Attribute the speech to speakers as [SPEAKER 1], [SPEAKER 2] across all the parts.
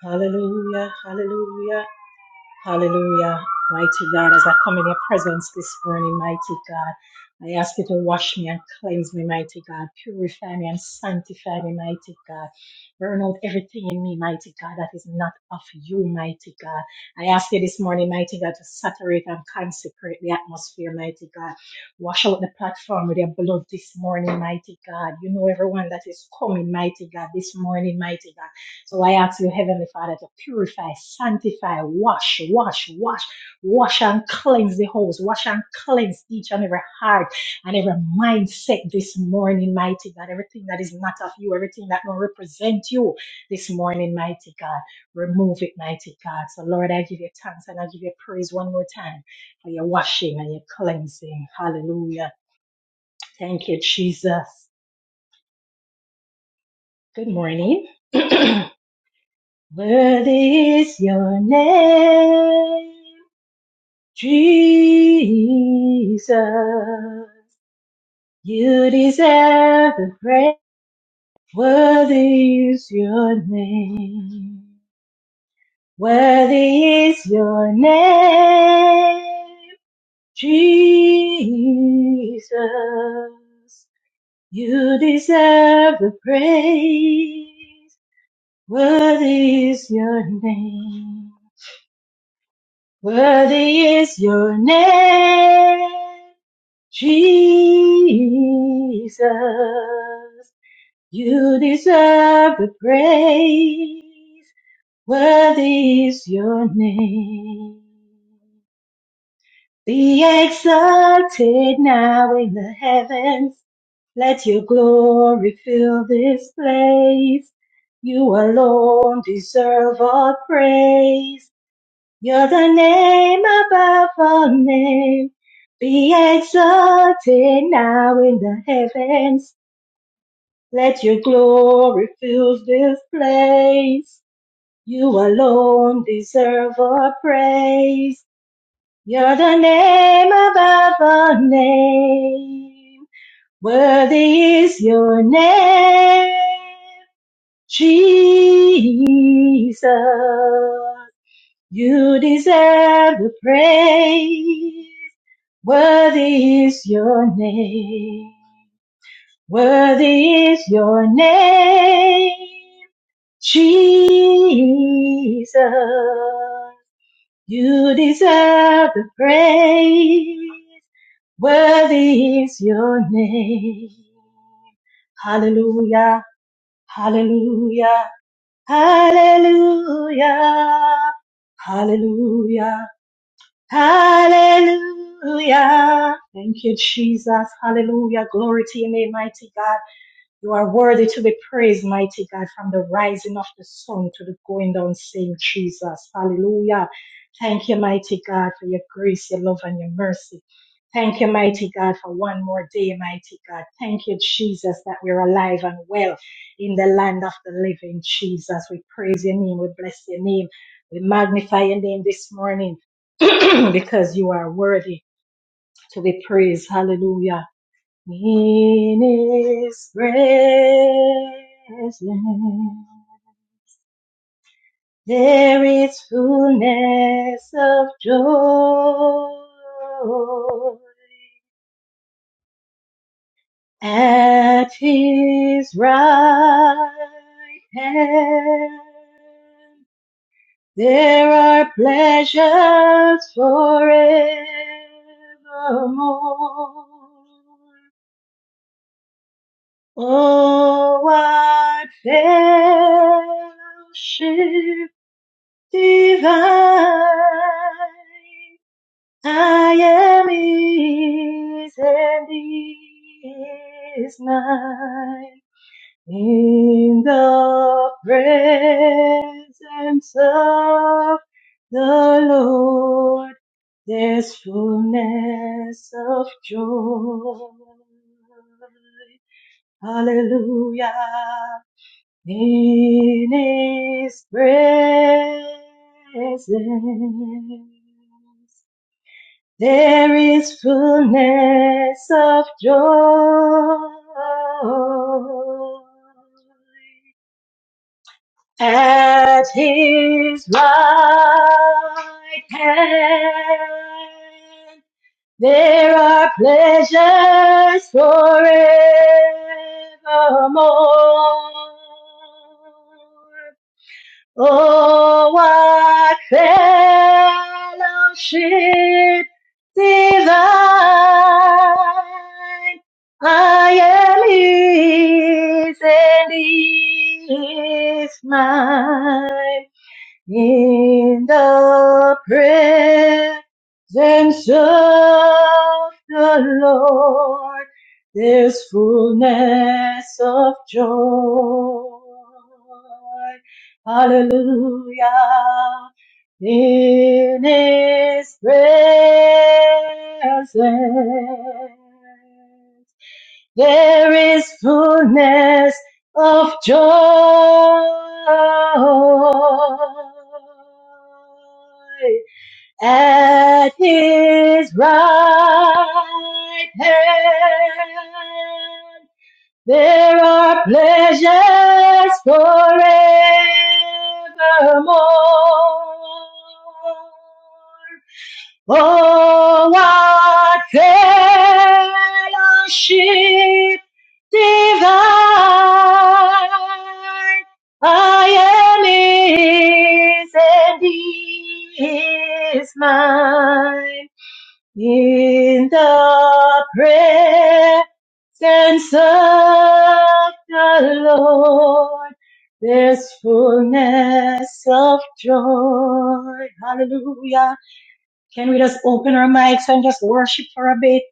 [SPEAKER 1] Hallelujah, hallelujah, hallelujah. Mighty God, as I come in your presence this morning, mighty God, I ask you to wash me and cleanse me, mighty God. Purify me and sanctify me, mighty God. Burn out everything in me, mighty God, that is not of you, mighty God. I ask you this morning, mighty God, to saturate and consecrate the atmosphere, mighty God. Wash out the platform with your blood this morning, mighty God. You know everyone that is coming, mighty God, this morning, mighty God. So I ask you, Heavenly Father, to purify, sanctify, wash, wash, wash, wash and cleanse the house, wash and cleanse each and every heart and every mindset this morning, mighty God. Everything that is not of you, everything that don't represent you this morning, mighty God. Remove it, mighty God. So, Lord, I give you thanks and I give you praise one more time for your washing and your cleansing. Hallelujah. Thank you, Jesus. Good morning. Worthy is your name, Jesus. You deserve the praise. Worthy is your name. Worthy is your name, Jesus. You deserve the praise. Worthy is your name. Worthy is your name. Jesus, you deserve the praise. Worthy is your name. Be exalted now in the heavens. Let your glory fill this place. You alone deserve all praise. You're the name above all names. Be exalted now in the heavens. Let your glory fill this place. You alone deserve our praise. You're the name above all names. Worthy is your name, Jesus. You deserve the praise. Worthy is your name. Worthy is your name. Jesus. You deserve the praise. Worthy is your name. Hallelujah. Hallelujah. Hallelujah. Hallelujah. Hallelujah. Thank you, Jesus. Hallelujah. Glory to your name, mighty God. You are worthy to be praised, mighty God, from the rising of the sun to the going down, saying Jesus. Hallelujah. Thank you, mighty God, for your grace, your love, and your mercy. Thank you, mighty God, for one more day, mighty God. Thank you, Jesus, that we're alive and well in the land of the living. Jesus, we praise your name. We bless your name. We magnify your name this morning because you are worthy to be praised. Hallelujah. In His presence there is fullness of joy. At His right hand there are pleasures forevermore. Oh, what fellowship divine I am His and He is mine in the presence of the Lord. There's fullness of joy. Hallelujah. In His presence there is fullness of joy. At His right hand there are pleasures forevermore. Oh, what fellowship divine! I am His and He is mine in the presence of the Lord, there's fullness of joy. Hallelujah. In His presence. There is fullness of joy at his right hand. There are pleasures forevermore. Oh, what fellowship divine I am his and he is mine. In the presence of the Lord, there's fullness of joy. Hallelujah. Can we just open our mics and just worship for a bit?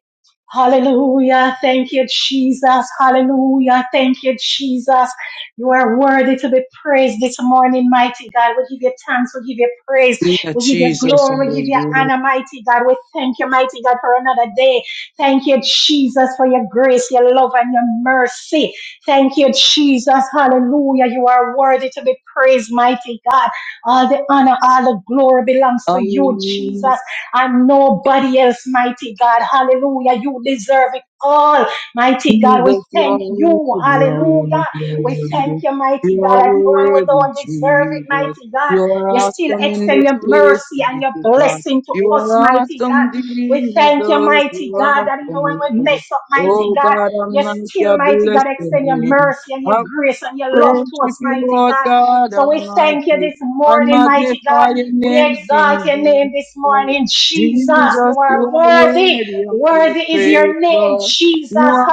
[SPEAKER 1] Hallelujah. Thank you, Jesus. Hallelujah. Thank you, Jesus. You are worthy to be praised this morning, mighty God. We give you thanks. We give you praise.
[SPEAKER 2] Hallelujah,
[SPEAKER 1] We give you
[SPEAKER 2] Jesus,
[SPEAKER 1] glory. We give you
[SPEAKER 2] hallelujah.
[SPEAKER 1] honor, mighty God. We thank you, mighty God, for another day. Thank you, Jesus, for your grace, your love, and your mercy. Thank you, Jesus. Hallelujah. You are worthy to be praised, mighty God. All the honor, all the glory belongs to you,
[SPEAKER 2] Hallelujah,
[SPEAKER 1] Jesus and nobody else, mighty God. Hallelujah. You deserve it all, mighty God. We
[SPEAKER 2] Jesus, you are
[SPEAKER 1] thank you.
[SPEAKER 2] worthy, you are
[SPEAKER 1] Hallelujah. We thank
[SPEAKER 2] worthy,
[SPEAKER 1] you, mighty
[SPEAKER 2] you are worthy. You
[SPEAKER 1] God.
[SPEAKER 2] are
[SPEAKER 1] And even when we
[SPEAKER 2] worthy,
[SPEAKER 1] don't deserve it,
[SPEAKER 2] Jesus.
[SPEAKER 1] mighty God,
[SPEAKER 2] You are
[SPEAKER 1] you still
[SPEAKER 2] awesome in
[SPEAKER 1] extend
[SPEAKER 2] this
[SPEAKER 1] your
[SPEAKER 2] place,
[SPEAKER 1] mercy and your
[SPEAKER 2] mighty God.
[SPEAKER 1] blessing to
[SPEAKER 2] You are
[SPEAKER 1] us, mighty God.
[SPEAKER 2] awesome,
[SPEAKER 1] We
[SPEAKER 2] Jesus. You
[SPEAKER 1] thank you, mighty
[SPEAKER 2] are
[SPEAKER 1] God, that even when
[SPEAKER 2] awesome,
[SPEAKER 1] we
[SPEAKER 2] Lord.
[SPEAKER 1] mess up, mighty
[SPEAKER 2] Oh
[SPEAKER 1] God,
[SPEAKER 2] God, I'm
[SPEAKER 1] you
[SPEAKER 2] not
[SPEAKER 1] still,
[SPEAKER 2] your
[SPEAKER 1] mighty God,
[SPEAKER 2] blessed
[SPEAKER 1] extend your
[SPEAKER 2] name.
[SPEAKER 1] mercy and your grace and your love to
[SPEAKER 2] Worship
[SPEAKER 1] us,
[SPEAKER 2] you,
[SPEAKER 1] mighty
[SPEAKER 2] Lord
[SPEAKER 1] God.
[SPEAKER 2] God
[SPEAKER 1] So we thank you
[SPEAKER 2] Almighty.
[SPEAKER 1] this
[SPEAKER 2] I
[SPEAKER 1] morning, mighty God.
[SPEAKER 2] magnify your
[SPEAKER 1] We
[SPEAKER 2] name,
[SPEAKER 1] exalt
[SPEAKER 2] King
[SPEAKER 1] your name this
[SPEAKER 2] Jesus.
[SPEAKER 1] morning, Jesus. You
[SPEAKER 2] Jesus, you
[SPEAKER 1] are
[SPEAKER 2] are
[SPEAKER 1] worthy.
[SPEAKER 2] worthy of our
[SPEAKER 1] Worthy is
[SPEAKER 2] praise,
[SPEAKER 1] your name,
[SPEAKER 2] Lord. You
[SPEAKER 1] Jesus.
[SPEAKER 2] are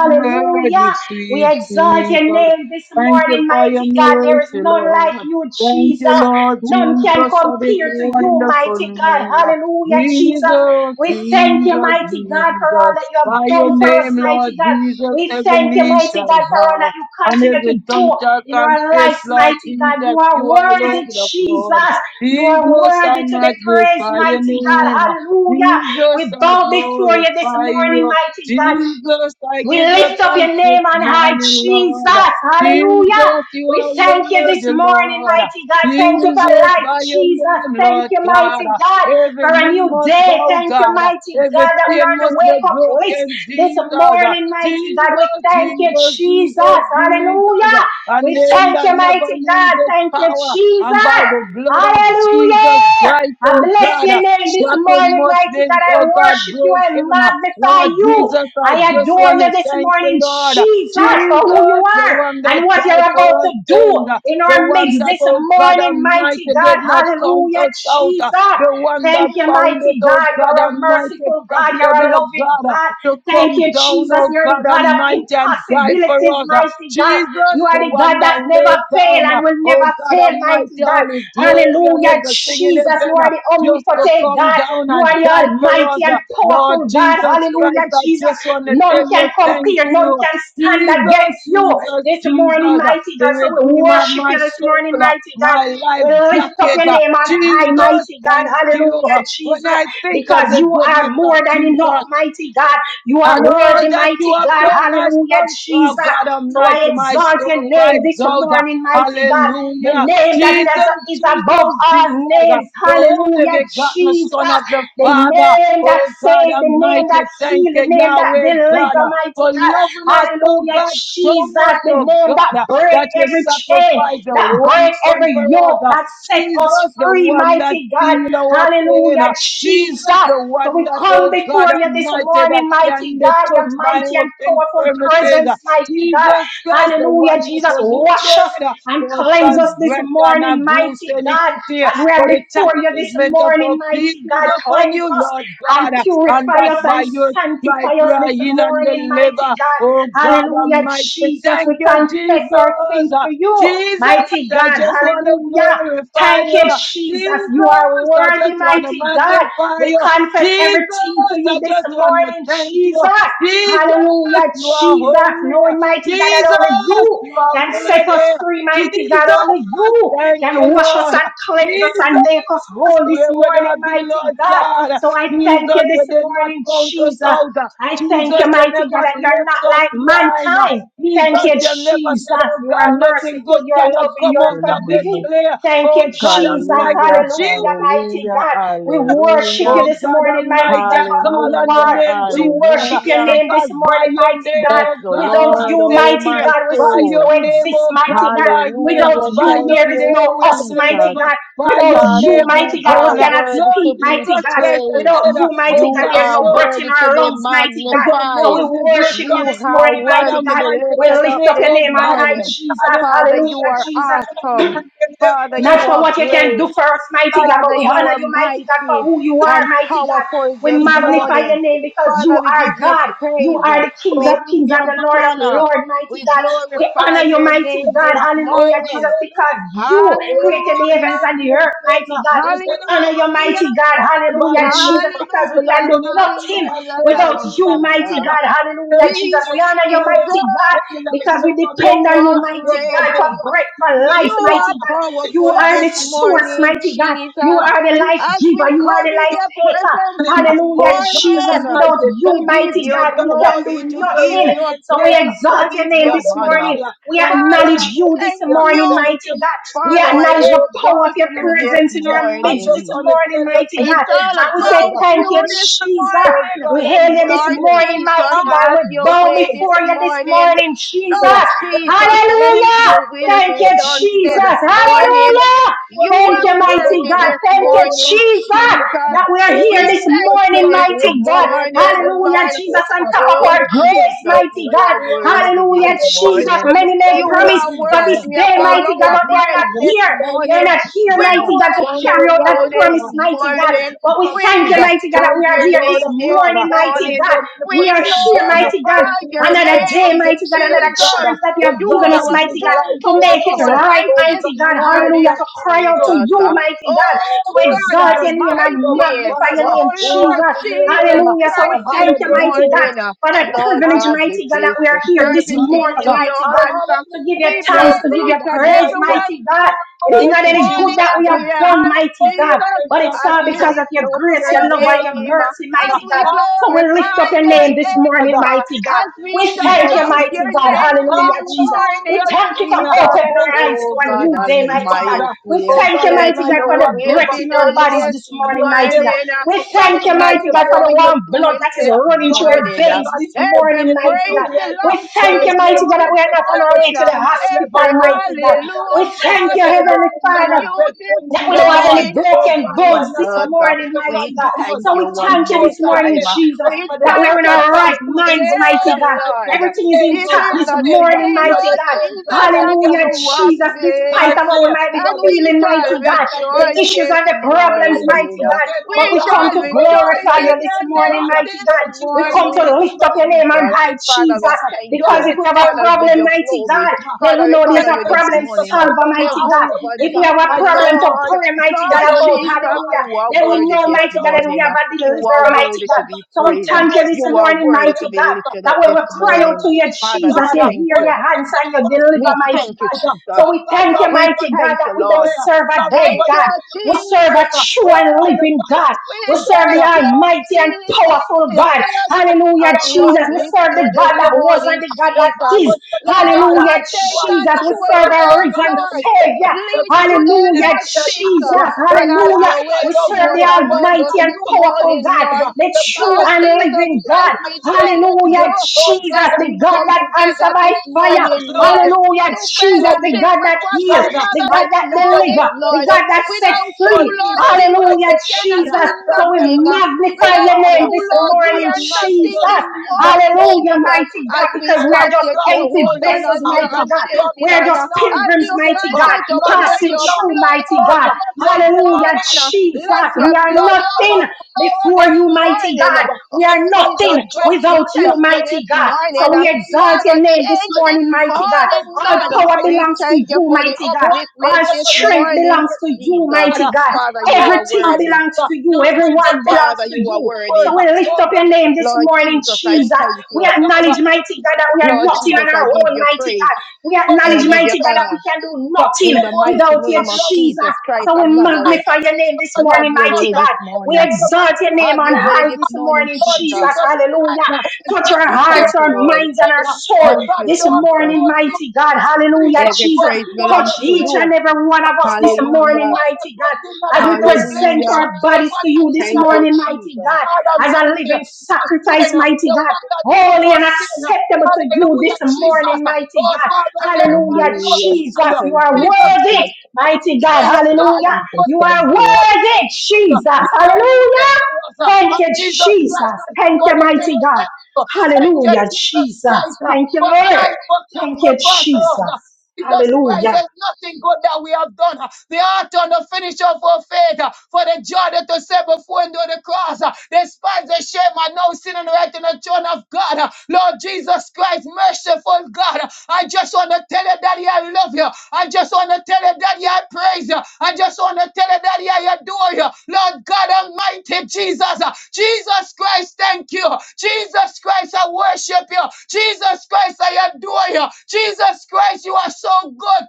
[SPEAKER 2] worthy,
[SPEAKER 1] We
[SPEAKER 2] sweet
[SPEAKER 1] exalt your
[SPEAKER 2] Jesus.
[SPEAKER 1] name this
[SPEAKER 2] Thank you
[SPEAKER 1] morning,
[SPEAKER 2] for your
[SPEAKER 1] mighty God. There
[SPEAKER 2] mercy,
[SPEAKER 1] is none like
[SPEAKER 2] Lord.
[SPEAKER 1] you,
[SPEAKER 2] Thank
[SPEAKER 1] Jesus.
[SPEAKER 2] you, Lord
[SPEAKER 1] None
[SPEAKER 2] Jesus,
[SPEAKER 1] can
[SPEAKER 2] for this
[SPEAKER 1] compare to you,
[SPEAKER 2] wonderful
[SPEAKER 1] mighty God.
[SPEAKER 2] name.
[SPEAKER 1] Hallelujah, Jesus.
[SPEAKER 2] Jesus,
[SPEAKER 1] We thank you,
[SPEAKER 2] Jesus,
[SPEAKER 1] mighty God, for all that
[SPEAKER 2] Jesus.
[SPEAKER 1] you have
[SPEAKER 2] By your
[SPEAKER 1] done for us,
[SPEAKER 2] name, Lord
[SPEAKER 1] mighty God.
[SPEAKER 2] Jesus,
[SPEAKER 1] We
[SPEAKER 2] every
[SPEAKER 1] thank you,
[SPEAKER 2] knee
[SPEAKER 1] mighty
[SPEAKER 2] shall
[SPEAKER 1] God, for all that
[SPEAKER 2] bow
[SPEAKER 1] you
[SPEAKER 2] and
[SPEAKER 1] continue
[SPEAKER 2] every
[SPEAKER 1] to
[SPEAKER 2] tongue
[SPEAKER 1] do
[SPEAKER 2] shall
[SPEAKER 1] in our lives,
[SPEAKER 2] confess, Lord
[SPEAKER 1] mighty God.
[SPEAKER 2] Jesus,
[SPEAKER 1] You
[SPEAKER 2] you
[SPEAKER 1] are
[SPEAKER 2] are
[SPEAKER 1] worthy,
[SPEAKER 2] Lord of Lord.
[SPEAKER 1] Jesus. You are
[SPEAKER 2] Jesus, I
[SPEAKER 1] worthy to be praised,
[SPEAKER 2] magnify your
[SPEAKER 1] mighty God.
[SPEAKER 2] name.
[SPEAKER 1] Hallelujah.
[SPEAKER 2] Jesus,
[SPEAKER 1] We
[SPEAKER 2] I
[SPEAKER 1] bow before you this
[SPEAKER 2] glorify
[SPEAKER 1] morning,
[SPEAKER 2] you.
[SPEAKER 1] mighty God.
[SPEAKER 2] Jesus, I
[SPEAKER 1] We
[SPEAKER 2] give you
[SPEAKER 1] lift up your
[SPEAKER 2] thanks this
[SPEAKER 1] name on high,
[SPEAKER 2] morning, Lord.
[SPEAKER 1] Jesus. Hallelujah.
[SPEAKER 2] Jesus, you
[SPEAKER 1] We
[SPEAKER 2] are
[SPEAKER 1] thank you this
[SPEAKER 2] worthy,
[SPEAKER 1] morning,
[SPEAKER 2] Lord.
[SPEAKER 1] mighty God. Thank you for
[SPEAKER 2] Jesus,
[SPEAKER 1] life,
[SPEAKER 2] by your
[SPEAKER 1] Jesus.
[SPEAKER 2] name,
[SPEAKER 1] Thank
[SPEAKER 2] Lord
[SPEAKER 1] you,
[SPEAKER 2] God,
[SPEAKER 1] mighty God,
[SPEAKER 2] every
[SPEAKER 1] for a
[SPEAKER 2] knee
[SPEAKER 1] new
[SPEAKER 2] must
[SPEAKER 1] day.
[SPEAKER 2] bow,
[SPEAKER 1] Thank you,
[SPEAKER 2] God,
[SPEAKER 1] mighty
[SPEAKER 2] every
[SPEAKER 1] God, that we are
[SPEAKER 2] chain
[SPEAKER 1] on the
[SPEAKER 2] must be
[SPEAKER 1] wake up list
[SPEAKER 2] broken,
[SPEAKER 1] this
[SPEAKER 2] Jesus,
[SPEAKER 1] morning, mighty
[SPEAKER 2] Jesus,
[SPEAKER 1] God. We thank
[SPEAKER 2] Jesus,
[SPEAKER 1] you, Jesus.
[SPEAKER 2] Jesus, Jesus,
[SPEAKER 1] Hallelujah.
[SPEAKER 2] a
[SPEAKER 1] We
[SPEAKER 2] name
[SPEAKER 1] thank
[SPEAKER 2] that
[SPEAKER 1] you,
[SPEAKER 2] never
[SPEAKER 1] mighty God.
[SPEAKER 2] loses
[SPEAKER 1] Thank you,
[SPEAKER 2] power, and
[SPEAKER 1] Jesus.
[SPEAKER 2] by the blood of Jesus
[SPEAKER 1] Hallelujah.
[SPEAKER 2] Christ,
[SPEAKER 1] I
[SPEAKER 2] oh
[SPEAKER 1] bless
[SPEAKER 2] God,
[SPEAKER 1] your name this
[SPEAKER 2] shackles
[SPEAKER 1] morning,
[SPEAKER 2] must
[SPEAKER 1] mighty
[SPEAKER 2] be,
[SPEAKER 1] God. I
[SPEAKER 2] oh God,
[SPEAKER 1] worship you. I
[SPEAKER 2] broken.
[SPEAKER 1] magnify
[SPEAKER 2] Lord
[SPEAKER 1] you.
[SPEAKER 2] Jesus, I
[SPEAKER 1] I
[SPEAKER 2] just
[SPEAKER 1] adore
[SPEAKER 2] want to
[SPEAKER 1] you this
[SPEAKER 2] thank you,
[SPEAKER 1] morning,
[SPEAKER 2] Lord.
[SPEAKER 1] Jesus, for who you
[SPEAKER 2] Jesus, the
[SPEAKER 1] are
[SPEAKER 2] one that
[SPEAKER 1] and what you're
[SPEAKER 2] died
[SPEAKER 1] about
[SPEAKER 2] for us
[SPEAKER 1] to do
[SPEAKER 2] sins, uh,
[SPEAKER 1] in
[SPEAKER 2] the
[SPEAKER 1] our
[SPEAKER 2] one
[SPEAKER 1] midst
[SPEAKER 2] that,
[SPEAKER 1] this
[SPEAKER 2] oh God
[SPEAKER 1] morning, mighty
[SPEAKER 2] Almighty,
[SPEAKER 1] God.
[SPEAKER 2] did not count
[SPEAKER 1] Hallelujah,
[SPEAKER 2] us out, uh,
[SPEAKER 1] Jesus.
[SPEAKER 2] the one
[SPEAKER 1] Thank
[SPEAKER 2] that
[SPEAKER 1] you,
[SPEAKER 2] found it,
[SPEAKER 1] mighty
[SPEAKER 2] oh
[SPEAKER 1] God.
[SPEAKER 2] God
[SPEAKER 1] You're a
[SPEAKER 2] Almighty,
[SPEAKER 1] merciful God.
[SPEAKER 2] profitable,
[SPEAKER 1] You're a
[SPEAKER 2] oh
[SPEAKER 1] loving
[SPEAKER 2] God, uh,
[SPEAKER 1] God.
[SPEAKER 2] to
[SPEAKER 1] Thank
[SPEAKER 2] come
[SPEAKER 1] you,
[SPEAKER 2] down,
[SPEAKER 1] Jesus.
[SPEAKER 2] oh
[SPEAKER 1] You're the
[SPEAKER 2] God
[SPEAKER 1] God of
[SPEAKER 2] Almighty, and die for
[SPEAKER 1] impossibilities,
[SPEAKER 2] us. uh,
[SPEAKER 1] mighty God.
[SPEAKER 2] Jesus,
[SPEAKER 1] You are
[SPEAKER 2] the
[SPEAKER 1] the God
[SPEAKER 2] one that
[SPEAKER 1] that never
[SPEAKER 2] laid
[SPEAKER 1] fail
[SPEAKER 2] down, uh,
[SPEAKER 1] and will
[SPEAKER 2] oh
[SPEAKER 1] never
[SPEAKER 2] God
[SPEAKER 1] fail, mighty
[SPEAKER 2] Almighty,
[SPEAKER 1] God.
[SPEAKER 2] all his glory and
[SPEAKER 1] Hallelujah,
[SPEAKER 2] everything in
[SPEAKER 1] Jesus. You
[SPEAKER 2] heaven.
[SPEAKER 1] are
[SPEAKER 2] uh,
[SPEAKER 1] the
[SPEAKER 2] just to
[SPEAKER 1] omnipotent
[SPEAKER 2] come
[SPEAKER 1] God.
[SPEAKER 2] down
[SPEAKER 1] You
[SPEAKER 2] and
[SPEAKER 1] are the
[SPEAKER 2] die for
[SPEAKER 1] almighty
[SPEAKER 2] us.
[SPEAKER 1] and
[SPEAKER 2] Uh, Lord
[SPEAKER 1] powerful God.
[SPEAKER 2] Jesus
[SPEAKER 1] Hallelujah,
[SPEAKER 2] Christ, I
[SPEAKER 1] Jesus.
[SPEAKER 2] just want to
[SPEAKER 1] None
[SPEAKER 2] tell
[SPEAKER 1] can
[SPEAKER 2] you thank
[SPEAKER 1] compare. None
[SPEAKER 2] you.
[SPEAKER 1] can stand
[SPEAKER 2] Jesus,
[SPEAKER 1] against you
[SPEAKER 2] Jesus,
[SPEAKER 1] this morning,
[SPEAKER 2] Jesus, uh,
[SPEAKER 1] mighty
[SPEAKER 2] the
[SPEAKER 1] God. So we
[SPEAKER 2] Redeemer of
[SPEAKER 1] worship
[SPEAKER 2] my
[SPEAKER 1] you this
[SPEAKER 2] soul,
[SPEAKER 1] morning,
[SPEAKER 2] uh,
[SPEAKER 1] mighty God.
[SPEAKER 2] my life
[SPEAKER 1] We lift up
[SPEAKER 2] jacket.
[SPEAKER 1] your
[SPEAKER 2] uh,
[SPEAKER 1] name on high,
[SPEAKER 2] Jesus,
[SPEAKER 1] mighty
[SPEAKER 2] thank
[SPEAKER 1] God.
[SPEAKER 2] you. Uh,
[SPEAKER 1] Hallelujah, Jesus.
[SPEAKER 2] When I think of
[SPEAKER 1] Because
[SPEAKER 2] the
[SPEAKER 1] you are
[SPEAKER 2] goodness of
[SPEAKER 1] more than enough,
[SPEAKER 2] Jesus,
[SPEAKER 1] mighty God. You are
[SPEAKER 2] and all
[SPEAKER 1] worthy,
[SPEAKER 2] that you
[SPEAKER 1] mighty
[SPEAKER 2] have
[SPEAKER 1] God.
[SPEAKER 2] done, my
[SPEAKER 1] Hallelujah,
[SPEAKER 2] son, oh
[SPEAKER 1] Jesus.
[SPEAKER 2] God
[SPEAKER 1] So
[SPEAKER 2] Almighty,
[SPEAKER 1] I
[SPEAKER 2] my
[SPEAKER 1] exalt your
[SPEAKER 2] soul
[SPEAKER 1] name
[SPEAKER 2] cries
[SPEAKER 1] this
[SPEAKER 2] out, uh,
[SPEAKER 1] morning, mighty God, the
[SPEAKER 2] hallelujah.
[SPEAKER 1] name that
[SPEAKER 2] Jesus,
[SPEAKER 1] it is, is above
[SPEAKER 2] Jesus, Jesus,
[SPEAKER 1] all
[SPEAKER 2] uh,
[SPEAKER 1] names.
[SPEAKER 2] the only
[SPEAKER 1] Hallelujah,
[SPEAKER 2] begotten
[SPEAKER 1] Jesus.
[SPEAKER 2] Son of the
[SPEAKER 1] The
[SPEAKER 2] Father,
[SPEAKER 1] name that
[SPEAKER 2] oh God
[SPEAKER 1] saved, the name that
[SPEAKER 2] Almighty, thank
[SPEAKER 1] healed, the
[SPEAKER 2] you,
[SPEAKER 1] name that
[SPEAKER 2] Yahweh God,
[SPEAKER 1] deliver,
[SPEAKER 2] uh,
[SPEAKER 1] mighty
[SPEAKER 2] for
[SPEAKER 1] God.
[SPEAKER 2] loving us, oh
[SPEAKER 1] Hallelujah,
[SPEAKER 2] God, so
[SPEAKER 1] Jesus.
[SPEAKER 2] much,
[SPEAKER 1] The
[SPEAKER 2] oh
[SPEAKER 1] name that
[SPEAKER 2] God, uh,
[SPEAKER 1] break
[SPEAKER 2] that you
[SPEAKER 1] every chain,
[SPEAKER 2] sacrificed your
[SPEAKER 1] that break
[SPEAKER 2] one Son
[SPEAKER 1] every
[SPEAKER 2] for us,
[SPEAKER 1] yoke,
[SPEAKER 2] uh,
[SPEAKER 1] that set
[SPEAKER 2] Jesus,
[SPEAKER 1] us
[SPEAKER 2] the
[SPEAKER 1] free,
[SPEAKER 2] one that
[SPEAKER 1] mighty God.
[SPEAKER 2] feel our pain.
[SPEAKER 1] Hallelujah, Jesus.
[SPEAKER 2] Jesus, the
[SPEAKER 1] So
[SPEAKER 2] one
[SPEAKER 1] we
[SPEAKER 2] that,
[SPEAKER 1] come
[SPEAKER 2] oh
[SPEAKER 1] before
[SPEAKER 2] God
[SPEAKER 1] you this
[SPEAKER 2] Almighty, that
[SPEAKER 1] morning, mighty
[SPEAKER 2] can be
[SPEAKER 1] God, your
[SPEAKER 2] touched by
[SPEAKER 1] mighty
[SPEAKER 2] our
[SPEAKER 1] and powerful
[SPEAKER 2] infirmities.
[SPEAKER 1] presence, mighty God.
[SPEAKER 2] Jesus Christ, the
[SPEAKER 1] Hallelujah,
[SPEAKER 2] one that
[SPEAKER 1] Jesus.
[SPEAKER 2] was
[SPEAKER 1] Wash us
[SPEAKER 2] wounded
[SPEAKER 1] and
[SPEAKER 2] for
[SPEAKER 1] cleanse us this
[SPEAKER 2] transgression
[SPEAKER 1] morning,
[SPEAKER 2] and bruised
[SPEAKER 1] mighty God.
[SPEAKER 2] iniquity,
[SPEAKER 1] As we are
[SPEAKER 2] for the
[SPEAKER 1] before you this
[SPEAKER 2] chastisement of
[SPEAKER 1] morning,
[SPEAKER 2] our peace
[SPEAKER 1] mighty God,
[SPEAKER 2] is upon
[SPEAKER 1] cleanse
[SPEAKER 2] you,
[SPEAKER 1] us
[SPEAKER 2] Lord
[SPEAKER 1] and
[SPEAKER 2] God, and
[SPEAKER 1] purify
[SPEAKER 2] that
[SPEAKER 1] us
[SPEAKER 2] by
[SPEAKER 1] and
[SPEAKER 2] your stripe
[SPEAKER 1] sanctify
[SPEAKER 2] we
[SPEAKER 1] us
[SPEAKER 2] are
[SPEAKER 1] this
[SPEAKER 2] healed and
[SPEAKER 1] morning, mighty
[SPEAKER 2] delivered. Oh
[SPEAKER 1] God.
[SPEAKER 2] God
[SPEAKER 1] Hallelujah,
[SPEAKER 2] Almighty,
[SPEAKER 1] Jesus.
[SPEAKER 2] thank
[SPEAKER 1] We
[SPEAKER 2] you,
[SPEAKER 1] confess our sins
[SPEAKER 2] Jesus.
[SPEAKER 1] to you,
[SPEAKER 2] Jesus,
[SPEAKER 1] mighty
[SPEAKER 2] I
[SPEAKER 1] God.
[SPEAKER 2] just want to
[SPEAKER 1] Hallelujah.
[SPEAKER 2] glorify
[SPEAKER 1] Thank you,
[SPEAKER 2] you.
[SPEAKER 1] Jesus. You are
[SPEAKER 2] Jesus, I
[SPEAKER 1] worthy,
[SPEAKER 2] just want to
[SPEAKER 1] mighty God.
[SPEAKER 2] magnify
[SPEAKER 1] We
[SPEAKER 2] you.
[SPEAKER 1] confess everything to
[SPEAKER 2] Jesus,
[SPEAKER 1] you
[SPEAKER 2] I
[SPEAKER 1] this
[SPEAKER 2] just want to
[SPEAKER 1] morning,
[SPEAKER 2] thank you.
[SPEAKER 1] Jesus.
[SPEAKER 2] Jesus,
[SPEAKER 1] Hallelujah,
[SPEAKER 2] you are
[SPEAKER 1] Jesus.
[SPEAKER 2] holy.
[SPEAKER 1] Knowing, mighty God, that
[SPEAKER 2] Jesus,
[SPEAKER 1] only you
[SPEAKER 2] you are
[SPEAKER 1] can set us
[SPEAKER 2] worthy.
[SPEAKER 1] free, mighty God. Only
[SPEAKER 2] Jesus,
[SPEAKER 1] you
[SPEAKER 2] thank
[SPEAKER 1] can
[SPEAKER 2] you,
[SPEAKER 1] wash us
[SPEAKER 2] Lord.
[SPEAKER 1] and cleanse us and make us
[SPEAKER 2] Jesus,
[SPEAKER 1] whole this
[SPEAKER 2] where would I
[SPEAKER 1] morning,
[SPEAKER 2] be,
[SPEAKER 1] mighty
[SPEAKER 2] Lord
[SPEAKER 1] God.
[SPEAKER 2] God?
[SPEAKER 1] So I thank you
[SPEAKER 2] Jesus,
[SPEAKER 1] this
[SPEAKER 2] you did not
[SPEAKER 1] morning,
[SPEAKER 2] count us
[SPEAKER 1] Jesus.
[SPEAKER 2] out.
[SPEAKER 1] I thank you,
[SPEAKER 2] Jesus, you
[SPEAKER 1] mighty
[SPEAKER 2] never
[SPEAKER 1] God, that you're
[SPEAKER 2] left
[SPEAKER 1] not
[SPEAKER 2] us
[SPEAKER 1] like
[SPEAKER 2] behind.
[SPEAKER 1] mankind. Thank you,
[SPEAKER 2] Jesus, you never
[SPEAKER 1] Jesus.
[SPEAKER 2] said, Oh
[SPEAKER 1] You
[SPEAKER 2] God,
[SPEAKER 1] are
[SPEAKER 2] nothing
[SPEAKER 1] merciful,
[SPEAKER 2] good
[SPEAKER 1] you are
[SPEAKER 2] cannot
[SPEAKER 1] loving, you
[SPEAKER 2] come
[SPEAKER 1] are
[SPEAKER 2] out of this
[SPEAKER 3] Hallelujah.
[SPEAKER 1] forgiving.
[SPEAKER 2] layer.
[SPEAKER 1] Thank you,
[SPEAKER 2] Oh God
[SPEAKER 1] Jesus.
[SPEAKER 2] Almighty,
[SPEAKER 3] Hallelujah.
[SPEAKER 1] Hallelujah,
[SPEAKER 2] Jesus.
[SPEAKER 1] mighty
[SPEAKER 3] Hallelujah.
[SPEAKER 1] God. We worship
[SPEAKER 3] Hallelujah.
[SPEAKER 1] you
[SPEAKER 2] Oh
[SPEAKER 1] this
[SPEAKER 2] God
[SPEAKER 1] morning, mighty God,
[SPEAKER 2] Almighty, I
[SPEAKER 1] for who
[SPEAKER 2] call
[SPEAKER 1] you
[SPEAKER 2] on
[SPEAKER 1] are.
[SPEAKER 2] your
[SPEAKER 3] Hallelujah.
[SPEAKER 2] name,
[SPEAKER 1] We
[SPEAKER 2] Jesus,
[SPEAKER 1] worship your
[SPEAKER 3] Hallelujah.
[SPEAKER 1] name this
[SPEAKER 2] because by
[SPEAKER 1] morning,
[SPEAKER 2] your
[SPEAKER 1] mighty
[SPEAKER 2] name,
[SPEAKER 1] God.
[SPEAKER 3] Bless
[SPEAKER 2] oh
[SPEAKER 3] the
[SPEAKER 2] God, we
[SPEAKER 1] Without
[SPEAKER 2] are
[SPEAKER 3] Lord,
[SPEAKER 1] you,
[SPEAKER 2] set
[SPEAKER 3] oh
[SPEAKER 1] mighty
[SPEAKER 2] free.
[SPEAKER 3] my
[SPEAKER 1] God, we
[SPEAKER 2] By
[SPEAKER 1] cease
[SPEAKER 2] your
[SPEAKER 1] to
[SPEAKER 3] soul.
[SPEAKER 2] name,
[SPEAKER 1] exist,
[SPEAKER 2] oh
[SPEAKER 1] mighty
[SPEAKER 2] God, we
[SPEAKER 1] God.
[SPEAKER 2] are healed.
[SPEAKER 1] Without
[SPEAKER 3] Hallelujah.
[SPEAKER 2] By
[SPEAKER 1] you,
[SPEAKER 3] Thank
[SPEAKER 2] your
[SPEAKER 1] there is
[SPEAKER 3] you,
[SPEAKER 1] no
[SPEAKER 2] name, we are
[SPEAKER 1] us, mighty
[SPEAKER 3] Jesus.
[SPEAKER 2] delivered.
[SPEAKER 1] God.
[SPEAKER 2] By
[SPEAKER 1] Without
[SPEAKER 2] your
[SPEAKER 3] Father,
[SPEAKER 1] you,
[SPEAKER 2] name, oh
[SPEAKER 3] you
[SPEAKER 1] mighty God, we
[SPEAKER 3] are
[SPEAKER 2] God.
[SPEAKER 1] cannot
[SPEAKER 2] No,
[SPEAKER 3] worthy to
[SPEAKER 1] speak,
[SPEAKER 3] be
[SPEAKER 1] mighty
[SPEAKER 2] Jesus
[SPEAKER 1] God.
[SPEAKER 2] Christ has
[SPEAKER 3] praised.
[SPEAKER 1] Without
[SPEAKER 2] said,
[SPEAKER 1] you, mighty
[SPEAKER 2] oh
[SPEAKER 1] God,
[SPEAKER 3] You
[SPEAKER 2] God,
[SPEAKER 1] there's
[SPEAKER 3] are
[SPEAKER 1] no
[SPEAKER 2] so
[SPEAKER 1] breath in
[SPEAKER 3] worthy to
[SPEAKER 1] our
[SPEAKER 3] be
[SPEAKER 1] lungs, mighty
[SPEAKER 2] as
[SPEAKER 1] God.
[SPEAKER 2] though
[SPEAKER 1] So
[SPEAKER 3] magnified.
[SPEAKER 1] we
[SPEAKER 2] Moses lift
[SPEAKER 1] worship you
[SPEAKER 2] up,
[SPEAKER 3] You
[SPEAKER 1] this
[SPEAKER 3] are
[SPEAKER 2] oh
[SPEAKER 1] morning,
[SPEAKER 2] God
[SPEAKER 3] worthy
[SPEAKER 1] mighty
[SPEAKER 3] to
[SPEAKER 1] God.
[SPEAKER 3] be
[SPEAKER 2] Almighty,
[SPEAKER 1] We
[SPEAKER 2] the
[SPEAKER 3] lifted
[SPEAKER 1] lift
[SPEAKER 3] up
[SPEAKER 2] snake,
[SPEAKER 1] up your
[SPEAKER 3] this
[SPEAKER 2] oh
[SPEAKER 1] name on
[SPEAKER 2] God, in
[SPEAKER 1] high,
[SPEAKER 3] morning.
[SPEAKER 2] the
[SPEAKER 1] Jesus.
[SPEAKER 2] garden.
[SPEAKER 3] Father,
[SPEAKER 2] So
[SPEAKER 3] you
[SPEAKER 1] Hallelujah,
[SPEAKER 3] are
[SPEAKER 2] God, the
[SPEAKER 1] Jesus.
[SPEAKER 2] Son of
[SPEAKER 3] awesome.
[SPEAKER 2] Man, they lift
[SPEAKER 3] Father,
[SPEAKER 2] it
[SPEAKER 1] Not
[SPEAKER 3] you
[SPEAKER 1] for
[SPEAKER 3] are
[SPEAKER 2] up.
[SPEAKER 1] what you
[SPEAKER 2] Lord
[SPEAKER 3] great.
[SPEAKER 1] can do
[SPEAKER 2] Jesus
[SPEAKER 1] for us, mighty
[SPEAKER 2] Christ,
[SPEAKER 1] God, but
[SPEAKER 3] Father,
[SPEAKER 1] we
[SPEAKER 3] you
[SPEAKER 2] God,
[SPEAKER 1] honor
[SPEAKER 3] are
[SPEAKER 1] you, mighty God, for
[SPEAKER 3] mighty
[SPEAKER 1] who you are,
[SPEAKER 3] and
[SPEAKER 1] mighty God.
[SPEAKER 3] powerful
[SPEAKER 1] We
[SPEAKER 3] this
[SPEAKER 2] Jesus.
[SPEAKER 1] magnify your
[SPEAKER 3] morning.
[SPEAKER 1] name because you
[SPEAKER 3] Father, we
[SPEAKER 1] are
[SPEAKER 3] give you
[SPEAKER 1] God. You
[SPEAKER 3] praise.
[SPEAKER 1] are the kings
[SPEAKER 3] We
[SPEAKER 1] of
[SPEAKER 2] Oh,
[SPEAKER 3] give
[SPEAKER 1] kings and
[SPEAKER 2] my
[SPEAKER 3] you
[SPEAKER 1] the Lord of
[SPEAKER 2] God.
[SPEAKER 3] honor.
[SPEAKER 1] lords, mighty
[SPEAKER 3] We
[SPEAKER 1] God. We
[SPEAKER 3] glorify
[SPEAKER 1] honor you,
[SPEAKER 3] your
[SPEAKER 1] mighty
[SPEAKER 3] name
[SPEAKER 1] God.
[SPEAKER 3] this
[SPEAKER 1] Hallelujah,
[SPEAKER 2] Oh,
[SPEAKER 1] Jesus,
[SPEAKER 3] morning.
[SPEAKER 1] because
[SPEAKER 2] hallelujah.
[SPEAKER 1] you
[SPEAKER 3] Hallelujah.
[SPEAKER 2] Oh,
[SPEAKER 1] created the
[SPEAKER 2] God,
[SPEAKER 1] heavens and
[SPEAKER 2] reign
[SPEAKER 1] the
[SPEAKER 2] and
[SPEAKER 1] earth,
[SPEAKER 2] king.
[SPEAKER 1] mighty God.
[SPEAKER 2] Yes,
[SPEAKER 1] We
[SPEAKER 2] it is
[SPEAKER 1] honor
[SPEAKER 2] my
[SPEAKER 1] you,
[SPEAKER 3] Hallelujah.
[SPEAKER 1] mighty God.
[SPEAKER 2] people by
[SPEAKER 1] Hallelujah,
[SPEAKER 2] your name.
[SPEAKER 1] Jesus, because we
[SPEAKER 2] The Lord
[SPEAKER 1] can
[SPEAKER 3] Hallelujah.
[SPEAKER 2] will
[SPEAKER 1] do
[SPEAKER 2] himself
[SPEAKER 1] nothing
[SPEAKER 2] our
[SPEAKER 3] Hallelujah.
[SPEAKER 2] prayer.
[SPEAKER 1] without
[SPEAKER 2] See
[SPEAKER 1] you,
[SPEAKER 2] that
[SPEAKER 1] mighty
[SPEAKER 3] Hallelujah.
[SPEAKER 2] favor.
[SPEAKER 1] God.
[SPEAKER 2] I
[SPEAKER 1] Hallelujah,
[SPEAKER 2] turn from
[SPEAKER 1] Jesus.
[SPEAKER 2] your
[SPEAKER 1] We honor
[SPEAKER 2] wicked
[SPEAKER 1] you,
[SPEAKER 3] Jesus,
[SPEAKER 2] ways.
[SPEAKER 1] mighty God,
[SPEAKER 2] Then will I
[SPEAKER 1] because
[SPEAKER 2] hear
[SPEAKER 1] we
[SPEAKER 2] from
[SPEAKER 3] you
[SPEAKER 2] his
[SPEAKER 1] depend on you,
[SPEAKER 2] favor.
[SPEAKER 3] are
[SPEAKER 2] You
[SPEAKER 1] mighty God, for
[SPEAKER 2] forgive
[SPEAKER 3] great.
[SPEAKER 2] us
[SPEAKER 1] breath,
[SPEAKER 2] and we
[SPEAKER 1] for life,
[SPEAKER 2] will
[SPEAKER 3] You are
[SPEAKER 1] mighty God.
[SPEAKER 2] live. It's
[SPEAKER 1] You
[SPEAKER 3] powerful
[SPEAKER 1] are
[SPEAKER 2] us,
[SPEAKER 1] the
[SPEAKER 3] this
[SPEAKER 2] my
[SPEAKER 1] source,
[SPEAKER 3] morning,
[SPEAKER 1] mighty God. You
[SPEAKER 3] Jesus.
[SPEAKER 1] are the
[SPEAKER 2] God.
[SPEAKER 1] life
[SPEAKER 3] As
[SPEAKER 1] giver.
[SPEAKER 3] we
[SPEAKER 1] You are
[SPEAKER 3] come
[SPEAKER 1] the
[SPEAKER 3] in
[SPEAKER 1] life
[SPEAKER 3] your
[SPEAKER 1] taker.
[SPEAKER 3] presence
[SPEAKER 2] morning.
[SPEAKER 3] this
[SPEAKER 1] Hallelujah,
[SPEAKER 2] Oh God
[SPEAKER 1] Jesus.
[SPEAKER 3] morning
[SPEAKER 1] Without
[SPEAKER 2] Almighty,
[SPEAKER 3] to
[SPEAKER 1] you,
[SPEAKER 2] thank
[SPEAKER 3] give
[SPEAKER 2] you,
[SPEAKER 1] mighty
[SPEAKER 3] your
[SPEAKER 2] Jesus.
[SPEAKER 1] God, we can
[SPEAKER 3] glory,
[SPEAKER 1] do
[SPEAKER 3] to
[SPEAKER 2] Thank you,
[SPEAKER 3] give
[SPEAKER 1] nothing.
[SPEAKER 3] your
[SPEAKER 2] reigning
[SPEAKER 1] So we
[SPEAKER 2] King.
[SPEAKER 3] praise, to
[SPEAKER 1] exalt
[SPEAKER 2] Thank
[SPEAKER 1] your
[SPEAKER 3] give
[SPEAKER 2] you,
[SPEAKER 1] name
[SPEAKER 3] your
[SPEAKER 1] this
[SPEAKER 3] honor.
[SPEAKER 1] morning.
[SPEAKER 2] Adonai.
[SPEAKER 1] We
[SPEAKER 2] Thank you,
[SPEAKER 3] Father,
[SPEAKER 1] acknowledge
[SPEAKER 3] we
[SPEAKER 1] you this
[SPEAKER 3] thank
[SPEAKER 2] Rabboniah.
[SPEAKER 1] morning,
[SPEAKER 3] you.
[SPEAKER 2] Thank
[SPEAKER 1] mighty
[SPEAKER 2] you,
[SPEAKER 1] God. We
[SPEAKER 3] Father,
[SPEAKER 2] Yeshua.
[SPEAKER 3] I
[SPEAKER 1] acknowledge the
[SPEAKER 2] Oh
[SPEAKER 1] power of
[SPEAKER 3] exalt
[SPEAKER 1] your
[SPEAKER 2] God
[SPEAKER 3] you this
[SPEAKER 1] presence in our
[SPEAKER 2] Almighty, I
[SPEAKER 1] midst
[SPEAKER 2] just
[SPEAKER 1] this
[SPEAKER 3] morning.
[SPEAKER 2] want to
[SPEAKER 1] morning,
[SPEAKER 2] tell you,
[SPEAKER 1] mighty
[SPEAKER 2] thank
[SPEAKER 3] It's
[SPEAKER 1] God.
[SPEAKER 2] you,
[SPEAKER 3] all
[SPEAKER 1] And we say,
[SPEAKER 3] about
[SPEAKER 2] Jesus.
[SPEAKER 1] Thank you,
[SPEAKER 3] you this
[SPEAKER 2] Jesus,
[SPEAKER 1] Jesus.
[SPEAKER 2] Oh
[SPEAKER 3] morning.
[SPEAKER 1] We
[SPEAKER 2] God
[SPEAKER 1] hail you this
[SPEAKER 3] Lord
[SPEAKER 2] Almighty.
[SPEAKER 1] morning,
[SPEAKER 3] Jesus,
[SPEAKER 1] mighty God.
[SPEAKER 3] have
[SPEAKER 1] We
[SPEAKER 3] your
[SPEAKER 1] bow
[SPEAKER 3] way this
[SPEAKER 1] before you this
[SPEAKER 3] morning.
[SPEAKER 1] morning,
[SPEAKER 3] Lord
[SPEAKER 2] Thank
[SPEAKER 1] Jesus.
[SPEAKER 2] you,
[SPEAKER 3] Jesus,
[SPEAKER 2] Jesus.
[SPEAKER 3] let
[SPEAKER 1] Hallelujah.
[SPEAKER 3] your will
[SPEAKER 2] Thank
[SPEAKER 1] Thank
[SPEAKER 3] be
[SPEAKER 2] you,
[SPEAKER 1] you,
[SPEAKER 3] done
[SPEAKER 1] Jesus.
[SPEAKER 3] this
[SPEAKER 2] Jesus. Thank you,
[SPEAKER 3] morning.
[SPEAKER 1] Hallelujah.
[SPEAKER 3] You
[SPEAKER 2] Lord.
[SPEAKER 1] Thank
[SPEAKER 2] Thank
[SPEAKER 3] are
[SPEAKER 1] you,
[SPEAKER 2] you,
[SPEAKER 1] mighty
[SPEAKER 3] worthy
[SPEAKER 2] Lord.
[SPEAKER 1] God.
[SPEAKER 3] this
[SPEAKER 1] Thank you,
[SPEAKER 2] Oh,
[SPEAKER 3] morning,
[SPEAKER 2] Lord,
[SPEAKER 1] Jesus,
[SPEAKER 2] my
[SPEAKER 3] Jesus.
[SPEAKER 1] that
[SPEAKER 2] God.
[SPEAKER 1] we are
[SPEAKER 3] We
[SPEAKER 2] Oh,
[SPEAKER 1] here this
[SPEAKER 2] Jesus
[SPEAKER 3] thank you
[SPEAKER 1] morning,
[SPEAKER 2] Christ,
[SPEAKER 3] this
[SPEAKER 2] what
[SPEAKER 1] mighty
[SPEAKER 2] a
[SPEAKER 1] God.
[SPEAKER 2] wonderful
[SPEAKER 3] morning,
[SPEAKER 1] Hallelujah,
[SPEAKER 3] Lord
[SPEAKER 2] God
[SPEAKER 1] Jesus,
[SPEAKER 2] you
[SPEAKER 1] on
[SPEAKER 2] are.
[SPEAKER 1] top of
[SPEAKER 3] Oh,
[SPEAKER 2] What
[SPEAKER 1] our
[SPEAKER 2] an
[SPEAKER 1] grace,
[SPEAKER 3] Jesus,
[SPEAKER 2] amazing
[SPEAKER 1] mighty
[SPEAKER 3] you
[SPEAKER 2] God
[SPEAKER 1] God.
[SPEAKER 3] are
[SPEAKER 2] you are.
[SPEAKER 3] worthy
[SPEAKER 2] I
[SPEAKER 3] this
[SPEAKER 1] Hallelujah,
[SPEAKER 2] just want to
[SPEAKER 1] Jesus.
[SPEAKER 3] morning.
[SPEAKER 2] tell you,
[SPEAKER 1] Many made
[SPEAKER 3] You
[SPEAKER 2] thank you,
[SPEAKER 1] promise
[SPEAKER 3] are
[SPEAKER 1] for this
[SPEAKER 2] Jesus.
[SPEAKER 3] worthy of
[SPEAKER 1] day,
[SPEAKER 2] Thank
[SPEAKER 3] all
[SPEAKER 1] mighty
[SPEAKER 2] you,
[SPEAKER 1] God,
[SPEAKER 3] our
[SPEAKER 1] but they
[SPEAKER 2] Jesus.
[SPEAKER 1] are
[SPEAKER 3] praise
[SPEAKER 1] not
[SPEAKER 3] this
[SPEAKER 1] here.
[SPEAKER 2] Thank
[SPEAKER 1] They are
[SPEAKER 3] morning.
[SPEAKER 1] not
[SPEAKER 2] you,
[SPEAKER 1] here,
[SPEAKER 3] We
[SPEAKER 2] Jesus.
[SPEAKER 1] mighty God, to
[SPEAKER 2] Thank
[SPEAKER 3] worship
[SPEAKER 2] you,
[SPEAKER 1] carry out that
[SPEAKER 3] you this
[SPEAKER 1] promise,
[SPEAKER 2] Yahweh.
[SPEAKER 1] mighty
[SPEAKER 2] Thank
[SPEAKER 1] God.
[SPEAKER 2] you,
[SPEAKER 3] morning.
[SPEAKER 2] Prince
[SPEAKER 1] But we
[SPEAKER 2] of
[SPEAKER 3] We
[SPEAKER 1] thank
[SPEAKER 2] Peace.
[SPEAKER 1] you, mighty God,
[SPEAKER 3] lift up
[SPEAKER 1] that we
[SPEAKER 2] Thank
[SPEAKER 1] are
[SPEAKER 3] your
[SPEAKER 2] you,
[SPEAKER 1] here this
[SPEAKER 2] Lord
[SPEAKER 3] name
[SPEAKER 2] of
[SPEAKER 3] this
[SPEAKER 2] Lord.
[SPEAKER 1] morning, mighty
[SPEAKER 2] Thank
[SPEAKER 3] morning.
[SPEAKER 2] you,
[SPEAKER 1] God.
[SPEAKER 3] We
[SPEAKER 1] We are
[SPEAKER 2] omnipotent
[SPEAKER 1] here,
[SPEAKER 2] God.
[SPEAKER 1] mighty God.
[SPEAKER 3] glorify your
[SPEAKER 1] Another
[SPEAKER 2] Omniscient,
[SPEAKER 1] day,
[SPEAKER 3] name,
[SPEAKER 1] mighty God, another
[SPEAKER 2] omnipresent
[SPEAKER 3] Jesus.
[SPEAKER 2] God.
[SPEAKER 1] chance that you have
[SPEAKER 2] The
[SPEAKER 3] You
[SPEAKER 2] God
[SPEAKER 1] given us,
[SPEAKER 2] that
[SPEAKER 3] are a
[SPEAKER 2] gives
[SPEAKER 1] mighty God
[SPEAKER 3] strong
[SPEAKER 2] life
[SPEAKER 1] to
[SPEAKER 3] tower
[SPEAKER 2] even
[SPEAKER 1] make it
[SPEAKER 3] for
[SPEAKER 2] us.
[SPEAKER 3] our
[SPEAKER 1] right,
[SPEAKER 3] life
[SPEAKER 2] Oh
[SPEAKER 3] this
[SPEAKER 2] God
[SPEAKER 1] mighty God.
[SPEAKER 2] Almighty,
[SPEAKER 1] Hallelujah.
[SPEAKER 3] morning,
[SPEAKER 2] I
[SPEAKER 1] To
[SPEAKER 2] thank
[SPEAKER 1] cry out to
[SPEAKER 2] you.
[SPEAKER 3] Jesus.
[SPEAKER 1] you, mighty God.
[SPEAKER 3] Oh,
[SPEAKER 1] To
[SPEAKER 2] Oh
[SPEAKER 3] God
[SPEAKER 2] Jesus
[SPEAKER 1] exalt your name
[SPEAKER 2] Christ,
[SPEAKER 1] and
[SPEAKER 2] our
[SPEAKER 3] Almighty.
[SPEAKER 1] magnify your
[SPEAKER 2] Father,
[SPEAKER 3] Oh
[SPEAKER 1] name,
[SPEAKER 2] who
[SPEAKER 3] Lord
[SPEAKER 2] art
[SPEAKER 1] Jesus.
[SPEAKER 2] in
[SPEAKER 3] Jesus
[SPEAKER 2] heaven.
[SPEAKER 1] Hallelujah.
[SPEAKER 2] I
[SPEAKER 1] So we
[SPEAKER 3] Christ, this
[SPEAKER 1] thank
[SPEAKER 2] hallowed
[SPEAKER 1] you,
[SPEAKER 2] your
[SPEAKER 1] mighty
[SPEAKER 2] name,
[SPEAKER 1] God,
[SPEAKER 3] morning, uh,
[SPEAKER 1] for that
[SPEAKER 3] Lord
[SPEAKER 2] Jesus
[SPEAKER 1] privilege,
[SPEAKER 3] God, we
[SPEAKER 1] mighty God, that
[SPEAKER 3] place
[SPEAKER 1] we are
[SPEAKER 3] the
[SPEAKER 1] here
[SPEAKER 2] in
[SPEAKER 1] this
[SPEAKER 3] service
[SPEAKER 1] morning,
[SPEAKER 2] Jesus.
[SPEAKER 3] into your
[SPEAKER 1] mighty
[SPEAKER 2] I
[SPEAKER 3] hands. uh,
[SPEAKER 1] God, to give you
[SPEAKER 3] We
[SPEAKER 2] hallelujah,
[SPEAKER 1] thanks,
[SPEAKER 2] oh
[SPEAKER 1] to
[SPEAKER 3] place
[SPEAKER 1] give you
[SPEAKER 3] each
[SPEAKER 2] God
[SPEAKER 3] and
[SPEAKER 1] praise,
[SPEAKER 3] every
[SPEAKER 2] Almighty.
[SPEAKER 3] one
[SPEAKER 1] mighty
[SPEAKER 2] You
[SPEAKER 1] God.
[SPEAKER 2] are
[SPEAKER 1] It is
[SPEAKER 3] this
[SPEAKER 1] not
[SPEAKER 2] worthy,
[SPEAKER 1] any good
[SPEAKER 2] Jesus.
[SPEAKER 3] morning
[SPEAKER 1] that we have
[SPEAKER 3] into your
[SPEAKER 2] You
[SPEAKER 1] done,
[SPEAKER 3] hands,
[SPEAKER 2] are
[SPEAKER 1] mighty
[SPEAKER 2] worthy,
[SPEAKER 1] God,
[SPEAKER 3] Jesus,
[SPEAKER 2] Prince
[SPEAKER 1] but
[SPEAKER 2] of
[SPEAKER 1] it's
[SPEAKER 3] as
[SPEAKER 1] all
[SPEAKER 3] we
[SPEAKER 2] Peace.
[SPEAKER 1] because of
[SPEAKER 2] You
[SPEAKER 1] your
[SPEAKER 3] lift up
[SPEAKER 2] are
[SPEAKER 1] grace,
[SPEAKER 3] your
[SPEAKER 1] your love,
[SPEAKER 2] worthy,
[SPEAKER 1] and your
[SPEAKER 3] name,
[SPEAKER 1] mercy,
[SPEAKER 3] as
[SPEAKER 2] Lord.
[SPEAKER 1] mighty
[SPEAKER 3] we
[SPEAKER 1] God. So we lift
[SPEAKER 3] glorify
[SPEAKER 1] up your
[SPEAKER 2] Hallelujah,
[SPEAKER 3] your
[SPEAKER 1] name this morning,
[SPEAKER 3] name,
[SPEAKER 2] Jesus.
[SPEAKER 1] mighty God.
[SPEAKER 3] as we
[SPEAKER 1] We thank
[SPEAKER 2] Jesus,
[SPEAKER 1] you,
[SPEAKER 3] shout your
[SPEAKER 1] mighty God.
[SPEAKER 2] Jesus.
[SPEAKER 3] name this
[SPEAKER 1] Hallelujah, Jesus. We
[SPEAKER 3] morning,
[SPEAKER 2] Hallelujah,
[SPEAKER 1] thank you for
[SPEAKER 2] Lord.
[SPEAKER 3] Jesus.
[SPEAKER 1] opening
[SPEAKER 2] Most
[SPEAKER 1] our eyes to
[SPEAKER 3] Oh
[SPEAKER 2] righteous
[SPEAKER 1] a
[SPEAKER 2] and
[SPEAKER 3] God
[SPEAKER 1] new day,
[SPEAKER 2] everlasting
[SPEAKER 1] mighty God.
[SPEAKER 3] Almighty,
[SPEAKER 2] Father.
[SPEAKER 1] We
[SPEAKER 2] Oh
[SPEAKER 1] thank
[SPEAKER 2] God
[SPEAKER 1] you,
[SPEAKER 3] let
[SPEAKER 1] mighty
[SPEAKER 2] Almighty,
[SPEAKER 1] God, for
[SPEAKER 2] you
[SPEAKER 1] the
[SPEAKER 3] your
[SPEAKER 2] have
[SPEAKER 3] will
[SPEAKER 1] breath
[SPEAKER 2] never
[SPEAKER 3] be
[SPEAKER 1] in our
[SPEAKER 2] failed,
[SPEAKER 3] done
[SPEAKER 1] bodies
[SPEAKER 2] Lord.
[SPEAKER 3] this
[SPEAKER 1] this
[SPEAKER 2] And you
[SPEAKER 1] morning,
[SPEAKER 2] have
[SPEAKER 1] mighty
[SPEAKER 3] morning.
[SPEAKER 1] God.
[SPEAKER 2] never
[SPEAKER 1] We
[SPEAKER 2] of God
[SPEAKER 1] thank
[SPEAKER 3] We
[SPEAKER 1] you,
[SPEAKER 3] thank
[SPEAKER 2] Almighty,
[SPEAKER 1] mighty
[SPEAKER 3] you
[SPEAKER 1] God, for
[SPEAKER 3] for
[SPEAKER 2] fail
[SPEAKER 1] the
[SPEAKER 2] and you
[SPEAKER 3] your
[SPEAKER 1] warm blood
[SPEAKER 2] cannot
[SPEAKER 3] doings
[SPEAKER 1] that is
[SPEAKER 2] fail.
[SPEAKER 3] this
[SPEAKER 1] running
[SPEAKER 2] You are
[SPEAKER 1] through
[SPEAKER 2] the
[SPEAKER 1] our
[SPEAKER 3] morning.
[SPEAKER 2] same
[SPEAKER 1] veins
[SPEAKER 2] God
[SPEAKER 1] this
[SPEAKER 2] from the
[SPEAKER 3] Every
[SPEAKER 1] morning,
[SPEAKER 2] beginning
[SPEAKER 1] mighty
[SPEAKER 2] to
[SPEAKER 1] God.
[SPEAKER 3] praise
[SPEAKER 2] the end.
[SPEAKER 1] We
[SPEAKER 3] belongs
[SPEAKER 2] You are
[SPEAKER 1] thank
[SPEAKER 3] to
[SPEAKER 2] the
[SPEAKER 1] you, mighty
[SPEAKER 3] you
[SPEAKER 2] same
[SPEAKER 1] God, that
[SPEAKER 2] God
[SPEAKER 3] this
[SPEAKER 1] we are not on
[SPEAKER 2] yesterday,
[SPEAKER 1] our way
[SPEAKER 3] morning.
[SPEAKER 1] to
[SPEAKER 2] today,
[SPEAKER 1] the
[SPEAKER 2] and
[SPEAKER 3] Every
[SPEAKER 1] hospital,
[SPEAKER 2] forevermore.
[SPEAKER 1] mighty God.
[SPEAKER 2] Oh
[SPEAKER 3] hallelujah
[SPEAKER 2] God
[SPEAKER 1] We
[SPEAKER 2] Almighty,
[SPEAKER 1] thank
[SPEAKER 2] you
[SPEAKER 1] you,
[SPEAKER 2] said
[SPEAKER 1] Heavenly
[SPEAKER 3] belongs
[SPEAKER 2] everything
[SPEAKER 3] to
[SPEAKER 2] that I
[SPEAKER 1] Father
[SPEAKER 3] you
[SPEAKER 2] break
[SPEAKER 3] this
[SPEAKER 2] brings
[SPEAKER 1] that
[SPEAKER 2] you
[SPEAKER 1] we
[SPEAKER 2] the
[SPEAKER 1] don't have any
[SPEAKER 2] Lord.
[SPEAKER 3] morning,
[SPEAKER 2] Oh
[SPEAKER 1] broken
[SPEAKER 2] God, you
[SPEAKER 3] Jesus.
[SPEAKER 1] bones
[SPEAKER 2] are not
[SPEAKER 1] this
[SPEAKER 2] a
[SPEAKER 3] Uh,
[SPEAKER 2] God
[SPEAKER 1] morning,
[SPEAKER 2] to
[SPEAKER 3] We
[SPEAKER 1] mighty God.
[SPEAKER 2] condemn us
[SPEAKER 3] thank
[SPEAKER 1] So
[SPEAKER 3] you
[SPEAKER 1] we
[SPEAKER 3] one
[SPEAKER 2] and
[SPEAKER 1] thank you
[SPEAKER 3] more
[SPEAKER 1] this
[SPEAKER 2] choose the
[SPEAKER 1] morning,
[SPEAKER 2] way,
[SPEAKER 3] time. Uh,
[SPEAKER 1] Jesus,
[SPEAKER 2] but
[SPEAKER 3] We
[SPEAKER 2] for the
[SPEAKER 1] that we're
[SPEAKER 2] God
[SPEAKER 3] thank
[SPEAKER 1] in
[SPEAKER 3] you
[SPEAKER 2] that
[SPEAKER 1] our
[SPEAKER 3] for
[SPEAKER 2] can
[SPEAKER 1] right
[SPEAKER 2] still,
[SPEAKER 1] minds,
[SPEAKER 2] oh God
[SPEAKER 3] today,
[SPEAKER 1] mighty God.
[SPEAKER 2] Almighty.
[SPEAKER 3] Lord.
[SPEAKER 1] Everything is
[SPEAKER 2] Change,
[SPEAKER 3] This
[SPEAKER 2] oh
[SPEAKER 1] intact
[SPEAKER 3] is
[SPEAKER 2] God,
[SPEAKER 1] this
[SPEAKER 3] the
[SPEAKER 2] things.
[SPEAKER 3] day,
[SPEAKER 1] morning,
[SPEAKER 2] You are
[SPEAKER 1] mighty
[SPEAKER 2] the
[SPEAKER 3] Lord
[SPEAKER 1] God.
[SPEAKER 2] same God
[SPEAKER 3] Jesus,
[SPEAKER 2] that
[SPEAKER 3] that
[SPEAKER 2] can,
[SPEAKER 1] Hallelujah,
[SPEAKER 2] oh
[SPEAKER 3] you
[SPEAKER 2] God,
[SPEAKER 3] have
[SPEAKER 1] Jesus.
[SPEAKER 2] see
[SPEAKER 1] Despite
[SPEAKER 2] more
[SPEAKER 1] of how
[SPEAKER 3] made.
[SPEAKER 1] we
[SPEAKER 2] clear.
[SPEAKER 1] might be
[SPEAKER 2] You
[SPEAKER 3] And
[SPEAKER 2] are the
[SPEAKER 3] we
[SPEAKER 1] feeling,
[SPEAKER 2] same
[SPEAKER 3] shall
[SPEAKER 2] God
[SPEAKER 1] mighty
[SPEAKER 2] that
[SPEAKER 1] God,
[SPEAKER 2] can
[SPEAKER 1] the
[SPEAKER 3] rejoice
[SPEAKER 1] issues
[SPEAKER 3] this
[SPEAKER 2] deliver
[SPEAKER 1] and the problems,
[SPEAKER 2] that is
[SPEAKER 3] morning.
[SPEAKER 1] mighty
[SPEAKER 3] Uh,
[SPEAKER 1] God.
[SPEAKER 2] broken, oh
[SPEAKER 1] But
[SPEAKER 3] We
[SPEAKER 1] we
[SPEAKER 2] God.
[SPEAKER 1] come
[SPEAKER 3] shall
[SPEAKER 1] to
[SPEAKER 2] Oh God, you
[SPEAKER 3] rejoice
[SPEAKER 1] glorify
[SPEAKER 2] are
[SPEAKER 3] in
[SPEAKER 2] the
[SPEAKER 1] you this
[SPEAKER 3] your
[SPEAKER 2] same
[SPEAKER 1] morning,
[SPEAKER 3] name
[SPEAKER 2] God.
[SPEAKER 1] mighty
[SPEAKER 3] this
[SPEAKER 1] God.
[SPEAKER 2] Lord
[SPEAKER 1] We
[SPEAKER 2] Jesus
[SPEAKER 1] come
[SPEAKER 3] morning,
[SPEAKER 1] to
[SPEAKER 2] Christ,
[SPEAKER 1] lift
[SPEAKER 2] even
[SPEAKER 1] up your
[SPEAKER 2] when we
[SPEAKER 1] name on
[SPEAKER 2] have
[SPEAKER 3] Jesus.
[SPEAKER 2] gone
[SPEAKER 1] high,
[SPEAKER 2] too
[SPEAKER 3] Father, we
[SPEAKER 1] Jesus.
[SPEAKER 2] far,
[SPEAKER 3] thank
[SPEAKER 2] you are
[SPEAKER 1] Because
[SPEAKER 3] you.
[SPEAKER 2] the
[SPEAKER 1] if we have a
[SPEAKER 2] same
[SPEAKER 3] Father, we
[SPEAKER 2] God
[SPEAKER 3] give
[SPEAKER 2] that
[SPEAKER 1] problem,
[SPEAKER 3] you
[SPEAKER 1] mighty
[SPEAKER 3] glory.
[SPEAKER 1] God, then
[SPEAKER 3] Father,
[SPEAKER 2] I
[SPEAKER 1] we
[SPEAKER 3] we
[SPEAKER 1] know there's
[SPEAKER 3] honor
[SPEAKER 2] thank
[SPEAKER 1] a
[SPEAKER 3] you
[SPEAKER 2] you,
[SPEAKER 3] this
[SPEAKER 1] problem
[SPEAKER 2] Jesus,
[SPEAKER 3] morning. uh,
[SPEAKER 2] for
[SPEAKER 1] solver,
[SPEAKER 2] your
[SPEAKER 1] mighty God.
[SPEAKER 3] Jehovah
[SPEAKER 1] If
[SPEAKER 2] awesomeness.
[SPEAKER 1] we
[SPEAKER 3] Nissi,
[SPEAKER 1] have a
[SPEAKER 2] I thank
[SPEAKER 1] problem to
[SPEAKER 2] you,
[SPEAKER 3] Lord.
[SPEAKER 1] pray,
[SPEAKER 2] Jesus,
[SPEAKER 1] mighty God,
[SPEAKER 2] Christ,
[SPEAKER 3] Lord
[SPEAKER 2] for who
[SPEAKER 1] about,
[SPEAKER 2] you
[SPEAKER 3] Jesus,
[SPEAKER 2] are.
[SPEAKER 1] hallelujah,
[SPEAKER 3] you are
[SPEAKER 1] then we
[SPEAKER 2] From
[SPEAKER 3] worthy
[SPEAKER 1] know,
[SPEAKER 3] this
[SPEAKER 2] never,
[SPEAKER 1] mighty God,
[SPEAKER 2] Lord
[SPEAKER 1] that we
[SPEAKER 3] morning.
[SPEAKER 1] have
[SPEAKER 3] uh,
[SPEAKER 1] a
[SPEAKER 3] You
[SPEAKER 2] Jesus,
[SPEAKER 3] are
[SPEAKER 1] deliverer,
[SPEAKER 2] Christ,
[SPEAKER 1] mighty
[SPEAKER 3] worthy
[SPEAKER 1] God.
[SPEAKER 2] oh
[SPEAKER 3] to be
[SPEAKER 2] God,
[SPEAKER 1] So we
[SPEAKER 3] praised.
[SPEAKER 2] nothing
[SPEAKER 3] uh,
[SPEAKER 1] thank you
[SPEAKER 2] good
[SPEAKER 1] this
[SPEAKER 3] You
[SPEAKER 2] cannot
[SPEAKER 3] are
[SPEAKER 1] morning,
[SPEAKER 2] come
[SPEAKER 3] worthy
[SPEAKER 2] out
[SPEAKER 1] mighty
[SPEAKER 3] to
[SPEAKER 2] of
[SPEAKER 3] be
[SPEAKER 1] God,
[SPEAKER 2] us.
[SPEAKER 3] lifted up
[SPEAKER 1] that when
[SPEAKER 2] Oh
[SPEAKER 3] this
[SPEAKER 1] we cry
[SPEAKER 2] Jesus
[SPEAKER 1] out
[SPEAKER 3] morning.
[SPEAKER 1] to you,
[SPEAKER 2] Christ, oh
[SPEAKER 3] Father, we
[SPEAKER 1] Jesus, you
[SPEAKER 2] God,
[SPEAKER 3] thank
[SPEAKER 1] hear
[SPEAKER 2] when
[SPEAKER 1] your
[SPEAKER 3] you.
[SPEAKER 1] hands
[SPEAKER 2] friends
[SPEAKER 1] and
[SPEAKER 2] and
[SPEAKER 1] you
[SPEAKER 2] family
[SPEAKER 1] deliver,
[SPEAKER 3] We
[SPEAKER 2] come
[SPEAKER 1] mighty
[SPEAKER 2] to us,
[SPEAKER 3] thank you,
[SPEAKER 1] God.
[SPEAKER 2] oh
[SPEAKER 3] Jesus.
[SPEAKER 1] So we
[SPEAKER 2] God, you
[SPEAKER 1] thank you,
[SPEAKER 2] have
[SPEAKER 3] We
[SPEAKER 2] never
[SPEAKER 1] mighty God,
[SPEAKER 3] thank
[SPEAKER 1] that
[SPEAKER 3] you,
[SPEAKER 1] we don't
[SPEAKER 3] Lord.
[SPEAKER 2] away.
[SPEAKER 1] serve a
[SPEAKER 2] You have
[SPEAKER 1] dead
[SPEAKER 3] Thank
[SPEAKER 1] God.
[SPEAKER 3] you,
[SPEAKER 2] never
[SPEAKER 1] We serve a
[SPEAKER 2] us,
[SPEAKER 3] Jesus.
[SPEAKER 2] uh,
[SPEAKER 1] true
[SPEAKER 2] oh
[SPEAKER 1] and
[SPEAKER 2] God,
[SPEAKER 1] living
[SPEAKER 2] revive
[SPEAKER 1] God.
[SPEAKER 2] us,
[SPEAKER 3] We
[SPEAKER 1] We
[SPEAKER 2] oh
[SPEAKER 1] serve
[SPEAKER 2] God,
[SPEAKER 1] the
[SPEAKER 3] thank
[SPEAKER 2] uh,
[SPEAKER 3] you,
[SPEAKER 2] oh
[SPEAKER 1] almighty and powerful
[SPEAKER 3] Jesus,
[SPEAKER 2] God,
[SPEAKER 1] God.
[SPEAKER 2] oh
[SPEAKER 1] Hallelujah,
[SPEAKER 3] as we
[SPEAKER 2] God, uh,
[SPEAKER 1] Jesus. We
[SPEAKER 3] uplift
[SPEAKER 2] revive
[SPEAKER 1] serve
[SPEAKER 2] us,
[SPEAKER 3] you
[SPEAKER 1] the God
[SPEAKER 3] this
[SPEAKER 1] that was
[SPEAKER 3] morning,
[SPEAKER 1] and the God that
[SPEAKER 3] Jesus.
[SPEAKER 2] revive
[SPEAKER 1] is.
[SPEAKER 2] us, oh
[SPEAKER 3] Lord
[SPEAKER 2] God, uh,
[SPEAKER 3] God,
[SPEAKER 1] Hallelujah,
[SPEAKER 2] oh God,
[SPEAKER 3] take
[SPEAKER 1] Jesus.
[SPEAKER 2] God,
[SPEAKER 1] We
[SPEAKER 3] control
[SPEAKER 2] for
[SPEAKER 1] serve
[SPEAKER 2] us,
[SPEAKER 1] a
[SPEAKER 2] oh
[SPEAKER 3] today,
[SPEAKER 2] God,
[SPEAKER 1] risen
[SPEAKER 3] Lord.
[SPEAKER 2] um,
[SPEAKER 1] Savior.
[SPEAKER 3] Lead
[SPEAKER 2] revive us.
[SPEAKER 3] today,
[SPEAKER 2] It's
[SPEAKER 1] Hallelujah,
[SPEAKER 3] Lord
[SPEAKER 2] not that I,
[SPEAKER 3] Jesus,
[SPEAKER 1] Jesus.
[SPEAKER 2] uh,
[SPEAKER 3] and
[SPEAKER 2] it's not
[SPEAKER 3] have
[SPEAKER 1] Hallelujah.
[SPEAKER 2] I
[SPEAKER 3] your way
[SPEAKER 2] that
[SPEAKER 1] We
[SPEAKER 2] love
[SPEAKER 1] serve
[SPEAKER 3] through
[SPEAKER 2] you,
[SPEAKER 1] the
[SPEAKER 3] us
[SPEAKER 2] but
[SPEAKER 3] around
[SPEAKER 2] it's
[SPEAKER 3] us
[SPEAKER 1] Almighty
[SPEAKER 2] that
[SPEAKER 1] and
[SPEAKER 3] this
[SPEAKER 2] you first
[SPEAKER 1] powerful
[SPEAKER 3] morning,
[SPEAKER 1] God,
[SPEAKER 3] Lord.
[SPEAKER 2] love us.
[SPEAKER 1] the
[SPEAKER 2] The
[SPEAKER 1] true
[SPEAKER 2] Bible
[SPEAKER 3] Lord
[SPEAKER 1] and
[SPEAKER 2] said,
[SPEAKER 3] Jesus
[SPEAKER 2] we
[SPEAKER 1] living
[SPEAKER 2] come
[SPEAKER 1] God.
[SPEAKER 3] Christ,
[SPEAKER 2] and
[SPEAKER 3] we
[SPEAKER 2] it's the
[SPEAKER 3] thank
[SPEAKER 2] praise
[SPEAKER 1] Hallelujah,
[SPEAKER 2] you.
[SPEAKER 3] you
[SPEAKER 2] Oh
[SPEAKER 1] Jesus,
[SPEAKER 3] that
[SPEAKER 2] God,
[SPEAKER 1] the
[SPEAKER 3] we
[SPEAKER 1] God
[SPEAKER 3] come
[SPEAKER 2] Almighty,
[SPEAKER 1] that answers
[SPEAKER 3] together
[SPEAKER 1] by
[SPEAKER 3] this
[SPEAKER 2] King
[SPEAKER 1] fire.
[SPEAKER 2] of
[SPEAKER 3] morning, Lord,
[SPEAKER 2] glory. I
[SPEAKER 1] Hallelujah,
[SPEAKER 3] to
[SPEAKER 2] thank
[SPEAKER 1] Jesus,
[SPEAKER 2] you,
[SPEAKER 1] the
[SPEAKER 3] fellowship
[SPEAKER 1] God
[SPEAKER 3] with
[SPEAKER 1] that
[SPEAKER 2] omnipotent
[SPEAKER 3] one
[SPEAKER 1] heals,
[SPEAKER 2] Father.
[SPEAKER 1] the
[SPEAKER 3] another
[SPEAKER 2] I
[SPEAKER 1] God
[SPEAKER 3] this
[SPEAKER 1] that
[SPEAKER 2] thank you,
[SPEAKER 1] delivers,
[SPEAKER 3] morning,
[SPEAKER 1] the
[SPEAKER 3] Lord.
[SPEAKER 2] wonderful
[SPEAKER 1] God that set
[SPEAKER 2] Father.
[SPEAKER 3] Without you,
[SPEAKER 2] Lord
[SPEAKER 1] free.
[SPEAKER 3] Lord
[SPEAKER 2] Jesus
[SPEAKER 3] Jesus,
[SPEAKER 2] Christ,
[SPEAKER 1] Hallelujah,
[SPEAKER 3] we
[SPEAKER 2] oh God.
[SPEAKER 3] cannot do
[SPEAKER 1] Jesus.
[SPEAKER 2] You have
[SPEAKER 1] So we
[SPEAKER 2] never
[SPEAKER 3] nothing.
[SPEAKER 2] seen, oh
[SPEAKER 1] magnify your
[SPEAKER 3] Without
[SPEAKER 1] name
[SPEAKER 3] you,
[SPEAKER 2] God.
[SPEAKER 1] this
[SPEAKER 2] Oh
[SPEAKER 3] Lord,
[SPEAKER 2] God
[SPEAKER 3] we
[SPEAKER 1] morning,
[SPEAKER 3] are
[SPEAKER 2] Almighty,
[SPEAKER 1] Jesus.
[SPEAKER 3] nothing
[SPEAKER 2] to
[SPEAKER 3] this
[SPEAKER 2] lose.
[SPEAKER 3] morning,
[SPEAKER 2] Oh
[SPEAKER 1] Hallelujah,
[SPEAKER 2] God,
[SPEAKER 3] Jesus,
[SPEAKER 1] mighty
[SPEAKER 3] as
[SPEAKER 1] God,
[SPEAKER 2] your
[SPEAKER 3] we
[SPEAKER 1] because we
[SPEAKER 2] power.
[SPEAKER 1] are just
[SPEAKER 3] continue
[SPEAKER 2] You
[SPEAKER 3] to
[SPEAKER 2] have
[SPEAKER 1] empty
[SPEAKER 2] never
[SPEAKER 3] hold on
[SPEAKER 2] lose
[SPEAKER 1] vessels,
[SPEAKER 3] on your
[SPEAKER 1] mighty
[SPEAKER 2] out.
[SPEAKER 1] God.
[SPEAKER 2] You have
[SPEAKER 3] unchanging
[SPEAKER 1] We are
[SPEAKER 3] hand,
[SPEAKER 2] never
[SPEAKER 1] just
[SPEAKER 3] uh,
[SPEAKER 2] lost
[SPEAKER 3] as
[SPEAKER 2] your
[SPEAKER 1] pilgrims,
[SPEAKER 3] you
[SPEAKER 1] mighty
[SPEAKER 2] flavor.
[SPEAKER 1] God,
[SPEAKER 3] continue to
[SPEAKER 2] You have
[SPEAKER 3] pour
[SPEAKER 2] never
[SPEAKER 1] passing
[SPEAKER 3] your
[SPEAKER 2] lost
[SPEAKER 1] through,
[SPEAKER 3] blood
[SPEAKER 2] your
[SPEAKER 1] mighty
[SPEAKER 2] heart.
[SPEAKER 1] God.
[SPEAKER 3] over us
[SPEAKER 2] You have
[SPEAKER 3] this
[SPEAKER 2] never
[SPEAKER 1] Hallelujah,
[SPEAKER 3] morning,
[SPEAKER 2] lost
[SPEAKER 3] uh,
[SPEAKER 2] who you
[SPEAKER 1] Jesus.
[SPEAKER 3] let
[SPEAKER 1] We
[SPEAKER 2] are.
[SPEAKER 3] your
[SPEAKER 1] are
[SPEAKER 2] Lord
[SPEAKER 3] blood
[SPEAKER 2] God,
[SPEAKER 1] nothing
[SPEAKER 2] Almighty,
[SPEAKER 3] overflow
[SPEAKER 1] before
[SPEAKER 2] when
[SPEAKER 3] this
[SPEAKER 1] you,
[SPEAKER 2] we
[SPEAKER 1] mighty
[SPEAKER 3] morning.
[SPEAKER 1] God.
[SPEAKER 3] uh.
[SPEAKER 1] We
[SPEAKER 3] Oh,
[SPEAKER 1] are
[SPEAKER 2] even when we
[SPEAKER 3] Jesus
[SPEAKER 1] nothing
[SPEAKER 2] are joy
[SPEAKER 3] Christ,
[SPEAKER 1] without
[SPEAKER 3] we
[SPEAKER 1] you,
[SPEAKER 2] aware,
[SPEAKER 3] thank you
[SPEAKER 2] oh
[SPEAKER 1] mighty
[SPEAKER 3] this
[SPEAKER 2] God
[SPEAKER 1] God.
[SPEAKER 3] morning.
[SPEAKER 1] So
[SPEAKER 3] uh.
[SPEAKER 1] we
[SPEAKER 2] Almighty,
[SPEAKER 1] exalt your
[SPEAKER 3] Father,
[SPEAKER 1] name this
[SPEAKER 3] change this
[SPEAKER 1] morning, mighty God.
[SPEAKER 2] Oh
[SPEAKER 3] morning,
[SPEAKER 2] God
[SPEAKER 1] All
[SPEAKER 3] Lord.
[SPEAKER 1] power
[SPEAKER 2] Almighty,
[SPEAKER 3] We
[SPEAKER 1] belongs to
[SPEAKER 3] thank you
[SPEAKER 1] you,
[SPEAKER 3] for the
[SPEAKER 1] mighty God.
[SPEAKER 2] what
[SPEAKER 1] All
[SPEAKER 3] upliftment this
[SPEAKER 2] separated
[SPEAKER 1] strength
[SPEAKER 2] us
[SPEAKER 3] morning,
[SPEAKER 1] belongs to
[SPEAKER 2] from
[SPEAKER 1] you,
[SPEAKER 3] Jesus.
[SPEAKER 2] the God, uh,
[SPEAKER 1] mighty
[SPEAKER 2] no
[SPEAKER 1] God.
[SPEAKER 3] Father, you
[SPEAKER 2] eye,
[SPEAKER 3] are
[SPEAKER 1] Everything
[SPEAKER 2] God,
[SPEAKER 3] worthy.
[SPEAKER 1] belongs
[SPEAKER 2] uh,
[SPEAKER 1] to
[SPEAKER 2] no
[SPEAKER 1] you. Everyone belongs
[SPEAKER 3] Father,
[SPEAKER 2] principalities,
[SPEAKER 1] to
[SPEAKER 3] you are
[SPEAKER 1] you.
[SPEAKER 3] worthy.
[SPEAKER 2] word,
[SPEAKER 1] So
[SPEAKER 2] uh,
[SPEAKER 1] we lift
[SPEAKER 2] oh
[SPEAKER 1] up your
[SPEAKER 2] God,
[SPEAKER 1] name this
[SPEAKER 3] Lord
[SPEAKER 1] morning,
[SPEAKER 3] Jesus, I
[SPEAKER 2] spirit
[SPEAKER 1] Jesus.
[SPEAKER 3] thank
[SPEAKER 1] We
[SPEAKER 3] you.
[SPEAKER 2] of
[SPEAKER 1] acknowledge,
[SPEAKER 2] love, uh,
[SPEAKER 1] mighty
[SPEAKER 2] no
[SPEAKER 1] God, that we are
[SPEAKER 3] Lord
[SPEAKER 1] nothing
[SPEAKER 3] Jesus,
[SPEAKER 1] on our
[SPEAKER 3] I give
[SPEAKER 1] own,
[SPEAKER 3] you
[SPEAKER 2] principalities,
[SPEAKER 1] mighty
[SPEAKER 3] praise
[SPEAKER 1] God. We
[SPEAKER 2] oh,
[SPEAKER 3] and
[SPEAKER 2] they
[SPEAKER 3] I
[SPEAKER 1] acknowledge,
[SPEAKER 2] did
[SPEAKER 3] give you
[SPEAKER 1] mighty
[SPEAKER 2] not
[SPEAKER 1] God, that
[SPEAKER 2] love,
[SPEAKER 1] we
[SPEAKER 3] honor
[SPEAKER 1] can do
[SPEAKER 2] uh,
[SPEAKER 3] in
[SPEAKER 1] nothing
[SPEAKER 3] the
[SPEAKER 2] everyone
[SPEAKER 3] mighty
[SPEAKER 2] did
[SPEAKER 1] without you,
[SPEAKER 2] not
[SPEAKER 3] name of
[SPEAKER 2] love,
[SPEAKER 1] Jesus.
[SPEAKER 3] Jesus
[SPEAKER 2] uh,
[SPEAKER 3] Christ
[SPEAKER 1] So
[SPEAKER 3] of
[SPEAKER 1] we
[SPEAKER 2] God,
[SPEAKER 3] Nazareth.
[SPEAKER 2] I
[SPEAKER 1] magnify
[SPEAKER 2] thank
[SPEAKER 1] your name
[SPEAKER 2] you
[SPEAKER 1] this
[SPEAKER 2] for
[SPEAKER 3] Have
[SPEAKER 1] morning,
[SPEAKER 2] loving
[SPEAKER 3] your
[SPEAKER 2] us,
[SPEAKER 1] mighty
[SPEAKER 3] way
[SPEAKER 2] uh,
[SPEAKER 3] this
[SPEAKER 1] God.
[SPEAKER 2] I
[SPEAKER 1] We
[SPEAKER 3] morning.
[SPEAKER 2] thank you for
[SPEAKER 1] exalt
[SPEAKER 2] keeping
[SPEAKER 1] your
[SPEAKER 2] us.
[SPEAKER 1] name
[SPEAKER 3] Have
[SPEAKER 1] on
[SPEAKER 3] your way
[SPEAKER 1] high
[SPEAKER 3] this
[SPEAKER 1] this
[SPEAKER 3] morning,
[SPEAKER 1] morning,
[SPEAKER 2] Lord
[SPEAKER 3] Jesus.
[SPEAKER 1] Jesus.
[SPEAKER 2] Jesus
[SPEAKER 1] Hallelujah.
[SPEAKER 2] Christ. uh, And
[SPEAKER 1] Touch
[SPEAKER 2] you
[SPEAKER 1] our
[SPEAKER 3] We
[SPEAKER 2] fear
[SPEAKER 1] hearts,
[SPEAKER 3] thank you,
[SPEAKER 2] the
[SPEAKER 1] our
[SPEAKER 3] Lord.
[SPEAKER 1] minds, and
[SPEAKER 2] Lord.
[SPEAKER 1] our
[SPEAKER 2] uh, Oh
[SPEAKER 1] soul
[SPEAKER 3] Thank
[SPEAKER 2] God,
[SPEAKER 3] you,
[SPEAKER 2] we
[SPEAKER 1] this
[SPEAKER 2] don't have to
[SPEAKER 3] Jesus.
[SPEAKER 2] go
[SPEAKER 1] morning,
[SPEAKER 2] through
[SPEAKER 1] mighty God.
[SPEAKER 2] the
[SPEAKER 1] Hallelujah,
[SPEAKER 2] priest, uh,
[SPEAKER 3] Every
[SPEAKER 1] Jesus.
[SPEAKER 2] for
[SPEAKER 3] praise
[SPEAKER 2] you are
[SPEAKER 1] Touch
[SPEAKER 2] the
[SPEAKER 3] belongs to
[SPEAKER 1] each
[SPEAKER 3] you.
[SPEAKER 2] greater
[SPEAKER 1] and every
[SPEAKER 2] priest.
[SPEAKER 1] one
[SPEAKER 2] uh,
[SPEAKER 1] of us this
[SPEAKER 2] Oh God, the
[SPEAKER 1] morning,
[SPEAKER 3] Hallelujah.
[SPEAKER 2] one that
[SPEAKER 1] mighty
[SPEAKER 2] was
[SPEAKER 1] God.
[SPEAKER 2] did not
[SPEAKER 1] As
[SPEAKER 2] have
[SPEAKER 1] we
[SPEAKER 2] no
[SPEAKER 1] present
[SPEAKER 2] blemish,
[SPEAKER 3] Hallelujah.
[SPEAKER 2] uh,
[SPEAKER 1] our
[SPEAKER 2] the
[SPEAKER 1] bodies
[SPEAKER 2] one
[SPEAKER 1] to
[SPEAKER 2] that
[SPEAKER 1] you
[SPEAKER 2] did
[SPEAKER 1] this
[SPEAKER 3] Thank
[SPEAKER 2] not
[SPEAKER 3] you,
[SPEAKER 2] have
[SPEAKER 1] morning,
[SPEAKER 2] no
[SPEAKER 3] Jesus.
[SPEAKER 1] mighty God,
[SPEAKER 2] God
[SPEAKER 1] as a
[SPEAKER 2] Almighty,
[SPEAKER 1] living
[SPEAKER 2] uh, no sin,
[SPEAKER 1] sacrifice,
[SPEAKER 2] uh,
[SPEAKER 1] mighty
[SPEAKER 2] the
[SPEAKER 1] God,
[SPEAKER 2] one that knew
[SPEAKER 1] holy
[SPEAKER 2] no
[SPEAKER 1] and
[SPEAKER 2] sin. uh,
[SPEAKER 1] acceptable to you this
[SPEAKER 2] Hallelujah, Jesus.
[SPEAKER 1] morning,
[SPEAKER 2] uh,
[SPEAKER 1] mighty
[SPEAKER 2] Oh
[SPEAKER 1] God.
[SPEAKER 2] Father, in heaven, I
[SPEAKER 1] Hallelujah,
[SPEAKER 3] Hallelujah.
[SPEAKER 2] glorify
[SPEAKER 1] Jesus,
[SPEAKER 2] you.
[SPEAKER 1] you
[SPEAKER 3] Thank
[SPEAKER 1] are
[SPEAKER 3] you,
[SPEAKER 2] Jesus
[SPEAKER 1] worthy,
[SPEAKER 3] Jesus.
[SPEAKER 2] Christ
[SPEAKER 1] mighty God.
[SPEAKER 2] thing, oh God.
[SPEAKER 1] Hallelujah,
[SPEAKER 3] Jesus,
[SPEAKER 2] For
[SPEAKER 1] you
[SPEAKER 2] yes,
[SPEAKER 1] are
[SPEAKER 3] Thank
[SPEAKER 2] you
[SPEAKER 3] you.
[SPEAKER 2] are people.
[SPEAKER 1] worthy, Jesus.
[SPEAKER 2] You were wounded
[SPEAKER 1] Hallelujah.
[SPEAKER 2] for us. uh,
[SPEAKER 1] Thank you,
[SPEAKER 2] And Jesus Christ,
[SPEAKER 1] Jesus.
[SPEAKER 2] I
[SPEAKER 1] Thank
[SPEAKER 2] forgot
[SPEAKER 1] you,
[SPEAKER 2] to tell
[SPEAKER 1] mighty
[SPEAKER 2] you
[SPEAKER 1] God.
[SPEAKER 2] thank you. Thank you,
[SPEAKER 1] Hallelujah,
[SPEAKER 2] Jesus
[SPEAKER 1] Jesus.
[SPEAKER 2] Christ, uh,
[SPEAKER 1] Thank you,
[SPEAKER 2] for
[SPEAKER 1] Lord.
[SPEAKER 2] dying for us.
[SPEAKER 1] Thank you,
[SPEAKER 2] For us. uh,
[SPEAKER 1] Jesus.
[SPEAKER 2] Jesus
[SPEAKER 1] Hallelujah.
[SPEAKER 2] Christ, there's nothing good that we have done. The art on the finish of our faith, uh, for the joy that was set before and on the cross, uh, despite the shame and now Sitting and right in the throne of God, Lord Jesus Christ, merciful God. I just want to tell you, Daddy, I love you. I just want to tell you, Daddy, I praise you. I just want to tell you, Daddy, I adore you. Lord God Almighty, Jesus, Jesus Christ, thank you. Jesus Christ, I worship you. Jesus Christ, I adore you. Jesus Christ, you are so good.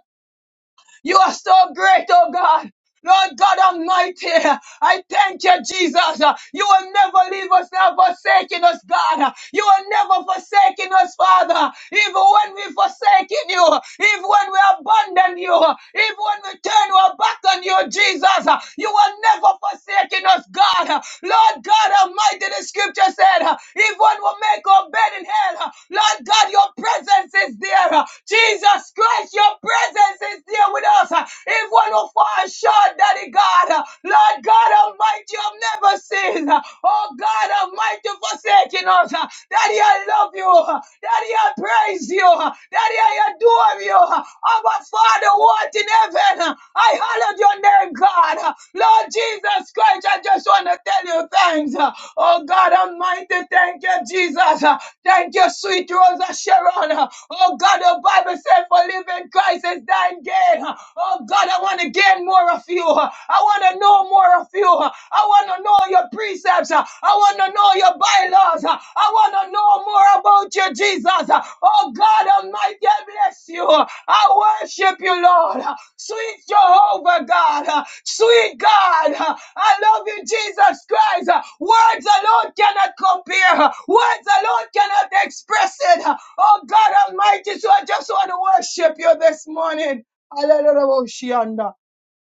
[SPEAKER 2] You are so great, oh God. Lord God Almighty, I thank you, Jesus. You will never leave us never forsaking us, God. You will never forsaking us, Father. Even when we forsaking you, even when we abandon you, even when we turn our back on you, Jesus, you will never forsaking us, God. Lord God Almighty, the scripture said, even when we make our bed in hell, Lord God, your presence is there. Jesus Christ, your presence is there with us. Even when we fall assured, Daddy God, Lord God Almighty of never sins. Oh God Almighty, forsaking us. Daddy, I love you. Daddy, I praise you. Daddy, I adore you. Our Father, what in heaven? I hallowed your name, God. Lord Jesus Christ, I just want to tell you thanks. Oh God Almighty, thank you, Jesus. Thank you, sweet Rosa Sharon. Oh God, the Bible said for living Christ is thine gain. Oh God, I want to gain understand more of you. I want to know more of you. I want to know your precepts. I want to know your bylaws. I want to know more about you, Jesus. Oh God Almighty, I bless you. I worship you, Lord. Sweet Jehovah God. Sweet God. I love you, Jesus Christ. Words alone cannot compare. Words alone cannot express it. Oh God Almighty, so I just want to worship you this morning. Hallelujah.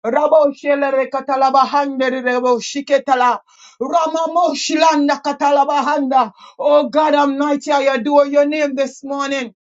[SPEAKER 2] Rabo shelere katalaba handere rebo shiketala. Ramamo shilanda katalaba handa. Oh God Almighty, I adore your name this morning.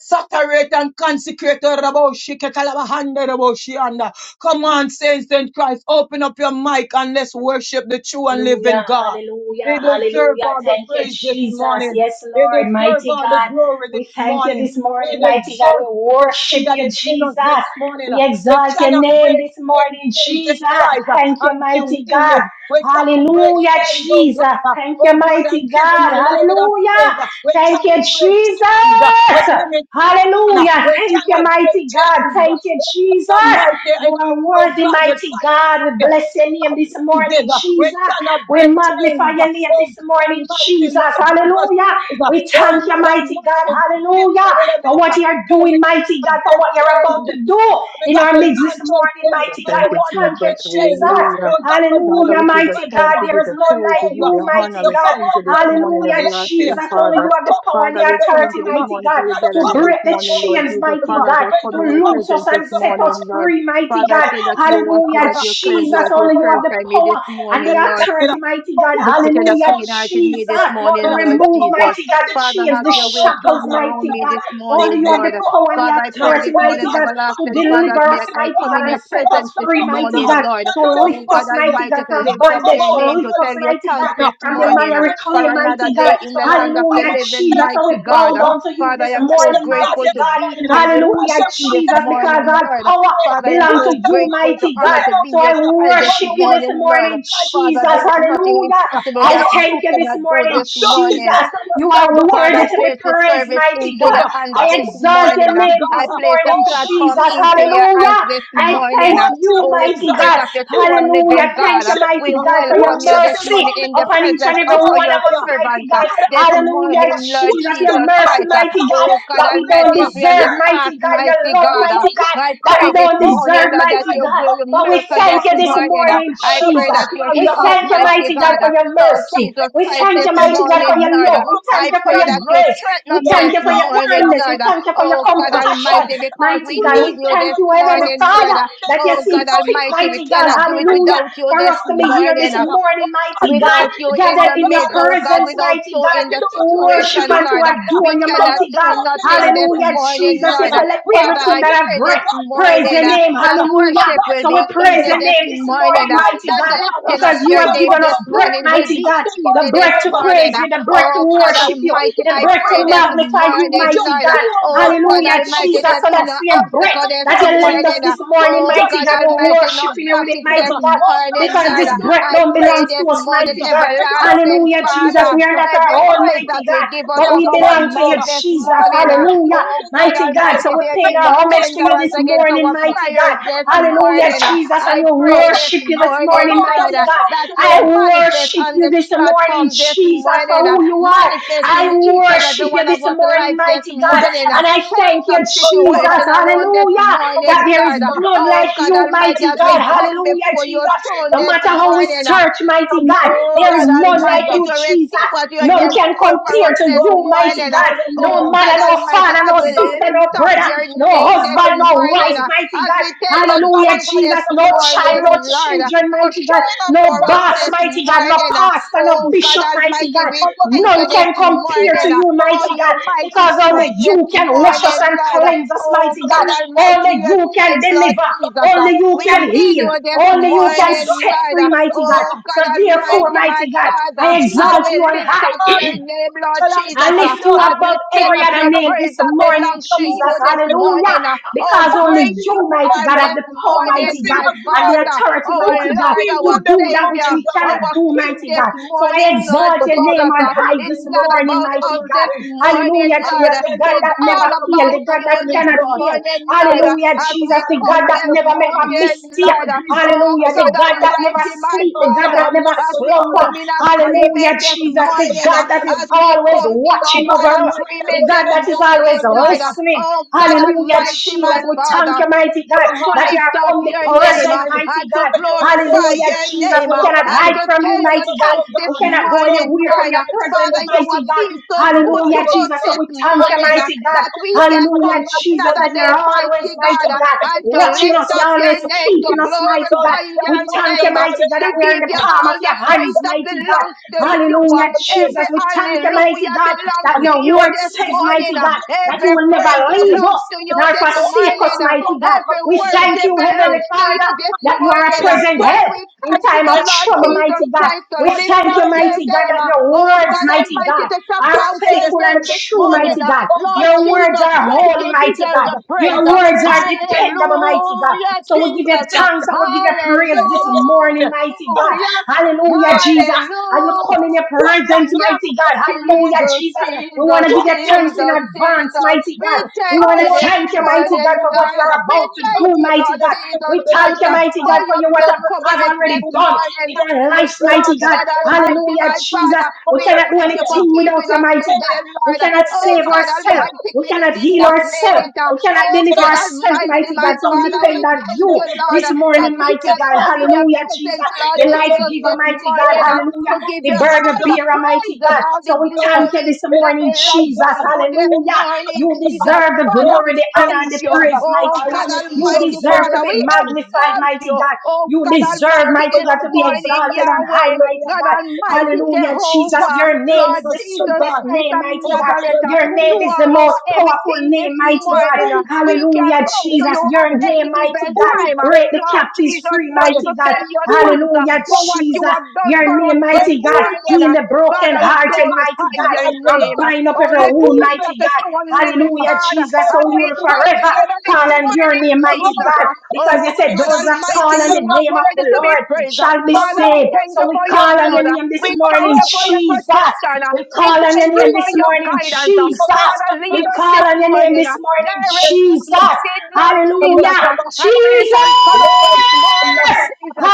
[SPEAKER 2] Saturate and consecrate oh, rabo shiketalaba handere rebo shianda. Come on, saints in Christ, open up your mic and let's worship the true and living
[SPEAKER 1] Hallelujah,
[SPEAKER 2] God. They
[SPEAKER 1] hallelujah,
[SPEAKER 2] deserve
[SPEAKER 1] hallelujah.
[SPEAKER 2] all the
[SPEAKER 1] Thank you,
[SPEAKER 2] praise this
[SPEAKER 1] Jesus.
[SPEAKER 2] morning.
[SPEAKER 1] Yes,
[SPEAKER 2] They
[SPEAKER 1] Lord,
[SPEAKER 2] deserve
[SPEAKER 1] mighty
[SPEAKER 2] all the
[SPEAKER 1] God.
[SPEAKER 2] glory
[SPEAKER 1] We
[SPEAKER 2] this
[SPEAKER 1] thank you
[SPEAKER 2] morning.
[SPEAKER 1] this
[SPEAKER 2] They
[SPEAKER 1] morning, mighty God.
[SPEAKER 2] deserve
[SPEAKER 1] We worship
[SPEAKER 2] everything that
[SPEAKER 1] you,
[SPEAKER 2] is in us this
[SPEAKER 1] Jesus.
[SPEAKER 2] morning.
[SPEAKER 1] We
[SPEAKER 2] We
[SPEAKER 1] exalt your
[SPEAKER 2] cannot
[SPEAKER 1] name
[SPEAKER 2] break
[SPEAKER 1] this
[SPEAKER 2] chains,
[SPEAKER 1] morning,
[SPEAKER 2] chains in
[SPEAKER 1] Jesus.
[SPEAKER 2] Christ uh,
[SPEAKER 1] Thank you,
[SPEAKER 2] and be
[SPEAKER 1] mighty God.
[SPEAKER 2] weary. We cannot break
[SPEAKER 1] Hallelujah,
[SPEAKER 2] chains, oh
[SPEAKER 1] Jesus.
[SPEAKER 2] God, uh,
[SPEAKER 1] Thank you,
[SPEAKER 2] oh God,
[SPEAKER 1] mighty
[SPEAKER 2] and give him
[SPEAKER 1] God.
[SPEAKER 2] a little bit of praise.
[SPEAKER 1] Hallelujah.
[SPEAKER 2] uh, We
[SPEAKER 1] Thank you,
[SPEAKER 2] cannot break chains uh, with
[SPEAKER 1] Jesus.
[SPEAKER 2] limitation. uh,
[SPEAKER 1] Hallelujah.
[SPEAKER 2] We
[SPEAKER 1] Thank you,
[SPEAKER 2] cannot break
[SPEAKER 1] mighty God.
[SPEAKER 2] chains. uh,
[SPEAKER 1] Thank you,
[SPEAKER 2] Oh God
[SPEAKER 1] Jesus.
[SPEAKER 2] Almighty,
[SPEAKER 1] You
[SPEAKER 2] and
[SPEAKER 1] are
[SPEAKER 2] oh
[SPEAKER 1] worthy,
[SPEAKER 2] God, with
[SPEAKER 1] mighty
[SPEAKER 2] what
[SPEAKER 1] God. We bless your name
[SPEAKER 2] God
[SPEAKER 1] this morning,
[SPEAKER 2] pleases, uh, we
[SPEAKER 1] Jesus.
[SPEAKER 2] cannot
[SPEAKER 1] We
[SPEAKER 2] break
[SPEAKER 1] magnify
[SPEAKER 2] chains. uh,
[SPEAKER 1] your name
[SPEAKER 2] Oh
[SPEAKER 1] this
[SPEAKER 2] God
[SPEAKER 1] morning,
[SPEAKER 2] Almighty,
[SPEAKER 1] Jesus.
[SPEAKER 2] Lord Jesus.
[SPEAKER 1] Hallelujah.
[SPEAKER 2] Christ,
[SPEAKER 1] We
[SPEAKER 2] uh, Oh
[SPEAKER 1] thank you,
[SPEAKER 2] God
[SPEAKER 1] mighty God.
[SPEAKER 2] Almighty, just give him a
[SPEAKER 1] Hallelujah.
[SPEAKER 2] little
[SPEAKER 1] For
[SPEAKER 2] bit.
[SPEAKER 1] what
[SPEAKER 2] uh,
[SPEAKER 1] you are
[SPEAKER 2] Oh, we
[SPEAKER 1] doing, mighty
[SPEAKER 2] cannot
[SPEAKER 1] God, for
[SPEAKER 2] break
[SPEAKER 1] what you're about
[SPEAKER 2] chains. uh,
[SPEAKER 1] to do
[SPEAKER 2] we
[SPEAKER 1] in
[SPEAKER 2] got
[SPEAKER 1] our
[SPEAKER 2] to
[SPEAKER 1] midst this
[SPEAKER 2] launch out to
[SPEAKER 1] morning,
[SPEAKER 2] the
[SPEAKER 3] Yeah,
[SPEAKER 2] deep
[SPEAKER 1] mighty
[SPEAKER 2] if
[SPEAKER 1] God.
[SPEAKER 3] Thank
[SPEAKER 2] we
[SPEAKER 1] We
[SPEAKER 3] you,
[SPEAKER 2] want to
[SPEAKER 1] thank you,
[SPEAKER 3] Jesus.
[SPEAKER 2] break
[SPEAKER 1] Jesus.
[SPEAKER 2] chains. We
[SPEAKER 3] Hallelujah.
[SPEAKER 2] got to go
[SPEAKER 3] Father,
[SPEAKER 1] Hallelujah,
[SPEAKER 3] we give
[SPEAKER 2] deep
[SPEAKER 3] you
[SPEAKER 1] mighty
[SPEAKER 2] if we
[SPEAKER 3] thanks,
[SPEAKER 1] God.
[SPEAKER 3] we
[SPEAKER 2] want
[SPEAKER 1] There
[SPEAKER 3] give
[SPEAKER 2] to
[SPEAKER 1] is
[SPEAKER 3] you
[SPEAKER 1] none
[SPEAKER 2] break
[SPEAKER 3] praise,
[SPEAKER 1] like
[SPEAKER 3] we
[SPEAKER 2] chains.
[SPEAKER 3] give
[SPEAKER 1] you,
[SPEAKER 3] you
[SPEAKER 2] We
[SPEAKER 3] honor.
[SPEAKER 2] got
[SPEAKER 1] mighty
[SPEAKER 2] to
[SPEAKER 3] We
[SPEAKER 1] God.
[SPEAKER 2] come
[SPEAKER 3] thank you
[SPEAKER 2] out
[SPEAKER 3] this
[SPEAKER 2] of our
[SPEAKER 3] morning,
[SPEAKER 1] Hallelujah,
[SPEAKER 2] familiarity.
[SPEAKER 1] Jesus.
[SPEAKER 3] everlasting
[SPEAKER 1] Only
[SPEAKER 2] Got
[SPEAKER 1] you
[SPEAKER 3] Father.
[SPEAKER 2] to
[SPEAKER 1] have the
[SPEAKER 2] come
[SPEAKER 1] power and
[SPEAKER 2] out
[SPEAKER 1] the
[SPEAKER 3] Father,
[SPEAKER 2] of
[SPEAKER 3] we
[SPEAKER 2] the
[SPEAKER 3] thank
[SPEAKER 1] authority,
[SPEAKER 3] you
[SPEAKER 2] norm.
[SPEAKER 3] this
[SPEAKER 1] mighty
[SPEAKER 3] morning
[SPEAKER 1] God,
[SPEAKER 3] for your
[SPEAKER 2] Got to
[SPEAKER 1] to
[SPEAKER 2] come
[SPEAKER 3] gathering this
[SPEAKER 1] break
[SPEAKER 2] out
[SPEAKER 1] the
[SPEAKER 2] of
[SPEAKER 3] morning,
[SPEAKER 2] our
[SPEAKER 3] Lord
[SPEAKER 1] chains,
[SPEAKER 3] Jesus.
[SPEAKER 1] mighty
[SPEAKER 2] favor.
[SPEAKER 3] Father, as
[SPEAKER 1] God,
[SPEAKER 3] I
[SPEAKER 2] We got
[SPEAKER 1] to
[SPEAKER 3] come in
[SPEAKER 2] to
[SPEAKER 3] your
[SPEAKER 2] come
[SPEAKER 1] loose
[SPEAKER 2] out
[SPEAKER 1] us
[SPEAKER 3] presence
[SPEAKER 2] of
[SPEAKER 3] this
[SPEAKER 1] and
[SPEAKER 2] the fear.
[SPEAKER 1] set us
[SPEAKER 3] morning, Lord.
[SPEAKER 1] free,
[SPEAKER 2] We got
[SPEAKER 1] mighty
[SPEAKER 2] to
[SPEAKER 3] Father, I
[SPEAKER 1] God.
[SPEAKER 2] come
[SPEAKER 3] pray that
[SPEAKER 2] out
[SPEAKER 3] you
[SPEAKER 2] of
[SPEAKER 3] wash me,
[SPEAKER 1] Hallelujah,
[SPEAKER 2] God.
[SPEAKER 3] that you
[SPEAKER 2] I'm
[SPEAKER 3] cleanse me,
[SPEAKER 1] Jesus.
[SPEAKER 2] not
[SPEAKER 3] that you
[SPEAKER 1] Only
[SPEAKER 2] the
[SPEAKER 1] you have the
[SPEAKER 2] one
[SPEAKER 3] purify
[SPEAKER 2] of the
[SPEAKER 3] me
[SPEAKER 1] power
[SPEAKER 3] this
[SPEAKER 2] things
[SPEAKER 1] and the
[SPEAKER 2] this
[SPEAKER 3] morning, Lord.
[SPEAKER 1] authority, mighty
[SPEAKER 2] I
[SPEAKER 1] God,
[SPEAKER 2] want to
[SPEAKER 3] Spirit
[SPEAKER 2] see
[SPEAKER 3] of the
[SPEAKER 1] hallelujah,
[SPEAKER 3] King
[SPEAKER 2] something
[SPEAKER 3] in
[SPEAKER 1] Jesus,
[SPEAKER 3] me this
[SPEAKER 2] this
[SPEAKER 1] to
[SPEAKER 2] morning.
[SPEAKER 3] morning, Lord
[SPEAKER 2] If I
[SPEAKER 1] remove,
[SPEAKER 3] Jesus.
[SPEAKER 2] want
[SPEAKER 1] mighty
[SPEAKER 2] to
[SPEAKER 1] God,
[SPEAKER 2] see
[SPEAKER 1] the
[SPEAKER 2] this
[SPEAKER 3] Father,
[SPEAKER 1] chains,
[SPEAKER 3] have
[SPEAKER 1] the
[SPEAKER 2] stone,
[SPEAKER 3] your
[SPEAKER 2] oh
[SPEAKER 3] way through
[SPEAKER 1] shackles,
[SPEAKER 2] God,
[SPEAKER 3] me,
[SPEAKER 2] uh,
[SPEAKER 3] around
[SPEAKER 1] mighty
[SPEAKER 2] so
[SPEAKER 3] me
[SPEAKER 1] God.
[SPEAKER 3] this
[SPEAKER 2] God,
[SPEAKER 3] morning,
[SPEAKER 2] step
[SPEAKER 1] Only you have the
[SPEAKER 3] Lord.
[SPEAKER 2] into
[SPEAKER 1] power
[SPEAKER 2] our
[SPEAKER 1] and
[SPEAKER 3] Father,
[SPEAKER 1] the
[SPEAKER 3] I
[SPEAKER 2] Now,
[SPEAKER 3] pray
[SPEAKER 1] authority,
[SPEAKER 3] this
[SPEAKER 2] Oh
[SPEAKER 3] morning,
[SPEAKER 1] mighty
[SPEAKER 2] God,
[SPEAKER 1] God,
[SPEAKER 2] we want
[SPEAKER 1] to
[SPEAKER 2] to
[SPEAKER 3] everlasting Father,
[SPEAKER 1] deliver
[SPEAKER 3] as may
[SPEAKER 1] us,
[SPEAKER 2] worship you,
[SPEAKER 3] I
[SPEAKER 1] mighty
[SPEAKER 3] come
[SPEAKER 2] God.
[SPEAKER 1] God,
[SPEAKER 3] in
[SPEAKER 1] and
[SPEAKER 2] uh,
[SPEAKER 3] your
[SPEAKER 1] set us
[SPEAKER 2] Lord
[SPEAKER 3] presence this
[SPEAKER 2] God,
[SPEAKER 1] free,
[SPEAKER 2] that we
[SPEAKER 1] mighty
[SPEAKER 2] know
[SPEAKER 3] morning,
[SPEAKER 1] God,
[SPEAKER 2] that
[SPEAKER 3] Lord.
[SPEAKER 2] you do
[SPEAKER 1] to
[SPEAKER 2] the
[SPEAKER 3] Oh
[SPEAKER 1] lift us,
[SPEAKER 3] God
[SPEAKER 2] impossible.
[SPEAKER 1] mighty
[SPEAKER 3] Almighty,
[SPEAKER 1] God,
[SPEAKER 3] to
[SPEAKER 1] from
[SPEAKER 2] God, to
[SPEAKER 3] lift up
[SPEAKER 2] come
[SPEAKER 1] bondage,
[SPEAKER 3] your
[SPEAKER 2] out of
[SPEAKER 1] to
[SPEAKER 2] the
[SPEAKER 3] name, to
[SPEAKER 1] lift us,
[SPEAKER 3] tell your
[SPEAKER 1] mighty God,
[SPEAKER 3] thanks
[SPEAKER 2] limitation, uh,
[SPEAKER 3] this
[SPEAKER 1] from the
[SPEAKER 2] break
[SPEAKER 3] morning uh,
[SPEAKER 2] free
[SPEAKER 1] miry
[SPEAKER 2] out of
[SPEAKER 1] clay,
[SPEAKER 3] for
[SPEAKER 2] the
[SPEAKER 3] another
[SPEAKER 1] mighty God.
[SPEAKER 3] day in the
[SPEAKER 2] limitation, uh,
[SPEAKER 3] land of the
[SPEAKER 2] come
[SPEAKER 1] Hallelujah,
[SPEAKER 2] out
[SPEAKER 3] living,
[SPEAKER 1] Jesus. So
[SPEAKER 2] and
[SPEAKER 1] we
[SPEAKER 3] mighty God.
[SPEAKER 1] bow
[SPEAKER 2] cries. uh,
[SPEAKER 1] down to you
[SPEAKER 3] Father, I
[SPEAKER 1] this
[SPEAKER 3] am so
[SPEAKER 2] Worship
[SPEAKER 1] morning,
[SPEAKER 2] God
[SPEAKER 3] grateful
[SPEAKER 1] mighty
[SPEAKER 2] that
[SPEAKER 3] to
[SPEAKER 1] God.
[SPEAKER 3] be
[SPEAKER 2] morning. uh,
[SPEAKER 3] here this
[SPEAKER 1] Hallelujah,
[SPEAKER 2] Worship God
[SPEAKER 3] this
[SPEAKER 2] that
[SPEAKER 1] Jesus, because
[SPEAKER 3] morning,
[SPEAKER 2] delivered
[SPEAKER 1] our
[SPEAKER 3] Lord.
[SPEAKER 1] power
[SPEAKER 2] us.
[SPEAKER 3] Father, I am
[SPEAKER 1] belongs to
[SPEAKER 3] so
[SPEAKER 2] Worship
[SPEAKER 1] you,
[SPEAKER 2] God
[SPEAKER 3] grateful to
[SPEAKER 2] like
[SPEAKER 1] mighty
[SPEAKER 3] honor
[SPEAKER 1] God.
[SPEAKER 2] today,
[SPEAKER 3] to
[SPEAKER 2] oh
[SPEAKER 3] be
[SPEAKER 1] So
[SPEAKER 3] your
[SPEAKER 1] I
[SPEAKER 2] God.
[SPEAKER 3] child
[SPEAKER 2] We're
[SPEAKER 3] this
[SPEAKER 2] going
[SPEAKER 1] worship
[SPEAKER 2] to
[SPEAKER 1] you this
[SPEAKER 3] morning,
[SPEAKER 2] worship
[SPEAKER 3] Lord.
[SPEAKER 2] God
[SPEAKER 1] morning,
[SPEAKER 2] like we
[SPEAKER 1] Jesus.
[SPEAKER 3] Father, there
[SPEAKER 2] did
[SPEAKER 3] is
[SPEAKER 2] it.
[SPEAKER 3] nothing
[SPEAKER 1] Hallelujah.
[SPEAKER 3] impossible
[SPEAKER 2] We
[SPEAKER 1] I
[SPEAKER 3] that
[SPEAKER 2] don't have to
[SPEAKER 3] you
[SPEAKER 1] thank you this
[SPEAKER 3] cannot do
[SPEAKER 1] morning,
[SPEAKER 2] listen.
[SPEAKER 3] this
[SPEAKER 2] Don't
[SPEAKER 3] morning.
[SPEAKER 1] Jesus.
[SPEAKER 2] listen to
[SPEAKER 1] You are
[SPEAKER 2] yourself.
[SPEAKER 3] Father,
[SPEAKER 1] worthy
[SPEAKER 3] I
[SPEAKER 2] Don't
[SPEAKER 1] to be
[SPEAKER 3] place
[SPEAKER 2] worry
[SPEAKER 3] this
[SPEAKER 2] about
[SPEAKER 1] praised,
[SPEAKER 3] service
[SPEAKER 1] mighty
[SPEAKER 3] into
[SPEAKER 2] people.
[SPEAKER 1] God.
[SPEAKER 3] your
[SPEAKER 2] Just
[SPEAKER 3] hands
[SPEAKER 1] I
[SPEAKER 3] this
[SPEAKER 1] exalt
[SPEAKER 2] worship
[SPEAKER 3] morning.
[SPEAKER 1] your
[SPEAKER 3] uh.
[SPEAKER 2] Daddy
[SPEAKER 1] name this
[SPEAKER 2] God.
[SPEAKER 3] I place the
[SPEAKER 1] morning,
[SPEAKER 2] Oh God
[SPEAKER 3] platform
[SPEAKER 1] Jesus.
[SPEAKER 2] Almighty,
[SPEAKER 3] into your
[SPEAKER 2] let's
[SPEAKER 3] hands
[SPEAKER 1] Hallelujah.
[SPEAKER 2] worship
[SPEAKER 3] this
[SPEAKER 2] Him.
[SPEAKER 1] I
[SPEAKER 3] morning.
[SPEAKER 1] thank
[SPEAKER 3] uh.
[SPEAKER 2] Worship
[SPEAKER 1] you,
[SPEAKER 3] Holy
[SPEAKER 1] mighty
[SPEAKER 2] Jesus.
[SPEAKER 3] Spirit
[SPEAKER 1] God.
[SPEAKER 3] of the true
[SPEAKER 2] Jesus
[SPEAKER 3] and living
[SPEAKER 1] Hallelujah.
[SPEAKER 2] Christ,
[SPEAKER 1] Thank
[SPEAKER 3] God, uh,
[SPEAKER 1] you,
[SPEAKER 2] worship
[SPEAKER 3] we
[SPEAKER 2] Him.
[SPEAKER 1] mighty God, for
[SPEAKER 3] welcome
[SPEAKER 1] your
[SPEAKER 3] you
[SPEAKER 2] Worship
[SPEAKER 3] this
[SPEAKER 2] the
[SPEAKER 1] mercy
[SPEAKER 3] morning
[SPEAKER 2] Holy
[SPEAKER 3] in the
[SPEAKER 1] upon each
[SPEAKER 2] Spirit
[SPEAKER 1] and
[SPEAKER 3] presence
[SPEAKER 2] at
[SPEAKER 1] every
[SPEAKER 3] of
[SPEAKER 2] your
[SPEAKER 1] one
[SPEAKER 3] your
[SPEAKER 1] of
[SPEAKER 2] fire.
[SPEAKER 1] us, mighty
[SPEAKER 3] servants uh,
[SPEAKER 1] God.
[SPEAKER 2] God
[SPEAKER 3] this
[SPEAKER 2] Almighty,
[SPEAKER 1] Hallelujah,
[SPEAKER 3] morning, Lord
[SPEAKER 1] Jesus.
[SPEAKER 2] worship
[SPEAKER 1] Your
[SPEAKER 3] Jesus
[SPEAKER 2] God,
[SPEAKER 1] mercy,
[SPEAKER 3] Christ. uh.
[SPEAKER 2] just
[SPEAKER 1] mighty
[SPEAKER 2] don't
[SPEAKER 1] God,
[SPEAKER 2] get
[SPEAKER 3] Oh God
[SPEAKER 1] that
[SPEAKER 2] your
[SPEAKER 1] we don't
[SPEAKER 3] Almighty,
[SPEAKER 2] flame.
[SPEAKER 3] as we on
[SPEAKER 1] deserve,
[SPEAKER 3] the
[SPEAKER 1] mighty
[SPEAKER 3] fast,
[SPEAKER 2] Worship
[SPEAKER 1] God. Your
[SPEAKER 3] mighty
[SPEAKER 1] love,
[SPEAKER 2] you
[SPEAKER 3] God. uh,
[SPEAKER 1] mighty
[SPEAKER 2] have your
[SPEAKER 1] God,
[SPEAKER 3] I
[SPEAKER 1] that we
[SPEAKER 3] pray
[SPEAKER 2] fire.
[SPEAKER 3] this
[SPEAKER 1] don't
[SPEAKER 2] Oh
[SPEAKER 3] morning,
[SPEAKER 1] deserve,
[SPEAKER 2] God, I
[SPEAKER 3] Lord, that
[SPEAKER 1] mighty
[SPEAKER 2] find
[SPEAKER 3] you
[SPEAKER 1] God.
[SPEAKER 2] the
[SPEAKER 3] will do
[SPEAKER 1] But
[SPEAKER 2] bones of
[SPEAKER 1] we
[SPEAKER 2] the
[SPEAKER 3] miracle this
[SPEAKER 1] thank you this
[SPEAKER 2] Lord.
[SPEAKER 3] morning. uh.
[SPEAKER 2] Oh
[SPEAKER 1] morning,
[SPEAKER 2] Lord,
[SPEAKER 3] I
[SPEAKER 2] I'm
[SPEAKER 1] Jesus.
[SPEAKER 3] pray
[SPEAKER 2] all
[SPEAKER 3] that you
[SPEAKER 2] shaken. Come
[SPEAKER 1] We
[SPEAKER 3] show, up,
[SPEAKER 1] thank you,
[SPEAKER 3] mighty
[SPEAKER 2] on,
[SPEAKER 1] mighty God,
[SPEAKER 3] God, uh,
[SPEAKER 1] for your
[SPEAKER 3] Lord
[SPEAKER 1] mercy.
[SPEAKER 3] Jesus
[SPEAKER 1] We
[SPEAKER 3] Christ,
[SPEAKER 1] thank you,
[SPEAKER 3] this
[SPEAKER 1] mighty God, for
[SPEAKER 3] morning,
[SPEAKER 1] your
[SPEAKER 3] Lord.
[SPEAKER 1] love. We thank
[SPEAKER 3] I
[SPEAKER 1] you for
[SPEAKER 3] pray
[SPEAKER 1] your
[SPEAKER 3] that you
[SPEAKER 1] grace.
[SPEAKER 3] strengthen
[SPEAKER 2] no
[SPEAKER 1] We
[SPEAKER 3] us
[SPEAKER 1] thank
[SPEAKER 3] this
[SPEAKER 1] you for your
[SPEAKER 3] morning,
[SPEAKER 2] wonder
[SPEAKER 1] kindness. We
[SPEAKER 3] Lord.
[SPEAKER 2] about
[SPEAKER 1] thank you for your
[SPEAKER 3] Oh
[SPEAKER 2] it.
[SPEAKER 3] God
[SPEAKER 2] Oh
[SPEAKER 1] compassion,
[SPEAKER 3] Almighty,
[SPEAKER 2] God,
[SPEAKER 3] because
[SPEAKER 1] mighty
[SPEAKER 2] we
[SPEAKER 3] we
[SPEAKER 1] God.
[SPEAKER 3] need
[SPEAKER 2] lose
[SPEAKER 1] We
[SPEAKER 3] you
[SPEAKER 2] them
[SPEAKER 1] thank
[SPEAKER 2] no
[SPEAKER 3] this
[SPEAKER 1] you,
[SPEAKER 2] time.
[SPEAKER 1] Heavenly
[SPEAKER 3] morning, Lord.
[SPEAKER 1] Father,
[SPEAKER 2] Pretend
[SPEAKER 1] that you
[SPEAKER 3] Oh
[SPEAKER 1] see
[SPEAKER 3] God
[SPEAKER 2] no
[SPEAKER 1] fit,
[SPEAKER 2] time
[SPEAKER 3] Almighty, we
[SPEAKER 1] mighty God,
[SPEAKER 3] cannot
[SPEAKER 2] today.
[SPEAKER 3] do it
[SPEAKER 1] hallelujah,
[SPEAKER 2] Pretend
[SPEAKER 3] without you
[SPEAKER 1] for
[SPEAKER 3] this
[SPEAKER 1] us
[SPEAKER 2] no
[SPEAKER 1] to be
[SPEAKER 2] time
[SPEAKER 1] here
[SPEAKER 3] morning.
[SPEAKER 1] this
[SPEAKER 2] today. Oh
[SPEAKER 1] morning,
[SPEAKER 2] God,
[SPEAKER 1] mighty God,
[SPEAKER 3] Without
[SPEAKER 2] pretend
[SPEAKER 3] you
[SPEAKER 2] that
[SPEAKER 3] in
[SPEAKER 2] you're
[SPEAKER 1] gathered
[SPEAKER 3] the
[SPEAKER 1] in your
[SPEAKER 2] God.
[SPEAKER 3] midst, oh God,
[SPEAKER 2] Oh
[SPEAKER 1] presence,
[SPEAKER 2] God,
[SPEAKER 3] without
[SPEAKER 1] mighty
[SPEAKER 3] you
[SPEAKER 1] God,
[SPEAKER 2] Almighty,
[SPEAKER 3] in
[SPEAKER 2] you
[SPEAKER 3] the
[SPEAKER 2] don't
[SPEAKER 1] to
[SPEAKER 2] have nothing to
[SPEAKER 1] worship
[SPEAKER 2] do
[SPEAKER 3] situation,
[SPEAKER 1] and to
[SPEAKER 3] Lord.
[SPEAKER 2] today.
[SPEAKER 1] adore
[SPEAKER 3] We
[SPEAKER 1] you,
[SPEAKER 2] We're
[SPEAKER 3] cannot
[SPEAKER 2] gonna
[SPEAKER 1] mighty
[SPEAKER 3] do
[SPEAKER 1] God.
[SPEAKER 2] soak into
[SPEAKER 3] nothing
[SPEAKER 2] the
[SPEAKER 3] this
[SPEAKER 1] Hallelujah,
[SPEAKER 2] presence of
[SPEAKER 3] morning,
[SPEAKER 1] Jesus. You
[SPEAKER 2] God.
[SPEAKER 3] Lord.
[SPEAKER 1] say, let
[SPEAKER 2] We're
[SPEAKER 3] Father,
[SPEAKER 2] gonna
[SPEAKER 1] everything
[SPEAKER 3] I
[SPEAKER 1] that
[SPEAKER 2] live
[SPEAKER 1] I
[SPEAKER 3] pray
[SPEAKER 2] for
[SPEAKER 1] breath
[SPEAKER 3] this
[SPEAKER 2] God like
[SPEAKER 1] praise your
[SPEAKER 3] morning.
[SPEAKER 2] nothing
[SPEAKER 1] name.
[SPEAKER 2] else.
[SPEAKER 3] That
[SPEAKER 1] Hallelujah.
[SPEAKER 2] Of
[SPEAKER 3] worship
[SPEAKER 2] God
[SPEAKER 3] will
[SPEAKER 1] So we
[SPEAKER 3] be easy
[SPEAKER 1] praise
[SPEAKER 2] matters.
[SPEAKER 1] your
[SPEAKER 3] this
[SPEAKER 1] name
[SPEAKER 2] We're
[SPEAKER 1] this
[SPEAKER 2] gonna
[SPEAKER 3] morning.
[SPEAKER 2] come
[SPEAKER 1] morning,
[SPEAKER 3] uh,
[SPEAKER 2] out
[SPEAKER 1] mighty
[SPEAKER 3] That
[SPEAKER 2] of
[SPEAKER 1] God,
[SPEAKER 2] God.
[SPEAKER 3] lifting up
[SPEAKER 1] because you
[SPEAKER 2] Out
[SPEAKER 3] your
[SPEAKER 2] of
[SPEAKER 1] have
[SPEAKER 3] name
[SPEAKER 2] what
[SPEAKER 1] given us
[SPEAKER 3] this
[SPEAKER 2] we're
[SPEAKER 1] breath,
[SPEAKER 2] doing.
[SPEAKER 3] morning will
[SPEAKER 1] mighty
[SPEAKER 3] be
[SPEAKER 2] Out
[SPEAKER 1] God,
[SPEAKER 2] of
[SPEAKER 3] easy
[SPEAKER 1] the
[SPEAKER 3] this
[SPEAKER 1] breath to
[SPEAKER 2] ourselves
[SPEAKER 3] morning.
[SPEAKER 1] praise
[SPEAKER 3] uh,
[SPEAKER 1] you, the breath
[SPEAKER 2] above
[SPEAKER 1] to
[SPEAKER 3] Oh
[SPEAKER 2] us,
[SPEAKER 3] God
[SPEAKER 2] uh,
[SPEAKER 1] worship you,
[SPEAKER 3] Almighty,
[SPEAKER 2] open
[SPEAKER 1] the
[SPEAKER 3] I
[SPEAKER 2] my
[SPEAKER 1] breath
[SPEAKER 3] pray
[SPEAKER 1] to
[SPEAKER 2] mind,
[SPEAKER 3] this
[SPEAKER 2] uh,
[SPEAKER 1] magnify you,
[SPEAKER 2] Lord,
[SPEAKER 3] morning,
[SPEAKER 2] just
[SPEAKER 1] mighty
[SPEAKER 3] Lord. uh,
[SPEAKER 2] do
[SPEAKER 1] God.
[SPEAKER 2] our
[SPEAKER 3] Oh
[SPEAKER 2] God what
[SPEAKER 3] God
[SPEAKER 2] you
[SPEAKER 1] Hallelujah,
[SPEAKER 2] want to
[SPEAKER 1] Jesus.
[SPEAKER 3] Almighty,
[SPEAKER 2] do,
[SPEAKER 3] there
[SPEAKER 1] So
[SPEAKER 3] be
[SPEAKER 1] that
[SPEAKER 2] uh,
[SPEAKER 3] no
[SPEAKER 2] oh
[SPEAKER 1] same breath
[SPEAKER 2] God,
[SPEAKER 3] obstacle
[SPEAKER 2] don't
[SPEAKER 3] this
[SPEAKER 1] that you
[SPEAKER 2] worry,
[SPEAKER 1] lend us
[SPEAKER 3] morning. uh,
[SPEAKER 1] this
[SPEAKER 2] don't
[SPEAKER 1] morning,
[SPEAKER 2] worry,
[SPEAKER 3] Oh
[SPEAKER 2] just
[SPEAKER 1] mighty
[SPEAKER 3] God
[SPEAKER 2] pray,
[SPEAKER 1] God, we're
[SPEAKER 2] uh,
[SPEAKER 3] Almighty, no
[SPEAKER 1] worshiping you
[SPEAKER 2] just
[SPEAKER 1] with it,
[SPEAKER 3] blockage
[SPEAKER 2] believe,
[SPEAKER 1] mighty
[SPEAKER 3] this
[SPEAKER 2] uh,
[SPEAKER 1] God,
[SPEAKER 2] oh God,
[SPEAKER 3] morning,
[SPEAKER 2] I'm
[SPEAKER 1] because
[SPEAKER 3] Lord.
[SPEAKER 1] this
[SPEAKER 2] like,
[SPEAKER 3] uh,
[SPEAKER 2] we're
[SPEAKER 1] breath
[SPEAKER 3] I
[SPEAKER 2] gonna
[SPEAKER 1] don't
[SPEAKER 2] break
[SPEAKER 1] belong
[SPEAKER 3] pray this
[SPEAKER 1] to
[SPEAKER 2] some
[SPEAKER 1] us,
[SPEAKER 3] morning,
[SPEAKER 2] things,
[SPEAKER 1] mighty
[SPEAKER 2] uh,
[SPEAKER 1] God.
[SPEAKER 2] we're to break
[SPEAKER 3] everlasting
[SPEAKER 1] Hallelujah,
[SPEAKER 2] some
[SPEAKER 1] Jesus.
[SPEAKER 3] Father.
[SPEAKER 1] We
[SPEAKER 2] yokes,
[SPEAKER 1] are
[SPEAKER 2] uh,
[SPEAKER 1] not
[SPEAKER 3] Every
[SPEAKER 1] our
[SPEAKER 2] we're
[SPEAKER 1] own,
[SPEAKER 2] to
[SPEAKER 3] praise
[SPEAKER 2] break
[SPEAKER 1] mighty
[SPEAKER 3] that we
[SPEAKER 2] them,
[SPEAKER 1] God,
[SPEAKER 3] give out
[SPEAKER 1] but
[SPEAKER 2] break
[SPEAKER 3] of
[SPEAKER 1] we
[SPEAKER 2] the
[SPEAKER 3] our
[SPEAKER 2] body
[SPEAKER 1] belong to
[SPEAKER 2] things,
[SPEAKER 1] you,
[SPEAKER 3] mouth
[SPEAKER 2] uh,
[SPEAKER 3] this
[SPEAKER 1] Jesus.
[SPEAKER 2] we're to
[SPEAKER 3] morning,
[SPEAKER 2] break
[SPEAKER 3] uh,
[SPEAKER 2] them to
[SPEAKER 1] Hallelujah,
[SPEAKER 3] oh
[SPEAKER 2] meetings of
[SPEAKER 3] God
[SPEAKER 1] mighty God.
[SPEAKER 2] families,
[SPEAKER 3] Almighty,
[SPEAKER 1] So
[SPEAKER 2] uh,
[SPEAKER 1] we're
[SPEAKER 3] there
[SPEAKER 1] paying
[SPEAKER 3] be no
[SPEAKER 2] we're
[SPEAKER 1] our
[SPEAKER 2] to
[SPEAKER 1] homage
[SPEAKER 2] break
[SPEAKER 1] to you
[SPEAKER 2] them
[SPEAKER 3] hindrance
[SPEAKER 2] to
[SPEAKER 1] this
[SPEAKER 2] the
[SPEAKER 3] against
[SPEAKER 1] morning,
[SPEAKER 3] our
[SPEAKER 2] level,
[SPEAKER 1] mighty God.
[SPEAKER 3] prayers
[SPEAKER 2] God,
[SPEAKER 3] this
[SPEAKER 2] I'm like, we're
[SPEAKER 1] Hallelujah,
[SPEAKER 3] morning.
[SPEAKER 2] gonna
[SPEAKER 3] uh.
[SPEAKER 1] Jesus. And
[SPEAKER 3] I
[SPEAKER 1] we
[SPEAKER 3] pray this
[SPEAKER 1] worship you this
[SPEAKER 2] come
[SPEAKER 1] morning,
[SPEAKER 3] morning,
[SPEAKER 2] out of
[SPEAKER 3] Lord,
[SPEAKER 1] mighty
[SPEAKER 3] uh,
[SPEAKER 2] the
[SPEAKER 1] God.
[SPEAKER 2] north
[SPEAKER 3] that you
[SPEAKER 2] today,
[SPEAKER 1] I
[SPEAKER 3] manifest
[SPEAKER 1] worship
[SPEAKER 3] on
[SPEAKER 1] you
[SPEAKER 3] this
[SPEAKER 1] this morning,
[SPEAKER 3] platform this
[SPEAKER 1] Jesus, for
[SPEAKER 3] morning, uh,
[SPEAKER 1] who you are.
[SPEAKER 3] manifest in
[SPEAKER 1] I
[SPEAKER 3] each and every
[SPEAKER 1] worship you
[SPEAKER 3] one of
[SPEAKER 1] this
[SPEAKER 3] us
[SPEAKER 1] morning,
[SPEAKER 3] life this
[SPEAKER 1] mighty
[SPEAKER 2] oh
[SPEAKER 1] God.
[SPEAKER 3] morning.
[SPEAKER 2] God,
[SPEAKER 3] uh.
[SPEAKER 1] And I
[SPEAKER 3] Turn
[SPEAKER 1] thank you,
[SPEAKER 3] some
[SPEAKER 2] oh
[SPEAKER 1] Jesus.
[SPEAKER 2] Lord,
[SPEAKER 3] situation around this
[SPEAKER 1] Hallelujah. That
[SPEAKER 2] Somebody
[SPEAKER 3] morning,
[SPEAKER 1] there is
[SPEAKER 3] Lord. uh.
[SPEAKER 2] Father,
[SPEAKER 1] none
[SPEAKER 3] Oh
[SPEAKER 1] like
[SPEAKER 3] God
[SPEAKER 1] you,
[SPEAKER 2] I
[SPEAKER 3] Almighty,
[SPEAKER 1] mighty
[SPEAKER 3] as we
[SPEAKER 2] pray,
[SPEAKER 1] God.
[SPEAKER 3] come
[SPEAKER 1] Hallelujah,
[SPEAKER 3] before your
[SPEAKER 1] Jesus.
[SPEAKER 2] touch
[SPEAKER 3] throne
[SPEAKER 2] the
[SPEAKER 1] No
[SPEAKER 3] this
[SPEAKER 1] matter how we
[SPEAKER 3] morning, uh,
[SPEAKER 1] search,
[SPEAKER 2] the
[SPEAKER 1] mighty God,
[SPEAKER 2] mighty
[SPEAKER 3] Oh
[SPEAKER 1] there
[SPEAKER 2] power
[SPEAKER 1] is
[SPEAKER 3] God
[SPEAKER 2] of
[SPEAKER 1] none like
[SPEAKER 3] Almighty,
[SPEAKER 2] Jesus.
[SPEAKER 1] you,
[SPEAKER 3] to
[SPEAKER 1] Jesus.
[SPEAKER 3] receive what you have
[SPEAKER 1] None
[SPEAKER 3] in
[SPEAKER 1] can
[SPEAKER 3] store for
[SPEAKER 1] compare
[SPEAKER 3] us
[SPEAKER 1] to
[SPEAKER 2] For
[SPEAKER 3] this
[SPEAKER 2] our
[SPEAKER 1] you, mighty
[SPEAKER 2] worthy
[SPEAKER 3] morning. uh,
[SPEAKER 1] God.
[SPEAKER 2] Father, Lord,
[SPEAKER 1] No
[SPEAKER 3] Oh God
[SPEAKER 1] mother, no
[SPEAKER 3] Almighty,
[SPEAKER 1] father,
[SPEAKER 3] as
[SPEAKER 1] no
[SPEAKER 3] we
[SPEAKER 2] God
[SPEAKER 1] sister, no
[SPEAKER 3] lift up
[SPEAKER 2] Almighty
[SPEAKER 1] brother,
[SPEAKER 3] your
[SPEAKER 1] no
[SPEAKER 2] Jesus,
[SPEAKER 3] name this
[SPEAKER 1] husband,
[SPEAKER 2] Father,
[SPEAKER 1] no
[SPEAKER 3] morning,
[SPEAKER 1] wife,
[SPEAKER 2] pray.
[SPEAKER 3] uh,
[SPEAKER 1] mighty
[SPEAKER 3] as
[SPEAKER 1] God.
[SPEAKER 3] we tell you
[SPEAKER 2] God, God
[SPEAKER 1] Hallelujah,
[SPEAKER 3] thanks
[SPEAKER 2] Almighty,
[SPEAKER 3] this
[SPEAKER 1] Jesus.
[SPEAKER 2] some
[SPEAKER 1] No
[SPEAKER 2] of us are
[SPEAKER 1] child, no
[SPEAKER 3] morning,
[SPEAKER 2] broken.
[SPEAKER 3] Lord, uh,
[SPEAKER 1] children,
[SPEAKER 3] for
[SPEAKER 1] mighty God.
[SPEAKER 3] showing up
[SPEAKER 1] No
[SPEAKER 2] God,
[SPEAKER 3] for
[SPEAKER 2] God,
[SPEAKER 3] us
[SPEAKER 1] boss,
[SPEAKER 2] some
[SPEAKER 3] this
[SPEAKER 2] of us,
[SPEAKER 1] mighty God. No
[SPEAKER 3] morning. uh,
[SPEAKER 1] pastor, no
[SPEAKER 3] Oh God
[SPEAKER 1] bishop, mighty
[SPEAKER 3] Almighty,
[SPEAKER 1] God.
[SPEAKER 3] we
[SPEAKER 2] some of us
[SPEAKER 3] thank
[SPEAKER 2] don't
[SPEAKER 3] you
[SPEAKER 1] None
[SPEAKER 3] this
[SPEAKER 2] even
[SPEAKER 1] can
[SPEAKER 2] know
[SPEAKER 1] compare to
[SPEAKER 3] morning
[SPEAKER 2] what's
[SPEAKER 1] you,
[SPEAKER 3] uh,
[SPEAKER 2] going on, but we
[SPEAKER 3] for
[SPEAKER 1] mighty
[SPEAKER 2] are
[SPEAKER 1] God.
[SPEAKER 3] your mighty
[SPEAKER 1] Because
[SPEAKER 2] here.
[SPEAKER 1] only
[SPEAKER 3] strength
[SPEAKER 2] God,
[SPEAKER 3] this
[SPEAKER 1] you can wash
[SPEAKER 2] God
[SPEAKER 1] us
[SPEAKER 3] morning,
[SPEAKER 1] and
[SPEAKER 3] Lord.
[SPEAKER 2] Almighty,
[SPEAKER 3] uh,
[SPEAKER 1] cleanse us,
[SPEAKER 3] Oh
[SPEAKER 1] mighty God.
[SPEAKER 3] God Almighty,
[SPEAKER 1] Only
[SPEAKER 3] your
[SPEAKER 1] you can
[SPEAKER 3] strength, Lord
[SPEAKER 1] deliver.
[SPEAKER 3] Jesus. uh,
[SPEAKER 1] Only you
[SPEAKER 2] we
[SPEAKER 3] We
[SPEAKER 2] are
[SPEAKER 1] can
[SPEAKER 3] indeed
[SPEAKER 2] here
[SPEAKER 3] you
[SPEAKER 1] heal.
[SPEAKER 3] this
[SPEAKER 2] to
[SPEAKER 1] Only you
[SPEAKER 2] move,
[SPEAKER 1] can
[SPEAKER 2] oh
[SPEAKER 3] morning,
[SPEAKER 2] God,
[SPEAKER 1] set free,
[SPEAKER 3] Lord.
[SPEAKER 2] oh
[SPEAKER 1] mighty God.
[SPEAKER 3] Oh
[SPEAKER 2] God.
[SPEAKER 1] So
[SPEAKER 3] God
[SPEAKER 2] oh
[SPEAKER 1] therefore,
[SPEAKER 2] God.
[SPEAKER 3] Almighty, my
[SPEAKER 1] mighty God, I
[SPEAKER 3] Father, as
[SPEAKER 1] exalt
[SPEAKER 2] Jesus.
[SPEAKER 1] you
[SPEAKER 3] we
[SPEAKER 1] on high.
[SPEAKER 3] lift up your name,
[SPEAKER 2] Hallelujah,
[SPEAKER 3] Lord
[SPEAKER 2] Lord
[SPEAKER 3] Jesus,
[SPEAKER 1] I
[SPEAKER 2] God.
[SPEAKER 3] uh,
[SPEAKER 2] We
[SPEAKER 1] lift you
[SPEAKER 2] don't,
[SPEAKER 3] as we
[SPEAKER 1] above
[SPEAKER 3] send
[SPEAKER 2] Lord
[SPEAKER 1] every
[SPEAKER 3] up
[SPEAKER 1] other
[SPEAKER 3] your
[SPEAKER 2] God,
[SPEAKER 1] name
[SPEAKER 3] praise
[SPEAKER 1] this
[SPEAKER 2] we
[SPEAKER 3] that
[SPEAKER 2] want
[SPEAKER 1] morning,
[SPEAKER 3] belongs
[SPEAKER 2] the
[SPEAKER 3] to
[SPEAKER 2] moon
[SPEAKER 1] Jesus.
[SPEAKER 3] you this
[SPEAKER 2] today, God.
[SPEAKER 1] Hallelujah.
[SPEAKER 3] morning.
[SPEAKER 2] We
[SPEAKER 3] uh, Oh
[SPEAKER 1] Because
[SPEAKER 2] want to
[SPEAKER 1] only
[SPEAKER 3] great
[SPEAKER 2] see your
[SPEAKER 1] you,
[SPEAKER 3] you
[SPEAKER 1] mighty
[SPEAKER 3] are
[SPEAKER 1] God,
[SPEAKER 2] splendor.
[SPEAKER 1] have
[SPEAKER 3] this
[SPEAKER 1] the
[SPEAKER 2] We
[SPEAKER 1] power,
[SPEAKER 2] want to
[SPEAKER 1] mighty
[SPEAKER 3] morning,
[SPEAKER 2] see
[SPEAKER 1] God,
[SPEAKER 3] my
[SPEAKER 2] your
[SPEAKER 1] and the
[SPEAKER 2] glory.
[SPEAKER 3] Father,
[SPEAKER 1] authority,
[SPEAKER 2] We
[SPEAKER 3] our
[SPEAKER 2] want
[SPEAKER 1] mighty
[SPEAKER 2] to
[SPEAKER 1] God,
[SPEAKER 3] Lord,
[SPEAKER 2] see you
[SPEAKER 3] our
[SPEAKER 1] to
[SPEAKER 2] this
[SPEAKER 1] do that which
[SPEAKER 3] Savior,
[SPEAKER 2] morning,
[SPEAKER 1] we
[SPEAKER 2] God.
[SPEAKER 1] cannot
[SPEAKER 3] our
[SPEAKER 1] do,
[SPEAKER 3] King
[SPEAKER 1] mighty
[SPEAKER 3] this
[SPEAKER 1] God. So I
[SPEAKER 3] morning, Lord
[SPEAKER 2] So,
[SPEAKER 1] exalt your
[SPEAKER 2] Father
[SPEAKER 1] name
[SPEAKER 3] Jesus.
[SPEAKER 1] on
[SPEAKER 2] God, I
[SPEAKER 1] high
[SPEAKER 3] uh,
[SPEAKER 1] this
[SPEAKER 3] it's
[SPEAKER 2] repent, oh
[SPEAKER 3] not
[SPEAKER 2] God,
[SPEAKER 1] morning,
[SPEAKER 2] of
[SPEAKER 3] about
[SPEAKER 2] all
[SPEAKER 3] us
[SPEAKER 1] mighty
[SPEAKER 2] my
[SPEAKER 1] God.
[SPEAKER 3] this
[SPEAKER 2] sins.
[SPEAKER 1] Hallelujah,
[SPEAKER 3] morning,
[SPEAKER 2] I
[SPEAKER 3] Lord.
[SPEAKER 1] Jesus, the
[SPEAKER 2] repent,
[SPEAKER 1] God
[SPEAKER 2] oh
[SPEAKER 3] It's
[SPEAKER 1] that
[SPEAKER 2] God, of
[SPEAKER 3] all
[SPEAKER 1] never
[SPEAKER 2] all my
[SPEAKER 1] fails,
[SPEAKER 3] about
[SPEAKER 1] the God
[SPEAKER 3] you
[SPEAKER 1] that
[SPEAKER 2] shortcomings,
[SPEAKER 3] this
[SPEAKER 1] cannot
[SPEAKER 2] Lord.
[SPEAKER 1] fail.
[SPEAKER 3] morning,
[SPEAKER 2] I
[SPEAKER 3] Lord.
[SPEAKER 1] Hallelujah,
[SPEAKER 2] repent,
[SPEAKER 3] As
[SPEAKER 2] oh
[SPEAKER 3] we
[SPEAKER 1] Jesus,
[SPEAKER 2] God,
[SPEAKER 1] the
[SPEAKER 2] I'm
[SPEAKER 1] God
[SPEAKER 3] come
[SPEAKER 1] that
[SPEAKER 2] like
[SPEAKER 3] this
[SPEAKER 2] the
[SPEAKER 1] never make
[SPEAKER 2] Father.
[SPEAKER 1] a
[SPEAKER 3] morning,
[SPEAKER 1] mistake.
[SPEAKER 2] Lord
[SPEAKER 3] Lord.
[SPEAKER 2] Jesus
[SPEAKER 3] Oh
[SPEAKER 1] Hallelujah,
[SPEAKER 2] Christ,
[SPEAKER 3] God
[SPEAKER 1] the
[SPEAKER 2] oh who
[SPEAKER 1] God
[SPEAKER 2] I
[SPEAKER 1] that never
[SPEAKER 2] am.
[SPEAKER 3] Almighty, my
[SPEAKER 1] sleep,
[SPEAKER 2] Lord
[SPEAKER 1] the God
[SPEAKER 2] God,
[SPEAKER 1] that
[SPEAKER 3] Father,
[SPEAKER 2] I'm
[SPEAKER 1] never
[SPEAKER 2] like
[SPEAKER 3] as
[SPEAKER 2] the
[SPEAKER 3] we
[SPEAKER 1] slumber.
[SPEAKER 2] Father.
[SPEAKER 3] come in
[SPEAKER 2] I
[SPEAKER 1] Hallelujah,
[SPEAKER 3] agreement
[SPEAKER 2] repent,
[SPEAKER 3] this
[SPEAKER 2] oh
[SPEAKER 1] Jesus,
[SPEAKER 2] God,
[SPEAKER 1] the
[SPEAKER 2] for
[SPEAKER 3] morning,
[SPEAKER 2] just
[SPEAKER 1] God
[SPEAKER 3] uh,
[SPEAKER 1] that
[SPEAKER 2] want to
[SPEAKER 1] is
[SPEAKER 3] as
[SPEAKER 2] be.
[SPEAKER 3] we
[SPEAKER 1] always
[SPEAKER 3] come in
[SPEAKER 2] Oh
[SPEAKER 3] our
[SPEAKER 1] watching
[SPEAKER 2] God,
[SPEAKER 1] over
[SPEAKER 3] one
[SPEAKER 2] I'm
[SPEAKER 1] us,
[SPEAKER 2] like, I
[SPEAKER 1] the
[SPEAKER 3] agreement this
[SPEAKER 1] God
[SPEAKER 2] repent
[SPEAKER 1] that is
[SPEAKER 2] this
[SPEAKER 1] always
[SPEAKER 3] morning,
[SPEAKER 2] morning,
[SPEAKER 3] Lord. uh,
[SPEAKER 2] God.
[SPEAKER 1] listening.
[SPEAKER 3] Oh God
[SPEAKER 2] God,
[SPEAKER 1] Hallelujah,
[SPEAKER 2] first,
[SPEAKER 3] Almighty,
[SPEAKER 2] oh
[SPEAKER 1] Jesus,
[SPEAKER 3] my
[SPEAKER 1] we
[SPEAKER 2] God,
[SPEAKER 1] thank
[SPEAKER 3] Father
[SPEAKER 1] you, mighty
[SPEAKER 2] search
[SPEAKER 1] God,
[SPEAKER 2] our
[SPEAKER 3] to
[SPEAKER 1] that you
[SPEAKER 3] lift
[SPEAKER 2] hearts
[SPEAKER 1] are
[SPEAKER 3] up your
[SPEAKER 2] our
[SPEAKER 3] name
[SPEAKER 1] omnipresent,
[SPEAKER 3] uh,
[SPEAKER 2] mind,
[SPEAKER 1] mighty
[SPEAKER 3] and to
[SPEAKER 1] God.
[SPEAKER 2] touch our soul,
[SPEAKER 3] glorify
[SPEAKER 1] Hallelujah,
[SPEAKER 3] your
[SPEAKER 1] Jesus,
[SPEAKER 2] touch
[SPEAKER 3] name
[SPEAKER 1] we
[SPEAKER 3] uh,
[SPEAKER 2] our
[SPEAKER 1] cannot
[SPEAKER 2] body.
[SPEAKER 3] and
[SPEAKER 1] hide
[SPEAKER 3] to
[SPEAKER 1] from you,
[SPEAKER 3] tell
[SPEAKER 2] Help
[SPEAKER 3] your
[SPEAKER 1] mighty
[SPEAKER 2] us,
[SPEAKER 1] God.
[SPEAKER 2] oh
[SPEAKER 3] thanks this
[SPEAKER 1] We
[SPEAKER 2] God.
[SPEAKER 1] cannot go
[SPEAKER 2] Oh
[SPEAKER 3] morning,
[SPEAKER 2] God
[SPEAKER 1] anywhere from
[SPEAKER 3] Lord.
[SPEAKER 1] your
[SPEAKER 3] Uh,
[SPEAKER 2] Almighty, when the
[SPEAKER 1] presence,
[SPEAKER 3] Father, you
[SPEAKER 2] just
[SPEAKER 1] mighty
[SPEAKER 3] have
[SPEAKER 1] God.
[SPEAKER 2] is
[SPEAKER 3] been so
[SPEAKER 2] seen, oh
[SPEAKER 3] good
[SPEAKER 2] God,
[SPEAKER 3] to
[SPEAKER 1] Hallelujah,
[SPEAKER 3] us
[SPEAKER 1] Jesus.
[SPEAKER 2] forgive
[SPEAKER 1] So
[SPEAKER 2] us.
[SPEAKER 3] this
[SPEAKER 1] we thank
[SPEAKER 2] When
[SPEAKER 1] you,
[SPEAKER 2] the
[SPEAKER 3] morning uh,
[SPEAKER 2] just
[SPEAKER 1] mighty
[SPEAKER 2] is
[SPEAKER 1] God.
[SPEAKER 3] that
[SPEAKER 2] not,
[SPEAKER 3] we
[SPEAKER 2] oh
[SPEAKER 3] can
[SPEAKER 2] God
[SPEAKER 3] come
[SPEAKER 1] Hallelujah,
[SPEAKER 2] Almighty,
[SPEAKER 1] Jesus,
[SPEAKER 3] another
[SPEAKER 1] that
[SPEAKER 2] forgive
[SPEAKER 1] you're
[SPEAKER 3] day,
[SPEAKER 2] us.
[SPEAKER 1] always,
[SPEAKER 3] mighty
[SPEAKER 2] God
[SPEAKER 3] God,
[SPEAKER 1] mighty
[SPEAKER 3] uh,
[SPEAKER 1] God,
[SPEAKER 2] Almighty,
[SPEAKER 3] and to
[SPEAKER 2] forgive
[SPEAKER 1] watching
[SPEAKER 2] us,
[SPEAKER 1] us.
[SPEAKER 3] lift
[SPEAKER 2] oh
[SPEAKER 1] You're
[SPEAKER 3] up
[SPEAKER 1] always
[SPEAKER 3] your name, to
[SPEAKER 1] keeping
[SPEAKER 2] God.
[SPEAKER 1] us, mighty
[SPEAKER 2] God
[SPEAKER 1] God.
[SPEAKER 3] glorify
[SPEAKER 1] We
[SPEAKER 3] your
[SPEAKER 1] thank
[SPEAKER 2] Almighty,
[SPEAKER 1] you,
[SPEAKER 3] name. uh,
[SPEAKER 1] mighty
[SPEAKER 2] Father,
[SPEAKER 1] God, that
[SPEAKER 3] to
[SPEAKER 1] we are in
[SPEAKER 3] give
[SPEAKER 1] the
[SPEAKER 3] you
[SPEAKER 2] God. God,
[SPEAKER 1] palm of
[SPEAKER 3] all
[SPEAKER 1] your
[SPEAKER 3] the
[SPEAKER 1] hands,
[SPEAKER 3] praise that
[SPEAKER 2] Almighty,
[SPEAKER 1] mighty God.
[SPEAKER 3] belongs to
[SPEAKER 2] forgive
[SPEAKER 3] you.
[SPEAKER 2] us,
[SPEAKER 3] uh,
[SPEAKER 1] Hallelujah,
[SPEAKER 2] oh God.
[SPEAKER 3] Every
[SPEAKER 1] Jesus. We thank you, mighty
[SPEAKER 3] hallelujah
[SPEAKER 1] God,
[SPEAKER 3] belongs
[SPEAKER 1] that
[SPEAKER 2] God.
[SPEAKER 3] to
[SPEAKER 1] your
[SPEAKER 3] you
[SPEAKER 2] But
[SPEAKER 1] word
[SPEAKER 3] this
[SPEAKER 2] today,
[SPEAKER 1] says,
[SPEAKER 3] morning.
[SPEAKER 1] mighty
[SPEAKER 3] uh.
[SPEAKER 2] God,
[SPEAKER 1] God,
[SPEAKER 2] get
[SPEAKER 1] that you
[SPEAKER 3] Every
[SPEAKER 2] glory
[SPEAKER 1] will
[SPEAKER 2] out
[SPEAKER 1] never
[SPEAKER 3] praise
[SPEAKER 2] of us.
[SPEAKER 1] leave us
[SPEAKER 3] belongs to you
[SPEAKER 1] nor
[SPEAKER 3] this
[SPEAKER 2] I want to
[SPEAKER 1] forsake us,
[SPEAKER 3] morning. uh.
[SPEAKER 1] mighty
[SPEAKER 2] come to
[SPEAKER 1] God.
[SPEAKER 2] your
[SPEAKER 3] Every
[SPEAKER 1] We
[SPEAKER 2] presence
[SPEAKER 1] thank
[SPEAKER 3] worship
[SPEAKER 2] this
[SPEAKER 1] you, Heavenly
[SPEAKER 2] morning.
[SPEAKER 3] belongs to you
[SPEAKER 1] Father,
[SPEAKER 2] I
[SPEAKER 3] this
[SPEAKER 1] that you
[SPEAKER 2] want
[SPEAKER 1] are a
[SPEAKER 2] to
[SPEAKER 3] morning.
[SPEAKER 2] be
[SPEAKER 3] uh.
[SPEAKER 1] present
[SPEAKER 3] As
[SPEAKER 2] dumped
[SPEAKER 1] help
[SPEAKER 3] we
[SPEAKER 1] in time of
[SPEAKER 3] continue,
[SPEAKER 2] this
[SPEAKER 3] Lord
[SPEAKER 1] trouble,
[SPEAKER 2] morning.
[SPEAKER 3] Jesus
[SPEAKER 1] mighty God.
[SPEAKER 3] Christ, to
[SPEAKER 1] We
[SPEAKER 2] But to
[SPEAKER 3] lift
[SPEAKER 1] thank you,
[SPEAKER 3] up your
[SPEAKER 2] pray.
[SPEAKER 1] mighty God,
[SPEAKER 3] name.
[SPEAKER 1] that
[SPEAKER 3] uh.
[SPEAKER 1] your
[SPEAKER 3] Oh
[SPEAKER 1] words,
[SPEAKER 2] Come,
[SPEAKER 3] God
[SPEAKER 2] oh
[SPEAKER 1] mighty
[SPEAKER 3] Almighty,
[SPEAKER 1] God,
[SPEAKER 2] God,
[SPEAKER 3] it's
[SPEAKER 1] are
[SPEAKER 2] come
[SPEAKER 3] about
[SPEAKER 2] in
[SPEAKER 3] your
[SPEAKER 2] this
[SPEAKER 1] faithful and
[SPEAKER 3] name
[SPEAKER 2] place this
[SPEAKER 3] this
[SPEAKER 1] true,
[SPEAKER 2] morning.
[SPEAKER 3] morning.
[SPEAKER 1] mighty
[SPEAKER 3] uh.
[SPEAKER 1] God.
[SPEAKER 2] Oh
[SPEAKER 3] Lord
[SPEAKER 2] God, I
[SPEAKER 1] Your
[SPEAKER 2] want to
[SPEAKER 1] words
[SPEAKER 3] Jesus
[SPEAKER 2] be
[SPEAKER 1] are
[SPEAKER 3] Christ,
[SPEAKER 1] holy,
[SPEAKER 3] you
[SPEAKER 2] in
[SPEAKER 1] mighty
[SPEAKER 3] deserve
[SPEAKER 1] God.
[SPEAKER 3] the
[SPEAKER 2] present. I
[SPEAKER 3] praise.
[SPEAKER 1] Your
[SPEAKER 3] uh.
[SPEAKER 2] want to
[SPEAKER 1] words
[SPEAKER 2] be
[SPEAKER 1] are
[SPEAKER 2] drawn by
[SPEAKER 1] dependable, mighty God.
[SPEAKER 3] Hallelujah,
[SPEAKER 1] So we give
[SPEAKER 2] come to
[SPEAKER 1] you
[SPEAKER 3] Jesus.
[SPEAKER 2] the
[SPEAKER 3] uh.
[SPEAKER 1] thanks.
[SPEAKER 2] presence
[SPEAKER 1] I will give you
[SPEAKER 3] Hallelujah.
[SPEAKER 1] praise
[SPEAKER 2] Come
[SPEAKER 1] this
[SPEAKER 2] in this
[SPEAKER 1] morning,
[SPEAKER 2] morning.
[SPEAKER 1] mighty
[SPEAKER 2] Come
[SPEAKER 1] God.
[SPEAKER 2] to the
[SPEAKER 1] Hallelujah,
[SPEAKER 2] presence.
[SPEAKER 1] Jesus.
[SPEAKER 3] Hallelujah.
[SPEAKER 1] And you come in your
[SPEAKER 2] Come down
[SPEAKER 1] presence,
[SPEAKER 2] on
[SPEAKER 1] mighty God.
[SPEAKER 2] your presence
[SPEAKER 1] Hallelujah,
[SPEAKER 2] this
[SPEAKER 3] Jesus,
[SPEAKER 1] Jesus.
[SPEAKER 2] morning.
[SPEAKER 1] We want
[SPEAKER 3] Jesus,
[SPEAKER 1] to give
[SPEAKER 2] Walk
[SPEAKER 1] you
[SPEAKER 2] your
[SPEAKER 1] thanks in
[SPEAKER 3] Jesus,
[SPEAKER 2] people in your
[SPEAKER 1] advance,
[SPEAKER 2] presence
[SPEAKER 3] Jesus.
[SPEAKER 2] this
[SPEAKER 1] mighty God.
[SPEAKER 3] We
[SPEAKER 2] morning.
[SPEAKER 1] We
[SPEAKER 2] I
[SPEAKER 3] thank
[SPEAKER 1] want to
[SPEAKER 3] you
[SPEAKER 2] want
[SPEAKER 3] this
[SPEAKER 2] to
[SPEAKER 1] thank
[SPEAKER 2] be
[SPEAKER 1] you, mighty
[SPEAKER 2] drawn,
[SPEAKER 1] God,
[SPEAKER 2] oh
[SPEAKER 3] morning,
[SPEAKER 1] for what
[SPEAKER 3] Lord.
[SPEAKER 2] God.
[SPEAKER 1] you're
[SPEAKER 2] God, I
[SPEAKER 3] We
[SPEAKER 1] about to
[SPEAKER 2] want
[SPEAKER 1] do,
[SPEAKER 3] thank you,
[SPEAKER 2] to
[SPEAKER 1] mighty
[SPEAKER 3] Lord
[SPEAKER 2] be in
[SPEAKER 1] God.
[SPEAKER 2] this place
[SPEAKER 3] Jesus
[SPEAKER 2] to
[SPEAKER 1] We
[SPEAKER 2] the
[SPEAKER 1] thank
[SPEAKER 3] Christ,
[SPEAKER 1] you,
[SPEAKER 2] living
[SPEAKER 3] uh,
[SPEAKER 1] mighty
[SPEAKER 2] God.
[SPEAKER 3] for
[SPEAKER 1] God, for
[SPEAKER 3] your
[SPEAKER 1] you what
[SPEAKER 2] Oh
[SPEAKER 3] blood
[SPEAKER 2] God,
[SPEAKER 1] I've
[SPEAKER 3] coverage this
[SPEAKER 2] I
[SPEAKER 1] already
[SPEAKER 2] want
[SPEAKER 1] done
[SPEAKER 2] to
[SPEAKER 1] in
[SPEAKER 3] morning.
[SPEAKER 2] Lord,
[SPEAKER 1] our
[SPEAKER 2] for your
[SPEAKER 1] lives, mighty
[SPEAKER 3] Lord
[SPEAKER 2] presence.
[SPEAKER 1] God.
[SPEAKER 3] God
[SPEAKER 2] Oh God,
[SPEAKER 3] Almighty,
[SPEAKER 1] Hallelujah,
[SPEAKER 2] I
[SPEAKER 3] my
[SPEAKER 2] thank you
[SPEAKER 1] Jesus.
[SPEAKER 3] Father,
[SPEAKER 2] for
[SPEAKER 1] We
[SPEAKER 3] we
[SPEAKER 2] the
[SPEAKER 1] cannot do
[SPEAKER 3] thank you
[SPEAKER 2] broken.
[SPEAKER 3] for
[SPEAKER 1] anything without
[SPEAKER 3] keeping
[SPEAKER 1] you,
[SPEAKER 3] us
[SPEAKER 1] mighty God.
[SPEAKER 2] Thank
[SPEAKER 3] today,
[SPEAKER 2] you
[SPEAKER 1] We
[SPEAKER 3] Lord.
[SPEAKER 1] cannot
[SPEAKER 2] for the
[SPEAKER 3] Oh
[SPEAKER 1] save
[SPEAKER 2] broken.
[SPEAKER 3] God
[SPEAKER 2] Oh
[SPEAKER 1] ourselves.
[SPEAKER 2] God,
[SPEAKER 3] Almighty,
[SPEAKER 1] We
[SPEAKER 2] I
[SPEAKER 3] many
[SPEAKER 1] cannot
[SPEAKER 3] did
[SPEAKER 1] heal
[SPEAKER 3] not
[SPEAKER 2] must be
[SPEAKER 3] made
[SPEAKER 1] ourselves.
[SPEAKER 2] some
[SPEAKER 3] it.
[SPEAKER 1] We cannot
[SPEAKER 2] suffering
[SPEAKER 3] Oh
[SPEAKER 1] deliver
[SPEAKER 3] God
[SPEAKER 2] there.
[SPEAKER 1] ourselves,
[SPEAKER 2] There
[SPEAKER 3] Almighty,
[SPEAKER 2] must
[SPEAKER 1] mighty
[SPEAKER 2] be
[SPEAKER 3] my
[SPEAKER 1] God. So
[SPEAKER 2] some
[SPEAKER 1] we
[SPEAKER 3] Father,
[SPEAKER 2] healing
[SPEAKER 1] depend
[SPEAKER 3] we
[SPEAKER 2] and
[SPEAKER 1] on
[SPEAKER 2] some
[SPEAKER 3] thank
[SPEAKER 1] you
[SPEAKER 3] you, Lord,
[SPEAKER 2] deliverance
[SPEAKER 1] this
[SPEAKER 2] there.
[SPEAKER 3] that
[SPEAKER 1] morning,
[SPEAKER 3] we
[SPEAKER 1] mighty
[SPEAKER 3] can
[SPEAKER 2] There
[SPEAKER 1] God.
[SPEAKER 2] must
[SPEAKER 3] come
[SPEAKER 2] be,
[SPEAKER 3] in
[SPEAKER 2] oh
[SPEAKER 3] your
[SPEAKER 1] Hallelujah,
[SPEAKER 2] God,
[SPEAKER 1] Jesus.
[SPEAKER 3] presence, Lord
[SPEAKER 2] Almighty,
[SPEAKER 1] The life
[SPEAKER 3] Jesus,
[SPEAKER 1] giver,
[SPEAKER 2] hallelujah.
[SPEAKER 3] this
[SPEAKER 1] mighty
[SPEAKER 2] Oh
[SPEAKER 1] God.
[SPEAKER 3] morning
[SPEAKER 2] God, I'm
[SPEAKER 1] Hallelujah.
[SPEAKER 3] to
[SPEAKER 2] not
[SPEAKER 3] give you
[SPEAKER 1] The burden
[SPEAKER 3] all the
[SPEAKER 2] Jesus.
[SPEAKER 1] bearer,
[SPEAKER 3] praise
[SPEAKER 1] mighty
[SPEAKER 3] and
[SPEAKER 2] Oh
[SPEAKER 1] God.
[SPEAKER 3] all the
[SPEAKER 1] So we
[SPEAKER 2] God,
[SPEAKER 1] thank you
[SPEAKER 3] glory
[SPEAKER 1] this
[SPEAKER 3] that
[SPEAKER 1] morning,
[SPEAKER 2] eternal
[SPEAKER 3] belongs
[SPEAKER 1] Jesus.
[SPEAKER 3] to
[SPEAKER 2] God,
[SPEAKER 3] you this
[SPEAKER 1] Hallelujah.
[SPEAKER 3] morning,
[SPEAKER 1] You
[SPEAKER 2] Emmanuel God.
[SPEAKER 3] Jesus.
[SPEAKER 1] deserve the
[SPEAKER 3] Father,
[SPEAKER 2] Yes,
[SPEAKER 1] glory,
[SPEAKER 3] we
[SPEAKER 1] the honor,
[SPEAKER 2] Father,
[SPEAKER 3] thank
[SPEAKER 1] and the
[SPEAKER 3] you.
[SPEAKER 2] Shah,
[SPEAKER 1] praise,
[SPEAKER 3] Oh,
[SPEAKER 2] I
[SPEAKER 1] mighty God.
[SPEAKER 2] want
[SPEAKER 3] God
[SPEAKER 2] to be
[SPEAKER 1] You
[SPEAKER 3] Almighty,
[SPEAKER 2] jumping in
[SPEAKER 1] deserve
[SPEAKER 2] your
[SPEAKER 1] to
[SPEAKER 3] Father,
[SPEAKER 1] be
[SPEAKER 3] we
[SPEAKER 2] presence.
[SPEAKER 1] magnified,
[SPEAKER 3] exalt
[SPEAKER 1] mighty
[SPEAKER 3] you.
[SPEAKER 1] God.
[SPEAKER 3] Oh,
[SPEAKER 1] You
[SPEAKER 3] God
[SPEAKER 1] deserve,
[SPEAKER 3] Almighty,
[SPEAKER 2] Oh
[SPEAKER 1] mighty
[SPEAKER 3] this
[SPEAKER 1] God,
[SPEAKER 2] Lord,
[SPEAKER 1] to be
[SPEAKER 2] Jesus
[SPEAKER 3] morning,
[SPEAKER 1] exalted
[SPEAKER 2] Christ,
[SPEAKER 1] on high,
[SPEAKER 3] Yahweh,
[SPEAKER 2] saturate the
[SPEAKER 1] mighty
[SPEAKER 3] God
[SPEAKER 1] God.
[SPEAKER 2] atmosphere.
[SPEAKER 3] Almighty,
[SPEAKER 1] Hallelujah, Jesus.
[SPEAKER 3] Jehovah,
[SPEAKER 2] darkness
[SPEAKER 1] Your
[SPEAKER 2] in the
[SPEAKER 1] name is
[SPEAKER 3] Lord
[SPEAKER 1] the
[SPEAKER 2] atmosphere,
[SPEAKER 3] Jesus
[SPEAKER 1] sweetest
[SPEAKER 2] God.
[SPEAKER 3] Christ
[SPEAKER 1] name,
[SPEAKER 3] of
[SPEAKER 1] mighty
[SPEAKER 2] Oh
[SPEAKER 1] God.
[SPEAKER 2] God, we
[SPEAKER 1] Your
[SPEAKER 3] Nazareth,
[SPEAKER 2] remove
[SPEAKER 1] name
[SPEAKER 3] you
[SPEAKER 2] it.
[SPEAKER 1] is
[SPEAKER 3] are
[SPEAKER 1] the most
[SPEAKER 3] our
[SPEAKER 1] powerful
[SPEAKER 3] everything
[SPEAKER 1] name,
[SPEAKER 3] this
[SPEAKER 1] mighty God.
[SPEAKER 3] morning. uh,
[SPEAKER 2] Remove the
[SPEAKER 3] We can
[SPEAKER 1] Hallelujah,
[SPEAKER 3] come to
[SPEAKER 2] cloudless.
[SPEAKER 1] Jesus.
[SPEAKER 3] you at
[SPEAKER 1] Your
[SPEAKER 3] any
[SPEAKER 1] name,
[SPEAKER 3] given
[SPEAKER 1] mighty God.
[SPEAKER 2] Remove
[SPEAKER 3] time.
[SPEAKER 2] the
[SPEAKER 3] uh,
[SPEAKER 1] Break the
[SPEAKER 2] darkness
[SPEAKER 3] Lord
[SPEAKER 1] captives
[SPEAKER 3] Jesus
[SPEAKER 1] free,
[SPEAKER 3] Christ,
[SPEAKER 2] morning.
[SPEAKER 3] to
[SPEAKER 1] mighty God.
[SPEAKER 3] tell you
[SPEAKER 2] Remove
[SPEAKER 3] thanks uh,
[SPEAKER 2] every
[SPEAKER 1] Hallelujah,
[SPEAKER 3] for
[SPEAKER 2] death.
[SPEAKER 3] what you
[SPEAKER 1] Jesus.
[SPEAKER 3] have done
[SPEAKER 1] Your
[SPEAKER 3] for
[SPEAKER 1] name,
[SPEAKER 3] us this
[SPEAKER 1] mighty God.
[SPEAKER 2] Remove
[SPEAKER 3] morning.
[SPEAKER 1] Heal
[SPEAKER 3] uh.
[SPEAKER 2] every
[SPEAKER 1] the broken
[SPEAKER 3] Father,
[SPEAKER 2] Lord,
[SPEAKER 3] we
[SPEAKER 2] you
[SPEAKER 1] hearted,
[SPEAKER 2] must
[SPEAKER 1] mighty
[SPEAKER 3] glorify
[SPEAKER 2] feel
[SPEAKER 3] your
[SPEAKER 2] like the
[SPEAKER 1] God. And
[SPEAKER 3] name.
[SPEAKER 2] Lord.
[SPEAKER 3] uh.
[SPEAKER 1] bind up every
[SPEAKER 3] Holy
[SPEAKER 1] wound,
[SPEAKER 2] Remove
[SPEAKER 3] Spirit
[SPEAKER 2] it
[SPEAKER 3] of
[SPEAKER 1] mighty
[SPEAKER 3] the
[SPEAKER 2] this
[SPEAKER 1] God.
[SPEAKER 3] true and living
[SPEAKER 2] Lord.
[SPEAKER 1] Hallelujah,
[SPEAKER 3] God, uh,
[SPEAKER 1] Jesus.
[SPEAKER 2] For
[SPEAKER 3] as
[SPEAKER 1] So we
[SPEAKER 3] we
[SPEAKER 1] will
[SPEAKER 2] angels of
[SPEAKER 3] come
[SPEAKER 1] forever
[SPEAKER 2] the
[SPEAKER 3] together this
[SPEAKER 1] call on
[SPEAKER 2] living.
[SPEAKER 1] your
[SPEAKER 3] morning,
[SPEAKER 1] name, mighty
[SPEAKER 2] Surround
[SPEAKER 3] Jesus.
[SPEAKER 1] God.
[SPEAKER 2] us
[SPEAKER 3] uh,
[SPEAKER 2] this
[SPEAKER 1] Because you
[SPEAKER 3] Oh,
[SPEAKER 1] said
[SPEAKER 2] morning.
[SPEAKER 1] those that call
[SPEAKER 3] Almighty,
[SPEAKER 1] on
[SPEAKER 3] you
[SPEAKER 1] the
[SPEAKER 2] Angels of
[SPEAKER 3] are
[SPEAKER 2] the
[SPEAKER 1] name of
[SPEAKER 3] worthy
[SPEAKER 1] the
[SPEAKER 2] living
[SPEAKER 3] to be
[SPEAKER 1] Lord
[SPEAKER 2] God.
[SPEAKER 3] praised.
[SPEAKER 1] shall be
[SPEAKER 3] Father, we
[SPEAKER 1] saved.
[SPEAKER 2] Surround us
[SPEAKER 3] thank you
[SPEAKER 1] So we
[SPEAKER 2] this
[SPEAKER 3] for your
[SPEAKER 1] call on
[SPEAKER 2] morning.
[SPEAKER 3] blood.
[SPEAKER 1] your name this
[SPEAKER 3] We thank
[SPEAKER 1] morning,
[SPEAKER 3] you
[SPEAKER 2] Liberate
[SPEAKER 3] for your
[SPEAKER 2] us this
[SPEAKER 1] Jesus.
[SPEAKER 2] morning.
[SPEAKER 3] protection.
[SPEAKER 1] We
[SPEAKER 2] Of
[SPEAKER 3] We
[SPEAKER 1] call
[SPEAKER 2] the
[SPEAKER 1] on your
[SPEAKER 3] thank you
[SPEAKER 1] name
[SPEAKER 2] tree
[SPEAKER 3] for
[SPEAKER 1] this
[SPEAKER 2] of
[SPEAKER 3] your
[SPEAKER 1] morning,
[SPEAKER 2] life.
[SPEAKER 3] guidance.
[SPEAKER 1] Jesus.
[SPEAKER 2] Of God
[SPEAKER 3] Father,
[SPEAKER 2] of
[SPEAKER 3] lead
[SPEAKER 1] We
[SPEAKER 2] life.
[SPEAKER 3] us
[SPEAKER 1] call
[SPEAKER 3] this
[SPEAKER 2] Of
[SPEAKER 1] on your name
[SPEAKER 2] life
[SPEAKER 3] morning.
[SPEAKER 1] this morning,
[SPEAKER 3] Direct
[SPEAKER 2] this
[SPEAKER 3] this
[SPEAKER 2] morning.
[SPEAKER 1] Jesus.
[SPEAKER 3] morning, Lord
[SPEAKER 2] From the
[SPEAKER 3] Jesus.
[SPEAKER 1] Hallelujah.
[SPEAKER 2] Sabbath.
[SPEAKER 3] And we
[SPEAKER 1] Jesus.
[SPEAKER 3] shall follow
[SPEAKER 2] Lemos
[SPEAKER 3] this morning,
[SPEAKER 2] Lasaka,
[SPEAKER 3] Jesus.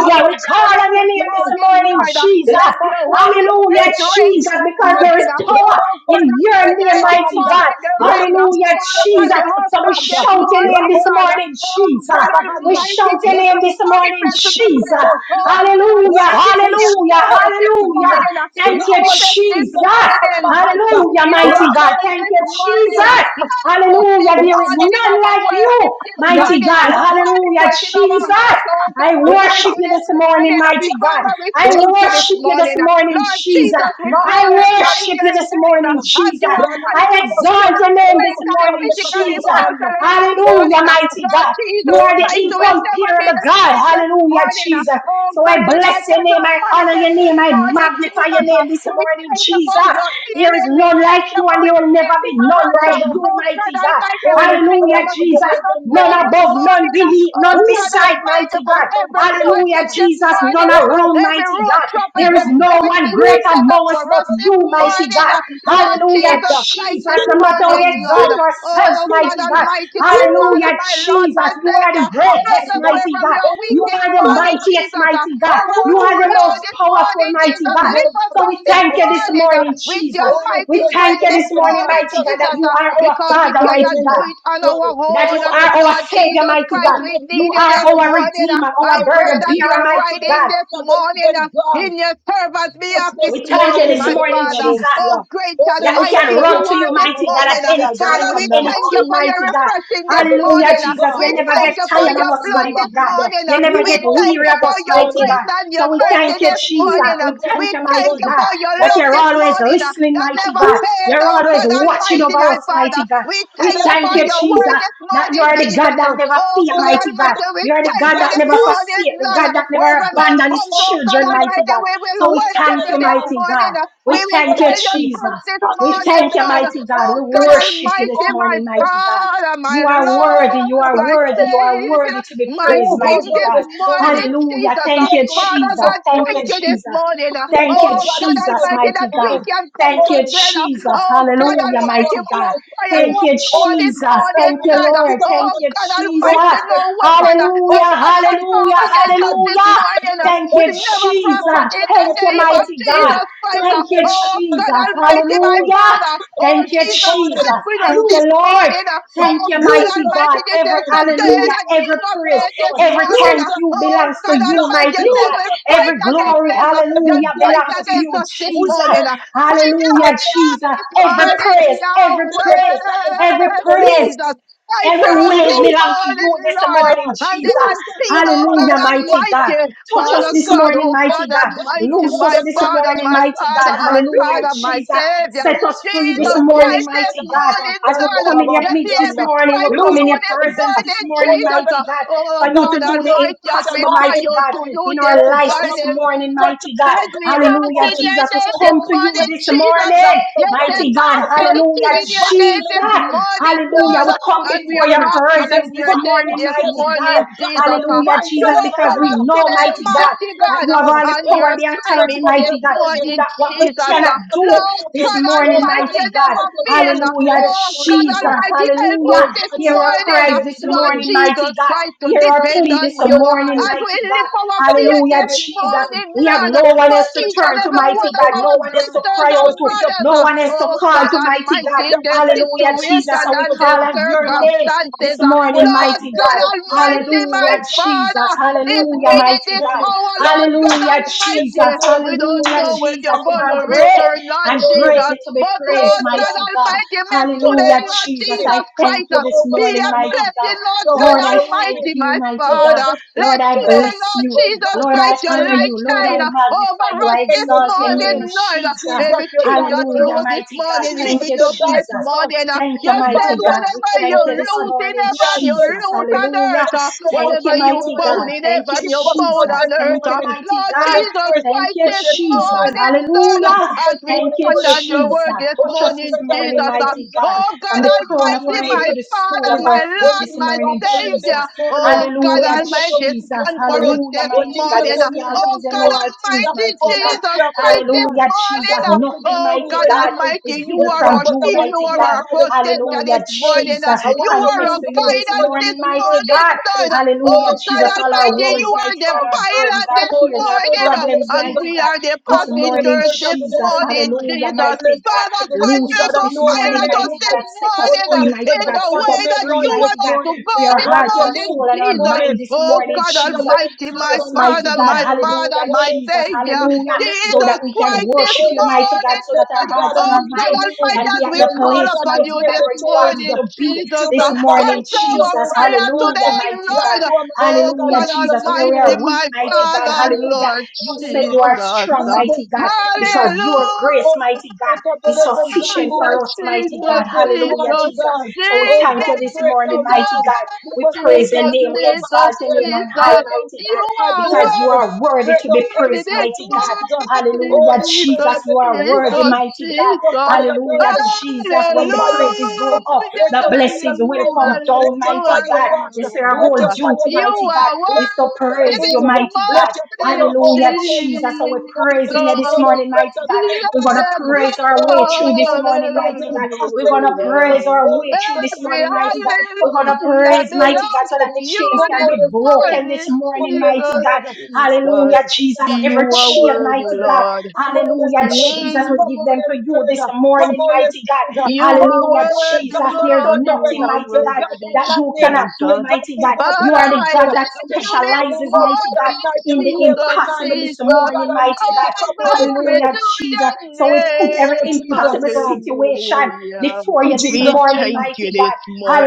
[SPEAKER 3] As you
[SPEAKER 1] We call
[SPEAKER 3] direct
[SPEAKER 1] on your
[SPEAKER 3] this
[SPEAKER 1] name this
[SPEAKER 2] Lasaka,
[SPEAKER 3] morning,
[SPEAKER 1] morning,
[SPEAKER 3] Lord,
[SPEAKER 1] Jesus.
[SPEAKER 3] let
[SPEAKER 2] Lama
[SPEAKER 3] your Holy
[SPEAKER 1] Hallelujah,
[SPEAKER 3] Spirit
[SPEAKER 2] Kumbere
[SPEAKER 3] reign
[SPEAKER 2] Ramos
[SPEAKER 1] Jesus,
[SPEAKER 3] this
[SPEAKER 1] because
[SPEAKER 2] Kumbere
[SPEAKER 1] there is
[SPEAKER 3] morning.
[SPEAKER 1] power
[SPEAKER 3] Oh, God
[SPEAKER 1] in your
[SPEAKER 3] Almighty,
[SPEAKER 1] name,
[SPEAKER 3] let it
[SPEAKER 1] mighty
[SPEAKER 3] fall
[SPEAKER 2] Bahanda,
[SPEAKER 1] God.
[SPEAKER 3] like the rain.
[SPEAKER 2] Ramos
[SPEAKER 1] Hallelujah,
[SPEAKER 3] Fall
[SPEAKER 2] Kumbere
[SPEAKER 3] upon
[SPEAKER 1] Jesus.
[SPEAKER 3] the hosts
[SPEAKER 1] So we
[SPEAKER 3] of
[SPEAKER 2] Bahanda,
[SPEAKER 3] this
[SPEAKER 1] shout your name
[SPEAKER 3] morning,
[SPEAKER 1] this
[SPEAKER 2] Ramos
[SPEAKER 3] Lord.
[SPEAKER 1] morning,
[SPEAKER 3] Oh
[SPEAKER 1] Jesus.
[SPEAKER 3] God
[SPEAKER 1] We
[SPEAKER 2] Kalabahanda,
[SPEAKER 1] shout
[SPEAKER 3] Almighty
[SPEAKER 1] your name
[SPEAKER 3] Jesus,
[SPEAKER 2] Ramos
[SPEAKER 1] this morning,
[SPEAKER 3] manifest in the
[SPEAKER 1] Jesus.
[SPEAKER 3] life.
[SPEAKER 2] Kumbere
[SPEAKER 3] Oh God
[SPEAKER 1] Hallelujah,
[SPEAKER 3] Almighty, in your
[SPEAKER 2] Ramakushi
[SPEAKER 1] hallelujah,
[SPEAKER 3] servant this
[SPEAKER 1] hallelujah.
[SPEAKER 2] Kumbere
[SPEAKER 3] morning, uh,
[SPEAKER 1] Thank you,
[SPEAKER 2] Ramos
[SPEAKER 3] manifest this
[SPEAKER 1] Jesus.
[SPEAKER 3] morning.
[SPEAKER 2] Kalabahanda,
[SPEAKER 1] Hallelujah,
[SPEAKER 3] In our
[SPEAKER 1] mighty God.
[SPEAKER 2] Ramos
[SPEAKER 3] praise
[SPEAKER 1] Thank
[SPEAKER 3] this
[SPEAKER 1] you,
[SPEAKER 3] morning, uh,
[SPEAKER 2] de
[SPEAKER 1] Jesus.
[SPEAKER 3] manifest
[SPEAKER 1] Hallelujah.
[SPEAKER 3] this
[SPEAKER 1] There is
[SPEAKER 3] morning in
[SPEAKER 1] none
[SPEAKER 3] our
[SPEAKER 1] like
[SPEAKER 3] worship
[SPEAKER 1] you,
[SPEAKER 3] this
[SPEAKER 2] la
[SPEAKER 1] mighty
[SPEAKER 3] morning, uh,
[SPEAKER 1] God.
[SPEAKER 2] Ramos
[SPEAKER 1] Hallelujah,
[SPEAKER 3] manifest in our
[SPEAKER 1] Jesus.
[SPEAKER 3] hearts, oh God
[SPEAKER 1] I
[SPEAKER 2] Oh
[SPEAKER 1] worship
[SPEAKER 3] Almighty,
[SPEAKER 1] you
[SPEAKER 3] this
[SPEAKER 1] this
[SPEAKER 2] Lord,
[SPEAKER 1] morning,
[SPEAKER 3] morning. uh,
[SPEAKER 1] mighty God.
[SPEAKER 3] Father, we
[SPEAKER 1] I
[SPEAKER 3] thank you this
[SPEAKER 1] worship you this
[SPEAKER 3] morning. uh,
[SPEAKER 1] morning,
[SPEAKER 3] Lord
[SPEAKER 1] Jesus.
[SPEAKER 3] Jesus, we
[SPEAKER 1] I
[SPEAKER 3] glorify
[SPEAKER 1] worship you
[SPEAKER 3] your
[SPEAKER 1] this
[SPEAKER 3] name
[SPEAKER 1] morning,
[SPEAKER 3] uh, as
[SPEAKER 1] Jesus.
[SPEAKER 3] you are
[SPEAKER 1] I
[SPEAKER 3] manifest
[SPEAKER 1] exalt
[SPEAKER 3] spiritual,
[SPEAKER 1] your
[SPEAKER 3] and
[SPEAKER 1] name this
[SPEAKER 3] mental, and
[SPEAKER 1] morning,
[SPEAKER 3] physical,
[SPEAKER 1] Jesus.
[SPEAKER 3] emotionally this
[SPEAKER 1] Hallelujah,
[SPEAKER 3] morning. uh.
[SPEAKER 1] mighty God.
[SPEAKER 3] Lord
[SPEAKER 1] You
[SPEAKER 3] Jesus
[SPEAKER 2] oh
[SPEAKER 1] are the
[SPEAKER 3] Christ, we will
[SPEAKER 2] Jesus,
[SPEAKER 3] never be
[SPEAKER 1] incomparable
[SPEAKER 3] the
[SPEAKER 1] God.
[SPEAKER 3] same this
[SPEAKER 1] Hallelujah,
[SPEAKER 3] morning. uh.
[SPEAKER 1] Jesus.
[SPEAKER 3] Oh
[SPEAKER 1] So
[SPEAKER 3] God
[SPEAKER 1] I bless
[SPEAKER 3] Almighty,
[SPEAKER 1] your
[SPEAKER 3] as we
[SPEAKER 1] name. I honor
[SPEAKER 3] manifest
[SPEAKER 1] your
[SPEAKER 3] this
[SPEAKER 1] name. I
[SPEAKER 3] morning,
[SPEAKER 1] magnify your
[SPEAKER 3] Jesus, uh,
[SPEAKER 1] name this
[SPEAKER 3] we
[SPEAKER 1] morning,
[SPEAKER 3] thank you for
[SPEAKER 1] Jesus.
[SPEAKER 3] your
[SPEAKER 1] There is
[SPEAKER 3] healing. We
[SPEAKER 1] none like
[SPEAKER 3] thank you
[SPEAKER 1] you, and
[SPEAKER 3] for
[SPEAKER 1] there
[SPEAKER 3] your
[SPEAKER 1] will never be none
[SPEAKER 3] deliverance.
[SPEAKER 1] like
[SPEAKER 3] uh.
[SPEAKER 2] Father,
[SPEAKER 1] you,
[SPEAKER 3] Oh God
[SPEAKER 1] mighty God.
[SPEAKER 3] Almighty, we
[SPEAKER 2] Holy
[SPEAKER 3] thank you
[SPEAKER 1] Hallelujah,
[SPEAKER 2] Spirit
[SPEAKER 3] for
[SPEAKER 2] of the
[SPEAKER 1] Jesus.
[SPEAKER 3] setting us
[SPEAKER 2] living
[SPEAKER 1] None
[SPEAKER 3] free
[SPEAKER 2] God,
[SPEAKER 3] this
[SPEAKER 1] above, none
[SPEAKER 3] morning. uh.
[SPEAKER 1] beneath,
[SPEAKER 3] Oh
[SPEAKER 1] none
[SPEAKER 2] who
[SPEAKER 3] God
[SPEAKER 1] beside,
[SPEAKER 2] gave us
[SPEAKER 3] Almighty,
[SPEAKER 2] the
[SPEAKER 1] mighty
[SPEAKER 3] from
[SPEAKER 1] God.
[SPEAKER 2] Father of
[SPEAKER 3] every
[SPEAKER 1] Hallelujah,
[SPEAKER 3] bondage
[SPEAKER 2] faith?
[SPEAKER 3] this
[SPEAKER 1] Jesus. None
[SPEAKER 3] morning, uh,
[SPEAKER 1] around,
[SPEAKER 3] every
[SPEAKER 1] mighty
[SPEAKER 3] road
[SPEAKER 1] God.
[SPEAKER 3] trip,
[SPEAKER 1] There is
[SPEAKER 3] every
[SPEAKER 1] no one
[SPEAKER 3] everything
[SPEAKER 1] great
[SPEAKER 3] that set up
[SPEAKER 1] among us
[SPEAKER 3] for us
[SPEAKER 1] but
[SPEAKER 3] this
[SPEAKER 1] you, mighty
[SPEAKER 3] morning,
[SPEAKER 1] God.
[SPEAKER 3] uh, Lord
[SPEAKER 1] Hallelujah,
[SPEAKER 3] Jesus Christ,
[SPEAKER 1] Jesus.
[SPEAKER 3] this
[SPEAKER 1] No matter we
[SPEAKER 3] morning, Lord.
[SPEAKER 1] exalt ourselves,
[SPEAKER 3] Oh, God
[SPEAKER 1] mighty God.
[SPEAKER 3] Almighty, my Father,
[SPEAKER 1] Hallelujah,
[SPEAKER 3] my Lord, my
[SPEAKER 1] Jesus. You are the
[SPEAKER 3] Savior,
[SPEAKER 1] greatest,
[SPEAKER 3] strengthen us
[SPEAKER 1] mighty
[SPEAKER 3] wherever we
[SPEAKER 1] God.
[SPEAKER 3] are weak
[SPEAKER 1] You
[SPEAKER 3] this
[SPEAKER 1] are the
[SPEAKER 3] morning,
[SPEAKER 1] mightiest,
[SPEAKER 3] Jesus. Uh,
[SPEAKER 1] mighty God.
[SPEAKER 3] wherever
[SPEAKER 1] You
[SPEAKER 3] we're too
[SPEAKER 1] are the
[SPEAKER 3] low
[SPEAKER 1] most
[SPEAKER 2] Oh,
[SPEAKER 3] this
[SPEAKER 1] powerful,
[SPEAKER 3] morning,
[SPEAKER 1] mighty
[SPEAKER 3] Jesus.
[SPEAKER 1] God.
[SPEAKER 3] Lift us
[SPEAKER 1] So
[SPEAKER 3] up
[SPEAKER 1] we
[SPEAKER 3] this
[SPEAKER 1] thank you this
[SPEAKER 3] morning uh,
[SPEAKER 1] morning,
[SPEAKER 3] with your
[SPEAKER 1] Jesus.
[SPEAKER 3] mighty
[SPEAKER 1] We thank
[SPEAKER 3] strength
[SPEAKER 1] you this
[SPEAKER 3] this
[SPEAKER 1] morning,
[SPEAKER 3] morning,
[SPEAKER 1] mighty God, that
[SPEAKER 3] Jesus.
[SPEAKER 1] you
[SPEAKER 3] Uh,
[SPEAKER 1] are our
[SPEAKER 3] because we
[SPEAKER 1] Father,
[SPEAKER 3] cannot
[SPEAKER 1] mighty
[SPEAKER 3] do
[SPEAKER 1] God,
[SPEAKER 3] it on our
[SPEAKER 1] that you
[SPEAKER 3] own. uh,
[SPEAKER 1] are our
[SPEAKER 3] Lord
[SPEAKER 1] Savior,
[SPEAKER 3] Jesus
[SPEAKER 1] mighty God.
[SPEAKER 3] Christ, we need
[SPEAKER 1] You
[SPEAKER 3] you
[SPEAKER 1] are
[SPEAKER 3] this
[SPEAKER 1] our
[SPEAKER 3] morning. uh,
[SPEAKER 1] Redeemer,
[SPEAKER 3] I
[SPEAKER 1] our
[SPEAKER 3] pray
[SPEAKER 1] burden
[SPEAKER 3] that
[SPEAKER 1] bearer,
[SPEAKER 3] you're
[SPEAKER 1] mighty
[SPEAKER 3] riding
[SPEAKER 1] God.
[SPEAKER 3] this morning. uh,
[SPEAKER 2] God,
[SPEAKER 3] in your servant's
[SPEAKER 2] all
[SPEAKER 3] behalf this
[SPEAKER 2] this
[SPEAKER 1] We
[SPEAKER 2] morning,
[SPEAKER 1] thank you
[SPEAKER 2] all
[SPEAKER 3] morning,
[SPEAKER 1] this
[SPEAKER 3] my
[SPEAKER 2] this morning,
[SPEAKER 1] morning,
[SPEAKER 3] Father.
[SPEAKER 2] all
[SPEAKER 1] Jesus.
[SPEAKER 3] Oh, great
[SPEAKER 1] That
[SPEAKER 3] and
[SPEAKER 1] we can
[SPEAKER 3] mighty you
[SPEAKER 1] run to you,
[SPEAKER 3] are this
[SPEAKER 1] mighty God, at
[SPEAKER 3] morning. uh.
[SPEAKER 1] any
[SPEAKER 2] this
[SPEAKER 1] time
[SPEAKER 3] Father,
[SPEAKER 1] with
[SPEAKER 3] we thank you
[SPEAKER 1] anything,
[SPEAKER 3] for your
[SPEAKER 1] mighty God.
[SPEAKER 3] refreshing this
[SPEAKER 1] Hallelujah,
[SPEAKER 3] morning. uh.
[SPEAKER 1] Jesus.
[SPEAKER 3] We
[SPEAKER 1] You never get
[SPEAKER 3] thank you for
[SPEAKER 1] tired of
[SPEAKER 3] your
[SPEAKER 1] us,
[SPEAKER 3] blood
[SPEAKER 1] mighty
[SPEAKER 3] this
[SPEAKER 1] God.
[SPEAKER 3] morning.
[SPEAKER 1] You
[SPEAKER 3] uh.
[SPEAKER 1] never
[SPEAKER 3] We
[SPEAKER 1] get
[SPEAKER 3] thank
[SPEAKER 1] weary
[SPEAKER 3] you
[SPEAKER 1] of
[SPEAKER 3] for
[SPEAKER 1] us,
[SPEAKER 3] your
[SPEAKER 1] mighty God.
[SPEAKER 3] grace and
[SPEAKER 1] So
[SPEAKER 3] your
[SPEAKER 1] we thank
[SPEAKER 3] mercy
[SPEAKER 1] you,
[SPEAKER 3] this
[SPEAKER 1] Jesus.
[SPEAKER 3] morning. uh.
[SPEAKER 1] We
[SPEAKER 3] We
[SPEAKER 1] thank you,
[SPEAKER 3] thank
[SPEAKER 1] mighty
[SPEAKER 3] you
[SPEAKER 1] God,
[SPEAKER 3] for your
[SPEAKER 1] that
[SPEAKER 3] love
[SPEAKER 1] you're
[SPEAKER 3] this
[SPEAKER 1] always
[SPEAKER 3] morning uh,
[SPEAKER 1] listening,
[SPEAKER 3] that
[SPEAKER 2] morning, all
[SPEAKER 1] mighty
[SPEAKER 3] never
[SPEAKER 1] God.
[SPEAKER 3] failed,
[SPEAKER 1] You're
[SPEAKER 3] oh
[SPEAKER 1] always
[SPEAKER 3] God
[SPEAKER 2] this
[SPEAKER 1] watching
[SPEAKER 2] morning.
[SPEAKER 3] Almighty,
[SPEAKER 1] over
[SPEAKER 3] my
[SPEAKER 1] us, mighty
[SPEAKER 3] Father.
[SPEAKER 1] God.
[SPEAKER 3] We
[SPEAKER 1] We
[SPEAKER 3] thank you
[SPEAKER 2] God,
[SPEAKER 1] thank
[SPEAKER 3] for
[SPEAKER 1] you,
[SPEAKER 2] move
[SPEAKER 3] your
[SPEAKER 1] Jesus.
[SPEAKER 3] word this
[SPEAKER 1] That you
[SPEAKER 3] morning,
[SPEAKER 1] are the God
[SPEAKER 3] Jesus.
[SPEAKER 1] that
[SPEAKER 3] uh.
[SPEAKER 1] never
[SPEAKER 3] Oh
[SPEAKER 1] fails,
[SPEAKER 3] God
[SPEAKER 1] mighty God.
[SPEAKER 3] Almighty, we
[SPEAKER 1] You are the
[SPEAKER 3] thank
[SPEAKER 1] God
[SPEAKER 3] you
[SPEAKER 1] that
[SPEAKER 3] this
[SPEAKER 1] never forsakes,
[SPEAKER 2] on
[SPEAKER 3] morning,
[SPEAKER 1] the God
[SPEAKER 3] Lord.
[SPEAKER 1] that
[SPEAKER 3] Wherever
[SPEAKER 1] never
[SPEAKER 3] it may
[SPEAKER 1] abandons his
[SPEAKER 3] come, oh God
[SPEAKER 1] children, mighty
[SPEAKER 3] Almighty,
[SPEAKER 1] God.
[SPEAKER 3] we will
[SPEAKER 1] So we
[SPEAKER 3] worship
[SPEAKER 1] thank
[SPEAKER 3] you
[SPEAKER 1] you,
[SPEAKER 3] this
[SPEAKER 1] mighty God.
[SPEAKER 3] morning. We
[SPEAKER 1] We
[SPEAKER 3] will
[SPEAKER 1] thank you,
[SPEAKER 3] tell your thanks
[SPEAKER 1] Jesus.
[SPEAKER 3] this
[SPEAKER 1] We
[SPEAKER 3] morning,
[SPEAKER 1] thank you,
[SPEAKER 3] Lord.
[SPEAKER 1] mighty God.
[SPEAKER 3] Oh
[SPEAKER 1] We
[SPEAKER 3] God
[SPEAKER 1] worship you this
[SPEAKER 3] Almighty, my
[SPEAKER 1] morning, mighty God.
[SPEAKER 3] Father, my
[SPEAKER 1] You are worthy.
[SPEAKER 3] Lord,
[SPEAKER 1] You are
[SPEAKER 2] this
[SPEAKER 3] my
[SPEAKER 1] worthy.
[SPEAKER 2] earth.
[SPEAKER 1] You are
[SPEAKER 3] Savior,
[SPEAKER 1] worthy to be
[SPEAKER 3] my
[SPEAKER 1] praised,
[SPEAKER 2] Move
[SPEAKER 3] King
[SPEAKER 1] mighty
[SPEAKER 2] over
[SPEAKER 3] this
[SPEAKER 1] God.
[SPEAKER 2] this morning.
[SPEAKER 3] morning,
[SPEAKER 1] Hallelujah.
[SPEAKER 3] Jesus.
[SPEAKER 1] Thank you,
[SPEAKER 2] Take refuge
[SPEAKER 3] Father
[SPEAKER 1] Jesus.
[SPEAKER 2] this
[SPEAKER 3] God,
[SPEAKER 1] Thank you,
[SPEAKER 3] thank
[SPEAKER 2] morning.
[SPEAKER 3] you this
[SPEAKER 1] Jesus.
[SPEAKER 3] morning.
[SPEAKER 1] Thank
[SPEAKER 2] wonderful
[SPEAKER 1] you,
[SPEAKER 3] Oh
[SPEAKER 2] God
[SPEAKER 3] God
[SPEAKER 2] of
[SPEAKER 1] Jesus,
[SPEAKER 2] us
[SPEAKER 3] Almighty,
[SPEAKER 2] this
[SPEAKER 3] that
[SPEAKER 1] mighty
[SPEAKER 3] we
[SPEAKER 1] God.
[SPEAKER 2] morning.
[SPEAKER 3] can come
[SPEAKER 1] Thank you,
[SPEAKER 2] Holy Spirit,
[SPEAKER 3] together.
[SPEAKER 2] sit up
[SPEAKER 1] Jesus.
[SPEAKER 2] on
[SPEAKER 3] Oh
[SPEAKER 2] the
[SPEAKER 3] God
[SPEAKER 1] Hallelujah,
[SPEAKER 2] pinnacle of
[SPEAKER 3] Almighty,
[SPEAKER 2] our
[SPEAKER 1] mighty
[SPEAKER 2] heart
[SPEAKER 1] God.
[SPEAKER 3] more
[SPEAKER 2] this
[SPEAKER 3] prayer,
[SPEAKER 2] morning.
[SPEAKER 1] Thank
[SPEAKER 3] more
[SPEAKER 1] you,
[SPEAKER 3] power
[SPEAKER 2] Holy
[SPEAKER 3] this
[SPEAKER 2] Spirit,
[SPEAKER 1] Jesus.
[SPEAKER 2] in the
[SPEAKER 3] morning,
[SPEAKER 1] Thank
[SPEAKER 2] name of
[SPEAKER 1] you,
[SPEAKER 2] God,
[SPEAKER 3] Lord.
[SPEAKER 1] Lord.
[SPEAKER 2] sit up on
[SPEAKER 3] Oh
[SPEAKER 1] Thank
[SPEAKER 2] the
[SPEAKER 1] you,
[SPEAKER 3] God
[SPEAKER 2] pinnacle of our
[SPEAKER 3] Almighty,
[SPEAKER 1] Jesus.
[SPEAKER 2] heart this
[SPEAKER 3] no
[SPEAKER 2] morning.
[SPEAKER 3] weapon uh,
[SPEAKER 1] Hallelujah,
[SPEAKER 3] that
[SPEAKER 2] Holy
[SPEAKER 3] fashion
[SPEAKER 2] Spirit,
[SPEAKER 1] hallelujah,
[SPEAKER 3] form
[SPEAKER 2] in
[SPEAKER 3] against us this
[SPEAKER 1] hallelujah.
[SPEAKER 2] the
[SPEAKER 3] morning
[SPEAKER 2] name of
[SPEAKER 3] uh,
[SPEAKER 2] God,
[SPEAKER 1] Thank
[SPEAKER 2] oh
[SPEAKER 1] you,
[SPEAKER 3] will
[SPEAKER 2] God,
[SPEAKER 3] never
[SPEAKER 2] I know
[SPEAKER 3] prosper
[SPEAKER 1] Jesus.
[SPEAKER 3] in the
[SPEAKER 1] Thank
[SPEAKER 2] sickness
[SPEAKER 1] you,
[SPEAKER 2] through
[SPEAKER 3] name of
[SPEAKER 2] this
[SPEAKER 1] mighty God.
[SPEAKER 2] morning.
[SPEAKER 3] Jesus Christ.
[SPEAKER 2] Father,
[SPEAKER 3] uh.
[SPEAKER 1] Thank you,
[SPEAKER 2] if I
[SPEAKER 3] Oh
[SPEAKER 2] was
[SPEAKER 3] God
[SPEAKER 1] Jesus.
[SPEAKER 2] this
[SPEAKER 3] Almighty, my
[SPEAKER 2] morning,
[SPEAKER 1] Hallelujah.
[SPEAKER 3] Father.
[SPEAKER 2] Father, God,
[SPEAKER 3] Oh
[SPEAKER 1] Thank you,
[SPEAKER 2] this
[SPEAKER 3] Jesus,
[SPEAKER 2] morning,
[SPEAKER 3] stand
[SPEAKER 1] Jesus.
[SPEAKER 3] with us
[SPEAKER 1] Thank
[SPEAKER 3] this
[SPEAKER 2] lose
[SPEAKER 1] you,
[SPEAKER 2] us
[SPEAKER 1] Lord.
[SPEAKER 2] this
[SPEAKER 3] morning. uh.
[SPEAKER 2] morning,
[SPEAKER 1] Thank
[SPEAKER 3] Oh
[SPEAKER 1] you,
[SPEAKER 3] God
[SPEAKER 2] lose
[SPEAKER 1] mighty
[SPEAKER 2] us
[SPEAKER 1] God.
[SPEAKER 3] Almighty,
[SPEAKER 2] this
[SPEAKER 3] this
[SPEAKER 1] Every
[SPEAKER 3] is
[SPEAKER 2] morning,
[SPEAKER 3] the day
[SPEAKER 1] hallelujah,
[SPEAKER 2] lose
[SPEAKER 3] that
[SPEAKER 2] us,
[SPEAKER 3] you
[SPEAKER 1] every
[SPEAKER 3] have
[SPEAKER 1] praise,
[SPEAKER 3] made
[SPEAKER 2] Father,
[SPEAKER 3] this
[SPEAKER 2] God,
[SPEAKER 1] every
[SPEAKER 3] morning.
[SPEAKER 1] thank
[SPEAKER 2] lose
[SPEAKER 3] uh.
[SPEAKER 2] us,
[SPEAKER 1] you
[SPEAKER 2] this
[SPEAKER 3] Oh
[SPEAKER 1] belongs to
[SPEAKER 3] God
[SPEAKER 2] morning,
[SPEAKER 1] you,
[SPEAKER 2] God,
[SPEAKER 3] Almighty,
[SPEAKER 1] mighty
[SPEAKER 3] said
[SPEAKER 2] lose
[SPEAKER 3] we
[SPEAKER 2] us,
[SPEAKER 1] God.
[SPEAKER 2] oh
[SPEAKER 3] fight
[SPEAKER 1] Every
[SPEAKER 2] God,
[SPEAKER 3] against
[SPEAKER 1] glory,
[SPEAKER 3] them uh,
[SPEAKER 2] of every
[SPEAKER 3] that
[SPEAKER 1] hallelujah,
[SPEAKER 3] fight
[SPEAKER 1] belongs
[SPEAKER 2] deadness,
[SPEAKER 1] to
[SPEAKER 3] against
[SPEAKER 1] you,
[SPEAKER 3] us this
[SPEAKER 1] Jesus.
[SPEAKER 3] morning.
[SPEAKER 2] weariness,
[SPEAKER 3] uh. Fight
[SPEAKER 1] Hallelujah,
[SPEAKER 2] tightness,
[SPEAKER 1] Jesus.
[SPEAKER 3] this
[SPEAKER 2] of
[SPEAKER 1] Every
[SPEAKER 2] deadness,
[SPEAKER 1] praise,
[SPEAKER 3] morning,
[SPEAKER 1] every
[SPEAKER 2] of
[SPEAKER 3] Yahweh.
[SPEAKER 1] praise,
[SPEAKER 2] everything that is not
[SPEAKER 1] every
[SPEAKER 2] of
[SPEAKER 1] praise.
[SPEAKER 2] you, loose.
[SPEAKER 3] Jesus, fight for
[SPEAKER 1] Every
[SPEAKER 3] us
[SPEAKER 1] wave
[SPEAKER 3] this
[SPEAKER 2] Loose us,
[SPEAKER 1] belongs to
[SPEAKER 3] morning,
[SPEAKER 1] you this
[SPEAKER 3] Lord.
[SPEAKER 1] morning,
[SPEAKER 2] God.
[SPEAKER 3] And
[SPEAKER 1] Jesus.
[SPEAKER 3] the
[SPEAKER 2] Loose us
[SPEAKER 3] unseen,
[SPEAKER 2] from
[SPEAKER 3] oh
[SPEAKER 2] Father
[SPEAKER 3] God
[SPEAKER 1] Hallelujah,
[SPEAKER 2] God this
[SPEAKER 1] mighty God.
[SPEAKER 3] Almighty.
[SPEAKER 2] morning.
[SPEAKER 1] Touch us
[SPEAKER 3] Father
[SPEAKER 2] Loose
[SPEAKER 1] this
[SPEAKER 2] us
[SPEAKER 3] God,
[SPEAKER 1] morning,
[SPEAKER 3] oh
[SPEAKER 2] this
[SPEAKER 1] mighty
[SPEAKER 3] God
[SPEAKER 2] morning,
[SPEAKER 1] God.
[SPEAKER 2] God,
[SPEAKER 3] Almighty,
[SPEAKER 1] Loose
[SPEAKER 2] from
[SPEAKER 1] us
[SPEAKER 3] my
[SPEAKER 2] the
[SPEAKER 1] this
[SPEAKER 2] top of
[SPEAKER 3] Father,
[SPEAKER 2] the
[SPEAKER 1] morning,
[SPEAKER 3] my
[SPEAKER 1] mighty
[SPEAKER 2] bottom,
[SPEAKER 1] God.
[SPEAKER 3] Father, my
[SPEAKER 2] Jesus.
[SPEAKER 1] Hallelujah,
[SPEAKER 2] Loose
[SPEAKER 3] Father,
[SPEAKER 2] us
[SPEAKER 3] my
[SPEAKER 1] Jesus.
[SPEAKER 2] this
[SPEAKER 3] Savior.
[SPEAKER 1] Set
[SPEAKER 2] morning.
[SPEAKER 1] us free this
[SPEAKER 3] Jesus
[SPEAKER 2] Rabo
[SPEAKER 1] morning,
[SPEAKER 3] Christ this
[SPEAKER 2] Shina,
[SPEAKER 1] mighty God.
[SPEAKER 3] morning,
[SPEAKER 1] As we
[SPEAKER 2] Satanda
[SPEAKER 3] Lord.
[SPEAKER 1] come in your
[SPEAKER 3] Let the
[SPEAKER 1] midst this
[SPEAKER 3] every
[SPEAKER 2] Rabastianda,
[SPEAKER 1] morning,
[SPEAKER 3] cry
[SPEAKER 1] we
[SPEAKER 3] to
[SPEAKER 1] come in
[SPEAKER 3] you
[SPEAKER 1] your
[SPEAKER 2] Lucifer,
[SPEAKER 3] this
[SPEAKER 1] presence
[SPEAKER 2] God,
[SPEAKER 1] this
[SPEAKER 3] morning,
[SPEAKER 1] morning,
[SPEAKER 2] Holy
[SPEAKER 1] mighty
[SPEAKER 2] Spirit
[SPEAKER 3] Jesus.
[SPEAKER 2] of
[SPEAKER 1] God.
[SPEAKER 2] the living
[SPEAKER 1] For
[SPEAKER 3] Oh
[SPEAKER 1] you
[SPEAKER 2] God,
[SPEAKER 1] to
[SPEAKER 3] God
[SPEAKER 2] touch
[SPEAKER 1] do the
[SPEAKER 2] your
[SPEAKER 3] Almighty, as
[SPEAKER 2] spiritual
[SPEAKER 3] we
[SPEAKER 1] impossible,
[SPEAKER 2] heart
[SPEAKER 3] cry
[SPEAKER 2] this
[SPEAKER 1] mighty
[SPEAKER 3] out
[SPEAKER 1] God,
[SPEAKER 3] to
[SPEAKER 2] morning.
[SPEAKER 3] you
[SPEAKER 1] in our
[SPEAKER 2] Oh
[SPEAKER 3] this
[SPEAKER 1] lives
[SPEAKER 2] God,
[SPEAKER 1] this
[SPEAKER 2] I'm
[SPEAKER 3] morning,
[SPEAKER 2] going to
[SPEAKER 1] morning,
[SPEAKER 2] touch
[SPEAKER 1] mighty
[SPEAKER 2] us,
[SPEAKER 1] God.
[SPEAKER 2] oh
[SPEAKER 3] as
[SPEAKER 2] God,
[SPEAKER 3] we
[SPEAKER 2] this
[SPEAKER 3] ask
[SPEAKER 1] Hallelujah,
[SPEAKER 3] in
[SPEAKER 2] morning.
[SPEAKER 3] your
[SPEAKER 1] Jesus. We
[SPEAKER 2] So
[SPEAKER 3] name
[SPEAKER 2] your
[SPEAKER 3] this
[SPEAKER 1] come to you
[SPEAKER 3] morning,
[SPEAKER 2] presence
[SPEAKER 1] this
[SPEAKER 2] can fill
[SPEAKER 3] Jesus.
[SPEAKER 1] morning,
[SPEAKER 2] us
[SPEAKER 3] uh,
[SPEAKER 2] up,
[SPEAKER 3] You
[SPEAKER 2] oh
[SPEAKER 3] said,
[SPEAKER 2] God.
[SPEAKER 1] mighty God.
[SPEAKER 2] I
[SPEAKER 3] ask
[SPEAKER 2] pray for
[SPEAKER 3] anything
[SPEAKER 1] Hallelujah,
[SPEAKER 3] in your
[SPEAKER 2] divine
[SPEAKER 3] name this
[SPEAKER 1] Jesus.
[SPEAKER 2] cleansing,
[SPEAKER 3] morning,
[SPEAKER 2] a
[SPEAKER 1] Hallelujah.
[SPEAKER 3] Lord.
[SPEAKER 1] We
[SPEAKER 3] uh,
[SPEAKER 2] divine
[SPEAKER 1] come
[SPEAKER 3] And we
[SPEAKER 1] before your
[SPEAKER 2] cleansing,
[SPEAKER 3] are
[SPEAKER 2] a
[SPEAKER 3] asking
[SPEAKER 1] presence
[SPEAKER 3] in
[SPEAKER 1] this
[SPEAKER 3] your
[SPEAKER 2] divine
[SPEAKER 3] name
[SPEAKER 1] morning,
[SPEAKER 3] this
[SPEAKER 2] washing,
[SPEAKER 1] mighty God.
[SPEAKER 3] morning,
[SPEAKER 2] oh God,
[SPEAKER 3] Jesus.
[SPEAKER 2] a
[SPEAKER 3] uh,
[SPEAKER 1] Hallelujah,
[SPEAKER 2] divine
[SPEAKER 1] Jesus,
[SPEAKER 3] Show up
[SPEAKER 1] because
[SPEAKER 3] for
[SPEAKER 1] we
[SPEAKER 3] us
[SPEAKER 2] deliverance,
[SPEAKER 1] know,
[SPEAKER 2] a
[SPEAKER 3] today,
[SPEAKER 1] mighty God,
[SPEAKER 2] divine
[SPEAKER 3] mighty
[SPEAKER 2] set
[SPEAKER 1] that
[SPEAKER 3] God,
[SPEAKER 1] you have
[SPEAKER 2] free.
[SPEAKER 1] all
[SPEAKER 3] uh,
[SPEAKER 1] the
[SPEAKER 3] on
[SPEAKER 1] power
[SPEAKER 3] your
[SPEAKER 2] Every
[SPEAKER 1] and the
[SPEAKER 2] shackles
[SPEAKER 1] authority,
[SPEAKER 3] timing
[SPEAKER 2] must be
[SPEAKER 3] this
[SPEAKER 1] mighty God, to
[SPEAKER 2] broken,
[SPEAKER 1] do
[SPEAKER 3] morning,
[SPEAKER 1] that what
[SPEAKER 2] every
[SPEAKER 1] we
[SPEAKER 3] Jesus.
[SPEAKER 2] chain
[SPEAKER 1] cannot
[SPEAKER 3] uh.
[SPEAKER 2] must be
[SPEAKER 1] do
[SPEAKER 3] Lord
[SPEAKER 2] broken.
[SPEAKER 1] this
[SPEAKER 3] God
[SPEAKER 1] morning,
[SPEAKER 2] Oh
[SPEAKER 3] Almighty,
[SPEAKER 2] God,
[SPEAKER 3] you
[SPEAKER 1] mighty God.
[SPEAKER 3] never
[SPEAKER 2] Almighty, set
[SPEAKER 3] fail.
[SPEAKER 2] us
[SPEAKER 3] uh.
[SPEAKER 2] free
[SPEAKER 1] Hallelujah,
[SPEAKER 2] this
[SPEAKER 3] Oh
[SPEAKER 2] morning,
[SPEAKER 3] God
[SPEAKER 1] Jesus.
[SPEAKER 2] God.
[SPEAKER 3] Almighty, help us
[SPEAKER 1] Hallelujah.
[SPEAKER 2] Oh
[SPEAKER 3] this
[SPEAKER 2] God, set
[SPEAKER 1] Hear our
[SPEAKER 2] us free
[SPEAKER 3] morning.
[SPEAKER 1] cries
[SPEAKER 2] this
[SPEAKER 3] uh,
[SPEAKER 1] this
[SPEAKER 3] Lord
[SPEAKER 2] morning.
[SPEAKER 1] morning, mighty
[SPEAKER 3] Jesus
[SPEAKER 1] God.
[SPEAKER 3] Christ, to
[SPEAKER 1] Hear our
[SPEAKER 3] depend
[SPEAKER 1] plea
[SPEAKER 3] on
[SPEAKER 1] this
[SPEAKER 3] you
[SPEAKER 1] morning,
[SPEAKER 2] Adonai,
[SPEAKER 3] as we
[SPEAKER 1] mighty God.
[SPEAKER 3] lift our
[SPEAKER 2] set us
[SPEAKER 3] fear
[SPEAKER 2] free
[SPEAKER 1] Hallelujah,
[SPEAKER 3] this
[SPEAKER 2] this
[SPEAKER 1] Jesus.
[SPEAKER 2] morning.
[SPEAKER 3] morning,
[SPEAKER 1] We have
[SPEAKER 3] Lord,
[SPEAKER 1] no one
[SPEAKER 2] Holy
[SPEAKER 3] for
[SPEAKER 1] else to
[SPEAKER 2] Spirit,
[SPEAKER 3] each
[SPEAKER 2] in
[SPEAKER 3] and
[SPEAKER 1] turn to,
[SPEAKER 3] every
[SPEAKER 2] the
[SPEAKER 1] mighty
[SPEAKER 3] one of
[SPEAKER 1] God.
[SPEAKER 2] presence
[SPEAKER 1] No
[SPEAKER 3] our
[SPEAKER 2] of
[SPEAKER 1] one else to
[SPEAKER 2] God,
[SPEAKER 3] sisters
[SPEAKER 1] cry
[SPEAKER 3] and
[SPEAKER 1] out
[SPEAKER 2] just
[SPEAKER 1] to.
[SPEAKER 2] sit
[SPEAKER 3] brothers.
[SPEAKER 2] upon
[SPEAKER 1] No
[SPEAKER 2] us
[SPEAKER 1] one else
[SPEAKER 2] this
[SPEAKER 1] to
[SPEAKER 3] Oh
[SPEAKER 1] call
[SPEAKER 2] morning.
[SPEAKER 3] God
[SPEAKER 1] to, mighty God.
[SPEAKER 3] Almighty,
[SPEAKER 2] Open the
[SPEAKER 3] in the
[SPEAKER 2] question
[SPEAKER 1] Hallelujah,
[SPEAKER 2] this
[SPEAKER 1] Jesus.
[SPEAKER 3] situation
[SPEAKER 1] And
[SPEAKER 2] morning
[SPEAKER 1] we
[SPEAKER 3] and
[SPEAKER 2] over
[SPEAKER 3] the
[SPEAKER 1] call
[SPEAKER 2] us,
[SPEAKER 1] on your
[SPEAKER 2] Jesus.
[SPEAKER 1] name
[SPEAKER 2] Our
[SPEAKER 1] this
[SPEAKER 3] circumstances,
[SPEAKER 2] When
[SPEAKER 1] morning,
[SPEAKER 2] must
[SPEAKER 3] Lord
[SPEAKER 1] mighty
[SPEAKER 2] go
[SPEAKER 3] God
[SPEAKER 1] God.
[SPEAKER 2] this morning?
[SPEAKER 3] Almighty, my
[SPEAKER 2] Oh
[SPEAKER 1] Hallelujah,
[SPEAKER 2] God, a
[SPEAKER 1] Jesus.
[SPEAKER 3] Father,
[SPEAKER 2] fresh wind
[SPEAKER 3] this
[SPEAKER 2] must
[SPEAKER 1] Hallelujah,
[SPEAKER 2] blow
[SPEAKER 3] minute,
[SPEAKER 2] this
[SPEAKER 1] mighty
[SPEAKER 3] this
[SPEAKER 1] God.
[SPEAKER 2] morning.
[SPEAKER 3] hour,
[SPEAKER 2] Let
[SPEAKER 3] Lord
[SPEAKER 2] there be a
[SPEAKER 3] God
[SPEAKER 1] Hallelujah,
[SPEAKER 2] fresh wind to
[SPEAKER 1] Jesus.
[SPEAKER 3] Almighty,
[SPEAKER 2] blow
[SPEAKER 3] we
[SPEAKER 2] this
[SPEAKER 3] don't
[SPEAKER 1] Hallelujah,
[SPEAKER 3] know
[SPEAKER 2] morning.
[SPEAKER 3] when
[SPEAKER 1] Jesus.
[SPEAKER 3] you're
[SPEAKER 2] Oh
[SPEAKER 1] You
[SPEAKER 3] going to
[SPEAKER 1] are
[SPEAKER 2] God,
[SPEAKER 1] great
[SPEAKER 2] Jehovah
[SPEAKER 3] return, Lord
[SPEAKER 1] and
[SPEAKER 2] Shalom.
[SPEAKER 3] Jesus,
[SPEAKER 1] greatly to be
[SPEAKER 3] but
[SPEAKER 1] praised,
[SPEAKER 3] Lord
[SPEAKER 2] Jehovah
[SPEAKER 3] God
[SPEAKER 1] mighty
[SPEAKER 2] Rapha,
[SPEAKER 1] God.
[SPEAKER 3] Almighty, make today,
[SPEAKER 1] Hallelujah,
[SPEAKER 2] Jehovah
[SPEAKER 3] Lord
[SPEAKER 1] Jesus.
[SPEAKER 2] Nissi,
[SPEAKER 1] I
[SPEAKER 3] Jesus
[SPEAKER 1] thank you
[SPEAKER 3] Christ.
[SPEAKER 1] this
[SPEAKER 3] Be
[SPEAKER 2] Jehovah
[SPEAKER 1] morning,
[SPEAKER 3] a
[SPEAKER 2] Shammah,
[SPEAKER 1] mighty God.
[SPEAKER 3] blessing, Lord God
[SPEAKER 1] Lord,
[SPEAKER 2] Jehovah
[SPEAKER 1] I thank
[SPEAKER 2] Ruby,
[SPEAKER 3] Almighty,
[SPEAKER 1] you,
[SPEAKER 3] my
[SPEAKER 1] mighty God.
[SPEAKER 3] Father.
[SPEAKER 2] Jehovah
[SPEAKER 3] Let
[SPEAKER 1] Lord, I
[SPEAKER 2] Tiskanu.
[SPEAKER 3] today,
[SPEAKER 1] bless
[SPEAKER 3] Lord
[SPEAKER 1] you.
[SPEAKER 2] Oh
[SPEAKER 3] Jesus
[SPEAKER 2] God,
[SPEAKER 1] Lord, I
[SPEAKER 3] Christ,
[SPEAKER 2] fresh
[SPEAKER 3] your
[SPEAKER 1] honor
[SPEAKER 2] wind this
[SPEAKER 3] light
[SPEAKER 1] you. Lord, I
[SPEAKER 3] shine uh,
[SPEAKER 2] morning,
[SPEAKER 3] over
[SPEAKER 1] magnify you.
[SPEAKER 2] fresh
[SPEAKER 3] us
[SPEAKER 1] I
[SPEAKER 3] this
[SPEAKER 2] wind this
[SPEAKER 1] exalt your name,
[SPEAKER 2] morning.
[SPEAKER 3] morning, Lord. Uh,
[SPEAKER 1] Jesus.
[SPEAKER 2] Jesus, you
[SPEAKER 3] Everything
[SPEAKER 2] died
[SPEAKER 3] that
[SPEAKER 2] for
[SPEAKER 1] Hallelujah,
[SPEAKER 3] low
[SPEAKER 2] us.
[SPEAKER 3] this
[SPEAKER 1] mighty God.
[SPEAKER 3] morning, lift
[SPEAKER 1] Thank
[SPEAKER 2] Jesus,
[SPEAKER 1] you,
[SPEAKER 3] it
[SPEAKER 2] you
[SPEAKER 3] up this
[SPEAKER 2] died for
[SPEAKER 1] Jesus.
[SPEAKER 2] us.
[SPEAKER 3] morning. uh.
[SPEAKER 1] Thank
[SPEAKER 3] You
[SPEAKER 1] you,
[SPEAKER 2] And by
[SPEAKER 3] said,
[SPEAKER 1] mighty
[SPEAKER 2] your
[SPEAKER 1] God. We
[SPEAKER 3] whatever
[SPEAKER 2] stripe,
[SPEAKER 3] you
[SPEAKER 1] thank
[SPEAKER 2] oh
[SPEAKER 1] you this
[SPEAKER 2] God,
[SPEAKER 3] lose in
[SPEAKER 1] morning,
[SPEAKER 2] we
[SPEAKER 3] heaven,
[SPEAKER 2] are
[SPEAKER 3] you
[SPEAKER 2] set
[SPEAKER 1] Jesus.
[SPEAKER 3] lose
[SPEAKER 2] free.
[SPEAKER 3] on
[SPEAKER 1] Hallelujah.
[SPEAKER 2] So
[SPEAKER 3] earth. uh.
[SPEAKER 2] ship
[SPEAKER 1] Thank
[SPEAKER 2] us
[SPEAKER 1] you,
[SPEAKER 3] Whatever
[SPEAKER 2] this
[SPEAKER 3] you
[SPEAKER 1] mighty
[SPEAKER 2] morning.
[SPEAKER 3] bound
[SPEAKER 1] God.
[SPEAKER 3] in
[SPEAKER 1] Thank you,
[SPEAKER 3] heaven,
[SPEAKER 2] Ship
[SPEAKER 3] you
[SPEAKER 2] us up
[SPEAKER 3] bound
[SPEAKER 1] Jesus.
[SPEAKER 3] on
[SPEAKER 2] this
[SPEAKER 1] Thank
[SPEAKER 3] earth.
[SPEAKER 1] you,
[SPEAKER 3] uh.
[SPEAKER 2] morning.
[SPEAKER 1] mighty
[SPEAKER 3] Lord
[SPEAKER 1] God.
[SPEAKER 2] Holy
[SPEAKER 3] Jesus
[SPEAKER 2] Spirit,
[SPEAKER 1] Thank
[SPEAKER 2] ship
[SPEAKER 3] Christ,
[SPEAKER 1] you,
[SPEAKER 2] us
[SPEAKER 3] this
[SPEAKER 2] this
[SPEAKER 1] Jesus.
[SPEAKER 2] morning.
[SPEAKER 3] morning, Lord,
[SPEAKER 2] Ship
[SPEAKER 1] Hallelujah.
[SPEAKER 2] us
[SPEAKER 3] uh, as
[SPEAKER 2] this
[SPEAKER 3] we
[SPEAKER 1] Thank
[SPEAKER 2] morning,
[SPEAKER 1] you,
[SPEAKER 3] stand
[SPEAKER 2] Holy
[SPEAKER 3] on your
[SPEAKER 2] Spirit.
[SPEAKER 1] Jesus.
[SPEAKER 3] word this
[SPEAKER 1] Touch
[SPEAKER 2] Holy
[SPEAKER 1] us this
[SPEAKER 3] morning,
[SPEAKER 2] Spirit of the
[SPEAKER 1] morning,
[SPEAKER 3] Jesus. uh,
[SPEAKER 1] mighty
[SPEAKER 2] living
[SPEAKER 1] God,
[SPEAKER 2] God.
[SPEAKER 3] Oh God
[SPEAKER 1] from the
[SPEAKER 2] Oh
[SPEAKER 1] crown
[SPEAKER 2] God,
[SPEAKER 1] of
[SPEAKER 2] we
[SPEAKER 3] Almighty,
[SPEAKER 1] our head
[SPEAKER 2] need you
[SPEAKER 3] my
[SPEAKER 1] to the
[SPEAKER 2] this
[SPEAKER 1] sole
[SPEAKER 3] Father,
[SPEAKER 1] of
[SPEAKER 2] morning.
[SPEAKER 3] my
[SPEAKER 1] our
[SPEAKER 2] We
[SPEAKER 1] feet this
[SPEAKER 2] need
[SPEAKER 3] Lord,
[SPEAKER 2] you
[SPEAKER 3] my
[SPEAKER 2] to
[SPEAKER 1] morning,
[SPEAKER 2] operate this
[SPEAKER 3] Savior.
[SPEAKER 1] Jesus.
[SPEAKER 2] morning.
[SPEAKER 3] Oh God
[SPEAKER 2] We
[SPEAKER 1] Hallelujah,
[SPEAKER 2] need you to
[SPEAKER 3] Almighty,
[SPEAKER 2] move
[SPEAKER 1] Jesus.
[SPEAKER 2] this
[SPEAKER 3] stand for us
[SPEAKER 2] morning.
[SPEAKER 1] Hallelujah,
[SPEAKER 3] this
[SPEAKER 2] We
[SPEAKER 1] mighty
[SPEAKER 2] need you
[SPEAKER 1] God. You
[SPEAKER 3] morning.
[SPEAKER 2] to
[SPEAKER 1] see
[SPEAKER 2] move
[SPEAKER 1] all things,
[SPEAKER 3] Oh
[SPEAKER 1] you
[SPEAKER 3] God
[SPEAKER 1] know
[SPEAKER 2] Yeshua.
[SPEAKER 1] all things,
[SPEAKER 2] Just
[SPEAKER 3] Almighty,
[SPEAKER 1] mighty
[SPEAKER 2] for
[SPEAKER 1] God.
[SPEAKER 3] Jesus
[SPEAKER 2] myself, oh
[SPEAKER 3] Christ this
[SPEAKER 2] God.
[SPEAKER 1] Hallelujah,
[SPEAKER 2] I
[SPEAKER 1] Jesus.
[SPEAKER 2] don't
[SPEAKER 3] morning.
[SPEAKER 2] want to
[SPEAKER 1] Nothing,
[SPEAKER 2] just
[SPEAKER 3] Oh
[SPEAKER 2] move
[SPEAKER 1] mighty
[SPEAKER 3] God
[SPEAKER 2] in
[SPEAKER 1] God,
[SPEAKER 2] noise.
[SPEAKER 1] is
[SPEAKER 3] Almighty, you
[SPEAKER 1] hidden
[SPEAKER 2] Oh
[SPEAKER 3] are
[SPEAKER 2] God,
[SPEAKER 1] from
[SPEAKER 3] our
[SPEAKER 2] but I
[SPEAKER 1] you,
[SPEAKER 3] shield,
[SPEAKER 2] want
[SPEAKER 3] you
[SPEAKER 2] to
[SPEAKER 1] mighty
[SPEAKER 3] are
[SPEAKER 1] God.
[SPEAKER 2] move
[SPEAKER 3] our
[SPEAKER 2] by the flowing of
[SPEAKER 3] protector this
[SPEAKER 2] the
[SPEAKER 1] Hallelujah,
[SPEAKER 2] Spirit.
[SPEAKER 3] morning.
[SPEAKER 1] Jesus.
[SPEAKER 2] I
[SPEAKER 1] We
[SPEAKER 3] You
[SPEAKER 2] want to
[SPEAKER 3] are
[SPEAKER 1] confess
[SPEAKER 3] our
[SPEAKER 2] move
[SPEAKER 1] to
[SPEAKER 2] by
[SPEAKER 1] you
[SPEAKER 2] your
[SPEAKER 1] this
[SPEAKER 3] guidance
[SPEAKER 2] flowing of
[SPEAKER 3] this
[SPEAKER 1] morning,
[SPEAKER 2] the
[SPEAKER 1] mighty
[SPEAKER 2] Spirit this
[SPEAKER 1] God.
[SPEAKER 3] morning.
[SPEAKER 2] morning.
[SPEAKER 3] Lord.
[SPEAKER 1] Hallelujah,
[SPEAKER 3] Oh
[SPEAKER 2] Holy
[SPEAKER 3] God
[SPEAKER 1] Jesus.
[SPEAKER 2] Spirit of
[SPEAKER 1] All
[SPEAKER 2] the
[SPEAKER 1] our
[SPEAKER 3] Almighty,
[SPEAKER 2] living
[SPEAKER 1] worries,
[SPEAKER 3] you
[SPEAKER 2] God,
[SPEAKER 3] are
[SPEAKER 1] mighty
[SPEAKER 3] the
[SPEAKER 1] God,
[SPEAKER 2] come.
[SPEAKER 1] our burdens,
[SPEAKER 3] pilot
[SPEAKER 1] our
[SPEAKER 2] Come,
[SPEAKER 3] this
[SPEAKER 1] cares,
[SPEAKER 2] Holy
[SPEAKER 1] our
[SPEAKER 2] Spirit of
[SPEAKER 3] morning,
[SPEAKER 2] the
[SPEAKER 1] problems,
[SPEAKER 2] living
[SPEAKER 3] and
[SPEAKER 1] mighty
[SPEAKER 3] we
[SPEAKER 2] God.
[SPEAKER 1] God.
[SPEAKER 3] are the
[SPEAKER 1] This
[SPEAKER 2] Come, Holy
[SPEAKER 1] morning,
[SPEAKER 3] passengers
[SPEAKER 2] Spirit of
[SPEAKER 3] this
[SPEAKER 2] the
[SPEAKER 1] Jesus.
[SPEAKER 2] living
[SPEAKER 3] morning,
[SPEAKER 2] God.
[SPEAKER 1] Hallelujah,
[SPEAKER 3] Jesus.
[SPEAKER 2] Holy
[SPEAKER 1] mighty God.
[SPEAKER 2] Spirit
[SPEAKER 3] Father,
[SPEAKER 2] of the living
[SPEAKER 1] Loose
[SPEAKER 3] continue
[SPEAKER 2] God,
[SPEAKER 1] us
[SPEAKER 3] to
[SPEAKER 2] I
[SPEAKER 1] this
[SPEAKER 2] know to
[SPEAKER 1] morning,
[SPEAKER 3] pilot
[SPEAKER 2] make
[SPEAKER 3] us
[SPEAKER 1] mighty God,
[SPEAKER 3] this
[SPEAKER 2] noise.
[SPEAKER 1] and set
[SPEAKER 2] But
[SPEAKER 1] us
[SPEAKER 3] morning uh,
[SPEAKER 1] free,
[SPEAKER 2] Holy
[SPEAKER 1] mighty
[SPEAKER 2] Spirit, I
[SPEAKER 3] in
[SPEAKER 1] God.
[SPEAKER 3] the
[SPEAKER 2] don't
[SPEAKER 1] Set
[SPEAKER 2] want to
[SPEAKER 3] way
[SPEAKER 1] us
[SPEAKER 2] make
[SPEAKER 3] that
[SPEAKER 1] free,
[SPEAKER 3] you
[SPEAKER 2] noise this
[SPEAKER 3] want
[SPEAKER 1] mighty
[SPEAKER 3] us
[SPEAKER 1] God.
[SPEAKER 3] to
[SPEAKER 2] morning.
[SPEAKER 3] go
[SPEAKER 1] Free
[SPEAKER 2] I
[SPEAKER 1] our
[SPEAKER 3] this
[SPEAKER 2] want
[SPEAKER 1] hearts,
[SPEAKER 2] to
[SPEAKER 1] our
[SPEAKER 3] morning,
[SPEAKER 2] move
[SPEAKER 1] soul, and
[SPEAKER 2] this
[SPEAKER 1] our
[SPEAKER 3] Jesus.
[SPEAKER 1] mind
[SPEAKER 2] morning.
[SPEAKER 1] this
[SPEAKER 3] Oh
[SPEAKER 2] Holy
[SPEAKER 1] morning,
[SPEAKER 3] God
[SPEAKER 2] Spirit of
[SPEAKER 1] Jesus.
[SPEAKER 2] the
[SPEAKER 3] Almighty,
[SPEAKER 2] living
[SPEAKER 1] Free
[SPEAKER 2] God,
[SPEAKER 3] my
[SPEAKER 2] I
[SPEAKER 1] us,
[SPEAKER 2] need
[SPEAKER 3] Father,
[SPEAKER 1] mighty
[SPEAKER 2] your
[SPEAKER 1] God.
[SPEAKER 3] my
[SPEAKER 2] move.
[SPEAKER 3] Father,
[SPEAKER 1] Hallelujah,
[SPEAKER 3] my
[SPEAKER 2] Holy
[SPEAKER 1] Jesus.
[SPEAKER 2] Spirit, I
[SPEAKER 3] Savior,
[SPEAKER 2] need
[SPEAKER 1] Hallelujah
[SPEAKER 2] your move
[SPEAKER 1] so
[SPEAKER 2] this
[SPEAKER 1] that
[SPEAKER 3] Jesus
[SPEAKER 1] we can
[SPEAKER 3] Christ
[SPEAKER 2] morning.
[SPEAKER 3] this
[SPEAKER 1] worship you,
[SPEAKER 2] Holy
[SPEAKER 1] mighty
[SPEAKER 2] Spirit of
[SPEAKER 1] God,
[SPEAKER 3] morning,
[SPEAKER 2] the
[SPEAKER 1] so that our
[SPEAKER 2] living
[SPEAKER 3] Lord.
[SPEAKER 2] God,
[SPEAKER 1] hearts
[SPEAKER 2] I
[SPEAKER 1] and our
[SPEAKER 3] Oh
[SPEAKER 2] need your
[SPEAKER 1] minds
[SPEAKER 3] God
[SPEAKER 2] move.
[SPEAKER 3] Almighty,
[SPEAKER 1] can
[SPEAKER 3] as
[SPEAKER 1] be at
[SPEAKER 3] we
[SPEAKER 1] the
[SPEAKER 2] Your
[SPEAKER 1] place,
[SPEAKER 3] call
[SPEAKER 2] move that
[SPEAKER 3] upon
[SPEAKER 2] you
[SPEAKER 1] mighty
[SPEAKER 3] you
[SPEAKER 2] break
[SPEAKER 1] God,
[SPEAKER 3] this
[SPEAKER 2] the
[SPEAKER 1] where you want
[SPEAKER 2] chains.
[SPEAKER 1] it
[SPEAKER 3] morning,
[SPEAKER 1] to be
[SPEAKER 3] Jesus.
[SPEAKER 1] this
[SPEAKER 3] uh,
[SPEAKER 2] Consuming fire, I
[SPEAKER 1] morning,
[SPEAKER 3] Answer
[SPEAKER 2] need your
[SPEAKER 3] our
[SPEAKER 1] Jesus.
[SPEAKER 2] move this
[SPEAKER 3] prayer
[SPEAKER 1] Hallelujah,
[SPEAKER 2] morning.
[SPEAKER 3] today,
[SPEAKER 2] You
[SPEAKER 1] mighty
[SPEAKER 2] have
[SPEAKER 1] God.
[SPEAKER 2] to
[SPEAKER 3] Lord.
[SPEAKER 2] understand,
[SPEAKER 3] Oh
[SPEAKER 2] I
[SPEAKER 1] Hallelujah,
[SPEAKER 3] God
[SPEAKER 2] need you
[SPEAKER 1] Jesus.
[SPEAKER 2] to
[SPEAKER 1] Where we
[SPEAKER 3] Almighty,
[SPEAKER 2] move.
[SPEAKER 1] are weak,
[SPEAKER 3] my
[SPEAKER 2] Oh
[SPEAKER 1] mighty God.
[SPEAKER 2] God,
[SPEAKER 3] Father,
[SPEAKER 2] move
[SPEAKER 1] Hallelujah.
[SPEAKER 2] this
[SPEAKER 3] Lord
[SPEAKER 1] You
[SPEAKER 2] morning,
[SPEAKER 1] said you are
[SPEAKER 2] Lord.
[SPEAKER 3] Jesus.
[SPEAKER 1] strong,
[SPEAKER 2] Move
[SPEAKER 1] mighty
[SPEAKER 2] this
[SPEAKER 1] God,
[SPEAKER 2] morning,
[SPEAKER 1] because
[SPEAKER 2] Jesus.
[SPEAKER 1] your
[SPEAKER 3] Hallelujah.
[SPEAKER 1] grace,
[SPEAKER 2] Holy
[SPEAKER 1] mighty God,
[SPEAKER 2] Spirit of the
[SPEAKER 1] is
[SPEAKER 2] living God,
[SPEAKER 1] sufficient
[SPEAKER 3] Hallelujah,
[SPEAKER 1] for us,
[SPEAKER 2] move.
[SPEAKER 1] mighty
[SPEAKER 2] Move
[SPEAKER 1] God.
[SPEAKER 3] Jesus,
[SPEAKER 2] this
[SPEAKER 1] Hallelujah,
[SPEAKER 3] Jesus,
[SPEAKER 2] morning,
[SPEAKER 1] Jesus.
[SPEAKER 2] God.
[SPEAKER 1] So we
[SPEAKER 2] Oh
[SPEAKER 1] thank you
[SPEAKER 2] God,
[SPEAKER 1] this
[SPEAKER 2] break
[SPEAKER 1] morning,
[SPEAKER 3] Jesus,
[SPEAKER 2] down
[SPEAKER 1] mighty
[SPEAKER 2] now.
[SPEAKER 1] God.
[SPEAKER 2] Move
[SPEAKER 1] We
[SPEAKER 2] us, oh
[SPEAKER 1] praise your
[SPEAKER 2] God,
[SPEAKER 3] Jesus,
[SPEAKER 1] name. We
[SPEAKER 2] beautiful
[SPEAKER 3] Jesus,
[SPEAKER 1] exalt your name
[SPEAKER 2] ashes.
[SPEAKER 1] on high, mighty
[SPEAKER 3] Jesus.
[SPEAKER 2] Break down
[SPEAKER 1] God,
[SPEAKER 3] You
[SPEAKER 2] every high
[SPEAKER 3] are
[SPEAKER 1] because you
[SPEAKER 2] places.
[SPEAKER 1] are worthy
[SPEAKER 2] Break
[SPEAKER 1] to
[SPEAKER 2] down
[SPEAKER 1] be
[SPEAKER 2] every
[SPEAKER 3] worthy
[SPEAKER 1] praised,
[SPEAKER 2] high
[SPEAKER 3] this
[SPEAKER 1] mighty
[SPEAKER 2] thing,
[SPEAKER 1] God.
[SPEAKER 2] Jesus.
[SPEAKER 3] morning,
[SPEAKER 2] Oh,
[SPEAKER 1] Hallelujah,
[SPEAKER 2] the Spirit
[SPEAKER 1] Jesus,
[SPEAKER 3] Jesus,
[SPEAKER 2] of the
[SPEAKER 1] you are
[SPEAKER 2] living
[SPEAKER 1] worthy,
[SPEAKER 2] God.
[SPEAKER 3] Jesus,
[SPEAKER 1] mighty
[SPEAKER 2] Let
[SPEAKER 1] God.
[SPEAKER 2] your
[SPEAKER 3] Jesus.
[SPEAKER 2] fire
[SPEAKER 1] Hallelujah,
[SPEAKER 2] burn. Let
[SPEAKER 1] Jesus.
[SPEAKER 2] your
[SPEAKER 1] When the
[SPEAKER 2] fire
[SPEAKER 1] praises go
[SPEAKER 2] flow.
[SPEAKER 1] up,
[SPEAKER 3] Hallelujah,
[SPEAKER 2] Let
[SPEAKER 1] the
[SPEAKER 2] your fire
[SPEAKER 1] blessings will
[SPEAKER 2] cleanse.
[SPEAKER 1] come
[SPEAKER 3] hallelujah,
[SPEAKER 2] Let
[SPEAKER 1] down,
[SPEAKER 2] your
[SPEAKER 1] mighty
[SPEAKER 2] fire
[SPEAKER 1] God.
[SPEAKER 2] wash.
[SPEAKER 1] Yes, sir, our
[SPEAKER 2] Let
[SPEAKER 1] whole
[SPEAKER 3] hallelujah.
[SPEAKER 2] your fire
[SPEAKER 1] duty,
[SPEAKER 3] You
[SPEAKER 1] mighty
[SPEAKER 2] deliver.
[SPEAKER 1] God,
[SPEAKER 3] are
[SPEAKER 2] Let
[SPEAKER 1] is to
[SPEAKER 2] your fire
[SPEAKER 3] worthy
[SPEAKER 1] praise you,
[SPEAKER 3] this
[SPEAKER 2] move.
[SPEAKER 1] mighty
[SPEAKER 2] Let
[SPEAKER 1] God.
[SPEAKER 2] your
[SPEAKER 3] morning,
[SPEAKER 2] fire
[SPEAKER 1] Hallelujah,
[SPEAKER 2] overtake us
[SPEAKER 1] Jesus. So
[SPEAKER 2] this
[SPEAKER 1] we're
[SPEAKER 2] morning.
[SPEAKER 1] praising you this
[SPEAKER 3] Jesus.
[SPEAKER 2] Holy
[SPEAKER 1] morning, mighty
[SPEAKER 2] Spirit of the
[SPEAKER 1] God. We're
[SPEAKER 2] living
[SPEAKER 1] going to
[SPEAKER 3] Yes,
[SPEAKER 2] God.
[SPEAKER 1] praise
[SPEAKER 2] I
[SPEAKER 1] our
[SPEAKER 2] don't
[SPEAKER 1] way
[SPEAKER 2] want to
[SPEAKER 1] through this
[SPEAKER 2] throw,
[SPEAKER 3] Lord.
[SPEAKER 1] morning,
[SPEAKER 2] throw
[SPEAKER 1] mighty God.
[SPEAKER 2] them back
[SPEAKER 1] We're
[SPEAKER 2] this
[SPEAKER 1] going to
[SPEAKER 2] morning.
[SPEAKER 1] praise our
[SPEAKER 2] Holy
[SPEAKER 1] way through
[SPEAKER 2] Spirit
[SPEAKER 1] this
[SPEAKER 2] of the
[SPEAKER 3] Every
[SPEAKER 1] morning, mighty
[SPEAKER 2] living
[SPEAKER 1] God.
[SPEAKER 2] God,
[SPEAKER 1] We're going
[SPEAKER 2] come.
[SPEAKER 1] to
[SPEAKER 3] hallelujah
[SPEAKER 2] Come,
[SPEAKER 1] praise,
[SPEAKER 2] Holy
[SPEAKER 1] mighty God, so
[SPEAKER 3] belongs
[SPEAKER 1] that
[SPEAKER 2] Spirit.
[SPEAKER 3] to
[SPEAKER 1] the
[SPEAKER 3] you
[SPEAKER 1] chains
[SPEAKER 2] Come,
[SPEAKER 1] can be
[SPEAKER 2] Holy
[SPEAKER 3] this
[SPEAKER 2] Spirit.
[SPEAKER 1] broken this
[SPEAKER 3] morning,
[SPEAKER 2] Come,
[SPEAKER 1] morning,
[SPEAKER 2] Holy
[SPEAKER 1] mighty
[SPEAKER 3] Jesus,
[SPEAKER 1] God.
[SPEAKER 2] Spirit. Come,
[SPEAKER 3] Jesus.
[SPEAKER 2] Holy
[SPEAKER 1] Hallelujah,
[SPEAKER 2] Spirit.
[SPEAKER 1] Jesus. Every
[SPEAKER 3] You
[SPEAKER 2] Come,
[SPEAKER 3] are
[SPEAKER 1] cheer,
[SPEAKER 2] Holy
[SPEAKER 3] worthy,
[SPEAKER 1] mighty
[SPEAKER 2] Spirit.
[SPEAKER 1] God.
[SPEAKER 3] Lord.
[SPEAKER 2] Come, Holy
[SPEAKER 1] Hallelujah,
[SPEAKER 2] Spirit.
[SPEAKER 1] Jesus.
[SPEAKER 3] Mm.
[SPEAKER 2] Come,
[SPEAKER 1] We give them
[SPEAKER 2] Holy
[SPEAKER 1] to you
[SPEAKER 2] Spirit.
[SPEAKER 1] this
[SPEAKER 2] Come,
[SPEAKER 1] morning,
[SPEAKER 2] Holy
[SPEAKER 1] mighty God.
[SPEAKER 2] Spirit.
[SPEAKER 3] You
[SPEAKER 2] Come,
[SPEAKER 3] are
[SPEAKER 2] oh
[SPEAKER 1] Hallelujah,
[SPEAKER 2] God, the
[SPEAKER 3] worthy,
[SPEAKER 2] God
[SPEAKER 1] Jesus.
[SPEAKER 2] that
[SPEAKER 1] There's
[SPEAKER 3] Lord.
[SPEAKER 2] turned the
[SPEAKER 3] You
[SPEAKER 2] red,
[SPEAKER 1] nothing,
[SPEAKER 3] are
[SPEAKER 1] mighty
[SPEAKER 2] the
[SPEAKER 1] God,
[SPEAKER 2] God that
[SPEAKER 3] worthy,
[SPEAKER 1] that you
[SPEAKER 2] landed,
[SPEAKER 1] cannot
[SPEAKER 2] the
[SPEAKER 1] do,
[SPEAKER 3] Jesus.
[SPEAKER 2] God
[SPEAKER 1] mighty
[SPEAKER 2] who
[SPEAKER 1] God.
[SPEAKER 2] brought in
[SPEAKER 1] You
[SPEAKER 2] a
[SPEAKER 1] are
[SPEAKER 3] Father,
[SPEAKER 1] the
[SPEAKER 3] I
[SPEAKER 2] cloud,
[SPEAKER 1] God that
[SPEAKER 2] and
[SPEAKER 3] thank
[SPEAKER 2] the
[SPEAKER 3] you
[SPEAKER 2] God that
[SPEAKER 3] this
[SPEAKER 2] move
[SPEAKER 1] specializes,
[SPEAKER 2] of
[SPEAKER 1] mighty
[SPEAKER 2] God
[SPEAKER 1] God,
[SPEAKER 2] Almighty,
[SPEAKER 1] in
[SPEAKER 2] a
[SPEAKER 1] the
[SPEAKER 3] morning,
[SPEAKER 2] fire by
[SPEAKER 3] Jesus,
[SPEAKER 2] night.
[SPEAKER 1] impossible this
[SPEAKER 2] Oh
[SPEAKER 3] Jesus.
[SPEAKER 2] God
[SPEAKER 1] morning, mighty
[SPEAKER 2] Almighty,
[SPEAKER 1] God.
[SPEAKER 3] Oh,
[SPEAKER 2] come, Holy
[SPEAKER 3] glory
[SPEAKER 2] Spirit.
[SPEAKER 1] Hallelujah,
[SPEAKER 3] to
[SPEAKER 1] Jesus.
[SPEAKER 3] your
[SPEAKER 1] So we put
[SPEAKER 2] Oh
[SPEAKER 1] every
[SPEAKER 2] Jesus,
[SPEAKER 1] impossible
[SPEAKER 2] come.
[SPEAKER 3] name.
[SPEAKER 1] situation
[SPEAKER 3] Hallelujah.
[SPEAKER 1] before
[SPEAKER 2] Come,
[SPEAKER 1] you this
[SPEAKER 3] We
[SPEAKER 2] Jesus,
[SPEAKER 1] morning,
[SPEAKER 3] thank
[SPEAKER 2] come.
[SPEAKER 1] mighty
[SPEAKER 3] you this
[SPEAKER 1] God.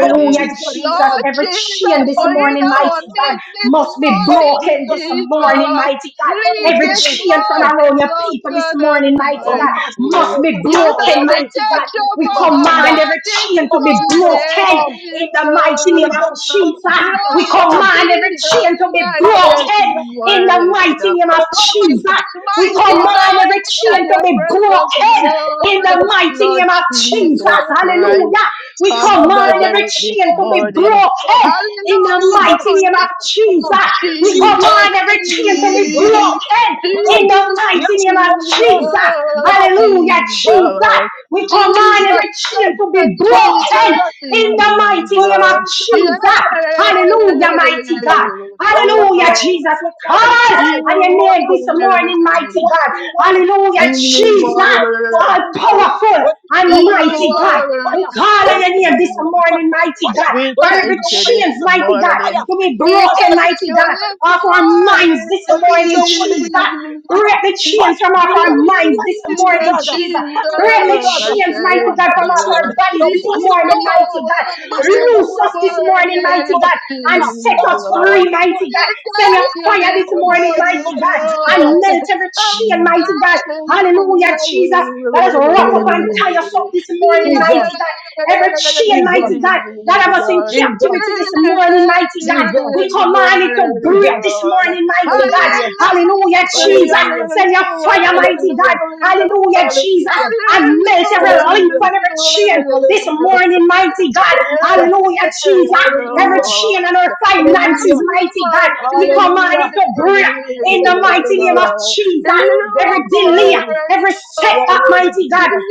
[SPEAKER 2] Come, Jesus,
[SPEAKER 1] Jesus.
[SPEAKER 3] Lord
[SPEAKER 2] come.
[SPEAKER 1] Every
[SPEAKER 3] Jesus,
[SPEAKER 1] chain this
[SPEAKER 3] for
[SPEAKER 2] Come,
[SPEAKER 3] in
[SPEAKER 1] morning,
[SPEAKER 2] Jesus,
[SPEAKER 3] our
[SPEAKER 1] mighty God,
[SPEAKER 2] come.
[SPEAKER 3] midst this
[SPEAKER 1] must be
[SPEAKER 2] Come,
[SPEAKER 3] morning,
[SPEAKER 1] broken
[SPEAKER 2] Jesus,
[SPEAKER 1] this
[SPEAKER 2] come.
[SPEAKER 1] morning,
[SPEAKER 3] Jesus.
[SPEAKER 1] mighty
[SPEAKER 2] Come,
[SPEAKER 1] God.
[SPEAKER 3] Lead
[SPEAKER 1] Every
[SPEAKER 3] this
[SPEAKER 2] Jesus,
[SPEAKER 1] chain from
[SPEAKER 2] come.
[SPEAKER 1] around
[SPEAKER 3] morning,
[SPEAKER 1] your
[SPEAKER 3] Lord
[SPEAKER 1] people this
[SPEAKER 3] God
[SPEAKER 1] morning, mighty God,
[SPEAKER 2] Ramashle
[SPEAKER 3] Almighty.
[SPEAKER 1] must be
[SPEAKER 3] You
[SPEAKER 2] tatar,
[SPEAKER 3] know
[SPEAKER 1] broken,
[SPEAKER 3] the
[SPEAKER 1] mighty God.
[SPEAKER 3] touch
[SPEAKER 2] rabosyan,
[SPEAKER 1] We
[SPEAKER 3] of our
[SPEAKER 1] command
[SPEAKER 2] rabahanda.
[SPEAKER 3] heart
[SPEAKER 1] every
[SPEAKER 3] this
[SPEAKER 1] chain to
[SPEAKER 2] Come,
[SPEAKER 1] be
[SPEAKER 2] Jesus,
[SPEAKER 1] broken
[SPEAKER 2] come.
[SPEAKER 3] morning,
[SPEAKER 1] in the mighty name of
[SPEAKER 2] Jesus,
[SPEAKER 3] Jesus.
[SPEAKER 1] Jesus.
[SPEAKER 2] come. Jesus,
[SPEAKER 1] We
[SPEAKER 3] Lord
[SPEAKER 2] come.
[SPEAKER 1] command every
[SPEAKER 3] Jesus
[SPEAKER 1] chain to be
[SPEAKER 3] Christ is
[SPEAKER 1] broken
[SPEAKER 2] Hallelujah,
[SPEAKER 1] in the
[SPEAKER 3] worthy.
[SPEAKER 1] mighty name of
[SPEAKER 3] Lord
[SPEAKER 1] Jesus.
[SPEAKER 2] hallelujah.
[SPEAKER 1] We
[SPEAKER 3] Almighty
[SPEAKER 1] command
[SPEAKER 2] Hallelujah.
[SPEAKER 3] God,
[SPEAKER 1] every
[SPEAKER 3] under
[SPEAKER 1] chain to
[SPEAKER 3] your
[SPEAKER 1] be
[SPEAKER 3] precious
[SPEAKER 1] broken in the
[SPEAKER 3] blood,
[SPEAKER 1] mighty
[SPEAKER 3] Lord
[SPEAKER 1] name of
[SPEAKER 2] Jesus, you
[SPEAKER 1] Jesus.
[SPEAKER 2] are
[SPEAKER 3] Jesus
[SPEAKER 2] worthy.
[SPEAKER 3] Christ
[SPEAKER 1] Hallelujah. We
[SPEAKER 3] of
[SPEAKER 2] Jesus, you
[SPEAKER 1] command
[SPEAKER 2] are
[SPEAKER 1] every
[SPEAKER 3] Nazareth
[SPEAKER 2] worthy.
[SPEAKER 3] this
[SPEAKER 1] chain to
[SPEAKER 2] Come,
[SPEAKER 1] be
[SPEAKER 3] morning.
[SPEAKER 2] Jesus, come.
[SPEAKER 1] broken in the mighty
[SPEAKER 2] Jesus,
[SPEAKER 1] name
[SPEAKER 3] Hallelujah!
[SPEAKER 1] of
[SPEAKER 2] Jesus, come.
[SPEAKER 1] Jesus. We
[SPEAKER 2] Jesus,
[SPEAKER 3] Jesus,
[SPEAKER 1] command every
[SPEAKER 2] come.
[SPEAKER 1] chain to be
[SPEAKER 2] Holy
[SPEAKER 3] Jesus,
[SPEAKER 1] broken
[SPEAKER 2] Spirit,
[SPEAKER 1] in
[SPEAKER 2] come.
[SPEAKER 1] the
[SPEAKER 3] Jesus,
[SPEAKER 1] mighty
[SPEAKER 2] Yes,
[SPEAKER 1] name of
[SPEAKER 2] come.
[SPEAKER 1] Jesus.
[SPEAKER 2] Yahweh,
[SPEAKER 1] Hallelujah,
[SPEAKER 2] God, come.
[SPEAKER 1] Jesus.
[SPEAKER 3] Jesus,
[SPEAKER 1] We
[SPEAKER 2] Come,
[SPEAKER 1] command
[SPEAKER 2] Jesus,
[SPEAKER 1] every chain
[SPEAKER 2] come.
[SPEAKER 1] to be
[SPEAKER 3] Jesus,
[SPEAKER 2] Come,
[SPEAKER 1] broken
[SPEAKER 3] Jesus,
[SPEAKER 2] Jesus,
[SPEAKER 1] in
[SPEAKER 2] come.
[SPEAKER 1] the mighty
[SPEAKER 2] Come,
[SPEAKER 1] name of
[SPEAKER 3] Jesus.
[SPEAKER 2] Jesus,
[SPEAKER 3] Yes,
[SPEAKER 1] Jesus.
[SPEAKER 2] come.
[SPEAKER 1] Hallelujah,
[SPEAKER 2] Jesus,
[SPEAKER 1] mighty
[SPEAKER 2] come.
[SPEAKER 1] God.
[SPEAKER 2] We are not
[SPEAKER 3] Lord.
[SPEAKER 1] Hallelujah,
[SPEAKER 2] here to
[SPEAKER 1] Jesus. We
[SPEAKER 2] perform a
[SPEAKER 1] call
[SPEAKER 2] ritual.
[SPEAKER 3] You
[SPEAKER 1] on your
[SPEAKER 2] We are
[SPEAKER 1] name
[SPEAKER 3] are
[SPEAKER 2] not
[SPEAKER 1] this
[SPEAKER 2] here just
[SPEAKER 1] morning,
[SPEAKER 2] to do
[SPEAKER 3] worthy.
[SPEAKER 1] mighty
[SPEAKER 2] what
[SPEAKER 1] God.
[SPEAKER 2] we want.
[SPEAKER 1] Hallelujah,
[SPEAKER 2] But we need
[SPEAKER 3] You
[SPEAKER 2] you
[SPEAKER 1] Jesus
[SPEAKER 3] are
[SPEAKER 2] to do what
[SPEAKER 1] all
[SPEAKER 3] worthy.
[SPEAKER 2] Jesus.
[SPEAKER 1] powerful
[SPEAKER 2] We need your
[SPEAKER 1] and
[SPEAKER 2] Holy
[SPEAKER 3] You
[SPEAKER 1] mighty
[SPEAKER 2] Ghost
[SPEAKER 1] God.
[SPEAKER 3] are
[SPEAKER 2] on
[SPEAKER 1] We
[SPEAKER 2] fire.
[SPEAKER 1] call
[SPEAKER 2] We
[SPEAKER 1] on your
[SPEAKER 2] need
[SPEAKER 1] name
[SPEAKER 2] your
[SPEAKER 1] this
[SPEAKER 3] worthy.
[SPEAKER 2] Holy Ghost
[SPEAKER 1] morning,
[SPEAKER 2] on
[SPEAKER 1] mighty
[SPEAKER 2] fire.
[SPEAKER 1] God,
[SPEAKER 3] We
[SPEAKER 2] We
[SPEAKER 1] for
[SPEAKER 2] need
[SPEAKER 1] every
[SPEAKER 3] thank
[SPEAKER 2] your
[SPEAKER 3] you
[SPEAKER 2] Holy
[SPEAKER 3] this
[SPEAKER 1] chains,
[SPEAKER 2] Ghost on
[SPEAKER 1] mighty God,
[SPEAKER 3] morning.
[SPEAKER 2] fire.
[SPEAKER 1] to be
[SPEAKER 3] We
[SPEAKER 2] That's why
[SPEAKER 1] broken,
[SPEAKER 3] thank
[SPEAKER 1] mighty
[SPEAKER 2] your
[SPEAKER 1] God,
[SPEAKER 2] Holy
[SPEAKER 1] off
[SPEAKER 2] Ghost on
[SPEAKER 1] our
[SPEAKER 2] fire.
[SPEAKER 1] minds
[SPEAKER 3] you
[SPEAKER 1] this
[SPEAKER 2] But you
[SPEAKER 1] morning,
[SPEAKER 2] don't want to
[SPEAKER 3] this
[SPEAKER 2] go
[SPEAKER 1] Jesus.
[SPEAKER 3] morning.
[SPEAKER 1] Break
[SPEAKER 2] fire,
[SPEAKER 1] the
[SPEAKER 3] Yes,
[SPEAKER 1] chains
[SPEAKER 2] fire
[SPEAKER 1] from off our
[SPEAKER 2] God,
[SPEAKER 1] minds this
[SPEAKER 2] fire
[SPEAKER 3] Jesus,
[SPEAKER 1] morning,
[SPEAKER 2] Jesus,
[SPEAKER 3] I
[SPEAKER 1] Jesus.
[SPEAKER 2] fire
[SPEAKER 1] Break the
[SPEAKER 2] Jesus, the
[SPEAKER 1] chains, mighty
[SPEAKER 2] bust
[SPEAKER 3] thank
[SPEAKER 1] God,
[SPEAKER 3] you.
[SPEAKER 2] up
[SPEAKER 1] from
[SPEAKER 2] the
[SPEAKER 3] You
[SPEAKER 1] off
[SPEAKER 2] chain,
[SPEAKER 3] are
[SPEAKER 1] our bodies
[SPEAKER 2] the
[SPEAKER 1] this
[SPEAKER 2] bust of the
[SPEAKER 1] morning,
[SPEAKER 2] yoke,
[SPEAKER 1] mighty
[SPEAKER 2] the
[SPEAKER 1] God.
[SPEAKER 2] mash of
[SPEAKER 3] this
[SPEAKER 2] the
[SPEAKER 1] Loose us
[SPEAKER 2] work,
[SPEAKER 1] this morning,
[SPEAKER 2] the
[SPEAKER 1] mighty
[SPEAKER 3] morning,
[SPEAKER 2] God,
[SPEAKER 1] God, and set
[SPEAKER 2] God,
[SPEAKER 1] us
[SPEAKER 2] God,
[SPEAKER 1] free,
[SPEAKER 3] Jesus.
[SPEAKER 2] Holy
[SPEAKER 1] mighty
[SPEAKER 2] Ghost,
[SPEAKER 1] God. Send your
[SPEAKER 3] thank
[SPEAKER 2] fire,
[SPEAKER 3] you
[SPEAKER 1] fire this
[SPEAKER 3] this
[SPEAKER 2] oh
[SPEAKER 1] morning,
[SPEAKER 2] God,
[SPEAKER 3] morning,
[SPEAKER 1] mighty
[SPEAKER 2] mighty
[SPEAKER 1] God,
[SPEAKER 2] Jesus,
[SPEAKER 1] and
[SPEAKER 3] Lord.
[SPEAKER 1] melt every chain, mighty God Hallelujah,
[SPEAKER 3] Hallelujah.
[SPEAKER 1] Jesus. Let us wrap up and
[SPEAKER 2] hallelujah,
[SPEAKER 1] tie us up this
[SPEAKER 3] Yes,
[SPEAKER 1] morning,
[SPEAKER 3] Jesus.
[SPEAKER 2] Jesus,
[SPEAKER 1] mighty God. Every chain,
[SPEAKER 2] Jesus,
[SPEAKER 1] mighty God, that have us in
[SPEAKER 2] Jesus,
[SPEAKER 3] We
[SPEAKER 1] captivity this morning,
[SPEAKER 3] thank
[SPEAKER 1] mighty God.
[SPEAKER 3] you
[SPEAKER 2] Jesus,
[SPEAKER 1] We
[SPEAKER 3] this
[SPEAKER 1] command it to
[SPEAKER 3] morning,
[SPEAKER 1] break
[SPEAKER 2] Jesus,
[SPEAKER 1] this
[SPEAKER 3] Lord.
[SPEAKER 1] morning, mighty God.
[SPEAKER 2] hallelujah,
[SPEAKER 3] Hallelujah.
[SPEAKER 1] Hallelujah,
[SPEAKER 3] Lord.
[SPEAKER 1] Jesus.
[SPEAKER 2] hallelujah,
[SPEAKER 1] Send your fire, mighty God.
[SPEAKER 2] hallelujah,
[SPEAKER 1] Hallelujah, Jesus.
[SPEAKER 2] hallelujah,
[SPEAKER 1] And melt every link on
[SPEAKER 2] hallelujah,
[SPEAKER 1] every chain this
[SPEAKER 2] hallelujah,
[SPEAKER 1] morning, mighty God.
[SPEAKER 2] Hallelujah.
[SPEAKER 1] Hallelujah, Jesus. Every
[SPEAKER 2] Hallelujah.
[SPEAKER 1] chain and our finances,
[SPEAKER 2] Hallelujah.
[SPEAKER 1] mighty God, we command
[SPEAKER 2] Hallelujah.
[SPEAKER 1] it to break in the
[SPEAKER 2] Jesus,
[SPEAKER 1] mighty name of
[SPEAKER 2] hallelujah.
[SPEAKER 1] Jesus.
[SPEAKER 2] Oh God,
[SPEAKER 1] Every
[SPEAKER 2] you are
[SPEAKER 1] delay,
[SPEAKER 2] worthy.
[SPEAKER 1] every
[SPEAKER 2] You are
[SPEAKER 1] setback,
[SPEAKER 2] worthy,
[SPEAKER 1] mighty God.
[SPEAKER 2] Jesus.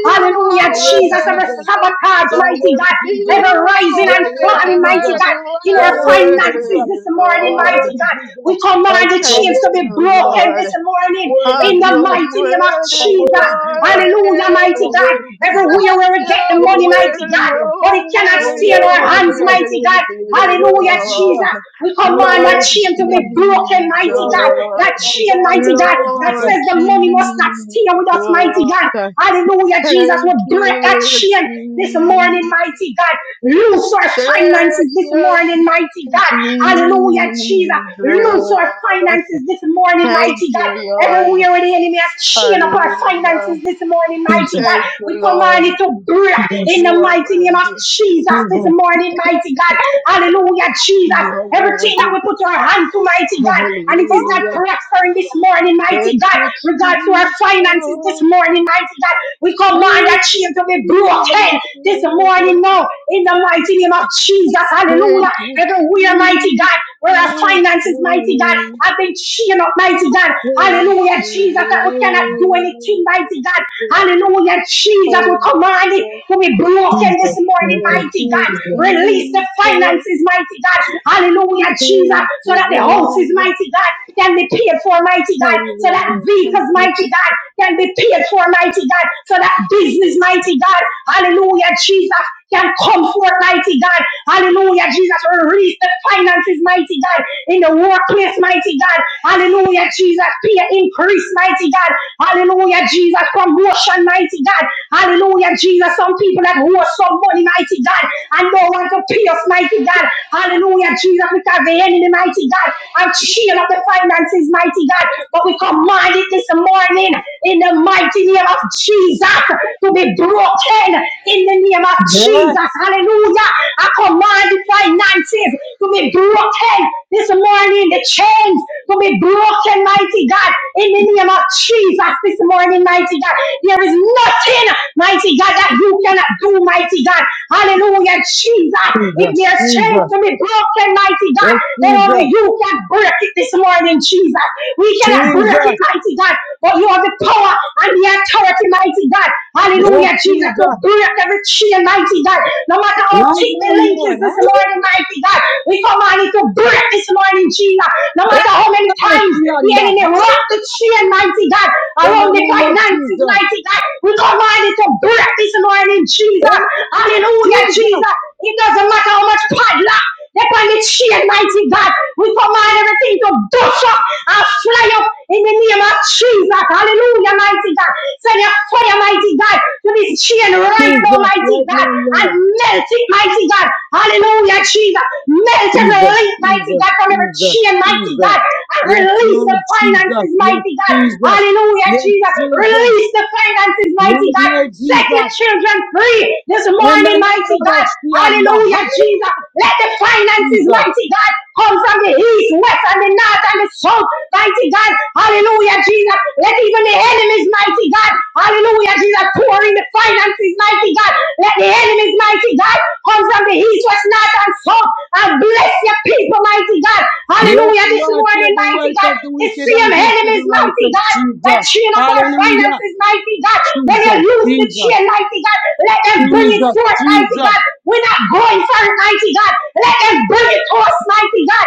[SPEAKER 2] You
[SPEAKER 1] Hallelujah,
[SPEAKER 2] are worthy,
[SPEAKER 1] Jesus. Every
[SPEAKER 2] Jesus.
[SPEAKER 1] sabotage,
[SPEAKER 2] You are
[SPEAKER 1] mighty God.
[SPEAKER 2] worthy, Jesus.
[SPEAKER 1] Every rising
[SPEAKER 2] You
[SPEAKER 1] and
[SPEAKER 2] are worthy,
[SPEAKER 1] falling, mighty
[SPEAKER 2] Jesus.
[SPEAKER 1] God. In
[SPEAKER 2] You
[SPEAKER 1] our
[SPEAKER 2] are worthy,
[SPEAKER 1] finances
[SPEAKER 2] Jesus.
[SPEAKER 1] this
[SPEAKER 2] You
[SPEAKER 1] morning,
[SPEAKER 2] are
[SPEAKER 1] mighty
[SPEAKER 2] worthy,
[SPEAKER 1] God.
[SPEAKER 2] Jesus.
[SPEAKER 1] We command
[SPEAKER 3] I
[SPEAKER 1] the
[SPEAKER 2] You are
[SPEAKER 1] chains
[SPEAKER 3] thank
[SPEAKER 1] to be
[SPEAKER 2] worthy,
[SPEAKER 3] you,
[SPEAKER 2] Jesus.
[SPEAKER 1] broken
[SPEAKER 3] Lord
[SPEAKER 1] this morning
[SPEAKER 2] Worthy,
[SPEAKER 3] of
[SPEAKER 1] in the
[SPEAKER 3] your
[SPEAKER 2] Jesus.
[SPEAKER 1] mighty name of
[SPEAKER 3] word
[SPEAKER 2] You
[SPEAKER 3] this
[SPEAKER 2] are worthy,
[SPEAKER 1] Jesus.
[SPEAKER 2] Jesus.
[SPEAKER 1] Hallelujah,
[SPEAKER 2] You
[SPEAKER 1] mighty
[SPEAKER 2] are
[SPEAKER 3] morning.
[SPEAKER 1] God.
[SPEAKER 2] worthy, Jesus.
[SPEAKER 1] Everywhere
[SPEAKER 3] Let
[SPEAKER 1] where we get the
[SPEAKER 2] You are
[SPEAKER 3] your
[SPEAKER 1] money,
[SPEAKER 2] worthy,
[SPEAKER 1] mighty
[SPEAKER 3] will,
[SPEAKER 1] God.
[SPEAKER 2] Jesus.
[SPEAKER 1] But it
[SPEAKER 3] your
[SPEAKER 1] cannot
[SPEAKER 2] You
[SPEAKER 3] will,
[SPEAKER 2] are
[SPEAKER 1] stay in our
[SPEAKER 2] worthy,
[SPEAKER 3] your
[SPEAKER 1] hands,
[SPEAKER 2] Jesus.
[SPEAKER 1] mighty
[SPEAKER 3] will
[SPEAKER 1] God.
[SPEAKER 3] be
[SPEAKER 2] You are worthy,
[SPEAKER 1] Hallelujah,
[SPEAKER 2] Jesus.
[SPEAKER 1] Jesus.
[SPEAKER 3] done.
[SPEAKER 1] We
[SPEAKER 2] You are
[SPEAKER 1] command that
[SPEAKER 3] Lord
[SPEAKER 2] worthy,
[SPEAKER 1] chain to
[SPEAKER 2] Jesus.
[SPEAKER 1] be broken,
[SPEAKER 3] Jesus,
[SPEAKER 2] You
[SPEAKER 1] mighty
[SPEAKER 2] are
[SPEAKER 1] God. That
[SPEAKER 2] worthy of
[SPEAKER 1] chain,
[SPEAKER 2] God.
[SPEAKER 1] mighty
[SPEAKER 2] Thank
[SPEAKER 1] God,
[SPEAKER 2] you,
[SPEAKER 1] that
[SPEAKER 2] Jesus.
[SPEAKER 3] Lord
[SPEAKER 1] says the money must not
[SPEAKER 3] Jesus,
[SPEAKER 1] stay with us, mighty God. Hallelujah, Jesus. We
[SPEAKER 3] thank
[SPEAKER 1] break that
[SPEAKER 3] you,
[SPEAKER 1] chain this morning,
[SPEAKER 3] Jesus,
[SPEAKER 1] mighty God. Loose our
[SPEAKER 3] thank
[SPEAKER 1] finances this
[SPEAKER 3] you,
[SPEAKER 1] morning, mighty God. Hallelujah, Jesus.
[SPEAKER 3] Jesus,
[SPEAKER 1] Loose our finances this morning,
[SPEAKER 3] thank
[SPEAKER 1] mighty
[SPEAKER 3] you,
[SPEAKER 1] God.
[SPEAKER 3] Lord,
[SPEAKER 1] Everywhere the enemy has chained up our
[SPEAKER 3] hallelujah.
[SPEAKER 1] finances this morning, mighty
[SPEAKER 2] Jesus,
[SPEAKER 1] God.
[SPEAKER 3] Thank you,
[SPEAKER 1] We command
[SPEAKER 3] Lord.
[SPEAKER 1] it to break
[SPEAKER 2] Jesus,
[SPEAKER 1] in
[SPEAKER 3] You
[SPEAKER 1] the
[SPEAKER 3] are
[SPEAKER 1] mighty name of
[SPEAKER 3] worthy.
[SPEAKER 1] Jesus this
[SPEAKER 2] Jesus,
[SPEAKER 1] morning, mighty God. Hallelujah, Jesus.
[SPEAKER 3] You are
[SPEAKER 1] Everything that
[SPEAKER 3] worthy.
[SPEAKER 1] we put our hand to, mighty God, and it is not
[SPEAKER 3] Hallelujah.
[SPEAKER 1] prospering this morning, mighty
[SPEAKER 3] Thank
[SPEAKER 1] God.
[SPEAKER 3] you, Jesus.
[SPEAKER 1] Regards to our finances this morning, mighty God. We
[SPEAKER 3] Thank
[SPEAKER 1] command that
[SPEAKER 3] you,
[SPEAKER 1] chain to be broken
[SPEAKER 3] Jesus.
[SPEAKER 1] this morning now, in the mighty name of Jesus. Hallelujah.
[SPEAKER 3] Thank you,
[SPEAKER 1] Everywhere, mighty
[SPEAKER 3] Jesus.
[SPEAKER 1] God, where our finances, mighty God, have been chained up, mighty God. Hallelujah, Jesus, that we cannot do anything, mighty God. Hallelujah, Jesus, we command it to be broken this
[SPEAKER 2] Jesus,
[SPEAKER 1] morning,
[SPEAKER 2] Jesus,
[SPEAKER 1] mighty God.
[SPEAKER 2] Jesus.
[SPEAKER 1] Release the
[SPEAKER 3] Thank
[SPEAKER 1] finances, mighty God. Hallelujah, Jesus, so
[SPEAKER 3] you,
[SPEAKER 1] that the houses,
[SPEAKER 3] Lord.
[SPEAKER 1] mighty God, can be paid for, mighty God, so that
[SPEAKER 3] Hallelujah. Thank
[SPEAKER 1] vehicles,
[SPEAKER 3] you, Jesus. Thank you, Lord. Hallelujah. Thank you,
[SPEAKER 1] mighty
[SPEAKER 3] Jesus.
[SPEAKER 1] God, can be paid for, mighty God, so that business, mighty God, hallelujah, Jesus, can come forth, mighty God, hallelujah, Jesus, release the finances, mighty God, in the workplace, mighty God. Hallelujah, Jesus. Peer increase, mighty God. Hallelujah, Jesus. Promotion, mighty God. Hallelujah, Jesus. Some people that owe some money, mighty God, and don't want to pay us, mighty God. Hallelujah, Jesus, because the enemy, mighty God, and shield up the finances, mighty God. But we command it this morning in the mighty name of Jesus to be broken in the name of
[SPEAKER 2] Yes,
[SPEAKER 1] Jesus. Hallelujah. I command the finances to be broken broken this morning. The chains will be broken, mighty God, in the name of Jesus this morning, mighty God. There is nothing, mighty God, that you cannot do, mighty God. Hallelujah, Jesus. If
[SPEAKER 2] Jesus,
[SPEAKER 1] there's chains
[SPEAKER 2] Jesus,
[SPEAKER 1] to be broken, mighty God,
[SPEAKER 2] yes,
[SPEAKER 1] then only
[SPEAKER 2] Jesus,
[SPEAKER 1] you can break it this morning, Jesus. We cannot break it,
[SPEAKER 2] Jesus,
[SPEAKER 1] mighty God, but you have the power and the authority, mighty God. Hallelujah,
[SPEAKER 2] yes,
[SPEAKER 1] Jesus. So
[SPEAKER 2] Jesus.
[SPEAKER 1] break every chain, mighty God. No matter how
[SPEAKER 2] Right
[SPEAKER 1] thick the
[SPEAKER 2] now,
[SPEAKER 1] link is
[SPEAKER 2] Lord.
[SPEAKER 1] this
[SPEAKER 2] Hallelujah.
[SPEAKER 1] morning, mighty God. We command it to break this morning, Jesus. No
[SPEAKER 2] In
[SPEAKER 1] matter how many
[SPEAKER 2] the name of
[SPEAKER 1] times the
[SPEAKER 2] Yanda.
[SPEAKER 1] enemy wrapped
[SPEAKER 2] Hallelujah.
[SPEAKER 1] the chain, mighty God,
[SPEAKER 2] In
[SPEAKER 1] around
[SPEAKER 2] the
[SPEAKER 1] the
[SPEAKER 2] name of
[SPEAKER 1] finances,
[SPEAKER 2] Jesus.
[SPEAKER 1] mighty God. We command it to break this morning,
[SPEAKER 2] In
[SPEAKER 1] Jesus.
[SPEAKER 2] the name of
[SPEAKER 1] Hallelujah,
[SPEAKER 2] Jesus.
[SPEAKER 1] Jesus. It doesn't matter how much padlock upon the chain, mighty God. We command everything to dust up and fly up in the name of Jesus. Hallelujah, mighty God. Send your fire, mighty God, to this chain right now,
[SPEAKER 2] Jesus,
[SPEAKER 1] mighty
[SPEAKER 2] right
[SPEAKER 1] God,
[SPEAKER 2] now,
[SPEAKER 1] and
[SPEAKER 2] Lord.
[SPEAKER 1] melt it, mighty God. Hallelujah, Jesus. Melt every
[SPEAKER 2] Jesus,
[SPEAKER 1] link, mighty
[SPEAKER 2] Jesus,
[SPEAKER 1] God, from every
[SPEAKER 2] Jesus,
[SPEAKER 1] chain, mighty
[SPEAKER 2] Jesus.
[SPEAKER 1] God, and
[SPEAKER 2] Yes,
[SPEAKER 1] release the
[SPEAKER 2] Lord Jesus.
[SPEAKER 1] finances,
[SPEAKER 2] Yes,
[SPEAKER 1] mighty God.
[SPEAKER 2] Jesus.
[SPEAKER 1] Hallelujah,
[SPEAKER 2] Yes,
[SPEAKER 1] Jesus.
[SPEAKER 2] Jesus.
[SPEAKER 1] Release the finances, mighty
[SPEAKER 2] Right
[SPEAKER 1] God.
[SPEAKER 2] now,
[SPEAKER 1] Set your
[SPEAKER 2] Jesus.
[SPEAKER 1] children free this
[SPEAKER 2] And the
[SPEAKER 1] morning, mighty
[SPEAKER 2] name
[SPEAKER 1] God.
[SPEAKER 2] of Shianda.
[SPEAKER 1] Hallelujah,
[SPEAKER 2] Hallelujah,
[SPEAKER 1] Jesus. Let the finances,
[SPEAKER 2] Jesus.
[SPEAKER 1] mighty God, come from the east, west, and the north, and the south, mighty God. Hallelujah, Jesus. Let even the enemies, mighty God. Hallelujah, Jesus. Pour in the finances, mighty God. Let the enemies, mighty God, come from the east, west, north, and south, and bless your people, mighty God.
[SPEAKER 2] Yes,
[SPEAKER 1] Hallelujah, this
[SPEAKER 2] Lord,
[SPEAKER 1] morning,
[SPEAKER 2] take the
[SPEAKER 1] mighty
[SPEAKER 2] wealth
[SPEAKER 1] God.
[SPEAKER 2] of the
[SPEAKER 1] The
[SPEAKER 2] wicked and
[SPEAKER 1] same
[SPEAKER 2] give to the
[SPEAKER 1] enemies, mighty
[SPEAKER 2] righteous,
[SPEAKER 1] God, that
[SPEAKER 2] Jesus.
[SPEAKER 1] chain up our
[SPEAKER 2] Hallelujah.
[SPEAKER 1] finances, mighty God. When you
[SPEAKER 2] Jesus,
[SPEAKER 1] lose the
[SPEAKER 2] Jesus,
[SPEAKER 1] chain, mighty God, let them bring it
[SPEAKER 2] Jesus,
[SPEAKER 1] forth, mighty
[SPEAKER 2] Jesus.
[SPEAKER 1] God. We're not going for it, mighty God. Let them bring it to us, mighty God.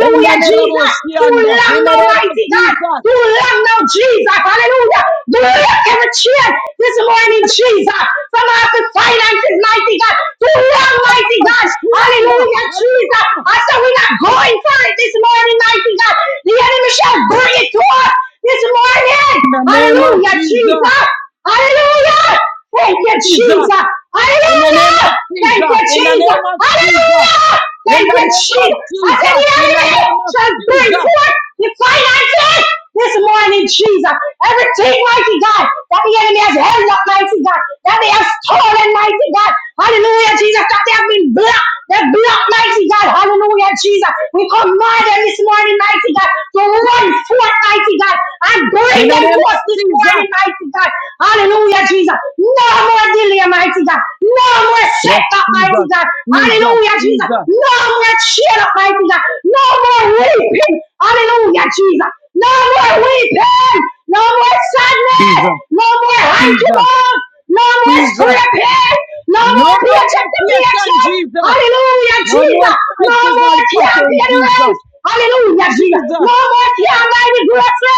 [SPEAKER 2] In the name of
[SPEAKER 1] Jesus. Too
[SPEAKER 2] Shianda.
[SPEAKER 1] long
[SPEAKER 2] In the
[SPEAKER 1] now,
[SPEAKER 2] name of
[SPEAKER 1] mighty God.
[SPEAKER 2] Jesus.
[SPEAKER 1] You let know Jesus. Hallelujah. You let every chin this morning, Jesus. From out the finances, mighty God. You let, mighty God.
[SPEAKER 2] Shianda.
[SPEAKER 1] Hallelujah, Jesus.
[SPEAKER 2] Hallelujah.
[SPEAKER 1] I said we're not going for it this morning, mighty God. The enemy shall bring it to us this morning.
[SPEAKER 2] In the name of
[SPEAKER 1] Hallelujah,
[SPEAKER 2] Jesus.
[SPEAKER 1] Jesus. Hallelujah. Thank you,
[SPEAKER 2] Jesus.
[SPEAKER 1] Jesus.
[SPEAKER 2] In the name
[SPEAKER 1] Hallelujah.
[SPEAKER 2] of
[SPEAKER 1] Thank you,
[SPEAKER 2] Jesus. In the
[SPEAKER 1] Jesus.
[SPEAKER 2] name of Jesus.
[SPEAKER 1] Hallelujah.
[SPEAKER 2] In
[SPEAKER 1] Thank
[SPEAKER 2] the
[SPEAKER 1] you,
[SPEAKER 2] name of
[SPEAKER 1] Jesus. I
[SPEAKER 2] Jesus.
[SPEAKER 1] said the
[SPEAKER 2] In the
[SPEAKER 1] enemy
[SPEAKER 2] name of
[SPEAKER 1] shall bring
[SPEAKER 2] Jesus.
[SPEAKER 1] forth the finances this morning, Jesus. Everything, mighty God, that the enemy has held up, mighty God, that they have stolen, mighty God. Hallelujah, Jesus, that they have been blocked. They're blocked, mighty God. Hallelujah, Jesus. We command them this morning, mighty God, to run forth, mighty God, and bring
[SPEAKER 2] In the
[SPEAKER 1] them
[SPEAKER 2] name
[SPEAKER 1] to
[SPEAKER 2] of
[SPEAKER 1] us this
[SPEAKER 2] Jesus.
[SPEAKER 1] morning, mighty God. Hallelujah, Jesus. No more delay, mighty God. No more
[SPEAKER 2] Yes,
[SPEAKER 1] setback, mighty
[SPEAKER 2] Jesus.
[SPEAKER 1] God.
[SPEAKER 2] Jesus.
[SPEAKER 1] Hallelujah, Jesus.
[SPEAKER 2] Jesus.
[SPEAKER 1] No more cheer up, mighty God. No more weeping. Hallelujah, Jesus. No more weeping. No more sadness.
[SPEAKER 2] Jesus.
[SPEAKER 1] No more
[SPEAKER 2] Jesus.
[SPEAKER 1] handcuffing. No more
[SPEAKER 2] Jesus.
[SPEAKER 1] scraping. No
[SPEAKER 2] No
[SPEAKER 1] more
[SPEAKER 2] more
[SPEAKER 1] paycheck to
[SPEAKER 2] limitation,
[SPEAKER 1] paycheck.
[SPEAKER 2] Jesus.
[SPEAKER 1] Hallelujah,
[SPEAKER 2] No more
[SPEAKER 1] Jesus. No
[SPEAKER 2] cycles
[SPEAKER 1] more
[SPEAKER 2] and patterns,
[SPEAKER 1] campaigning.
[SPEAKER 2] Jesus.
[SPEAKER 1] Hallelujah, Jesus.
[SPEAKER 2] Jesus.
[SPEAKER 1] No more tear by the grace.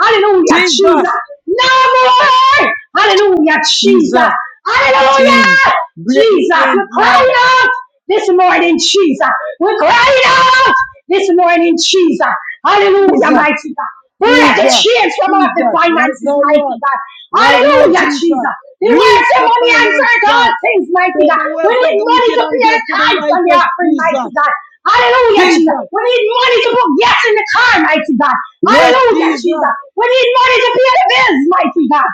[SPEAKER 1] Hallelujah, Jesus.
[SPEAKER 2] Jesus.
[SPEAKER 1] No more. Hallelujah, Jesus.
[SPEAKER 2] Jesus.
[SPEAKER 1] Hallelujah,
[SPEAKER 2] Change. Break the
[SPEAKER 1] Jesus.
[SPEAKER 2] chains,
[SPEAKER 1] We're crying
[SPEAKER 2] Lord.
[SPEAKER 1] out this morning, Jesus. We're crying out this morning, Jesus. Hallelujah,
[SPEAKER 2] Jesus,
[SPEAKER 1] mighty God. Break the
[SPEAKER 2] Jesus,
[SPEAKER 1] chains from all of the
[SPEAKER 2] Jesus, right
[SPEAKER 1] finances,
[SPEAKER 2] now,
[SPEAKER 1] mighty
[SPEAKER 2] Lord,
[SPEAKER 1] God.
[SPEAKER 2] right now,
[SPEAKER 1] Hallelujah,
[SPEAKER 2] Jesus,
[SPEAKER 1] Jesus. The word
[SPEAKER 2] loose
[SPEAKER 1] say
[SPEAKER 2] the
[SPEAKER 1] money
[SPEAKER 2] finance,
[SPEAKER 1] answered all
[SPEAKER 2] God.
[SPEAKER 1] things, mighty
[SPEAKER 2] Take
[SPEAKER 1] God.
[SPEAKER 2] the
[SPEAKER 1] We
[SPEAKER 2] wealth
[SPEAKER 1] need
[SPEAKER 2] of the
[SPEAKER 1] money
[SPEAKER 2] wicked
[SPEAKER 1] to
[SPEAKER 2] and
[SPEAKER 1] pay the
[SPEAKER 2] give to the
[SPEAKER 1] tithes and the
[SPEAKER 2] righteous,
[SPEAKER 1] offering, mighty
[SPEAKER 2] Jesus,
[SPEAKER 1] God. Hallelujah. Hallelujah, Jesus.
[SPEAKER 2] Jesus,
[SPEAKER 1] We need money to put gas in the car, mighty God.
[SPEAKER 2] yes,
[SPEAKER 1] Hallelujah,
[SPEAKER 2] Jesus.
[SPEAKER 1] Jesus. We need money to pay the bills, mighty God.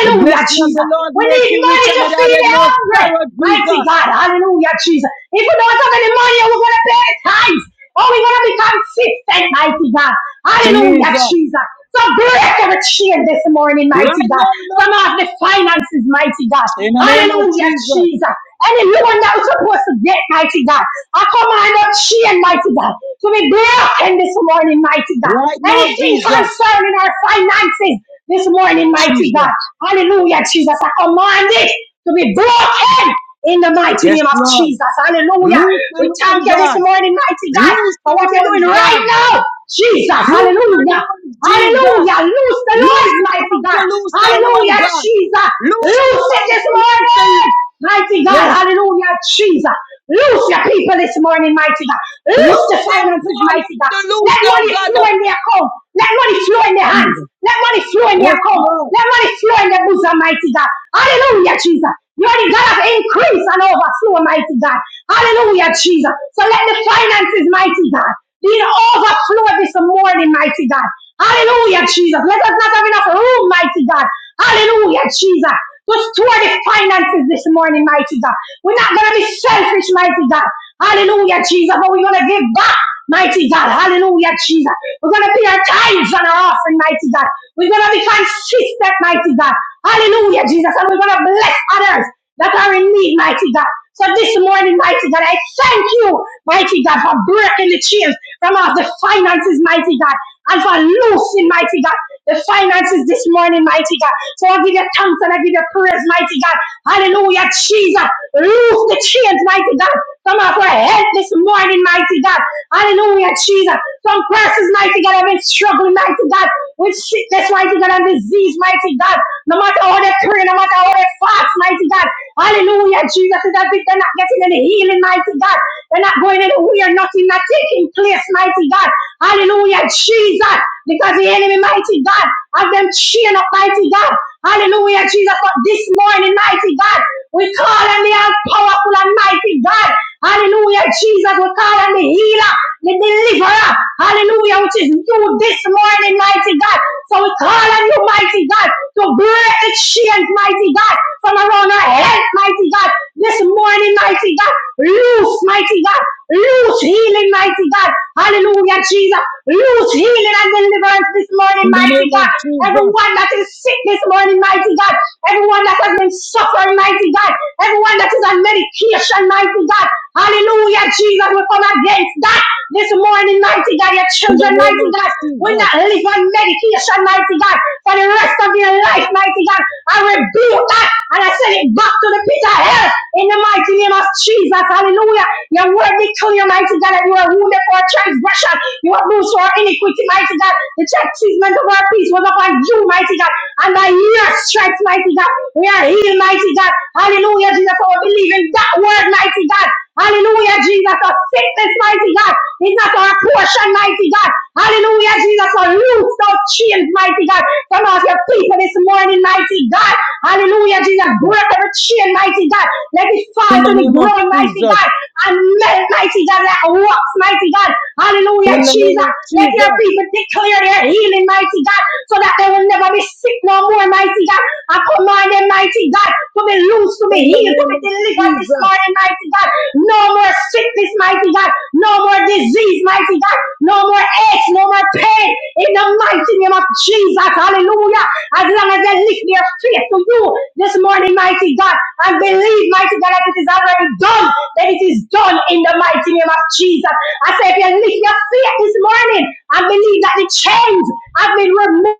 [SPEAKER 2] The blessing of the
[SPEAKER 1] Jesus.
[SPEAKER 2] Lord
[SPEAKER 1] We
[SPEAKER 2] make
[SPEAKER 1] need
[SPEAKER 2] you rich
[SPEAKER 1] money
[SPEAKER 2] and
[SPEAKER 1] to
[SPEAKER 2] it
[SPEAKER 1] feed
[SPEAKER 2] added
[SPEAKER 1] the
[SPEAKER 2] no
[SPEAKER 1] hungry,
[SPEAKER 2] sorrow,
[SPEAKER 1] mighty
[SPEAKER 2] Jesus,
[SPEAKER 1] God. Hallelujah, Jesus. If we don't have any money, we're going to pay tithes. Oh, we want to be consistent, mighty God. Hallelujah,
[SPEAKER 2] Jesus.
[SPEAKER 1] Jesus. So break every chain this morning, mighty
[SPEAKER 2] Right
[SPEAKER 1] God.
[SPEAKER 2] now,
[SPEAKER 1] From
[SPEAKER 2] Lord,
[SPEAKER 1] off the finances, mighty God.
[SPEAKER 2] in the name of
[SPEAKER 1] Hallelujah,
[SPEAKER 2] Jesus,
[SPEAKER 1] Jesus. Anyone that was supposed to get, mighty God. I command that chain, mighty God, to be broken this morning, mighty God.
[SPEAKER 2] right now,
[SPEAKER 1] Anything
[SPEAKER 2] Jesus,
[SPEAKER 1] concerning our finances this morning, mighty
[SPEAKER 2] Jesus,
[SPEAKER 1] God. Hallelujah, Jesus. I command it to be broken in the mighty
[SPEAKER 2] yes,
[SPEAKER 1] name of
[SPEAKER 2] Lord,
[SPEAKER 1] Jesus. Hallelujah.
[SPEAKER 2] loose the
[SPEAKER 1] We thank
[SPEAKER 2] loan,
[SPEAKER 1] you this
[SPEAKER 2] God,
[SPEAKER 1] morning, mighty God,
[SPEAKER 2] loose
[SPEAKER 1] for
[SPEAKER 2] the
[SPEAKER 1] what you're
[SPEAKER 2] loans,
[SPEAKER 1] doing right
[SPEAKER 2] God,
[SPEAKER 1] now. Jesus.
[SPEAKER 2] Loose the
[SPEAKER 1] Hallelujah.
[SPEAKER 2] Lord
[SPEAKER 1] Hallelujah.
[SPEAKER 2] Jesus.
[SPEAKER 1] Loose the Lord,
[SPEAKER 2] Loose the
[SPEAKER 1] mighty
[SPEAKER 2] bank to
[SPEAKER 1] God.
[SPEAKER 2] loose the loan,
[SPEAKER 1] Hallelujah,
[SPEAKER 2] God.
[SPEAKER 1] Jesus.
[SPEAKER 2] Loose the
[SPEAKER 1] Loose it
[SPEAKER 2] bank
[SPEAKER 1] this
[SPEAKER 2] to loose
[SPEAKER 1] morning.
[SPEAKER 2] the
[SPEAKER 1] Mighty God.
[SPEAKER 2] yes.
[SPEAKER 1] Hallelujah, Jesus. Loose your people this morning, mighty God. Loose
[SPEAKER 2] Loose
[SPEAKER 1] the
[SPEAKER 2] the
[SPEAKER 1] finances,
[SPEAKER 2] employer
[SPEAKER 1] mighty God.
[SPEAKER 2] to
[SPEAKER 1] Let
[SPEAKER 2] loose the
[SPEAKER 1] money
[SPEAKER 2] God
[SPEAKER 1] flow
[SPEAKER 2] of
[SPEAKER 1] in their account. Let money flow in their hands.
[SPEAKER 2] Jesus.
[SPEAKER 1] Let money flow in their
[SPEAKER 2] Yes,
[SPEAKER 1] account.
[SPEAKER 2] Lord.
[SPEAKER 1] Let money flow in their bosom, mighty God. Hallelujah, Jesus. You are the God of increase and overflow, mighty God. Hallelujah, Jesus. So let the finances, mighty God, be in overflow this morning, mighty God. Hallelujah, Jesus. Let us not have enough room, mighty God. Hallelujah, Jesus. To store the finances this morning, mighty God. We're not going to be selfish, mighty God. Hallelujah, Jesus. But we're going to give back. Mighty God, hallelujah, Jesus. We're going to pay our tithes and our offering, mighty God. We're going to be consistent, mighty God. Hallelujah, Jesus. And we're going to bless others that are in need, mighty God. So this morning, mighty God, I thank you, mighty God, for breaking the chains from off the finances, mighty God, and for loosing, mighty God, the finances this morning, mighty God. So I give you thanks and I give you praise, mighty God. Hallelujah, Jesus. Loose the chains, mighty God. Come on, for help this morning, mighty God. Hallelujah, Jesus. Some persons, mighty God, have been struggling, mighty God, with sickness, mighty God, and disease, mighty God. No matter how they pray, no matter how they fast, mighty God. Hallelujah, Jesus. Is that they're not getting any healing, mighty God. They're not going anywhere, nothing not taking place, mighty God. Hallelujah, Jesus. Because the enemy, mighty God, have them cheering up, mighty God. Hallelujah, Jesus. But this morning, mighty God. We call on the all powerful and mighty God. Hallelujah, Jesus. We call on the healer, the deliverer. Hallelujah, which is you this morning, mighty God. So we call on you, mighty God, to break the chains, mighty God, from around our health, mighty God. This morning, mighty God. Loose, mighty God. Loose healing, mighty God. Hallelujah, Jesus. Loose healing and deliverance this morning,
[SPEAKER 2] In the
[SPEAKER 1] mighty
[SPEAKER 2] name of
[SPEAKER 1] God.
[SPEAKER 2] Jesus.
[SPEAKER 1] Everyone that is sick this morning, mighty God. Everyone that has have been suffering, mighty God. Everyone that is on medication, mighty God. Hallelujah, Jesus, we come against that this morning, mighty God. Your
[SPEAKER 2] In the
[SPEAKER 1] children,
[SPEAKER 2] name
[SPEAKER 1] mighty
[SPEAKER 2] of
[SPEAKER 1] God, will
[SPEAKER 2] Jesus.
[SPEAKER 1] not live on medication, mighty God, for the rest of your life, mighty God. I rebuke that and I send it back to the pit of hell in the mighty name of Jesus. Hallelujah. Your word declare, mighty God, that you are wounded for our transgression. You are bruised for our iniquity, mighty God. The chastisement of our peace was upon you, mighty God. And by your stripes stripes, mighty God. We are healed, mighty God. Hallelujah, Jesus. Our believe in that word, mighty God. Hallelujah, Jesus. Our sickness, mighty God. It's not our portion, mighty God. Hallelujah, Jesus. Our roots of chains, mighty God. Come off your people this morning, mighty God. Hallelujah, Jesus. Break every chain, mighty God. Let it fall
[SPEAKER 2] In
[SPEAKER 1] to
[SPEAKER 2] the
[SPEAKER 1] the
[SPEAKER 2] name of
[SPEAKER 1] ground, mighty
[SPEAKER 2] Jesus.
[SPEAKER 1] God. And melt, mighty God, like rocks, mighty God. Hallelujah,
[SPEAKER 2] In the name
[SPEAKER 1] Jesus.
[SPEAKER 2] of
[SPEAKER 1] Let your
[SPEAKER 2] Jesus.
[SPEAKER 1] people declare their healing, mighty God, so that they will never be sick sick no more, mighty God. I command them, mighty God, to be loose, to be
[SPEAKER 2] In the
[SPEAKER 1] healed, to
[SPEAKER 2] name
[SPEAKER 1] be
[SPEAKER 2] of
[SPEAKER 1] delivered this
[SPEAKER 2] Jesus.
[SPEAKER 1] morning, mighty God. No more sickness, mighty God. No more disease, mighty God. No more aches, no more pain. In the mighty name of Jesus, hallelujah. As long as they lift their faith to you this morning, mighty God, and believe, mighty God, that it is already done, that it is done in the mighty name of Jesus. I say, if you lift your faith this morning and believe that the chains have been removed.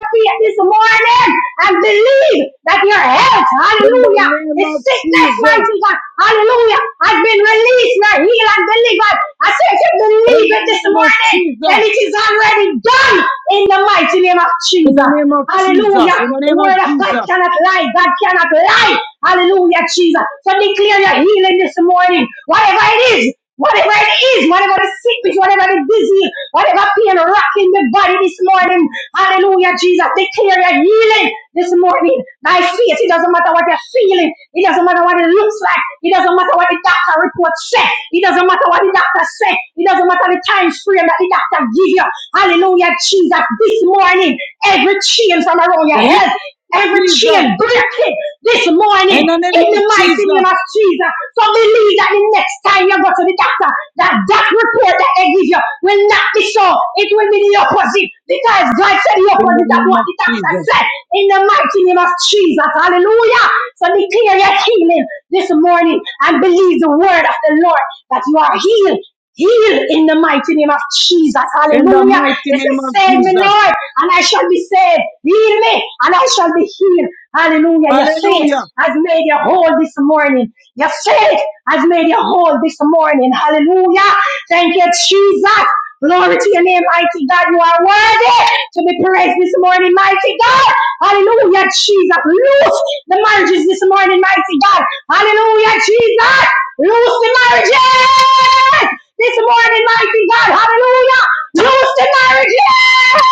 [SPEAKER 1] feet this morning and believe that your health,
[SPEAKER 2] In the
[SPEAKER 1] hallelujah,
[SPEAKER 2] name
[SPEAKER 1] the
[SPEAKER 2] of
[SPEAKER 1] sickness,
[SPEAKER 2] Jesus.
[SPEAKER 1] mighty God, hallelujah, has been released, you're healed and delivered. I say if you
[SPEAKER 2] In
[SPEAKER 1] believe
[SPEAKER 2] the
[SPEAKER 1] it this
[SPEAKER 2] name of
[SPEAKER 1] morning, then
[SPEAKER 2] Jesus.
[SPEAKER 1] it is already done in the mighty name of
[SPEAKER 2] In the
[SPEAKER 1] Jesus.
[SPEAKER 2] name of
[SPEAKER 1] Hallelujah.
[SPEAKER 2] Jesus. In the
[SPEAKER 1] The
[SPEAKER 2] name
[SPEAKER 1] word
[SPEAKER 2] of
[SPEAKER 1] of God
[SPEAKER 2] Jesus.
[SPEAKER 1] cannot lie. God cannot lie. Hallelujah, Jesus. So declare your healing this morning. Whatever it is, Whatever it is, whatever the sickness, whatever the disease, whatever pain rocking the body this morning, hallelujah, Jesus, declare your healing this morning by faith. It doesn't matter what you're feeling, it doesn't matter what it looks like, it doesn't matter what the doctor report said, it doesn't matter what the doctor said, it doesn't matter the time frame that the doctor give you. Hallelujah, Jesus, this morning, every chain from around your
[SPEAKER 2] Deliver
[SPEAKER 1] head, every chain
[SPEAKER 2] Jesus.
[SPEAKER 1] break this
[SPEAKER 2] In
[SPEAKER 1] morning
[SPEAKER 2] the
[SPEAKER 1] in
[SPEAKER 2] name of
[SPEAKER 1] the mighty
[SPEAKER 2] Jesus.
[SPEAKER 1] name of Jesus. So believe that the next time you go to the doctor, that that report that they give you will not be so. It will be the opposite because God said the
[SPEAKER 2] In the
[SPEAKER 1] opposite of
[SPEAKER 2] name
[SPEAKER 1] what
[SPEAKER 2] of
[SPEAKER 1] the doctor
[SPEAKER 2] Jesus.
[SPEAKER 1] said in the mighty name of Jesus. Hallelujah. So declare your healing this morning and believe the word of the Lord that you are healed Heal in the mighty name of Jesus.
[SPEAKER 2] In the
[SPEAKER 1] Hallelujah.
[SPEAKER 2] mighty
[SPEAKER 1] He
[SPEAKER 2] name
[SPEAKER 1] says,
[SPEAKER 2] of
[SPEAKER 1] Save me,
[SPEAKER 2] Jesus.
[SPEAKER 1] Lord, and I shall be saved. Heal me, and I shall be healed. Hallelujah. Your faith
[SPEAKER 2] Hallelujah.
[SPEAKER 1] has made you whole this morning. Your faith has made you whole this morning. Hallelujah. Thank you, Jesus. Glory to your name, mighty God. You are worthy to be praised this morning, mighty God. Hallelujah, Jesus. Loose the marriages this morning, mighty God. Hallelujah, Jesus. Loose the marriages this morning, mighty God. Hallelujah. Loose the marriages.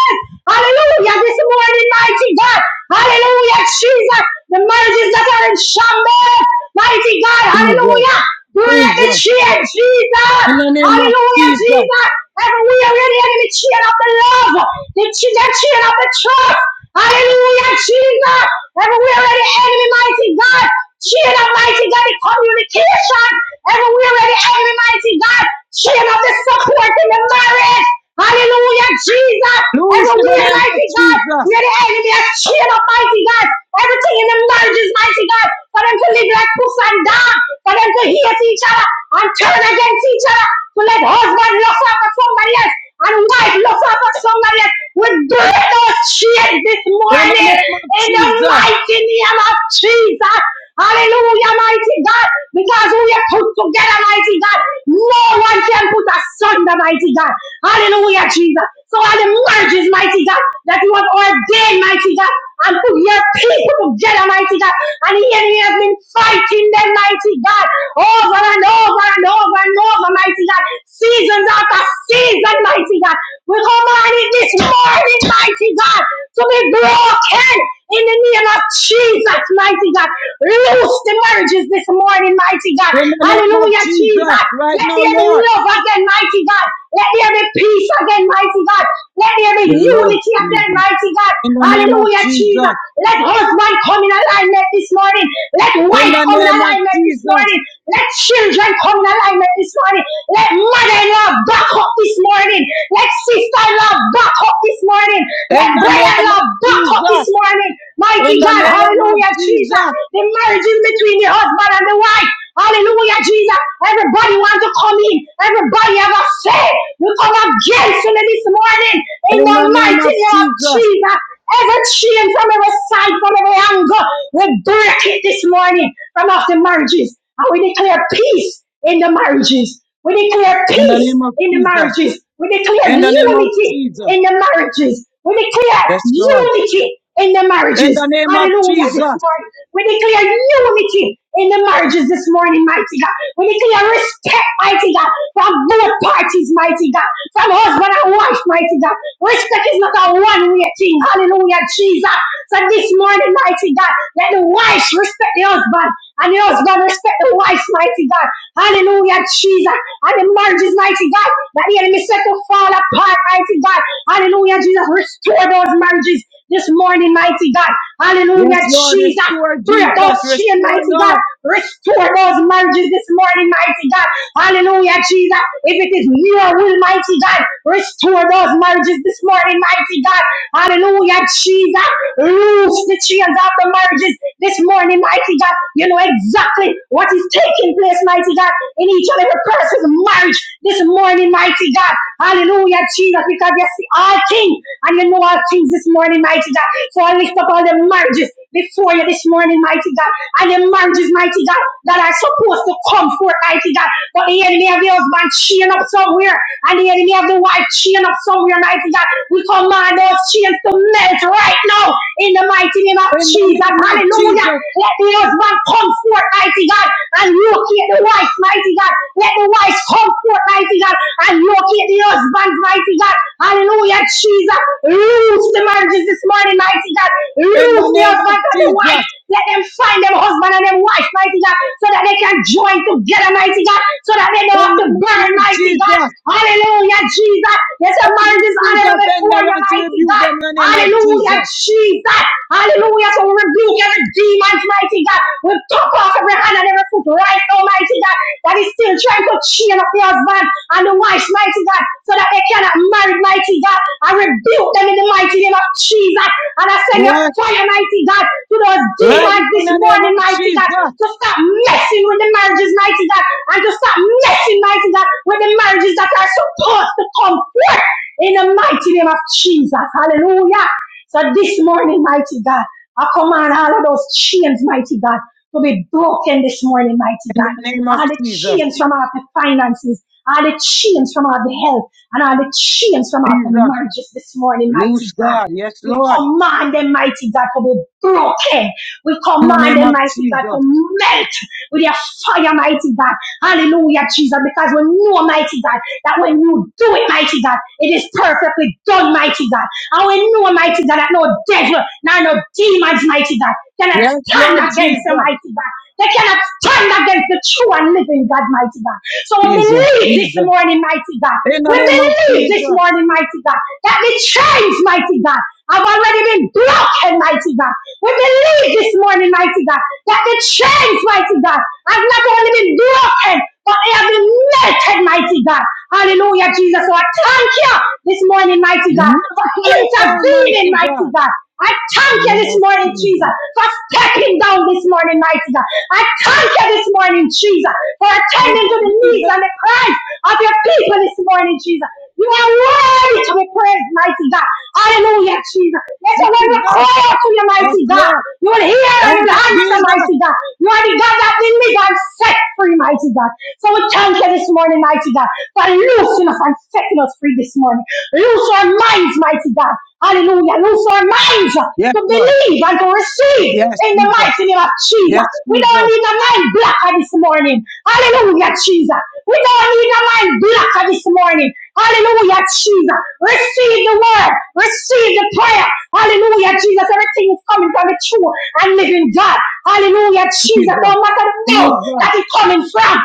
[SPEAKER 1] Hallelujah, this morning, mighty God. Hallelujah, Jesus. The marriages that are in shambles, mighty God.
[SPEAKER 2] Jesus.
[SPEAKER 1] Hallelujah. Glory the
[SPEAKER 2] Jesus.
[SPEAKER 1] chin, Jesus.
[SPEAKER 2] In the name of
[SPEAKER 1] Hallelujah,
[SPEAKER 2] Jesus.
[SPEAKER 1] Jesus. Everywhere in the enemy chin of the love, the chin, the of the trust. Hallelujah, Jesus. Everywhere in the enemy, mighty God. Chin of mighty God, the communication. Everywhere in the enemy, mighty God. She of the support in the marriage. Hallelujah, Jesus.
[SPEAKER 2] Loose in the
[SPEAKER 1] Everywhere,
[SPEAKER 2] name of
[SPEAKER 1] mighty God, where
[SPEAKER 2] Jesus.
[SPEAKER 1] the enemy has cheered up, mighty God. Everything in the marriage is mighty God. For them to live like puss and dog. For them to hate each other and turn against each other. To let husband lust after somebody else and wipe love off of somebody that We break those chains this
[SPEAKER 2] In the
[SPEAKER 1] morning
[SPEAKER 2] name of
[SPEAKER 1] in the
[SPEAKER 2] Jesus.
[SPEAKER 1] mighty name of Jesus. Hallelujah, mighty God. Because we are put together, mighty God. No one can put asunder, mighty God. Hallelujah, Jesus. So all the marriages, mighty God, that you have ordained, mighty God and to your people, God Almighty God. And the enemy has been fighting them, mighty God, over and over and over and over, mighty God. Seasons after season, mighty God. We command it this morning, mighty God, to be broken in the name of Jesus, mighty God. Loose the marriages this morning, mighty God.
[SPEAKER 2] In the name of
[SPEAKER 1] Hallelujah,
[SPEAKER 2] Jesus.
[SPEAKER 1] Jesus.
[SPEAKER 2] Right
[SPEAKER 1] Let
[SPEAKER 2] now,
[SPEAKER 1] there be
[SPEAKER 2] Lord.
[SPEAKER 1] love again, mighty God. Let there be peace again, mighty God. Let there be
[SPEAKER 2] We love
[SPEAKER 1] unity again,
[SPEAKER 2] Jesus.
[SPEAKER 1] mighty God.
[SPEAKER 2] In the name of
[SPEAKER 1] Hallelujah, Jesus.
[SPEAKER 2] Jesus.
[SPEAKER 1] Let husband come in alignment this morning. Let
[SPEAKER 2] In
[SPEAKER 1] wife
[SPEAKER 2] the
[SPEAKER 1] come in
[SPEAKER 2] name of
[SPEAKER 1] alignment this
[SPEAKER 2] Jesus.
[SPEAKER 1] morning. Let children come in alignment this morning. Let mother-in-law back up this morning. Let sister love back up this morning. Let
[SPEAKER 2] In the
[SPEAKER 1] brother
[SPEAKER 2] name of
[SPEAKER 1] love back up this
[SPEAKER 2] Jesus.
[SPEAKER 1] morning. Mighty
[SPEAKER 2] In the
[SPEAKER 1] God,
[SPEAKER 2] name of
[SPEAKER 1] hallelujah, Jesus.
[SPEAKER 2] Jesus.
[SPEAKER 1] The marriage is between the husband and the wife. Hallelujah, Jesus. Everybody want to come in. Everybody have a say. We come against you this morning. In
[SPEAKER 2] In
[SPEAKER 1] the
[SPEAKER 2] the name
[SPEAKER 1] mighty
[SPEAKER 2] of
[SPEAKER 1] name of
[SPEAKER 2] Jesus.
[SPEAKER 1] Jesus. Every chain from every side, from every angle, we break it this morning from off the marriages. And we declare peace in the marriages. We declare
[SPEAKER 2] In the
[SPEAKER 1] peace
[SPEAKER 2] name of
[SPEAKER 1] in the
[SPEAKER 2] Jesus.
[SPEAKER 1] marriages. We declare
[SPEAKER 2] In the name of
[SPEAKER 1] unity
[SPEAKER 2] Jesus.
[SPEAKER 1] in the marriages. We declare
[SPEAKER 2] Yes, Lord.
[SPEAKER 1] unity in the
[SPEAKER 2] In the
[SPEAKER 1] marriages.
[SPEAKER 2] name of
[SPEAKER 1] Hallelujah this
[SPEAKER 2] Jesus.
[SPEAKER 1] morning. We declare unity in the marriages this morning, mighty God. We declare respect, mighty God, from both parties, mighty God, from husband and wife, mighty God. Respect is not a one-way thing. Hallelujah, Jesus. So this morning, mighty God, let the wife respect the husband and the husband respect the wife, mighty God. Hallelujah, Jesus. And the marriages, mighty God, that the enemy set to fall apart, mighty God. Hallelujah, Jesus. Restore those marriages this morning, mighty God. Hallelujah,
[SPEAKER 2] Yes, Lord.
[SPEAKER 1] Jesus.
[SPEAKER 2] Restore
[SPEAKER 1] Break those
[SPEAKER 2] Jesus.
[SPEAKER 1] chains,
[SPEAKER 2] Restore,
[SPEAKER 1] mighty God.
[SPEAKER 2] Lord.
[SPEAKER 1] Restore those marriages this morning, mighty God. Hallelujah, Jesus. If it is your will, mighty God, restore those marriages this morning, mighty God. Hallelujah, Jesus. Loose the chains of the marriages this morning, mighty God. You know you know exactly what is taking place, mighty God, in each and every person's marriage this morning, mighty God. Hallelujah, Jesus, because you see all things and you know all things this morning, mighty God. So I lift up all the marriages before you this morning, mighty God, and the marriages, mighty God, that are supposed to come forth, mighty God, but the enemy of the husband chain up somewhere, and the enemy of the wife chain up somewhere, mighty God. We command those chains to melt right now in the mighty name of
[SPEAKER 2] In
[SPEAKER 1] Jesus.
[SPEAKER 2] the
[SPEAKER 1] Jesus.
[SPEAKER 2] name of
[SPEAKER 1] Hallelujah.
[SPEAKER 2] Jesus.
[SPEAKER 1] Let the husband come forth, mighty God, and locate the wife, mighty God. Let the wife come forth, mighty God, and locate the husband, mighty God. Hallelujah, Jesus. Loose the marriages this morning, mighty God.
[SPEAKER 2] In the
[SPEAKER 1] Loose the
[SPEAKER 2] name of
[SPEAKER 1] husband and the wife.
[SPEAKER 2] Jesus.
[SPEAKER 1] Let them find them husband and them wife, mighty God, so that they can join together, mighty God, so that they don't
[SPEAKER 2] In
[SPEAKER 1] have
[SPEAKER 2] the
[SPEAKER 1] to burn,
[SPEAKER 2] name of
[SPEAKER 1] mighty God.
[SPEAKER 2] Jesus.
[SPEAKER 1] Hallelujah, Jesus. Yes, your marriage
[SPEAKER 2] Every
[SPEAKER 1] is
[SPEAKER 2] spirit
[SPEAKER 1] honorable
[SPEAKER 2] of
[SPEAKER 1] before you,
[SPEAKER 2] endurance,
[SPEAKER 1] mighty
[SPEAKER 2] rebuke
[SPEAKER 1] God.
[SPEAKER 2] them in the name of
[SPEAKER 1] Hallelujah,
[SPEAKER 2] Jesus.
[SPEAKER 1] Jesus. Hallelujah. So we rebuke every demons, mighty God. We took off every hand and every foot right now, mighty God. That is still trying to chain up the husband and the wife, mighty God, so that they cannot marry, mighty God. I rebuke them in the mighty name of Jesus. And I send your
[SPEAKER 2] Yes.
[SPEAKER 1] fire, mighty God, to those
[SPEAKER 2] Right
[SPEAKER 1] demons
[SPEAKER 2] now, in
[SPEAKER 1] this
[SPEAKER 2] the name
[SPEAKER 1] morning,
[SPEAKER 2] of
[SPEAKER 1] mighty God,
[SPEAKER 2] Jesus.
[SPEAKER 1] to stop messing with the marriages, mighty God, and to stop messing, mighty God, with the marriages that are supposed to come forth in the mighty name of Jesus. Hallelujah. So this morning, mighty God, I command all of those chains, mighty God, to be broken this morning, mighty
[SPEAKER 2] In the name
[SPEAKER 1] God.
[SPEAKER 2] of
[SPEAKER 1] All the
[SPEAKER 2] Jesus.
[SPEAKER 1] chains from off the finances, all the chains from off the health, and all the chains from off the
[SPEAKER 2] Jesus.
[SPEAKER 1] marriages this morning, mighty
[SPEAKER 2] Loose
[SPEAKER 1] God.
[SPEAKER 2] God. Yes,
[SPEAKER 1] We
[SPEAKER 2] Lord.
[SPEAKER 1] command them, mighty God, to be broken. We
[SPEAKER 2] In the
[SPEAKER 1] command
[SPEAKER 2] name
[SPEAKER 1] them,
[SPEAKER 2] of
[SPEAKER 1] mighty God, to
[SPEAKER 2] Jesus.
[SPEAKER 1] melt with your fire, mighty God. Hallelujah, Jesus, because we know, mighty God. That when you do it, mighty God, it is perfectly done, mighty God. And we know, mighty God, that no devil, nor no demons, mighty God, cannot
[SPEAKER 2] Yes,
[SPEAKER 1] stand
[SPEAKER 2] Lord
[SPEAKER 1] against
[SPEAKER 2] Jesus.
[SPEAKER 1] the mighty God. They cannot stand against the true and living God, mighty God. So we
[SPEAKER 2] Jesus.
[SPEAKER 1] believe this
[SPEAKER 2] Jesus.
[SPEAKER 1] morning, mighty God.
[SPEAKER 2] In the
[SPEAKER 1] We
[SPEAKER 2] name of
[SPEAKER 1] believe this
[SPEAKER 2] Jesus.
[SPEAKER 1] morning, mighty God, that the chains, mighty God, have already been broken, mighty God. We believe this morning, mighty God, that the chains, mighty God, have not only been broken, but they have been melted, mighty God. Hallelujah, Jesus. So I thank you this morning, mighty
[SPEAKER 2] Never
[SPEAKER 1] God, for
[SPEAKER 2] to reform,
[SPEAKER 1] intervening,
[SPEAKER 2] mighty
[SPEAKER 1] mighty
[SPEAKER 2] God.
[SPEAKER 1] God. I thank
[SPEAKER 2] In the
[SPEAKER 1] you
[SPEAKER 2] name
[SPEAKER 1] this
[SPEAKER 2] of
[SPEAKER 1] morning, Jesus,
[SPEAKER 2] Jesus.
[SPEAKER 1] for stepping down this morning, mighty God. I thank you this morning, Jesus, for
[SPEAKER 2] Thank
[SPEAKER 1] attending to the
[SPEAKER 2] you,
[SPEAKER 1] needs and the cries of your people this morning, Jesus. You are worthy to be praised, mighty God. Hallelujah, Jesus. Let them when women
[SPEAKER 2] Jesus.
[SPEAKER 1] cry out to your
[SPEAKER 2] Yes,
[SPEAKER 1] mighty God.
[SPEAKER 2] Lord.
[SPEAKER 1] You will hear and you
[SPEAKER 2] Thank
[SPEAKER 1] will
[SPEAKER 2] you,
[SPEAKER 1] answer,
[SPEAKER 2] Jesus.
[SPEAKER 1] mighty God. You are the God that delivers and set free, mighty God. So we thank you this morning, mighty God, for loosing us and setting us free this morning. Loose our minds, mighty God. Hallelujah. Loose our minds
[SPEAKER 2] Yes,
[SPEAKER 1] to
[SPEAKER 2] Lord.
[SPEAKER 1] believe and to receive
[SPEAKER 2] Yes,
[SPEAKER 1] in the
[SPEAKER 2] Jesus.
[SPEAKER 1] mighty name of
[SPEAKER 2] Yes,
[SPEAKER 1] Jesus. We don't
[SPEAKER 2] Jesus.
[SPEAKER 1] need a mind blocker this morning. Hallelujah, Jesus. We don't need a mind blocker this morning. Hallelujah, Jesus. Receive the word. Receive the prayer. Hallelujah, Jesus. Everything is coming from the true and living God. Hallelujah, Jesus.
[SPEAKER 2] Jesus.
[SPEAKER 1] No matter the doubt
[SPEAKER 2] Jesus.
[SPEAKER 1] that it's coming from,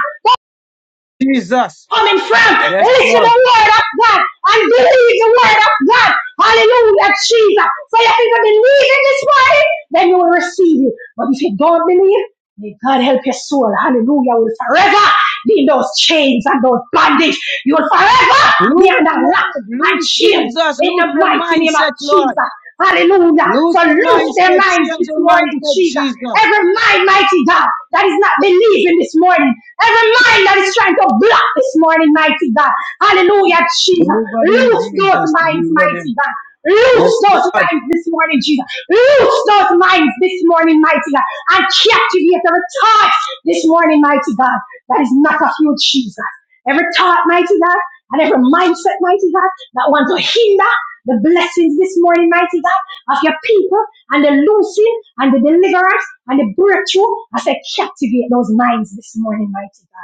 [SPEAKER 2] Jesus.
[SPEAKER 1] coming from,
[SPEAKER 2] Yes,
[SPEAKER 1] listen to
[SPEAKER 2] Lord.
[SPEAKER 1] the word of God and believe the word of God. Hallelujah, Jesus. So if you believe in this word, then you will receive it. But if you don't believe, may God help your soul. Hallelujah, will forever in those chains and those bondage. You will forever be
[SPEAKER 2] Lose
[SPEAKER 1] under
[SPEAKER 2] Lord.
[SPEAKER 1] lock and
[SPEAKER 2] Lose
[SPEAKER 1] chains
[SPEAKER 2] Jesus.
[SPEAKER 1] in
[SPEAKER 2] Lose
[SPEAKER 1] the
[SPEAKER 2] the
[SPEAKER 1] mighty name of
[SPEAKER 2] mindset, Lord.
[SPEAKER 1] Jesus. Hallelujah.
[SPEAKER 2] Lose
[SPEAKER 1] So
[SPEAKER 2] the
[SPEAKER 1] loose their
[SPEAKER 2] mindset.
[SPEAKER 1] minds
[SPEAKER 2] Change
[SPEAKER 1] this
[SPEAKER 2] the
[SPEAKER 1] morning,
[SPEAKER 2] mindset,
[SPEAKER 1] Jesus.
[SPEAKER 2] Jesus.
[SPEAKER 1] Every mind, mighty God, that is not believing this morning. Every mind that is trying to block this morning, mighty God. Hallelujah, Jesus.
[SPEAKER 2] Deliver them,
[SPEAKER 1] Loose those
[SPEAKER 2] Jesus.
[SPEAKER 1] minds,
[SPEAKER 2] Deliver
[SPEAKER 1] mighty
[SPEAKER 2] them.
[SPEAKER 1] God. Loose
[SPEAKER 2] Yes,
[SPEAKER 1] those
[SPEAKER 2] Lord.
[SPEAKER 1] minds this morning, Jesus. Loose those minds this morning, mighty God. And captivate every thought this morning, mighty God. That is not of you, Jesus. Every thought, mighty God, and every mindset, mighty God, that wants to hinder the blessings this morning, mighty God, of your people and the loosing and the deliverance and the breakthrough. I said, captivate those minds this morning, mighty God.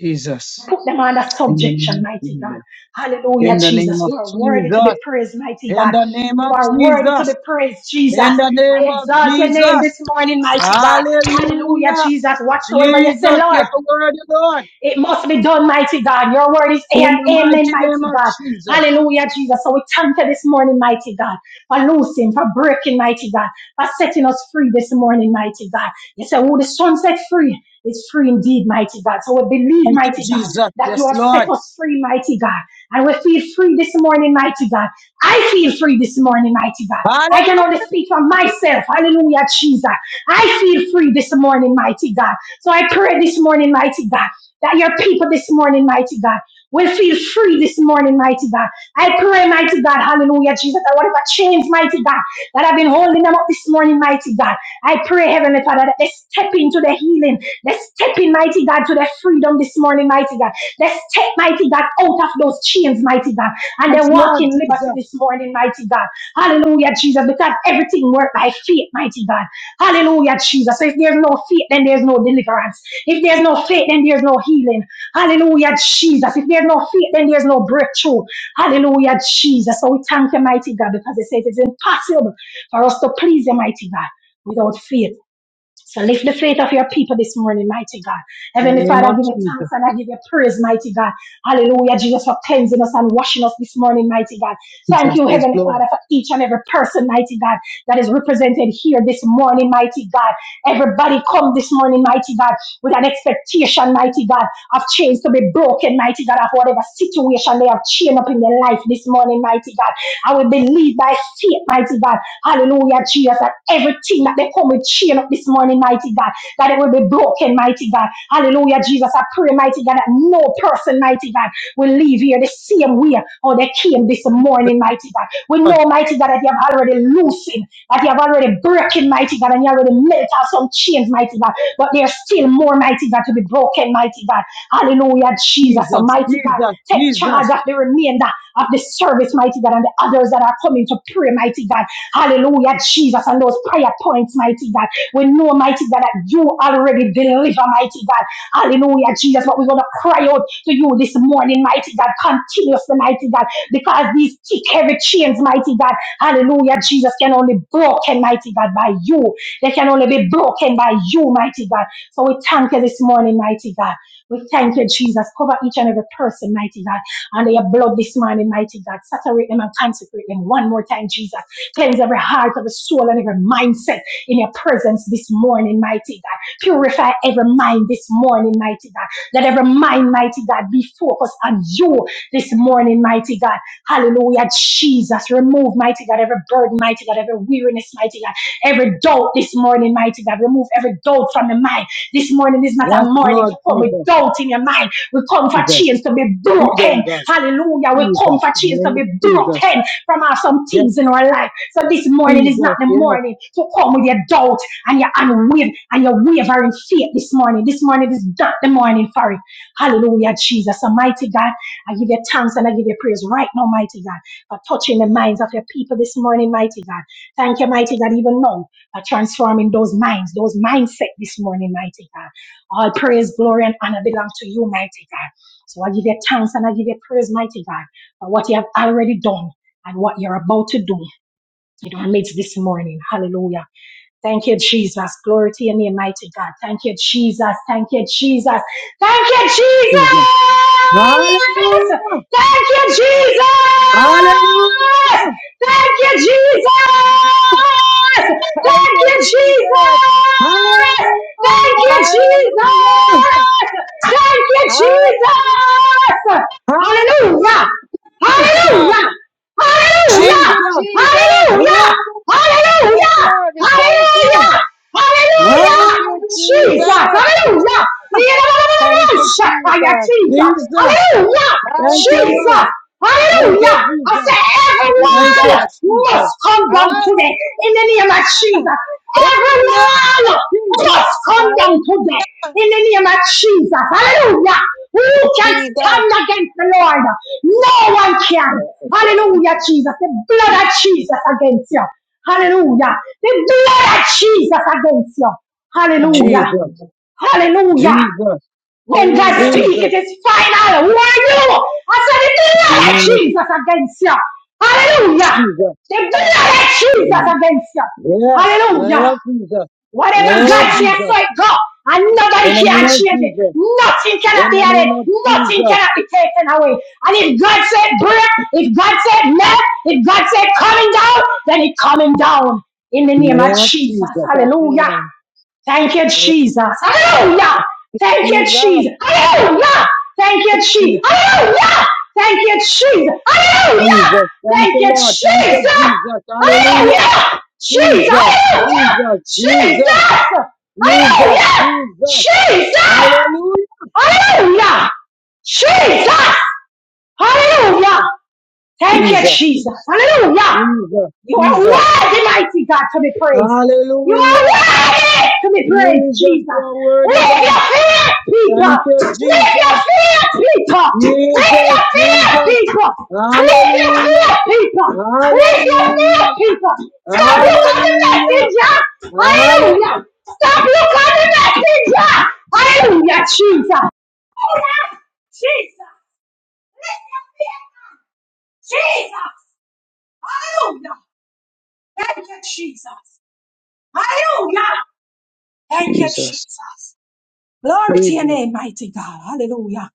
[SPEAKER 2] Jesus.
[SPEAKER 1] Put them under
[SPEAKER 2] In the
[SPEAKER 1] subjection,
[SPEAKER 2] name of
[SPEAKER 1] mighty God.
[SPEAKER 2] Jesus.
[SPEAKER 1] Hallelujah,
[SPEAKER 2] In the name
[SPEAKER 1] Jesus.
[SPEAKER 2] of
[SPEAKER 1] You are worthy to
[SPEAKER 2] Jesus.
[SPEAKER 1] be praised, mighty
[SPEAKER 2] In
[SPEAKER 1] God.
[SPEAKER 2] the name
[SPEAKER 1] You
[SPEAKER 2] of
[SPEAKER 1] are worthy to be
[SPEAKER 2] Jesus.
[SPEAKER 1] praised, Jesus.
[SPEAKER 2] In the
[SPEAKER 1] I
[SPEAKER 2] name of
[SPEAKER 1] exalt your name
[SPEAKER 2] Jesus.
[SPEAKER 1] this morning, mighty God. Hallelujah,
[SPEAKER 2] Hallelujah.
[SPEAKER 1] Jesus. Whatsoever you say,
[SPEAKER 2] Jesus, you
[SPEAKER 1] Lord.
[SPEAKER 2] are worthy, Lord.
[SPEAKER 1] It must be done, mighty God. Your word is
[SPEAKER 2] In
[SPEAKER 1] amen,
[SPEAKER 2] the
[SPEAKER 1] amen,
[SPEAKER 2] mighty name
[SPEAKER 1] mighty
[SPEAKER 2] of
[SPEAKER 1] God.
[SPEAKER 2] Jesus.
[SPEAKER 1] Hallelujah, Jesus. So we thank you this morning, mighty God, for loosing, for breaking, mighty God, for setting us free this morning, mighty God. You say, oh, the sun set free. It's free indeed, mighty God. So we believe,
[SPEAKER 2] Thank you,
[SPEAKER 1] mighty God,
[SPEAKER 2] Jesus.
[SPEAKER 1] that you
[SPEAKER 2] Yes,
[SPEAKER 1] have set
[SPEAKER 2] Lord.
[SPEAKER 1] us free, mighty God. And we feel free this morning, mighty God. I feel free this morning, mighty God. I can only
[SPEAKER 2] Hallelujah.
[SPEAKER 1] speak for myself. Hallelujah, Jesus. I feel free this morning, mighty God. So I pray this morning, mighty God that your people this morning, mighty God, will feel free this morning, mighty God. I pray, mighty God, hallelujah, Jesus, that whatever chains, mighty God, that have been holding them up this morning, mighty God, I pray, Heavenly Father, that they step into the healing. They step in, mighty God, to their freedom this morning, mighty God. They step, mighty God, out of those chains, mighty God, and they
[SPEAKER 2] Yes,
[SPEAKER 1] walk
[SPEAKER 2] Lord
[SPEAKER 1] in
[SPEAKER 2] Jesus.
[SPEAKER 1] liberty this morning, mighty God. Hallelujah, Jesus, because everything works by faith, mighty God. Hallelujah, Jesus. So if there's no faith, then there's no deliverance. If there's no faith, then there's no healing. Hallelujah, Jesus. If there's no faith, then there's no breakthrough. Hallelujah, Jesus. So we thank you, mighty God, because it says it's impossible for us to please you, mighty God, without faith. So lift the faith of your people this morning, mighty God.
[SPEAKER 2] In the
[SPEAKER 1] Heavenly
[SPEAKER 2] name
[SPEAKER 1] Father, I
[SPEAKER 2] of
[SPEAKER 1] give you
[SPEAKER 2] Jesus.
[SPEAKER 1] thanks and I give you praise, mighty God. Hallelujah, Jesus, for cleansing us and washing us this morning, mighty God. Thank
[SPEAKER 2] Jesus.
[SPEAKER 1] you,
[SPEAKER 2] Yes,
[SPEAKER 1] Heavenly
[SPEAKER 2] Lord.
[SPEAKER 1] Father, for each and every person, mighty God, that is represented here this morning, mighty God. Everybody come this morning, mighty God, with an expectation, mighty God, of chains to be broken, mighty God, of whatever situation they have chained up in their life this morning, mighty God. I will believe. lead by faith, mighty God. Hallelujah, Jesus. That everything that they come with chain up this morning, mighty God, that it will be broken, mighty God. Hallelujah, Jesus. I pray, mighty God, that no person, mighty God, will leave here the same way or they came this morning, mighty God. We know, mighty God, that you have already loosened, that you have already broken, mighty God, and you already melted out some chains, mighty God. But there's still more, mighty God, to be broken, mighty God. Hallelujah, Jesus,
[SPEAKER 2] Jesus.
[SPEAKER 1] almighty God.
[SPEAKER 2] Jesus.
[SPEAKER 1] Take charge
[SPEAKER 2] Jesus.
[SPEAKER 1] of the remainder of this service, mighty God, and the others that are coming to pray, mighty God. Hallelujah, Jesus, and those prayer points, mighty God. We know, mighty God, that you already deliver, mighty God. Hallelujah, Jesus, but we're going to cry out to you this morning, mighty God, continuously, mighty God, because these thick, heavy chains, mighty God, hallelujah, Jesus, can only be broken, mighty God, by you. They can only be broken by you, mighty God. So we thank you this morning, mighty God. We thank you, Jesus. Cover each and every person, mighty God under your blood this morning, mighty God. Saturate them and consecrate them one more time, Jesus. Cleanse every heart, every soul, and every mindset in your presence this morning, mighty God. Purify every mind this morning, mighty God. Let every mind, mighty God, be focused on you this morning, mighty God. Hallelujah, Jesus. Remove, mighty God, every burden, mighty God, every weariness, mighty God, every doubt this morning, mighty God. Remove every doubt from the mind. This morning is not a
[SPEAKER 2] Yes,
[SPEAKER 1] morning
[SPEAKER 2] Lord
[SPEAKER 1] to come with
[SPEAKER 2] Jesus.
[SPEAKER 1] doubt in your mind we come for
[SPEAKER 2] Jesus.
[SPEAKER 1] chains to be
[SPEAKER 2] Freedom,
[SPEAKER 1] broken.
[SPEAKER 2] God.
[SPEAKER 1] Hallelujah. We come
[SPEAKER 2] Jesus.
[SPEAKER 1] for
[SPEAKER 2] In the
[SPEAKER 1] chains to
[SPEAKER 2] name
[SPEAKER 1] be
[SPEAKER 2] of Jesus.
[SPEAKER 1] broken from our some
[SPEAKER 2] Yes,
[SPEAKER 1] things in our life. So this morning is not
[SPEAKER 2] Jesus.
[SPEAKER 1] the
[SPEAKER 2] Yes,
[SPEAKER 1] morning to come with your doubt and your unwavering and your wavering faith this morning. This morning is not the morning for it. Hallelujah, Jesus. Almighty God, I give you thanks and I give you praise right now, mighty God, for touching the minds of your people this morning, mighty God. Thank you, mighty God, even now, for transforming those minds, those mindset this morning, mighty God. All praise, glory, and honor belong to you, mighty God. So I give you thanks and I give you praise, mighty God, for what you have already done and what you're about to do in our midst this morning. Hallelujah. Thank you, Jesus. Glory to your name, mighty God. Thank you, Jesus. Thank you, Jesus. Thank you, Jesus.
[SPEAKER 2] Jesus. Hallelujah.
[SPEAKER 1] Thank you, Jesus.
[SPEAKER 2] Hallelujah!
[SPEAKER 1] Thank you, Jesus. Thank
[SPEAKER 3] Thank you,
[SPEAKER 1] you, Jesus.
[SPEAKER 3] Jesus.
[SPEAKER 2] Hallelujah!
[SPEAKER 1] Thank you, Jesus.
[SPEAKER 3] Hallelujah.
[SPEAKER 1] Thank you,
[SPEAKER 3] Hallelujah.
[SPEAKER 1] Jesus. Hallelujah.
[SPEAKER 2] Hallelujah!
[SPEAKER 1] Hallelujah!
[SPEAKER 3] Jesus. Thank
[SPEAKER 1] Hallelujah!
[SPEAKER 3] you,
[SPEAKER 2] Jesus!
[SPEAKER 3] Jesus.
[SPEAKER 2] Hallelujah!
[SPEAKER 1] Hallelujah!
[SPEAKER 3] Yes,
[SPEAKER 1] Hallelujah!
[SPEAKER 3] Lord. We thank
[SPEAKER 1] Hallelujah!
[SPEAKER 3] you.
[SPEAKER 2] Hallelujah!
[SPEAKER 3] Thank
[SPEAKER 1] Hallelujah!
[SPEAKER 3] you,
[SPEAKER 1] Jesus!
[SPEAKER 3] Jesus.
[SPEAKER 1] Hallelujah!
[SPEAKER 3] Thank you,
[SPEAKER 1] Shaddai,
[SPEAKER 3] Jesus.
[SPEAKER 1] Jesus!
[SPEAKER 2] Jesus.
[SPEAKER 1] Hallelujah!
[SPEAKER 2] Thank you,
[SPEAKER 3] Hallelujah,
[SPEAKER 2] Lord.
[SPEAKER 1] Jesus!
[SPEAKER 2] Thank you,
[SPEAKER 1] Hallelujah! I
[SPEAKER 2] Jesus.
[SPEAKER 1] said,
[SPEAKER 2] Thank you,
[SPEAKER 1] everyone
[SPEAKER 3] Jesus.
[SPEAKER 2] Jesus.
[SPEAKER 1] must come down today in the name of
[SPEAKER 3] Hallelujah.
[SPEAKER 1] Jesus.
[SPEAKER 2] In the name of
[SPEAKER 1] Everyone
[SPEAKER 2] Jesus.
[SPEAKER 1] must come down
[SPEAKER 3] Hallelujah,
[SPEAKER 1] today in the name of Jesus. Hallelujah! Who can
[SPEAKER 3] Jesus.
[SPEAKER 1] stand against the Lord? No one can. Hallelujah, Jesus. The blood of Jesus against you. Hallelujah. The blood of Jesus against you. Hallelujah.
[SPEAKER 2] Jesus.
[SPEAKER 3] Hallelujah.
[SPEAKER 1] Hallelujah.
[SPEAKER 2] Jesus.
[SPEAKER 1] When God
[SPEAKER 3] Hallelujah.
[SPEAKER 1] speaks,
[SPEAKER 2] Jesus.
[SPEAKER 1] it is final. Who are you? I said the
[SPEAKER 2] In the
[SPEAKER 1] blood of
[SPEAKER 2] name of
[SPEAKER 1] Jesus against you. Hallelujah.
[SPEAKER 2] Jesus.
[SPEAKER 1] The
[SPEAKER 3] Ah,
[SPEAKER 1] blood of Jesus
[SPEAKER 2] Mm.
[SPEAKER 1] against you.
[SPEAKER 2] Yes. In the name of
[SPEAKER 1] Hallelujah.
[SPEAKER 2] Jesus. In the
[SPEAKER 1] Whatever
[SPEAKER 2] name of
[SPEAKER 1] God
[SPEAKER 3] Jesus'
[SPEAKER 1] says,
[SPEAKER 2] Jesus.
[SPEAKER 1] so it go. And nobody
[SPEAKER 2] In the name
[SPEAKER 1] can
[SPEAKER 2] of
[SPEAKER 1] change it.
[SPEAKER 2] Jesus.
[SPEAKER 1] Nothing cannot
[SPEAKER 2] In
[SPEAKER 1] be
[SPEAKER 2] the
[SPEAKER 1] added.
[SPEAKER 2] name of
[SPEAKER 1] Nothing
[SPEAKER 2] Jesus.
[SPEAKER 1] cannot be taken away. And if God said break, if God said left, if God said coming down, then it coming down. In the
[SPEAKER 2] In the
[SPEAKER 1] name of
[SPEAKER 2] name of
[SPEAKER 1] Jesus.
[SPEAKER 2] Jesus.
[SPEAKER 1] Hallelujah.
[SPEAKER 3] name.
[SPEAKER 1] Thank you, Jesus. Hallelujah. Thank you,
[SPEAKER 3] Jesus.
[SPEAKER 1] Jesus. Hallelujah. Thank you,
[SPEAKER 3] Jesus.
[SPEAKER 1] Jesus. Hallelujah. Thank you, Jesus. Hallelujah.
[SPEAKER 2] Jesus. Thank
[SPEAKER 1] Thank
[SPEAKER 2] you,
[SPEAKER 1] you,
[SPEAKER 2] Lord. Thank you,
[SPEAKER 1] Jesus.
[SPEAKER 2] Jesus. Hallelujah.
[SPEAKER 1] Hallelujah. Jesus.
[SPEAKER 2] Jesus.
[SPEAKER 1] Hallelujah.
[SPEAKER 2] Jesus.
[SPEAKER 1] Jesus.
[SPEAKER 2] Jesus. Jesus.
[SPEAKER 1] Hallelujah.
[SPEAKER 2] Jesus.
[SPEAKER 1] Jesus.
[SPEAKER 2] Hallelujah.
[SPEAKER 1] Hallelujah. Jesus. Hallelujah. Thank you,
[SPEAKER 2] Jesus.
[SPEAKER 1] Jesus. Hallelujah.
[SPEAKER 2] Jesus.
[SPEAKER 1] You are
[SPEAKER 2] Jesus.
[SPEAKER 1] worthy, mighty God, to be praised. You are
[SPEAKER 2] Hallelujah.
[SPEAKER 1] worthy to be praised,
[SPEAKER 2] Jesus, you
[SPEAKER 1] Jesus.
[SPEAKER 2] are worthy,
[SPEAKER 1] Lift your
[SPEAKER 2] God.
[SPEAKER 1] fear, people.
[SPEAKER 2] Thank you,
[SPEAKER 1] Lift your
[SPEAKER 2] Jesus.
[SPEAKER 1] fear, people. Lift
[SPEAKER 2] Jesus.
[SPEAKER 1] your fear,
[SPEAKER 2] Jesus.
[SPEAKER 1] people. Lift your
[SPEAKER 2] Hallelujah.
[SPEAKER 1] fear, people. Lift your fear,
[SPEAKER 2] Hallelujah.
[SPEAKER 1] people. Stop look at the
[SPEAKER 2] Hallelujah.
[SPEAKER 1] messenger.
[SPEAKER 2] Hallelujah.
[SPEAKER 1] Hallelujah. Stop look at the messenger. Hallelujah, Jesus. Jesus. Lift your fear. Jesus. Hallelujah. Thank you, Jesus. Hallelujah. Thank you,
[SPEAKER 2] Jesus.
[SPEAKER 1] Jesus. Glory to your
[SPEAKER 2] Jesus,
[SPEAKER 1] name, mighty God. Hallelujah.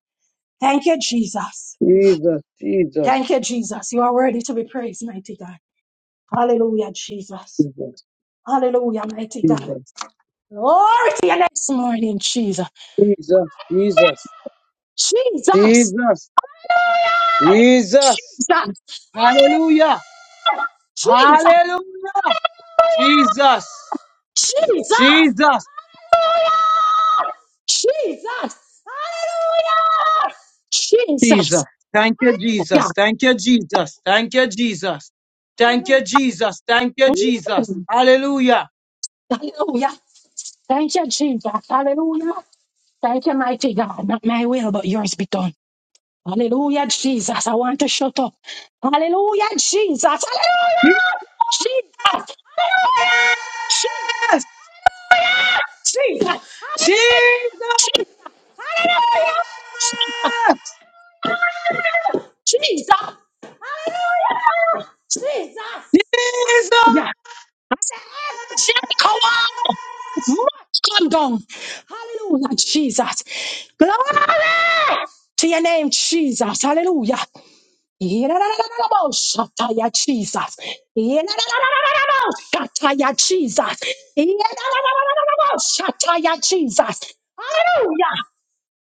[SPEAKER 1] Thank you, Jesus.
[SPEAKER 2] Jesus, Jesus,
[SPEAKER 1] Thank you, Jesus. You are worthy to be praised, mighty God. Hallelujah, Jesus.
[SPEAKER 2] Jesus,
[SPEAKER 1] Hallelujah, mighty God.
[SPEAKER 2] Jesus,
[SPEAKER 1] Glory to your name this morning, Jesus.
[SPEAKER 2] Jesus, Jesus,
[SPEAKER 1] Jesus.
[SPEAKER 2] Jesus,
[SPEAKER 1] Hallelujah.
[SPEAKER 2] Jesus.
[SPEAKER 1] Jesus. Hallelujah.
[SPEAKER 2] Hallelujah,
[SPEAKER 1] Jesus.
[SPEAKER 2] Hallelujah, Jesus, Jesus,
[SPEAKER 1] Hallelujah. Jesus. Hallelujah. Jesus. Hallelujah.
[SPEAKER 2] Jesus.
[SPEAKER 1] Jesus.
[SPEAKER 2] Thank you,
[SPEAKER 1] Hallelujah.
[SPEAKER 2] Jesus. Thank you, Jesus. Thank you, Jesus. Thank
[SPEAKER 1] Hallelujah.
[SPEAKER 2] you, Jesus. Thank you, Jesus.
[SPEAKER 1] Mm.
[SPEAKER 2] Hallelujah.
[SPEAKER 1] Hallelujah. Thank you, Jesus. Hallelujah. Thank you, mighty God. Not my will, but yours be done. Hallelujah, Jesus. I want to shut up. Hallelujah, Jesus.
[SPEAKER 2] Yes,
[SPEAKER 1] Hallelujah. Jesus. Hallelujah. Jesus. Jesus.
[SPEAKER 2] Jesus,
[SPEAKER 1] Jesus. Hallelujah. Jesus. Jesus. Hallelujah. Jesus. Hallelujah. I said, every Jericho wall
[SPEAKER 2] Jesus.
[SPEAKER 1] must come down. Hallelujah, Jesus. Glory to your name, Jesus. Hallelujah. Shataya Jesus. Shataya Jesus. Shataya Jesus. Hallelujah.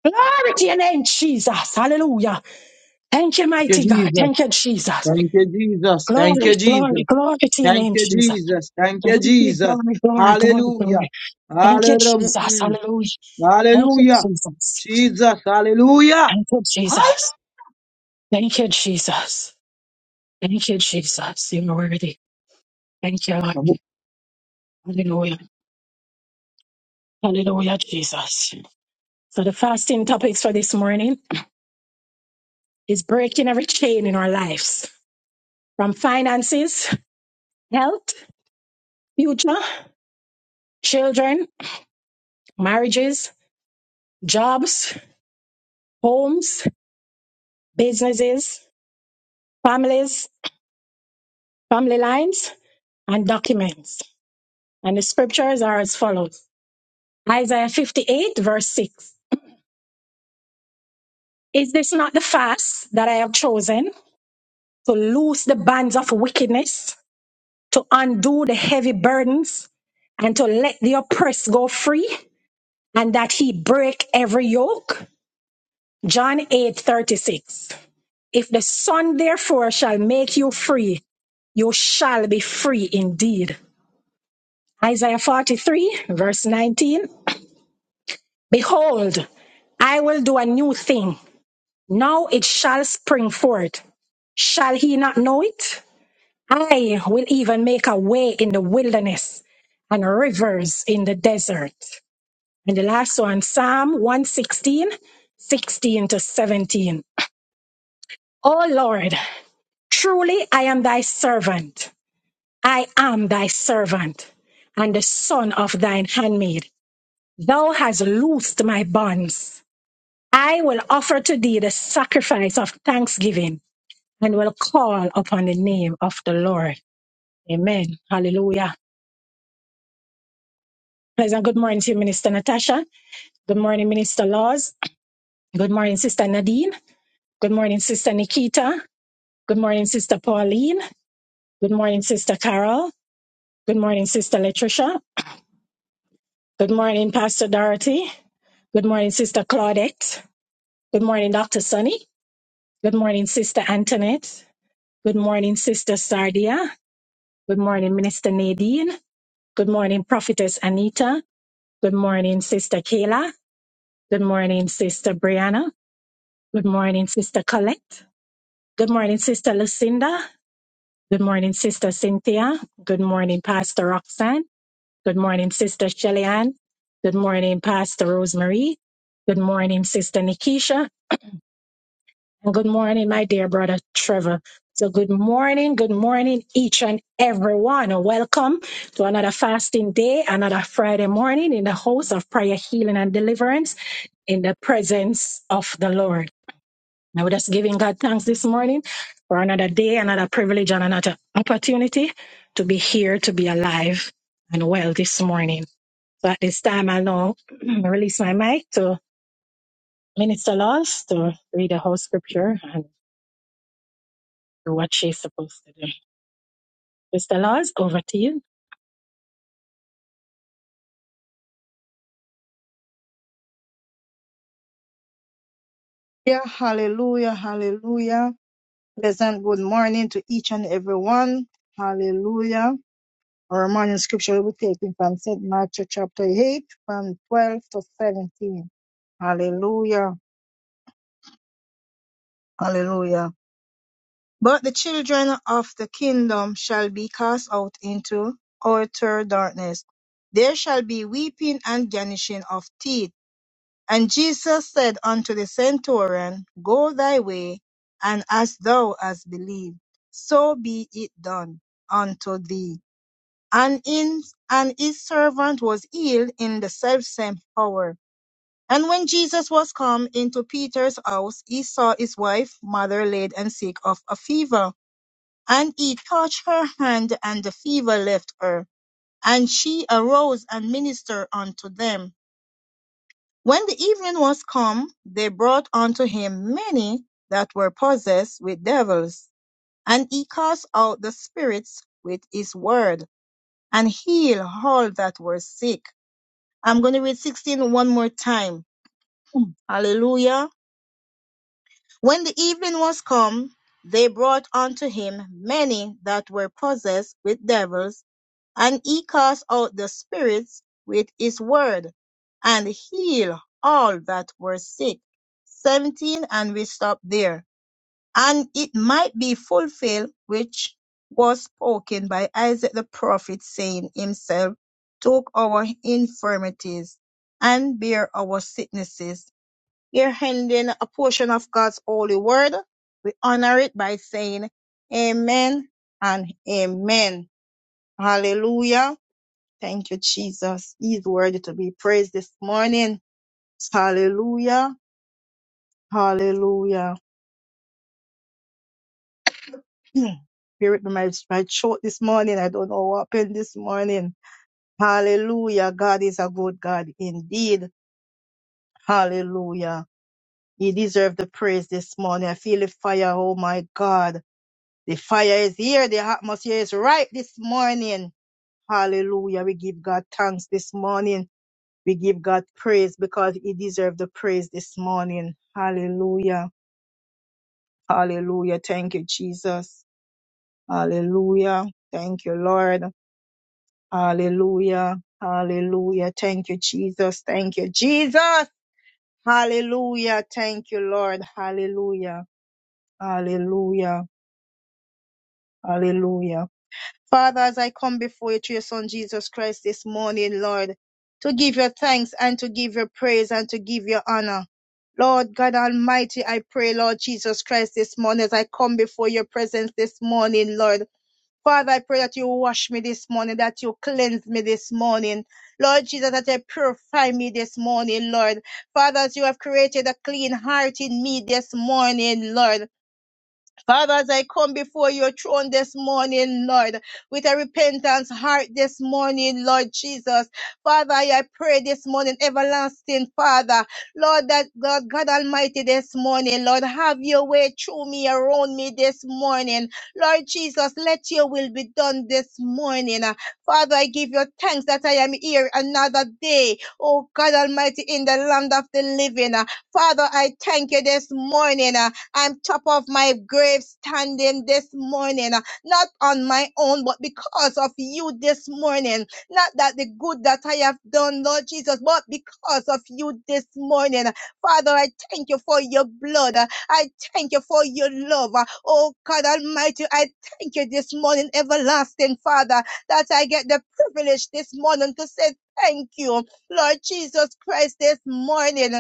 [SPEAKER 1] Glory to your name, Jesus. Hallelujah. Thank you,
[SPEAKER 2] you,
[SPEAKER 1] mighty God.
[SPEAKER 2] Jesus.
[SPEAKER 1] Thank you, Jesus.
[SPEAKER 2] Thank you, Jesus. Thank
[SPEAKER 1] Glory,
[SPEAKER 2] you,
[SPEAKER 1] glory,
[SPEAKER 2] Jesus.
[SPEAKER 1] glory to your
[SPEAKER 2] Thank
[SPEAKER 1] name,
[SPEAKER 2] you,
[SPEAKER 1] Jesus.
[SPEAKER 2] Jesus. Thank you,
[SPEAKER 1] Glory,
[SPEAKER 2] Jesus.
[SPEAKER 1] glory, glory, glory,
[SPEAKER 2] Hallelujah.
[SPEAKER 1] glory. Thank you,
[SPEAKER 2] Hallelujah.
[SPEAKER 1] Jesus.
[SPEAKER 2] Mm.
[SPEAKER 1] Hallelujah. Thank you,
[SPEAKER 2] Hallelujah.
[SPEAKER 1] Jesus.
[SPEAKER 2] Jesus. Hallelujah.
[SPEAKER 1] Thank you, Jesus.
[SPEAKER 2] Hallelujah.
[SPEAKER 1] Thank you, Jesus. Thank you, Jesus. You're worthy. Thank you, Lord. Hallelujah. Hallelujah, Jesus. So the fasting topics for this morning is breaking every chain in our lives from finances, health, future, children, marriages, jobs, homes, businesses, families, family lines, and documents. And the scriptures are as follows Isaiah 58, verse 6. Is this not the fast that I have chosen to loose the bands of wickedness, to undo the heavy burdens, and to let the oppressed go free, and that he break every yoke? John 8 36. If the Son therefore shall make you free, you shall be free indeed. Isaiah 43, verse 19. Behold, I will do a new thing Now it shall spring forth. Shall he not know it? I will even make a way in the wilderness and rivers in the desert. And the last one, Psalm one sixteen, sixteen to 17. O Lord, truly I am thy servant. I am thy servant and the son of thine handmaid. Thou hast loosed my bonds. I will offer to thee the sacrifice of thanksgiving and will call upon the name of the Lord. Amen. Hallelujah. Pleasant good morning to you, Minister Natasha. Good morning, Minister Laws. Good morning, Sister Nadine. Good morning, Sister Nikita. Good morning, Sister Pauline. Good morning, Sister Carol. Good morning, Sister Latricia. Good morning, Pastor Dorothy. Good morning, Sister Claudette. Good morning, Dr. Sunny. Good morning, Sister Antoinette. Good morning, Sister Sardia. Good morning, Minister Nadine. Good morning, Prophetess Anita. Good morning, Sister Kayla. Good morning, Sister Brianna. Good morning, Sister Colette. Good morning, Sister Lucinda. Good morning, Sister Cynthia. Good morning, Pastor Roxanne. Good morning, Sister Shelly Ann. Good morning, Pastor Rosemary. Good morning, Sister Nikisha. And good morning, my dear brother Trevor. So good morning, good morning, each and everyone. Welcome to another fasting day, another Friday morning in the house of prayer, healing, and deliverance. in the presence of the Lord. Now we're just giving God thanks this morning for another day, another privilege, and another opportunity to be here, to be alive and well this morning. So at this time, I'll now release my mic to Minister Laws to read the whole scripture and do what she's supposed to do. Mr. Laws, over to you.
[SPEAKER 3] Yeah, hallelujah. Hallelujah. Pleasant good morning to each and everyone. Hallelujah. Our morning scripture will be taken from St. Matthew chapter 8, from 12 to 17. Hallelujah. Hallelujah. But the children of the kingdom shall be cast out into outer darkness. There shall be weeping and gnashing of teeth. And Jesus said unto the centurion, Go thy way, and as thou hast believed, so be it done unto thee. and in and his servant was healed in the selfsame hour. And when Jesus was come into Peter's house, he saw his wife, mother laid and sick of a fever, and he touched her hand, and the fever left her, and she arose and ministered unto them. When the evening was come, they brought unto him many that were possessed with devils, and he cast out the spirits with his word, and healed all that were sick I'm going to read sixteen one more time. Hallelujah. When the evening was come, they brought unto him many that were possessed with devils, and he cast out the spirits with his word, and healed all that were sick. 17, and we stop there and it might be fulfilled which was spoken by Isaac the prophet, saying, Himself took our infirmities and bare our sicknesses. Here ending a portion of God's holy word, we honor it by saying, Amen and Amen. Hallelujah. Thank you, Jesus. He is worthy to be praised this morning. Hallelujah. Hallelujah. Spirit, my, my throat this morning. I don't know what happened this morning. Hallelujah. God is a good God indeed. Hallelujah. He deserves the praise this morning. I feel the fire. Oh my God. The fire is here. The atmosphere is right this morning. Hallelujah. We give God thanks this morning. We give God praise because he deserves the praise this morning. Hallelujah. Hallelujah. Thank you, Jesus. Hallelujah. Thank you, Lord. Hallelujah. Hallelujah. Thank you, Jesus. Thank you, Jesus. Hallelujah. Thank you, Lord. Hallelujah. Hallelujah. Hallelujah. Father, as I come before you through your son Jesus Christ this morning, Lord, to give your thanks and to give your praise and to give your honor. Lord God Almighty, I pray, Lord Jesus Christ, this morning as I come before your presence this morning, Lord. Father, I pray that you wash me this morning, that you cleanse me this morning. Lord Jesus, that you purify me this morning, Lord. Father, as you have created a clean heart in me this morning, Lord. Father, as I come before your throne this morning, Lord, with a repentance heart this morning, Lord Jesus. Father, I pray this morning, everlasting Father, Lord, that God, God Almighty this morning, Lord, have your way through me, around me this morning. Lord Jesus, let your will be done this morning. Father, I give you thanks that I am here another day. Oh God Almighty, in the land of the living. Father, I thank you this morning. I'm top of my grave standing this morning, uh, not on my own, but because of you this morning. Not that the good that I have done, Lord Jesus, but because of you this morning. Father, I thank you for your blood. uh, I thank you for your love. uh, Oh God Almighty, I thank you this morning, everlasting Father, that I get the privilege this morning to say thank you, Lord Jesus Christ, this morning.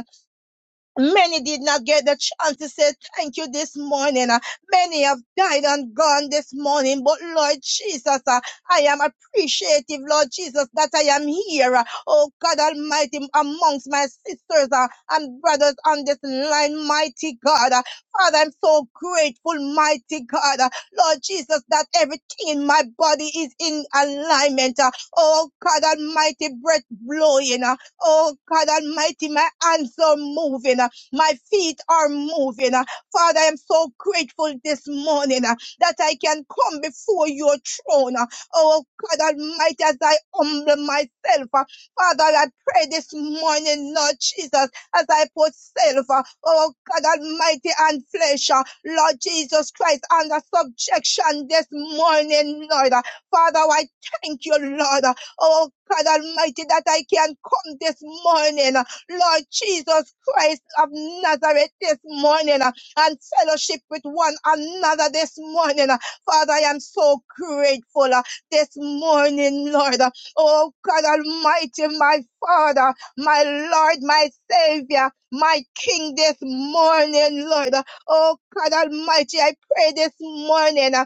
[SPEAKER 3] Many did not get the chance to say thank you this morning. Uh, Many have died and gone this morning. But Lord Jesus, uh, I am appreciative, Lord Jesus, that I am here. uh, Oh God Almighty, amongst my sisters uh, and brothers on this line, mighty God. Uh, Father, I'm so grateful, mighty God. Uh, Lord Jesus, that everything in my body is in alignment. uh, Oh God Almighty, breath blowing. uh, Oh God Almighty, my hands are moving. uh, my feet are moving. Father, I am so grateful this morning uh, that I can come before your throne. uh, Oh God Almighty, as I humble myself. uh, Father, I pray this morning, Lord Jesus, as I put self, uh, oh God Almighty, and flesh, uh, Lord Jesus Christ, under subjection this morning, Lord. Uh, Father, I thank you, Lord. uh, Oh God Almighty, that I can come this morning. Lord Jesus Christ of Nazareth this morning uh, and fellowship with one another this morning. uh. Father, I am so grateful uh, this morning, Lord. uh. Oh God Almighty, my Father, my Lord, my Savior, my King this morning, Lord. uh. Oh God Almighty, I pray this morning. uh,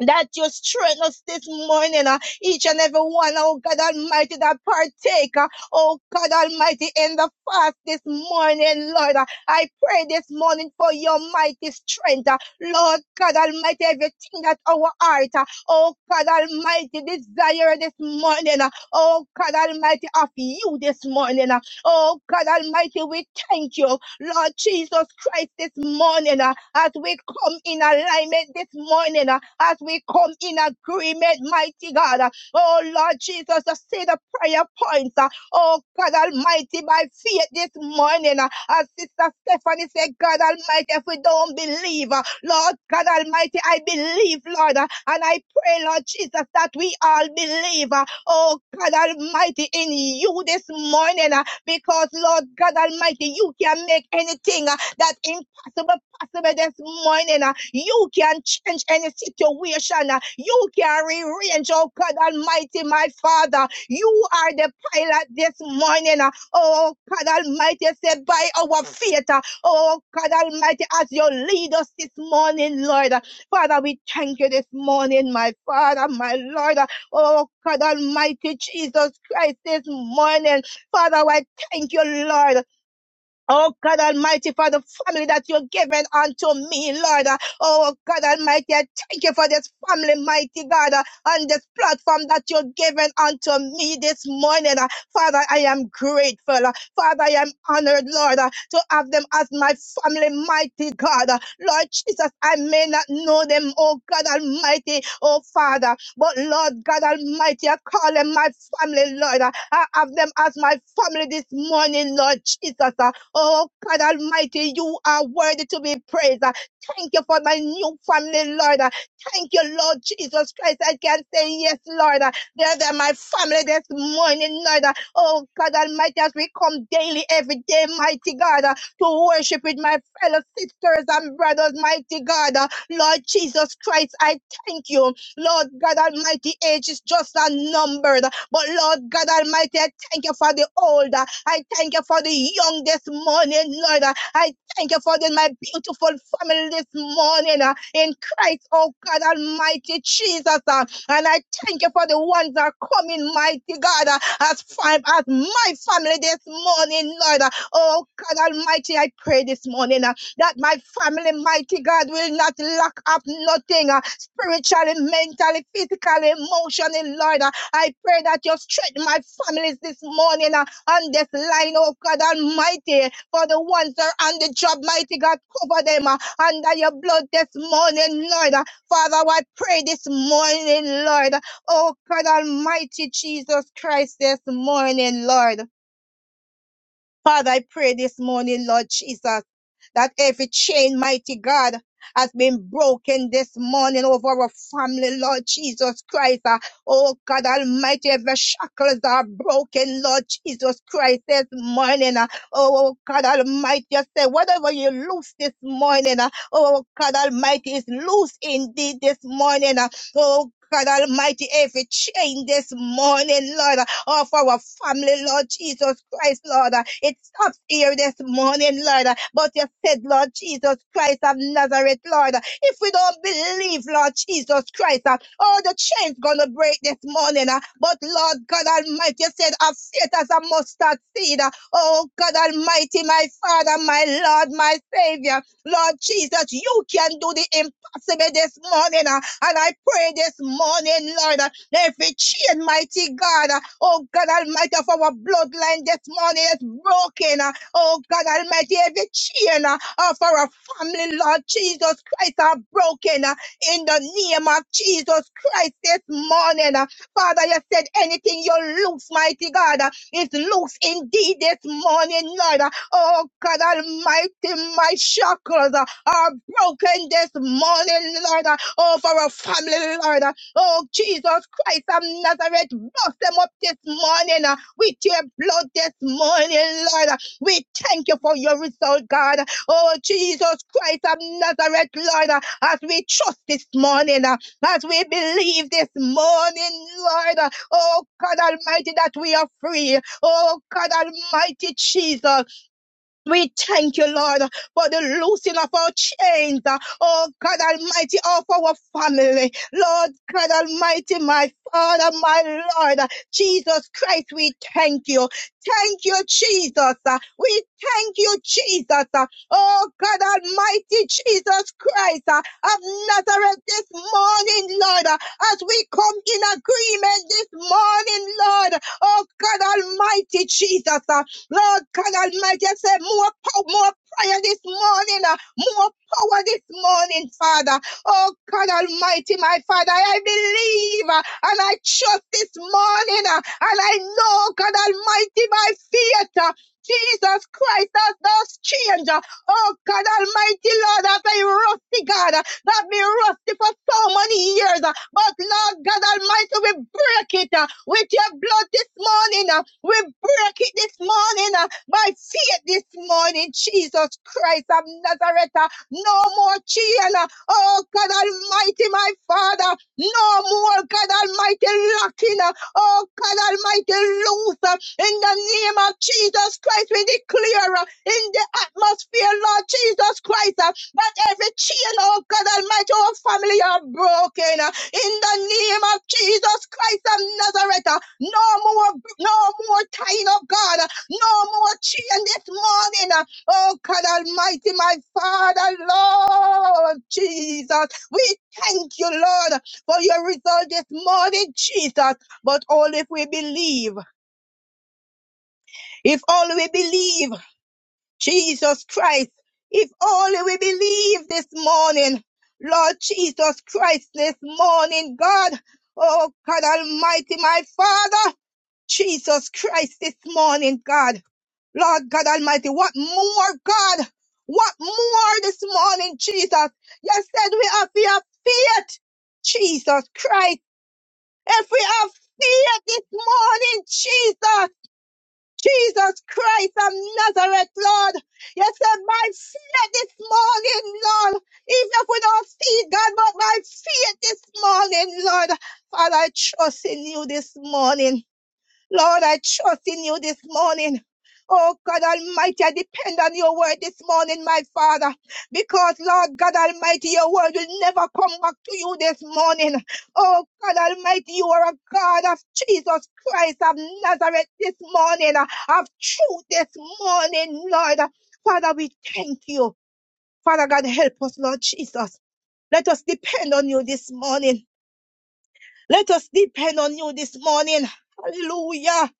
[SPEAKER 3] that you strengthen us this morning, uh, each and every one, oh God Almighty, that partaker, oh God Almighty, in the fast this morning, Lord. uh, I pray this morning for your mighty strength, uh, Lord God Almighty, everything that our heart, uh, oh God Almighty, desire this morning, uh, oh God Almighty, of you this morning, uh, oh God Almighty, we thank you, Lord Jesus Christ, this morning, uh, as we come in alignment this morning, uh, as we come in agreement, mighty God. uh, Oh Lord Jesus, I say the prayer points. uh, Oh God Almighty, by faith this morning, uh, as Sister Stephanie said, God Almighty, if we don't believe, uh, Lord God Almighty, I believe, Lord, uh, and I pray, Lord Jesus, that we all believe. uh, Oh God Almighty, in you this morning, uh, because, Lord God Almighty, you can make anything uh, that impossible possible this morning. uh, You can change any situation. uh, You can rearrange, oh God Almighty, my Father. You are the pilot this morning. uh, Oh God Almighty, said by our faith. uh, Oh God Almighty, as you lead us this morning, Lord. uh, Father, we thank you this morning, my Father, my Lord. uh, Oh God Almighty, Jesus Christ, this morning. Father, I. Thank you, Lord. Oh God Almighty, for the family that you're given unto me, Lord. Uh, Oh God Almighty, I thank you for this family, mighty God, uh, on this platform that you're given unto me this morning. Uh, Father, I am grateful. Uh, Father, I am honored, Lord, uh, to have them as my family, mighty God. Uh, Lord Jesus, I may not know them, oh God Almighty, oh Father, but Lord God Almighty, I call them my family, Lord. Uh, I have them as my family this morning, Lord Jesus. Uh, Oh, God Almighty, you are worthy to be praised. Uh, Thank you for my new family, Lord. Uh, Thank you, Lord Jesus Christ. I can say yes, Lord. Uh, They're, my family this morning, Lord. Uh, Oh, God Almighty, as we come daily, every day, mighty God, uh, to worship with my fellow sisters and brothers, mighty God. Uh, Lord Jesus Christ, I thank you. Lord God Almighty, age is just unnumbered. But Lord God Almighty, I thank you for the old. uh, I thank you for the young this morning, Lord. I thank you for the, my beautiful family this morning uh, in Christ, oh God Almighty Jesus. uh, and I thank you for the ones that are coming, mighty God, uh, as far as my family this morning, Lord. uh, oh God Almighty, I pray this morning uh, that my family, mighty God, will not lack up nothing uh, spiritually, mentally, physically, emotionally, Lord. uh, I pray that you strengthen my families this morning on this line, oh God Almighty, for the ones that are on the job, mighty God, cover them uh, under your blood this morning, Lord. Uh, Father, I pray this morning, Lord. Oh God Almighty, Jesus Christ, this morning, Lord. Father, I pray this morning, Lord Jesus, that every chain, mighty God, has been broken this morning over our family, Lord Jesus Christ. Uh, Oh God Almighty, every shackles are broken, Lord Jesus Christ, this morning. Uh, Oh oh God Almighty, you say, whatever you loose this morning, uh, oh God Almighty, is loose indeed this morning. Uh, Oh God Almighty, every chain this morning, Lord of our family, Lord Jesus Christ, Lord. Uh, It stops here this morning, Lord. Uh, But you said, Lord Jesus Christ of Nazareth, Lord, uh, if we don't believe, Lord Jesus Christ, uh, all the chains gonna break this morning. uh, But Lord God Almighty, you said, "Have faith as a mustard seed." uh, Oh God Almighty, my Father, my Lord, my Savior, Lord Jesus, you can do the impossible this morning. uh, And I pray this morning, Lord, uh, Every chain, mighty God, uh, oh God Almighty, of our bloodline this morning is broken. uh, Oh God Almighty, every chain uh, of our family, Lord Jesus Christ, are broken uh, in the name of Jesus Christ this morning. uh. Father, you said anything you loose, mighty God, uh, is loose indeed this morning, Lord. uh. Oh God Almighty, my shackles uh, are broken this morning, Lord. uh, Oh, for our family, Lord. Oh, Jesus Christ of Nazareth, bust them up this morning uh, with your blood this morning, Lord. We thank you for your result, God. Oh, Jesus Christ of Nazareth, Lord, uh, as we trust this morning, uh, as we believe this morning, Lord. uh, Oh, God Almighty, that we are free. Oh, God Almighty, Jesus. We thank you, Lord, for the loosing of our chains. Oh God Almighty, of our family. Lord God Almighty, my Father, my Lord, Jesus Christ, we thank you. Thank you, Jesus. We thank you, Jesus. Oh God Almighty, Jesus Christ of Nazareth this morning, Lord, as we come in agreement this morning, Lord. Oh God Almighty, Jesus. Lord God Almighty, I say more power, more prayer this morning, uh, more power this morning, Father. Oh God Almighty, my Father, I believe uh, and I trust this morning, uh, and I know, God Almighty, by faith, uh, Jesus Christ, that does change. uh, Oh God Almighty, Lord, after you rusty God that be rusty for so many years. uh, But Lord God Almighty, we break it uh, with your blood this morning. uh, We break it this morning uh, by faith this morning. Jesus Christ of Nazareth, uh, no more chain. uh, Oh God Almighty, my Father, no more God Almighty locking. uh, Oh God Almighty, loose uh, in the name of Jesus Christ. We declare uh, in the atmosphere, Lord Jesus Christ, uh, that every chain, oh God Almighty, our family are broken. uh, In the name of Jesus Christ of Nazareth, uh, no more, no more tying of God, uh, no more chain this morning. uh, Oh God Almighty, my Father, Lord Jesus, we thank you, Lord, for your result this morning, Jesus. But all if we believe, if only we believe Jesus Christ, if only we believe this morning, Lord Jesus Christ, this morning, God, oh God Almighty, my Father, Jesus Christ, this morning, God, Lord God Almighty, what more, God? What more this morning, Jesus? You said we have to have faith, Jesus Christ. If we have fear this morning, Jesus. Jesus Christ of Nazareth, Lord. You said by faith this morning, Lord. Even if we don't see it, God, but by faith this morning, Lord. Father, I trust in you this morning. Lord, I trust in you this morning. Oh God Almighty, I depend on your word this morning, my Father, because Lord God Almighty, your word will never come back to you this morning. Oh God Almighty, you are a God of Jesus Christ of Nazareth this morning, of truth this morning, Lord. Father, we thank you. Father God, help us, Lord Jesus. Let us depend on you this morning. Let us depend on you this morning. Hallelujah.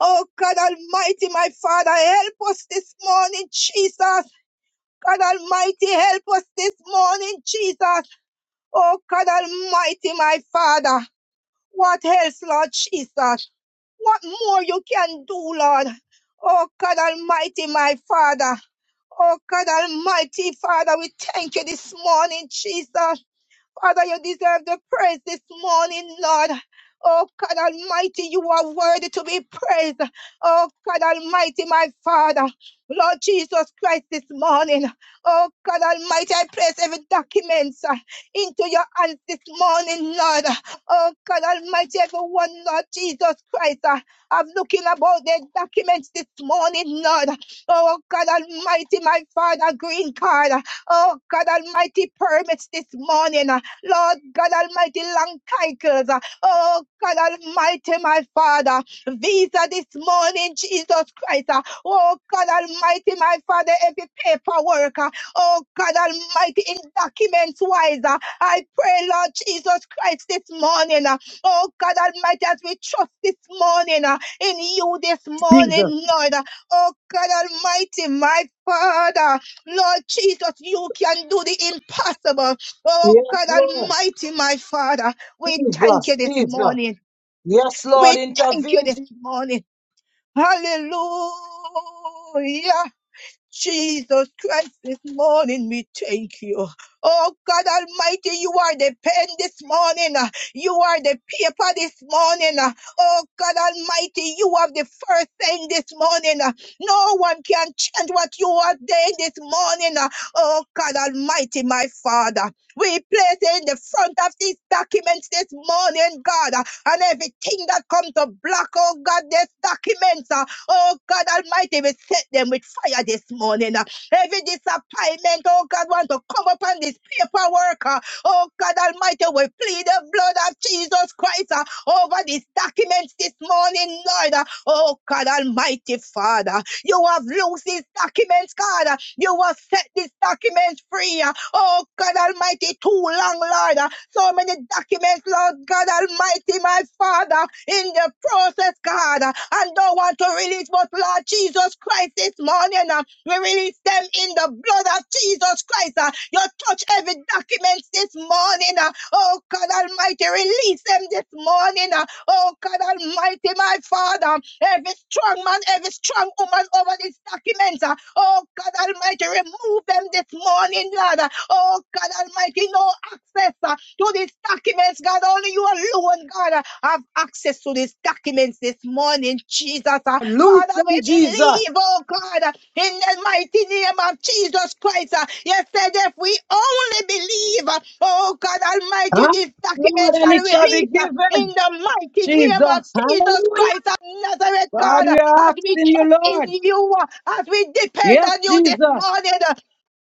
[SPEAKER 3] Oh God Almighty, my Father, help us this morning, Jesus. God Almighty, help us this morning, Jesus. Oh God Almighty, my Father, what else, Lord Jesus? What more you can do, Lord? Oh God Almighty, my Father. Oh God Almighty, Father, we thank you this morning, Jesus. Father, you deserve the praise this morning, Lord. Oh God Almighty, you are worthy to be praised. Oh God Almighty, my Father, Lord Jesus Christ, this morning. Oh God Almighty, I place every document uh, into your hands this morning, Lord. Oh God Almighty, everyone, Lord Jesus Christ, uh, I'm looking about their documents this morning, Lord. Oh God Almighty, my Father, green card. Oh God Almighty, permits this morning. Lord God Almighty, long titles. Oh God Almighty, my Father, visa this morning, Jesus Christ. Oh God Almighty, my Father, every paperwork. Oh God Almighty, in documents wise, I pray, Lord Jesus Christ, this morning. Oh God Almighty, as we trust this morning uh, in you this morning,
[SPEAKER 2] Jesus.
[SPEAKER 3] Lord. Oh God Almighty, my Father, Lord Jesus, you can do the impossible. Oh
[SPEAKER 2] Yes,
[SPEAKER 3] God
[SPEAKER 2] Lord.
[SPEAKER 3] Almighty, my Father, we thank you
[SPEAKER 2] Jesus.
[SPEAKER 3] this
[SPEAKER 2] Jesus.
[SPEAKER 3] morning.
[SPEAKER 2] Yes, Lord.
[SPEAKER 3] We thank you
[SPEAKER 2] Intervene.
[SPEAKER 3] this
[SPEAKER 2] Jesus.
[SPEAKER 3] morning. Hallelujah. Jesus Christ, this morning we thank you. Oh God Almighty, you are the pen this morning. uh, You are the paper this morning. uh, Oh God Almighty, you have the first thing this morning. uh, No one can change what you are doing this morning. uh, Oh God Almighty, my Father. We place in the front of these documents this morning, God, uh, and everything that comes to block, oh God, these documents. Oh God Almighty, we set them with fire this morning. uh. Every disappointment, oh God, want to come upon this paperwork. uh. Oh God Almighty, we plead the blood of Jesus Christ uh, over these documents this morning, Lord. uh. Oh God Almighty Father, you have loosed these documents, God. uh. You have set these documents free. uh. Oh God Almighty, too long, Lord. uh. So many documents, Lord God Almighty, my Father, in the process, God, and don't want to release, but Lord Jesus Christ, this morning, uh, we release them in the blood of Jesus Christ. uh, You touch every document this morning. uh, Oh God Almighty, release them this morning. Uh, Oh God Almighty, my Father, every strong man, every strong woman over this document. uh, Oh God Almighty, remove them this morning, Lord. Oh God Almighty, no access uh, to these documents, God. Only you alone, God, uh, have access to these documents this morning, Jesus. uh.
[SPEAKER 2] Loose
[SPEAKER 3] Father, we
[SPEAKER 2] them,
[SPEAKER 3] believe,
[SPEAKER 2] Jesus.
[SPEAKER 3] oh God, in the mighty name of Jesus Christ. You said if we only believe, oh God Almighty,
[SPEAKER 2] Huh?
[SPEAKER 3] this document
[SPEAKER 2] Lord, and
[SPEAKER 3] shall
[SPEAKER 2] it shall be
[SPEAKER 3] release in
[SPEAKER 2] given.
[SPEAKER 3] the mighty name of
[SPEAKER 2] Jesus.
[SPEAKER 1] Hallelujah.
[SPEAKER 3] Jesus Christ of Nazareth,
[SPEAKER 2] God,
[SPEAKER 3] God,
[SPEAKER 2] we are
[SPEAKER 3] as we
[SPEAKER 2] asking you,
[SPEAKER 3] trust in
[SPEAKER 2] Lord.
[SPEAKER 3] you, as we depend
[SPEAKER 2] Yes,
[SPEAKER 3] on you this
[SPEAKER 2] Jesus.
[SPEAKER 3] morning.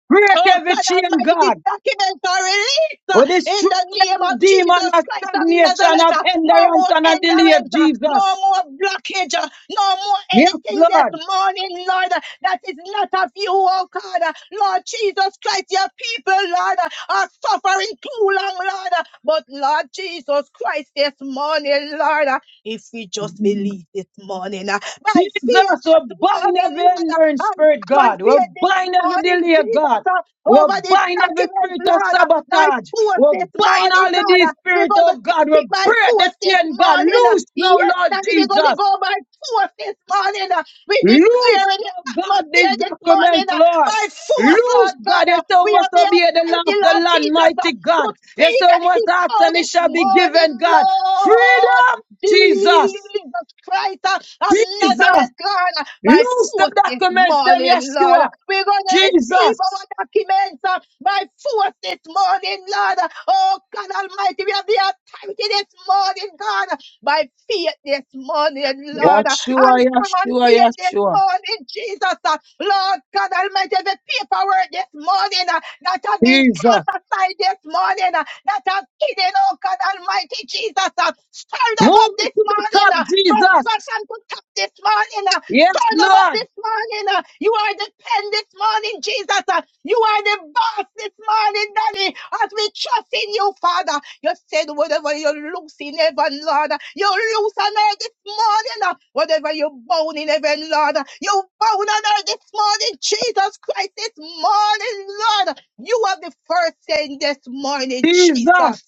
[SPEAKER 2] Break
[SPEAKER 3] Oh
[SPEAKER 2] every
[SPEAKER 3] God
[SPEAKER 2] chain,
[SPEAKER 3] Almighty,
[SPEAKER 2] God.
[SPEAKER 3] these documents are released uh,
[SPEAKER 2] For this
[SPEAKER 3] in
[SPEAKER 2] true
[SPEAKER 3] the name of
[SPEAKER 2] demon
[SPEAKER 3] Jesus
[SPEAKER 2] of
[SPEAKER 3] Christ of
[SPEAKER 2] stagnation,
[SPEAKER 3] Nazareth.
[SPEAKER 2] of
[SPEAKER 3] uh, No
[SPEAKER 2] hindrance,
[SPEAKER 3] more
[SPEAKER 2] and of delay,
[SPEAKER 3] endurance, uh, no
[SPEAKER 2] Jesus.
[SPEAKER 3] more blockage, uh, no more
[SPEAKER 2] Yes,
[SPEAKER 3] anything this
[SPEAKER 2] Lord.
[SPEAKER 3] morning, Lord, uh, that is not of you, oh God. Uh, Lord Jesus Christ, your people, Lord, uh, are suffering too long, Lord. uh, But Lord Jesus Christ, this morning, Lord. uh, If we just believe this morning, uh, by
[SPEAKER 2] Jesus,
[SPEAKER 3] fear
[SPEAKER 2] we
[SPEAKER 3] this
[SPEAKER 2] bind
[SPEAKER 3] morning,
[SPEAKER 2] every
[SPEAKER 3] Lord, uh,
[SPEAKER 2] hindering
[SPEAKER 3] and
[SPEAKER 2] spirit,
[SPEAKER 3] come on
[SPEAKER 2] God. We
[SPEAKER 3] fear this
[SPEAKER 2] bind every
[SPEAKER 3] morning,
[SPEAKER 2] delay,
[SPEAKER 3] Jesus,
[SPEAKER 2] God.
[SPEAKER 3] uh,
[SPEAKER 2] We
[SPEAKER 3] over this
[SPEAKER 2] bind every
[SPEAKER 3] document,
[SPEAKER 2] spirit of
[SPEAKER 3] Lord, uh, by
[SPEAKER 2] sabotage.
[SPEAKER 3] force
[SPEAKER 2] We
[SPEAKER 3] this
[SPEAKER 2] bind
[SPEAKER 3] morning,
[SPEAKER 2] all of
[SPEAKER 3] God.
[SPEAKER 2] these
[SPEAKER 3] uh, We're
[SPEAKER 2] spirits,
[SPEAKER 3] going to
[SPEAKER 2] oh
[SPEAKER 3] take
[SPEAKER 2] God. We
[SPEAKER 3] it by
[SPEAKER 2] break the
[SPEAKER 3] force this
[SPEAKER 2] chain, God.
[SPEAKER 3] morning. uh,
[SPEAKER 2] Loose now,
[SPEAKER 3] Yes,
[SPEAKER 2] Lord
[SPEAKER 3] Daddy, we're going to
[SPEAKER 2] Jesus.
[SPEAKER 3] go by force this morning. uh, We
[SPEAKER 2] Loose,
[SPEAKER 3] declare it
[SPEAKER 2] oh God, these
[SPEAKER 3] atmosphere this morning
[SPEAKER 2] documents,
[SPEAKER 3] uh,
[SPEAKER 2] Lord.
[SPEAKER 3] by force, Lord
[SPEAKER 2] Loose,
[SPEAKER 3] God.
[SPEAKER 2] God, yes,
[SPEAKER 3] uh,
[SPEAKER 2] thou
[SPEAKER 3] We have
[SPEAKER 2] must obey
[SPEAKER 3] the
[SPEAKER 2] the law of
[SPEAKER 3] authority,
[SPEAKER 2] the
[SPEAKER 3] Lord
[SPEAKER 2] land,
[SPEAKER 3] Jesus, uh,
[SPEAKER 2] mighty God.
[SPEAKER 3] to
[SPEAKER 2] Yes,
[SPEAKER 3] speak
[SPEAKER 2] thou
[SPEAKER 3] and it
[SPEAKER 2] must
[SPEAKER 3] is
[SPEAKER 2] ask
[SPEAKER 3] so
[SPEAKER 2] and it
[SPEAKER 3] this
[SPEAKER 2] shall be
[SPEAKER 3] morning,
[SPEAKER 2] given, God.
[SPEAKER 3] Lord.
[SPEAKER 2] Freedom, Jesus,
[SPEAKER 3] Jesus Christ uh, of
[SPEAKER 2] Jesus.
[SPEAKER 3] Nazareth, Lord, uh, by
[SPEAKER 2] Loose the
[SPEAKER 3] force this
[SPEAKER 2] documents, them,
[SPEAKER 3] morning, Lord.
[SPEAKER 2] Yeshua,
[SPEAKER 3] We're going to receive our
[SPEAKER 2] Jesus.
[SPEAKER 3] documents uh, by force this morning, Lord. Oh, God Almighty, we have the authority this morning, God, by faith this morning, Lord. uh, And
[SPEAKER 2] Yeshua,
[SPEAKER 3] come on,
[SPEAKER 2] Yeshua,
[SPEAKER 3] faith this
[SPEAKER 2] Yeshua,
[SPEAKER 3] morning, Jesus. uh, Lord God Almighty, the paperwork this morning uh, that have been
[SPEAKER 2] Jesus.
[SPEAKER 3] cast aside this morning, uh, that have hidden, oh God Almighty Jesus. uh, Stir them
[SPEAKER 2] Move
[SPEAKER 3] up
[SPEAKER 2] it
[SPEAKER 3] this
[SPEAKER 2] to the
[SPEAKER 3] morning
[SPEAKER 2] top,
[SPEAKER 3] uh, from
[SPEAKER 2] Jesus.
[SPEAKER 3] bottom to top this morning. uh,
[SPEAKER 2] Yes,
[SPEAKER 3] Stir them up
[SPEAKER 2] Lord,
[SPEAKER 3] this morning. uh, You are the pen this morning, Jesus. uh, You are the boss this morning, Daddy. As we trust in you, Father. You said whatever you loose in heaven, Lord, you loose on earth this morning. uh, Whatever you bound in heaven, Lord, you bound on earth this morning, Jesus Christ. This morning, Lord, you are the first thing this morning, Jesus.
[SPEAKER 2] Jesus,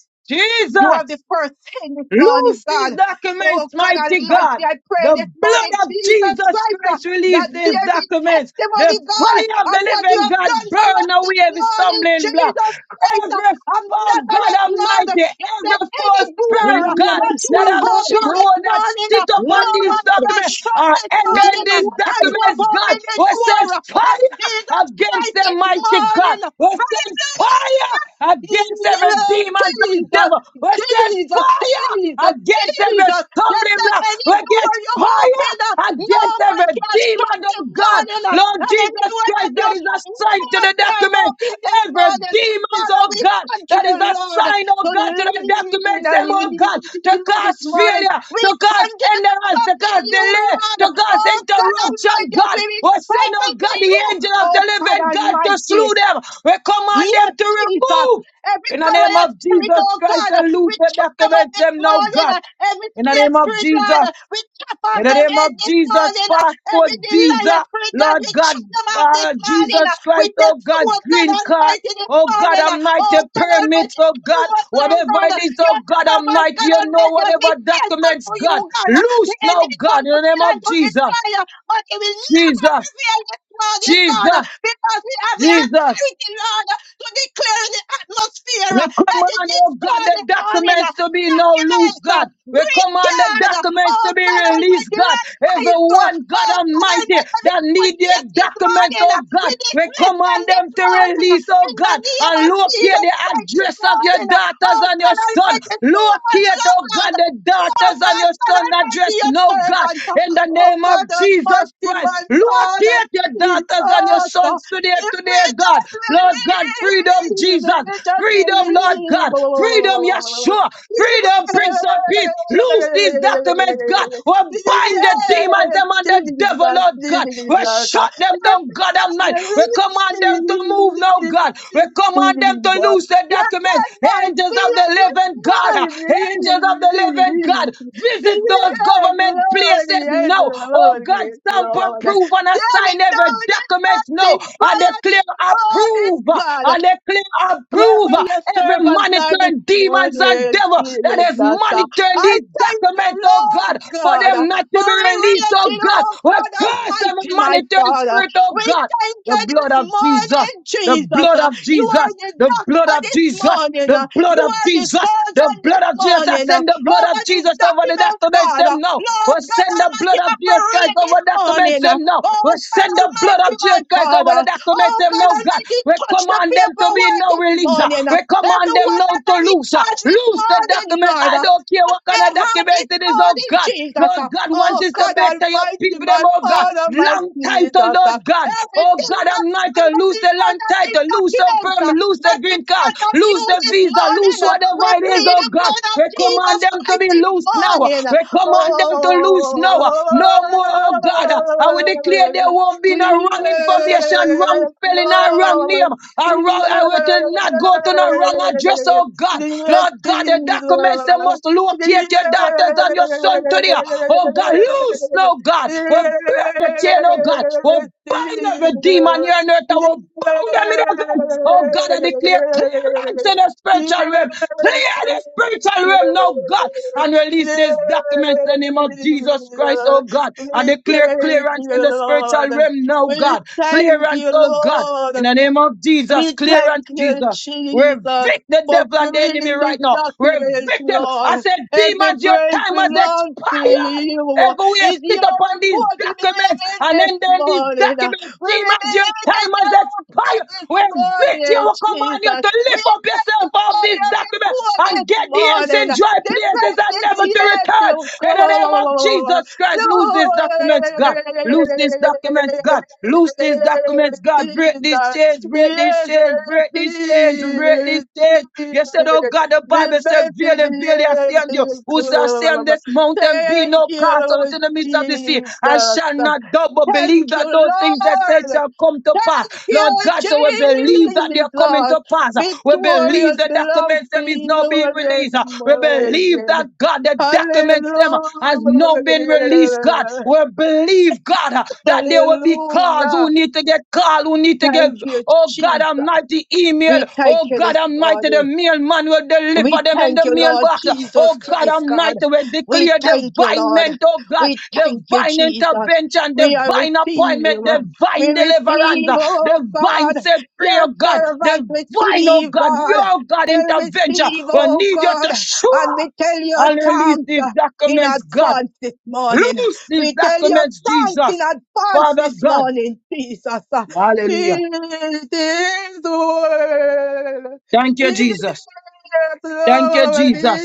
[SPEAKER 3] You are
[SPEAKER 2] Jesus.
[SPEAKER 3] the first thing this morning,
[SPEAKER 2] Loose these
[SPEAKER 3] God. Oh,
[SPEAKER 2] documents,
[SPEAKER 3] God
[SPEAKER 2] mighty God.
[SPEAKER 3] Almighty, I pray
[SPEAKER 2] The
[SPEAKER 3] this morning,
[SPEAKER 2] blood of
[SPEAKER 3] Jesus
[SPEAKER 2] Jesus
[SPEAKER 3] Christ, uh,
[SPEAKER 2] Christ
[SPEAKER 3] that
[SPEAKER 2] release these
[SPEAKER 3] there be
[SPEAKER 2] documents. The
[SPEAKER 3] testimony, God,
[SPEAKER 2] fire of
[SPEAKER 3] of
[SPEAKER 2] the
[SPEAKER 3] what you
[SPEAKER 2] living
[SPEAKER 3] have
[SPEAKER 2] God
[SPEAKER 3] done for
[SPEAKER 2] burn
[SPEAKER 3] us
[SPEAKER 2] away
[SPEAKER 3] this
[SPEAKER 2] every
[SPEAKER 3] morning,
[SPEAKER 2] stumbling block.
[SPEAKER 3] Jesus Christ uh,
[SPEAKER 2] Every,
[SPEAKER 3] of
[SPEAKER 2] oh God
[SPEAKER 3] Nazareth, Lord.
[SPEAKER 2] Almighty,
[SPEAKER 3] If there's
[SPEAKER 2] every
[SPEAKER 3] any
[SPEAKER 2] false
[SPEAKER 3] door
[SPEAKER 1] In the
[SPEAKER 2] spirit,
[SPEAKER 3] uh,
[SPEAKER 1] name
[SPEAKER 2] God
[SPEAKER 1] of
[SPEAKER 3] that
[SPEAKER 1] Jesus.
[SPEAKER 3] you
[SPEAKER 2] that
[SPEAKER 3] have
[SPEAKER 2] have
[SPEAKER 3] opened this
[SPEAKER 2] stronghold that
[SPEAKER 3] morning, uh,
[SPEAKER 2] sit upon
[SPEAKER 3] no
[SPEAKER 2] these
[SPEAKER 3] man can
[SPEAKER 2] documents
[SPEAKER 3] shut
[SPEAKER 2] are
[SPEAKER 3] this
[SPEAKER 2] ending
[SPEAKER 3] morning, uh,
[SPEAKER 2] these
[SPEAKER 3] and you have
[SPEAKER 2] documents, God.
[SPEAKER 3] opened the
[SPEAKER 2] We
[SPEAKER 3] door
[SPEAKER 2] send
[SPEAKER 3] uh, of
[SPEAKER 2] fire
[SPEAKER 3] Jesus
[SPEAKER 2] against
[SPEAKER 3] Christ
[SPEAKER 2] them,
[SPEAKER 3] this
[SPEAKER 2] mighty God.
[SPEAKER 3] morning.
[SPEAKER 2] We send
[SPEAKER 3] Hallelujah!
[SPEAKER 2] fire against every demons and
[SPEAKER 3] Jesus,
[SPEAKER 2] devil.
[SPEAKER 3] Jesus,
[SPEAKER 2] We send fire
[SPEAKER 3] Jesus,
[SPEAKER 2] against every
[SPEAKER 3] Jesus. You
[SPEAKER 2] stumbling
[SPEAKER 3] said
[SPEAKER 2] block.
[SPEAKER 3] any
[SPEAKER 2] We get
[SPEAKER 3] door you open up,
[SPEAKER 2] fire
[SPEAKER 3] no
[SPEAKER 2] against
[SPEAKER 3] man
[SPEAKER 2] every
[SPEAKER 3] can shut
[SPEAKER 2] demon, oh
[SPEAKER 3] this
[SPEAKER 2] God. God.
[SPEAKER 3] morning up.
[SPEAKER 2] Lord
[SPEAKER 3] And any
[SPEAKER 2] Jesus
[SPEAKER 3] door that
[SPEAKER 2] Christ,
[SPEAKER 3] you
[SPEAKER 2] that is
[SPEAKER 3] shut, no
[SPEAKER 2] assigned to
[SPEAKER 3] man
[SPEAKER 2] the
[SPEAKER 3] can
[SPEAKER 2] document.
[SPEAKER 3] open this
[SPEAKER 2] Every
[SPEAKER 3] morning.
[SPEAKER 2] demons,
[SPEAKER 3] Father,
[SPEAKER 2] oh
[SPEAKER 3] we
[SPEAKER 2] God, that is
[SPEAKER 3] continue, Lord,
[SPEAKER 2] assigned, oh
[SPEAKER 3] to
[SPEAKER 2] God, to the
[SPEAKER 3] lean
[SPEAKER 2] documents,
[SPEAKER 3] on
[SPEAKER 2] them,
[SPEAKER 3] you
[SPEAKER 2] oh God, to cause
[SPEAKER 3] this morning.
[SPEAKER 2] failure,
[SPEAKER 3] We
[SPEAKER 2] to cause
[SPEAKER 3] continue to
[SPEAKER 2] endurance, to
[SPEAKER 3] trust in
[SPEAKER 2] cause
[SPEAKER 3] you,
[SPEAKER 2] delay,
[SPEAKER 3] Lord.
[SPEAKER 2] to cause
[SPEAKER 3] Oh, God
[SPEAKER 2] interruption,
[SPEAKER 3] Almighty, as
[SPEAKER 2] God.
[SPEAKER 3] we be
[SPEAKER 2] We send,
[SPEAKER 3] faithful
[SPEAKER 2] oh
[SPEAKER 3] to
[SPEAKER 2] God, the
[SPEAKER 3] you.
[SPEAKER 2] angel of
[SPEAKER 3] Oh,
[SPEAKER 2] the
[SPEAKER 3] God
[SPEAKER 2] living God to
[SPEAKER 3] Almighty.
[SPEAKER 2] slew them. We command
[SPEAKER 3] Yes,
[SPEAKER 2] them to
[SPEAKER 3] Jesus.
[SPEAKER 2] remove.
[SPEAKER 3] Every
[SPEAKER 2] In the name
[SPEAKER 3] Goliath
[SPEAKER 2] of
[SPEAKER 3] spirit,
[SPEAKER 2] Jesus
[SPEAKER 3] oh
[SPEAKER 2] Christ,
[SPEAKER 3] God, uh,
[SPEAKER 2] I
[SPEAKER 3] we
[SPEAKER 2] lose the
[SPEAKER 3] chop them up
[SPEAKER 2] documents,
[SPEAKER 3] this
[SPEAKER 2] them now,
[SPEAKER 3] morning.
[SPEAKER 2] God.
[SPEAKER 3] uh, Every
[SPEAKER 2] In the
[SPEAKER 3] snake
[SPEAKER 2] name of
[SPEAKER 3] spirit, Lord,
[SPEAKER 2] Jesus.
[SPEAKER 3] uh, we chop off
[SPEAKER 2] In the
[SPEAKER 3] them
[SPEAKER 2] name
[SPEAKER 3] head
[SPEAKER 2] of
[SPEAKER 3] this
[SPEAKER 2] Jesus,
[SPEAKER 3] morning. uh,
[SPEAKER 2] passport,
[SPEAKER 3] Every liar
[SPEAKER 2] visa,
[SPEAKER 3] spirit, God,
[SPEAKER 2] Lord
[SPEAKER 3] we
[SPEAKER 2] God,
[SPEAKER 3] chop them off this
[SPEAKER 2] uh,
[SPEAKER 3] morning. uh,
[SPEAKER 2] Jesus Christ,
[SPEAKER 3] With the
[SPEAKER 2] oh God,
[SPEAKER 3] sword, God
[SPEAKER 2] green card.
[SPEAKER 3] Almighty, this
[SPEAKER 2] Oh God
[SPEAKER 3] morning. uh,
[SPEAKER 2] Almighty,
[SPEAKER 3] Oh, God
[SPEAKER 2] permits,
[SPEAKER 3] Almighty,
[SPEAKER 2] oh
[SPEAKER 3] too
[SPEAKER 2] God,
[SPEAKER 3] much long,
[SPEAKER 2] whatever
[SPEAKER 3] God.
[SPEAKER 2] it
[SPEAKER 3] uh,
[SPEAKER 2] is, oh
[SPEAKER 3] Your
[SPEAKER 2] God
[SPEAKER 3] servant,
[SPEAKER 2] Almighty,
[SPEAKER 3] God
[SPEAKER 2] you know,
[SPEAKER 3] Almighty, have been
[SPEAKER 2] whatever
[SPEAKER 3] faithful
[SPEAKER 2] documents,
[SPEAKER 3] to you,
[SPEAKER 2] God,
[SPEAKER 3] God. uh, The
[SPEAKER 2] loose now,
[SPEAKER 3] enemy
[SPEAKER 2] God,
[SPEAKER 3] comes
[SPEAKER 2] in
[SPEAKER 3] to
[SPEAKER 2] the name
[SPEAKER 3] kill and
[SPEAKER 2] of
[SPEAKER 3] to
[SPEAKER 2] Jesus,
[SPEAKER 3] destroy, uh, but he will never
[SPEAKER 2] Jesus,
[SPEAKER 3] prevail this morning,
[SPEAKER 2] Jesus,
[SPEAKER 3] God, uh, because we have the
[SPEAKER 2] Jesus,
[SPEAKER 3] authority, Lord to declare in the atmosphere
[SPEAKER 2] We
[SPEAKER 3] uh, that it
[SPEAKER 2] command,
[SPEAKER 3] is
[SPEAKER 2] oh
[SPEAKER 3] so
[SPEAKER 2] God, the
[SPEAKER 3] this morning. uh,
[SPEAKER 2] documents to be now loose,
[SPEAKER 3] Documents, uh,
[SPEAKER 2] God. We
[SPEAKER 3] green
[SPEAKER 2] command the
[SPEAKER 3] card, uh,
[SPEAKER 2] documents
[SPEAKER 3] oh
[SPEAKER 2] to be
[SPEAKER 3] God
[SPEAKER 2] released,
[SPEAKER 3] Almighty,
[SPEAKER 2] God.
[SPEAKER 3] land title,
[SPEAKER 2] Everyone, God
[SPEAKER 3] oh God
[SPEAKER 2] Almighty,
[SPEAKER 3] Almighty, the
[SPEAKER 2] that
[SPEAKER 3] court
[SPEAKER 2] need their
[SPEAKER 3] case this
[SPEAKER 2] documents,
[SPEAKER 3] morning. uh,
[SPEAKER 2] oh
[SPEAKER 3] We
[SPEAKER 2] God, we
[SPEAKER 3] dismiss them
[SPEAKER 2] command
[SPEAKER 3] this
[SPEAKER 2] them to
[SPEAKER 3] morning uh,
[SPEAKER 2] release, oh
[SPEAKER 3] in the
[SPEAKER 2] God,
[SPEAKER 3] name
[SPEAKER 2] and
[SPEAKER 3] of
[SPEAKER 2] locate
[SPEAKER 3] Jesus
[SPEAKER 2] the
[SPEAKER 3] Christ this
[SPEAKER 2] address of your
[SPEAKER 3] morning. uh,
[SPEAKER 2] daughters
[SPEAKER 3] Oh
[SPEAKER 2] and your
[SPEAKER 3] God
[SPEAKER 2] son.
[SPEAKER 3] Almighty, too much
[SPEAKER 2] Locate,
[SPEAKER 3] love,
[SPEAKER 2] oh God,
[SPEAKER 3] Lord.
[SPEAKER 2] the
[SPEAKER 3] Too long,
[SPEAKER 2] daughters and
[SPEAKER 3] Lord
[SPEAKER 2] your
[SPEAKER 3] God
[SPEAKER 2] son address,
[SPEAKER 3] Almighty, your
[SPEAKER 2] no God,
[SPEAKER 3] servant. uh,
[SPEAKER 2] in the
[SPEAKER 3] Oh
[SPEAKER 2] name of
[SPEAKER 3] God
[SPEAKER 2] Jesus
[SPEAKER 3] Almighty,
[SPEAKER 2] Christ.
[SPEAKER 3] my Father,
[SPEAKER 2] Locate your
[SPEAKER 3] Jesus.
[SPEAKER 2] daughters and your
[SPEAKER 3] uh,
[SPEAKER 2] sons hands today,
[SPEAKER 3] if we
[SPEAKER 2] today, God.
[SPEAKER 3] just
[SPEAKER 2] Lord God, freedom,
[SPEAKER 3] believe,
[SPEAKER 2] Jesus.
[SPEAKER 3] if we just
[SPEAKER 2] Freedom, Lord
[SPEAKER 3] believe.
[SPEAKER 2] God. Freedom, Yeshua.
[SPEAKER 3] Yes,
[SPEAKER 2] Freedom, Prince of Peace. Loose these documents, God. We bind the demons, them and
[SPEAKER 3] Jesus,
[SPEAKER 2] the
[SPEAKER 3] Jesus. If we just
[SPEAKER 2] devil, Lord God.
[SPEAKER 3] believe,
[SPEAKER 2] We shut them down, God Almighty. We command them to move now, God. We command them to
[SPEAKER 3] Jesus.
[SPEAKER 2] loose the
[SPEAKER 3] You
[SPEAKER 2] documents.
[SPEAKER 3] set my
[SPEAKER 2] Angels of
[SPEAKER 3] fear
[SPEAKER 2] the
[SPEAKER 3] this
[SPEAKER 2] living God. uh, Angels of
[SPEAKER 3] morning.
[SPEAKER 2] the
[SPEAKER 3] Yes,
[SPEAKER 2] living God. Visit those government
[SPEAKER 3] Lord,
[SPEAKER 2] places
[SPEAKER 3] yes,
[SPEAKER 2] now now. Oh
[SPEAKER 3] Lord,
[SPEAKER 2] God,
[SPEAKER 3] yes,
[SPEAKER 2] stamp and
[SPEAKER 3] Lord.
[SPEAKER 2] prove and
[SPEAKER 3] There is
[SPEAKER 2] assign every
[SPEAKER 3] no
[SPEAKER 2] document
[SPEAKER 3] in
[SPEAKER 2] now. I
[SPEAKER 3] prayer
[SPEAKER 2] declare
[SPEAKER 3] this morning,
[SPEAKER 2] approve.
[SPEAKER 3] God.
[SPEAKER 2] I declare approve
[SPEAKER 3] Wherever your
[SPEAKER 2] every
[SPEAKER 3] servants are this
[SPEAKER 2] monitoring demons and
[SPEAKER 3] morning,
[SPEAKER 2] devil that
[SPEAKER 3] Jesus.
[SPEAKER 2] is
[SPEAKER 3] uh,
[SPEAKER 2] monitoring
[SPEAKER 3] I
[SPEAKER 2] these
[SPEAKER 3] thank you,
[SPEAKER 2] documents, oh
[SPEAKER 3] Lord
[SPEAKER 2] God, for
[SPEAKER 3] God, uh,
[SPEAKER 2] them not
[SPEAKER 3] for
[SPEAKER 2] to be released, oh
[SPEAKER 3] rearranging,
[SPEAKER 2] God.
[SPEAKER 3] oh
[SPEAKER 2] We
[SPEAKER 3] God
[SPEAKER 2] curse every
[SPEAKER 3] Almighty, my
[SPEAKER 2] monitoring
[SPEAKER 3] Father.
[SPEAKER 2] spirit, oh
[SPEAKER 3] We
[SPEAKER 2] God.
[SPEAKER 3] thank
[SPEAKER 2] The
[SPEAKER 3] you
[SPEAKER 2] blood
[SPEAKER 3] this
[SPEAKER 2] of
[SPEAKER 3] morning,
[SPEAKER 2] Jesus the
[SPEAKER 3] Jesus.
[SPEAKER 2] blood
[SPEAKER 3] uh,
[SPEAKER 2] of
[SPEAKER 3] You are
[SPEAKER 2] Jesus,
[SPEAKER 3] the
[SPEAKER 2] the blood
[SPEAKER 3] doctor
[SPEAKER 2] of
[SPEAKER 3] this
[SPEAKER 2] Jesus,
[SPEAKER 3] morning.
[SPEAKER 2] the
[SPEAKER 3] uh,
[SPEAKER 2] blood
[SPEAKER 3] You
[SPEAKER 2] of
[SPEAKER 3] are the
[SPEAKER 2] Jesus, the
[SPEAKER 3] surgeon
[SPEAKER 2] blood
[SPEAKER 3] this
[SPEAKER 2] of Jesus. I
[SPEAKER 3] morning. uh,
[SPEAKER 2] send the blood
[SPEAKER 3] Over
[SPEAKER 2] of
[SPEAKER 3] these
[SPEAKER 2] Jesus over the
[SPEAKER 3] documents,
[SPEAKER 2] documents
[SPEAKER 3] God.
[SPEAKER 2] them
[SPEAKER 3] uh,
[SPEAKER 2] now. We
[SPEAKER 3] Lord God
[SPEAKER 2] send the blood
[SPEAKER 3] Almighty,
[SPEAKER 2] of Jesus Christ
[SPEAKER 3] operate
[SPEAKER 2] over
[SPEAKER 3] this
[SPEAKER 2] the documents
[SPEAKER 3] morning. uh,
[SPEAKER 2] them now. We
[SPEAKER 3] Oh God
[SPEAKER 2] send the blood
[SPEAKER 3] Almighty,
[SPEAKER 2] of
[SPEAKER 3] my
[SPEAKER 2] Jesus Christ over
[SPEAKER 3] Father.
[SPEAKER 2] the documents
[SPEAKER 3] Oh
[SPEAKER 2] them
[SPEAKER 3] God
[SPEAKER 2] now, God.
[SPEAKER 3] Almighty,
[SPEAKER 2] We
[SPEAKER 3] touch the
[SPEAKER 2] command them to be
[SPEAKER 3] paperwork
[SPEAKER 2] no
[SPEAKER 3] this
[SPEAKER 2] releaser.
[SPEAKER 3] morning. uh,
[SPEAKER 2] We command them
[SPEAKER 3] Everyone
[SPEAKER 2] now
[SPEAKER 3] that
[SPEAKER 2] to
[SPEAKER 3] are in
[SPEAKER 2] loose. uh,
[SPEAKER 3] charge this
[SPEAKER 2] Loose the
[SPEAKER 3] morning,
[SPEAKER 2] documents.
[SPEAKER 3] Lord.
[SPEAKER 2] I
[SPEAKER 3] uh,
[SPEAKER 2] don't care
[SPEAKER 3] Touch
[SPEAKER 2] what kind
[SPEAKER 3] their
[SPEAKER 2] of
[SPEAKER 3] heart this
[SPEAKER 2] document it is, oh
[SPEAKER 3] morning,
[SPEAKER 2] God.
[SPEAKER 3] Jesus.
[SPEAKER 2] Lord
[SPEAKER 3] uh,
[SPEAKER 2] God, want
[SPEAKER 3] Oh
[SPEAKER 2] this to
[SPEAKER 3] God
[SPEAKER 2] better your
[SPEAKER 3] Almighty,
[SPEAKER 2] people,
[SPEAKER 3] my
[SPEAKER 2] them, oh God.
[SPEAKER 3] Father, my
[SPEAKER 2] Long title,
[SPEAKER 3] Jesus. uh,
[SPEAKER 2] Lord God. God. Oh
[SPEAKER 3] Everything
[SPEAKER 2] God, I'm
[SPEAKER 3] that's
[SPEAKER 2] not
[SPEAKER 3] stand
[SPEAKER 2] to
[SPEAKER 3] up
[SPEAKER 2] lose
[SPEAKER 3] in
[SPEAKER 2] the
[SPEAKER 3] front
[SPEAKER 2] land
[SPEAKER 3] of this
[SPEAKER 2] title, lose the
[SPEAKER 3] document uh,
[SPEAKER 2] permit, lose the
[SPEAKER 3] that
[SPEAKER 2] green
[SPEAKER 3] is
[SPEAKER 2] card,
[SPEAKER 3] not of you
[SPEAKER 2] lose the
[SPEAKER 3] this
[SPEAKER 2] visa, lose
[SPEAKER 3] morning. uh, We
[SPEAKER 2] whatever it is,
[SPEAKER 3] plead
[SPEAKER 2] oh
[SPEAKER 3] the
[SPEAKER 2] God.
[SPEAKER 3] blood of
[SPEAKER 2] We
[SPEAKER 3] Jesus
[SPEAKER 2] command them to
[SPEAKER 3] Christ
[SPEAKER 2] be
[SPEAKER 3] this
[SPEAKER 2] loose now.
[SPEAKER 3] morning. uh,
[SPEAKER 2] We command them to loose now. No more, oh God. I will declare
[SPEAKER 3] Oh,
[SPEAKER 2] there won't be
[SPEAKER 3] Yes,
[SPEAKER 2] no wrong information, wrong spelling, or wrong name. Or wrong, I will not go to no wrong address, oh God. Lord God, the documents they must locate your daughters and your son today. Oh God, loose now, God. We break the chain, oh God. We bind every demon here on earth. I will bound them in heaven. Oh God, I declare clearance in the spiritual realm. Clear the spiritual realm now, God, and release these documents in the name of Jesus Christ, oh God. I declare
[SPEAKER 3] yes,
[SPEAKER 2] clearance in the spiritual
[SPEAKER 3] yes.
[SPEAKER 2] realm now,
[SPEAKER 3] We
[SPEAKER 2] God.
[SPEAKER 3] thank
[SPEAKER 2] Clearance,
[SPEAKER 3] you,
[SPEAKER 2] oh God.
[SPEAKER 3] Lord.
[SPEAKER 2] In the name of Jesus,
[SPEAKER 3] We thank
[SPEAKER 2] clearance,
[SPEAKER 3] you,
[SPEAKER 2] Jesus.
[SPEAKER 3] Jesus,
[SPEAKER 2] Revict the
[SPEAKER 3] for
[SPEAKER 2] devil and the
[SPEAKER 3] freeing
[SPEAKER 2] enemy
[SPEAKER 3] these
[SPEAKER 2] right now.
[SPEAKER 3] documents,
[SPEAKER 2] Revict them. I
[SPEAKER 3] Lord.
[SPEAKER 2] said,
[SPEAKER 3] Every
[SPEAKER 2] demons, your
[SPEAKER 3] praise
[SPEAKER 2] time has
[SPEAKER 3] belongs to
[SPEAKER 2] expired.
[SPEAKER 3] you.
[SPEAKER 2] Everywhere
[SPEAKER 3] It's
[SPEAKER 2] sit
[SPEAKER 3] your
[SPEAKER 2] upon these
[SPEAKER 3] report we believe
[SPEAKER 2] documents
[SPEAKER 3] in
[SPEAKER 2] and then
[SPEAKER 3] this
[SPEAKER 2] then these
[SPEAKER 3] morning.
[SPEAKER 2] documents,
[SPEAKER 3] We
[SPEAKER 2] demons, your
[SPEAKER 3] believe
[SPEAKER 2] time
[SPEAKER 3] in
[SPEAKER 2] has
[SPEAKER 3] your report
[SPEAKER 2] expired.
[SPEAKER 3] this
[SPEAKER 2] Where victory
[SPEAKER 3] morning,
[SPEAKER 2] will command you
[SPEAKER 3] Jesus.
[SPEAKER 2] to
[SPEAKER 3] We
[SPEAKER 2] lift up
[SPEAKER 3] thank
[SPEAKER 2] yourself
[SPEAKER 3] you
[SPEAKER 2] off
[SPEAKER 3] for
[SPEAKER 2] these
[SPEAKER 3] your
[SPEAKER 2] documents
[SPEAKER 3] report
[SPEAKER 2] and
[SPEAKER 3] this
[SPEAKER 2] get the ends
[SPEAKER 3] morning.
[SPEAKER 2] in dry
[SPEAKER 3] The
[SPEAKER 2] places and
[SPEAKER 3] best
[SPEAKER 2] never
[SPEAKER 3] is
[SPEAKER 2] to
[SPEAKER 3] yet
[SPEAKER 2] return.
[SPEAKER 3] to
[SPEAKER 2] In the name of
[SPEAKER 3] come.
[SPEAKER 2] Jesus Christ, lose these documents, God. Loose these documents, God. Loose these
[SPEAKER 3] Lord,
[SPEAKER 2] documents, God. Break these
[SPEAKER 3] Jesus.
[SPEAKER 2] chains, break these
[SPEAKER 3] Yes, I
[SPEAKER 2] chains, break these chains,
[SPEAKER 3] receive,
[SPEAKER 2] break these
[SPEAKER 3] I
[SPEAKER 2] chains.
[SPEAKER 3] receive
[SPEAKER 2] You said, Oh
[SPEAKER 3] it.
[SPEAKER 2] God, the
[SPEAKER 3] the
[SPEAKER 2] Bible said,
[SPEAKER 3] best
[SPEAKER 2] Verily,
[SPEAKER 3] is
[SPEAKER 2] verily, I say
[SPEAKER 3] yet
[SPEAKER 2] unto you,
[SPEAKER 3] to
[SPEAKER 2] who shall say on
[SPEAKER 3] come.
[SPEAKER 2] this mountain, Be
[SPEAKER 3] thank
[SPEAKER 2] no cast
[SPEAKER 3] you,
[SPEAKER 2] out in the midst of the sea, I
[SPEAKER 3] Jesus.
[SPEAKER 2] shall not doubt, but
[SPEAKER 3] Thank
[SPEAKER 2] believe
[SPEAKER 3] you,
[SPEAKER 2] that those things that said
[SPEAKER 3] Lord.
[SPEAKER 2] shall come to
[SPEAKER 3] Thank
[SPEAKER 2] pass. Lord
[SPEAKER 3] you,
[SPEAKER 2] God, so we believe that they are coming
[SPEAKER 3] Jesus.
[SPEAKER 2] to pass. We believe
[SPEAKER 3] Victorious
[SPEAKER 2] the
[SPEAKER 3] belongs
[SPEAKER 2] documents
[SPEAKER 3] to
[SPEAKER 2] them is now
[SPEAKER 3] you
[SPEAKER 2] being
[SPEAKER 3] this
[SPEAKER 2] released. We believe
[SPEAKER 3] morning.
[SPEAKER 2] that God, the documents
[SPEAKER 3] Hallelujah.
[SPEAKER 2] them as has now been released, God. We believe, God, uh, that there will be calls
[SPEAKER 3] Hallelujah.
[SPEAKER 2] who need to get called, who need to get,
[SPEAKER 3] Thank you,
[SPEAKER 2] oh God,
[SPEAKER 3] Jesus.
[SPEAKER 2] almighty email.
[SPEAKER 3] We thank
[SPEAKER 2] Oh
[SPEAKER 3] you
[SPEAKER 2] God,
[SPEAKER 3] this
[SPEAKER 2] almighty,
[SPEAKER 3] morning.
[SPEAKER 2] the mailman will deliver
[SPEAKER 3] We
[SPEAKER 2] them in
[SPEAKER 3] thank
[SPEAKER 2] the
[SPEAKER 3] you, Lord
[SPEAKER 2] mailbox.
[SPEAKER 3] Jesus
[SPEAKER 2] Oh God,
[SPEAKER 3] Christ, God.
[SPEAKER 2] almighty, we
[SPEAKER 3] We
[SPEAKER 2] declare
[SPEAKER 3] thank you,
[SPEAKER 2] divine
[SPEAKER 3] Lord.
[SPEAKER 2] ment, oh God,
[SPEAKER 3] We thank you,
[SPEAKER 2] divine
[SPEAKER 3] Jesus.
[SPEAKER 2] intervention,
[SPEAKER 3] We are
[SPEAKER 2] divine appointment,
[SPEAKER 3] receiving. We
[SPEAKER 2] divine deliverance,
[SPEAKER 3] receive,
[SPEAKER 2] uh,
[SPEAKER 3] oh
[SPEAKER 2] divine
[SPEAKER 3] God.
[SPEAKER 2] set free,
[SPEAKER 3] Your
[SPEAKER 2] oh God,
[SPEAKER 3] servants
[SPEAKER 2] divine, oh
[SPEAKER 3] receive,
[SPEAKER 2] God,
[SPEAKER 3] God.
[SPEAKER 2] your God
[SPEAKER 3] They
[SPEAKER 2] intervention.
[SPEAKER 3] receive,
[SPEAKER 2] We
[SPEAKER 3] oh
[SPEAKER 2] need you to
[SPEAKER 3] God.
[SPEAKER 2] show
[SPEAKER 3] And
[SPEAKER 2] up
[SPEAKER 3] we tell you
[SPEAKER 2] and release
[SPEAKER 3] thanks
[SPEAKER 2] these
[SPEAKER 3] uh, in
[SPEAKER 2] documents, God.
[SPEAKER 3] advance this morning.
[SPEAKER 2] Loose these
[SPEAKER 3] We tell you
[SPEAKER 2] documents,
[SPEAKER 3] thanks in
[SPEAKER 2] Jesus.
[SPEAKER 3] advance
[SPEAKER 2] Father
[SPEAKER 3] this
[SPEAKER 2] God.
[SPEAKER 3] morning, Jesus. Uh,
[SPEAKER 2] Hallelujah.
[SPEAKER 3] It is well.
[SPEAKER 2] Thank you,
[SPEAKER 3] Jesus.
[SPEAKER 2] Jesus.
[SPEAKER 3] It
[SPEAKER 2] Thank you, Jesus.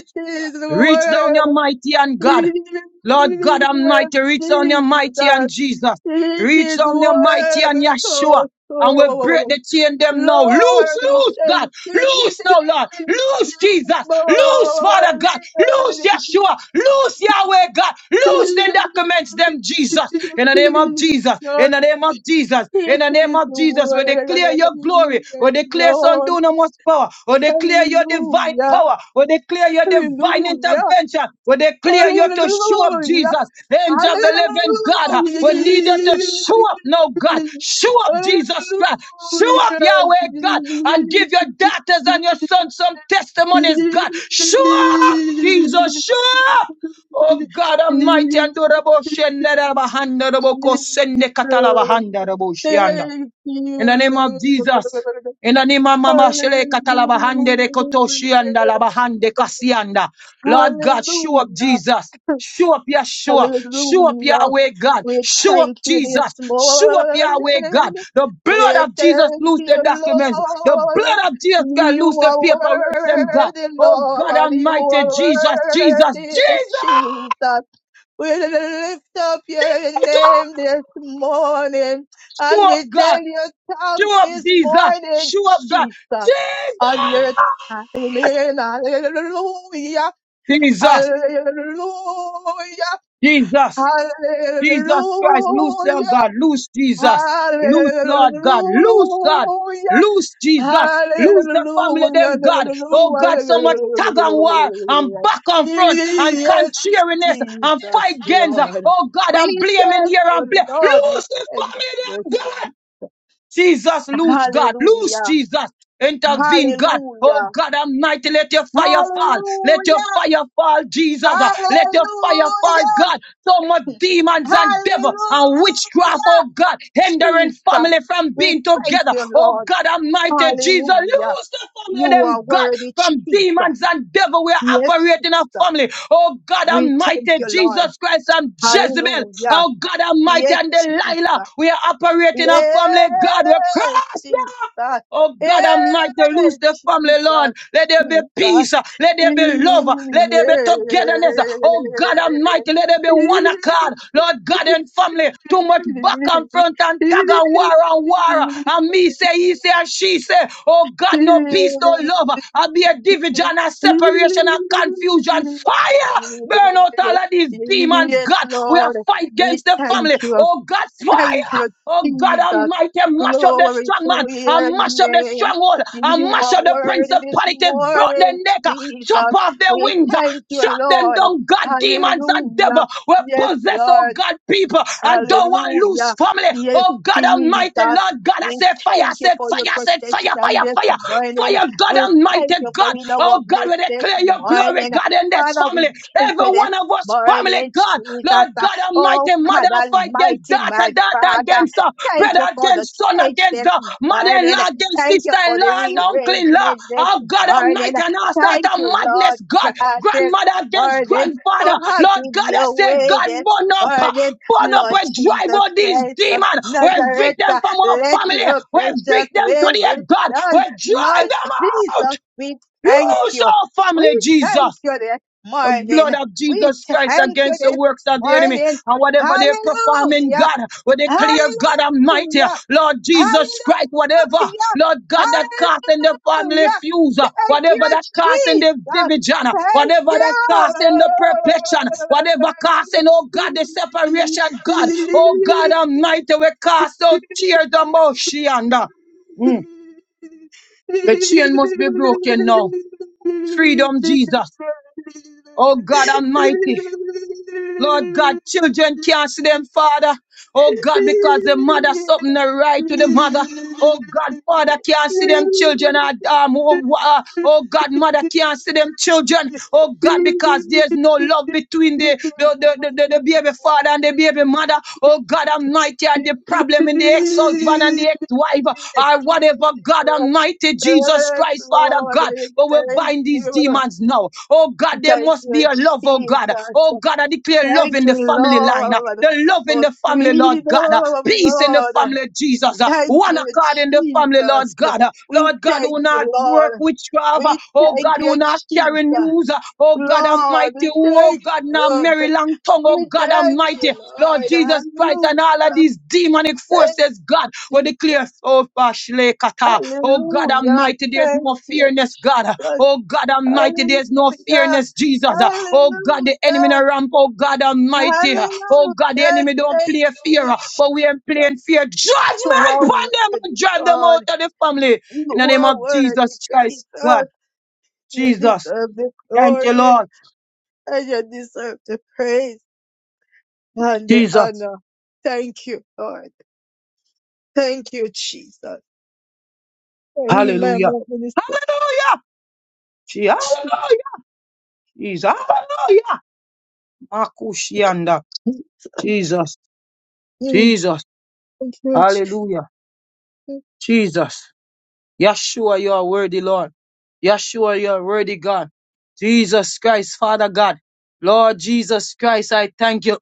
[SPEAKER 2] Reach down your mighty and God. Lord God Almighty, reach down your mighty and Jesus. Reach
[SPEAKER 3] is
[SPEAKER 2] down your mighty and
[SPEAKER 3] worthy to
[SPEAKER 2] Yeshua.
[SPEAKER 3] our
[SPEAKER 2] And we break
[SPEAKER 3] soul.
[SPEAKER 2] the chain them now. Loose,
[SPEAKER 3] Lord, we
[SPEAKER 2] loose,
[SPEAKER 3] thank
[SPEAKER 2] God.
[SPEAKER 3] you.
[SPEAKER 2] Loose now, Lord. Loose, Jesus. Loose, Father God. Loose, Yeshua. Loose, Yahweh God. Loose the documents them,
[SPEAKER 3] It
[SPEAKER 2] Jesus.
[SPEAKER 3] is
[SPEAKER 2] In the name of
[SPEAKER 3] worthy,
[SPEAKER 2] Jesus. In the name of Jesus. In the name of Jesus. We declare your glory. We declare son do
[SPEAKER 3] Lord.
[SPEAKER 2] no much power. We declare declare your divine
[SPEAKER 3] Hallelujah.
[SPEAKER 2] power. We declare your divine
[SPEAKER 3] Hallelujah.
[SPEAKER 2] intervention. We declare you to show up,
[SPEAKER 3] Hallelujah.
[SPEAKER 2] Jesus. Angel of the living God.
[SPEAKER 3] Hallelujah.
[SPEAKER 2] We need you to show up now, God. Show up, Jesus God. Show
[SPEAKER 3] Hallelujah.
[SPEAKER 2] up, Yahweh God. And give your daughters and your sons some testimonies, God. Show up, Jesus. Show up. Oh God Almighty, and do the bush and the other the book, oh, send the the bush yonder.
[SPEAKER 3] Thank you,
[SPEAKER 2] In the name of
[SPEAKER 3] Lord.
[SPEAKER 2] Jesus. In the name of Mama Shele
[SPEAKER 3] Hallelujah.
[SPEAKER 2] Katalabahande Rekotoshianda Labahande Kasianda. Lord God, show up
[SPEAKER 3] Hallelujah.
[SPEAKER 2] Jesus. Show up Yeshua. Show up
[SPEAKER 3] Hallelujah.
[SPEAKER 2] Yahweh God.
[SPEAKER 3] We
[SPEAKER 2] Show up
[SPEAKER 3] thank you this
[SPEAKER 2] Jesus. Show up
[SPEAKER 3] morning.
[SPEAKER 2] Yahweh God. The
[SPEAKER 3] We
[SPEAKER 2] blood of Jesus
[SPEAKER 3] thank
[SPEAKER 2] loose the
[SPEAKER 3] you,
[SPEAKER 2] documents. The
[SPEAKER 3] Lord.
[SPEAKER 2] blood of Jesus can loose
[SPEAKER 3] You
[SPEAKER 2] the
[SPEAKER 3] are
[SPEAKER 2] paperwork, them God.
[SPEAKER 3] worthy,
[SPEAKER 2] Oh God
[SPEAKER 3] Lord. You
[SPEAKER 2] Almighty,
[SPEAKER 3] are
[SPEAKER 2] Jesus, Jesus,
[SPEAKER 3] worthy,
[SPEAKER 2] Jesus.
[SPEAKER 3] Jesus. We lift up your name this morning
[SPEAKER 2] Show
[SPEAKER 3] and
[SPEAKER 2] up
[SPEAKER 3] we
[SPEAKER 2] God.
[SPEAKER 3] tell you thanks
[SPEAKER 2] Show up
[SPEAKER 3] this
[SPEAKER 2] Jesus.
[SPEAKER 3] morning,
[SPEAKER 2] Show up God.
[SPEAKER 3] Jesus, on your
[SPEAKER 2] Jesus.
[SPEAKER 3] time. Hallelujah.
[SPEAKER 2] Jesus.
[SPEAKER 3] Hallelujah.
[SPEAKER 2] Jesus,
[SPEAKER 3] Hallelujah.
[SPEAKER 2] Jesus Christ, loose your God, loose Jesus, loose Lord God, loose God,
[SPEAKER 3] Hallelujah.
[SPEAKER 2] loose Jesus, loose the family
[SPEAKER 3] Hallelujah.
[SPEAKER 2] them God. Oh God, so much tag and war and
[SPEAKER 3] Hallelujah.
[SPEAKER 2] back and front and
[SPEAKER 3] Yes,
[SPEAKER 2] contrariness and
[SPEAKER 3] Jesus,
[SPEAKER 2] fight gains.
[SPEAKER 3] Lord.
[SPEAKER 2] Oh God, I'm
[SPEAKER 3] We
[SPEAKER 2] blaming
[SPEAKER 3] thank
[SPEAKER 2] here and
[SPEAKER 3] you,
[SPEAKER 2] blame.
[SPEAKER 3] Lord. We
[SPEAKER 2] Loose the
[SPEAKER 3] thank you.
[SPEAKER 2] family them God. Jesus, loose God, loose
[SPEAKER 3] Hallelujah.
[SPEAKER 2] Jesus. Intervene, God. Oh
[SPEAKER 3] Hallelujah.
[SPEAKER 2] God Almighty, let your fire fall. Let your
[SPEAKER 3] Hallelujah.
[SPEAKER 2] fire fall, Jesus. Uh, Let your fire fall,
[SPEAKER 3] Hallelujah.
[SPEAKER 2] God. So much demons and devil and witchcraft,
[SPEAKER 3] Hallelujah.
[SPEAKER 2] oh God, hindering
[SPEAKER 3] Jesus.
[SPEAKER 2] family from
[SPEAKER 3] We
[SPEAKER 2] being
[SPEAKER 3] thank
[SPEAKER 2] together.
[SPEAKER 3] you,
[SPEAKER 2] Oh
[SPEAKER 3] Lord.
[SPEAKER 2] God Almighty Jesus,
[SPEAKER 3] Hallelujah.
[SPEAKER 2] loose the family, of
[SPEAKER 3] You
[SPEAKER 2] them
[SPEAKER 3] are
[SPEAKER 2] God,
[SPEAKER 3] worthy,
[SPEAKER 2] from demons
[SPEAKER 3] Jesus.
[SPEAKER 2] and devil. We are
[SPEAKER 3] Yes,
[SPEAKER 2] operating a
[SPEAKER 3] Jesus.
[SPEAKER 2] family. Oh God
[SPEAKER 3] We thank
[SPEAKER 2] Almighty
[SPEAKER 3] you, Lord.
[SPEAKER 2] Jesus Christ and Jezebel.
[SPEAKER 3] Hallelujah.
[SPEAKER 2] Oh God Almighty
[SPEAKER 3] Yes,
[SPEAKER 2] and Delilah.
[SPEAKER 3] Jesus.
[SPEAKER 2] We are operating a family. God, we
[SPEAKER 3] Yes,
[SPEAKER 2] cross
[SPEAKER 3] Jesus.
[SPEAKER 2] them. Oh God Almighty, loose
[SPEAKER 3] Yes,
[SPEAKER 2] the family,
[SPEAKER 3] Jesus,
[SPEAKER 2] Lord. Let there be
[SPEAKER 3] Jesus.
[SPEAKER 2] peace. Let there be love. Let there be togetherness. Oh God Almighty, let there be one accord. Lord God and family, too much back and front and tag and war and war. And me say, he say, and she say, oh God, no peace,
[SPEAKER 3] Yes.
[SPEAKER 2] no love. i be a division and separation and confusion. Fire! Burn out all of these demons,
[SPEAKER 3] Yes,
[SPEAKER 2] God. We are
[SPEAKER 3] Lord.
[SPEAKER 2] fight
[SPEAKER 3] We
[SPEAKER 2] against the
[SPEAKER 3] thank
[SPEAKER 2] family.
[SPEAKER 3] you.
[SPEAKER 2] Oh God,
[SPEAKER 3] Thank
[SPEAKER 2] fire!
[SPEAKER 3] you,
[SPEAKER 2] Oh God
[SPEAKER 3] Jesus.
[SPEAKER 2] Almighty, mash up the
[SPEAKER 3] Glory
[SPEAKER 2] strong
[SPEAKER 3] to
[SPEAKER 2] man, and
[SPEAKER 3] your
[SPEAKER 2] mash up the
[SPEAKER 3] name.
[SPEAKER 2] stronghold, and
[SPEAKER 3] You
[SPEAKER 2] mash
[SPEAKER 3] are
[SPEAKER 2] up the
[SPEAKER 3] worthy this
[SPEAKER 2] principalities, broke their
[SPEAKER 3] morning,
[SPEAKER 2] neck, uh, chop
[SPEAKER 3] Jesus.
[SPEAKER 2] off their
[SPEAKER 3] We
[SPEAKER 2] wings, uh,
[SPEAKER 3] thank you,
[SPEAKER 2] chop them
[SPEAKER 3] Lord.
[SPEAKER 2] down, God, demons and
[SPEAKER 3] Hallelujah.
[SPEAKER 2] devil. We
[SPEAKER 3] Yes,
[SPEAKER 2] possess,
[SPEAKER 3] Lord.
[SPEAKER 2] oh God, people, and don't want loose
[SPEAKER 3] Hallelujah.
[SPEAKER 2] family.
[SPEAKER 3] Yes,
[SPEAKER 2] Oh God Almighty,
[SPEAKER 3] Jesus.
[SPEAKER 2] Lord God, I
[SPEAKER 3] We
[SPEAKER 2] say fire, I
[SPEAKER 3] thank you
[SPEAKER 2] say
[SPEAKER 3] for your
[SPEAKER 2] fire, I say fire,
[SPEAKER 3] protection
[SPEAKER 2] fire,
[SPEAKER 3] this
[SPEAKER 2] fire,
[SPEAKER 3] morning.
[SPEAKER 2] fire, God
[SPEAKER 3] We
[SPEAKER 2] Almighty,
[SPEAKER 3] thank you for
[SPEAKER 2] God.
[SPEAKER 3] in our
[SPEAKER 2] Oh God,
[SPEAKER 3] midst
[SPEAKER 2] we
[SPEAKER 3] this
[SPEAKER 2] declare your glory,
[SPEAKER 3] morning.
[SPEAKER 2] God, in this
[SPEAKER 3] Father,
[SPEAKER 2] family.
[SPEAKER 3] we thank
[SPEAKER 2] Every
[SPEAKER 3] you this
[SPEAKER 2] one of us. Family,
[SPEAKER 3] morning,
[SPEAKER 2] God, Lord
[SPEAKER 3] Jesus.
[SPEAKER 2] God
[SPEAKER 3] Oh,
[SPEAKER 2] Almighty,
[SPEAKER 3] God
[SPEAKER 2] mother fight against
[SPEAKER 3] Almighty,
[SPEAKER 2] daughter,
[SPEAKER 3] my
[SPEAKER 2] daughter
[SPEAKER 3] Father.
[SPEAKER 2] against uh,
[SPEAKER 3] Thank
[SPEAKER 2] brother
[SPEAKER 3] you for the
[SPEAKER 2] against son
[SPEAKER 3] change
[SPEAKER 2] against
[SPEAKER 3] this
[SPEAKER 2] the
[SPEAKER 3] morning.
[SPEAKER 2] mother-in-law against
[SPEAKER 3] Thank you for the
[SPEAKER 2] sister-in-law and uncle-in-law.
[SPEAKER 3] rearrangement this
[SPEAKER 2] Oh God
[SPEAKER 3] morning.
[SPEAKER 2] Almighty, and all sort
[SPEAKER 3] Thank
[SPEAKER 2] of
[SPEAKER 3] you, Lord
[SPEAKER 2] madness, God,
[SPEAKER 3] God, this
[SPEAKER 2] grandmother against
[SPEAKER 3] morning for
[SPEAKER 2] grandfather. Lord
[SPEAKER 3] having
[SPEAKER 2] God, I
[SPEAKER 3] your
[SPEAKER 2] say,
[SPEAKER 3] way
[SPEAKER 2] God,
[SPEAKER 3] this
[SPEAKER 2] burn up, uh,
[SPEAKER 3] morning.
[SPEAKER 2] burn up
[SPEAKER 3] Lord
[SPEAKER 2] and drive
[SPEAKER 3] Jesus
[SPEAKER 2] out these
[SPEAKER 3] Christ of
[SPEAKER 2] demons. We
[SPEAKER 3] Nazareth,
[SPEAKER 2] evict them
[SPEAKER 3] uh,
[SPEAKER 2] from our
[SPEAKER 3] let
[SPEAKER 2] family.
[SPEAKER 3] your
[SPEAKER 2] We
[SPEAKER 3] precious
[SPEAKER 2] evict them to
[SPEAKER 3] will
[SPEAKER 2] the
[SPEAKER 3] be
[SPEAKER 2] earth, God. We
[SPEAKER 3] done.
[SPEAKER 2] drive
[SPEAKER 3] Lord
[SPEAKER 2] them out.
[SPEAKER 3] Jesus, we thank
[SPEAKER 2] Lose
[SPEAKER 3] you.
[SPEAKER 2] our family,
[SPEAKER 3] We
[SPEAKER 2] Jesus.
[SPEAKER 3] thank you this
[SPEAKER 2] The blood
[SPEAKER 3] morning.
[SPEAKER 2] of
[SPEAKER 3] We
[SPEAKER 2] Jesus Christ
[SPEAKER 3] thank you
[SPEAKER 2] against the
[SPEAKER 3] this
[SPEAKER 2] works of the enemy.
[SPEAKER 3] morning.
[SPEAKER 2] And whatever they perform in
[SPEAKER 3] Hallelujah.
[SPEAKER 2] God, we declare God Almighty,
[SPEAKER 3] Hallelujah.
[SPEAKER 2] Lord
[SPEAKER 3] Hallelujah.
[SPEAKER 2] Jesus Christ, whatever, Lord God, that cast in the family
[SPEAKER 3] Hallelujah.
[SPEAKER 2] fuse, uh,
[SPEAKER 3] Thank you,
[SPEAKER 2] whatever that cast in the
[SPEAKER 3] Jesus.
[SPEAKER 2] division, uh,
[SPEAKER 3] Thank
[SPEAKER 2] whatever that cast in the perplexion, whatever cast in, oh God, the separation, God, oh God Almighty, we cast out tears the motion. uh, Mm. The chain must be broken now. Freedom, Jesus. Oh God Almighty. Lord God, children can't see them father. Oh God, because the mother something not right to the mother. Oh God, Father can't see them children. uh, Um, who- uh, oh God, Mother can't see them children. Oh God, because there's
[SPEAKER 3] you.
[SPEAKER 2] no love between the
[SPEAKER 3] Thank you,
[SPEAKER 2] the,
[SPEAKER 3] thank
[SPEAKER 2] the, the, the,
[SPEAKER 3] you,
[SPEAKER 2] the baby father and the baby mother. Oh God, Almighty, and the problem in the ex-husband and the ex-wife or whatever. God
[SPEAKER 3] Jesus.
[SPEAKER 2] Almighty, Jesus Christ, Father God, but we bind these demons now. Oh God, there must be a love. Oh God, oh God, I declare love
[SPEAKER 3] Thank
[SPEAKER 2] in the in the
[SPEAKER 3] you,
[SPEAKER 2] family line, uh,
[SPEAKER 3] Lord,
[SPEAKER 2] the love in
[SPEAKER 3] for
[SPEAKER 2] the family, Lord God, uh,
[SPEAKER 3] freedom,
[SPEAKER 2] peace in the
[SPEAKER 3] Lord.
[SPEAKER 2] family, Jesus, uh,
[SPEAKER 3] Thank
[SPEAKER 2] one
[SPEAKER 3] you,
[SPEAKER 2] accord in the family,
[SPEAKER 3] Jesus.
[SPEAKER 2] Lord God, uh,
[SPEAKER 3] We
[SPEAKER 2] Lord God,
[SPEAKER 3] thank
[SPEAKER 2] who not
[SPEAKER 3] you,
[SPEAKER 2] work
[SPEAKER 3] Lord.
[SPEAKER 2] witchcraft, uh,
[SPEAKER 3] We
[SPEAKER 2] oh
[SPEAKER 3] thank
[SPEAKER 2] God,
[SPEAKER 3] you,
[SPEAKER 2] who not carry
[SPEAKER 3] Jesus.
[SPEAKER 2] news, uh, oh God
[SPEAKER 3] Lord, we
[SPEAKER 2] Almighty, who, oh
[SPEAKER 3] thank
[SPEAKER 2] God, now
[SPEAKER 3] you.
[SPEAKER 2] merry long tongue, oh
[SPEAKER 3] We
[SPEAKER 2] God
[SPEAKER 3] thank you,
[SPEAKER 2] Almighty, Lord
[SPEAKER 3] Lord.
[SPEAKER 2] Jesus Christ, and all of
[SPEAKER 3] Hallelujah.
[SPEAKER 2] these demonic
[SPEAKER 3] Thank
[SPEAKER 2] forces, God, will
[SPEAKER 3] you.
[SPEAKER 2] declare, oh, Pashley kata, oh God
[SPEAKER 3] Hallelujah.
[SPEAKER 2] Almighty, there's
[SPEAKER 3] Thank
[SPEAKER 2] no
[SPEAKER 3] you,
[SPEAKER 2] fearness, God, Uh,
[SPEAKER 3] Jesus.
[SPEAKER 2] Oh God Almighty, there's no
[SPEAKER 3] Hallelujah.
[SPEAKER 2] fearness, Jesus. Uh, Oh God, the enemy in
[SPEAKER 3] Hallelujah.
[SPEAKER 2] a ramp. Oh God Almighty. Uh, Oh God, the
[SPEAKER 3] Hallelujah.
[SPEAKER 2] enemy don't
[SPEAKER 3] Thank
[SPEAKER 2] play
[SPEAKER 3] you,
[SPEAKER 2] fear, uh,
[SPEAKER 3] Jesus.
[SPEAKER 2] but we ain't playing fear.
[SPEAKER 3] You
[SPEAKER 2] Judgment upon
[SPEAKER 3] are
[SPEAKER 2] them
[SPEAKER 3] worthy,
[SPEAKER 2] and drive them
[SPEAKER 3] God.
[SPEAKER 2] out of the family. In the
[SPEAKER 3] You
[SPEAKER 2] name
[SPEAKER 3] are
[SPEAKER 2] of
[SPEAKER 3] worthy,
[SPEAKER 2] Jesus Christ,
[SPEAKER 3] Jesus.
[SPEAKER 2] God,
[SPEAKER 3] You
[SPEAKER 2] Jesus.
[SPEAKER 3] deserve the
[SPEAKER 2] Thank you,
[SPEAKER 3] glory
[SPEAKER 2] Lord.
[SPEAKER 3] and you deserve the praise and the
[SPEAKER 2] Jesus.
[SPEAKER 3] honor. Thank you, Lord. Thank you, Jesus.
[SPEAKER 2] Hallelujah.
[SPEAKER 3] Remember, minister.
[SPEAKER 2] Hallelujah. Gee, Hallelujah. Jesus. Hallelujah. Makushianda.
[SPEAKER 3] Jesus.
[SPEAKER 2] Jesus.
[SPEAKER 3] Mm,
[SPEAKER 2] Jesus.
[SPEAKER 3] Thank you, Jesus.
[SPEAKER 2] Hallelujah. Jesus. Yeshua, you are worthy, Lord. Yeshua, you are worthy, God. Jesus Christ, Father God. Lord Jesus Christ, I thank you.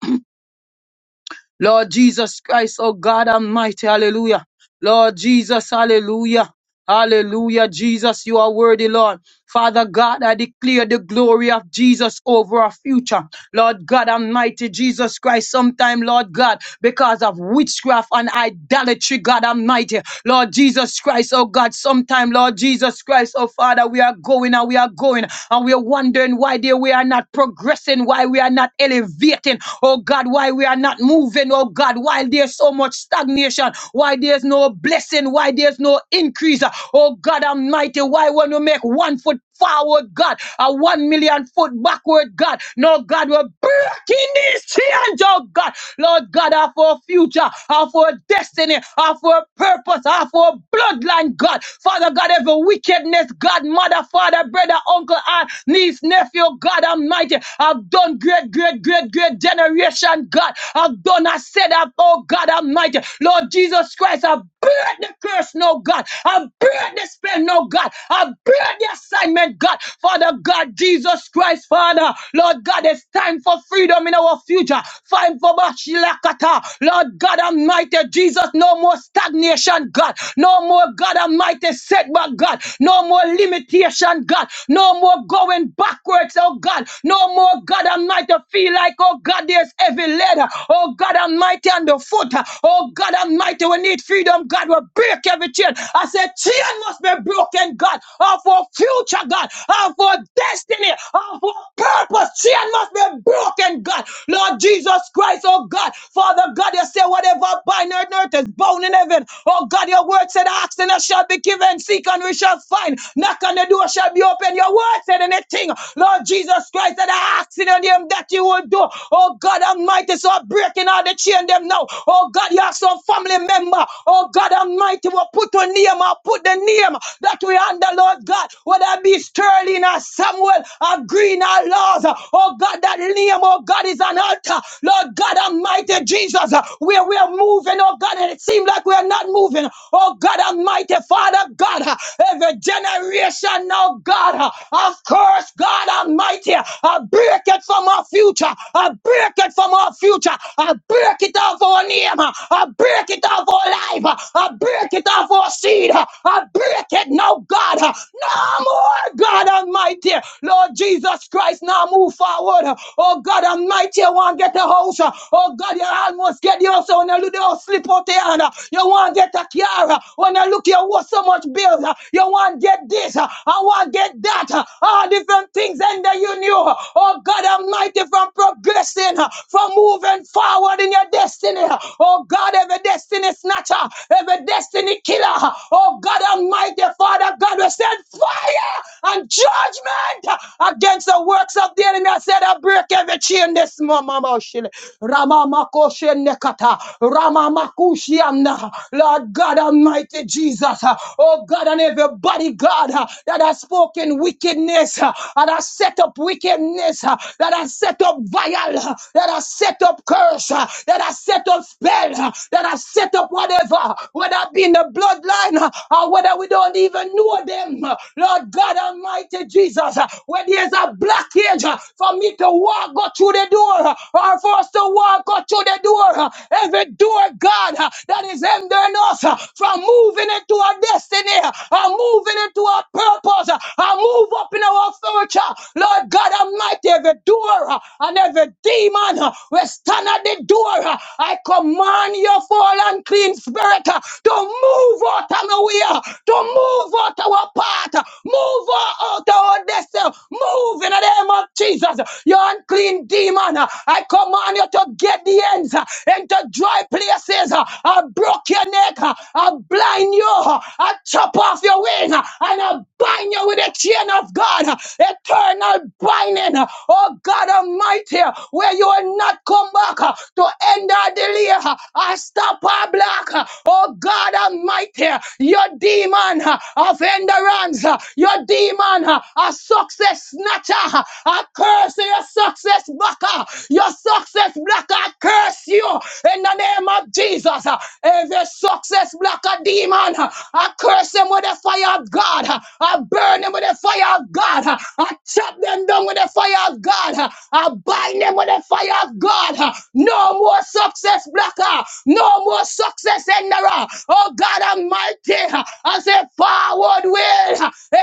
[SPEAKER 2] Lord Jesus Christ, oh God Almighty, hallelujah. Lord Jesus, hallelujah. Hallelujah, Jesus, you are worthy, Lord. Father God, I declare the glory of Jesus over our future. Lord God, Almighty Jesus Christ, sometime, Lord God, because of witchcraft and idolatry, God Almighty, Lord Jesus Christ, oh God, sometime, Lord Jesus Christ, oh Father, we are going and we are going and we are wondering why dear, we are not progressing, why we are not elevating, oh God, why we are not moving, oh God, why there's so much stagnation, why there's no blessing, why there's no increase increase. uh, Oh God Almighty, why won't you make one foot forward, God, a one million foot backward, God? No, God, we're breaking these chains, oh God. Lord God, of our future, of our destiny, of our purpose, of our bloodline, God. Father God, every wickedness, God, mother, father, brother, uncle, aunt, niece, nephew, God Almighty, I've done great, great, great, great generation, God. I've done, I said, I've, oh God Almighty, Lord Jesus Christ, I've burn the curse, no God. I burn the spell, no God. I burn the assignment, God. Father God, Jesus Christ, Father, Lord God, it's time for freedom in our future. Time for Bashilakata. Lord God Almighty, Jesus, no more stagnation, God. No more, God Almighty, setback, God. No more limitation, God. No more going backwards, oh God. No more, God Almighty, feel like, oh God, there's heavy leather. Oh God Almighty, on the foot. Oh God Almighty, we need freedom freedom, God, will break every chain. I said, chain must be broken, God, of our future, God, of our destiny, of our purpose. Chain must be broken, God. Lord Jesus Christ, oh God, Father God, you say whatever bind on earth is bound in heaven. Oh God, your word said, ask and it shall be given, seek and we shall find, knock on the door shall be open. Your word said anything, Lord Jesus Christ, that I ask in your name that you will do. Oh God, Almighty, so I'm breaking all the chain them now. Oh God, you have some family member. Oh God Almighty, will put a name, or put the name that we under, Lord God, whether it be Sterling or Samuel or Green or Laws. Oh God, that name, oh God, is an altar. Lord God Almighty, Jesus, where we are moving, oh God, and it seems like we are not moving. Oh God Almighty, Father God, every generation, oh God, of course, God Almighty, I break it from our future. I break it from our future. I break it off our name. I break it off our life life. Uh, I break it off our seed. Uh, I break it now, God. Uh, No more, God Almighty. Lord Jesus Christ, now move forward. Uh, Oh, God Almighty, you want to get a house. Uh, Oh, God, you almost get the house. When you look, you slip out there. And, uh, You want to get a car. Uh, When you look, you owe so much bills. Uh, You want to get this. Uh, I want to get that. Uh, All different things. And then you knew. Uh, Oh, God Almighty, from progressing, uh, from moving forward in your destiny. Uh, Oh, God, every destiny snatcher uh, every destiny killer. uh, Oh God Almighty, Father God, we send fire and judgment uh, against the works of the enemy. I said, I break every chain this morning. Ramamakoshenekata, Ramamakoshiamna. Lord God Almighty Jesus, uh, oh God, and everybody, God, uh, that has spoken wickedness, uh, that has set up wickedness, uh, that has set up vile, uh, that has set up curse, uh, that has set up spell, uh, that has set up whatever, whether it be in the bloodline uh, or whether we don't even know them. uh, Lord God Almighty Jesus, uh, where there's a blockage uh, for me to walk go through the door uh, or for us to walk go through the door, uh, every door, God, uh, that is hindering us uh, from moving into our destiny uh, or moving into our purpose uh, or move up in our future. Lord God Almighty, every door uh, and every demon uh, we stand at the door. uh, I command you fall unclean unclean spirit. uh, to move out of our way, uh, to move out our path, uh, move out our destiny, move in the name of Jesus. uh, You unclean demon, uh, I command you to get the ends uh, into dry places. uh, I broke your neck, uh, I blind you, uh, I chop off your wing, uh, and I bind you with a chain of God, uh, eternal binding. uh, Oh God Almighty, uh, where you will not come back uh, to end our delay. uh, I stop our blessing block, oh God Almighty, your demon of hindrance, your demon a success snatcher, a curse your success blocker, your success blocker, I curse you in the name of Jesus. Every success blocker demon, I curse them with the fire of God, I burn them with the fire of God, I chop them down with the fire of God, I bind them with the fire of God. No more success blocker, no more success success enderer. Oh God Almighty, I say forward will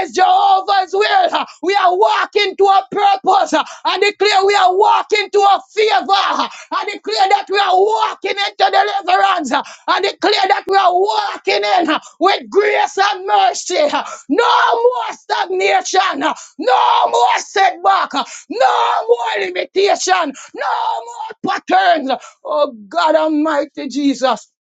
[SPEAKER 2] is Jehovah's will. We are walking to a purpose. I declare we are walking to a favor. I declare that we are walking into deliverance. I declare that we are walking in with grace and mercy. No more stagnation. No more setback. No more limitation. No more patterns. Oh God Almighty Jesus.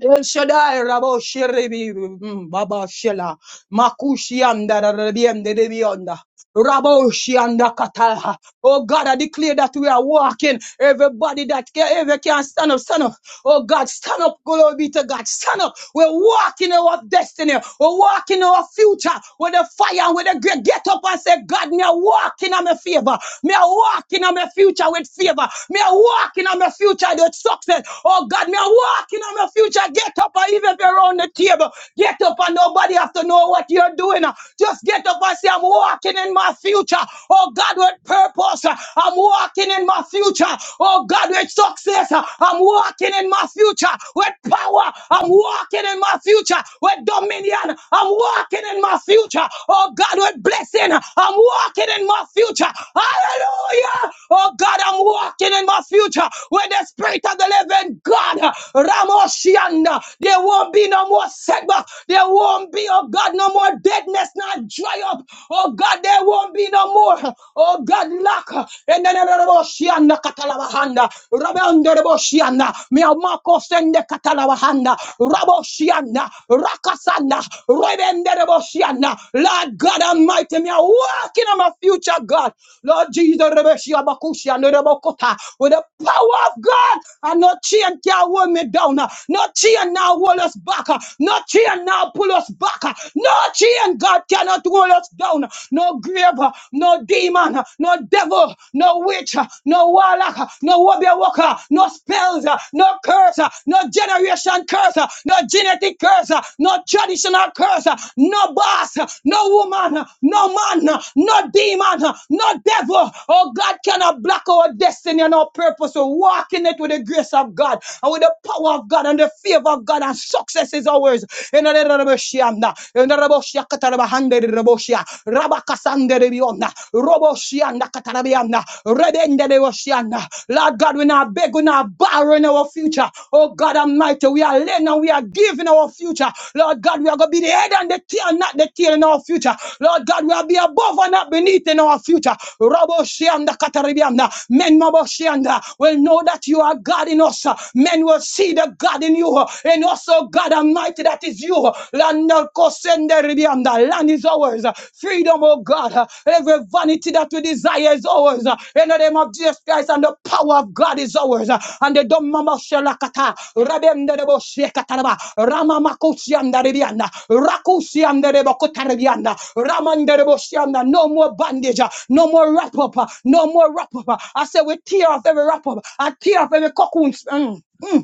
[SPEAKER 2] El Shaddai, Rabo Shiribi, mm, Baba Shela, Makushi Anda, Rabiende, Rebionda. Raboshi and Nakata. Oh God, I declare that we are walking. Everybody that can, ever can stand up, stand up. Oh God, stand up. Glory be to God. Stand up. We're walking our destiny. We're walking our future with the fire and with the great. Get up and say, God, me are walking on my favor. Me are walking on my future with favor. Me are walking on my future with success. Oh God, me are walking on my future. Get up and even if you're on the table, get up and nobody have to know what you're doing. Just get get up and say, I'm walking in my future. Oh God, with purpose. I'm walking in my future. Oh God, with success. I'm walking in my future. With power. I'm walking in my future. With dominion. I'm walking in my future. Oh God, with blessing. I'm walking in my future. Hallelujah. Oh God, I'm walking in my future. With the spirit of the living God. Ramoshianda. There won't be no more setback. There won't be, oh God, no more no more deadness, not dry up. Oh God, there won't be no more. Oh God, lack. Eneneneneboshianda katalabahanda. Rabeondereboshianda. Miamako sende katalabahanda. Raboshianda. Rakasanda. Rebendereboshianda. Lord God Almighty, me are walking on my future, God. Lord Jesus, Rebeshiabakushianderebokota. with the power of God, and no chain can hold me down. No chain now hold us back. No chain now cannot pull us back. uh, No chain, God cannot roll us down. uh, No grave, uh, no demon, uh, no devil, no witch, uh, no warlock, uh, no warrior worker, no spells, uh, no curse, uh, no generation curse, uh, no genetic curse, uh, no traditional curse, uh, no boss, uh, no woman, uh, no man, uh, no demon, uh, no devil. Oh, God cannot block our destiny and our purpose. So walk in it with the grace of God and with the power of God and the favor of God and success success is ours. Enaraboshiana, enaraboshiakatarabahande raboshia, rabakasande rebiona, roboshiana katarabiana, redende reboshiana. Lord God, we're not begging, we're not borrowing our future. Oh God Almighty, we are laying and we are giving our future. Lord God, we are going to be the head and the tail, not the tail in our future. Lord God, we are be above and not beneath in our future. Roboshianda katarabiana, men maboshianda will know that you are God in us. Men will see the God in in you. And also, God Almighty, that is you. Lando Kosenderibiyanda. Land is ours. Freedom, oh God. Every vanity that we desire is ours. In the name of Jesus Christ, and the power of God is ours. And the Domama Shelakata, Rabemderebo Shekataraba, Rama Makusianda Ribianda, Rakusianderebo Kotaribianda, Ramanderebo Shianda. No more bandage. no more wrap up, no more wrap up. I say, we tear off every wrap up, I tear off every cocoon. Mm. Mm.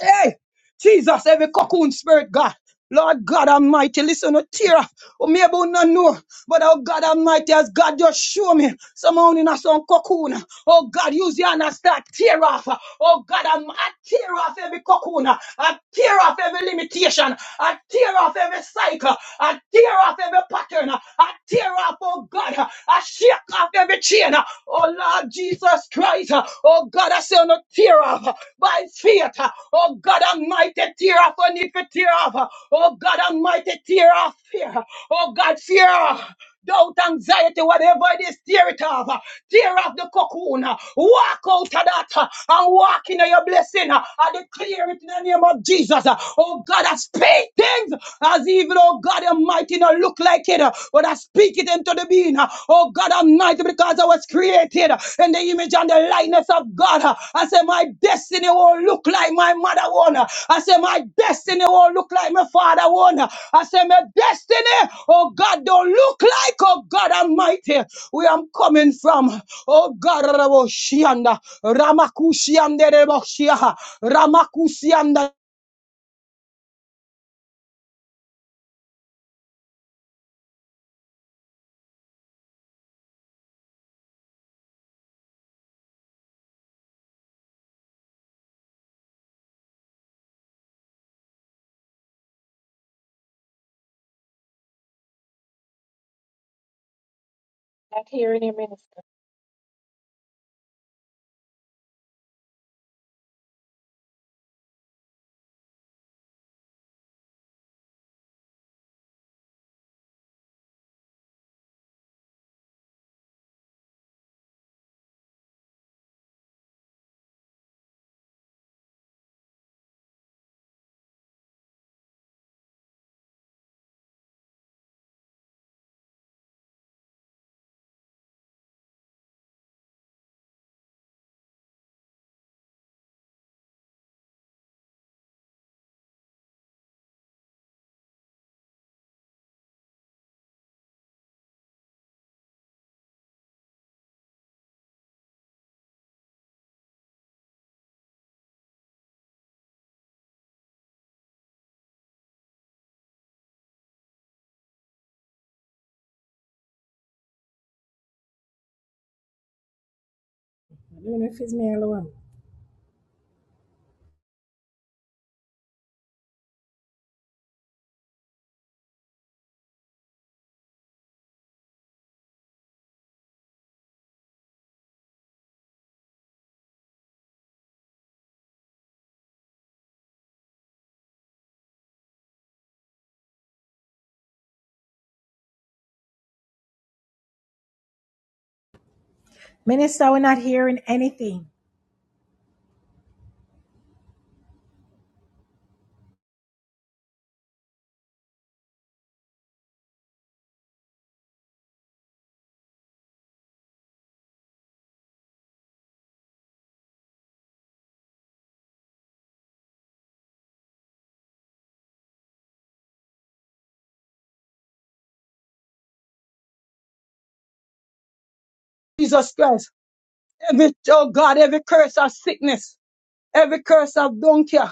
[SPEAKER 2] Hey, Jesus, every cocoon spirit, God. Lord God Almighty, listen to tear up. Oh, maybe you not know, but oh God Almighty, as God just show me somehow in a some cocoon. Oh God, use your hand and start tear off. Oh God, I'm, I tear off every cocoon. I tear off every limitation. I tear off every cycle. I tear off every pattern. I tear off, oh God. I shake off every chain. uh, Oh Lord Jesus Christ. uh, Oh God, I say on a tear off uh, by faith. uh, Oh God Almighty, tear off on need for tear off. uh, Oh God Almighty, tear off fear. uh, Oh God, fear. uh, Doubt, anxiety, whatever it is, tear it off. uh, Tear off the cocoon. uh, Walk out of that uh, and walk into your blessing. uh, I declare it in the name of of Jesus. uh, Oh God, I speak things as even, oh God, Almighty, not look like it, uh, but I speak it into the being. uh, Oh God, Almighty, because I was created uh, in the image and the likeness of God. uh, I say, my destiny won't look like my mother one. uh, I say, my destiny won't look like my father one. uh, I say, my destiny, oh God, don't look like, oh God, Almighty, where I'm coming from. Oh God, Raboshianda, Ramakushianda, Reboshia, Ramakushianda.
[SPEAKER 1] Not hearing you, Minister. I don't know if it's me alone. Minister, we're not hearing anything.
[SPEAKER 2] Jesus Christ. Every, oh God, every curse of sickness every curse of dunkia,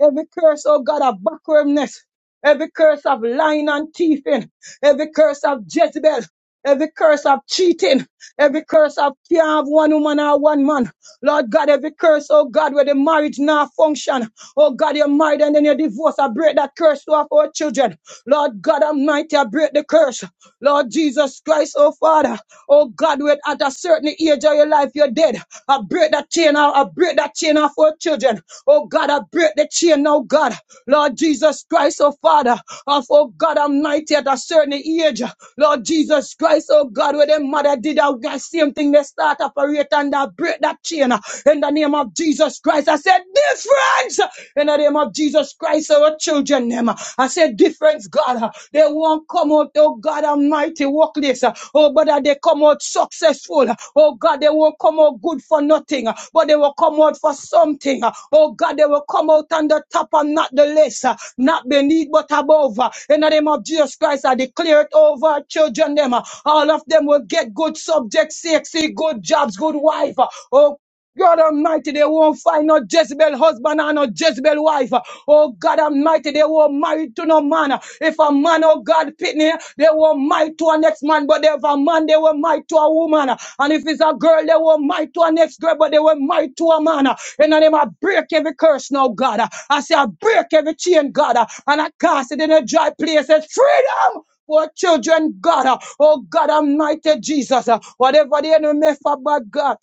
[SPEAKER 2] every curse, oh God, of backwardness, every curse of lying and thieving, every curse of Jezebel, every curse of cheating, every curse of can't have one woman or one man. Lord God, every curse, oh God, where the marriage now function. Oh God, you're married and then you're I break that curse off our children. Lord God Almighty, I break the curse. Lord Jesus Christ, oh Father, oh God, we're at a certain age of your life life you're dead. I break that chain off. I break that chain off for children. Oh God, I break the chain now, God. Lord Jesus Christ, oh Father, of oh God Almighty at a certain age. Lord Jesus Christ, oh God, where them mother did that same thing, they start operate and I break that chain in the name of Jesus Christ. I said difference in the name of Jesus Christ, our children them. I said difference, God. They won't come out oh God Almighty, workplace. uh, Oh, brother, they come out successful. Oh God, they won't come out good for nothing, uh, but they will come out for something. uh, Oh God, they will come out on the top and not the less, uh, not beneath but above. uh, In the name of Jesus Christ, I declare it over our children. Them, uh, all of them will get good subjects, sexy, good jobs, good wife. uh, Oh God Almighty, they won't find no Jezebel husband and no Jezebel wife. Oh God Almighty, they won't marry to no man. If a man, oh God, pitney, they won't marry to a next man, but if a man, they will marry to a woman. And if it's a girl, they will not marry to a next girl, but they will marry to a man. In the name, I break every curse now, God. I say, I break every chain, God, and I cast it in a dry place. It's freedom! for children, God. Oh God Almighty Jesus. Whatever the enemy meant for bad God.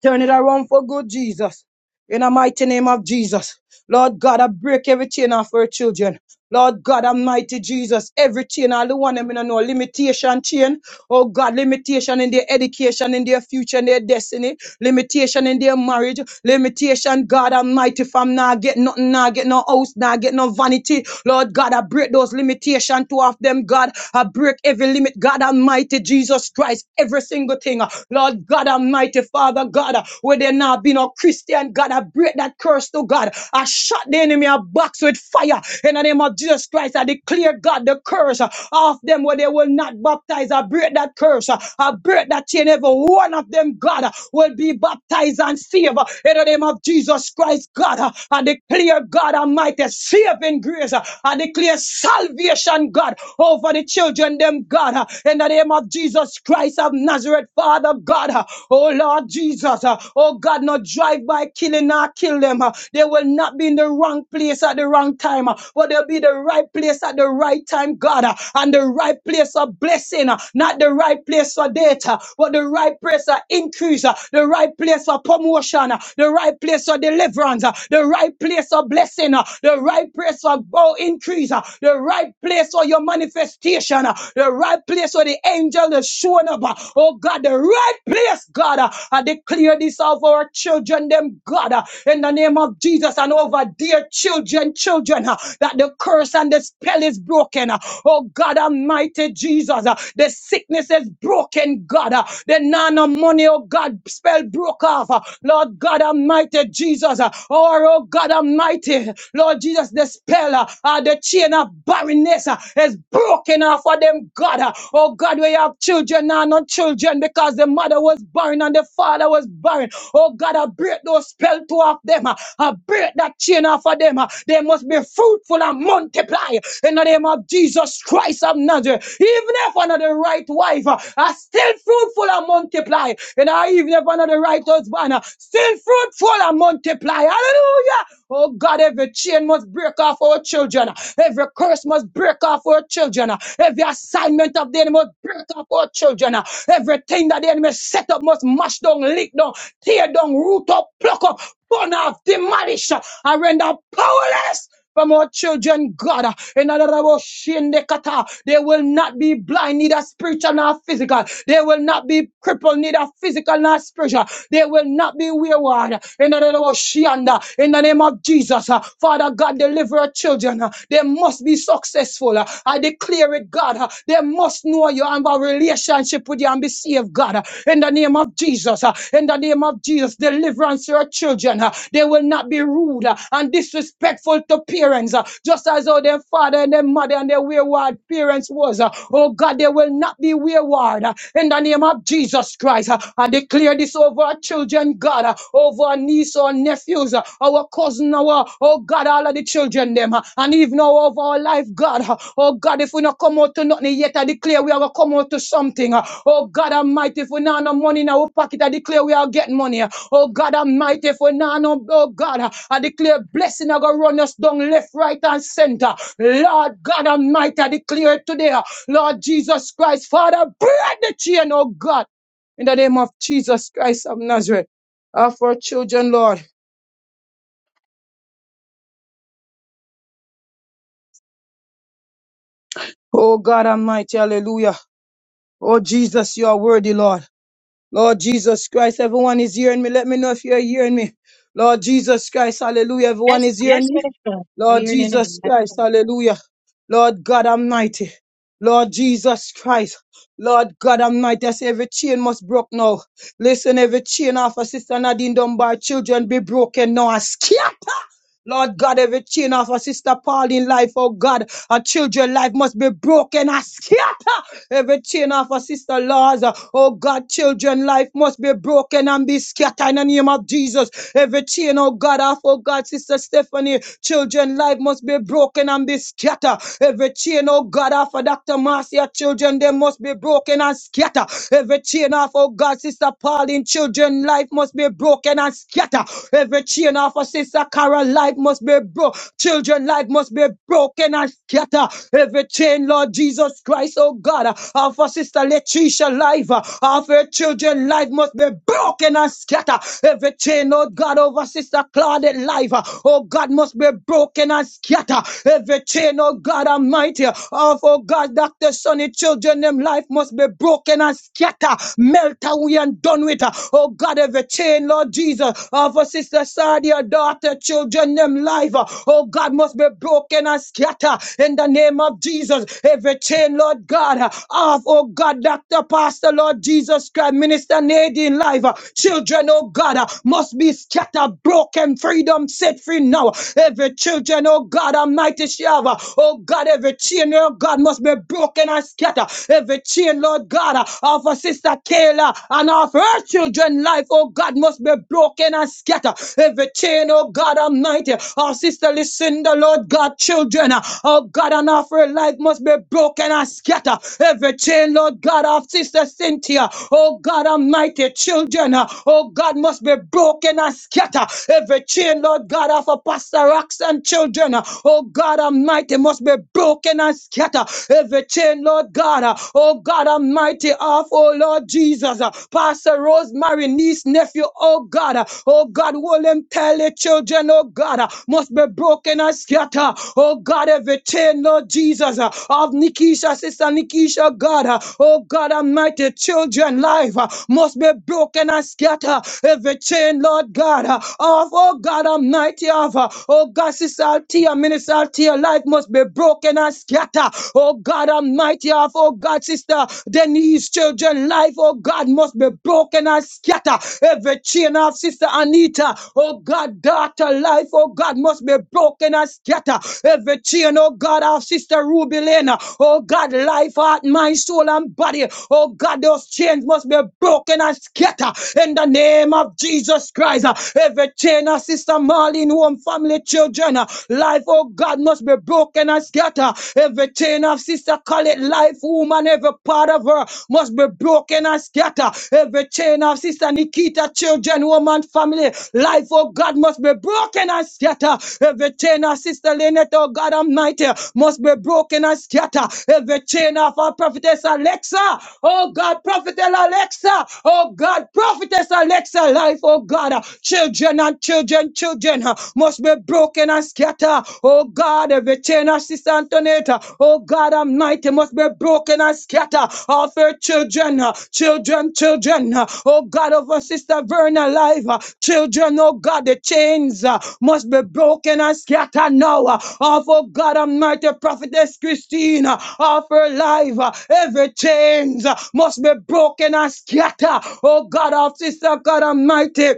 [SPEAKER 2] Turn it around for good, Jesus. In the mighty name of Jesus. Lord God, I break every chain off our children. Lord God, Almighty Jesus, every chain, all the one them in a know limitation chain. Oh God, limitation in their education, in their future, in their destiny, limitation in their marriage, limitation, God Almighty, from now get nothing, now get no house, now get no vanity. Lord God, I break those limitations to off them, God. I break every limit, God Almighty, Jesus Christ, every single thing. Lord God Almighty, Father God, where they now be no Christian. God. I break that curse, oh God. I shut the enemy a box with fire. In the name of Jesus Christ, I declare, God, the curse uh, of them where they will not baptize. I break that curse. uh, I break that chain. Every one of them, God, uh, will be baptized and saved. uh, In the name of Jesus Christ, God, uh, I declare, God Almighty, saving grace. uh, I declare salvation, God, over the children, them, God. uh, In the name of Jesus Christ of Nazareth, Father, God. uh, Oh, Lord Jesus. uh, Oh, God, not drive by my killing not kill them. uh. They will not be in the wrong place at the wrong time, uh, but they'll be the right place at the right time, God, uh, and the right place of blessing, uh, not the right place for data, but the right place of increase, uh, the right place for promotion, uh, the right place for deliverance, uh, the right place for blessing, uh, the right place for oh, increase, uh, the right place for your manifestation, uh, the right place for the angel is showing up. uh, Oh God, the right place, God, uh, I declare this of our children them, God, uh, in the name of Jesus and over dear children, children, uh, that the curse and the spell is broken. uh, Oh God Almighty Jesus, uh, the sickness is broken, God. uh, The nano money, oh God, spell broke off. uh, Lord God Almighty Jesus, uh, or oh God Almighty, Lord Jesus, the spell, uh, uh, the chain of barrenness uh, is broken off of them, God. uh, Oh God, we have children and not children because the mother was barren and the father was barren. Oh God, I break break those spells to off them. uh, I break that chain off of them. uh, They must be fruitful and multiply in the name of Jesus Christ of Nazareth. Even if I'm not the right wife, uh, I still fruitful and multiply. And I even if I'm not the right husband, uh, still fruitful and multiply. Hallelujah. Oh God, every chain must break off our children. Every curse must break off our children. Every assignment of the enemy must break off our children. Everything that the enemy set up must mash down, lick down, tear down, root root up, pluck up, burn off, demolish, uh, and render powerless. From our children, God, uh, in another about shinde kata, they will not be blind, neither spiritual nor physical. They will not be crippled, neither physical nor spiritual. They will not be wayward. In another shianda, in the name of Jesus, uh, Father God, deliver our children. uh, They must be successful. uh, I declare it, God. uh, They must know you and have a relationship with you and be saved, God. uh, In the name of Jesus, uh, in the name of Jesus, deliver deliverance to your children. uh, They will not be rude uh, and disrespectful to parents, uh, just as how their father and their mother and their wayward parents was. uh, Oh God, they will not be wayward. uh, In the name of Jesus Christ, uh, I declare this over our children, God, uh, over our niece or nephews, uh, our cousin, our oh God, all of the children them, uh, and even now over our life, God. uh, Oh God, if we not come out to nothing yet, I declare we are gonna come out to something. uh, Oh God Almighty, if we not have no money in our pocket, I declare we are getting money. Uh, Oh God Almighty, for now, no- oh God, I declare blessing. I go run us down left, right, and center. Lord God Almighty, I declare today, Lord Jesus Christ, Father, break the chain, oh God, in the name of Jesus Christ of Nazareth. Ah, for our children, Lord. Oh God Almighty, hallelujah. Oh Jesus, you are worthy, Lord. Lord Jesus Christ, everyone is hearing me. Let me know if you're hearing me. Lord Jesus Christ, hallelujah. Everyone
[SPEAKER 1] Yes,
[SPEAKER 2] is hearing
[SPEAKER 1] yes,
[SPEAKER 2] me.
[SPEAKER 1] Minister. We're
[SPEAKER 2] Lord
[SPEAKER 1] hearing
[SPEAKER 2] Jesus
[SPEAKER 1] you.
[SPEAKER 2] Christ,
[SPEAKER 1] now.
[SPEAKER 2] hallelujah. Lord God Almighty. Lord Jesus Christ. Lord God Almighty, I say every chain must broke now. Listen, every chain of a sister Nadine Dunbar children be broken now. I scatter. Lord God, every chain of a sister Pauline life, oh God, our children life must be broken. I scatter every chain of our sister laws. uh, Oh God, children, life must be broken and be scattered in the name of Jesus. Every chain, oh God, off, oh God, sister Stephanie, children, life must be broken and be scattered. Every chain, oh God, off of Dr. Marcia, children, they must be broken and scattered. Every chain off, oh God, sister Pauline, children, life must be broken and scattered. Every chain off of sister Carol, life must be broken. Children, life must be broken and scattered Every chain, Lord Jesus Christ, oh God, uh, of our sister Letitia life, uh, of her children life must be broken and scattered. Every chain, oh God, over sister Claudette life, uh, oh God, must be broken and scattered. Every chain, oh God Almighty, of oh God, Dr. Sonny children, them life must be broken and scattered. Melt away and done with. uh, Oh God, every chain, Lord Jesus, of our sister Sadia daughter, children, them in life, uh, oh God, must be broken and scattered in the name of Jesus. Every chain, Lord God, uh, of, oh God, Dr. Pastor, Lord Jesus Christ, Minister Nadine life, uh, children, oh God, uh, must be scattered, broken, freedom set free now. Every children, oh God, Almighty Shava, oh God, every chain, oh God, must be broken and scattered. Every chain, Lord God, uh, of our sister Kayla and of her children life, oh God, must be broken broken and scattered. Every chain, oh God Almighty, our sister the Lord God, children, uh, oh God, and of her life must be broken and scattered. Every chain, Lord God, our sister Cynthia, oh God Almighty, children, uh, oh God, must be broken and scattered. Every chain, Lord God, of a pastor and children, uh, oh God Almighty, must be broken and scattered. Every chain, Lord God, uh, oh God Almighty, of, oh Lord Jesus daughters, uh, Pastor Rosemary, niece, nephew, oh God, uh, oh God, William Tell children, oh God, uh, must be broken and scattered, oh God, every chain, Lord Jesus, uh, of Nikisha, sister Nikisha, God, uh, oh God, almighty children, life uh, must be broken and scattered, every chain, Lord God, uh, of, oh God, almighty, of, uh, oh God, sister Althea, minister Althea, life must be broken and scattered, oh God, almighty, of, oh oh God, sister Denise, children, life, oh God, must be broken and scatter. Every chain of sister Anita, oh God, daughter, life, oh God, must be broken and scatter. Every chain, oh God, of sister Ruby Lena, oh God, life, heart, mind, soul, and body, oh God, those chains must be broken and scatter in the name of Jesus Christ. Uh, Every chain of sister Marlene, home, family, children, uh, life, oh God, must be broken and scatter. Every chain of sister call it life, woman, every part of her must be broken and scatter. Every chain of sister Nikita, children, woman, family, life, oh God, must be broken and scatter. Every chain of sister Lynette, oh God Almighty, must be broken and scatter. Every chain of our prophetess Alexa, oh God, prophetess Alexa, oh God, prophetess Alexa, life, oh God, children and children, children uh, must be be broken and scattered. Oh God, every chain of Sister Antonetta, oh God Almighty, must be broken and scattered. Of her children, uh, children, children, uh, oh God, of her Sister Verna life, uh, children, oh God, the chains uh, must be broken and scattered now. uh, Of, oh God Almighty, Prophetess Christina, of her life, uh, every chains uh, must be broken and scattered. Oh God, of Sister God Almighty.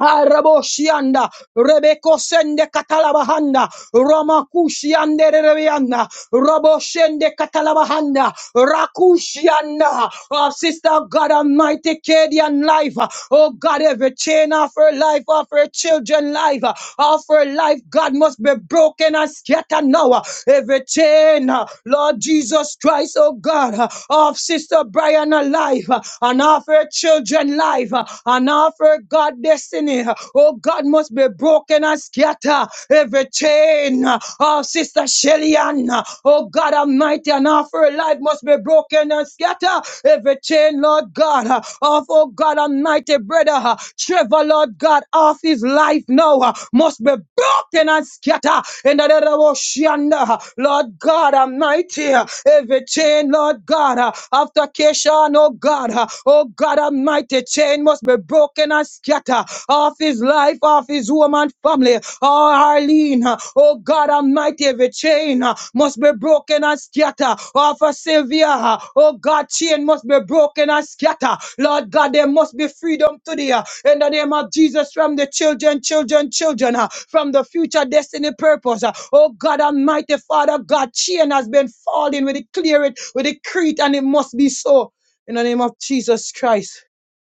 [SPEAKER 2] Araboshianda, Rebeko sende katalabahanda, Ramakushiande rerebeanda, Raboshende katalabahanda, Rakushianda, oh sister of God Almighty, Cadian life, oh God, every chain of her life, of her children life, of her life, God must be broken and scattered now, every chain, Lord Jesus Christ, oh God, of sister Brian life, and of her children life, and offer God destiny. Oh, God must be broken and scatter every chain. Oh, Sister Shelly Ann. Oh, God Almighty, and offer life must be broken and scatter every chain, Lord God. Of, oh, God Almighty, brother Trevor, Lord God, off his life now must be broken and scatter in the name of ocean. Lord God Almighty, every chain, Lord God, after Kesha, oh God, oh God Almighty, chain must be broken and scatter off his life, off his woman family. Oh, Arlene, oh God Almighty, every chain uh, must be broken and scatter off of Sylvia. Oh God, chain must be broken and scatter. Lord God, there must be freedom today uh, in the name of Jesus from the children, children, children, uh, from the future destiny purpose. uh. Oh God Almighty, Father God, chain has been falling. We declare it, we decree it, and it must be so in the name of Jesus Christ.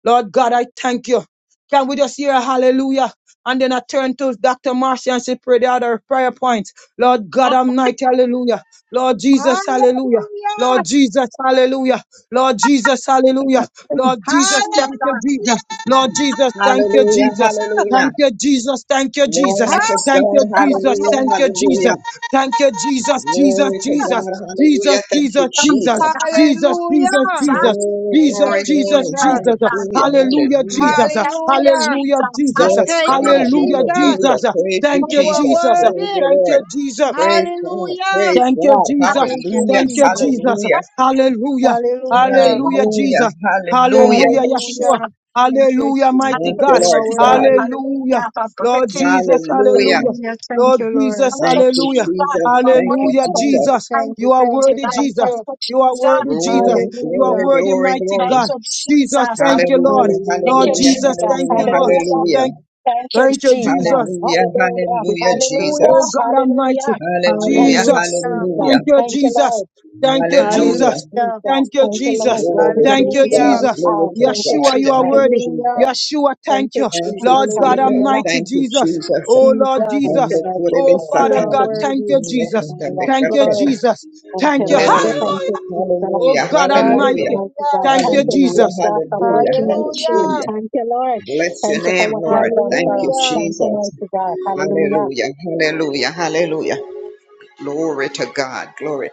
[SPEAKER 2] Lord God, I thank you. Can we just hear a hallelujah? And then I turn to Dr. Marcia and she pray the other prayer points. Lord God,
[SPEAKER 1] Ah,
[SPEAKER 2] I'm night, hallelujah. Lord Jesus, hallelujah.
[SPEAKER 3] Hallelujah.
[SPEAKER 2] Lord Jesus, hallelujah. Lord Jesus, hallelujah. Lord Jesus,
[SPEAKER 3] Hallelujah!
[SPEAKER 1] Jesus.
[SPEAKER 2] thank you, Jesus. Lord
[SPEAKER 1] Ah,
[SPEAKER 2] Jesus, thank you,
[SPEAKER 4] Hallelujah,
[SPEAKER 2] Jesus.
[SPEAKER 4] hallelujah.
[SPEAKER 2] Thank you, Jesus. Thank you, Jesus.
[SPEAKER 4] Glory to
[SPEAKER 1] yes,
[SPEAKER 2] Thank
[SPEAKER 4] God,
[SPEAKER 2] you,
[SPEAKER 1] God.
[SPEAKER 2] Jesus.
[SPEAKER 1] You
[SPEAKER 4] hallelujah,
[SPEAKER 2] Thank you, Jesus.
[SPEAKER 4] hallelujah.
[SPEAKER 2] Thank you, Jesus. Jesus,
[SPEAKER 4] Glory to
[SPEAKER 2] Jesus.
[SPEAKER 4] God, hallelujah.
[SPEAKER 2] Jesus,
[SPEAKER 4] Thank you,
[SPEAKER 2] Jesus,
[SPEAKER 1] are the
[SPEAKER 2] Jesus.
[SPEAKER 1] see
[SPEAKER 4] Jesus.
[SPEAKER 1] God.
[SPEAKER 2] Jesus,
[SPEAKER 1] Yes,
[SPEAKER 2] Jesus,
[SPEAKER 3] Hallelujah!
[SPEAKER 2] Jesus.
[SPEAKER 1] Jesus.
[SPEAKER 4] Glory,
[SPEAKER 3] Thank
[SPEAKER 2] Jesus,
[SPEAKER 3] you,
[SPEAKER 4] glory,
[SPEAKER 1] Thank
[SPEAKER 2] Jesus,
[SPEAKER 4] glory.
[SPEAKER 1] you,
[SPEAKER 3] Jesus.
[SPEAKER 1] mighty
[SPEAKER 2] Jesus.
[SPEAKER 1] God.
[SPEAKER 4] Hallelujah,
[SPEAKER 1] Thank you.
[SPEAKER 2] Hallelujah,
[SPEAKER 4] hallelujah.
[SPEAKER 2] Jesus.
[SPEAKER 1] Thank you,
[SPEAKER 3] Hallelujah!
[SPEAKER 2] Hallelujah,
[SPEAKER 1] Jesus.
[SPEAKER 2] Jesus.
[SPEAKER 4] Yes,
[SPEAKER 3] Thank you,
[SPEAKER 4] God,
[SPEAKER 1] Hallelujah.
[SPEAKER 2] Hallelujah,
[SPEAKER 3] Jesus.
[SPEAKER 4] hallelujah.
[SPEAKER 2] Jesus.
[SPEAKER 4] Praise you,
[SPEAKER 2] Thank
[SPEAKER 1] Thank
[SPEAKER 2] you,
[SPEAKER 3] You
[SPEAKER 1] you.
[SPEAKER 3] are
[SPEAKER 4] Jesus.
[SPEAKER 2] Jesus.
[SPEAKER 4] Praise
[SPEAKER 3] worthy.
[SPEAKER 4] the
[SPEAKER 2] Thank
[SPEAKER 4] Lord.
[SPEAKER 2] you, Jesus.
[SPEAKER 4] Praise God,
[SPEAKER 3] Hallelujah!
[SPEAKER 4] praise
[SPEAKER 2] Thank you,
[SPEAKER 4] God.
[SPEAKER 1] Thank
[SPEAKER 2] Jesus.
[SPEAKER 3] Thank
[SPEAKER 1] you,
[SPEAKER 3] you,
[SPEAKER 4] Hallelujah,
[SPEAKER 2] Thank you,
[SPEAKER 1] Jesus.
[SPEAKER 3] Jesus.
[SPEAKER 2] Jesus.
[SPEAKER 4] hallelujah,
[SPEAKER 1] Thank
[SPEAKER 2] Hallelujah.
[SPEAKER 1] you,
[SPEAKER 3] Hallelujah!
[SPEAKER 2] Hallelujah,
[SPEAKER 1] Lord.
[SPEAKER 4] hallelujah,
[SPEAKER 2] Jesus.
[SPEAKER 4] hallelujah.
[SPEAKER 1] Thank
[SPEAKER 2] Hallelujah,
[SPEAKER 1] you,
[SPEAKER 2] Yeshua.
[SPEAKER 3] Hallelujah!
[SPEAKER 1] Jesus.
[SPEAKER 3] Thank you,
[SPEAKER 2] Hallelujah, mighty
[SPEAKER 1] Thank
[SPEAKER 3] Jesus.
[SPEAKER 4] Thank
[SPEAKER 1] you,
[SPEAKER 4] you,
[SPEAKER 2] God.
[SPEAKER 3] You
[SPEAKER 4] Lord
[SPEAKER 3] are
[SPEAKER 1] Jesus.
[SPEAKER 4] God.
[SPEAKER 3] worthy.
[SPEAKER 2] Hallelujah.
[SPEAKER 1] Hallelujah. For
[SPEAKER 2] Lord
[SPEAKER 1] breaking,
[SPEAKER 2] Jesus,
[SPEAKER 1] breaking. breaking.
[SPEAKER 4] Hallelujah.
[SPEAKER 2] hallelujah.
[SPEAKER 3] Hallelujah. Thank
[SPEAKER 2] Lord
[SPEAKER 3] you, Lord.
[SPEAKER 2] Jesus,
[SPEAKER 1] Thank you,
[SPEAKER 4] Thank you,
[SPEAKER 2] hallelujah.
[SPEAKER 1] Jesus. You
[SPEAKER 4] Jesus.
[SPEAKER 1] are
[SPEAKER 4] Thank
[SPEAKER 1] worthy.
[SPEAKER 4] you,
[SPEAKER 2] Hallelujah,
[SPEAKER 3] Thank
[SPEAKER 4] Jesus.
[SPEAKER 3] you,
[SPEAKER 2] Jesus.
[SPEAKER 1] Thank
[SPEAKER 3] thank you,
[SPEAKER 1] you,
[SPEAKER 2] You are
[SPEAKER 3] thank
[SPEAKER 1] mighty
[SPEAKER 3] you,
[SPEAKER 2] worthy,
[SPEAKER 1] God.
[SPEAKER 3] thank
[SPEAKER 1] Thank
[SPEAKER 2] Jesus.
[SPEAKER 3] you.
[SPEAKER 1] you,
[SPEAKER 2] You are
[SPEAKER 1] Jesus.
[SPEAKER 2] worthy, Jesus.
[SPEAKER 4] Glory,
[SPEAKER 2] You are
[SPEAKER 4] glory,
[SPEAKER 3] Hallelujah.
[SPEAKER 2] worthy,
[SPEAKER 4] glory,
[SPEAKER 2] mighty
[SPEAKER 1] Thank
[SPEAKER 4] glory.
[SPEAKER 2] God.
[SPEAKER 1] you,
[SPEAKER 2] Jesus,
[SPEAKER 1] Jesus.
[SPEAKER 2] thank you,
[SPEAKER 1] Hallelujah.
[SPEAKER 2] Lord.
[SPEAKER 4] Hallelujah,
[SPEAKER 1] Thank
[SPEAKER 3] Hallelujah.
[SPEAKER 2] Lord
[SPEAKER 1] you,
[SPEAKER 4] hallelujah,
[SPEAKER 1] Jesus.
[SPEAKER 2] Jesus, thank
[SPEAKER 4] hallelujah,
[SPEAKER 2] you,
[SPEAKER 3] Thank you,
[SPEAKER 2] Lord.
[SPEAKER 1] Hallelujah.
[SPEAKER 4] hallelujah.
[SPEAKER 3] Jesus.
[SPEAKER 2] Thank,
[SPEAKER 1] Thank you,
[SPEAKER 2] thank you, Jesus.
[SPEAKER 1] Jesus.
[SPEAKER 4] Hallelujah,
[SPEAKER 1] Hallelujah.
[SPEAKER 3] Thank
[SPEAKER 4] hallelujah,
[SPEAKER 3] you, Jesus.
[SPEAKER 1] Hallelujah.
[SPEAKER 2] Oh
[SPEAKER 4] Jesus.
[SPEAKER 2] God
[SPEAKER 1] Hallelujah.
[SPEAKER 2] Almighty,
[SPEAKER 1] Thank
[SPEAKER 4] Hallelujah,
[SPEAKER 1] you,
[SPEAKER 2] Jesus,
[SPEAKER 3] Hallelujah.
[SPEAKER 1] Jesus.
[SPEAKER 4] hallelujah,
[SPEAKER 2] thank you,
[SPEAKER 1] Thank you,
[SPEAKER 2] Jesus,
[SPEAKER 1] Lord.
[SPEAKER 2] thank you,
[SPEAKER 1] Thank you,
[SPEAKER 4] hallelujah.
[SPEAKER 2] Jesus,
[SPEAKER 3] Hallelujah.
[SPEAKER 1] Jesus.
[SPEAKER 2] thank you,
[SPEAKER 1] Thank you, Lord.
[SPEAKER 2] Jesus,
[SPEAKER 1] Where we
[SPEAKER 4] Glory to
[SPEAKER 2] thank
[SPEAKER 1] lead
[SPEAKER 2] you,
[SPEAKER 1] this
[SPEAKER 3] Hallelujah.
[SPEAKER 4] God,
[SPEAKER 1] Lord.
[SPEAKER 2] Jesus.
[SPEAKER 4] glory
[SPEAKER 1] Oh,
[SPEAKER 4] to
[SPEAKER 1] thank you,
[SPEAKER 4] God.
[SPEAKER 2] Yeshua, you are
[SPEAKER 4] Thank
[SPEAKER 1] Jesus.
[SPEAKER 4] you,
[SPEAKER 2] worthy.
[SPEAKER 3] Hallelujah.
[SPEAKER 4] Jesus.
[SPEAKER 2] Yeshua,
[SPEAKER 1] Thank
[SPEAKER 2] thank
[SPEAKER 1] you,
[SPEAKER 2] you,
[SPEAKER 4] Thank you,
[SPEAKER 1] Jesus.
[SPEAKER 2] Lord God
[SPEAKER 4] Jesus.
[SPEAKER 3] Hallelujah.
[SPEAKER 1] Hallelujah.
[SPEAKER 2] Almighty,
[SPEAKER 4] Thank you,
[SPEAKER 2] Jesus.
[SPEAKER 4] Jesus.
[SPEAKER 2] Oh Lord
[SPEAKER 3] Jesus,
[SPEAKER 1] Thank you,
[SPEAKER 2] Jesus,
[SPEAKER 4] Mando
[SPEAKER 1] Lord.
[SPEAKER 4] kure de
[SPEAKER 2] oh
[SPEAKER 1] God.
[SPEAKER 3] you
[SPEAKER 2] Father
[SPEAKER 1] Thank
[SPEAKER 3] are
[SPEAKER 4] Satan!
[SPEAKER 1] you,
[SPEAKER 2] God, thank
[SPEAKER 3] worthy,
[SPEAKER 1] Jesus.
[SPEAKER 2] you,
[SPEAKER 4] Mile
[SPEAKER 2] Jesus,
[SPEAKER 4] kunda de
[SPEAKER 1] Hallelujah.
[SPEAKER 2] thank you,
[SPEAKER 3] Lord.
[SPEAKER 4] katena.
[SPEAKER 2] Jesus,
[SPEAKER 1] Thank you,
[SPEAKER 2] thank you,
[SPEAKER 1] Lord.
[SPEAKER 4] Hallelujah,
[SPEAKER 1] Thank
[SPEAKER 2] Hallelujah.
[SPEAKER 1] you, Jesus.
[SPEAKER 2] Oh
[SPEAKER 4] hallelujah,
[SPEAKER 1] There's
[SPEAKER 2] God
[SPEAKER 1] none like you,
[SPEAKER 4] hallelujah.
[SPEAKER 2] Almighty,
[SPEAKER 1] mighty
[SPEAKER 3] Hallelujah.
[SPEAKER 1] God.
[SPEAKER 2] thank
[SPEAKER 1] Thank
[SPEAKER 2] you,
[SPEAKER 1] you,
[SPEAKER 4] Hallelujah,
[SPEAKER 2] Jesus.
[SPEAKER 1] Jesus, for
[SPEAKER 4] hallelujah,
[SPEAKER 1] breaking every chain.
[SPEAKER 4] hallelujah,
[SPEAKER 3] Hallelujah.
[SPEAKER 1] Thank you, Lord.
[SPEAKER 4] Bless your
[SPEAKER 1] Thank you for
[SPEAKER 4] name,
[SPEAKER 1] what you
[SPEAKER 4] Lord.
[SPEAKER 1] have done
[SPEAKER 4] Thank
[SPEAKER 1] for
[SPEAKER 4] you,
[SPEAKER 1] us.
[SPEAKER 3] Hallelujah.
[SPEAKER 1] Thank you,
[SPEAKER 4] Jesus.
[SPEAKER 1] mighty God. Hallelujah.
[SPEAKER 4] Hallelujah. Hallelujah. Hallelujah. Glory to God. Glory,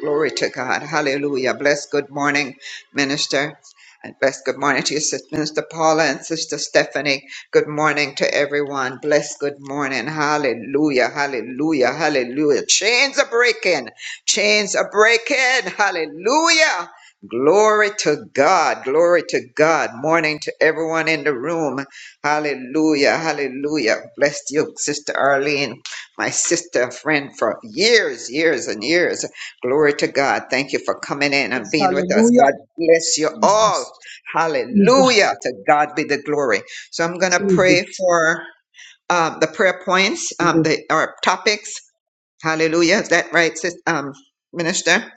[SPEAKER 4] glory to God. Hallelujah. Bless. Good morning, Minister. And bless. Good morning to you, Sister Minister Paula and Sister Stephanie. Good morning to everyone. Bless. Good morning. Hallelujah. Hallelujah. Hallelujah. Chains are breaking. Chains are breaking. Hallelujah. Glory to God. Glory to God. Morning to everyone in the room. Hallelujah. Hallelujah. Bless you, Sister Arlene my sister, a friend for years, years, and years. Glory to God. Thank you for coming in and
[SPEAKER 2] Yes,
[SPEAKER 4] being with us.
[SPEAKER 2] Hallelujah,
[SPEAKER 4] God bless you all.
[SPEAKER 2] Jesus,
[SPEAKER 4] Hallelujah.
[SPEAKER 2] Jesus,
[SPEAKER 4] To God be the glory. So I'm going to
[SPEAKER 2] Jesus.
[SPEAKER 4] pray for um, the prayer points, um, the our topics. Hallelujah. Is that right, sis, um, minister?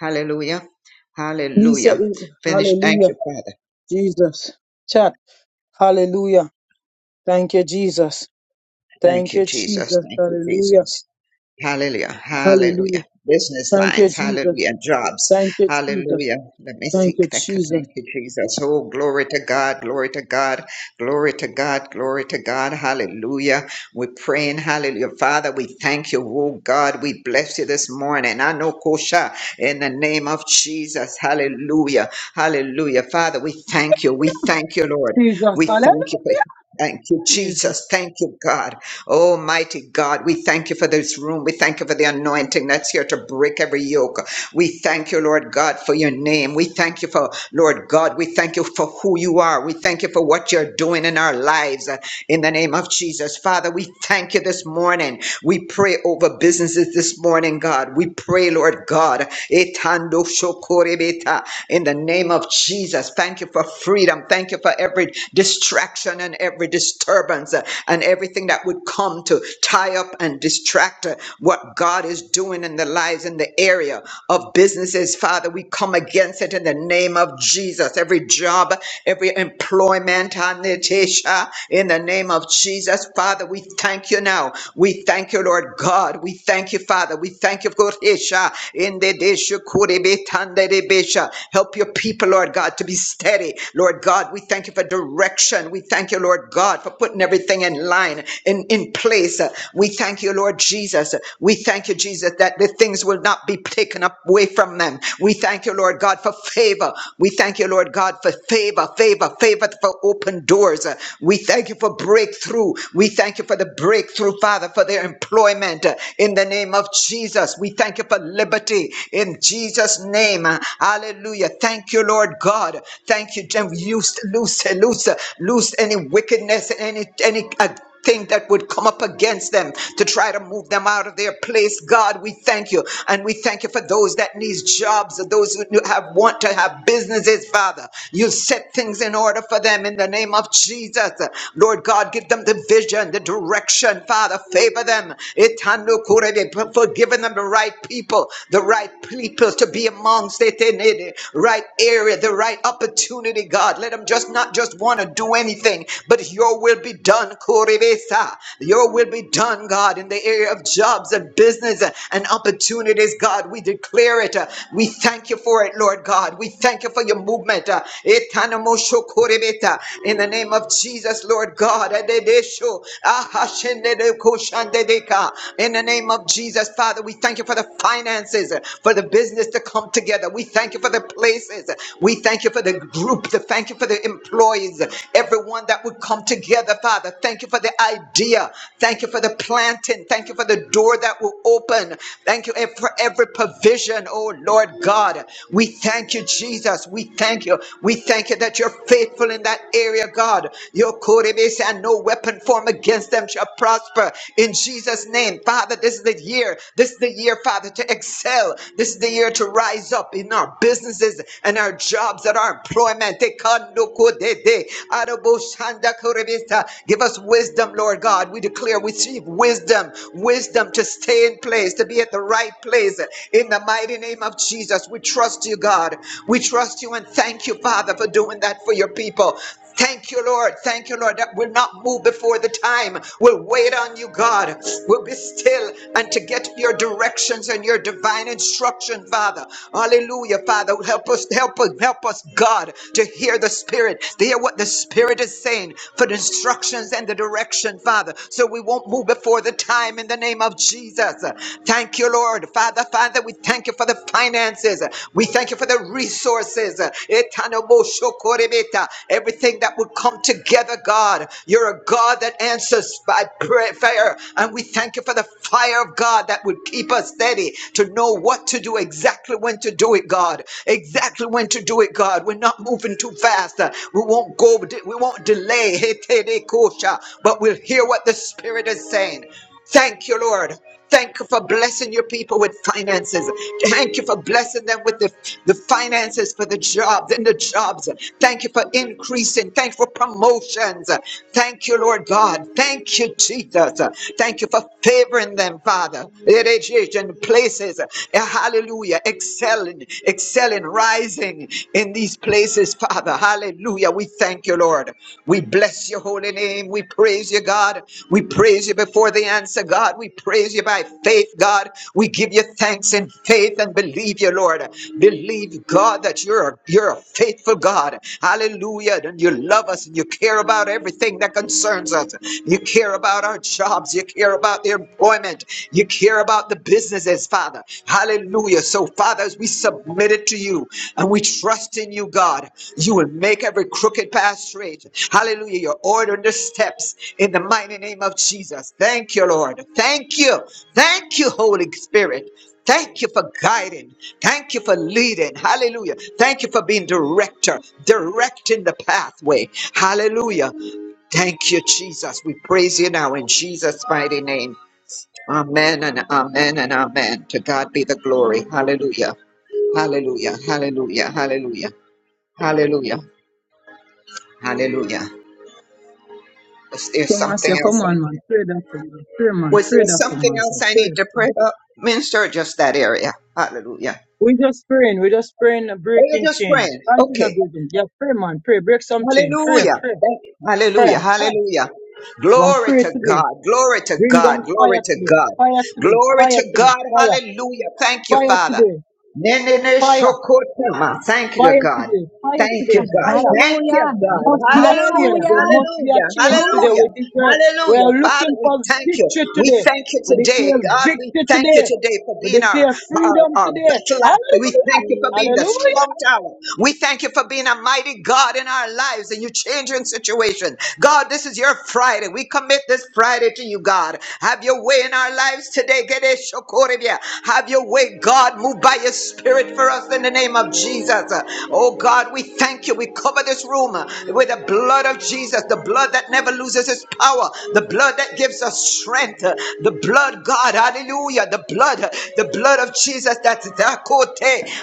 [SPEAKER 4] Hallelujah.
[SPEAKER 2] Please, set
[SPEAKER 4] Hallelujah.
[SPEAKER 2] me-
[SPEAKER 4] Finish. Thank
[SPEAKER 2] Hallelujah.
[SPEAKER 4] you, Father.
[SPEAKER 2] Jesus. Chat. Hallelujah. Thank you, Jesus.
[SPEAKER 4] Thank
[SPEAKER 2] Thank
[SPEAKER 4] you,
[SPEAKER 2] you,
[SPEAKER 4] Jesus.
[SPEAKER 2] Jesus.
[SPEAKER 4] Thank you,
[SPEAKER 2] Hallelujah.
[SPEAKER 4] Jesus. Hallelujah.
[SPEAKER 2] Hallelujah.
[SPEAKER 4] Hallelujah. Business
[SPEAKER 2] Thank you,
[SPEAKER 4] lines.
[SPEAKER 2] Jesus.
[SPEAKER 4] Hallelujah. Jobs.
[SPEAKER 2] Thank you, Jesus.
[SPEAKER 4] Hallelujah. Let me
[SPEAKER 2] Thank
[SPEAKER 4] seek
[SPEAKER 2] you,
[SPEAKER 4] that.
[SPEAKER 2] Jesus.
[SPEAKER 4] Thank you, Jesus. Oh, glory to God. Glory to God. Glory to God. Glory to God. Hallelujah. We're praying. Hallelujah. Father, we thank you. Oh, God, we bless you this morning. I know Kosha in the name of Jesus. Hallelujah. Hallelujah. Father, we thank you. We thank you, Lord.
[SPEAKER 2] Jesus.
[SPEAKER 4] We
[SPEAKER 2] Hallelujah.
[SPEAKER 4] thank you. Thank you, Jesus.
[SPEAKER 2] Jesus.
[SPEAKER 4] Thank you, God. Oh, mighty God, we thank you for this room. We thank you for the anointing that's here to break every yoke. We thank you, Lord God, for your name. We thank you for, Lord God, we thank you for who you are. We thank you for what you're doing in our lives. uh, In the name of Jesus, Father, we thank you this morning. We pray over businesses this morning, God. We pray, Lord God. Etando shokorebeta. In the name of Jesus, thank you for freedom. Thank you for every distraction and every disturbance uh, and everything that would come to tie up and distract uh, what God is doing in the lives in the area of businesses. Father, we come against it in the name of Jesus. Every job, every employment, Anitesha, in the name of Jesus. Father, we thank you now. We we thank you, Lord God. We thank you, Father. We thank you, Koresha. In the desha kurebe tande debesha. Help your people, Lord God, to be steady. Lord God, we thank you for direction. We thank you, Lord God, for putting everything in line, in, in place. We thank you, Lord Jesus. We thank you, Jesus, that the things will not be taken up away from them. We thank you, Lord God, for favor. We thank you, Lord God, for favor, favor, favor for open doors. We thank you for breakthrough. We thank you for the breakthrough, Father, for their employment uh, in the name of Jesus. We thank you for liberty in Jesus' name. Hallelujah. Thank you, Lord God. Thank you, Jim. Loose, loose, loose, loose any wickedness, any, any. Uh, thing that would come up against them to try to move them out of their place. God, we thank you. And we thank you for those that need jobs, those who have want to have businesses, Father. You set things in order for them in the name of Jesus. Lord God, give them the vision, the direction them, Father. Favor them. Itando kurebe, for- giving them the right people, the right people to be amongst it in the right area, the right opportunity, God. Let them just not just want to do anything, but your will be done, Korebesa. Your will be done, God, in the area of jobs and business and opportunities, God. We declare it. We thank you for it, Lord God. We thank you for your movement. Itanamosho korebeta. In the name of Jesus, Lord God. Adedesho. Aha. In the name of Jesus, Father, we thank you for the finances, for the business to come together. We thank you for the places. We thank you for the group. The Thank you for the employees, everyone that would come together, Father. Thank you for the idea. Thank you for the planting. Thank you for the door that will open. Thank you for every provision, oh Lord God. We thank you, Jesus. We thank you. We thank you that you're faithful in that area, God. Your Your and no weapon formed against against them shall prosper in Jesus' name. Father, this is the year. This is the year, Father, to excel. This is the year to rise up in our businesses and our jobs and our employment. Tekandokodede, adoboshandakorebeta. Give us wisdom, Lord God. We declare we receive wisdom, wisdom to stay in place, to be at the right place. In the mighty name of Jesus, we trust you, God. We trust you and thank you, Father, for doing that for your people. Thank you, Lord. Thank you, Lord. That we'll not move before the time. We'll wait on you, God. We'll be still and to get your directions and your divine instruction, Father. Hallelujah, Father. Help us, help us, help us, God, to hear the Spirit, to hear what the Spirit is saying for the instructions and the direction, Father. So we won't move before the time in the name of Jesus. Thank you, Lord. Father, Father, we thank you for the finances. We thank you for the resources. Etanoboshokorebeta. Everything that would come together, God. You're a God that answers by prayer. And we thank you for the fire of God that would keep us steady to know what to do, exactly when to do it, God. Exactly when to do it, God. We're not moving too fast. We won't go, we won't delay. Etenekosha. But we'll hear what the Spirit is saying. Thank you, Lord. Thank you for blessing your people with finances. Thank you for blessing them with the, the finances for the jobs and the jobs. Thank you for increasing. Thank you for promotions. Thank you, Lord God. Thank you, Jesus. Thank you for favoring them, Father. It is it in places. Hallelujah. Excelling, excelling, rising in these places, Father. Hallelujah. We thank you, Lord. We bless your holy name. We praise you, God. We praise you before the answer, God. We praise you by faith, God. We give you thanks in faith and believe you, Lord. Believe, God, that you're a, you're a faithful God. Hallelujah. And you love us and you care about everything that concerns us. You care about our jobs. You care about the employment. You care about the business businesses, Father. Hallelujah. So, Father, as we submit it to you and we trust in you, God, you will make every crooked path straight. Hallelujah. You're ordering the steps in the mighty name of Jesus. Thank you, Lord. Thank you. Thank you, Holy Spirit. Thank you for guiding. Thank you for leading. Hallelujah. Thank you for being director, directing the pathway. Hallelujah. Thank you, Jesus. We praise you now in Jesus' mighty name. Amen and amen and amen. To God be the glory. Hallelujah. Hallelujah. Hallelujah. Hallelujah. Hallelujah. Hallelujah. Was there
[SPEAKER 2] Come on,
[SPEAKER 4] something
[SPEAKER 2] say, come
[SPEAKER 4] else?
[SPEAKER 2] on,
[SPEAKER 4] I,
[SPEAKER 2] man. Pray that to man. Pray, man.
[SPEAKER 4] was
[SPEAKER 2] Pray
[SPEAKER 4] there
[SPEAKER 2] that to
[SPEAKER 4] something
[SPEAKER 2] man. Say,
[SPEAKER 4] else I
[SPEAKER 2] pray.
[SPEAKER 4] need to
[SPEAKER 2] pray.
[SPEAKER 4] pray about, minister, or just that area? Hallelujah.
[SPEAKER 2] We just praying. We just praying a
[SPEAKER 4] Oh, you're
[SPEAKER 2] breaking
[SPEAKER 4] just
[SPEAKER 2] change.
[SPEAKER 4] praying.
[SPEAKER 2] Continue
[SPEAKER 4] Okay.
[SPEAKER 2] breaking. Yeah, pray, man. Pray. Break some chain. Pray,
[SPEAKER 4] Hallelujah.
[SPEAKER 2] pray,
[SPEAKER 4] Thank you.
[SPEAKER 2] prayer,
[SPEAKER 4] Hallelujah.
[SPEAKER 2] prayer.
[SPEAKER 4] Hallelujah.
[SPEAKER 2] Run
[SPEAKER 4] Glory
[SPEAKER 2] pray
[SPEAKER 4] to
[SPEAKER 2] today.
[SPEAKER 4] God. Glory to
[SPEAKER 2] Bring
[SPEAKER 4] God.
[SPEAKER 2] down
[SPEAKER 4] Glory
[SPEAKER 2] fire
[SPEAKER 4] to
[SPEAKER 2] today.
[SPEAKER 4] God.
[SPEAKER 2] Fire today.
[SPEAKER 4] Glory
[SPEAKER 2] Fire
[SPEAKER 4] to
[SPEAKER 2] today.
[SPEAKER 4] God.
[SPEAKER 2] Fire.
[SPEAKER 4] Hallelujah. Thank you,
[SPEAKER 2] Fire
[SPEAKER 4] Father.
[SPEAKER 2] today.
[SPEAKER 4] Nenene
[SPEAKER 2] Fire,
[SPEAKER 4] shokotama. Thank you,
[SPEAKER 2] fire
[SPEAKER 4] God.
[SPEAKER 2] today, fire
[SPEAKER 4] Thank you,
[SPEAKER 2] today,
[SPEAKER 4] God.
[SPEAKER 2] fire.
[SPEAKER 4] Thank you,
[SPEAKER 1] Hallelujah.
[SPEAKER 2] There
[SPEAKER 4] God.
[SPEAKER 2] must be a
[SPEAKER 4] Hallelujah.
[SPEAKER 2] change.
[SPEAKER 1] Hallelujah.
[SPEAKER 2] There must be a
[SPEAKER 4] Hallelujah.
[SPEAKER 2] change today.
[SPEAKER 1] Hallelujah.
[SPEAKER 4] Hallelujah.
[SPEAKER 2] We declare we are
[SPEAKER 4] Hallelujah. Father,
[SPEAKER 2] looking
[SPEAKER 4] we
[SPEAKER 2] for
[SPEAKER 4] thank you.
[SPEAKER 2] victory
[SPEAKER 4] We
[SPEAKER 2] today.
[SPEAKER 4] thank you
[SPEAKER 2] We
[SPEAKER 4] today.
[SPEAKER 2] declare
[SPEAKER 4] God, we
[SPEAKER 2] victory
[SPEAKER 4] thank you
[SPEAKER 2] today.
[SPEAKER 4] today for
[SPEAKER 2] We
[SPEAKER 4] being our,
[SPEAKER 2] declare
[SPEAKER 4] our,
[SPEAKER 2] freedom
[SPEAKER 4] our
[SPEAKER 2] today.
[SPEAKER 4] battle axe. We
[SPEAKER 2] Hallelujah!
[SPEAKER 4] thank you for being the
[SPEAKER 2] Hallelujah!
[SPEAKER 4] strong tower. We thank you for being a mighty God in our lives and you changing situation. God, this is your Friday. We commit this Friday to you, God. Have your way in our lives today. Gede shokoribia. Have your way, God. Move by your spirit for us in the name of Jesus. Oh God, we thank you. We cover this room with the blood of Jesus, the blood that never loses its power, the blood that gives us strength, uh, the blood, God, hallelujah, the blood, uh, the blood of Jesus that's Dakote.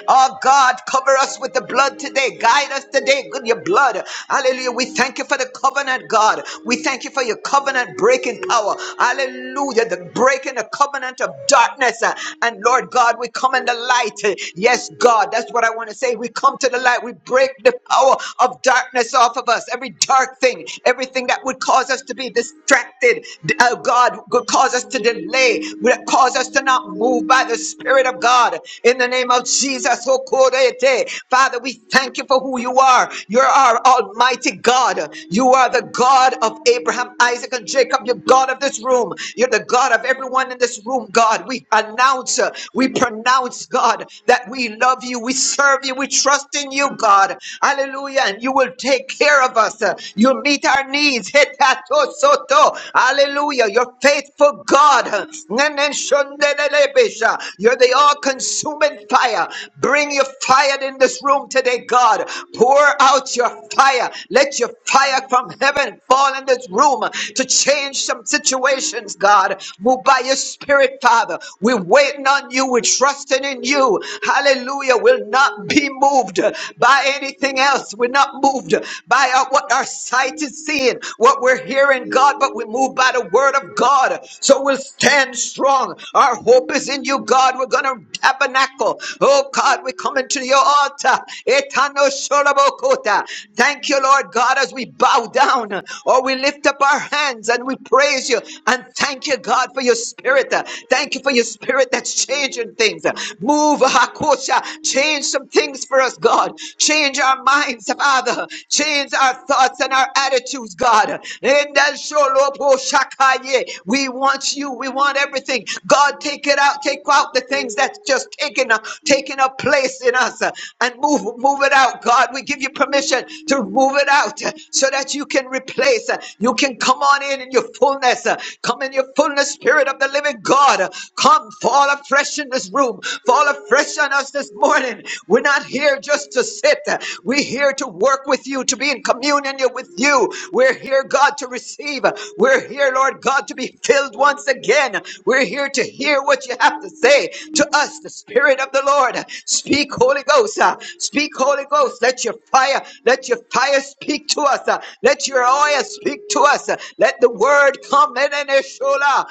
[SPEAKER 4] Oh God, cover us with the blood today, guide us today with your blood. Hallelujah. We thank you for the covenant, God. We thank you for your covenant breaking power. Hallelujah. The breaking the covenant of darkness. uh, And Lord God, we come in the light. Uh, Yes, God, that's what I want to say. We come to the light. We break the power of darkness off of us us, every dark thing, everything that would cause us to be distracted, oh God, would cause us to delay, would cause us to not move by the Spirit of God. In the name of Jesus, oh, Korete. Father, we thank you for who you are. You're our Almighty God. You are the God of Abraham, Isaac, and Jacob. You're God of this room. You're the God of everyone in this room, God. We announce, uh, we pronounce, God, that we love you, we serve you, we trust in you, God. Hallelujah. Hallelujah. And you will take care of us. Uh, You'll meet our needs. Hetato soto. Hallelujah. You're faithful God. Nenen shondelelebesha. You're the all consuming fire. Bring your fire in this room today, God. Pour out your fire. Let your fire from heaven fall in this room to change some situations, God. Move by your spirit, Father. We're waiting on you. We're trusting in you. Hallelujah. We'll not be moved by anything else. We're not moved by our, what our sight is seeing, what we're hearing, God, but we move by the word of God. So we'll stand strong. Our hope is in you, God. We're going to tabernacle. Oh, God, we come into your altar. Etano sholobokota. Thank you, Lord God, as we bow down or we lift up our hands and we praise you and thank you, God, for your spirit. Thank you for your spirit that's changing things. Move, Hakosha. Change Change some things for us, God. Change our minds, Father. Change our thoughts and our attitudes, God. We want you. We want everything. God, take it out. Take out the things that's just taking a, taking a place in us uh, and move, move it out, God. We give you permission to move it out uh, so that you can replace. uh, You can come on in in your fullness. uh, Come in your fullness, Spirit of the living God. Come, fall afresh in this room. Fall afresh fresh on us this morning. We're not here just to sit. We're here to work with you, to be in communion with you. We're here, God, to receive. We're here, Lord God, to be filled once again. We're here to hear what you have to say to us, the Spirit of the Lord. Speak, Holy Ghost. uh, Speak, Holy Ghost. Let your fire, let your fire speak to us. uh, Let your oil speak to us. uh, Let the word come in and shola.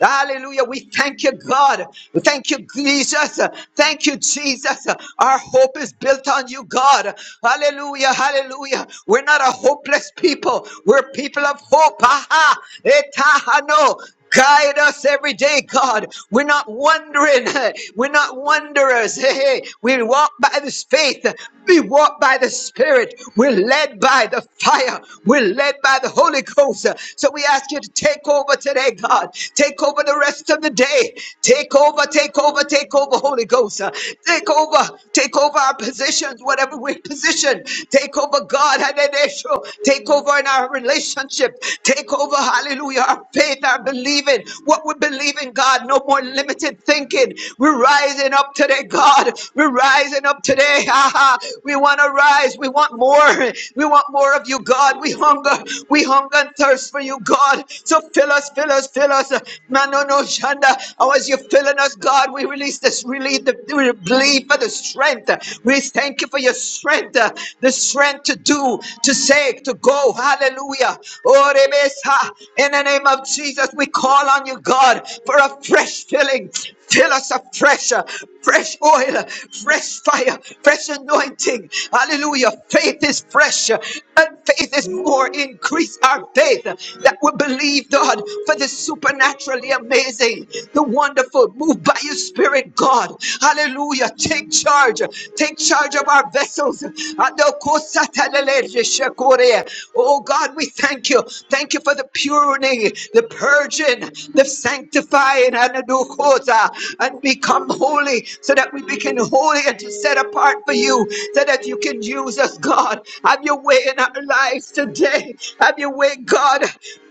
[SPEAKER 4] Hallelujah. We thank Thank you, God. Thank you, Jesus. Thank you, Jesus. Our hope is built on you, God. Hallelujah. Hallelujah. We're not a hopeless people. We're people of hope. Aha. Etahano. Guide us every day, God. We're not wandering. We're not wanderers. Hey, hey. We walk by this faith. We walk by the Spirit. We're led by the fire. We're led by the Holy Ghost. So we ask you to take over today, God. Take over the rest of the day. Take over, take over, take over, Holy Ghost. Uh, Take over, take over our positions, whatever we're positioned. Take over, God. Hallelujah. Take over in our relationship. Take over, hallelujah, our faith, our believing. What we believe in, God. No more limited thinking. We're rising up today, God. We're rising up today. Ha, ha. We want to rise. We want more. We want more of you, God. We hunger. We hunger and thirst for you, God. So Fill us, fill us, fill us. Manono Shanda. Oh, as you're filling us, God, we release this relief, the we believe for the strength. We thank you for your strength, uh, the strength to do, to say, to go. Hallelujah. Oh, Rebesa. In the name of Jesus, we call on you, God, for a fresh filling. Fill us afresh, uh, fresh oil, uh, fresh fire, fresh anointing. Hallelujah. Faith is fresh, uh, and faith is more. Increase our faith that will believe, God, for the supernaturally amazing, the wonderful. Move by your spirit, God. Hallelujah. Take charge. Take charge of our vessels. Oh God, we thank you. Thank you for the purity, the purging, the sanctifying, and become holy so that we become holy and set apart for you, so that you can use us, God. Have your way in our lives today. Have your way, God.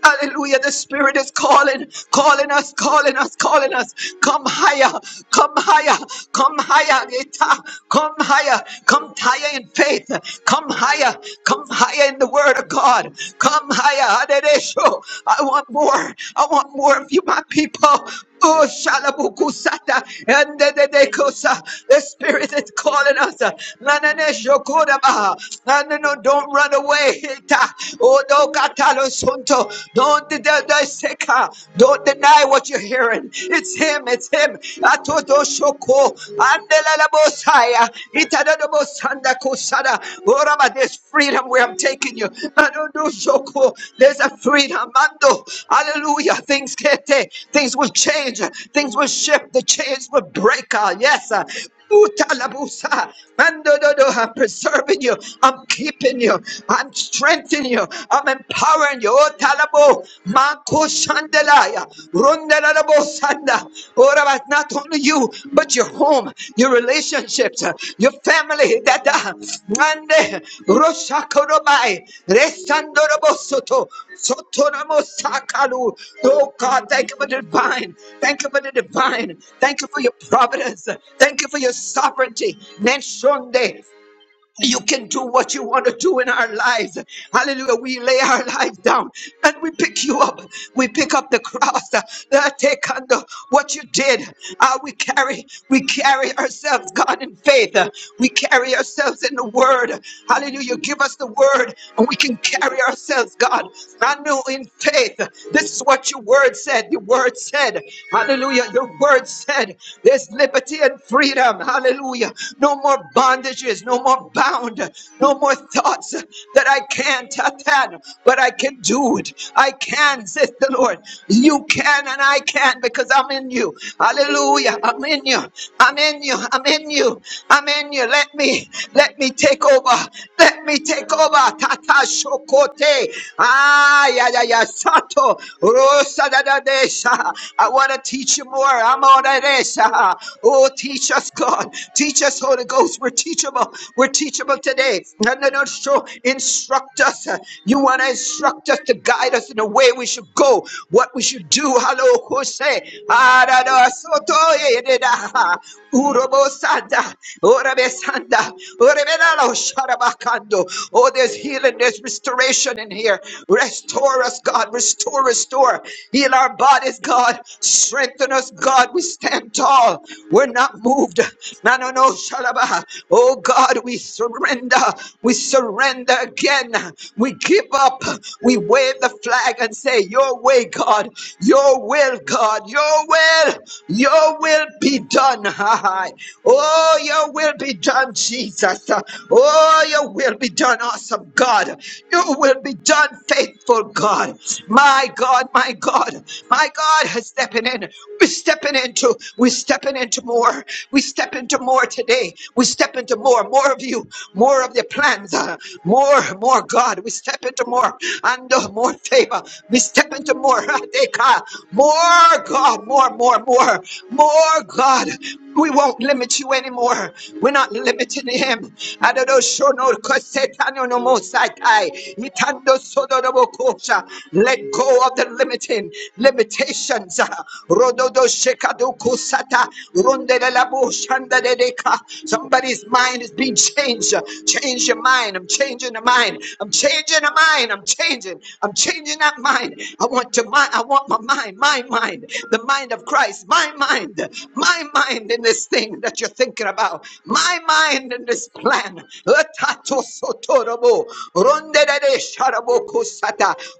[SPEAKER 4] Hallelujah. The Spirit is calling, calling us, calling us, calling us. Come higher, come higher, come higher, Gita. come higher, come higher in faith, come higher, come higher in the Word of God, come higher. Aderesho. I want more, I want more of you, my people. Oh, shalabukusata, and the spirit is calling us. Na, na, na, shokodaba. Na, no, Don't run the way. Oh, no, Katalo Sunto. Don't deny seka. Don't deny what you're hearing. It's him, it's him. Atoto Shoko. Andela Bosaya. Itadado Bosanda Kosada. Orama, there's freedom where I'm taking you. Adodo Shoko. There's a freedom. Mando. Hallelujah. Things kete. Things will change. Things will shift. The chains will break. Ah, Yes. ah. Utalabusa, Mandododo, I'm preserving you. I'm keeping you. I'm strengthening you. I'm empowering you. Oh, Talabo, Mako Shandelaya, Rundelabo Sanda. Oh, Rabbi, not only you, but your home, your relationships, uh, your family. That uh, Mande Roshakorobai, Resandorobo Soto, Sotoramo Sakalu. Oh, God, thank you for the divine. Thank you for the divine. Thank you for your providence. Thank you for your sovereignty. Nenshonde you can do what you want to do in our lives. Hallelujah. We lay our lives down and we pick you up. We pick up the cross uh, that take under what you did. Uh, we carry, we carry ourselves, God, in faith. Uh, we carry ourselves in the word. Hallelujah. Give us the word and we can carry ourselves, God. I know in faith. This is what your word said. Your word said. Hallelujah. Your word said there's liberty and freedom. Hallelujah. No more bondage bondages, no more bound, no more thoughts that I can't, I can, but I can do it. I can, says the Lord. You can and I can because I'm in you. Hallelujah. I'm in you. I'm in you. I'm in you. I'm in you. Let me, let me take over. Let me take over. Tata shokote. Ah, yeah, yeah, yeah. Sato. Rosa da da desha. I want to teach you more. I'm on a desha. Oh, teach us, God. Teach us us, Holy Ghost. We're teachable. We're teachable today. No, no, no, so instruct us. You want to instruct us to guide us in the way we should go, what we should do. Hello, Jose. Urobosanda, Oh, there's healing, there's restoration in here. Restore us, God. Restore, restore. Heal our bodies, God. Strengthen us, God. We stand tall. We're not moved moved. No, no, no, Shalaba. Oh God, we surrender. We surrender again. We give up. We wave the flag and say, Your way, God. Your will, God. Your will. Your will be done. Ha, ha. Oh, your will be done, Jesus. Oh, your will be done, awesome God. Your will be done, faithful God. My God, my God, my God has stepping in. We're stepping into. We're stepping stepping into more. We step into more today. We step into more, more of you, more of your plans, uh, more, more God. We step into more and uh, more favor. We step into more, Adeka. more God, more, more, more, more God. We won't limit you anymore. We're not limiting him. Adado shono kosetano no mosaitai. Itando sodo no Let go of the limiting limitations. Uh, Rododo Somebody's mind is being changed. Change your mind. I'm changing the mind. I'm changing the mind. I'm changing. I'm changing that mind. I want to mind. I want my mind, my mind, the mind of Christ, my mind, my mind in this thing that you're thinking about, my mind in this plan. Etato sotorobo, rondedede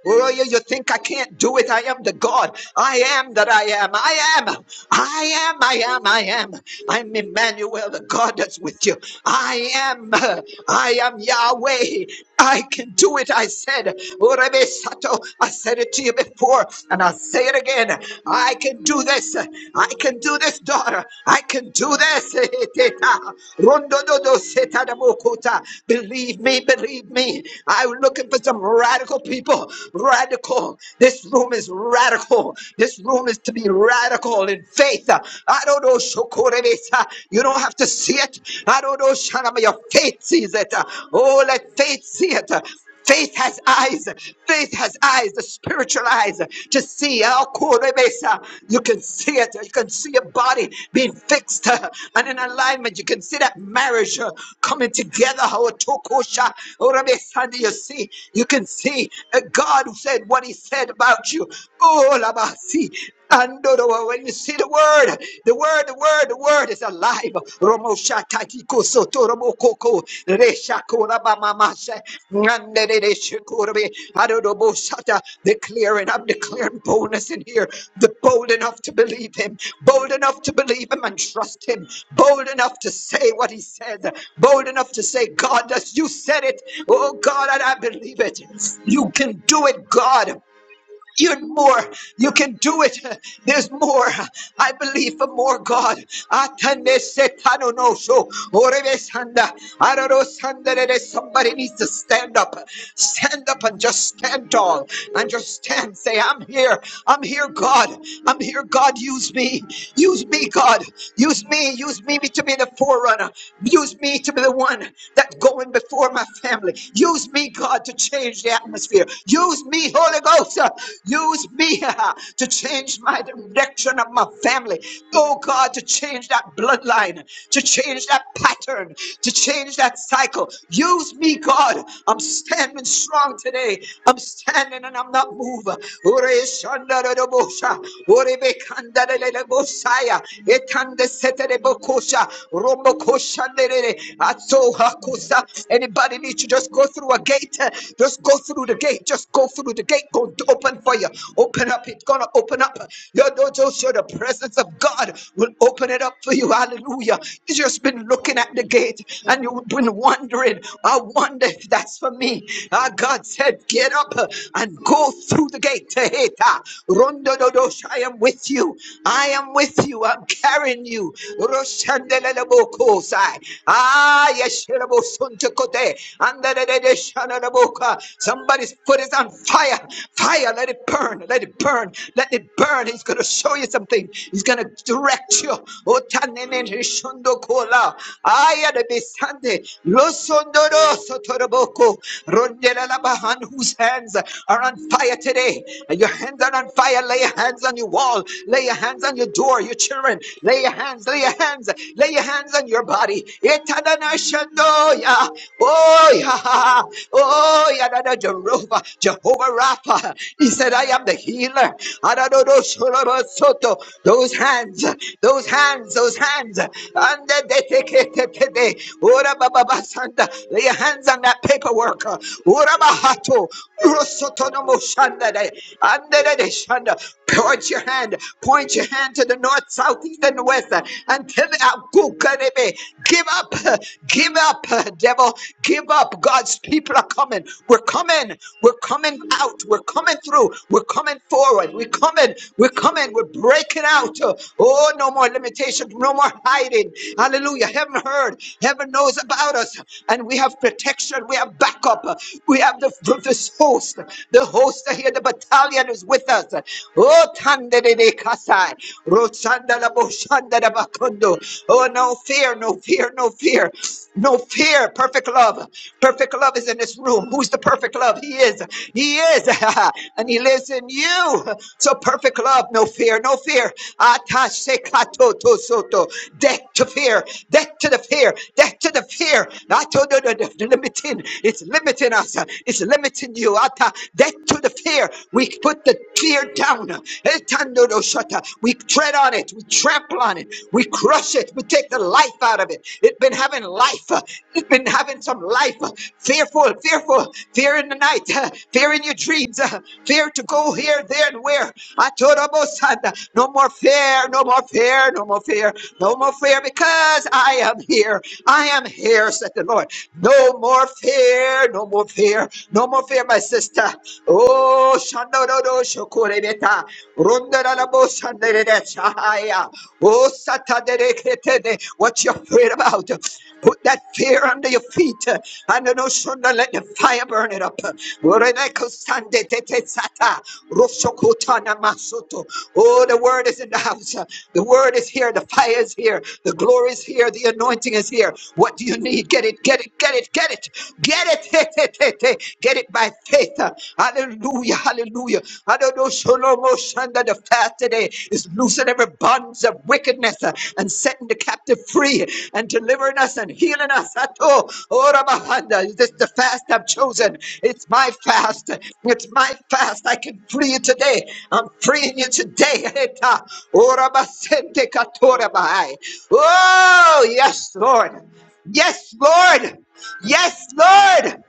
[SPEAKER 4] Oh, you you think I can't do it? I am the God. I am that I am am, I am, I am, I am, I am. I'm Emmanuel, the God that's with you. I am, uh, I am Yahweh. I can do it, I said. Orebe Sato, I said it to you before, and I'll say it again. I can do this. I can do this, daughter. I can do this. Eteta. Rondo do seta da mokuta. Believe me, believe me. I'm looking for some radical people. Radical. This room is radical. This room is to be radical in faith. I don't know, Shokorebesa. You don't have to see it. I don't know, Shanama. Your faith sees it. Oh, let faith see it. Faith has eyes. Faith has eyes, the spiritual eyes, to see. Akorebesa. You can see it. You can see your body being fixed uh, and in alignment. You can see that marriage uh, coming together. Otokosha. Orebesa. You see, you can see a God who said what he said about you. Oh, Labasi. And when you see the word, the word, the word, the word is alive. Romo shatatiko soto romo koko reshako rabamamase nandere shikurabi adodobo shata. Declaring, I'm declaring boldness in here. The bold enough to believe him, bold enough to believe him and trust him, bold enough to say what he says, bold enough to say, God, as you said it, oh God, and I believe it. You can do it, God. You're more. You can do it. There's more. I believe for more, God. Somebody needs to stand up. Stand up and just stand tall and just stand. Say, I'm here. I'm here, God. I'm here, God. Use me. Use me, God. Use me. Use me to be the forerunner. Use me to be the one that's going before my family. Use me, God, to change atmosphere. Use me, Holy Ghost. uh, Use me uh, to change my direction of my family. Oh God, to change that bloodline, to change that pattern, to change that cycle. Use me, God. I'm standing strong today. I'm standing and I'm not moving. Ore shanda Ore be kanda da da da Anybody need to just go through a gate? eh, Just go through the gate. Just go through the gate. Go open for you. Open up. It's gonna open up. Your door just show the presence of God will open it up for you. Hallelujah. You just been looking at the gate and you've been wondering. I wonder if that's for me. Ah, God said, get up eh, and go through the gate. Eh, eh, ta. Rondo dodosh. I am with you. I am with you. I'm carrying you. Roshandelelebokos sai. Ah, yes, Shirabo Suntukote. And the Shananaboka. Somebody's foot is on fire. Fire, let it burn. Let it burn. Let it burn. He's going to show you something. He's going to direct you. Oh, Tanene Shundokola. Aya de Besande. Losondoro Sotoraboko. Rondela Labahan, whose hands are on fire today. Your hands are on fire. Lay your hands on your wall. Lay your hands on your door, your children. Lay Lay your hands, lay your hands, lay your hands on your body. Itananashandoya. Oh, yeah. Oh, yeah. da, Jehovah, Jehovah Rapha. He said, I am the healer. Adadodoshorabasoto. Those hands, those hands, those hands. And they take it. baba basanda. Lay your hands on that paperwork. Ora bahato. Rosotonomo shandade. And they shanda your hand, point your hand to the north, south, east, and west uh, until uh, give up, uh, give up, uh, devil, give up. God's people are coming. We're coming. We're coming out. We're coming through. We're coming forward. We're coming. We're coming. We're breaking out. Uh, Oh, no more limitations. No more hiding. Hallelujah. Heaven heard. Heaven knows about us. And we have protection. We have backup. We have the, this host. The host are here the battalion is with us. Oh, tandere de de Kasai. Roshanda la Boshanda da Bakondo. Oh, no fear, no fear, no fear, no fear. Perfect love. Perfect love is in this room. Who's the perfect love? He is. He is. and He lives in you. So perfect love, no fear, no fear. Atashe kato to soto. Death to fear. Death to the fear. Death to the fear. Ato do do do do Limiting. It's limiting us is limiting you. Ata. Death to the fear. We put the fear down. Etandodoshata. We tread on it. We trample on it. We crush it. We take the life out of it. It's been having life. It's been having some life. Fearful, fearful. Fear in the night. Fear in your dreams. Fear to go here, there, and where. Atorobosanda. No more fear. No more fear. No more fear. No more fear because I am here. I am here, said the Lord. No more fear, no more fear, no more fear, my sister. Oh, shando no Shandodo Shokurebeta, Rundarabo Shanderecha, Oh, Sataderekete, what you're afraid about. Put that fear under your feet. And no shunda let the fire burn it up. Ureneko Sande Tete Sata, Roshokutana masoto. Oh, the word is in the house. The word is here. The fire is here. The glory is here. The anointing is here. What do you need? Get it, get it, get it, get it. Get it. Get it by faith. Hallelujah. Hallelujah. I don't Under the fast today is loosing every bonds of wickedness uh, and setting the captive free and delivering us and healing us. Ato, ora bahanda. This is the fast I've chosen. It's my fast. It's my fast. I can free you today. I'm freeing you today. Eta, ora basente katora bahai. Oh, yes, Lord. Yes, Lord. Yes, Lord.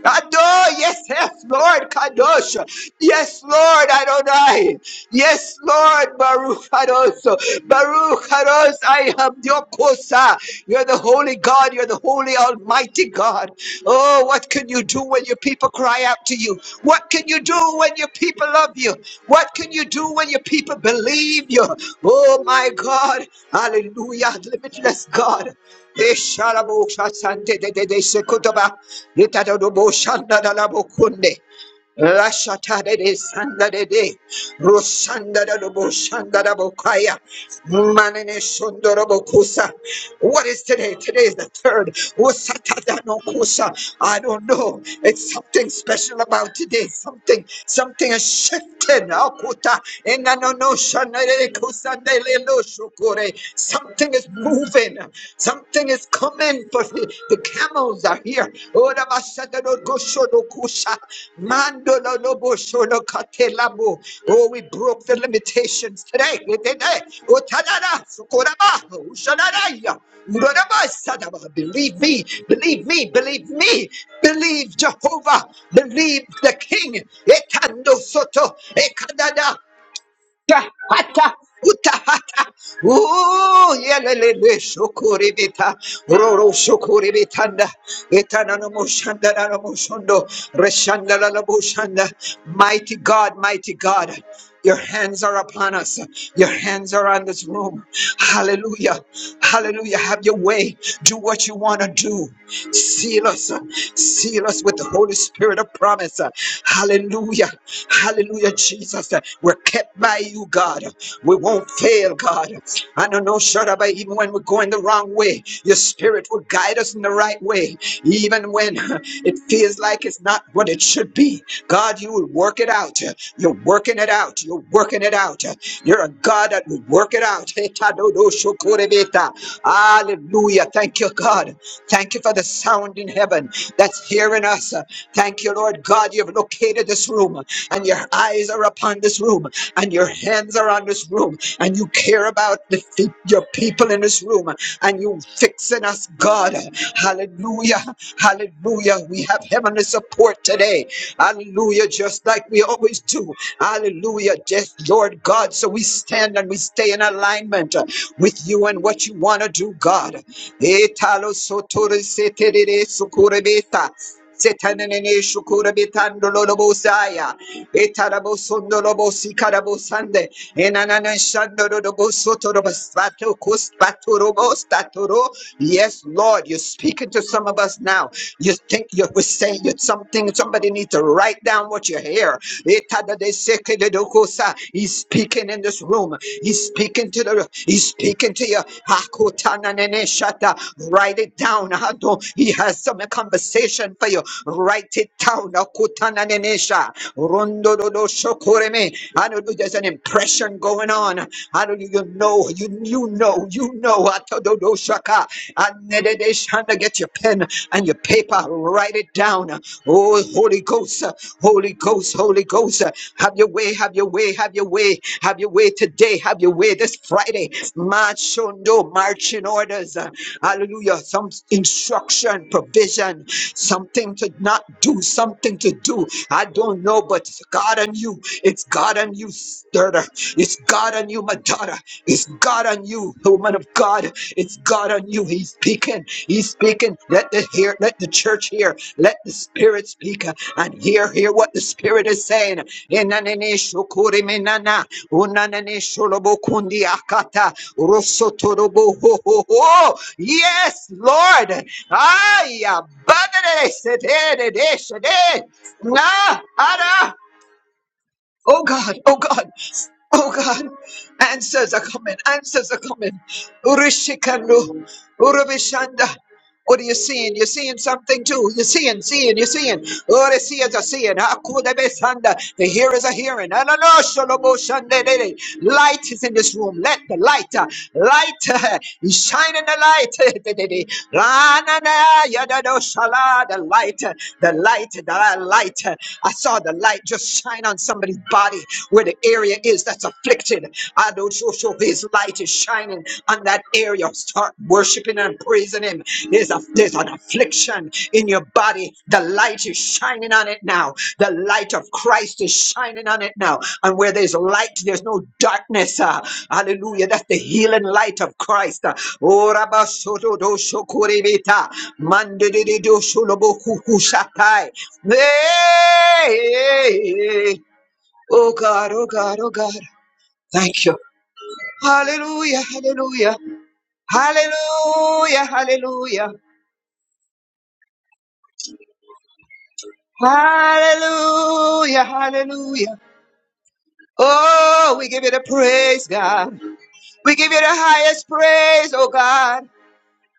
[SPEAKER 4] Adore, yes, yes, Lord, Kadosh, yes, Lord, Adonai, yes, Lord, Baruch Kadosh, Baruch Kadosh, I am your Kosa, you're the holy God, you're the holy Almighty God. Oh, what could you? you do when your people cry out to you? What can you do when your people love you? What can you do when your people believe you? Oh my God. Hallelujah. Limitless God. Esharabo shasante de de de sekutoba. Litadodobo shandadalabokunde. Lashatade Sandade Rosandada Boshandada Bokaya Manene Sundoro Bokusa. What is today? Today is the third. Usatada no Kusa. I don't know. It's something special about today. Something, something has shifted. Akuta Enanono Shanade Kusandele Loshukure. Something is moving. Something. Something is coming, but the, the camels are here. Oh, da basada do gosho do kusha. Mando lo bosho lo kate Oh, we broke the limitations today. Today. Oh, tadada, sukoraba, ushadadaya, urodaba, sadaba. Believe me, believe me, believe me, believe Jehovah, believe the King. Etando soto, Ekadada, Hata, uta, hata. Ooh, yelelele, shokoribita, roro, shokore betanda etana no etananamo, shandananamo, shondo, la shanda. Mighty God, mighty God, your hands are upon us. Your hands are on this room. Hallelujah. Hallelujah. Have your way. Do what you want to do. Seal us. Seal us with the Holy Spirit of promise. Hallelujah. Hallelujah, Jesus. We're kept kept by you, God. We won't fail, God. I don't know, Shadabai, even when we're going the wrong way, your spirit will guide us in the right way. Even when it feels like it's not what it should be, God, you will work it out. You're working it out. You're working it out. You're a God that will work it out. Hallelujah. Thank you, God. Thank you for the sound in heaven that's hearing us. Thank you, Lord God. You've located this room and your eyes are upon this room room and your hands are on this room and you care about the, the- your people in this room and you fixing us, God. Hallelujah. Hallelujah. We have heavenly support today. Hallelujah. Just like we always do. Hallelujah. Just Lord God. So we stand and we stay in alignment uh, with you and what you want to do, God. Etalo sotori seterere sukurebeta. Setanene shukura bitando lobo Etarabo sondo lobo sikarabo sande. Enanana shando lobo soto lobo spato kustato lobo statoro. Yes, Lord, you're speaking to some of us now. You think you were saying you something. Somebody needs to write down what you hear. Etada de seke de dokusa. He's speaking in this room. He's speaking to the Spirit. He's speaking to you. Hakutana nene shata. Write it down. Hado. He has some conversation for you. Write it down. Hakutana nene Hakotananenesha. Rondododoshokoreme. Hallelujah. There's an impression going on. Hallelujah. You know, you, you know, you know. Hatododoshaka. Anededeshana. Get your pen and your paper. Write it down. Oh, Holy Holy Ghost, uh, Holy Ghost, Holy Ghost. uh, Have your way, have your way, have your way, have your way today, have your way this Friday. Machondo, marching orders. uh, Hallelujah. Some instruction, provision, something to not do, something to do. I don't know, but it's God on you. It's God on you, daughter. It's God on you, my daughter. It's God on you, woman of God. God. It's God on you. He's speaking. He's speaking. Let the hear, let the church hear. Let the spirit speak uh, and hear, hear what the spirit is saying. Enanene shokore menana, unanene sholobo kundi akata, rosotorobo ho ho ho. Yes, Lord. Ay, abadere sedere de sede. Na, ara, Oh God, oh God, oh God. Answers are coming, answers are coming. Urishikando, Urabishanda. What are you seeing? You're seeing something too. You're seeing, seeing, you're seeing. Oh, they see is a seeing. Hakudabesanda. The hear is a hearing. Ananosholoboshande. Light is in this room. Let the light, uh, light, uh, you shine in the light. Ranana yadadoshala. The light, uh, the light, the light. uh, I saw the light just shine on somebody's body where the area is that's afflicted. I don't show his light is shining on that area. Start worshiping and praising Him. There's, a, there's an affliction in your body. The light is shining on it now. The light of Christ is shining on it now. And where there's light, there's no darkness. ah. hallelujah. That's the healing light of Christ. ah. Oh, Rabba Soto Do Shokuribita. Mande Do Sholobo Kuku Hey, hey, hey. Oh God, oh God, oh God. Thank you. Hallelujah, hallelujah, hallelujah, hallelujah, hallelujah, hallelujah. Oh, we give you the praise, God. We give you the highest praise, oh God.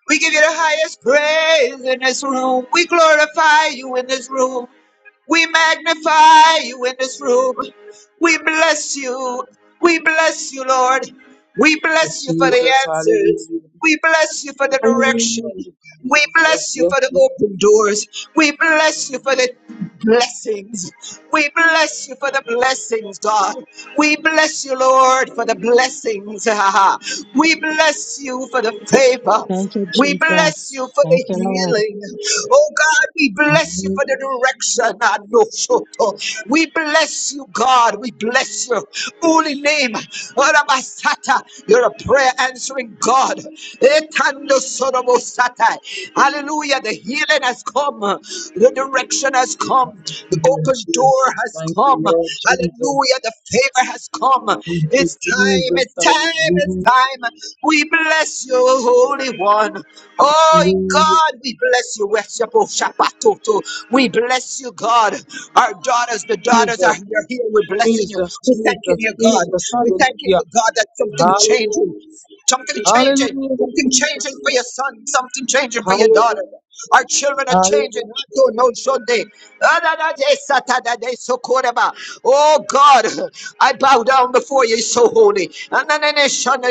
[SPEAKER 4] We give you the highest praise in this room. We glorify you in this room. We magnify you in this room. We bless you. We bless you, Lord. We bless you for the
[SPEAKER 2] Jesus,
[SPEAKER 4] answers.
[SPEAKER 2] hallelujah.
[SPEAKER 4] We bless you for the direction.
[SPEAKER 2] Hallelujah.
[SPEAKER 4] We
[SPEAKER 2] Jesus,
[SPEAKER 4] bless you
[SPEAKER 2] yes,
[SPEAKER 4] for the
[SPEAKER 2] Lord.
[SPEAKER 4] open doors. We bless you for the blessings. We bless you for the blessings, God. We bless you, Lord, for the blessings. we bless you for the favor.
[SPEAKER 1] Thank you,
[SPEAKER 4] We bless
[SPEAKER 1] Jesus.
[SPEAKER 4] you for
[SPEAKER 1] Thank
[SPEAKER 4] the
[SPEAKER 1] you, Lord.
[SPEAKER 4] healing. Oh God, we bless you
[SPEAKER 2] Hallelujah,
[SPEAKER 4] for the direction. We bless you, God. We bless your holy name. Orabasata, You're a prayer answering God. Etando sorobosata. Hallelujah. The healing has come. The direction has come. The open door
[SPEAKER 2] Jesus.
[SPEAKER 4] has
[SPEAKER 2] Thank you,
[SPEAKER 4] come.
[SPEAKER 2] Lord Jesus.
[SPEAKER 4] Hallelujah. The favor has come.
[SPEAKER 2] Thank you,
[SPEAKER 4] It's time.
[SPEAKER 2] Jesus.
[SPEAKER 4] It's time. It's
[SPEAKER 2] Hallelujah.
[SPEAKER 4] time. We bless you, Holy One. Oh
[SPEAKER 2] Hallelujah.
[SPEAKER 4] God, we bless you. We bless you. We bless bless you, God. Our daughters, the daughters are here. here. We're blessing you.
[SPEAKER 2] Jesus,
[SPEAKER 4] We're thanking
[SPEAKER 2] Jesus,
[SPEAKER 4] you, God.
[SPEAKER 2] Jesus,
[SPEAKER 4] We're thanking
[SPEAKER 2] hallelujah,
[SPEAKER 4] you, God, that something changing.
[SPEAKER 2] hallelujah,
[SPEAKER 4] Something changing.
[SPEAKER 2] hallelujah,
[SPEAKER 4] Something changing
[SPEAKER 2] Jesus,
[SPEAKER 4] for your
[SPEAKER 2] thank-
[SPEAKER 4] son. Something changing for your daughter.
[SPEAKER 2] hallelujah,
[SPEAKER 4] Our children are changing.
[SPEAKER 2] hallelujah,
[SPEAKER 4] I don't know Sunday. Oh God, I bow down before you, so holy.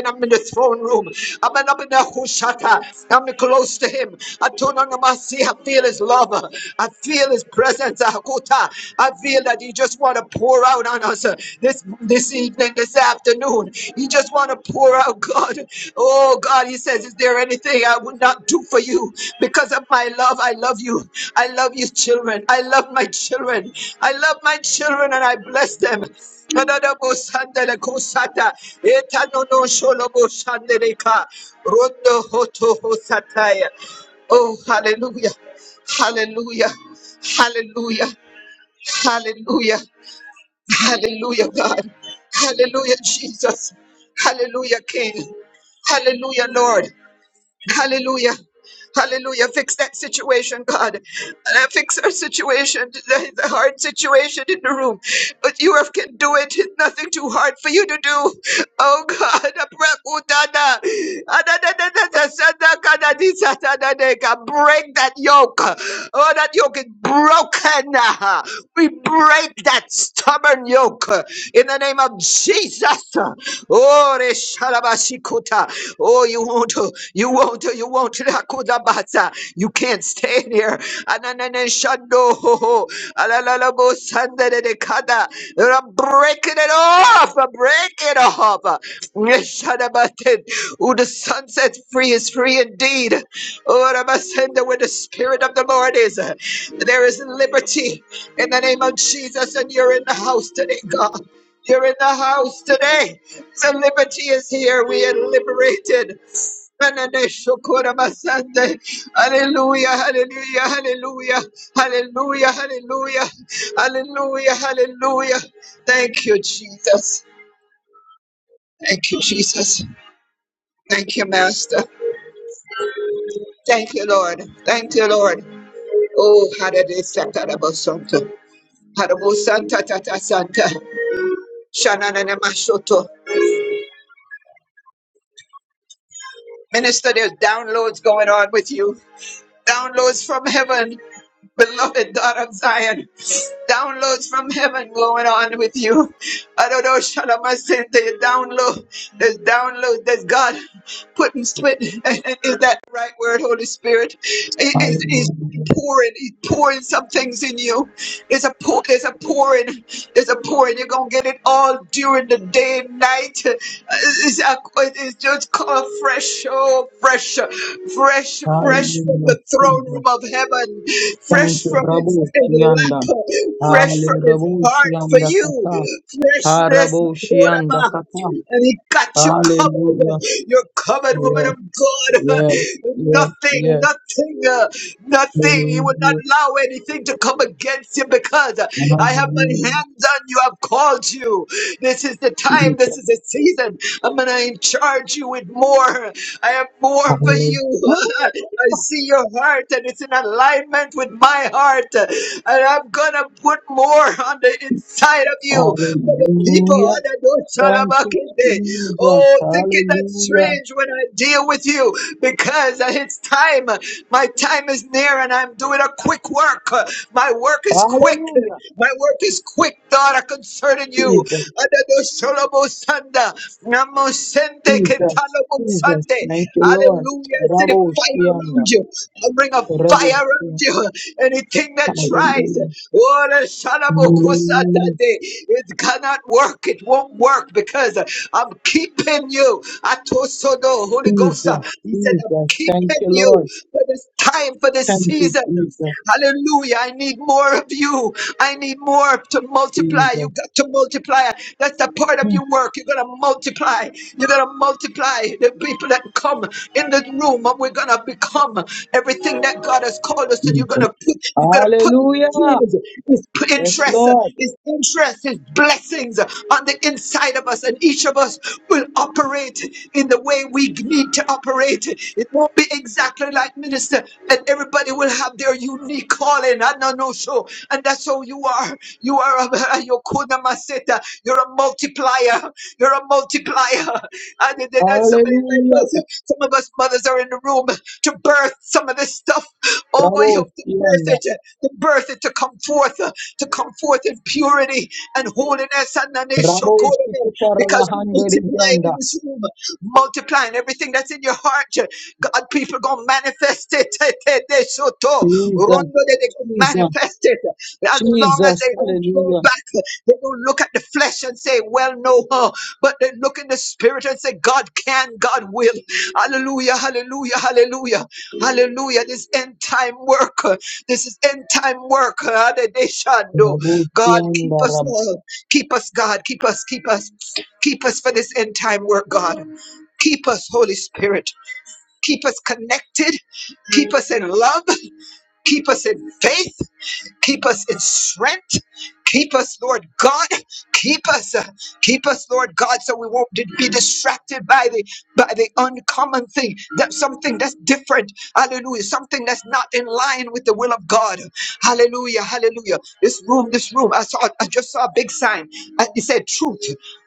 [SPEAKER 4] I'm in the throne room. I'm in in the I'm close to him. I feel his love. uh, I feel his presence. uh, I feel that he just want to pour out on us uh, this this evening, this afternoon. He just want to pour out, God. Oh God, he says, Is there anything I would not do for you? Because of my love, I love you. I love you, children. I love my children. I love my children and I bless them. rondo hoto hosataya. Oh, hallelujah. Hallelujah. Hallelujah. Hallelujah. Hallelujah, God. Hallelujah, Jesus. Hallelujah, King. Hallelujah, Lord. Hallelujah. Hallelujah. Fix that situation, God. And I fix our situation, the, the hard situation in the room. But you have, can do it. It's nothing too hard for you to do. Oh, God. Abrakutana. Adadadadada, Break that yoke. Oh, that yoke is broken. We break that stubborn yoke uh, in the name of Jesus. Oh, reshalabashikuta! Oh, you won't, uh, you won't, uh, you won't. rakudabasa. You can't stay here. Ananene shando ho ho. Alalabo sandere de kada. Uh, Break it off. uh, Break it off. Uh, Neshadabate. Who the sun sets free is free indeed. Oh, Rabasenda, where the spirit of the Lord is, uh, there is liberty in the name of Jesus. And you're in the house today, God. You're in the house today. The liberty is here. We are liberated. Hallelujah, hallelujah, hallelujah, hallelujah, hallelujah, hallelujah, hallelujah. Thank you, Jesus. Thank you, Jesus. Thank you, Master. Thank you, Lord. Thank you, Lord. Oh, hallelujah, Santa Rabosanta. Harabosanta Tata Santa. Shanana Mashoto. Minister, there's downloads going on with you. Downloads from heaven beloved daughter of Zion. Downloads from heaven going on with you. I don't know, Shalamasente, download. There's download. There's God putting split. Is that the right word, Holy Spirit? He- He's, he's
[SPEAKER 2] hallelujah,
[SPEAKER 4] pouring. He's pouring some things in you. There's a pour. There's a pouring. There's a pouring. You're gonna get it all during the day and night. Uh, It's, a- it's just called fresh, oh, fresh, fresh, fresh from
[SPEAKER 2] hallelujah,
[SPEAKER 4] the throne room
[SPEAKER 2] Jesus.
[SPEAKER 4] of heaven
[SPEAKER 2] Thank
[SPEAKER 4] fresh
[SPEAKER 2] you,
[SPEAKER 4] from his
[SPEAKER 2] Rabu Shianda,
[SPEAKER 4] lap, fresh from
[SPEAKER 2] Hallelujah,
[SPEAKER 4] his
[SPEAKER 2] Rabu
[SPEAKER 4] heart for
[SPEAKER 2] Shianda
[SPEAKER 4] you,
[SPEAKER 2] Kata,
[SPEAKER 4] freshness,
[SPEAKER 2] Harabu Shianda
[SPEAKER 4] Koraba.
[SPEAKER 2] Kata,
[SPEAKER 4] and he got you
[SPEAKER 2] Hallelujah,
[SPEAKER 4] covered. You're covered, woman of
[SPEAKER 2] yes,
[SPEAKER 4] God.
[SPEAKER 2] yes, yes,
[SPEAKER 4] Nothing,
[SPEAKER 2] yes,
[SPEAKER 4] nothing, uh, nothing. He will not
[SPEAKER 2] Hallelujah,
[SPEAKER 4] allow anything to come against you because uh, I have my
[SPEAKER 2] Hallelujah,
[SPEAKER 4] hands on you. I've called you. This is the time. This
[SPEAKER 2] Jesus.
[SPEAKER 4] is the season. I'm gonna charge you with more. I have more for
[SPEAKER 2] Hallelujah,
[SPEAKER 4] you. I see your heart and it's in alignment with my heart. And I'm going to put more on the inside of you for the people.
[SPEAKER 2] Hallelujah. Thank you, Jesus.
[SPEAKER 4] Oh, think it not
[SPEAKER 2] Hallelujah.
[SPEAKER 4] strange when I deal with you because it's time. My time is near and I'm doing a quick work. My work is quick.
[SPEAKER 2] Hallelujah.
[SPEAKER 4] My work is quick, daughter, concerning you.
[SPEAKER 2] Jesus,
[SPEAKER 4] Adado Sholobo Sanda. Namo Sente
[SPEAKER 2] Jesus,
[SPEAKER 4] Ketalobo
[SPEAKER 2] Jesus.
[SPEAKER 4] Sande.
[SPEAKER 2] Thank you, Lord.
[SPEAKER 4] Hallelujah. I see the
[SPEAKER 2] Rabo
[SPEAKER 4] fire around
[SPEAKER 2] Shianda.
[SPEAKER 4] you. I bring a
[SPEAKER 2] Rabo
[SPEAKER 4] fire around
[SPEAKER 2] Shianda.
[SPEAKER 4] you. Anything that tries,
[SPEAKER 2] Hallelujah.
[SPEAKER 4] oh, the Shalabo Kusa Dande,
[SPEAKER 2] Hallelujah.
[SPEAKER 4] it cannot work. It won't work because I'm keeping you. Atosodo, Holy Ghost. uh,
[SPEAKER 2] Jesus,
[SPEAKER 4] He said, I'm
[SPEAKER 2] Jesus. Thank
[SPEAKER 4] keeping
[SPEAKER 2] you,
[SPEAKER 4] you
[SPEAKER 2] Lord.
[SPEAKER 4] for this time, for this
[SPEAKER 2] Thank you,
[SPEAKER 4] season.
[SPEAKER 2] Jesus.
[SPEAKER 4] Hallelujah. I need more of you. I need more to multiply. You
[SPEAKER 2] Jesus.
[SPEAKER 4] got to multiply. That's the part of
[SPEAKER 2] Thank
[SPEAKER 4] your work. You're going to multiply. You're going to multiply the people that come in the room and we're going to become everything that God has called us
[SPEAKER 2] you,
[SPEAKER 4] to. You're going
[SPEAKER 2] Jesus.
[SPEAKER 4] to put, you're going to put
[SPEAKER 2] Hallelujah.
[SPEAKER 4] His His
[SPEAKER 2] Yes,
[SPEAKER 4] interest,
[SPEAKER 2] Lord.
[SPEAKER 4] His interest, His blessings on the inside of us, and each of us will operate in the way we need to operate. It won't be exactly like minister, and everybody will have their unique calling. I don't know no, so, and that's how you are. You are a Yokuna Maseta. You're a multiplier. You're a multiplier. And then there's so many people-
[SPEAKER 2] Hallelujah.
[SPEAKER 4] some of us mothers are in the room to birth some of this stuff over you,
[SPEAKER 2] Rabo
[SPEAKER 4] to birth
[SPEAKER 2] Shianda.
[SPEAKER 4] it, to birth it, to come forth, uh, to come forth in purity and holiness. And then it's so
[SPEAKER 2] Rabo
[SPEAKER 4] good
[SPEAKER 2] Shikita
[SPEAKER 4] because we
[SPEAKER 2] Rahanda
[SPEAKER 4] multiply in
[SPEAKER 2] Ribianda.
[SPEAKER 4] this room multiplying everything that's in your heart. God, people gonna manifest it. They so Soto,
[SPEAKER 2] Jesus,
[SPEAKER 4] Rondo de to
[SPEAKER 2] Jesus.
[SPEAKER 4] manifest it. As long as
[SPEAKER 2] Jesus,
[SPEAKER 4] they don't draw
[SPEAKER 2] hallelujah.
[SPEAKER 4] back, they don't look at the flesh and say, Well, no, huh? but they look in the spirit and say, God can, God will. Hallelujah, hallelujah, hallelujah, hallelujah. This end time work, uh, this is end time work. uh, Adedeshando. God, keep us all. Keep us, God. Keep us, keep us. Keep us for this end time work, God. Keep us, Holy Spirit. Keep us connected. Keep us in love. Keep us in faith. Keep us in strength. Keep us, Lord God. Keep us. uh, keep us, Lord God, so we won't di- be distracted by the by the uncommon thing. That something that's different. Hallelujah. Something that's not in line with the will of God. Hallelujah. Hallelujah. This room, this room. I saw I just saw a big sign. Uh, It said truth.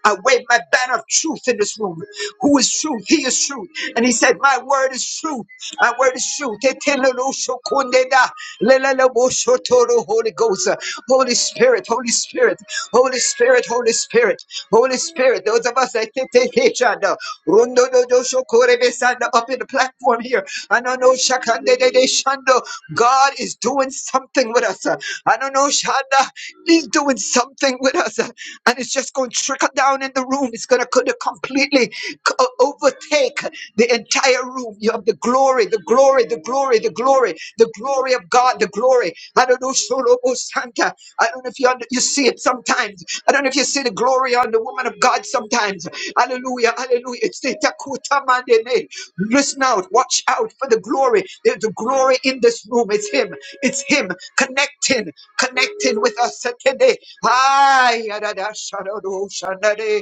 [SPEAKER 4] I wave my banner of truth in this room. Who is truth? He is truth. And he said, My word is truth. My word is truth. Etelelosokondeda, leleleboshotoro, Holy Ghost, Holy Spirit, Holy Spirit, Holy Spirit, Holy Spirit, Holy Spirit. Those of us that take take each other, Rundododosokorebesanda, up in the platform here. Anano shakande de de shando. God is doing something with us. Anano shanda. He's doing something with us. And it's just going to trickle down in the room. It's going to kinda completely co- overtake the entire room. You have the glory, the glory, the glory, the glory, the glory of God, the glory. I don't know, Solo Santa. I don't know if you under, you see it sometimes. I don't know if you see the glory on the woman of God sometimes. Hallelujah, hallelujah. It's the Takuta Mandene. Listen out, watch out for the glory. There's the glory in this room. It's Him. It's Him connecting, connecting with us today. Ay, yadada, shadado, shandade,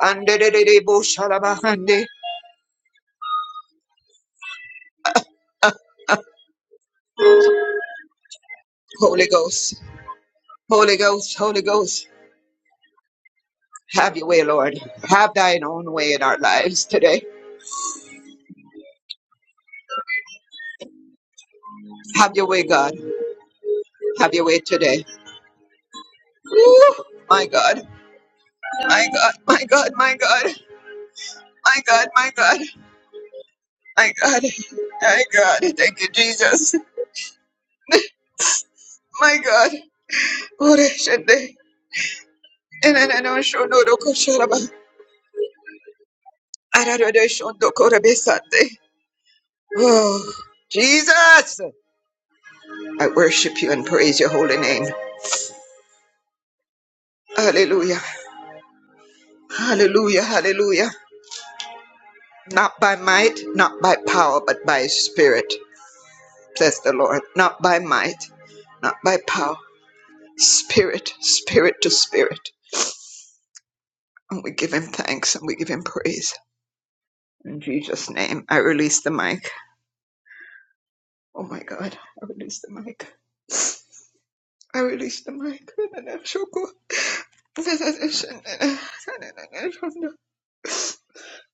[SPEAKER 4] andedede, bo, shalabahande. Holy Ghost, Holy Ghost, Holy Ghost, have your way, Lord. Have thine own way in our lives today. Have your way, God. Have your way today. Woo! my God, my God, my God, my God, my God, my God. My God, my God, thank you, Jesus. My God, Ore shende, eneneno shono roko sharaba, ararode shondo korebe sande. Oh, Jesus, I worship you and praise your holy name. Hallelujah, hallelujah, hallelujah. Not by might, not by power, but by His spirit, says the Lord. Not by might, not by power, spirit, spirit to spirit. And we give him thanks and we give him praise. In Jesus' name, I release the mic. Oh my God, I release the mic. I release the mic.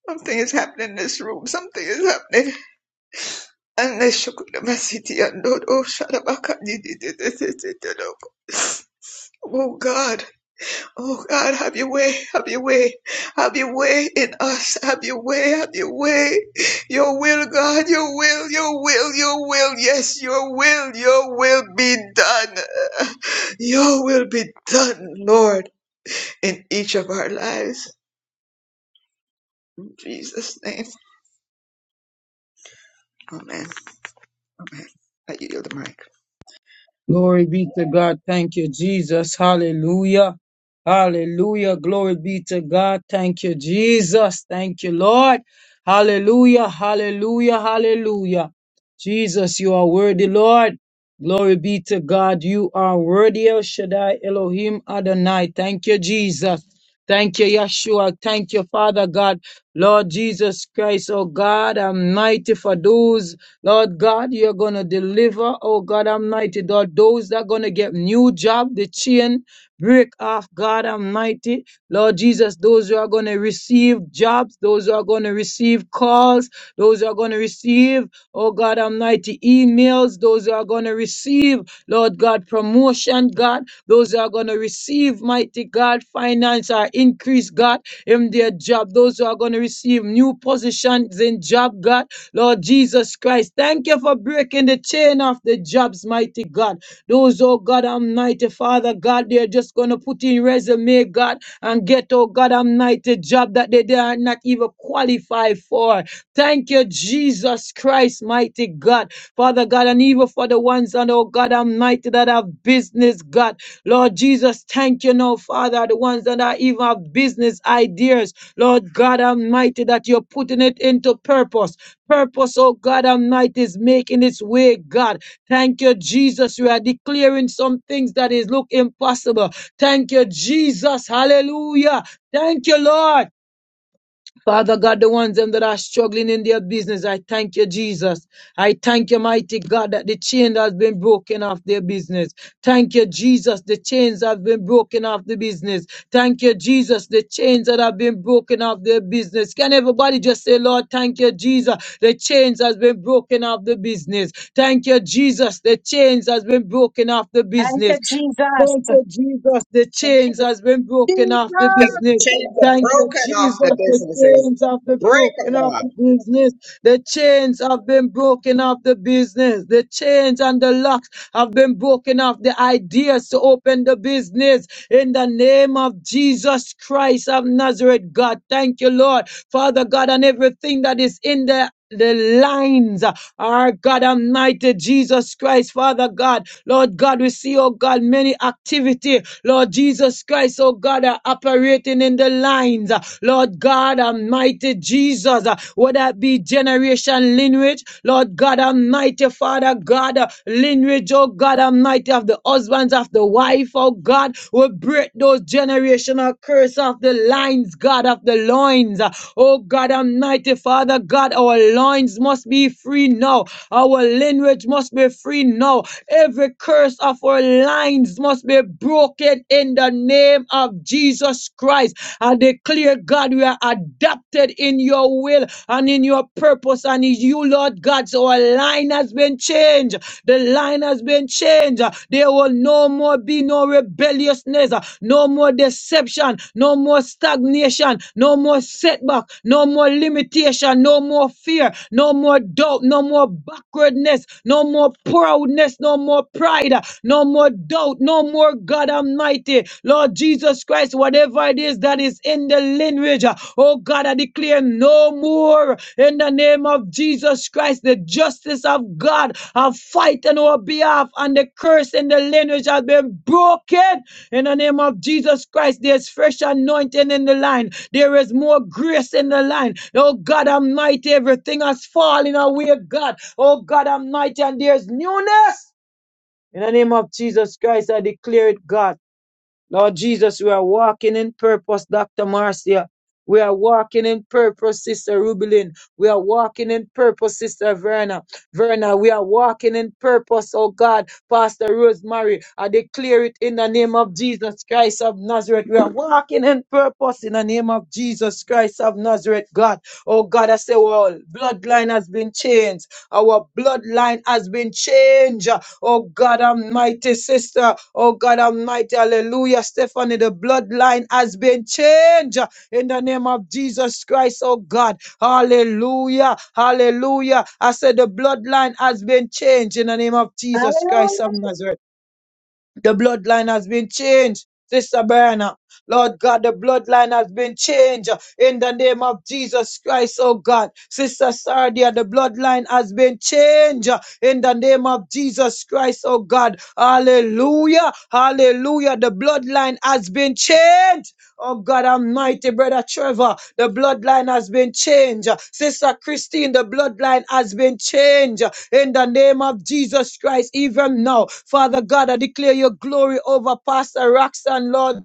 [SPEAKER 4] Something is happening in this room. Something is happening. And the Shukudama and oh, shut Oh God. Oh God, have your way, have your way, have your way in us, have your way, have your way. Your will, God, your will, your will, your will, yes, your will, your will be done. Your will be done, Lord, in each of our lives. In Jesus' name. Amen. Amen. I yield the mic.
[SPEAKER 2] Glory be to God. Thank you, Jesus. Hallelujah. Hallelujah. Glory be to God. Thank you, Jesus. Thank you, Lord. Hallelujah. Hallelujah. Hallelujah. Jesus, you are worthy, Lord. Glory be to God. You are worthy, El Shaddai, Elohim, Adonai. Thank you, Jesus. Thank you, Yeshua. Thank you, Father God. Lord Jesus Christ, oh God, I'm mighty for those Lord God, you're going to deliver, oh God Almighty, Lord, those that are going to get new job, the chain break off, God Almighty. Lord Jesus, those who are going to receive jobs, those who are going to receive calls, those who are going to receive, oh God Almighty, emails, those who are going to receive, Lord God, promotion, God, those who are going to receive, mighty God, finance or increase, God, in their job, those who are going to receive new positions in job, God Lord Jesus Christ, thank you for breaking the chain of the jobs, mighty God. Those, oh God Almighty, Father God, they're just going to put in resume, God, and get, oh God Almighty, job that they, they are not even qualified for. Thank you, Jesus Christ, mighty God. Father God, and even for the ones, and oh God Almighty, that have business, God. Lord Jesus, thank you now, Father, the ones that are even have business ideas. Lord God Almighty, that you're putting it into purpose purpose, oh God Almighty, is making its way, God. Thank you, Jesus. You are declaring some things that is look impossible. Thank you, Jesus. Hallelujah. Thank you, Lord. Father God, the ones them that are struggling in their business, I thank you, Jesus. I thank you, mighty God, that the chain has been broken off their business. Thank you, Jesus. The chains have been broken off the business. Thank you, Jesus. The chains that have been broken off their business. Can everybody just say, Lord, thank you, Jesus. The chains has been broken off the business. Thank you, Jesus. The chains has been broken off the
[SPEAKER 1] Thank you,
[SPEAKER 2] business.
[SPEAKER 1] Jesus.
[SPEAKER 2] Thank you, Jesus. The
[SPEAKER 1] Thank
[SPEAKER 2] chains
[SPEAKER 1] you.
[SPEAKER 2] has been broken off the
[SPEAKER 3] Jesus.
[SPEAKER 2] business.
[SPEAKER 4] Chains are
[SPEAKER 2] Thank you,
[SPEAKER 4] broken
[SPEAKER 2] Jesus.
[SPEAKER 4] off the
[SPEAKER 2] The
[SPEAKER 4] businesses.
[SPEAKER 2] chains have been
[SPEAKER 4] Break them
[SPEAKER 2] broken off
[SPEAKER 4] off.
[SPEAKER 2] the business. The chains have been broken off the business. The chains and the locks have been broken off the ideas to open the business in the name of Jesus Christ of Nazareth, God. Thank you, Lord. Father God, and everything that is in the the lines, our God Almighty, Jesus Christ, Father God, Lord God, we see, oh God, many activity, Lord Jesus Christ, oh God, are operating in the lines, Lord God Almighty, Jesus, whether it be generation lineage, Lord God Almighty, Father God, lineage, oh God Almighty, of the husbands, of the wife, oh God, we break those generational curse off the lines, God, of the loins. Oh God Almighty, Father God, our loins must be free now. Our lineage must be free now. Every curse of our lines must be broken in the name of Jesus Christ. I declare, God, we are adopted in your will and in your purpose and in you, Lord God. So our line has been changed. The line has been changed. There will no more be no rebellion seriousness, no more deception, no more stagnation, no more setback, no more limitation, no more fear, no more doubt, no more backwardness, no more proudness, no more pride, uh, no more doubt, no more God Almighty. Lord Jesus Christ, whatever it is that is in the lineage, uh, oh God, I declare no more in the name of Jesus Christ. The justice of God, I fight on our behalf, and the curse in the lineage has been broken in the name of Jesus Christ, there's fresh anointing in the line. There is more grace in the line. Oh God Almighty, everything has fallen away, God. Oh God Almighty, and there's newness. In the name of Jesus Christ, I declare it, God. Lord Jesus, we are walking in purpose, Dr. Marcia. We are walking in purpose, Sister Rubelin. We are walking in purpose, Sister Verna. Verna, we are walking in purpose, oh God, Pastor Rosemary. I declare it in the name of Jesus Christ of Nazareth. We are walking in purpose in the name of Jesus Christ of Nazareth, God. Oh God, I say, well, bloodline has been changed. Our bloodline has been changed. Oh God Almighty, sister. Oh God Almighty, hallelujah. Stephanie, the bloodline has been changed in the name of Jesus Christ, oh God. Hallelujah. Hallelujah. I said the bloodline has been changed in the name of Jesus Christ
[SPEAKER 1] Hallelujah.
[SPEAKER 2] of Nazareth. The bloodline has been changed. Sister Berna, Lord God, the bloodline has been changed in the name of Jesus Christ, oh God. Sister Sardia, the bloodline has been changed in the name of Jesus Christ, oh God. Hallelujah, hallelujah. The bloodline has been changed. Oh God, Almighty, brother Trevor. The bloodline has been changed. Sister Christine, the bloodline has been changed in the name of Jesus Christ, even now. Father God, I declare your glory over Pastor Roxanne, Lord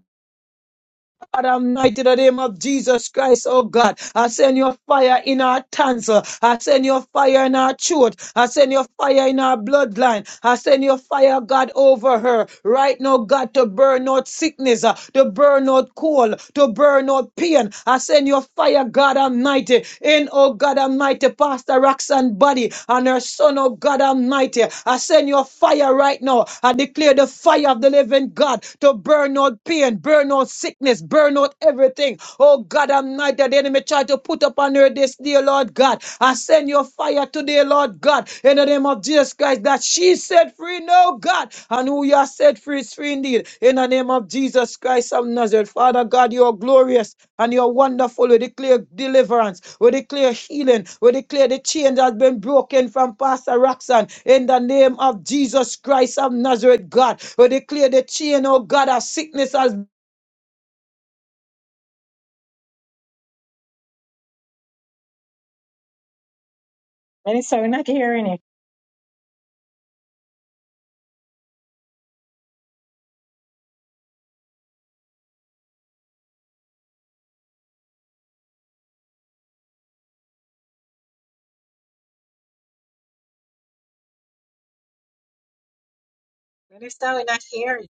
[SPEAKER 2] God Almighty, in the name of Jesus Christ, oh God. I send your fire in our tongues. uh, I send your fire in our throat. I send your fire in our bloodline. I send your fire, God, over her. Right now, God, to burn out sickness, uh, to burn out cold, to burn out pain. I send your fire, God Almighty, in, oh God Almighty, Pastor Roxanne body and her son, oh God Almighty. I send your fire right now. I declare the fire of the living God to burn out pain, burn out out sickness, burn out everything. Oh God, I'm not that the enemy tried to put upon her this day, Lord God. I send your fire today, Lord God, in the name of Jesus Christ, that she set free now, God. And who you are set free is free indeed. In the name of Jesus Christ of Nazareth. Father God, you are glorious and you're wonderful. We declare deliverance. We declare healing. We declare the chain that has been broken from Pastor Roxanne. In the name of Jesus Christ of Nazareth, God. We declare the chain, oh God, of sickness has
[SPEAKER 1] Minister, we're not hearing it. Minister, we're not hearing. it.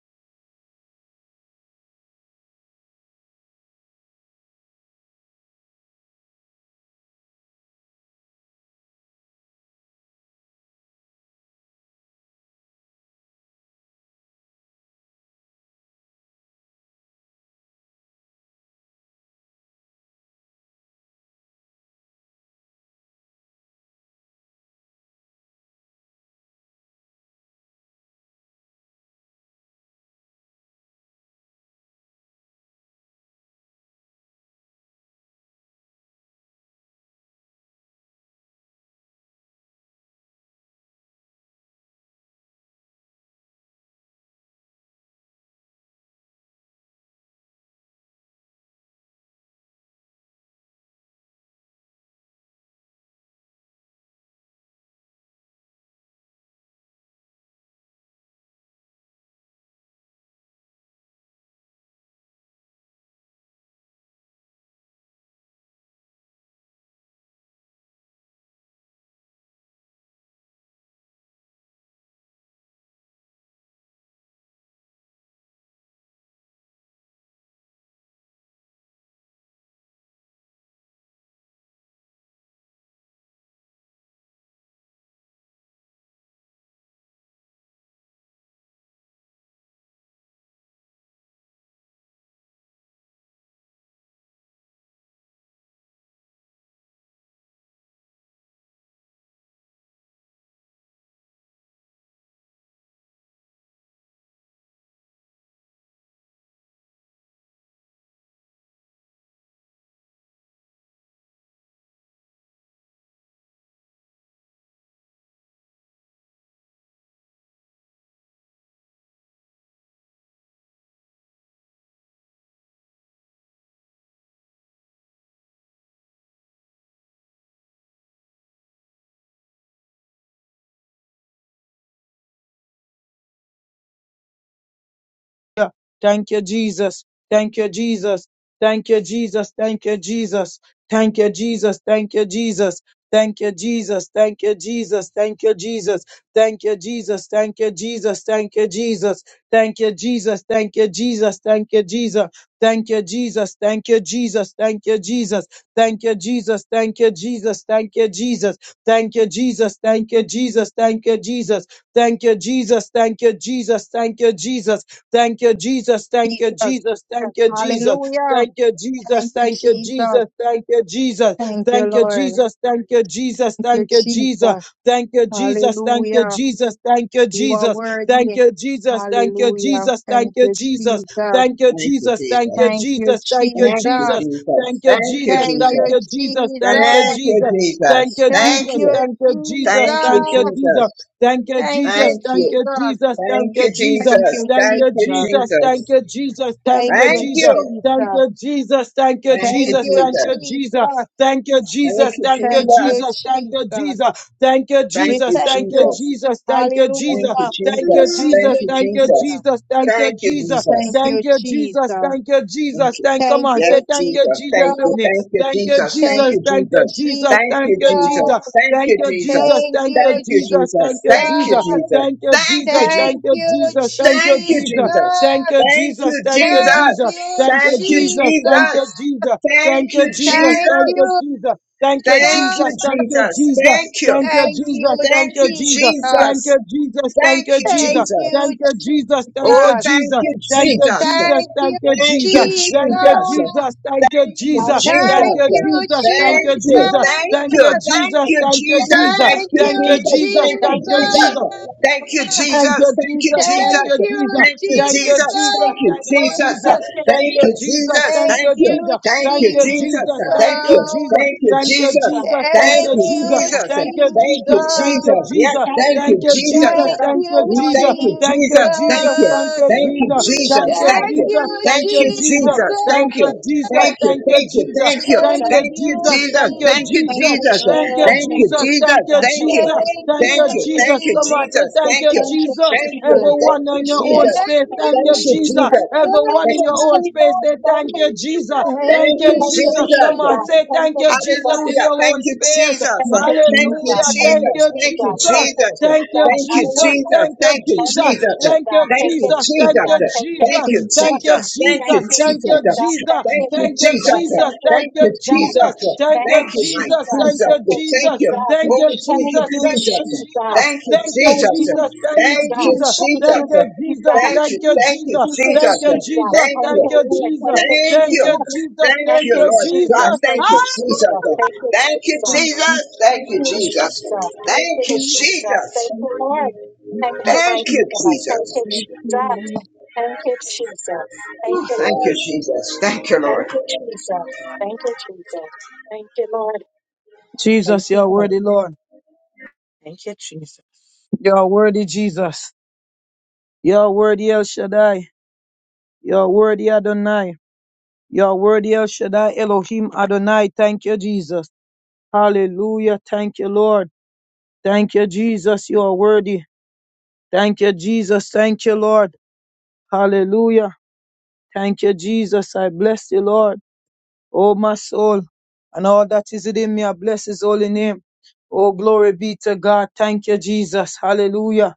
[SPEAKER 3] Jesus. Hallelujah. Thank you, Jesus. Thank you, Lord. Thank you, Jesus. Hallelujah. You are worthy. Hallelujah. Thank you, Jesus.
[SPEAKER 4] Thank you, Jesus.
[SPEAKER 3] Thank you,
[SPEAKER 4] Thank you,
[SPEAKER 3] Jesus.
[SPEAKER 4] Jesus. Thank you,
[SPEAKER 3] Thank
[SPEAKER 4] Jesus.
[SPEAKER 3] you,
[SPEAKER 4] Thank
[SPEAKER 3] Jesus.
[SPEAKER 4] you, Jesus.
[SPEAKER 3] Thank
[SPEAKER 4] Thank
[SPEAKER 3] you,
[SPEAKER 4] you. Thank you,
[SPEAKER 3] Jesus.
[SPEAKER 4] Jesus.
[SPEAKER 3] Thank you,
[SPEAKER 4] Thank you.
[SPEAKER 3] Jesus.
[SPEAKER 4] Thank you,
[SPEAKER 3] Thank
[SPEAKER 4] Jesus.
[SPEAKER 3] you,
[SPEAKER 2] Thank
[SPEAKER 4] Thank
[SPEAKER 2] you,
[SPEAKER 4] you,
[SPEAKER 3] Jesus.
[SPEAKER 2] Jesus. Thank
[SPEAKER 4] Jesus.
[SPEAKER 2] you, Jesus. Thank
[SPEAKER 3] Thank
[SPEAKER 2] you,
[SPEAKER 3] you,
[SPEAKER 4] Thank
[SPEAKER 2] Jesus.
[SPEAKER 4] you.
[SPEAKER 2] Thank
[SPEAKER 3] Jesus.
[SPEAKER 2] you, Jesus. Thank you,
[SPEAKER 4] Thank
[SPEAKER 3] Thank
[SPEAKER 4] you,
[SPEAKER 2] Jesus.
[SPEAKER 3] you,
[SPEAKER 2] Thank
[SPEAKER 4] Jesus.
[SPEAKER 2] you,
[SPEAKER 3] Jesus.
[SPEAKER 2] Jesus. Thank you,
[SPEAKER 4] Thank
[SPEAKER 2] Jesus.
[SPEAKER 4] you,
[SPEAKER 2] Thank you,
[SPEAKER 3] Thank you,
[SPEAKER 2] Jesus.
[SPEAKER 4] Jesus.
[SPEAKER 2] Thank you,
[SPEAKER 3] Jesus.
[SPEAKER 2] Jesus. Thank you,
[SPEAKER 4] Thank
[SPEAKER 3] We
[SPEAKER 2] Jesus.
[SPEAKER 4] you,
[SPEAKER 3] thank
[SPEAKER 2] Thank you,
[SPEAKER 3] you.
[SPEAKER 4] Jesus.
[SPEAKER 2] Jesus. Thank you,
[SPEAKER 4] Thank
[SPEAKER 2] Jesus.
[SPEAKER 4] you,
[SPEAKER 3] Hallelujah.
[SPEAKER 2] Thank you,
[SPEAKER 4] Jesus.
[SPEAKER 3] Thank
[SPEAKER 4] Thank
[SPEAKER 2] Jesus.
[SPEAKER 3] you,
[SPEAKER 4] you,
[SPEAKER 2] Thank you,
[SPEAKER 4] Jesus.
[SPEAKER 3] Jesus.
[SPEAKER 2] Jesus. Thank you,
[SPEAKER 4] Thank you,
[SPEAKER 2] Jesus.
[SPEAKER 3] Thank
[SPEAKER 4] Jesus.
[SPEAKER 3] you,
[SPEAKER 2] Thank you, Jesus.
[SPEAKER 3] Jesus.
[SPEAKER 2] Thank you,
[SPEAKER 4] Thank
[SPEAKER 2] Jesus.
[SPEAKER 4] you.
[SPEAKER 2] Thank come
[SPEAKER 3] Thank
[SPEAKER 2] on.
[SPEAKER 4] Yes,
[SPEAKER 2] Say
[SPEAKER 3] you,
[SPEAKER 2] thank
[SPEAKER 3] Jesus.
[SPEAKER 2] you,
[SPEAKER 4] Jesus.
[SPEAKER 2] Jesus
[SPEAKER 4] Thank
[SPEAKER 2] with
[SPEAKER 4] you.
[SPEAKER 2] me.
[SPEAKER 4] Thank you,
[SPEAKER 2] Thank you,
[SPEAKER 4] Jesus. Thank
[SPEAKER 2] Jesus.
[SPEAKER 3] Thank
[SPEAKER 4] you,
[SPEAKER 2] Thank you,
[SPEAKER 4] Jesus.
[SPEAKER 2] Jesus.
[SPEAKER 3] you,
[SPEAKER 4] Thank
[SPEAKER 2] Thank
[SPEAKER 4] you,
[SPEAKER 2] you,
[SPEAKER 4] Jesus.
[SPEAKER 3] Jesus.
[SPEAKER 2] Jesus.
[SPEAKER 4] Thank
[SPEAKER 2] Thank
[SPEAKER 4] you,
[SPEAKER 2] you,
[SPEAKER 4] Jesus.
[SPEAKER 2] Jesus.
[SPEAKER 3] Thank
[SPEAKER 2] Thank
[SPEAKER 3] you,
[SPEAKER 2] you,
[SPEAKER 4] Thank you,
[SPEAKER 2] Jesus.
[SPEAKER 4] Jesus.
[SPEAKER 2] Thank you,
[SPEAKER 4] Thank you,
[SPEAKER 2] Jesus.
[SPEAKER 3] Jesus.
[SPEAKER 4] Jesus. Thank you, Jesus.
[SPEAKER 3] Thank you,
[SPEAKER 4] Thank you,
[SPEAKER 3] Jesus.
[SPEAKER 4] Jesus. Thank you, Jesus.
[SPEAKER 3] Thank you,
[SPEAKER 4] Thank you,
[SPEAKER 3] Jesus.
[SPEAKER 4] Jesus. Thank you,
[SPEAKER 3] Thank
[SPEAKER 4] Jesus.
[SPEAKER 3] you,
[SPEAKER 4] Thank
[SPEAKER 3] sir.
[SPEAKER 4] you, Jesus. Thank you.
[SPEAKER 3] Thank you,
[SPEAKER 4] Thank you,
[SPEAKER 3] Jesus.
[SPEAKER 4] Jesus. Thank you,
[SPEAKER 3] Thank
[SPEAKER 4] Jesus.
[SPEAKER 3] you,
[SPEAKER 4] Oh,
[SPEAKER 3] Jesus.
[SPEAKER 4] thank you, Jesus.
[SPEAKER 3] Thank you,
[SPEAKER 4] Thank you,
[SPEAKER 3] Jesus.
[SPEAKER 4] Jesus. Thank you,
[SPEAKER 1] Hallelujah.
[SPEAKER 3] Thank
[SPEAKER 4] Jesus.
[SPEAKER 1] Thank you,
[SPEAKER 3] you,
[SPEAKER 1] Jesus.
[SPEAKER 4] Thank
[SPEAKER 3] Jesus.
[SPEAKER 4] you.
[SPEAKER 1] Thank
[SPEAKER 4] Thank
[SPEAKER 1] you, God.
[SPEAKER 4] you. Thank
[SPEAKER 1] Thank
[SPEAKER 4] Jesus. Thank
[SPEAKER 3] Thank
[SPEAKER 4] you,
[SPEAKER 1] you,
[SPEAKER 3] you,
[SPEAKER 1] Jesus.
[SPEAKER 4] Jesus. Thank
[SPEAKER 3] Jesus.
[SPEAKER 4] you,
[SPEAKER 1] Thank you,
[SPEAKER 4] Jesus.
[SPEAKER 1] Jesus. Thank
[SPEAKER 4] Thank you, Jesus. Thank you,
[SPEAKER 1] you, Jesus.
[SPEAKER 4] Jesus.
[SPEAKER 3] Thank you,
[SPEAKER 4] Thank you, Jesus.
[SPEAKER 3] Jesus.
[SPEAKER 4] Thank you,
[SPEAKER 1] Glory,
[SPEAKER 4] Jesus.
[SPEAKER 1] thank you,
[SPEAKER 4] Thank you,
[SPEAKER 1] Jesus.
[SPEAKER 4] Jesus.
[SPEAKER 3] Thank
[SPEAKER 4] Thank you.
[SPEAKER 3] you,
[SPEAKER 4] Thank you,
[SPEAKER 1] Thank you, Jesus.
[SPEAKER 4] Jesus.
[SPEAKER 1] Thank
[SPEAKER 4] Thank you.
[SPEAKER 3] Jesus.
[SPEAKER 4] Thank
[SPEAKER 1] you,
[SPEAKER 4] you,
[SPEAKER 1] Jesus.
[SPEAKER 4] Jesus.
[SPEAKER 1] Thank
[SPEAKER 4] Thank
[SPEAKER 1] you,
[SPEAKER 3] Thank
[SPEAKER 4] you,
[SPEAKER 3] you,
[SPEAKER 1] Jesus.
[SPEAKER 4] Jesus.
[SPEAKER 1] Thank you,
[SPEAKER 4] Thank you,
[SPEAKER 1] Jesus.
[SPEAKER 3] Jesus.
[SPEAKER 4] Jesus. Yes,
[SPEAKER 1] Thank
[SPEAKER 4] thank
[SPEAKER 1] you,
[SPEAKER 4] you, Jesus.
[SPEAKER 3] Thank
[SPEAKER 1] Jesus. Oh,
[SPEAKER 3] you,
[SPEAKER 4] We
[SPEAKER 1] Lord,
[SPEAKER 4] thank
[SPEAKER 1] you
[SPEAKER 4] you,
[SPEAKER 1] are-
[SPEAKER 4] Jesus. Thank you.
[SPEAKER 3] Jesus.
[SPEAKER 4] Thank you,
[SPEAKER 1] Thank you,
[SPEAKER 4] Jesus.
[SPEAKER 1] Jesus.
[SPEAKER 4] Thank
[SPEAKER 3] Thank
[SPEAKER 4] you.
[SPEAKER 3] you,
[SPEAKER 1] Thank you,
[SPEAKER 4] Thank you,
[SPEAKER 1] Jesus.
[SPEAKER 4] Jesus.
[SPEAKER 3] Jesus.
[SPEAKER 4] Thank you.
[SPEAKER 1] Thank
[SPEAKER 4] Thank you.
[SPEAKER 1] you,
[SPEAKER 4] Thank you. Thank you.
[SPEAKER 1] Jesus.
[SPEAKER 3] Thank
[SPEAKER 4] Thank you,
[SPEAKER 3] you,
[SPEAKER 4] Jesus. Thank you,
[SPEAKER 1] Thank you,
[SPEAKER 4] Jesus.
[SPEAKER 1] Jesus.
[SPEAKER 4] Thank
[SPEAKER 3] Jesus.
[SPEAKER 4] you,
[SPEAKER 1] Thank you,
[SPEAKER 4] Jesus.
[SPEAKER 1] Jesus.
[SPEAKER 4] Thank you.
[SPEAKER 3] Thank
[SPEAKER 2] Thank
[SPEAKER 4] Thank
[SPEAKER 2] you,
[SPEAKER 3] you,
[SPEAKER 4] you.
[SPEAKER 1] Thank you,
[SPEAKER 4] Thank
[SPEAKER 2] Jesus.
[SPEAKER 4] you,
[SPEAKER 2] Come on,
[SPEAKER 1] Jesus.
[SPEAKER 2] say
[SPEAKER 4] Jesus.
[SPEAKER 2] thank
[SPEAKER 4] Thank
[SPEAKER 2] you,
[SPEAKER 3] Jesus.
[SPEAKER 4] you.
[SPEAKER 1] Thank you, Jesus. Thank you,
[SPEAKER 2] Jesus.
[SPEAKER 4] Thank
[SPEAKER 3] Thank
[SPEAKER 1] Jesus.
[SPEAKER 4] you.
[SPEAKER 3] you, Jesus.
[SPEAKER 4] Thank
[SPEAKER 2] Everyone
[SPEAKER 1] Thank you,
[SPEAKER 4] you,
[SPEAKER 2] in your own
[SPEAKER 4] Jesus.
[SPEAKER 1] Jesus.
[SPEAKER 3] Thank
[SPEAKER 2] space,
[SPEAKER 1] Thank you,
[SPEAKER 3] you,
[SPEAKER 2] thank
[SPEAKER 4] Thank
[SPEAKER 2] you,
[SPEAKER 4] you,
[SPEAKER 3] Jesus.
[SPEAKER 1] Jesus.
[SPEAKER 2] Jesus.
[SPEAKER 4] Jesus.
[SPEAKER 1] Thank
[SPEAKER 2] Everyone in
[SPEAKER 1] you,
[SPEAKER 2] your
[SPEAKER 1] Jesus.
[SPEAKER 2] own space, say thank you, Jesus.
[SPEAKER 3] Thank
[SPEAKER 2] Thank
[SPEAKER 4] Thank
[SPEAKER 2] you,
[SPEAKER 4] you,
[SPEAKER 3] you,
[SPEAKER 1] Thank you, Jesus. Thank you,
[SPEAKER 2] Jesus. Come
[SPEAKER 1] Jesus.
[SPEAKER 3] Jesus.
[SPEAKER 4] Jesus.
[SPEAKER 2] on, say
[SPEAKER 1] Thank you, Jesus. Thank you, Jesus. Thank
[SPEAKER 2] thank
[SPEAKER 1] you,
[SPEAKER 2] you, Jesus, in
[SPEAKER 4] Hallelujah.
[SPEAKER 2] your
[SPEAKER 4] Thank
[SPEAKER 2] own
[SPEAKER 4] you,
[SPEAKER 2] space.
[SPEAKER 4] Jesus. Thank you,
[SPEAKER 2] Hallelujah. Thank
[SPEAKER 4] Jesus.
[SPEAKER 2] you,
[SPEAKER 4] Thank you,
[SPEAKER 1] Jesus.
[SPEAKER 2] Jesus.
[SPEAKER 1] Thank you,
[SPEAKER 4] Jesus.
[SPEAKER 2] Thank you,
[SPEAKER 4] Thank
[SPEAKER 1] Jesus.
[SPEAKER 4] you,
[SPEAKER 2] Jesus.
[SPEAKER 1] Hallelujah.
[SPEAKER 4] Jesus.
[SPEAKER 2] Thank you,
[SPEAKER 4] Thank you,
[SPEAKER 1] Thank you,
[SPEAKER 2] Jesus.
[SPEAKER 4] Jesus.
[SPEAKER 2] Thank you,
[SPEAKER 1] Jesus.
[SPEAKER 4] Thank
[SPEAKER 1] Thank
[SPEAKER 4] you,
[SPEAKER 1] you,
[SPEAKER 2] Jesus. Thank
[SPEAKER 4] Jesus.
[SPEAKER 2] you,
[SPEAKER 1] Jesus. Thank you,
[SPEAKER 4] Thank
[SPEAKER 2] Jesus.
[SPEAKER 4] you,
[SPEAKER 3] Thank you, Jesus. Thank you,
[SPEAKER 2] Thank
[SPEAKER 1] Jesus.
[SPEAKER 2] you,
[SPEAKER 4] Jesus.
[SPEAKER 3] Jesus.
[SPEAKER 4] Thank you,
[SPEAKER 1] Thank
[SPEAKER 2] Jesus.
[SPEAKER 1] you,
[SPEAKER 2] Thank
[SPEAKER 4] Jesus.
[SPEAKER 2] you,
[SPEAKER 1] Jesus. Thank
[SPEAKER 2] Jesus.
[SPEAKER 3] Thank
[SPEAKER 1] you,
[SPEAKER 4] Thank
[SPEAKER 3] you,
[SPEAKER 4] you,
[SPEAKER 2] Thank you,
[SPEAKER 4] Jesus.
[SPEAKER 1] Jesus.
[SPEAKER 3] Jesus.
[SPEAKER 1] Thank
[SPEAKER 2] Jesus.
[SPEAKER 1] you,
[SPEAKER 2] Thank
[SPEAKER 4] Thank
[SPEAKER 2] you,
[SPEAKER 4] you,
[SPEAKER 3] We
[SPEAKER 1] Jesus.
[SPEAKER 3] thank
[SPEAKER 2] Jesus.
[SPEAKER 3] you,
[SPEAKER 4] Jesus.
[SPEAKER 3] Jesus.
[SPEAKER 2] Thank
[SPEAKER 1] Thank you,
[SPEAKER 4] Thank
[SPEAKER 2] you,
[SPEAKER 4] you, my
[SPEAKER 3] Thank
[SPEAKER 2] Jesus.
[SPEAKER 1] Jesus.
[SPEAKER 2] Thank
[SPEAKER 4] Jesus.
[SPEAKER 2] you,
[SPEAKER 1] Thank
[SPEAKER 4] We
[SPEAKER 1] you,
[SPEAKER 2] Jesus.
[SPEAKER 4] thank
[SPEAKER 1] Jesus.
[SPEAKER 4] you.
[SPEAKER 2] Thank
[SPEAKER 3] you,
[SPEAKER 4] Oh,
[SPEAKER 2] you,
[SPEAKER 4] we
[SPEAKER 3] Jesus.
[SPEAKER 4] thank
[SPEAKER 3] Thank
[SPEAKER 1] Thank
[SPEAKER 4] you,
[SPEAKER 2] Jesus.
[SPEAKER 1] you,
[SPEAKER 2] Thank
[SPEAKER 4] Jesus.
[SPEAKER 1] Jesus. Thank
[SPEAKER 2] you,
[SPEAKER 1] you, Jesus.
[SPEAKER 2] Jesus.
[SPEAKER 4] Thank you,
[SPEAKER 2] Thank you,
[SPEAKER 1] Thank you,
[SPEAKER 4] Jesus.
[SPEAKER 2] Jesus. Thank you,
[SPEAKER 4] Thank you,
[SPEAKER 1] Jesus.
[SPEAKER 2] Jesus.
[SPEAKER 1] Thank
[SPEAKER 4] Jesus.
[SPEAKER 1] you,
[SPEAKER 2] Thank you, Jesus.
[SPEAKER 4] Thank
[SPEAKER 2] Thank
[SPEAKER 4] you,
[SPEAKER 2] you,
[SPEAKER 4] thank you,
[SPEAKER 2] Jesus. Thank
[SPEAKER 4] Jesus.
[SPEAKER 2] you,
[SPEAKER 1] Jesus.
[SPEAKER 2] Jesus.
[SPEAKER 4] Thank
[SPEAKER 1] Thank
[SPEAKER 4] you,
[SPEAKER 2] Thank
[SPEAKER 1] you,
[SPEAKER 2] you,
[SPEAKER 1] Lord.
[SPEAKER 2] Jesus.
[SPEAKER 1] Thank you,
[SPEAKER 4] Thank
[SPEAKER 2] Thank
[SPEAKER 1] Jesus.
[SPEAKER 2] you,
[SPEAKER 4] you.
[SPEAKER 2] Jesus.
[SPEAKER 4] Thank
[SPEAKER 1] Thank
[SPEAKER 2] Thank
[SPEAKER 1] you,
[SPEAKER 4] you,
[SPEAKER 2] you,
[SPEAKER 4] Lord God.
[SPEAKER 1] Jesus.
[SPEAKER 2] Jesus.
[SPEAKER 4] Thank
[SPEAKER 1] Thank
[SPEAKER 4] you,
[SPEAKER 1] you,
[SPEAKER 2] Hallelujah.
[SPEAKER 4] Jesus.
[SPEAKER 1] Jesus. Thank you,
[SPEAKER 4] Thank you,
[SPEAKER 1] Jesus.
[SPEAKER 4] Jesus. Thank
[SPEAKER 1] Thank
[SPEAKER 4] you,
[SPEAKER 1] you,
[SPEAKER 4] Jesus.
[SPEAKER 1] Jesus. Thank
[SPEAKER 4] Thank
[SPEAKER 1] you,
[SPEAKER 4] you,
[SPEAKER 1] Jesus.
[SPEAKER 4] Jesus.
[SPEAKER 1] Thank you, Lord. Thank you,
[SPEAKER 4] Thank
[SPEAKER 1] mighty
[SPEAKER 4] you,
[SPEAKER 1] God. Thank
[SPEAKER 4] Jesus.
[SPEAKER 1] you, Jesus. Thank you, Jesus. Thank you,
[SPEAKER 4] Thank you,
[SPEAKER 1] Lord.
[SPEAKER 4] Jesus. Thank you,
[SPEAKER 1] Thank
[SPEAKER 4] Lord.
[SPEAKER 1] you, Jesus. Thank you, Jesus. Thank you, Lord. Thank
[SPEAKER 2] Jesus,
[SPEAKER 1] you,
[SPEAKER 2] you're
[SPEAKER 1] Lord.
[SPEAKER 2] worthy, Lord.
[SPEAKER 1] Thank you, Jesus.
[SPEAKER 2] You're worthy, Jesus. You're worthy, El Shaddai. You're worthy, Adonai. You're worthy, El Shaddai, Elohim, Adonai. Thank you, Jesus. Hallelujah. Thank you, Lord. Thank you, Jesus. You are worthy. Thank you, Jesus. Thank you, Lord. Hallelujah. Thank you, Jesus. I bless you, Lord. Oh, my soul, and all that is within me, I bless his holy name. Oh, glory be to God. Thank you, Jesus. Hallelujah.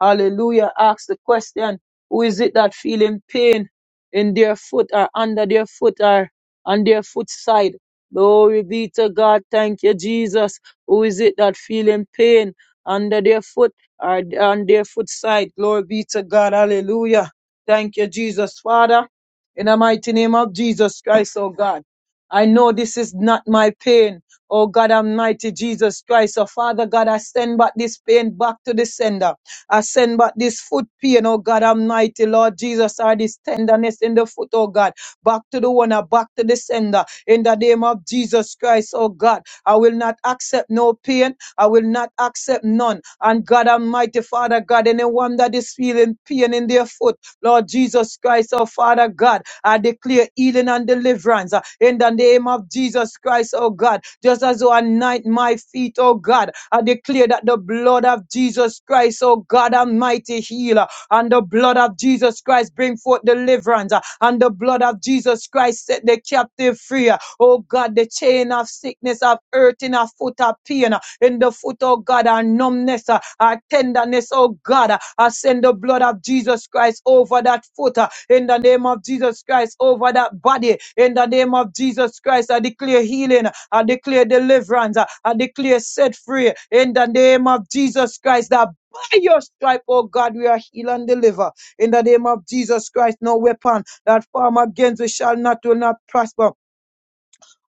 [SPEAKER 2] Hallelujah. Ask the question, who is it that feeling pain in their foot or under their foot or on their foot side? Glory be to God. Thank you, Jesus. Who is it that feeling pain under their foot or on their foot side? Glory be to God. Hallelujah. Thank you, Jesus. Father, in the mighty name of Jesus Christ, oh God, I know this is not my pain. Oh God Almighty, Jesus Christ, oh Father God, I send back this pain back to the sender. I send back this foot pain, oh God Almighty, Lord Jesus, or this tenderness in the foot, oh God, back to the owner, back to the sender, in the name of Jesus Christ, oh God. I will not accept no pain, I will not accept none. And God Almighty, Father God, anyone that is feeling pain in their foot, Lord Jesus Christ, oh Father God. I declare healing and deliverance uh, in the name of Jesus Christ, oh God. Just as you anoint my feet, oh God, I declare that the blood of Jesus Christ, oh God, Almighty healer, and the blood of Jesus Christ bring forth deliverance, uh, and the blood of Jesus Christ set the captive free. uh, Oh God, the chain of sickness, of hurting, of foot, of pain, uh, in the foot, oh God, our numbness, uh, our tenderness, oh God. uh, I send the blood of Jesus Christ over that foot uh, in the name of Jesus Christ, over that body in the name of Jesus Christ. I declare healing, I declare deliverance, uh, I declare set free in the name of Jesus Christ. That by your stripe, oh God, we are healed and delivered. In the name of Jesus Christ, no weapon that form against we shall not will not prosper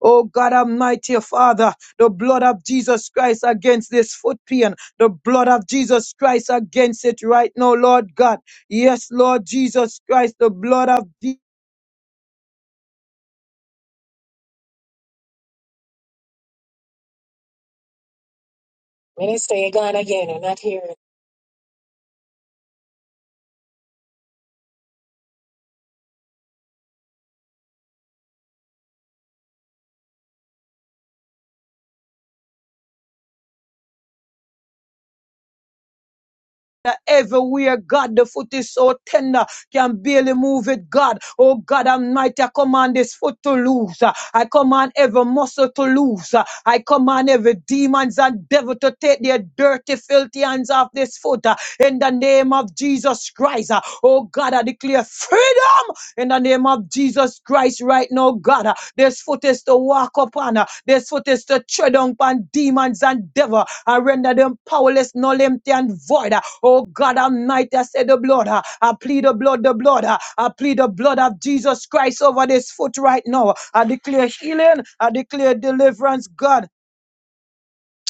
[SPEAKER 2] Oh God Almighty oh Father, the blood of Jesus Christ against this foot pain, the blood of Jesus Christ against it right now, Lord God. Yes, Lord Jesus Christ, the blood of Jesus.
[SPEAKER 1] Minister, you're gone again. we're not hearing.
[SPEAKER 2] that everywhere, God, the foot is so tender, can barely move it, God. Oh, God Almighty, I command this foot to loose. I command every muscle to loose. I command every demons and devil to take their dirty, filthy hands off this foot. In the name of Jesus Christ, oh, God, I declare freedom in the name of Jesus Christ right now, God. uh, There's footage to walk upon. uh, There's footage to tread upon demons and devil and render them powerless, null, empty, and void. uh. Oh God Almighty, I say the blood. uh, I plead the blood, the blood. uh, I plead the blood of Jesus Christ over this foot right now. I declare healing. I declare deliverance, God.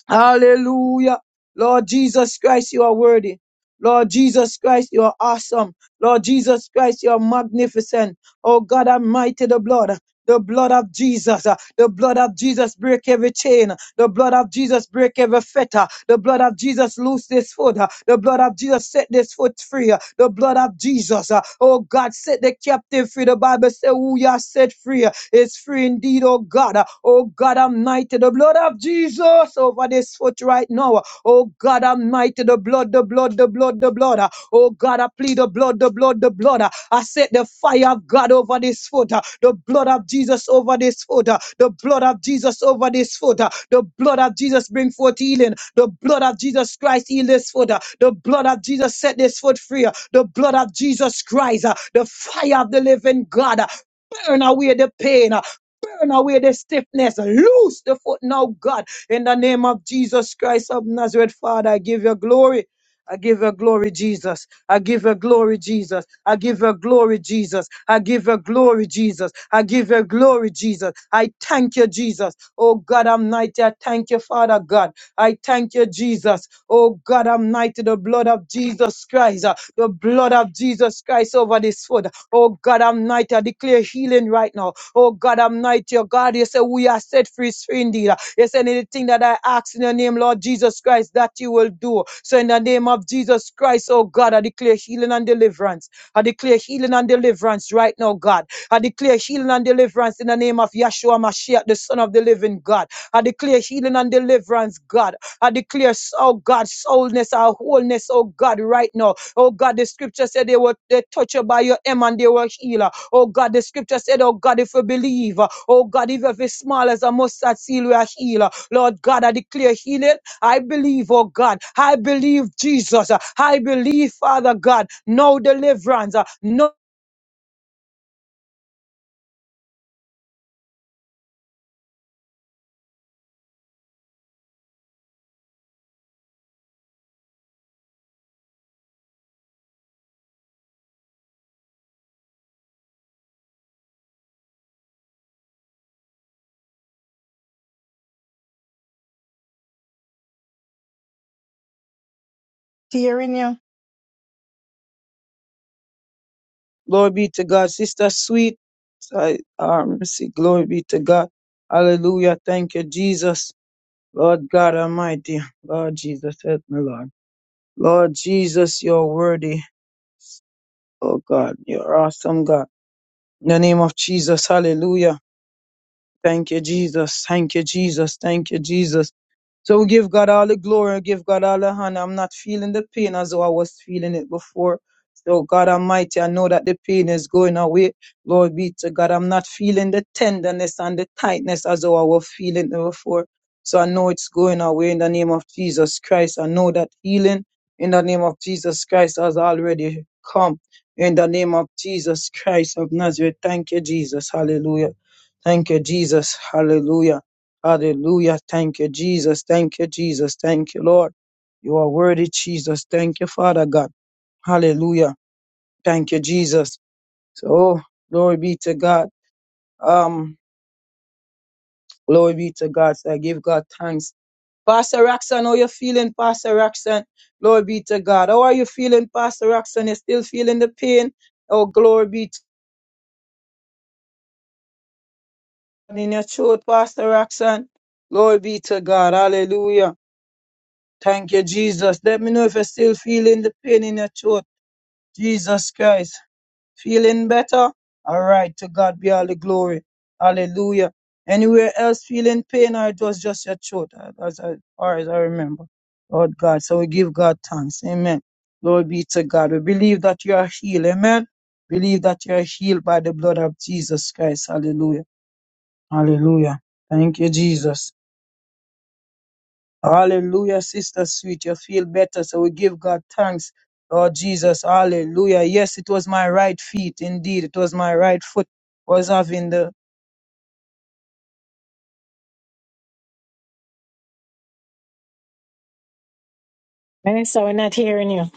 [SPEAKER 2] Hallelujah. Lord Jesus Christ, you are worthy. Lord Jesus Christ, you are awesome. Lord Jesus Christ, you are magnificent. Oh God Almighty, the blood. The blood of Jesus, uh, the blood of Jesus break every chain. The blood of Jesus break every fetter. The blood of Jesus loose this foot. uh, The blood of Jesus set this foot free. uh, The blood of Jesus, uh, oh God, set the captive free. The Bible say, "Who you are set free?" is free indeed, oh God. Oh God Almighty, the blood of Jesus over this foot right now. Oh God Almighty, the blood, the blood, the blood, the blood. Oh God, I plead the blood, the blood, the blood. I set the fire of God over this foot, the blood of Jesus over this foot, the blood of Jesus over this foot, the blood of Jesus bring forth healing, the blood of Jesus Christ heal this foot, the blood of Jesus set this foot free, the blood of Jesus Christ, the fire of the living God. Burn away the pain. uh, Burn away the stiffness. Loose the foot now, God. In the name of Jesus Christ of Nazareth, Father, I give you glory. I give you glory, Jesus. I give you glory, Jesus. I give you glory, Jesus. I give you glory, Jesus. I give you glory, Jesus. I thank you, Jesus. Oh God, I'm mighty. I thank you, Father God. I thank you, Jesus. Oh God, I'm mighty. The blood of Jesus Christ, uh, the blood of Jesus Christ over this foot. Oh God Almighty, I declare healing right now. Oh God Almighty, oh God, you say we are set free free indeed. You say anything that I ask in your name, Lord Jesus Christ, that you will do. So in the name of Jesus Christ, oh God, I declare healing and deliverance. I declare healing and deliverance right now, God. I declare healing and deliverance in the name of Yeshua Mashiach, the Son of the Living God. I declare healing and deliverance, God. I declare, oh God, soulness, our wholeness, oh God, right now. Oh God, the scripture said they were they touched by your hem and they were healed. Oh God, the scripture said, Oh God, if we believe, oh God, if every small as a mustard seed we are healed. Lord God, I declare healing. I believe, oh God, I believe Jesus. I believe, Father God, no deliverance. No glory be to God. Sister sweet. I um see, glory be to God. Hallelujah. Thank you, Jesus. Lord God Almighty. Lord Jesus, help me, Lord. Lord Jesus, you're worthy. Oh God, you're awesome, God. In the name of Jesus, hallelujah. Thank you, Jesus. Thank you, Jesus. Thank you, Jesus. So we give God all the glory, give God all the honor. I'm not feeling the pain as though I was feeling it before. So God Almighty, I know that the pain is going away. Lord be to God. I'm not feeling the tenderness and the tightness as though I was feeling it before. So I know it's going away in the name of Jesus Christ. I know that healing in the name of Jesus Christ has already come. In the name of Jesus Christ of Nazareth. Thank you, Jesus. Hallelujah. Thank you, Jesus. Hallelujah. Hallelujah. Thank you, Jesus. Thank you, Jesus. Thank you, Lord. You are worthy, Jesus. Thank you, Father God. Hallelujah. Thank you, Jesus. So, glory be to God. Um, glory be to God. So I give God thanks. Pastor Roxanne, how you feeling, Pastor Roxanne? Glory be to God. How are you feeling, Pastor Roxanne? You still feeling the pain? Oh, glory be to God in your throat, Pastor Roxanne. Glory be to God. Hallelujah. Thank you, Jesus. Let me know if you're still feeling the pain in your throat. Jesus Christ. Feeling better? All right. To God be all the glory. Hallelujah. Anywhere else feeling pain or it was just your throat uh, as I- far as I remember. Lord God. So we give God thanks. Amen. Glory be to God. We believe that you are healed. Amen. Believe that you are healed by the blood of Jesus Christ. Hallelujah. Hallelujah. Thank you, Jesus. Hallelujah, Sister Sweet. You feel better. So we give God thanks, Lord Jesus. Hallelujah. Yes, it was my right feet. Indeed, it was my right foot was having the
[SPEAKER 1] Minister, we're not hearing you.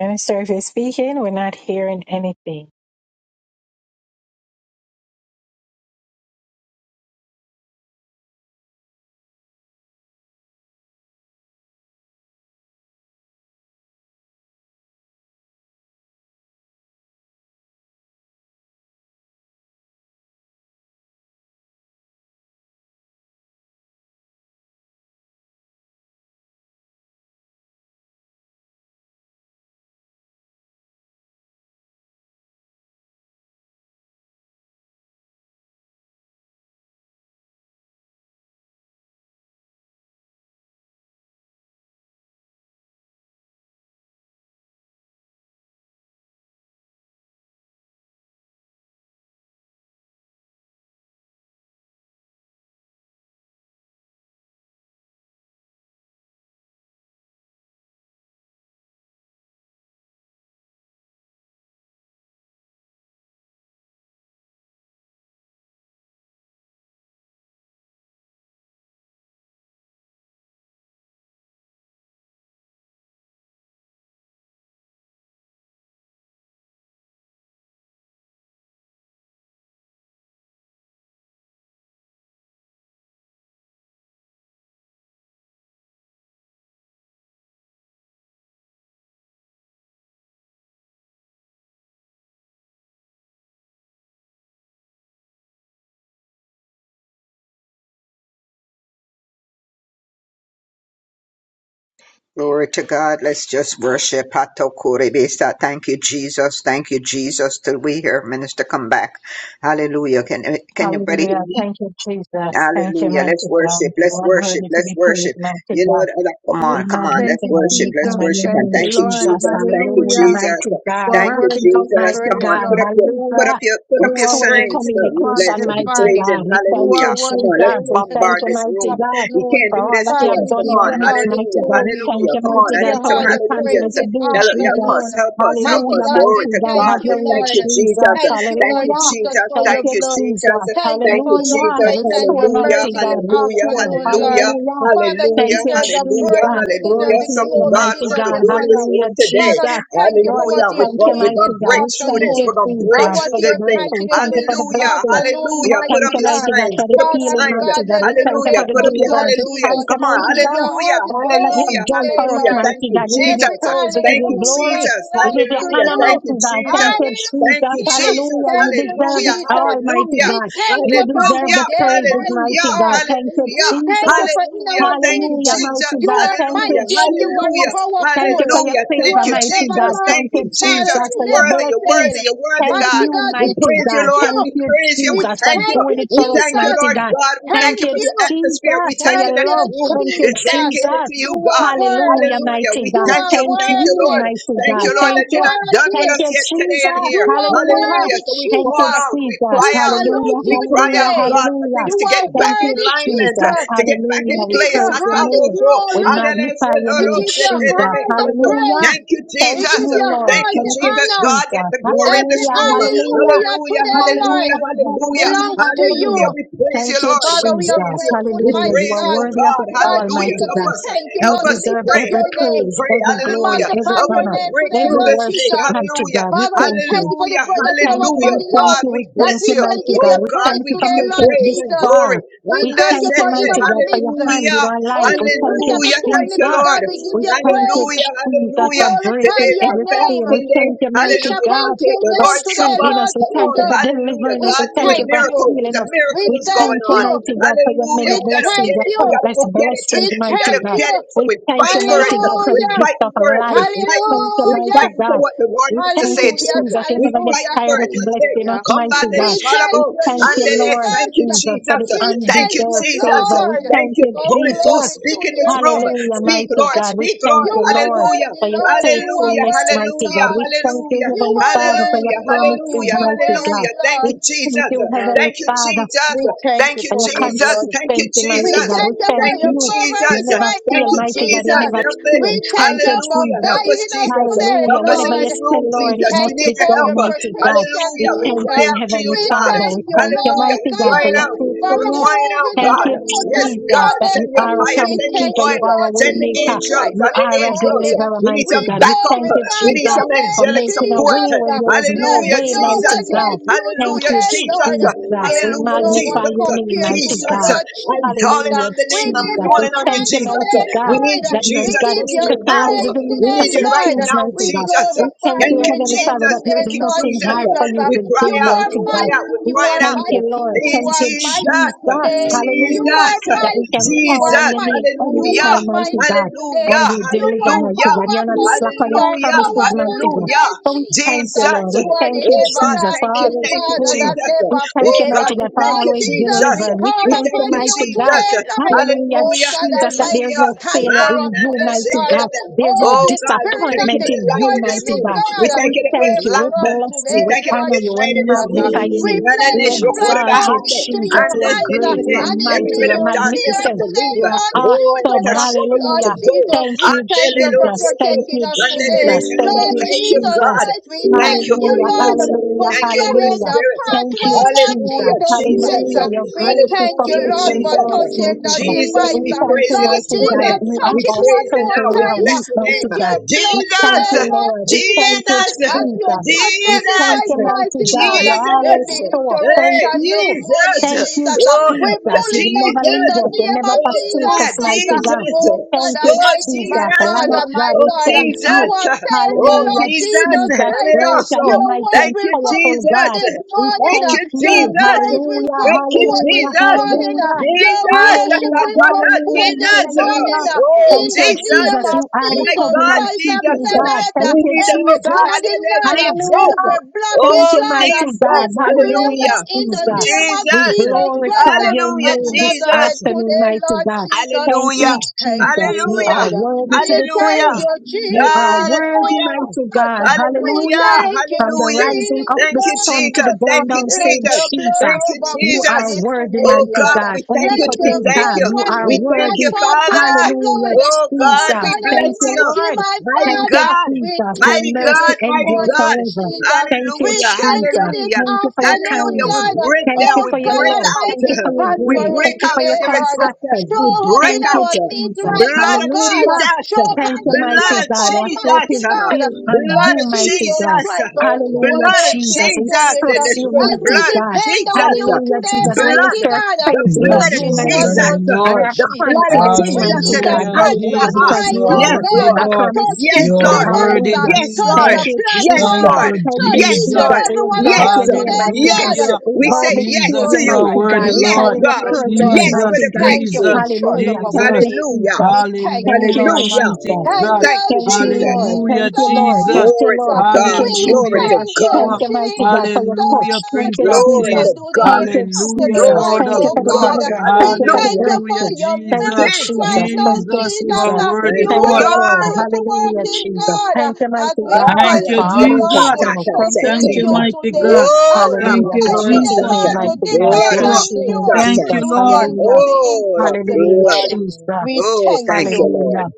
[SPEAKER 1] Minister, if you're speaking, we're not hearing anything.
[SPEAKER 4] Glory to God. Let's just worship. Hatokorebesa. Thank you, Jesus. Thank you, Jesus. Till we hear minister come back. Hallelujah. Can can anybody?
[SPEAKER 1] Hallelujah.
[SPEAKER 4] hear me?
[SPEAKER 1] Thank you, Jesus. Thank you,
[SPEAKER 4] Hallelujah.
[SPEAKER 1] mighty
[SPEAKER 4] Let's
[SPEAKER 1] God.
[SPEAKER 4] worship.
[SPEAKER 1] You
[SPEAKER 4] Let's
[SPEAKER 1] are
[SPEAKER 4] worship.
[SPEAKER 1] worthy to
[SPEAKER 4] Let's
[SPEAKER 1] be praised,
[SPEAKER 4] worship.
[SPEAKER 1] mighty
[SPEAKER 4] You
[SPEAKER 1] God.
[SPEAKER 4] know, like, come on,
[SPEAKER 1] Hallelujah,
[SPEAKER 4] come on.
[SPEAKER 3] Thank
[SPEAKER 4] Let's
[SPEAKER 3] you,
[SPEAKER 4] worship. Let's
[SPEAKER 3] Jesus.
[SPEAKER 4] worship. And
[SPEAKER 3] Thank you,
[SPEAKER 4] thank you,
[SPEAKER 3] Lord.
[SPEAKER 1] Jesus,
[SPEAKER 4] Jesus. Thank you,
[SPEAKER 1] hallelujah,
[SPEAKER 3] Hallelujah.
[SPEAKER 4] Jesus.
[SPEAKER 1] mighty
[SPEAKER 3] You
[SPEAKER 1] God,
[SPEAKER 3] are
[SPEAKER 4] Thank you,
[SPEAKER 3] worthy
[SPEAKER 1] working
[SPEAKER 3] to
[SPEAKER 1] out,
[SPEAKER 3] be
[SPEAKER 4] Jesus.
[SPEAKER 1] mighty
[SPEAKER 4] Come
[SPEAKER 3] praised,
[SPEAKER 4] on,
[SPEAKER 1] God,
[SPEAKER 4] put
[SPEAKER 3] Lord
[SPEAKER 4] up your put
[SPEAKER 3] Jesus.
[SPEAKER 4] up
[SPEAKER 1] hallelujah.
[SPEAKER 4] your put up
[SPEAKER 3] You
[SPEAKER 4] your
[SPEAKER 3] are
[SPEAKER 1] Restore the
[SPEAKER 3] worthy
[SPEAKER 4] signs.
[SPEAKER 3] to be
[SPEAKER 4] sir. Let's
[SPEAKER 1] communication, mighty
[SPEAKER 4] praise
[SPEAKER 3] magnified.
[SPEAKER 1] God.
[SPEAKER 4] him.
[SPEAKER 1] We
[SPEAKER 3] You
[SPEAKER 1] thank you,
[SPEAKER 3] are
[SPEAKER 4] Hallelujah. Come
[SPEAKER 3] worthy
[SPEAKER 4] on,
[SPEAKER 3] to be
[SPEAKER 4] let's
[SPEAKER 1] Jesus. We
[SPEAKER 3] lifted
[SPEAKER 1] thank
[SPEAKER 3] up
[SPEAKER 4] bombard
[SPEAKER 1] you,
[SPEAKER 3] this
[SPEAKER 4] this
[SPEAKER 1] mighty
[SPEAKER 4] room.
[SPEAKER 1] God,
[SPEAKER 4] He
[SPEAKER 3] afternoon.
[SPEAKER 4] can't
[SPEAKER 1] for
[SPEAKER 4] do
[SPEAKER 1] all
[SPEAKER 4] this
[SPEAKER 1] that
[SPEAKER 4] to
[SPEAKER 1] you
[SPEAKER 3] Father,
[SPEAKER 1] have
[SPEAKER 4] us.
[SPEAKER 3] we
[SPEAKER 1] done
[SPEAKER 4] Come
[SPEAKER 1] in
[SPEAKER 3] give
[SPEAKER 1] our
[SPEAKER 4] on.
[SPEAKER 3] you
[SPEAKER 1] midst,
[SPEAKER 3] all the
[SPEAKER 1] mighty
[SPEAKER 4] Hallelujah.
[SPEAKER 1] God. We
[SPEAKER 3] glory.
[SPEAKER 1] thank
[SPEAKER 4] Hallelujah.
[SPEAKER 1] you,
[SPEAKER 3] We
[SPEAKER 4] Come on.
[SPEAKER 1] mighty
[SPEAKER 4] I
[SPEAKER 3] give you
[SPEAKER 1] God,
[SPEAKER 4] need
[SPEAKER 1] for
[SPEAKER 4] some
[SPEAKER 1] what
[SPEAKER 3] all
[SPEAKER 1] you
[SPEAKER 3] the praise
[SPEAKER 1] continue
[SPEAKER 4] hallelujahs.
[SPEAKER 1] to
[SPEAKER 3] this
[SPEAKER 1] do,
[SPEAKER 4] Help help
[SPEAKER 1] Jesus.
[SPEAKER 4] us.
[SPEAKER 3] afternoon.
[SPEAKER 4] Help us. Help
[SPEAKER 3] Mighty
[SPEAKER 1] Hallelujah,
[SPEAKER 4] us.
[SPEAKER 3] God,
[SPEAKER 4] Glory
[SPEAKER 3] we
[SPEAKER 1] mighty
[SPEAKER 4] to
[SPEAKER 1] God.
[SPEAKER 3] thank
[SPEAKER 1] Have
[SPEAKER 4] God.
[SPEAKER 3] you,
[SPEAKER 4] We
[SPEAKER 1] your way,
[SPEAKER 3] Lord.
[SPEAKER 4] thank you, Jesus.
[SPEAKER 1] Jesus.
[SPEAKER 3] Thank you,
[SPEAKER 4] Thank
[SPEAKER 3] Lord
[SPEAKER 4] you,
[SPEAKER 1] Hallelujah.
[SPEAKER 3] Jesus,
[SPEAKER 4] Jesus.
[SPEAKER 3] for
[SPEAKER 1] Thank
[SPEAKER 3] your
[SPEAKER 4] Thank
[SPEAKER 1] you,
[SPEAKER 4] you,
[SPEAKER 3] blood.
[SPEAKER 4] Jesus.
[SPEAKER 1] Jesus.
[SPEAKER 3] Thank you
[SPEAKER 4] Thank you,
[SPEAKER 3] for your
[SPEAKER 1] Hallelujah.
[SPEAKER 4] Jesus.
[SPEAKER 3] grace and
[SPEAKER 1] Restore,
[SPEAKER 3] your
[SPEAKER 4] Hallelujah.
[SPEAKER 1] mighty
[SPEAKER 3] mercy
[SPEAKER 1] God.
[SPEAKER 3] this
[SPEAKER 4] Hallelujah.
[SPEAKER 1] Restore.
[SPEAKER 3] afternoon, Lord.
[SPEAKER 4] Hallelujah.
[SPEAKER 1] Hallelujah.
[SPEAKER 3] Father,
[SPEAKER 1] Thank
[SPEAKER 4] Hallelujah,
[SPEAKER 3] you
[SPEAKER 1] you,
[SPEAKER 3] deserve the
[SPEAKER 4] hallelujah,
[SPEAKER 3] praise,
[SPEAKER 1] Jesus.
[SPEAKER 3] you
[SPEAKER 1] Glory
[SPEAKER 3] deserve
[SPEAKER 4] hallelujah.
[SPEAKER 3] the
[SPEAKER 1] to your
[SPEAKER 4] Something
[SPEAKER 1] name,
[SPEAKER 3] glory,
[SPEAKER 4] God
[SPEAKER 3] you
[SPEAKER 1] mighty
[SPEAKER 3] deserve
[SPEAKER 4] wants to
[SPEAKER 1] God.
[SPEAKER 3] the
[SPEAKER 4] do in
[SPEAKER 3] honor.
[SPEAKER 4] this
[SPEAKER 1] Hallelujah,
[SPEAKER 4] room today.
[SPEAKER 3] Father, we
[SPEAKER 1] Jesus.
[SPEAKER 3] thank you
[SPEAKER 1] Lord,
[SPEAKER 3] for
[SPEAKER 1] we
[SPEAKER 3] what
[SPEAKER 4] Hallelujah.
[SPEAKER 3] you're
[SPEAKER 4] We're,
[SPEAKER 1] thank
[SPEAKER 4] go-
[SPEAKER 1] you,
[SPEAKER 3] doing
[SPEAKER 4] we're going
[SPEAKER 1] mighty
[SPEAKER 3] this
[SPEAKER 4] to
[SPEAKER 1] God.
[SPEAKER 4] break
[SPEAKER 1] We
[SPEAKER 4] through
[SPEAKER 1] thank
[SPEAKER 4] this.
[SPEAKER 1] you,
[SPEAKER 3] afternoon
[SPEAKER 4] We're going to break
[SPEAKER 3] and
[SPEAKER 1] Jesus,
[SPEAKER 3] what
[SPEAKER 4] through
[SPEAKER 1] for the
[SPEAKER 4] this
[SPEAKER 3] you're
[SPEAKER 4] thing.
[SPEAKER 1] breakthrough. We
[SPEAKER 3] continuing
[SPEAKER 1] thank you
[SPEAKER 3] doing
[SPEAKER 1] for the
[SPEAKER 3] this
[SPEAKER 4] Hallelujah.
[SPEAKER 1] blessings.
[SPEAKER 3] afternoon,
[SPEAKER 1] We
[SPEAKER 4] Hallelujah. Put
[SPEAKER 1] thank
[SPEAKER 4] up
[SPEAKER 3] mighty
[SPEAKER 1] you,
[SPEAKER 4] your
[SPEAKER 1] mighty
[SPEAKER 3] God.
[SPEAKER 1] God,
[SPEAKER 4] signs.
[SPEAKER 1] for
[SPEAKER 4] Put
[SPEAKER 1] the
[SPEAKER 4] up your
[SPEAKER 3] Father,
[SPEAKER 1] healing,
[SPEAKER 4] signs.
[SPEAKER 1] mighty God.
[SPEAKER 3] regardless,
[SPEAKER 1] We
[SPEAKER 3] never
[SPEAKER 1] thank you
[SPEAKER 3] may
[SPEAKER 4] Hallelujah.
[SPEAKER 1] for the
[SPEAKER 4] Put up
[SPEAKER 3] come,
[SPEAKER 4] your
[SPEAKER 3] Lord
[SPEAKER 1] deliverance. We
[SPEAKER 4] hallelujahs.
[SPEAKER 1] thank
[SPEAKER 3] Jesus.
[SPEAKER 1] you,
[SPEAKER 4] Come on.
[SPEAKER 3] We
[SPEAKER 1] mighty
[SPEAKER 3] give you
[SPEAKER 1] God,
[SPEAKER 3] all
[SPEAKER 4] Hallelujah.
[SPEAKER 3] the
[SPEAKER 1] for all that you
[SPEAKER 3] glory
[SPEAKER 1] have
[SPEAKER 4] Hallelujah.
[SPEAKER 1] done for
[SPEAKER 3] today,
[SPEAKER 1] us,
[SPEAKER 4] Hallelujah.
[SPEAKER 3] Lord.
[SPEAKER 4] Thank
[SPEAKER 1] mighty
[SPEAKER 4] you,
[SPEAKER 1] God. We give you
[SPEAKER 3] Every
[SPEAKER 4] Jesus.
[SPEAKER 1] praise. We give
[SPEAKER 4] Thank
[SPEAKER 1] you
[SPEAKER 4] you,
[SPEAKER 3] hallelujah
[SPEAKER 1] glory.
[SPEAKER 4] Jesus.
[SPEAKER 1] We
[SPEAKER 3] belongs
[SPEAKER 1] give you
[SPEAKER 3] to
[SPEAKER 4] Hallelujah.
[SPEAKER 1] honor,
[SPEAKER 3] you.
[SPEAKER 4] Thank you,
[SPEAKER 1] mighty God. Thank
[SPEAKER 4] Jesus.
[SPEAKER 1] you,
[SPEAKER 4] Thank
[SPEAKER 1] Jesus.
[SPEAKER 4] you,
[SPEAKER 3] Hallelujah.
[SPEAKER 4] Jesus.
[SPEAKER 1] Hallelujah. You
[SPEAKER 3] Thank you,
[SPEAKER 1] deserve
[SPEAKER 4] Hallelujah.
[SPEAKER 1] it
[SPEAKER 3] Jesus.
[SPEAKER 1] all, mighty
[SPEAKER 4] Hallelujah.
[SPEAKER 3] We
[SPEAKER 1] God.
[SPEAKER 3] thank
[SPEAKER 1] You
[SPEAKER 3] you for
[SPEAKER 1] deserve
[SPEAKER 4] Hallelujah.
[SPEAKER 1] the
[SPEAKER 3] today,
[SPEAKER 1] praises,
[SPEAKER 3] mighty
[SPEAKER 4] Hallelujah.
[SPEAKER 1] mighty God.
[SPEAKER 3] God.
[SPEAKER 1] Thank you,
[SPEAKER 4] Hallelujah.
[SPEAKER 3] We thank you
[SPEAKER 1] Jesus.
[SPEAKER 3] for in
[SPEAKER 4] Hallelujah.
[SPEAKER 3] our
[SPEAKER 4] Thank you,
[SPEAKER 3] midst.
[SPEAKER 1] Hallelujah,
[SPEAKER 4] Jesus.
[SPEAKER 1] mighty
[SPEAKER 3] You
[SPEAKER 1] God.
[SPEAKER 3] are
[SPEAKER 1] Thank you,
[SPEAKER 4] Hallelujah.
[SPEAKER 3] mighty and you are
[SPEAKER 1] Jesus.
[SPEAKER 4] Hallelujah.
[SPEAKER 1] Thank you for
[SPEAKER 3] powerful.
[SPEAKER 1] your
[SPEAKER 4] Hallelujah.
[SPEAKER 3] You
[SPEAKER 4] Thank
[SPEAKER 1] favor,
[SPEAKER 3] are
[SPEAKER 4] you,
[SPEAKER 3] the
[SPEAKER 1] mighty
[SPEAKER 4] Jesus.
[SPEAKER 1] God. Thank
[SPEAKER 4] Thank
[SPEAKER 1] you,
[SPEAKER 4] you,
[SPEAKER 3] everlasting Father
[SPEAKER 4] Jesus.
[SPEAKER 1] Jesus,
[SPEAKER 3] that
[SPEAKER 1] for
[SPEAKER 4] You're
[SPEAKER 1] your
[SPEAKER 3] never
[SPEAKER 4] worthy. You're
[SPEAKER 1] blessings.
[SPEAKER 4] worthy.
[SPEAKER 3] fails.
[SPEAKER 4] You're worthy,
[SPEAKER 1] Thank
[SPEAKER 3] Mighty
[SPEAKER 4] God.
[SPEAKER 1] you,
[SPEAKER 3] God,
[SPEAKER 4] We
[SPEAKER 3] we
[SPEAKER 1] mighty
[SPEAKER 4] praise you,
[SPEAKER 1] God.
[SPEAKER 3] thank
[SPEAKER 4] Lord.
[SPEAKER 3] you.
[SPEAKER 1] Thank
[SPEAKER 4] We
[SPEAKER 1] you,
[SPEAKER 4] praise you.
[SPEAKER 3] We
[SPEAKER 4] We
[SPEAKER 1] Jesus, for
[SPEAKER 4] thank you.
[SPEAKER 3] thank
[SPEAKER 1] doing
[SPEAKER 3] you,
[SPEAKER 1] it
[SPEAKER 4] We
[SPEAKER 1] for us,
[SPEAKER 4] thank you,
[SPEAKER 3] Jesus.
[SPEAKER 1] mighty
[SPEAKER 4] Lord
[SPEAKER 1] God.
[SPEAKER 4] God. We
[SPEAKER 1] Thank
[SPEAKER 4] thank you
[SPEAKER 3] Thank
[SPEAKER 1] you,
[SPEAKER 4] for
[SPEAKER 3] you.
[SPEAKER 4] your atmosphere.
[SPEAKER 1] Jesus,
[SPEAKER 4] We
[SPEAKER 1] for
[SPEAKER 4] thank
[SPEAKER 1] your
[SPEAKER 4] you
[SPEAKER 3] Thank
[SPEAKER 4] that this
[SPEAKER 3] you,
[SPEAKER 1] love.
[SPEAKER 4] room
[SPEAKER 1] Thank you,
[SPEAKER 4] is
[SPEAKER 3] Jesus.
[SPEAKER 4] dedicated
[SPEAKER 1] Jesus.
[SPEAKER 4] to you,
[SPEAKER 3] You are
[SPEAKER 4] God.
[SPEAKER 1] Hallelujah,
[SPEAKER 3] worthy.
[SPEAKER 4] Hallelujah.
[SPEAKER 1] mighty
[SPEAKER 4] We
[SPEAKER 3] You
[SPEAKER 1] God.
[SPEAKER 4] thank
[SPEAKER 3] are
[SPEAKER 4] you.
[SPEAKER 1] Thank
[SPEAKER 4] Thank you,
[SPEAKER 1] you,
[SPEAKER 4] Lord.
[SPEAKER 3] worthy.
[SPEAKER 1] mighty
[SPEAKER 4] Thank
[SPEAKER 3] You
[SPEAKER 1] God.
[SPEAKER 4] you, Lord,
[SPEAKER 3] are
[SPEAKER 1] Thank
[SPEAKER 4] that you're
[SPEAKER 1] you.
[SPEAKER 4] not done with
[SPEAKER 1] Thank
[SPEAKER 3] worthy.
[SPEAKER 4] us
[SPEAKER 1] you,
[SPEAKER 4] yet today and
[SPEAKER 1] Jesus.
[SPEAKER 3] You
[SPEAKER 4] here.
[SPEAKER 3] are
[SPEAKER 1] Hallelujah.
[SPEAKER 4] Hallelujah.
[SPEAKER 3] worthy,
[SPEAKER 4] So we
[SPEAKER 1] Thank you,
[SPEAKER 4] call
[SPEAKER 3] Jesus.
[SPEAKER 4] out. We call
[SPEAKER 1] Jesus.
[SPEAKER 4] cry
[SPEAKER 3] We
[SPEAKER 4] out.
[SPEAKER 1] Hallelujah,
[SPEAKER 3] salute you
[SPEAKER 4] We cry
[SPEAKER 1] hallelujah,
[SPEAKER 4] out,
[SPEAKER 3] today.
[SPEAKER 4] God, for
[SPEAKER 1] hallelujah.
[SPEAKER 4] things
[SPEAKER 3] You
[SPEAKER 4] to get
[SPEAKER 3] are
[SPEAKER 4] back
[SPEAKER 1] Thank you,
[SPEAKER 4] in
[SPEAKER 3] worthy,
[SPEAKER 1] Jesus.
[SPEAKER 4] alignment, uh,
[SPEAKER 3] Jesus.
[SPEAKER 4] to get back
[SPEAKER 1] Hallelujah.
[SPEAKER 4] in
[SPEAKER 3] We
[SPEAKER 1] We
[SPEAKER 3] give you
[SPEAKER 4] place.
[SPEAKER 1] praise your
[SPEAKER 3] all the
[SPEAKER 1] name.
[SPEAKER 4] Ataloto,
[SPEAKER 1] We
[SPEAKER 3] glory.
[SPEAKER 1] magnify your
[SPEAKER 3] We
[SPEAKER 4] aleleselolo,
[SPEAKER 1] name,
[SPEAKER 3] give you
[SPEAKER 1] Jesus.
[SPEAKER 3] all the
[SPEAKER 4] shetenemekano.
[SPEAKER 1] Hallelujah.
[SPEAKER 3] praise.
[SPEAKER 4] Thank you,
[SPEAKER 1] Thank
[SPEAKER 3] We
[SPEAKER 4] Jesus.
[SPEAKER 3] give
[SPEAKER 1] you,
[SPEAKER 3] you all
[SPEAKER 1] Lord.
[SPEAKER 4] Thank you,
[SPEAKER 3] the
[SPEAKER 1] Thank you,
[SPEAKER 4] Jesus.
[SPEAKER 3] honor.
[SPEAKER 4] God, get
[SPEAKER 1] Jesus.
[SPEAKER 4] the glory in this
[SPEAKER 3] Every
[SPEAKER 1] Hallelujah.
[SPEAKER 4] room.
[SPEAKER 1] Hallelujah.
[SPEAKER 3] hallelujah
[SPEAKER 4] Hallelujah,
[SPEAKER 3] today, Lord,
[SPEAKER 4] hallelujah,
[SPEAKER 1] Hallelujah.
[SPEAKER 4] hallelujah,
[SPEAKER 1] Hallelujah.
[SPEAKER 3] belongs to you.
[SPEAKER 4] hallelujah.
[SPEAKER 1] Hallelujah.
[SPEAKER 4] We praise
[SPEAKER 1] Thank
[SPEAKER 4] you,
[SPEAKER 1] you,
[SPEAKER 4] Lord. We
[SPEAKER 3] Father, we are
[SPEAKER 1] Jesus.
[SPEAKER 4] praise you.
[SPEAKER 3] grateful,
[SPEAKER 4] We
[SPEAKER 1] Hallelujah.
[SPEAKER 3] mighty
[SPEAKER 1] You
[SPEAKER 4] praise
[SPEAKER 1] are
[SPEAKER 4] you,
[SPEAKER 3] God.
[SPEAKER 4] oh
[SPEAKER 1] worthy of
[SPEAKER 4] God.
[SPEAKER 1] it,
[SPEAKER 3] Lord
[SPEAKER 4] Hallelujah.
[SPEAKER 1] Almighty
[SPEAKER 3] Jesus,
[SPEAKER 4] Help
[SPEAKER 3] we
[SPEAKER 1] God.
[SPEAKER 4] us. uh,
[SPEAKER 3] thank you,
[SPEAKER 1] You
[SPEAKER 4] Help
[SPEAKER 3] Lord.
[SPEAKER 4] us
[SPEAKER 3] We
[SPEAKER 4] to
[SPEAKER 1] deserve
[SPEAKER 3] lift up
[SPEAKER 4] pray.
[SPEAKER 3] your
[SPEAKER 1] every
[SPEAKER 4] Help us to
[SPEAKER 3] name.
[SPEAKER 1] praise,
[SPEAKER 4] pray.
[SPEAKER 1] every
[SPEAKER 3] We
[SPEAKER 1] glory,
[SPEAKER 4] Hallelujah.
[SPEAKER 1] every
[SPEAKER 3] magnify
[SPEAKER 4] Help
[SPEAKER 3] your
[SPEAKER 4] us
[SPEAKER 1] honor,
[SPEAKER 4] to
[SPEAKER 3] name
[SPEAKER 4] break
[SPEAKER 3] today,
[SPEAKER 4] through
[SPEAKER 1] every
[SPEAKER 3] Lord
[SPEAKER 4] this thing.
[SPEAKER 1] worship,
[SPEAKER 3] Jesus.
[SPEAKER 1] mighty
[SPEAKER 4] Hallelujah.
[SPEAKER 1] God. We
[SPEAKER 3] Father, we
[SPEAKER 1] thank
[SPEAKER 3] thank
[SPEAKER 1] you.
[SPEAKER 3] you for the
[SPEAKER 4] Hallelujah.
[SPEAKER 3] bread
[SPEAKER 1] We
[SPEAKER 3] that's in
[SPEAKER 1] thank
[SPEAKER 3] our
[SPEAKER 1] you.
[SPEAKER 4] Hallelujah.
[SPEAKER 1] We
[SPEAKER 3] body,
[SPEAKER 1] thank
[SPEAKER 3] Lord,
[SPEAKER 4] God,
[SPEAKER 1] you. We
[SPEAKER 4] we
[SPEAKER 3] that
[SPEAKER 4] bless
[SPEAKER 1] thank you,
[SPEAKER 3] we
[SPEAKER 4] you.
[SPEAKER 3] can
[SPEAKER 1] mighty
[SPEAKER 3] give
[SPEAKER 4] Oh
[SPEAKER 3] you
[SPEAKER 1] God. We
[SPEAKER 4] God,
[SPEAKER 3] praise
[SPEAKER 1] thank
[SPEAKER 4] we
[SPEAKER 1] you for
[SPEAKER 4] give
[SPEAKER 3] today,
[SPEAKER 4] you
[SPEAKER 3] Lord
[SPEAKER 1] making it
[SPEAKER 4] praise
[SPEAKER 1] this
[SPEAKER 4] and
[SPEAKER 3] Jesus.
[SPEAKER 4] glory.
[SPEAKER 1] far.
[SPEAKER 3] We
[SPEAKER 1] We
[SPEAKER 4] Under
[SPEAKER 3] thank you
[SPEAKER 1] thank you,
[SPEAKER 3] for in
[SPEAKER 4] setting,
[SPEAKER 1] mighty
[SPEAKER 3] our
[SPEAKER 1] God, for your
[SPEAKER 3] midst.
[SPEAKER 1] hand in
[SPEAKER 4] hallelujah,
[SPEAKER 1] our life.
[SPEAKER 3] Holy
[SPEAKER 1] We thank
[SPEAKER 3] Spirit
[SPEAKER 1] you,
[SPEAKER 3] of the
[SPEAKER 4] hallelujah.
[SPEAKER 3] true and
[SPEAKER 4] Thank you,
[SPEAKER 3] living
[SPEAKER 1] Jesus.
[SPEAKER 3] God,
[SPEAKER 4] Lord.
[SPEAKER 3] we give
[SPEAKER 1] We
[SPEAKER 3] you
[SPEAKER 1] thank you,
[SPEAKER 3] praise.
[SPEAKER 4] Hallelujah,
[SPEAKER 3] We
[SPEAKER 1] Jesus, for
[SPEAKER 4] hallelujah.
[SPEAKER 3] glorify
[SPEAKER 4] Today
[SPEAKER 1] breaking
[SPEAKER 4] is
[SPEAKER 3] your
[SPEAKER 4] our
[SPEAKER 1] everything.
[SPEAKER 3] name.
[SPEAKER 1] We
[SPEAKER 4] fasting day.
[SPEAKER 1] thank you,
[SPEAKER 3] We
[SPEAKER 4] Hallelujah.
[SPEAKER 1] mighty
[SPEAKER 3] shout
[SPEAKER 4] We're going
[SPEAKER 1] God,
[SPEAKER 4] to take
[SPEAKER 3] your
[SPEAKER 4] the
[SPEAKER 1] for
[SPEAKER 3] name
[SPEAKER 4] Lord's
[SPEAKER 3] today,
[SPEAKER 4] Supper.
[SPEAKER 1] strengthening us.
[SPEAKER 3] Lord
[SPEAKER 1] We
[SPEAKER 4] Come
[SPEAKER 1] thank
[SPEAKER 4] on,
[SPEAKER 1] you
[SPEAKER 3] Jesus.
[SPEAKER 1] for
[SPEAKER 4] hallelujah.
[SPEAKER 1] delivering
[SPEAKER 3] We
[SPEAKER 1] us.
[SPEAKER 4] God
[SPEAKER 1] We thank
[SPEAKER 4] doing
[SPEAKER 1] you
[SPEAKER 3] thank
[SPEAKER 1] for
[SPEAKER 3] you.
[SPEAKER 4] miracles.
[SPEAKER 1] healing
[SPEAKER 4] The
[SPEAKER 1] us.
[SPEAKER 3] We
[SPEAKER 4] miracle
[SPEAKER 1] We
[SPEAKER 4] is
[SPEAKER 3] thank
[SPEAKER 1] thank
[SPEAKER 4] going
[SPEAKER 1] you,
[SPEAKER 4] on.
[SPEAKER 3] you.
[SPEAKER 1] mighty God, for your
[SPEAKER 4] Hallelujah.
[SPEAKER 1] many
[SPEAKER 3] We
[SPEAKER 4] We got to
[SPEAKER 1] blessings,
[SPEAKER 4] get
[SPEAKER 3] thank
[SPEAKER 1] your
[SPEAKER 4] it. We
[SPEAKER 3] you.
[SPEAKER 4] got to
[SPEAKER 1] countless
[SPEAKER 4] go get it.
[SPEAKER 1] blessings,
[SPEAKER 3] We
[SPEAKER 4] We
[SPEAKER 1] mighty
[SPEAKER 4] got to
[SPEAKER 3] thank
[SPEAKER 1] God.
[SPEAKER 4] get
[SPEAKER 3] you.
[SPEAKER 4] it. So
[SPEAKER 1] We
[SPEAKER 4] we
[SPEAKER 1] thank
[SPEAKER 4] fight
[SPEAKER 1] you,
[SPEAKER 4] for it.
[SPEAKER 1] mighty God, for the
[SPEAKER 4] We're
[SPEAKER 3] Hallelujah.
[SPEAKER 1] gift of
[SPEAKER 4] fighting for it.
[SPEAKER 1] life.
[SPEAKER 4] We're
[SPEAKER 1] We
[SPEAKER 4] fighting.
[SPEAKER 1] thank you,
[SPEAKER 4] We're
[SPEAKER 3] Hallelujah.
[SPEAKER 1] mighty
[SPEAKER 4] fighting
[SPEAKER 1] God.
[SPEAKER 4] for what the Lord
[SPEAKER 1] We
[SPEAKER 4] has to
[SPEAKER 1] thank you,
[SPEAKER 4] say to
[SPEAKER 3] Hallelujah.
[SPEAKER 4] us.
[SPEAKER 1] Jesus. You
[SPEAKER 4] We're
[SPEAKER 1] never get
[SPEAKER 4] fighting fighting
[SPEAKER 3] Hallelujah.
[SPEAKER 4] for
[SPEAKER 1] tired of
[SPEAKER 4] it.
[SPEAKER 1] blessing
[SPEAKER 3] Hallelujah.
[SPEAKER 1] us,
[SPEAKER 4] come by
[SPEAKER 1] mighty
[SPEAKER 4] the
[SPEAKER 1] God.
[SPEAKER 3] We
[SPEAKER 1] We
[SPEAKER 3] thank
[SPEAKER 4] shalabo.
[SPEAKER 3] you,
[SPEAKER 1] thank
[SPEAKER 4] And
[SPEAKER 1] you,
[SPEAKER 4] then
[SPEAKER 1] Lord.
[SPEAKER 4] thank you,
[SPEAKER 3] Jesus.
[SPEAKER 1] Jesus, for
[SPEAKER 4] Jesus.
[SPEAKER 1] the
[SPEAKER 3] We
[SPEAKER 4] Thank
[SPEAKER 3] thank
[SPEAKER 4] you,
[SPEAKER 3] you,
[SPEAKER 1] undeserved
[SPEAKER 4] Jesus.
[SPEAKER 1] favor. We
[SPEAKER 3] Lord.
[SPEAKER 4] Thank
[SPEAKER 1] thank
[SPEAKER 4] you,
[SPEAKER 1] you,
[SPEAKER 3] Oh,
[SPEAKER 4] Holy
[SPEAKER 1] Jesus.
[SPEAKER 3] glory
[SPEAKER 4] Ghost.
[SPEAKER 3] to
[SPEAKER 4] Speak in
[SPEAKER 3] your
[SPEAKER 4] this room.
[SPEAKER 3] name,
[SPEAKER 1] Hallelujah,
[SPEAKER 4] Speak,
[SPEAKER 1] mighty
[SPEAKER 3] Jesus.
[SPEAKER 4] Lord.
[SPEAKER 1] God. We
[SPEAKER 4] Speak,
[SPEAKER 1] thank
[SPEAKER 4] Lord.
[SPEAKER 3] You
[SPEAKER 1] you,
[SPEAKER 3] are
[SPEAKER 1] Lord,
[SPEAKER 4] Hallelujah.
[SPEAKER 3] worthy,
[SPEAKER 1] for your
[SPEAKER 3] Lord. You are
[SPEAKER 4] Hallelujah.
[SPEAKER 1] faithfulness,
[SPEAKER 3] worthy,
[SPEAKER 1] mighty
[SPEAKER 4] Hallelujah.
[SPEAKER 1] God. We
[SPEAKER 3] Lord.
[SPEAKER 1] thank you,
[SPEAKER 4] Hallelujah.
[SPEAKER 3] You
[SPEAKER 1] Heavenly
[SPEAKER 3] are
[SPEAKER 1] Father, for your
[SPEAKER 4] Hallelujah.
[SPEAKER 3] worthy, Lord.
[SPEAKER 1] promises,
[SPEAKER 3] You
[SPEAKER 4] Hallelujah.
[SPEAKER 3] are
[SPEAKER 1] mighty God.
[SPEAKER 4] Hallelujah.
[SPEAKER 3] worthy,
[SPEAKER 4] Thank
[SPEAKER 1] We
[SPEAKER 3] Lord.
[SPEAKER 4] you,
[SPEAKER 1] thank
[SPEAKER 4] Jesus.
[SPEAKER 1] you,
[SPEAKER 3] Jesus,
[SPEAKER 1] Heavenly
[SPEAKER 4] Thank you,
[SPEAKER 1] Father.
[SPEAKER 4] Jesus.
[SPEAKER 3] we thank
[SPEAKER 4] Thank
[SPEAKER 3] you
[SPEAKER 4] you,
[SPEAKER 1] And
[SPEAKER 3] for
[SPEAKER 1] your
[SPEAKER 3] your
[SPEAKER 4] Jesus.
[SPEAKER 3] blood.
[SPEAKER 4] Thank you,
[SPEAKER 1] consistency,
[SPEAKER 3] We
[SPEAKER 1] mighty
[SPEAKER 4] Jesus.
[SPEAKER 1] God. We
[SPEAKER 3] thank you for
[SPEAKER 1] thank
[SPEAKER 4] Thank you,
[SPEAKER 3] your
[SPEAKER 1] you. You
[SPEAKER 4] Jesus.
[SPEAKER 3] coverage
[SPEAKER 1] never
[SPEAKER 3] right
[SPEAKER 4] Thank
[SPEAKER 1] fail,
[SPEAKER 3] now,
[SPEAKER 4] you,
[SPEAKER 1] mighty God. You
[SPEAKER 4] Jesus.
[SPEAKER 3] Jesus.
[SPEAKER 1] never
[SPEAKER 4] Help me.
[SPEAKER 3] We
[SPEAKER 1] change. Thank
[SPEAKER 3] thank
[SPEAKER 1] you,
[SPEAKER 3] you for
[SPEAKER 4] Hallelujah.
[SPEAKER 1] Jesus.
[SPEAKER 4] Help us,
[SPEAKER 3] guiding us
[SPEAKER 4] Jesus.
[SPEAKER 3] today,
[SPEAKER 1] Hallelujah.
[SPEAKER 4] Help us in
[SPEAKER 1] Whatever you
[SPEAKER 3] Lord.
[SPEAKER 4] this
[SPEAKER 1] say,
[SPEAKER 4] room,
[SPEAKER 3] We
[SPEAKER 1] Lord, it
[SPEAKER 4] Jesus. We
[SPEAKER 3] thank
[SPEAKER 1] must
[SPEAKER 4] we
[SPEAKER 3] you
[SPEAKER 4] need
[SPEAKER 1] be
[SPEAKER 4] your
[SPEAKER 3] for
[SPEAKER 4] help.
[SPEAKER 1] done,
[SPEAKER 3] your
[SPEAKER 1] mighty God.
[SPEAKER 3] protection,
[SPEAKER 1] We
[SPEAKER 4] Hallelujah. We
[SPEAKER 1] thank
[SPEAKER 4] cry
[SPEAKER 3] Jesus.
[SPEAKER 1] you,
[SPEAKER 4] out to you,
[SPEAKER 1] Heavenly
[SPEAKER 3] We
[SPEAKER 4] God.
[SPEAKER 1] Father. We
[SPEAKER 3] thank you,
[SPEAKER 1] thank you,
[SPEAKER 4] Hallelujah.
[SPEAKER 3] Lord
[SPEAKER 1] mighty
[SPEAKER 4] We're
[SPEAKER 1] God, for
[SPEAKER 3] God,
[SPEAKER 4] crying
[SPEAKER 1] your
[SPEAKER 4] out.
[SPEAKER 3] for
[SPEAKER 4] We're
[SPEAKER 1] faithfulness.
[SPEAKER 4] crying out,
[SPEAKER 3] removing
[SPEAKER 1] Thank
[SPEAKER 3] every
[SPEAKER 4] God.
[SPEAKER 1] you,
[SPEAKER 3] force
[SPEAKER 4] Yes,
[SPEAKER 3] of
[SPEAKER 1] Jesus,
[SPEAKER 4] God,
[SPEAKER 1] that
[SPEAKER 3] darkness.
[SPEAKER 4] send
[SPEAKER 1] you
[SPEAKER 4] your
[SPEAKER 1] are a
[SPEAKER 4] fire,
[SPEAKER 3] We
[SPEAKER 1] promise
[SPEAKER 4] send your
[SPEAKER 3] thank
[SPEAKER 1] keeper.
[SPEAKER 3] you,
[SPEAKER 1] You
[SPEAKER 4] oil,
[SPEAKER 1] are a
[SPEAKER 3] Lord
[SPEAKER 1] way
[SPEAKER 4] send the
[SPEAKER 3] Jesus
[SPEAKER 1] maker.
[SPEAKER 4] angels,
[SPEAKER 3] Christ,
[SPEAKER 1] You
[SPEAKER 4] are
[SPEAKER 3] this
[SPEAKER 4] the
[SPEAKER 1] are a
[SPEAKER 4] angels.
[SPEAKER 3] morning.
[SPEAKER 1] deliverer,
[SPEAKER 4] We need
[SPEAKER 3] We
[SPEAKER 1] mighty
[SPEAKER 4] some
[SPEAKER 1] God. We
[SPEAKER 4] backup.
[SPEAKER 1] thank you,
[SPEAKER 3] glorify
[SPEAKER 4] We
[SPEAKER 1] Jesus,
[SPEAKER 4] need
[SPEAKER 3] your
[SPEAKER 4] some
[SPEAKER 1] for
[SPEAKER 3] name,
[SPEAKER 4] angelic
[SPEAKER 1] making a way
[SPEAKER 4] support.
[SPEAKER 3] Jesus.
[SPEAKER 1] when there was no
[SPEAKER 3] There is
[SPEAKER 4] Hallelujah,
[SPEAKER 1] way,
[SPEAKER 3] no
[SPEAKER 4] Jesus.
[SPEAKER 1] mighty
[SPEAKER 3] one
[SPEAKER 1] God.
[SPEAKER 3] like you
[SPEAKER 1] Thank
[SPEAKER 4] Hallelujah,
[SPEAKER 1] you,
[SPEAKER 3] today,
[SPEAKER 4] Jesus.
[SPEAKER 3] Lord.
[SPEAKER 1] Jesus.
[SPEAKER 3] There
[SPEAKER 1] We
[SPEAKER 3] is
[SPEAKER 4] Hallelujah,
[SPEAKER 3] no one
[SPEAKER 1] magnify
[SPEAKER 4] Jesus.
[SPEAKER 1] your name,
[SPEAKER 3] compared to
[SPEAKER 1] mighty
[SPEAKER 3] you,
[SPEAKER 4] Jesus.
[SPEAKER 1] God.
[SPEAKER 3] Lord
[SPEAKER 4] I'm
[SPEAKER 3] Jesus.
[SPEAKER 4] calling
[SPEAKER 3] Uh,
[SPEAKER 1] Hallelujah,
[SPEAKER 4] on the
[SPEAKER 3] We
[SPEAKER 4] name. I'm
[SPEAKER 1] Jesus.
[SPEAKER 3] give you
[SPEAKER 1] We
[SPEAKER 4] calling on you,
[SPEAKER 1] thank
[SPEAKER 3] thanks
[SPEAKER 1] you,
[SPEAKER 4] Jesus.
[SPEAKER 1] mighty
[SPEAKER 3] today,
[SPEAKER 4] We
[SPEAKER 1] God,
[SPEAKER 4] need
[SPEAKER 3] Lord. Uh,
[SPEAKER 4] you,
[SPEAKER 1] that you're the
[SPEAKER 3] We
[SPEAKER 4] Jesus.
[SPEAKER 1] God
[SPEAKER 4] We
[SPEAKER 1] who
[SPEAKER 3] give
[SPEAKER 4] need
[SPEAKER 3] you
[SPEAKER 4] you now.
[SPEAKER 1] specializes
[SPEAKER 3] praise
[SPEAKER 1] in
[SPEAKER 4] We
[SPEAKER 3] today,
[SPEAKER 4] need you
[SPEAKER 1] impossible
[SPEAKER 4] right
[SPEAKER 3] Lord. Uh,
[SPEAKER 1] things,
[SPEAKER 4] now,
[SPEAKER 1] mighty
[SPEAKER 3] We
[SPEAKER 1] God.
[SPEAKER 4] Jesus.
[SPEAKER 1] We thank
[SPEAKER 3] glorify
[SPEAKER 1] you,
[SPEAKER 4] Thank
[SPEAKER 3] your
[SPEAKER 4] you,
[SPEAKER 1] Heavenly
[SPEAKER 3] name
[SPEAKER 1] Father,
[SPEAKER 4] Jesus.
[SPEAKER 1] that
[SPEAKER 3] today,
[SPEAKER 1] there's
[SPEAKER 4] Thank you,
[SPEAKER 3] Lord
[SPEAKER 1] nothing
[SPEAKER 4] Jesus.
[SPEAKER 1] hard for
[SPEAKER 3] Jesus.
[SPEAKER 1] you
[SPEAKER 3] Uh,
[SPEAKER 4] We
[SPEAKER 1] to do,
[SPEAKER 3] You
[SPEAKER 4] cry out.
[SPEAKER 3] are
[SPEAKER 4] We
[SPEAKER 1] mighty
[SPEAKER 4] cry
[SPEAKER 1] God.
[SPEAKER 4] out.
[SPEAKER 3] mighty,
[SPEAKER 4] We're
[SPEAKER 1] We
[SPEAKER 3] you
[SPEAKER 4] crying
[SPEAKER 3] are
[SPEAKER 4] out.
[SPEAKER 1] thank you,
[SPEAKER 3] mighty,
[SPEAKER 1] Lord.
[SPEAKER 3] you
[SPEAKER 4] Hey,
[SPEAKER 1] Thank
[SPEAKER 3] are
[SPEAKER 1] you, Jesus.
[SPEAKER 3] mighty
[SPEAKER 4] Jesus,
[SPEAKER 3] today. You
[SPEAKER 1] Hallelujah.
[SPEAKER 4] Jesus,
[SPEAKER 3] are
[SPEAKER 1] That we
[SPEAKER 3] mighty,
[SPEAKER 1] can
[SPEAKER 3] you
[SPEAKER 1] call
[SPEAKER 3] are
[SPEAKER 1] on
[SPEAKER 4] Jesus,
[SPEAKER 1] your name
[SPEAKER 3] mighty, you
[SPEAKER 4] hallelujah,
[SPEAKER 3] are
[SPEAKER 1] anytime, mighty
[SPEAKER 3] mighty
[SPEAKER 1] God.
[SPEAKER 3] today.
[SPEAKER 1] And
[SPEAKER 4] hallelujah,
[SPEAKER 1] you
[SPEAKER 3] You
[SPEAKER 1] deliver,
[SPEAKER 3] are
[SPEAKER 1] mighty
[SPEAKER 4] hallelujah,
[SPEAKER 1] God. You're not
[SPEAKER 3] powerful,
[SPEAKER 1] slack
[SPEAKER 3] you
[SPEAKER 1] on your
[SPEAKER 3] are
[SPEAKER 4] hallelujah,
[SPEAKER 1] promises,
[SPEAKER 3] powerful
[SPEAKER 1] mighty God.
[SPEAKER 3] today,
[SPEAKER 4] hallelujah.
[SPEAKER 1] So we
[SPEAKER 3] Jesus.
[SPEAKER 1] thank you,
[SPEAKER 3] Uh,
[SPEAKER 4] Jesus.
[SPEAKER 1] Lord. We
[SPEAKER 3] you are
[SPEAKER 1] thank
[SPEAKER 3] the
[SPEAKER 1] you,
[SPEAKER 4] Oh God,
[SPEAKER 1] Jesus, for
[SPEAKER 4] thank you,
[SPEAKER 3] everlasting
[SPEAKER 1] always
[SPEAKER 4] thank you,
[SPEAKER 3] Father
[SPEAKER 1] showing us.
[SPEAKER 3] that
[SPEAKER 4] Jesus.
[SPEAKER 1] We
[SPEAKER 3] never
[SPEAKER 1] thank
[SPEAKER 4] Oh
[SPEAKER 1] you,
[SPEAKER 3] fail.
[SPEAKER 4] God,
[SPEAKER 1] mighty
[SPEAKER 4] we
[SPEAKER 1] God, for
[SPEAKER 4] thank
[SPEAKER 3] Lord
[SPEAKER 4] you,
[SPEAKER 1] always
[SPEAKER 3] Jesus,
[SPEAKER 4] Jesus.
[SPEAKER 3] we
[SPEAKER 1] delivering. We
[SPEAKER 3] call
[SPEAKER 4] We
[SPEAKER 1] thank
[SPEAKER 4] thank
[SPEAKER 1] you,
[SPEAKER 3] upon
[SPEAKER 4] you,
[SPEAKER 3] you
[SPEAKER 1] mighty God.
[SPEAKER 4] Jesus.
[SPEAKER 3] today, Lord.
[SPEAKER 1] Hallelujah,
[SPEAKER 3] Oh
[SPEAKER 4] Hallelujah,
[SPEAKER 3] God
[SPEAKER 1] Jesus, that there's
[SPEAKER 3] Almighty,
[SPEAKER 4] hallelujah.
[SPEAKER 1] no
[SPEAKER 3] stand
[SPEAKER 1] failure
[SPEAKER 3] for
[SPEAKER 4] Ah,
[SPEAKER 3] us
[SPEAKER 1] in
[SPEAKER 4] na,
[SPEAKER 1] you,
[SPEAKER 4] na,
[SPEAKER 3] today,
[SPEAKER 1] mighty
[SPEAKER 3] Lord.
[SPEAKER 1] God.
[SPEAKER 4] sheketa.
[SPEAKER 1] There's no
[SPEAKER 4] Oh
[SPEAKER 3] Holy
[SPEAKER 4] God, we
[SPEAKER 3] Spirit
[SPEAKER 4] thank
[SPEAKER 3] of
[SPEAKER 4] you
[SPEAKER 1] disappointment
[SPEAKER 4] for
[SPEAKER 3] the
[SPEAKER 4] the
[SPEAKER 1] in
[SPEAKER 3] true
[SPEAKER 4] light
[SPEAKER 1] you,
[SPEAKER 4] in
[SPEAKER 3] and
[SPEAKER 4] this
[SPEAKER 1] mighty
[SPEAKER 4] room.
[SPEAKER 3] living
[SPEAKER 1] God.
[SPEAKER 4] We
[SPEAKER 3] God.
[SPEAKER 1] So
[SPEAKER 4] thank
[SPEAKER 1] we
[SPEAKER 4] you that
[SPEAKER 3] Pray
[SPEAKER 4] there's
[SPEAKER 1] thank you.
[SPEAKER 3] for
[SPEAKER 1] We
[SPEAKER 4] light.
[SPEAKER 3] us
[SPEAKER 1] bless
[SPEAKER 4] We
[SPEAKER 1] you.
[SPEAKER 3] today,
[SPEAKER 1] We
[SPEAKER 4] thank you that
[SPEAKER 3] Lord
[SPEAKER 1] honor
[SPEAKER 4] there's
[SPEAKER 1] you. We
[SPEAKER 4] light in this
[SPEAKER 3] Jesus. uh.
[SPEAKER 4] room.
[SPEAKER 1] magnify your name.
[SPEAKER 3] We
[SPEAKER 4] Na, na,
[SPEAKER 3] place
[SPEAKER 4] na,
[SPEAKER 1] We
[SPEAKER 3] this
[SPEAKER 4] shokora
[SPEAKER 1] exalt
[SPEAKER 3] platform
[SPEAKER 1] you,
[SPEAKER 4] bahande.
[SPEAKER 3] into
[SPEAKER 1] Jesus.
[SPEAKER 3] your
[SPEAKER 4] And
[SPEAKER 1] You are
[SPEAKER 4] this
[SPEAKER 3] hands uh,
[SPEAKER 4] city,
[SPEAKER 1] great. You are
[SPEAKER 3] and
[SPEAKER 1] mighty.
[SPEAKER 4] every
[SPEAKER 3] into
[SPEAKER 4] bit
[SPEAKER 1] You are
[SPEAKER 4] of
[SPEAKER 3] your
[SPEAKER 4] darkness
[SPEAKER 3] care
[SPEAKER 4] have
[SPEAKER 1] magnificent.
[SPEAKER 4] to
[SPEAKER 3] today,
[SPEAKER 1] You are
[SPEAKER 4] leave.
[SPEAKER 3] Lord
[SPEAKER 4] Oh, I
[SPEAKER 3] Jesus.
[SPEAKER 4] make
[SPEAKER 1] awesome.
[SPEAKER 4] a
[SPEAKER 3] uh.
[SPEAKER 4] trouble but
[SPEAKER 3] Lord
[SPEAKER 4] to
[SPEAKER 1] Hallelujah.
[SPEAKER 4] go.
[SPEAKER 3] Jesus,
[SPEAKER 1] Thank
[SPEAKER 4] I
[SPEAKER 3] we
[SPEAKER 1] you,
[SPEAKER 4] tell
[SPEAKER 3] thank you
[SPEAKER 4] it
[SPEAKER 3] for
[SPEAKER 4] all so
[SPEAKER 1] Jesus. Thank
[SPEAKER 4] good.
[SPEAKER 3] protecting
[SPEAKER 1] you,
[SPEAKER 3] us
[SPEAKER 4] And then it
[SPEAKER 3] today.
[SPEAKER 1] Jesus.
[SPEAKER 4] is
[SPEAKER 1] Thank
[SPEAKER 3] Lord
[SPEAKER 4] handled.
[SPEAKER 1] you,
[SPEAKER 4] Thank you,
[SPEAKER 3] Jesus
[SPEAKER 4] God.
[SPEAKER 1] Jesus.
[SPEAKER 3] Christ, we
[SPEAKER 4] Thank
[SPEAKER 3] thank
[SPEAKER 4] you,
[SPEAKER 3] you,
[SPEAKER 4] Holy
[SPEAKER 1] Hallelujah,
[SPEAKER 3] Lord
[SPEAKER 4] Ghost.
[SPEAKER 3] for
[SPEAKER 1] hallelujah,
[SPEAKER 4] Thank you, Holy
[SPEAKER 3] clearing
[SPEAKER 1] hallelujah.
[SPEAKER 3] the
[SPEAKER 4] Spirit.
[SPEAKER 1] Thank you,
[SPEAKER 3] pathway, Lord
[SPEAKER 1] Jesus.
[SPEAKER 4] Hallelujah,
[SPEAKER 3] Jesus
[SPEAKER 4] Jesus.
[SPEAKER 3] Christ.
[SPEAKER 1] Hallelujah.
[SPEAKER 3] Uh,
[SPEAKER 1] Your
[SPEAKER 3] We
[SPEAKER 1] grace is
[SPEAKER 3] thank you,
[SPEAKER 4] Hallelujah,
[SPEAKER 3] Lord,
[SPEAKER 1] sufficient
[SPEAKER 3] for
[SPEAKER 4] Jesus.
[SPEAKER 1] for us,
[SPEAKER 3] touching the
[SPEAKER 1] mighty God.
[SPEAKER 4] Jesus,
[SPEAKER 1] We
[SPEAKER 3] device.
[SPEAKER 4] we
[SPEAKER 3] Uh,
[SPEAKER 1] thank
[SPEAKER 4] praise
[SPEAKER 1] you,
[SPEAKER 4] you
[SPEAKER 3] Lord
[SPEAKER 4] this
[SPEAKER 1] mighty God,
[SPEAKER 4] morning.
[SPEAKER 1] that
[SPEAKER 3] Jesus,
[SPEAKER 1] you
[SPEAKER 4] We
[SPEAKER 1] are
[SPEAKER 3] touch it
[SPEAKER 1] our
[SPEAKER 4] praise
[SPEAKER 3] one
[SPEAKER 4] you
[SPEAKER 1] strength
[SPEAKER 3] more
[SPEAKER 4] now.
[SPEAKER 1] and we
[SPEAKER 4] We
[SPEAKER 1] are
[SPEAKER 3] time
[SPEAKER 4] bless
[SPEAKER 3] uh,
[SPEAKER 1] weak,
[SPEAKER 4] your
[SPEAKER 3] with
[SPEAKER 4] name.
[SPEAKER 1] mighty God.
[SPEAKER 3] your
[SPEAKER 1] We
[SPEAKER 3] blood
[SPEAKER 1] thank
[SPEAKER 3] today,
[SPEAKER 1] you,
[SPEAKER 4] Jesus.
[SPEAKER 3] Lord
[SPEAKER 1] Lord. We
[SPEAKER 3] Jesus,
[SPEAKER 1] thank you,
[SPEAKER 3] uh,
[SPEAKER 4] Jesus.
[SPEAKER 3] as you
[SPEAKER 1] Jesus.
[SPEAKER 3] touch the
[SPEAKER 1] We thank
[SPEAKER 3] device,
[SPEAKER 1] you,
[SPEAKER 4] Jesus.
[SPEAKER 1] mighty
[SPEAKER 3] mighty
[SPEAKER 1] God.
[SPEAKER 3] God. Uh,
[SPEAKER 1] You're always
[SPEAKER 3] Every
[SPEAKER 4] Jesus.
[SPEAKER 1] so.
[SPEAKER 4] Hey,
[SPEAKER 1] Thank
[SPEAKER 3] interruption this
[SPEAKER 1] you.
[SPEAKER 3] morning,
[SPEAKER 4] Jesus.
[SPEAKER 1] Thank you,
[SPEAKER 3] Jesus, uh,
[SPEAKER 4] Oh,
[SPEAKER 3] we
[SPEAKER 4] help us,
[SPEAKER 1] Jesus.
[SPEAKER 3] pull
[SPEAKER 1] You
[SPEAKER 3] it down
[SPEAKER 1] never
[SPEAKER 3] in
[SPEAKER 1] leave
[SPEAKER 3] the
[SPEAKER 1] us. You
[SPEAKER 3] name
[SPEAKER 4] Jesus.
[SPEAKER 1] never
[SPEAKER 3] of
[SPEAKER 4] Oh
[SPEAKER 1] forsake
[SPEAKER 3] Jesus
[SPEAKER 4] God,
[SPEAKER 1] us,
[SPEAKER 3] Christ.
[SPEAKER 1] mighty
[SPEAKER 3] uh,
[SPEAKER 1] God.
[SPEAKER 4] Jesus.
[SPEAKER 3] Oh, God
[SPEAKER 1] Thank you,
[SPEAKER 4] Oh
[SPEAKER 3] Almighty,
[SPEAKER 1] Jesus.
[SPEAKER 3] my
[SPEAKER 4] Jesus.
[SPEAKER 1] Lamb
[SPEAKER 3] Father,
[SPEAKER 1] of
[SPEAKER 3] my
[SPEAKER 1] God,
[SPEAKER 4] Oh
[SPEAKER 1] we
[SPEAKER 3] Lord, uh,
[SPEAKER 1] thank you.
[SPEAKER 4] Jesus.
[SPEAKER 3] our Savior,
[SPEAKER 4] Oh
[SPEAKER 1] Hallelujah,
[SPEAKER 3] Lord
[SPEAKER 4] Jesus.
[SPEAKER 3] Jesus
[SPEAKER 1] Jesus,
[SPEAKER 4] And it
[SPEAKER 3] Christ, uh,
[SPEAKER 1] great
[SPEAKER 4] also.
[SPEAKER 1] and
[SPEAKER 3] your
[SPEAKER 1] mighty
[SPEAKER 3] word
[SPEAKER 1] and
[SPEAKER 4] Thank you,
[SPEAKER 3] will come
[SPEAKER 1] powerful
[SPEAKER 3] forth
[SPEAKER 4] Jesus.
[SPEAKER 1] God.
[SPEAKER 3] this
[SPEAKER 1] We
[SPEAKER 3] morning.
[SPEAKER 4] Thank
[SPEAKER 3] uh,
[SPEAKER 1] thank
[SPEAKER 4] you,
[SPEAKER 3] Your
[SPEAKER 1] you.
[SPEAKER 4] Jesus.
[SPEAKER 3] praise will
[SPEAKER 1] Hallelujah,
[SPEAKER 3] come
[SPEAKER 4] Thank you,
[SPEAKER 3] forth
[SPEAKER 1] hallelujah,
[SPEAKER 3] this
[SPEAKER 4] Jesus.
[SPEAKER 3] morning. uh,
[SPEAKER 1] hallelujah.
[SPEAKER 3] Your
[SPEAKER 4] Jesus.
[SPEAKER 3] worship
[SPEAKER 4] I
[SPEAKER 1] Hallelujah,
[SPEAKER 3] will come forth
[SPEAKER 1] hallelujah,
[SPEAKER 3] this
[SPEAKER 4] Jesus.
[SPEAKER 3] morning.
[SPEAKER 1] hallelujah.
[SPEAKER 3] uh,
[SPEAKER 4] Oh
[SPEAKER 3] In
[SPEAKER 1] Thank you,
[SPEAKER 3] the name
[SPEAKER 1] Jesus.
[SPEAKER 4] Jesus.
[SPEAKER 3] of
[SPEAKER 1] You are the
[SPEAKER 4] My
[SPEAKER 3] Jesus
[SPEAKER 4] God,
[SPEAKER 1] covenant
[SPEAKER 3] Christ of
[SPEAKER 1] keeping
[SPEAKER 4] Jesus.
[SPEAKER 1] God.
[SPEAKER 3] Nazareth, uh,
[SPEAKER 4] We
[SPEAKER 1] Thank you,
[SPEAKER 4] need the
[SPEAKER 3] every
[SPEAKER 4] help.
[SPEAKER 1] Jesus.
[SPEAKER 3] cladding,
[SPEAKER 4] Hallelujah,
[SPEAKER 3] Lord, uh,
[SPEAKER 1] Hallelujah.
[SPEAKER 3] every
[SPEAKER 4] Jesus.
[SPEAKER 1] Thank
[SPEAKER 3] blockage,
[SPEAKER 4] Oh,
[SPEAKER 1] you,
[SPEAKER 3] Lord, uh,
[SPEAKER 1] mighty
[SPEAKER 3] we
[SPEAKER 4] Jesus,
[SPEAKER 1] God.
[SPEAKER 3] pull them
[SPEAKER 1] Hallelujah,
[SPEAKER 4] hallelujah.
[SPEAKER 3] down in the
[SPEAKER 1] Jesus.
[SPEAKER 3] name of
[SPEAKER 1] We
[SPEAKER 4] Jesus,
[SPEAKER 3] Jesus Christ
[SPEAKER 1] glorify
[SPEAKER 3] uh,
[SPEAKER 1] your
[SPEAKER 4] hallelujah,
[SPEAKER 3] of
[SPEAKER 1] name this
[SPEAKER 3] Nazareth
[SPEAKER 4] Jesus.
[SPEAKER 1] afternoon,
[SPEAKER 3] today,
[SPEAKER 1] mighty
[SPEAKER 3] Lord
[SPEAKER 1] God.
[SPEAKER 3] Jesus.
[SPEAKER 1] Thank
[SPEAKER 4] Hallelujah.
[SPEAKER 1] you,
[SPEAKER 3] We thank you,
[SPEAKER 1] Jesus. You
[SPEAKER 4] Hallelujah.
[SPEAKER 1] are
[SPEAKER 3] Lord.
[SPEAKER 1] worthy to
[SPEAKER 3] We
[SPEAKER 1] be
[SPEAKER 4] Hallelujah.
[SPEAKER 3] thank
[SPEAKER 1] praised.
[SPEAKER 3] you,
[SPEAKER 1] You are
[SPEAKER 3] Jesus.
[SPEAKER 1] worthy,
[SPEAKER 4] Hallelujah.
[SPEAKER 1] mighty God.
[SPEAKER 3] We
[SPEAKER 1] Hallelujah.
[SPEAKER 4] Hallelujah.
[SPEAKER 3] thank you,
[SPEAKER 1] From the
[SPEAKER 4] Hallelujah.
[SPEAKER 1] rising of
[SPEAKER 4] Thank
[SPEAKER 1] the
[SPEAKER 4] you,
[SPEAKER 1] sun to the
[SPEAKER 4] Jesus.
[SPEAKER 3] Jesus.
[SPEAKER 1] going
[SPEAKER 4] Thank you,
[SPEAKER 1] down,
[SPEAKER 3] Let
[SPEAKER 1] same
[SPEAKER 4] Jesus.
[SPEAKER 3] your blood
[SPEAKER 4] Thank
[SPEAKER 1] Jesus.
[SPEAKER 4] you,
[SPEAKER 1] You
[SPEAKER 3] overflow
[SPEAKER 4] Jesus.
[SPEAKER 1] are
[SPEAKER 3] this
[SPEAKER 1] worthy,
[SPEAKER 3] today,
[SPEAKER 4] Oh
[SPEAKER 1] mighty
[SPEAKER 3] Lord.
[SPEAKER 4] God,
[SPEAKER 1] God.
[SPEAKER 4] we thank you.
[SPEAKER 3] Let
[SPEAKER 4] We
[SPEAKER 3] your
[SPEAKER 1] Omnipotent
[SPEAKER 4] thank
[SPEAKER 1] God.
[SPEAKER 3] blood
[SPEAKER 4] you.
[SPEAKER 1] You
[SPEAKER 3] wash
[SPEAKER 1] are
[SPEAKER 4] We
[SPEAKER 3] this
[SPEAKER 4] thank you,
[SPEAKER 1] worthy.
[SPEAKER 3] platform
[SPEAKER 4] Father.
[SPEAKER 3] today,
[SPEAKER 1] Hallelujah,
[SPEAKER 3] Lord.
[SPEAKER 4] Oh
[SPEAKER 3] Oh
[SPEAKER 4] God,
[SPEAKER 1] Jesus.
[SPEAKER 4] we
[SPEAKER 3] God
[SPEAKER 1] Thank
[SPEAKER 4] bless
[SPEAKER 1] you,
[SPEAKER 4] you.
[SPEAKER 3] Almighty,
[SPEAKER 1] Lord.
[SPEAKER 3] my
[SPEAKER 4] Mighty
[SPEAKER 1] Thank you,
[SPEAKER 3] Father,
[SPEAKER 4] God.
[SPEAKER 3] we
[SPEAKER 1] Jesus. Your
[SPEAKER 4] Mighty
[SPEAKER 3] thank you
[SPEAKER 1] mercy
[SPEAKER 4] God.
[SPEAKER 3] this
[SPEAKER 4] Mighty
[SPEAKER 1] endures
[SPEAKER 4] God.
[SPEAKER 3] morning,
[SPEAKER 1] forever.
[SPEAKER 3] Jesus.
[SPEAKER 1] Thank
[SPEAKER 3] We
[SPEAKER 1] you,
[SPEAKER 4] Hallelujah.
[SPEAKER 3] thank you
[SPEAKER 1] Jesus.
[SPEAKER 3] this
[SPEAKER 4] Hallelujah.
[SPEAKER 1] Thank you for your
[SPEAKER 3] afternoon,
[SPEAKER 4] Hallelujah.
[SPEAKER 1] kindness.
[SPEAKER 4] We
[SPEAKER 3] Lord.
[SPEAKER 4] break
[SPEAKER 1] Thank
[SPEAKER 4] down.
[SPEAKER 1] you
[SPEAKER 4] We
[SPEAKER 3] Oh
[SPEAKER 1] for your
[SPEAKER 3] God
[SPEAKER 4] break
[SPEAKER 1] love.
[SPEAKER 4] out.
[SPEAKER 1] Thank you
[SPEAKER 3] Almighty,
[SPEAKER 1] for your
[SPEAKER 3] stand
[SPEAKER 4] We
[SPEAKER 3] for
[SPEAKER 1] grace.
[SPEAKER 4] break
[SPEAKER 3] us
[SPEAKER 1] Thank you
[SPEAKER 4] out
[SPEAKER 1] for your
[SPEAKER 4] of
[SPEAKER 3] today,
[SPEAKER 4] the
[SPEAKER 3] Lord.
[SPEAKER 4] resistance.
[SPEAKER 1] compassion.
[SPEAKER 4] We
[SPEAKER 3] Show up
[SPEAKER 4] break
[SPEAKER 3] in
[SPEAKER 1] Thank you,
[SPEAKER 3] our
[SPEAKER 4] out.
[SPEAKER 3] midst
[SPEAKER 1] Jesus.
[SPEAKER 3] right
[SPEAKER 4] Blood
[SPEAKER 3] now,
[SPEAKER 4] of
[SPEAKER 3] God.
[SPEAKER 1] Hallelujah.
[SPEAKER 4] Jesus,
[SPEAKER 3] Show up
[SPEAKER 1] Thank
[SPEAKER 3] on
[SPEAKER 1] you,
[SPEAKER 3] this
[SPEAKER 4] blood
[SPEAKER 1] mighty
[SPEAKER 4] of
[SPEAKER 1] God.
[SPEAKER 3] platform,
[SPEAKER 1] Our hope
[SPEAKER 4] Jesus,
[SPEAKER 3] mighty
[SPEAKER 1] is
[SPEAKER 3] God.
[SPEAKER 1] built on
[SPEAKER 3] Lord
[SPEAKER 4] blood
[SPEAKER 1] you,
[SPEAKER 4] of
[SPEAKER 1] mighty
[SPEAKER 3] Jesus
[SPEAKER 1] God.
[SPEAKER 4] Jesus,
[SPEAKER 3] Christ, only you
[SPEAKER 1] Hallelujah,
[SPEAKER 4] blood of
[SPEAKER 3] alone
[SPEAKER 1] Jesus.
[SPEAKER 3] can
[SPEAKER 1] We
[SPEAKER 3] do
[SPEAKER 4] Jesus
[SPEAKER 3] it.
[SPEAKER 4] in
[SPEAKER 1] trust
[SPEAKER 4] this
[SPEAKER 1] you,
[SPEAKER 3] As
[SPEAKER 4] room,
[SPEAKER 3] we
[SPEAKER 1] mighty
[SPEAKER 4] blood of
[SPEAKER 1] God.
[SPEAKER 3] depend on
[SPEAKER 4] Jesus,
[SPEAKER 3] you
[SPEAKER 1] Hallelujah,
[SPEAKER 3] today,
[SPEAKER 1] Jesus. We
[SPEAKER 4] blood,
[SPEAKER 3] mighty
[SPEAKER 1] lift our
[SPEAKER 3] God.
[SPEAKER 4] the
[SPEAKER 1] faith in
[SPEAKER 4] blood
[SPEAKER 2] Jesus,
[SPEAKER 3] Touch
[SPEAKER 4] of
[SPEAKER 1] you,
[SPEAKER 2] you
[SPEAKER 3] it
[SPEAKER 2] are
[SPEAKER 3] one
[SPEAKER 1] mighty
[SPEAKER 2] worthy,
[SPEAKER 1] God,
[SPEAKER 4] Jesus,
[SPEAKER 3] more
[SPEAKER 1] and
[SPEAKER 2] Lord.
[SPEAKER 3] time,
[SPEAKER 1] our
[SPEAKER 4] the
[SPEAKER 3] Jesus.
[SPEAKER 4] blood of
[SPEAKER 1] confidence,
[SPEAKER 3] We
[SPEAKER 4] Jesus
[SPEAKER 1] mighty
[SPEAKER 4] in
[SPEAKER 3] need a
[SPEAKER 1] God.
[SPEAKER 4] this
[SPEAKER 2] Hallelujah,
[SPEAKER 4] room.
[SPEAKER 3] fresh
[SPEAKER 4] Ha,
[SPEAKER 1] Hallelujah,
[SPEAKER 3] touch
[SPEAKER 4] ha.
[SPEAKER 2] Jesus.
[SPEAKER 1] because
[SPEAKER 3] right
[SPEAKER 2] You
[SPEAKER 1] you
[SPEAKER 2] are
[SPEAKER 3] now,
[SPEAKER 4] Yes,
[SPEAKER 1] are
[SPEAKER 2] worthy,
[SPEAKER 1] a
[SPEAKER 3] God.
[SPEAKER 4] Lord.
[SPEAKER 2] Lord.
[SPEAKER 3] Touch
[SPEAKER 1] promise
[SPEAKER 3] this
[SPEAKER 4] Yes,
[SPEAKER 2] You
[SPEAKER 1] keeper.
[SPEAKER 2] are
[SPEAKER 4] Lord.
[SPEAKER 2] worthy,
[SPEAKER 3] device.
[SPEAKER 1] Hallelujah.
[SPEAKER 4] Yes,
[SPEAKER 3] Touch
[SPEAKER 4] Lord.
[SPEAKER 1] Thank
[SPEAKER 3] the
[SPEAKER 2] Jesus.
[SPEAKER 1] you,
[SPEAKER 4] Yes,
[SPEAKER 2] Thank
[SPEAKER 3] platform.
[SPEAKER 1] Jesus.
[SPEAKER 4] Lord.
[SPEAKER 2] you,
[SPEAKER 1] Thank you,
[SPEAKER 3] Touch
[SPEAKER 1] Jesus.
[SPEAKER 4] Yes,
[SPEAKER 3] each and
[SPEAKER 2] Jesus.
[SPEAKER 4] Lord.
[SPEAKER 3] every
[SPEAKER 1] We
[SPEAKER 3] one of
[SPEAKER 1] exalt
[SPEAKER 3] us
[SPEAKER 1] your
[SPEAKER 4] Yes.
[SPEAKER 1] name,
[SPEAKER 3] today,
[SPEAKER 1] mighty God.
[SPEAKER 4] Yes.
[SPEAKER 3] God.
[SPEAKER 2] Hallelujah.
[SPEAKER 1] We
[SPEAKER 4] We
[SPEAKER 3] Lord
[SPEAKER 1] bow
[SPEAKER 4] say
[SPEAKER 1] before
[SPEAKER 4] yes to
[SPEAKER 2] Jesus,
[SPEAKER 3] Jesus
[SPEAKER 1] you,
[SPEAKER 2] you
[SPEAKER 4] you.
[SPEAKER 2] are
[SPEAKER 1] mighty
[SPEAKER 3] Christ,
[SPEAKER 2] worthy,
[SPEAKER 1] God.
[SPEAKER 3] we
[SPEAKER 1] We
[SPEAKER 4] Yes,
[SPEAKER 1] bow
[SPEAKER 2] Lord.
[SPEAKER 3] thank
[SPEAKER 1] in your
[SPEAKER 3] you,
[SPEAKER 4] God.
[SPEAKER 1] presence,
[SPEAKER 3] Lord.
[SPEAKER 4] Yes for the
[SPEAKER 1] mighty
[SPEAKER 2] Jesus,
[SPEAKER 1] God.
[SPEAKER 3] Thank you for
[SPEAKER 4] breakthrough.
[SPEAKER 2] Jesus,
[SPEAKER 3] showing
[SPEAKER 1] Hallelujah.
[SPEAKER 3] up our
[SPEAKER 1] Thank you,
[SPEAKER 2] Jesus.
[SPEAKER 3] need.
[SPEAKER 4] Hallelujah.
[SPEAKER 1] Jesus.
[SPEAKER 3] We thank
[SPEAKER 1] Thank
[SPEAKER 3] you,
[SPEAKER 1] you,
[SPEAKER 2] Hallelujah,
[SPEAKER 3] Lord.
[SPEAKER 2] mighty
[SPEAKER 4] Hallelujah.
[SPEAKER 1] Jesus.
[SPEAKER 3] Thank
[SPEAKER 2] God.
[SPEAKER 4] Thank
[SPEAKER 3] you,
[SPEAKER 4] you,
[SPEAKER 1] Thank you, Lord.
[SPEAKER 4] Jesus.
[SPEAKER 3] Jesus.
[SPEAKER 1] Thank
[SPEAKER 2] Hallelujah,
[SPEAKER 1] you, Lord.
[SPEAKER 2] Jesus.
[SPEAKER 1] Thank you,
[SPEAKER 4] Glory to
[SPEAKER 1] Lord. Thank
[SPEAKER 4] God.
[SPEAKER 1] you,
[SPEAKER 3] We
[SPEAKER 4] Glory
[SPEAKER 2] Hallelujah,
[SPEAKER 1] Jesus.
[SPEAKER 4] to
[SPEAKER 3] thank you,
[SPEAKER 4] God.
[SPEAKER 1] Thank
[SPEAKER 2] Yeshua.
[SPEAKER 1] you, mighty God, for your
[SPEAKER 2] Hallelujah,
[SPEAKER 1] touch. Thank
[SPEAKER 2] Prince
[SPEAKER 1] you,
[SPEAKER 3] Jesus,
[SPEAKER 2] of
[SPEAKER 4] Glory
[SPEAKER 1] Jesus.
[SPEAKER 3] for
[SPEAKER 4] to
[SPEAKER 2] Peace.
[SPEAKER 3] doing the
[SPEAKER 4] God.
[SPEAKER 1] Thank you,
[SPEAKER 2] Hallelujah,
[SPEAKER 3] impossible
[SPEAKER 1] Jesus.
[SPEAKER 4] Glory
[SPEAKER 3] right
[SPEAKER 2] Lord
[SPEAKER 4] to
[SPEAKER 1] Thank
[SPEAKER 2] of
[SPEAKER 1] you
[SPEAKER 3] now,
[SPEAKER 1] for the
[SPEAKER 2] Lords.
[SPEAKER 3] God.
[SPEAKER 4] God.
[SPEAKER 1] deliverance.
[SPEAKER 3] We
[SPEAKER 1] Thank you for the
[SPEAKER 3] thank
[SPEAKER 4] Hallelujah.
[SPEAKER 3] you for
[SPEAKER 2] Hallelujah,
[SPEAKER 1] breakthrough.
[SPEAKER 3] your
[SPEAKER 1] Thank you,
[SPEAKER 2] Jesus.
[SPEAKER 3] miracle right
[SPEAKER 1] Jesus.
[SPEAKER 4] Jesus.
[SPEAKER 3] now,
[SPEAKER 1] Thank you,
[SPEAKER 2] Jesus, you
[SPEAKER 3] Jesus.
[SPEAKER 2] are
[SPEAKER 1] Jesus.
[SPEAKER 3] Uh,
[SPEAKER 2] worthy,
[SPEAKER 4] Thank
[SPEAKER 3] You
[SPEAKER 1] Thank
[SPEAKER 4] you,
[SPEAKER 2] Lord.
[SPEAKER 1] you,
[SPEAKER 3] are a
[SPEAKER 1] Lord.
[SPEAKER 4] Lord.
[SPEAKER 3] miracle
[SPEAKER 1] Hallelujah,
[SPEAKER 3] working
[SPEAKER 1] Jesus.
[SPEAKER 3] God. Uh,
[SPEAKER 1] Thank you,
[SPEAKER 3] As
[SPEAKER 1] mighty
[SPEAKER 3] we
[SPEAKER 1] God,
[SPEAKER 4] Ah,
[SPEAKER 2] Thank
[SPEAKER 1] for
[SPEAKER 2] you,
[SPEAKER 4] yeah,
[SPEAKER 3] continue,
[SPEAKER 4] yeah,
[SPEAKER 1] always
[SPEAKER 4] ta,
[SPEAKER 3] Lord,
[SPEAKER 2] Jesus.
[SPEAKER 3] to
[SPEAKER 4] ta,
[SPEAKER 1] showing us.
[SPEAKER 4] ta,
[SPEAKER 1] Thank
[SPEAKER 3] trust
[SPEAKER 1] you,
[SPEAKER 4] say,
[SPEAKER 3] in
[SPEAKER 2] Thank
[SPEAKER 4] say.
[SPEAKER 2] you,
[SPEAKER 1] Jesus.
[SPEAKER 3] you
[SPEAKER 2] mighty
[SPEAKER 3] today,
[SPEAKER 2] God.
[SPEAKER 4] Whoa,
[SPEAKER 3] as
[SPEAKER 4] la,
[SPEAKER 3] we
[SPEAKER 2] Thank
[SPEAKER 4] ba,
[SPEAKER 1] Hallelujah.
[SPEAKER 2] you,
[SPEAKER 4] ba, ba,
[SPEAKER 1] Glory to
[SPEAKER 4] sa,
[SPEAKER 1] your
[SPEAKER 3] continue,
[SPEAKER 2] Jesus.
[SPEAKER 1] name,
[SPEAKER 4] ta.
[SPEAKER 3] Lord,
[SPEAKER 1] mighty
[SPEAKER 3] to
[SPEAKER 2] Thank you,
[SPEAKER 1] God.
[SPEAKER 4] Blood
[SPEAKER 3] depend
[SPEAKER 4] of
[SPEAKER 1] Glory
[SPEAKER 2] Yeshua.
[SPEAKER 1] to
[SPEAKER 3] on
[SPEAKER 1] your name,
[SPEAKER 3] you,
[SPEAKER 4] Jesus.
[SPEAKER 2] Thank you,
[SPEAKER 1] Jesus.
[SPEAKER 3] you
[SPEAKER 2] Lord.
[SPEAKER 3] can
[SPEAKER 1] Hallelujah.
[SPEAKER 3] do the
[SPEAKER 4] Oh, the
[SPEAKER 3] impossible,
[SPEAKER 1] Hallelujah,
[SPEAKER 3] Lord.
[SPEAKER 1] Jesus.
[SPEAKER 4] blood.
[SPEAKER 3] We
[SPEAKER 4] Oh,
[SPEAKER 3] thank
[SPEAKER 4] thank you,
[SPEAKER 3] you.
[SPEAKER 4] Lord.
[SPEAKER 1] Hallelujah.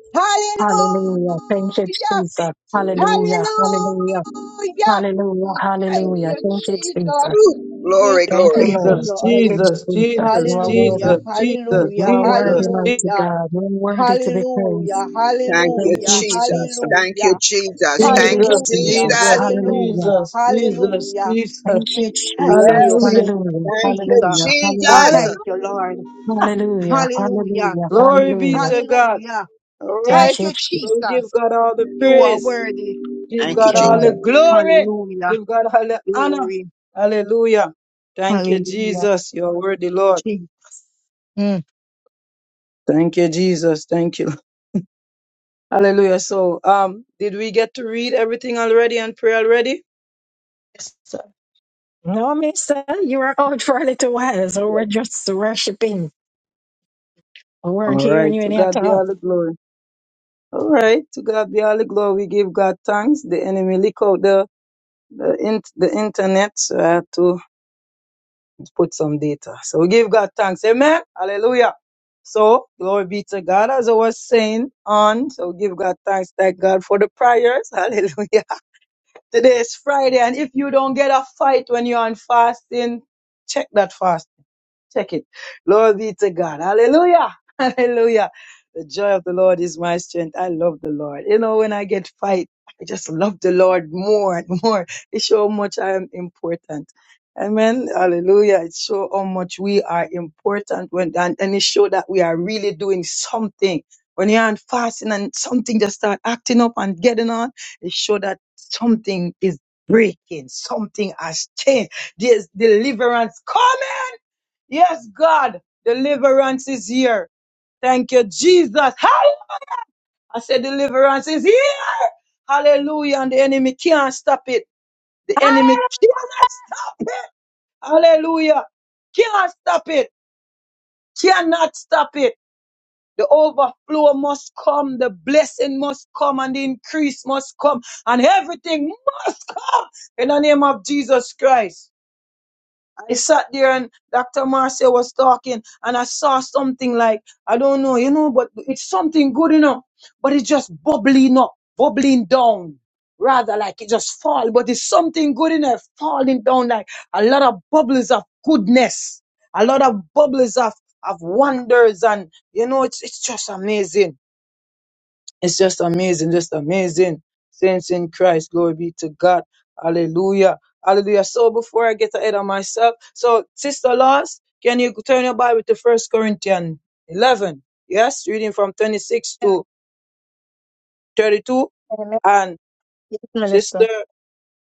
[SPEAKER 1] Hallelujah. Thank you,
[SPEAKER 3] Hallelujah!
[SPEAKER 1] Jesus. Hallelujah. Hallelujah.
[SPEAKER 3] Hallelujah!
[SPEAKER 1] Hallelujah.
[SPEAKER 3] We thank
[SPEAKER 1] Hallelujah.
[SPEAKER 3] you,
[SPEAKER 1] Thank you,
[SPEAKER 3] Jesus.
[SPEAKER 1] Jesus.
[SPEAKER 4] Ooh,
[SPEAKER 3] We
[SPEAKER 4] glory,
[SPEAKER 1] Thank
[SPEAKER 4] glory,
[SPEAKER 1] you,
[SPEAKER 3] thank you,
[SPEAKER 1] Lord.
[SPEAKER 2] Jesus,
[SPEAKER 1] Thank
[SPEAKER 3] Lord.
[SPEAKER 1] you,
[SPEAKER 2] Jesus,
[SPEAKER 1] Jesus. You
[SPEAKER 2] Jesus,
[SPEAKER 1] are worthy.
[SPEAKER 3] Hallelujah,
[SPEAKER 2] Jesus, Jesus,
[SPEAKER 1] You
[SPEAKER 3] hallelujah,
[SPEAKER 1] are worthy,
[SPEAKER 2] Jesus, Je-
[SPEAKER 1] mighty
[SPEAKER 3] hallelujah,
[SPEAKER 1] God. You are worthy to be praised.
[SPEAKER 3] hallelujah,
[SPEAKER 4] Thank you,
[SPEAKER 1] Thank
[SPEAKER 3] hallelujah,
[SPEAKER 1] you,
[SPEAKER 4] Jesus.
[SPEAKER 1] Jesus.
[SPEAKER 4] Thank
[SPEAKER 3] hallelujah,
[SPEAKER 4] you, Jesus.
[SPEAKER 1] Thank
[SPEAKER 4] Thank
[SPEAKER 1] you,
[SPEAKER 4] you,
[SPEAKER 2] Jesus,
[SPEAKER 3] hallelujah,
[SPEAKER 1] Jesus.
[SPEAKER 4] Jesus.
[SPEAKER 2] Jesus,
[SPEAKER 1] Hallelujah.
[SPEAKER 3] hallelujah,
[SPEAKER 2] Jesus, Jesus,
[SPEAKER 3] hallelujah.
[SPEAKER 2] Jesus.
[SPEAKER 1] Thank you,
[SPEAKER 3] We thank
[SPEAKER 1] Jesus.
[SPEAKER 3] you,
[SPEAKER 4] Yes.
[SPEAKER 2] Hallelujah.
[SPEAKER 1] Hallelujah.
[SPEAKER 4] Thank you,
[SPEAKER 3] Jesus.
[SPEAKER 1] Hallelujah. Hallelujah.
[SPEAKER 2] Hallelujah.
[SPEAKER 4] Jesus.
[SPEAKER 3] Thank you, Lord.
[SPEAKER 1] Hallelujah,
[SPEAKER 3] Hallelujah,
[SPEAKER 1] hallelujah,
[SPEAKER 2] Glory be
[SPEAKER 1] hallelujah.
[SPEAKER 2] to God.
[SPEAKER 3] hallelujah.
[SPEAKER 2] All
[SPEAKER 1] Thank
[SPEAKER 2] right.
[SPEAKER 3] Thank
[SPEAKER 1] you,
[SPEAKER 3] you,
[SPEAKER 1] Jesus.
[SPEAKER 2] So we
[SPEAKER 1] Thank
[SPEAKER 2] give
[SPEAKER 3] Jesus.
[SPEAKER 2] God all the
[SPEAKER 3] You are
[SPEAKER 2] praise.
[SPEAKER 3] worthy.
[SPEAKER 2] Give God
[SPEAKER 1] you,
[SPEAKER 2] all the
[SPEAKER 4] Jesus.
[SPEAKER 1] Lord.
[SPEAKER 2] glory.
[SPEAKER 3] Hallelujah,
[SPEAKER 2] Give God all the honor.
[SPEAKER 3] glory.
[SPEAKER 2] Hallelujah. Thank you,
[SPEAKER 3] Hallelujah,
[SPEAKER 2] Jesus. You are worthy, Lord.
[SPEAKER 3] Jesus. Mm.
[SPEAKER 2] Thank you, Jesus. Thank you. Hallelujah. So, um, did we get to read everything already and pray already?
[SPEAKER 3] Yes, sir.
[SPEAKER 1] No, mister, you were out for a little while, so we're just worshiping. We weren't
[SPEAKER 2] All
[SPEAKER 1] hearing
[SPEAKER 2] right.
[SPEAKER 1] you
[SPEAKER 2] To
[SPEAKER 1] any at
[SPEAKER 2] God be
[SPEAKER 1] all.
[SPEAKER 2] all the glory. All right. To God be all the glory. We give God thanks. The enemy leak out the the, in, the internet. So I had to put some data. So we give God thanks. Amen. Hallelujah. So glory be to God as I was saying on. So give God thanks, thank God for the prayers. Hallelujah. Today is Friday, and if you don't get a fight when you're on fasting, check that fast. Check it. Glory be to God. Hallelujah. Hallelujah. The joy of the Lord is my strength. I love the Lord. You know, when I get fight, I just love the Lord more and more. It shows how much I am important. Amen. Hallelujah. It shows how much we are important when, and, and it shows that we are really doing something. When you aren't fasting and something just start acting up and getting on, it shows that something is breaking. Something has changed. There's deliverance coming. Yes, God, deliverance is here. Thank you, Jesus. Hall- I said, deliverance is here. Hallelujah. And the enemy can't stop it. The enemy
[SPEAKER 1] Hallelujah.
[SPEAKER 2] cannot stop it. Hallelujah. Can't stop it. Cannot stop it. The overflow must come. The blessing must come and the increase must come and everything must come in the name of Jesus Christ. I sat there and Dr. Marcia was talking and I saw something like, I don't know, you know, but it's something good, you know, but it's just bubbling up, bubbling down. Rather like it just fall, but it's something good in there falling down like a lot of bubbles of goodness, a lot of bubbles of, of wonders. And you know, it's, it's just amazing. It's just amazing, just amazing. Saints in Christ, glory be to God. Hallelujah. Hallelujah. So before I get ahead of myself, so Sister Lars, can you turn your Bible to First Corinthians 11? Yes, reading from 26 to 32.
[SPEAKER 3] Amen.
[SPEAKER 2] And
[SPEAKER 3] Yes, Minister.
[SPEAKER 2] Sister,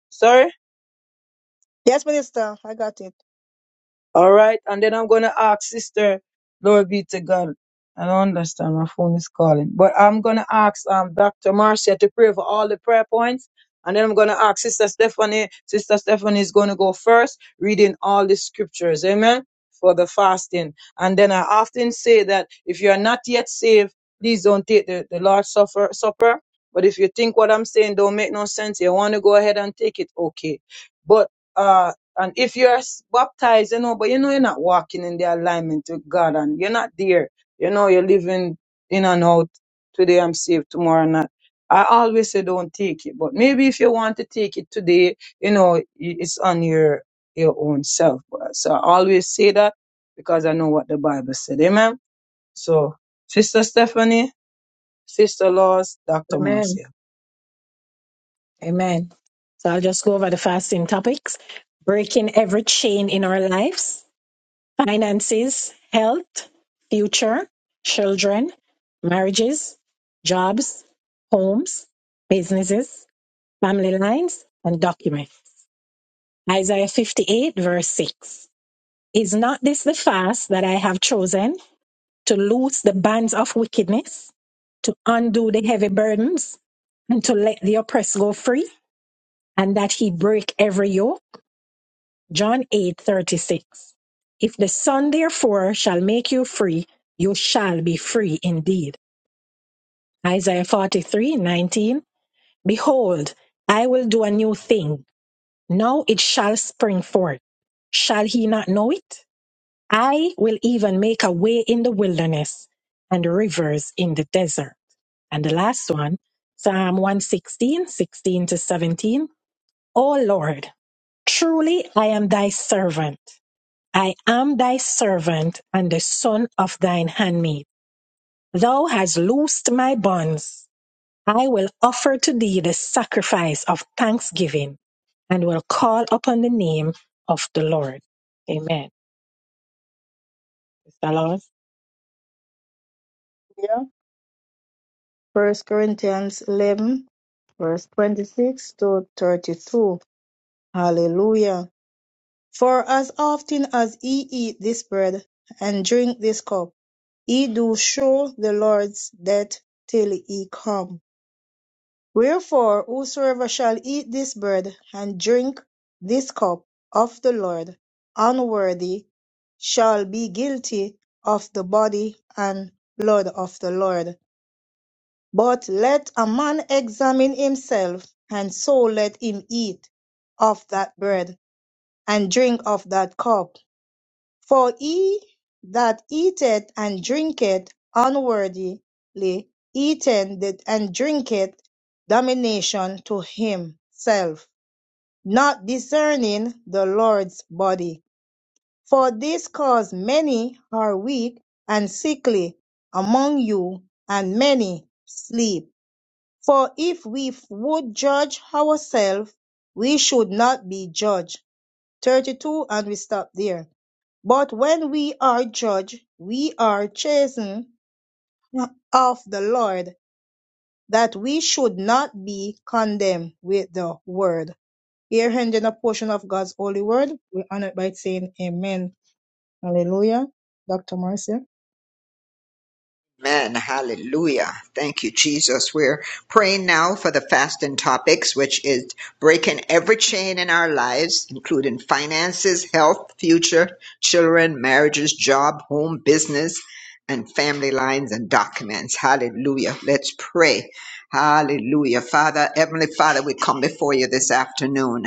[SPEAKER 2] sorry?
[SPEAKER 3] Yes, Minister. I got it.
[SPEAKER 2] All right. And then I'm going to ask sister, glory be to God. I don't understand. My phone is calling. But I'm going to ask um, Dr. Marcia to pray for all the prayer points. And then I'm going to ask Sister Stephanie. Sister Stephanie is going to go first, reading all the scriptures. Amen. For the fasting. And then I often say that if you are not yet saved, please don't take the, the Lord's supper, supper. But if you think what I'm saying don't make no sense, you want to go ahead and take it, okay. But uh, and if you're s- baptized, you know, but you know you're not walking in the alignment with God and you're not there. You know, you're living in and out. Today I'm saved, tomorrow not. I always say don't take it. But maybe if you want to take it today, you know, i- it's on your your own self. But- So I always say that because I know what the Bible said. Amen. So Sister Stephanie, Sister Laws, Dr.
[SPEAKER 1] Amen.
[SPEAKER 2] Marcia.
[SPEAKER 1] Amen. So I'll just go over the fasting topics. Breaking every chain in our lives, finances, health, future, children, marriages, jobs, homes, businesses, family lines, and documents. Isaiah 58, verse 6. Is not this the fast that I have chosen to loose the bands of wickedness, to undo the heavy burdens, and to let the oppressed go free, and that he break every yoke? John 8 36. If the Son therefore shall make you free, you shall be free indeed. Isaiah 43 19. Behold, I will do a new thing. Now it shall spring forth. Shall he not know it? I will even make a way in the wilderness and rivers in the desert. And the last one, Psalm one sixteen, sixteen to 17. O Lord, truly I am thy servant. I am thy servant and the son of thine handmaid. Thou hast loosed my bonds. I will offer to thee the sacrifice of thanksgiving and will call upon the name of the Lord. Amen. Mr. Lord.
[SPEAKER 3] Yeah. First Corinthians eleven verse twenty six to thirty two. Hallelujah. For as often as ye eat this bread and drink this cup, ye do show the Lord's death till he come. Wherefore whosoever shall eat this bread and drink this cup of the Lord unworthy shall be guilty of the body and blood of the Lord. But let a man examine himself, and so let him eat of that bread and drink of that cup. For he that eateth and drinketh unworthily eateth and drinketh damnation to himself, not discerning the Lord's body. For this cause many are weak and sickly among you, and many sleep. For if we would judge ourselves, we should not be judged. 32, and we stop there. But when we are judged, we are chastened of the Lord, that we should not be condemned with the world. Here ending a portion of God's holy word. We honor it by saying amen. Hallelujah. Dr. Marcia.
[SPEAKER 4] Amen. Hallelujah. Thank you, Jesus. We're praying now for the fasting topics, which is breaking every chain in our lives, including finances, health, future, children, marriages, job, home, business and family lines and documents. Hallelujah. Let's pray. Hallelujah. Father, Heavenly Father, we come before you this afternoon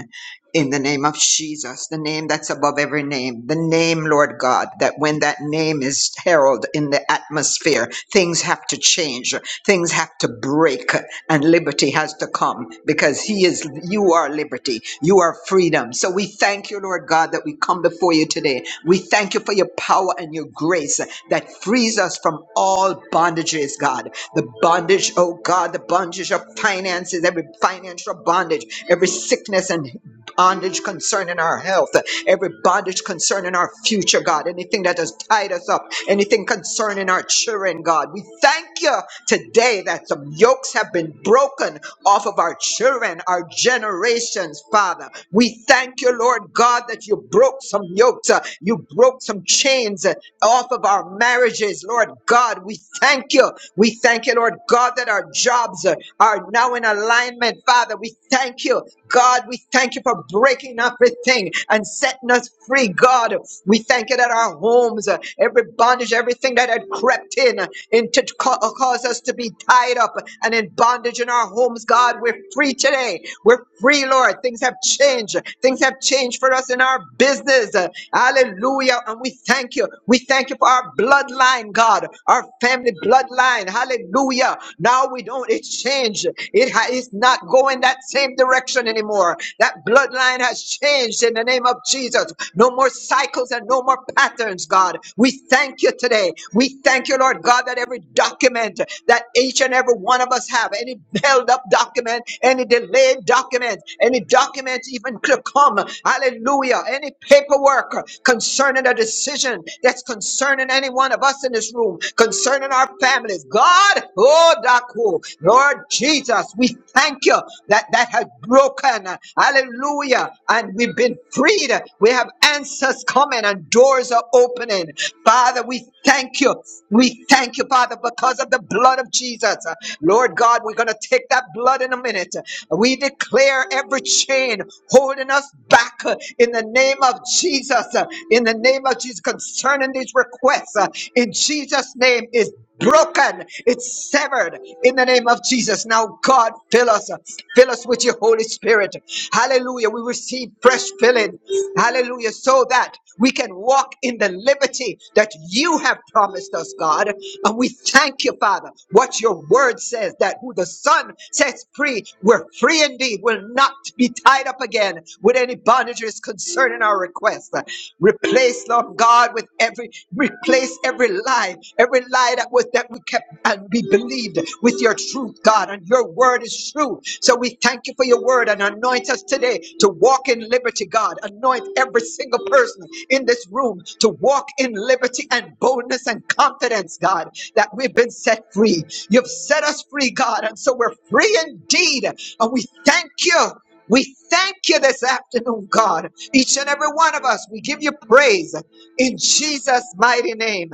[SPEAKER 4] in the name of Jesus, the name that's above every name, the name, Lord God, that when that name is heralded in the atmosphere, things have to change. Things have to break and liberty has to come because He is, you are liberty, you are freedom. So we thank you, Lord God, that we come before you today. We thank you for your power and your grace that frees us from all bondages, God. The bondage, oh God, the bondage of finances, every financial bondage, every sickness and bondage concerning our health, every bondage concerning our future, God, anything that has tied us up, anything concerning our children, God. We thank you today that some yokes have been broken off of our children, our generations, Father. We thank you, Lord God, that you broke some yokes, uh, you broke some chains uh, off of our marriages, Lord God. We thank you. We thank you, Lord God, that our jobs uh, are now in alignment, Father. We thank you, God. We thank you for breaking everything and setting us free, God. We thank you that our homes, uh, every bondage, everything that had crept in, uh, into to ca- uh, cause us to be tied up and in bondage in our homes, God, we're free today. We're free, Lord. Things have changed. Things have changed for us in our business. Uh, Hallelujah. And we thank you. We thank you for our bloodline bloodline, God, our family bloodline. Hallelujah. Now we don't, it's changed. It ha- it's not going that same direction anymore. That bloodline has changed in the name of Jesus. No more cycles and no more patterns, God. We thank you today. We thank you, Lord God, that every document that each and every one of us have, any held up document, any delayed document, any document even to come, hallelujah, any paperwork concerning a decision that's concerned concerning any one of us in this room, concerning our families. God, oh, Daku, Lord Jesus, we thank you that that has broken. Hallelujah. And we've been freed. We have answers coming and doors are opening. Father, we thank you. We thank you, Father, because of the blood of Jesus. Lord God, we're going to take that blood in a minute. We declare every chain holding us back uh, in the name of Jesus. uh, In the name of Jesus, concerning these requests uh, in Jesus' name is broken. It's severed in the name of Jesus. Now, God, fill us. uh, Fill us with your Holy Spirit. Hallelujah. We receive fresh filling. Hallelujah. So that we can walk in the liberty that you have promised us, God. And we thank you, Father, what your word says that who the Son sets free, we're free indeed. We'll not be tied up again with any bondages concerning our requests. Replace, Lord God, with every replace every lie, every lie that was that we kept and we believed with your truth, God, and your word is true. So we thank you for your word and anoint us today to walk in liberty, God. Anoint every single person in this room to walk in liberty and boldness and confidence, God, that we've been set free. You've set us free, God, and so we're free indeed. And we thank you. We thank you this afternoon, God. Each and every one of us, we give you praise in Jesus' mighty name.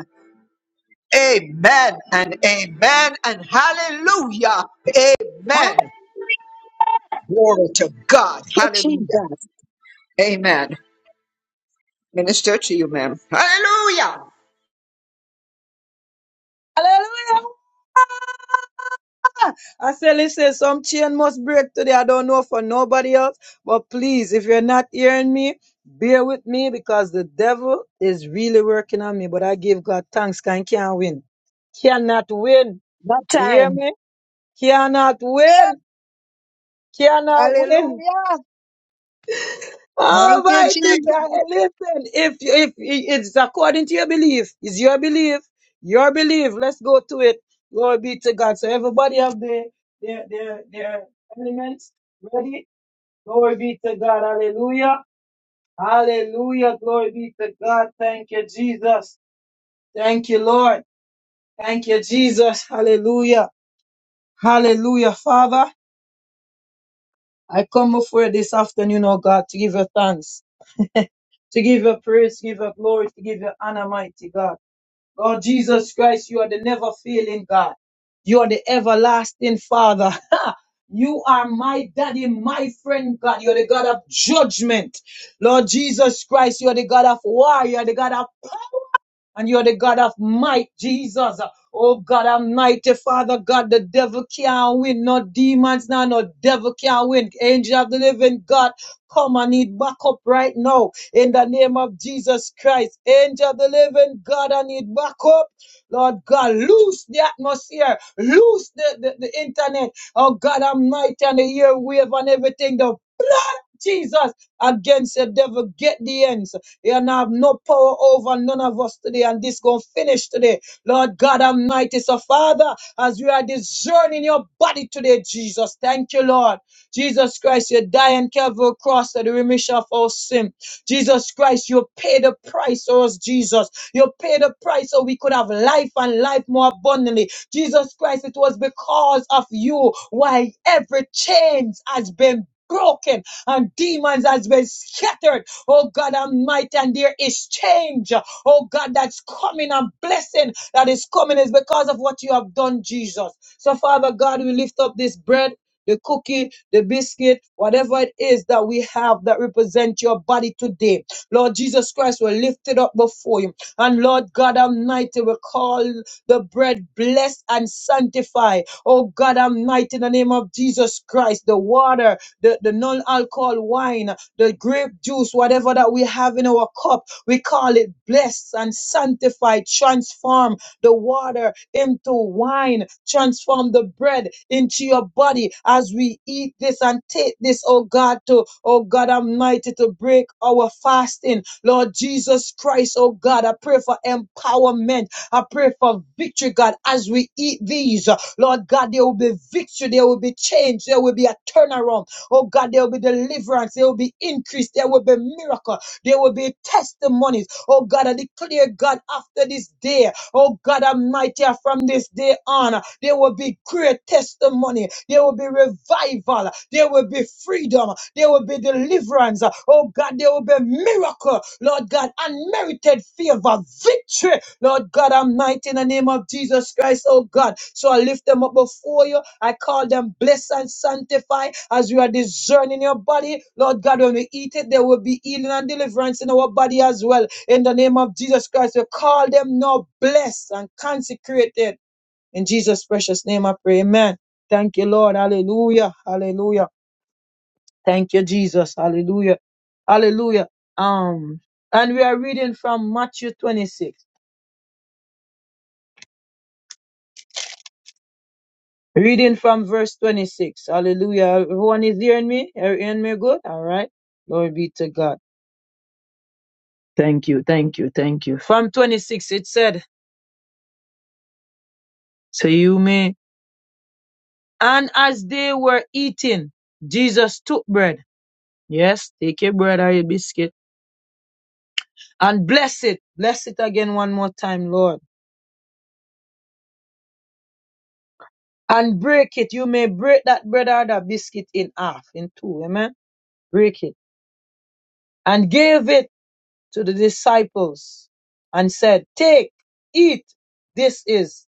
[SPEAKER 4] Amen and amen and hallelujah.
[SPEAKER 1] Thank
[SPEAKER 4] Amen. Glory to God.
[SPEAKER 1] you,
[SPEAKER 4] Hallelujah.
[SPEAKER 1] Jesus.
[SPEAKER 4] Amen. Minister to you, ma'am. Hallelujah.
[SPEAKER 2] Hallelujah. I say, listen, some chain must break today. I don't know for nobody else. But please, if you're not hearing me, bear with me because the devil is really working on me. But I give God thanks. Can can't win. Cannot win.
[SPEAKER 1] What
[SPEAKER 2] You hear
[SPEAKER 1] time?
[SPEAKER 2] me? Cannot win. Cannot win.
[SPEAKER 3] Hallelujah. Thank you,
[SPEAKER 2] Almighty
[SPEAKER 3] Jesus.
[SPEAKER 2] God, listen. If if it's according to your belief, it's your belief. Your belief. Let's go to it. Glory be to God. So everybody have their their their, their elements ready. Glory be to God. Hallelujah. Hallelujah. Glory be to God. Thank you, Jesus. Thank you, Lord. Thank you, Jesus. Hallelujah. Hallelujah. Father, I come before you this afternoon, oh God, to give you thanks, to give you praise, to give you glory, to give you honor, mighty God. Lord Jesus Christ, you are the never failing God. You are the everlasting Father. You are my daddy, my friend, God. You're the God of judgment. Lord Jesus Christ, you're the God of war. You're the God of and you're the God of might, Jesus. Oh God Almighty, Father God, the devil can't win. No demons now, no devil can't win. Angel of the living God, come and need backup right now. In the name of Jesus Christ, angel of the living God, I need backup. Lord God, loose the atmosphere, loose the, the, the internet. Oh God Almighty, and the airwave and everything. The blood, Jesus against the devil. Get the ends. He and have no power over none of us today. And this gonna finish today. Lord God Almighty. So Father, as we are discerning your body today, Jesus. Thank you, Lord. Jesus Christ, you die on Calvary cross for the remission of our sin. Jesus Christ, you pay the price for us, Jesus. You pay the price so we could have life and life more abundantly. Jesus Christ, it was because of you why every chains has been broken and demons has been scattered. Oh God Almighty, and there is change. Oh God, that's coming and blessing that is coming is because of what you have done, Jesus. So Father God, we lift up this bread. The cookie, the biscuit, whatever it is that we have that represent your body today. Lord Jesus Christ, we lift it up before you. And Lord God Almighty, we call the bread blessed and sanctified. Oh God Almighty, in the name of Jesus Christ, the water the, the non-alcohol wine, the grape juice, whatever that we have in our cup. We call it blessed and sanctified, transform the water into wine, transform the bread into your body as we eat this and take this, oh God, to, oh God Almighty, to break our fasting. Lord Jesus Christ, oh God, I pray for empowerment. I pray for victory, God, as we eat these. Lord God, there will be victory, there will be change, there will be a turnaround Oh God, there will be deliverance. There will be increase. There will be miracle. There will be testimonies. Oh God, I declare, God, after this day, oh God Almighty, from this day on, there will be great testimony. There will be revival. There will be freedom. There will be deliverance. Oh God, there will be miracle. Lord God, unmerited favor, victory. Lord. Lord God Almighty, in the name of Jesus Christ, oh God. So I lift them up before you. I call them blessed and sanctified as we are discerning your body. Lord God, when we eat it, there will be healing and deliverance in our body as well. In the name of Jesus Christ, we call them now blessed and consecrated. In Jesus' precious name, I pray. Amen. Thank you, Lord. Hallelujah. Hallelujah. Thank you, Jesus. Hallelujah. Hallelujah. Um, and we are reading from Matthew 26. Reading from verse 26. Hallelujah. Everyone is hearing me? Are you Hearing me good? All right. Glory be to God. Thank you. Thank you. Thank you. From 26, it said, So you may. And as they were eating, Jesus took bread. Yes, take your bread or your biscuit and bless it. Bless it again one more time, Lord. And break it. You may break that bread or that biscuit in half, in two. Amen. Break it. And gave it to the disciples and said, Take, eat. This is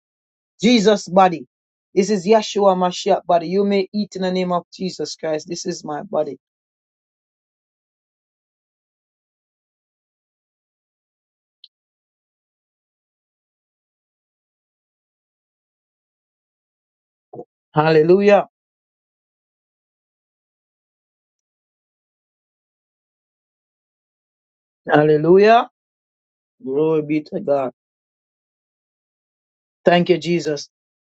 [SPEAKER 2] Jesus' body. This is Yeshua Mashiach body. You may eat in the name of Jesus Christ. This is my body. Hallelujah. Hallelujah. Glory be to God. Thank you, Jesus.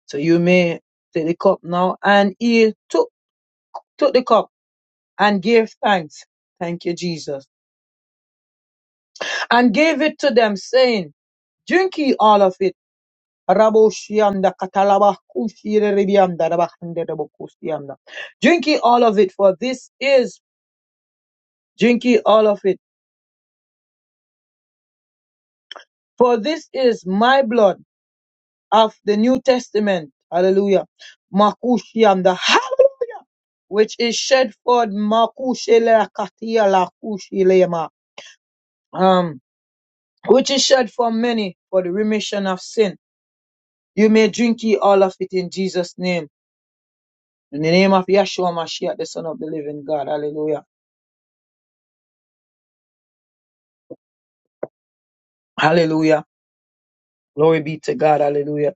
[SPEAKER 2] So you may take the cup now. And he took, took the cup and gave thanks. Thank you, Jesus. And gave it to them, saying, Drink ye all of it. Raboshianda katalaba kushire ribianda rabahande rabokusianda. Drinking all of it, for this is drink ye all of it, for this is my blood of the New Testament. Hallelujah. Makushianda. Hallelujah. Which is shed for makushele katia la kushilema. Um, which is shed for many for the remission of sin. You may drink ye all of it in Jesus' name. In the name of Yeshua Mashiach, the Son of the Living God. Hallelujah. Hallelujah. Glory be to God. Hallelujah.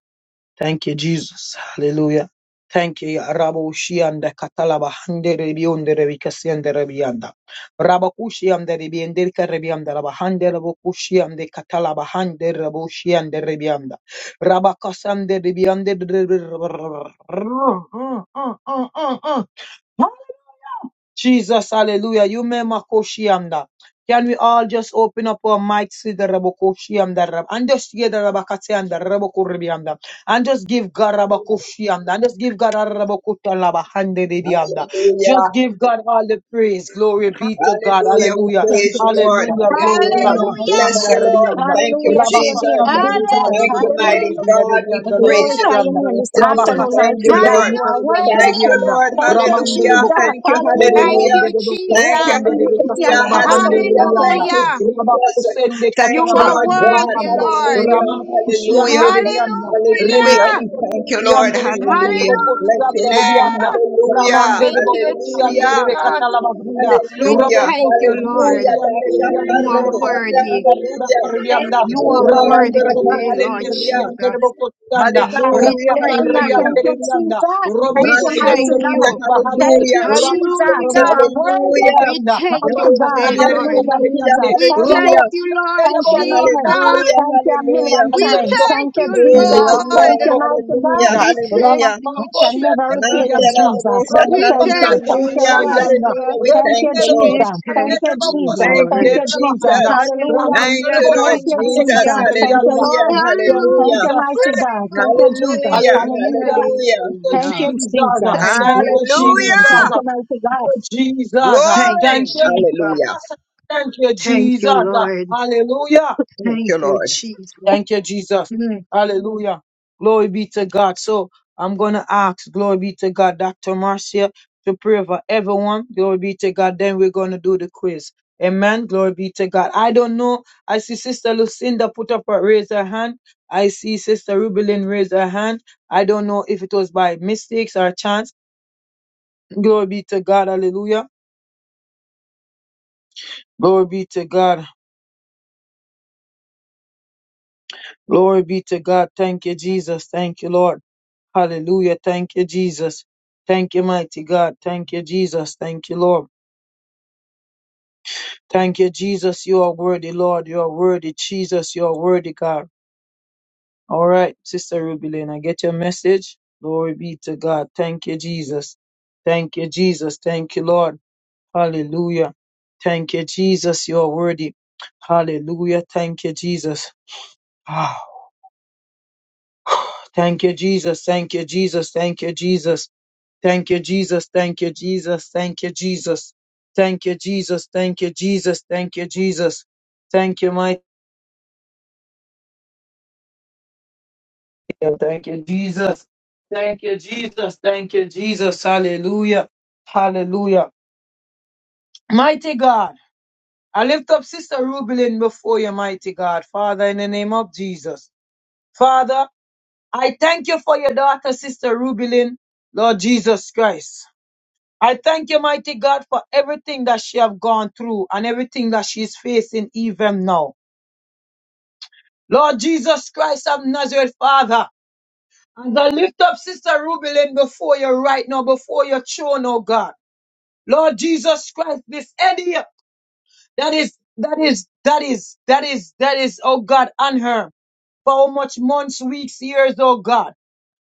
[SPEAKER 2] Thank you, Jesus. Hallelujah. Thank you, Ya Rabo Shianda Katalaba Handere Bionde Rebikasianda Rebianda. Rabacushianda Rebiende Rebianda Rabahande Rabocushiande Katalaba Hande Raboshiande Rebianda. Rabacasande Rebiande. Jesus, hallelujah. You may makoshianda. Can we all just open up our mics with the rabokoshianda rab and just get the rabakate and rabakatianda rabokuribianda and just give God rabakoshianda and just give God rabokutalaba hande dianda.
[SPEAKER 4] Hallelujah.
[SPEAKER 2] Just give God all the praise. Glory be to God.
[SPEAKER 4] Hallelujah. We
[SPEAKER 2] Hallelujah.
[SPEAKER 1] Hallelujah,
[SPEAKER 4] praise you, Lord.
[SPEAKER 2] Hallelujah. Glory.
[SPEAKER 4] Hallelujah. We
[SPEAKER 1] mighty
[SPEAKER 4] bless
[SPEAKER 2] Ramakhianda
[SPEAKER 4] you,
[SPEAKER 1] God.
[SPEAKER 3] Hallelujah.
[SPEAKER 4] Lord.
[SPEAKER 2] rianda.
[SPEAKER 4] Thank you,
[SPEAKER 1] Hallelujah to your
[SPEAKER 4] Jesus.
[SPEAKER 1] name,
[SPEAKER 2] Rabakasanda
[SPEAKER 1] Jesus.
[SPEAKER 3] Hallelujah!
[SPEAKER 2] rianda
[SPEAKER 4] Thank you, mighty
[SPEAKER 1] Hallelujah.
[SPEAKER 2] rabokuribianda
[SPEAKER 4] God. We
[SPEAKER 1] We
[SPEAKER 2] rianda
[SPEAKER 4] praise you
[SPEAKER 1] glorify
[SPEAKER 4] this
[SPEAKER 1] your
[SPEAKER 2] rabokoshianda.
[SPEAKER 1] name this
[SPEAKER 4] afternoon.
[SPEAKER 1] afternoon,
[SPEAKER 4] Thank
[SPEAKER 2] Rabakasanda
[SPEAKER 4] you,
[SPEAKER 1] mighty God.
[SPEAKER 4] Lord.
[SPEAKER 1] You are
[SPEAKER 2] rianda rianda
[SPEAKER 3] Hallelujah!
[SPEAKER 1] worthy.
[SPEAKER 4] Thank you,
[SPEAKER 2] rianda.
[SPEAKER 4] Lord.
[SPEAKER 1] Thank you,
[SPEAKER 4] Hallelujah.
[SPEAKER 1] Jesus.
[SPEAKER 2] Ramande
[SPEAKER 4] Thank you,
[SPEAKER 1] Hallelujah.
[SPEAKER 3] Thank
[SPEAKER 4] hallelujah.
[SPEAKER 3] you,
[SPEAKER 4] Thank
[SPEAKER 2] Ramande
[SPEAKER 1] Great
[SPEAKER 4] you,
[SPEAKER 3] Jesus.
[SPEAKER 1] and mighty and
[SPEAKER 4] hallelujah,
[SPEAKER 1] awesome
[SPEAKER 4] hallelujah.
[SPEAKER 1] God.
[SPEAKER 4] Thank
[SPEAKER 1] Thank
[SPEAKER 4] you,
[SPEAKER 3] Hallelujah!
[SPEAKER 4] Jesus. Thank
[SPEAKER 3] You
[SPEAKER 4] you,
[SPEAKER 1] you,
[SPEAKER 3] are
[SPEAKER 4] Lord God.
[SPEAKER 3] worthy, Lord.
[SPEAKER 4] Hallelujah, hallelujah, hallelujah. We
[SPEAKER 3] Hallelujah!
[SPEAKER 4] thank you, Lord. Hallelujah.
[SPEAKER 3] Hallelujah!
[SPEAKER 4] Bless your name. Hallelujah,
[SPEAKER 3] Thank you,
[SPEAKER 4] hallelujah.
[SPEAKER 3] Jesus. We
[SPEAKER 4] Hallelujah,
[SPEAKER 3] thank you,
[SPEAKER 4] hallelujah,
[SPEAKER 3] Lord. You are
[SPEAKER 4] hallelujah,
[SPEAKER 3] worthy.
[SPEAKER 4] hallelujah.
[SPEAKER 1] thank you,
[SPEAKER 3] You are
[SPEAKER 1] Jesus.
[SPEAKER 4] Ora
[SPEAKER 2] Raman
[SPEAKER 3] worthy
[SPEAKER 1] Thank you,
[SPEAKER 4] kata,
[SPEAKER 3] today, Lord
[SPEAKER 4] Hallelujah,
[SPEAKER 2] Ramande
[SPEAKER 3] Jesus.
[SPEAKER 2] Raman
[SPEAKER 1] God.
[SPEAKER 3] We
[SPEAKER 4] hallelujah,
[SPEAKER 3] thank
[SPEAKER 1] Hallelujah.
[SPEAKER 3] you.
[SPEAKER 4] hallelujah,
[SPEAKER 1] Thank you,
[SPEAKER 2] Rapaparrianderianda,
[SPEAKER 1] Jesus. Thank
[SPEAKER 3] We
[SPEAKER 1] you,
[SPEAKER 2] Robocosende
[SPEAKER 1] mighty
[SPEAKER 3] thank
[SPEAKER 4] hallelujah, hallelujah,
[SPEAKER 1] God.
[SPEAKER 3] you.
[SPEAKER 2] Catabahande,
[SPEAKER 1] Thank
[SPEAKER 4] hallelujah.
[SPEAKER 1] you,
[SPEAKER 2] Rabande
[SPEAKER 1] Jesus. You
[SPEAKER 3] Hallelujah!
[SPEAKER 1] are worthy.
[SPEAKER 4] Hallelujah,
[SPEAKER 3] We
[SPEAKER 2] Robocosanderianda,
[SPEAKER 3] thank you
[SPEAKER 1] Mighty God,
[SPEAKER 3] today,
[SPEAKER 4] hallelujah,
[SPEAKER 2] Rapatandere
[SPEAKER 3] Lord.
[SPEAKER 1] hallelujah, Jesus.
[SPEAKER 2] Catariande,
[SPEAKER 3] We
[SPEAKER 1] Thank you.
[SPEAKER 4] hallelujah,
[SPEAKER 3] thank you,
[SPEAKER 2] Robotia
[SPEAKER 3] Lord
[SPEAKER 1] Thank you, Lord.
[SPEAKER 2] Debostiana,
[SPEAKER 3] Jesus.
[SPEAKER 4] hallelujah,
[SPEAKER 1] Thank you a million
[SPEAKER 2] and
[SPEAKER 3] We
[SPEAKER 1] times.
[SPEAKER 2] the
[SPEAKER 3] thank
[SPEAKER 1] Thank you,
[SPEAKER 3] you,
[SPEAKER 4] Glory
[SPEAKER 1] Jesus.
[SPEAKER 4] to
[SPEAKER 1] Thank
[SPEAKER 4] God,
[SPEAKER 1] you,
[SPEAKER 3] Lord.
[SPEAKER 1] mighty
[SPEAKER 4] hallelujah,
[SPEAKER 1] God.
[SPEAKER 2] Robocosanda,
[SPEAKER 3] We thank
[SPEAKER 4] hallelujah.
[SPEAKER 1] I
[SPEAKER 3] you,
[SPEAKER 1] can never
[SPEAKER 2] Ramacosende
[SPEAKER 1] repay
[SPEAKER 3] Jesus.
[SPEAKER 1] you,
[SPEAKER 4] Mandela
[SPEAKER 2] Rianda,
[SPEAKER 1] Jesus,
[SPEAKER 4] the
[SPEAKER 1] but
[SPEAKER 4] Bosa,
[SPEAKER 1] I
[SPEAKER 3] We
[SPEAKER 1] thank you.
[SPEAKER 3] thank
[SPEAKER 2] Robocosanda
[SPEAKER 1] Thank
[SPEAKER 3] you,
[SPEAKER 1] you,
[SPEAKER 4] Hallelujah,
[SPEAKER 1] Lord.
[SPEAKER 2] Catarianda,
[SPEAKER 4] hallelujah.
[SPEAKER 3] Jesus.
[SPEAKER 4] We
[SPEAKER 1] Thank
[SPEAKER 4] thank
[SPEAKER 1] you,
[SPEAKER 4] you,
[SPEAKER 2] Rebende
[SPEAKER 4] Lord.
[SPEAKER 3] We
[SPEAKER 1] Jesus.
[SPEAKER 2] Robocosande
[SPEAKER 1] Thank
[SPEAKER 3] thank
[SPEAKER 1] you,
[SPEAKER 3] you,
[SPEAKER 1] Jesus.
[SPEAKER 4] Thank
[SPEAKER 3] Lord.
[SPEAKER 1] Thank
[SPEAKER 4] you,
[SPEAKER 2] Robocosande
[SPEAKER 1] you, Jesus.
[SPEAKER 4] Jesus.
[SPEAKER 2] Rabahanda,
[SPEAKER 1] Hallelujah.
[SPEAKER 2] Ramande
[SPEAKER 4] Thank
[SPEAKER 3] Hallelujah,
[SPEAKER 4] you,
[SPEAKER 1] Thank
[SPEAKER 4] Lord
[SPEAKER 1] you,
[SPEAKER 2] Robocosande
[SPEAKER 4] Jesus.
[SPEAKER 3] hallelujah,
[SPEAKER 1] Jesus. Thank you,
[SPEAKER 2] Catarianda.
[SPEAKER 4] Hallelujah.
[SPEAKER 1] Lord.
[SPEAKER 3] hallelujah,
[SPEAKER 2] From
[SPEAKER 1] Thank
[SPEAKER 4] Hallelujah.
[SPEAKER 1] you,
[SPEAKER 2] Jesus.
[SPEAKER 1] mighty God. Thank you,
[SPEAKER 3] hallelujah,
[SPEAKER 1] Jesus.
[SPEAKER 4] Hallelujah.
[SPEAKER 2] Hallelujah.
[SPEAKER 1] Hallelujah.
[SPEAKER 3] hallelujah.
[SPEAKER 4] Hallelujah.
[SPEAKER 2] Thank you,
[SPEAKER 1] Thank
[SPEAKER 3] hallelujah.
[SPEAKER 1] you,
[SPEAKER 2] Jesus.
[SPEAKER 1] Jesus.
[SPEAKER 3] Thank
[SPEAKER 2] Thank
[SPEAKER 3] you,
[SPEAKER 1] Glory
[SPEAKER 2] you,
[SPEAKER 4] Hallelujah.
[SPEAKER 1] to your name.
[SPEAKER 2] Jesus.
[SPEAKER 1] Thank
[SPEAKER 3] Jesus.
[SPEAKER 1] you, mighty God.
[SPEAKER 2] Thank you, Jesus.
[SPEAKER 3] Thank
[SPEAKER 4] Glory.
[SPEAKER 3] you,
[SPEAKER 2] Thank you,
[SPEAKER 4] Hallelujah.
[SPEAKER 3] Jesus.
[SPEAKER 2] Jesus. Thank you,
[SPEAKER 3] Thank you,
[SPEAKER 2] Jesus.
[SPEAKER 3] Lord.
[SPEAKER 2] Hallelujah.
[SPEAKER 4] Thank
[SPEAKER 3] Thank
[SPEAKER 4] you,
[SPEAKER 3] you,
[SPEAKER 4] Lord.
[SPEAKER 3] Jesus.
[SPEAKER 2] Thank you, Jesus.
[SPEAKER 3] Mm.
[SPEAKER 2] Hallelujah. Glory be to God. So I'm going to ask, glory be to God, Dr. Marcia to pray for everyone. Glory be to God. Then we're going to do the quiz. Amen. Glory be to God. I don't know. I see Sister Lucinda put up her raise her hand. I see Sister Rubelin raise her hand. I don't know if it was by mistakes or chance. Glory be to God. Hallelujah. Glory be to God. Glory be to God. Thank you, Jesus. Thank you, Lord. Hallelujah. Thank you, Jesus. Thank you, mighty God. Thank you, Jesus. Thank you, Lord. Thank you, Jesus. You are worthy, Lord. You are worthy, Jesus. You are worthy, God. All right, Sister Ruby Lane, I get your message. Glory be to God. Thank you, Jesus. Thank you, Jesus. Thank you, Lord. Hallelujah. Thank you, Jesus. You are worthy. Hallelujah. Thank you, Jesus. Ah, thank you, Jesus. Thank you, Jesus. Thank you, Jesus. Thank you, Jesus. Thank you, Jesus. Thank you, Jesus. Thank you, Jesus. Thank you, Jesus. Thank you, Jesus. Thank you, mighty. God. Thank you, Jesus. Thank you, Jesus. Thank you, Jesus. Hallelujah. Hallelujah. Mighty God, I lift up Sister Rubilin before you, mighty God. Father, in the name of Jesus. Father, I thank you for your daughter, Sister Rubilin, Lord Jesus Christ. I thank you, mighty God, for everything that she have gone through and everything that she's facing even now. Lord Jesus Christ of Nazareth, Father, and I lift up Sister Ruby Lynn before you right now, before your throne, oh God. Lord Jesus Christ, this idiot that is, that is, that is, that is, that is, oh God, on her. For how much months, weeks, years, oh God.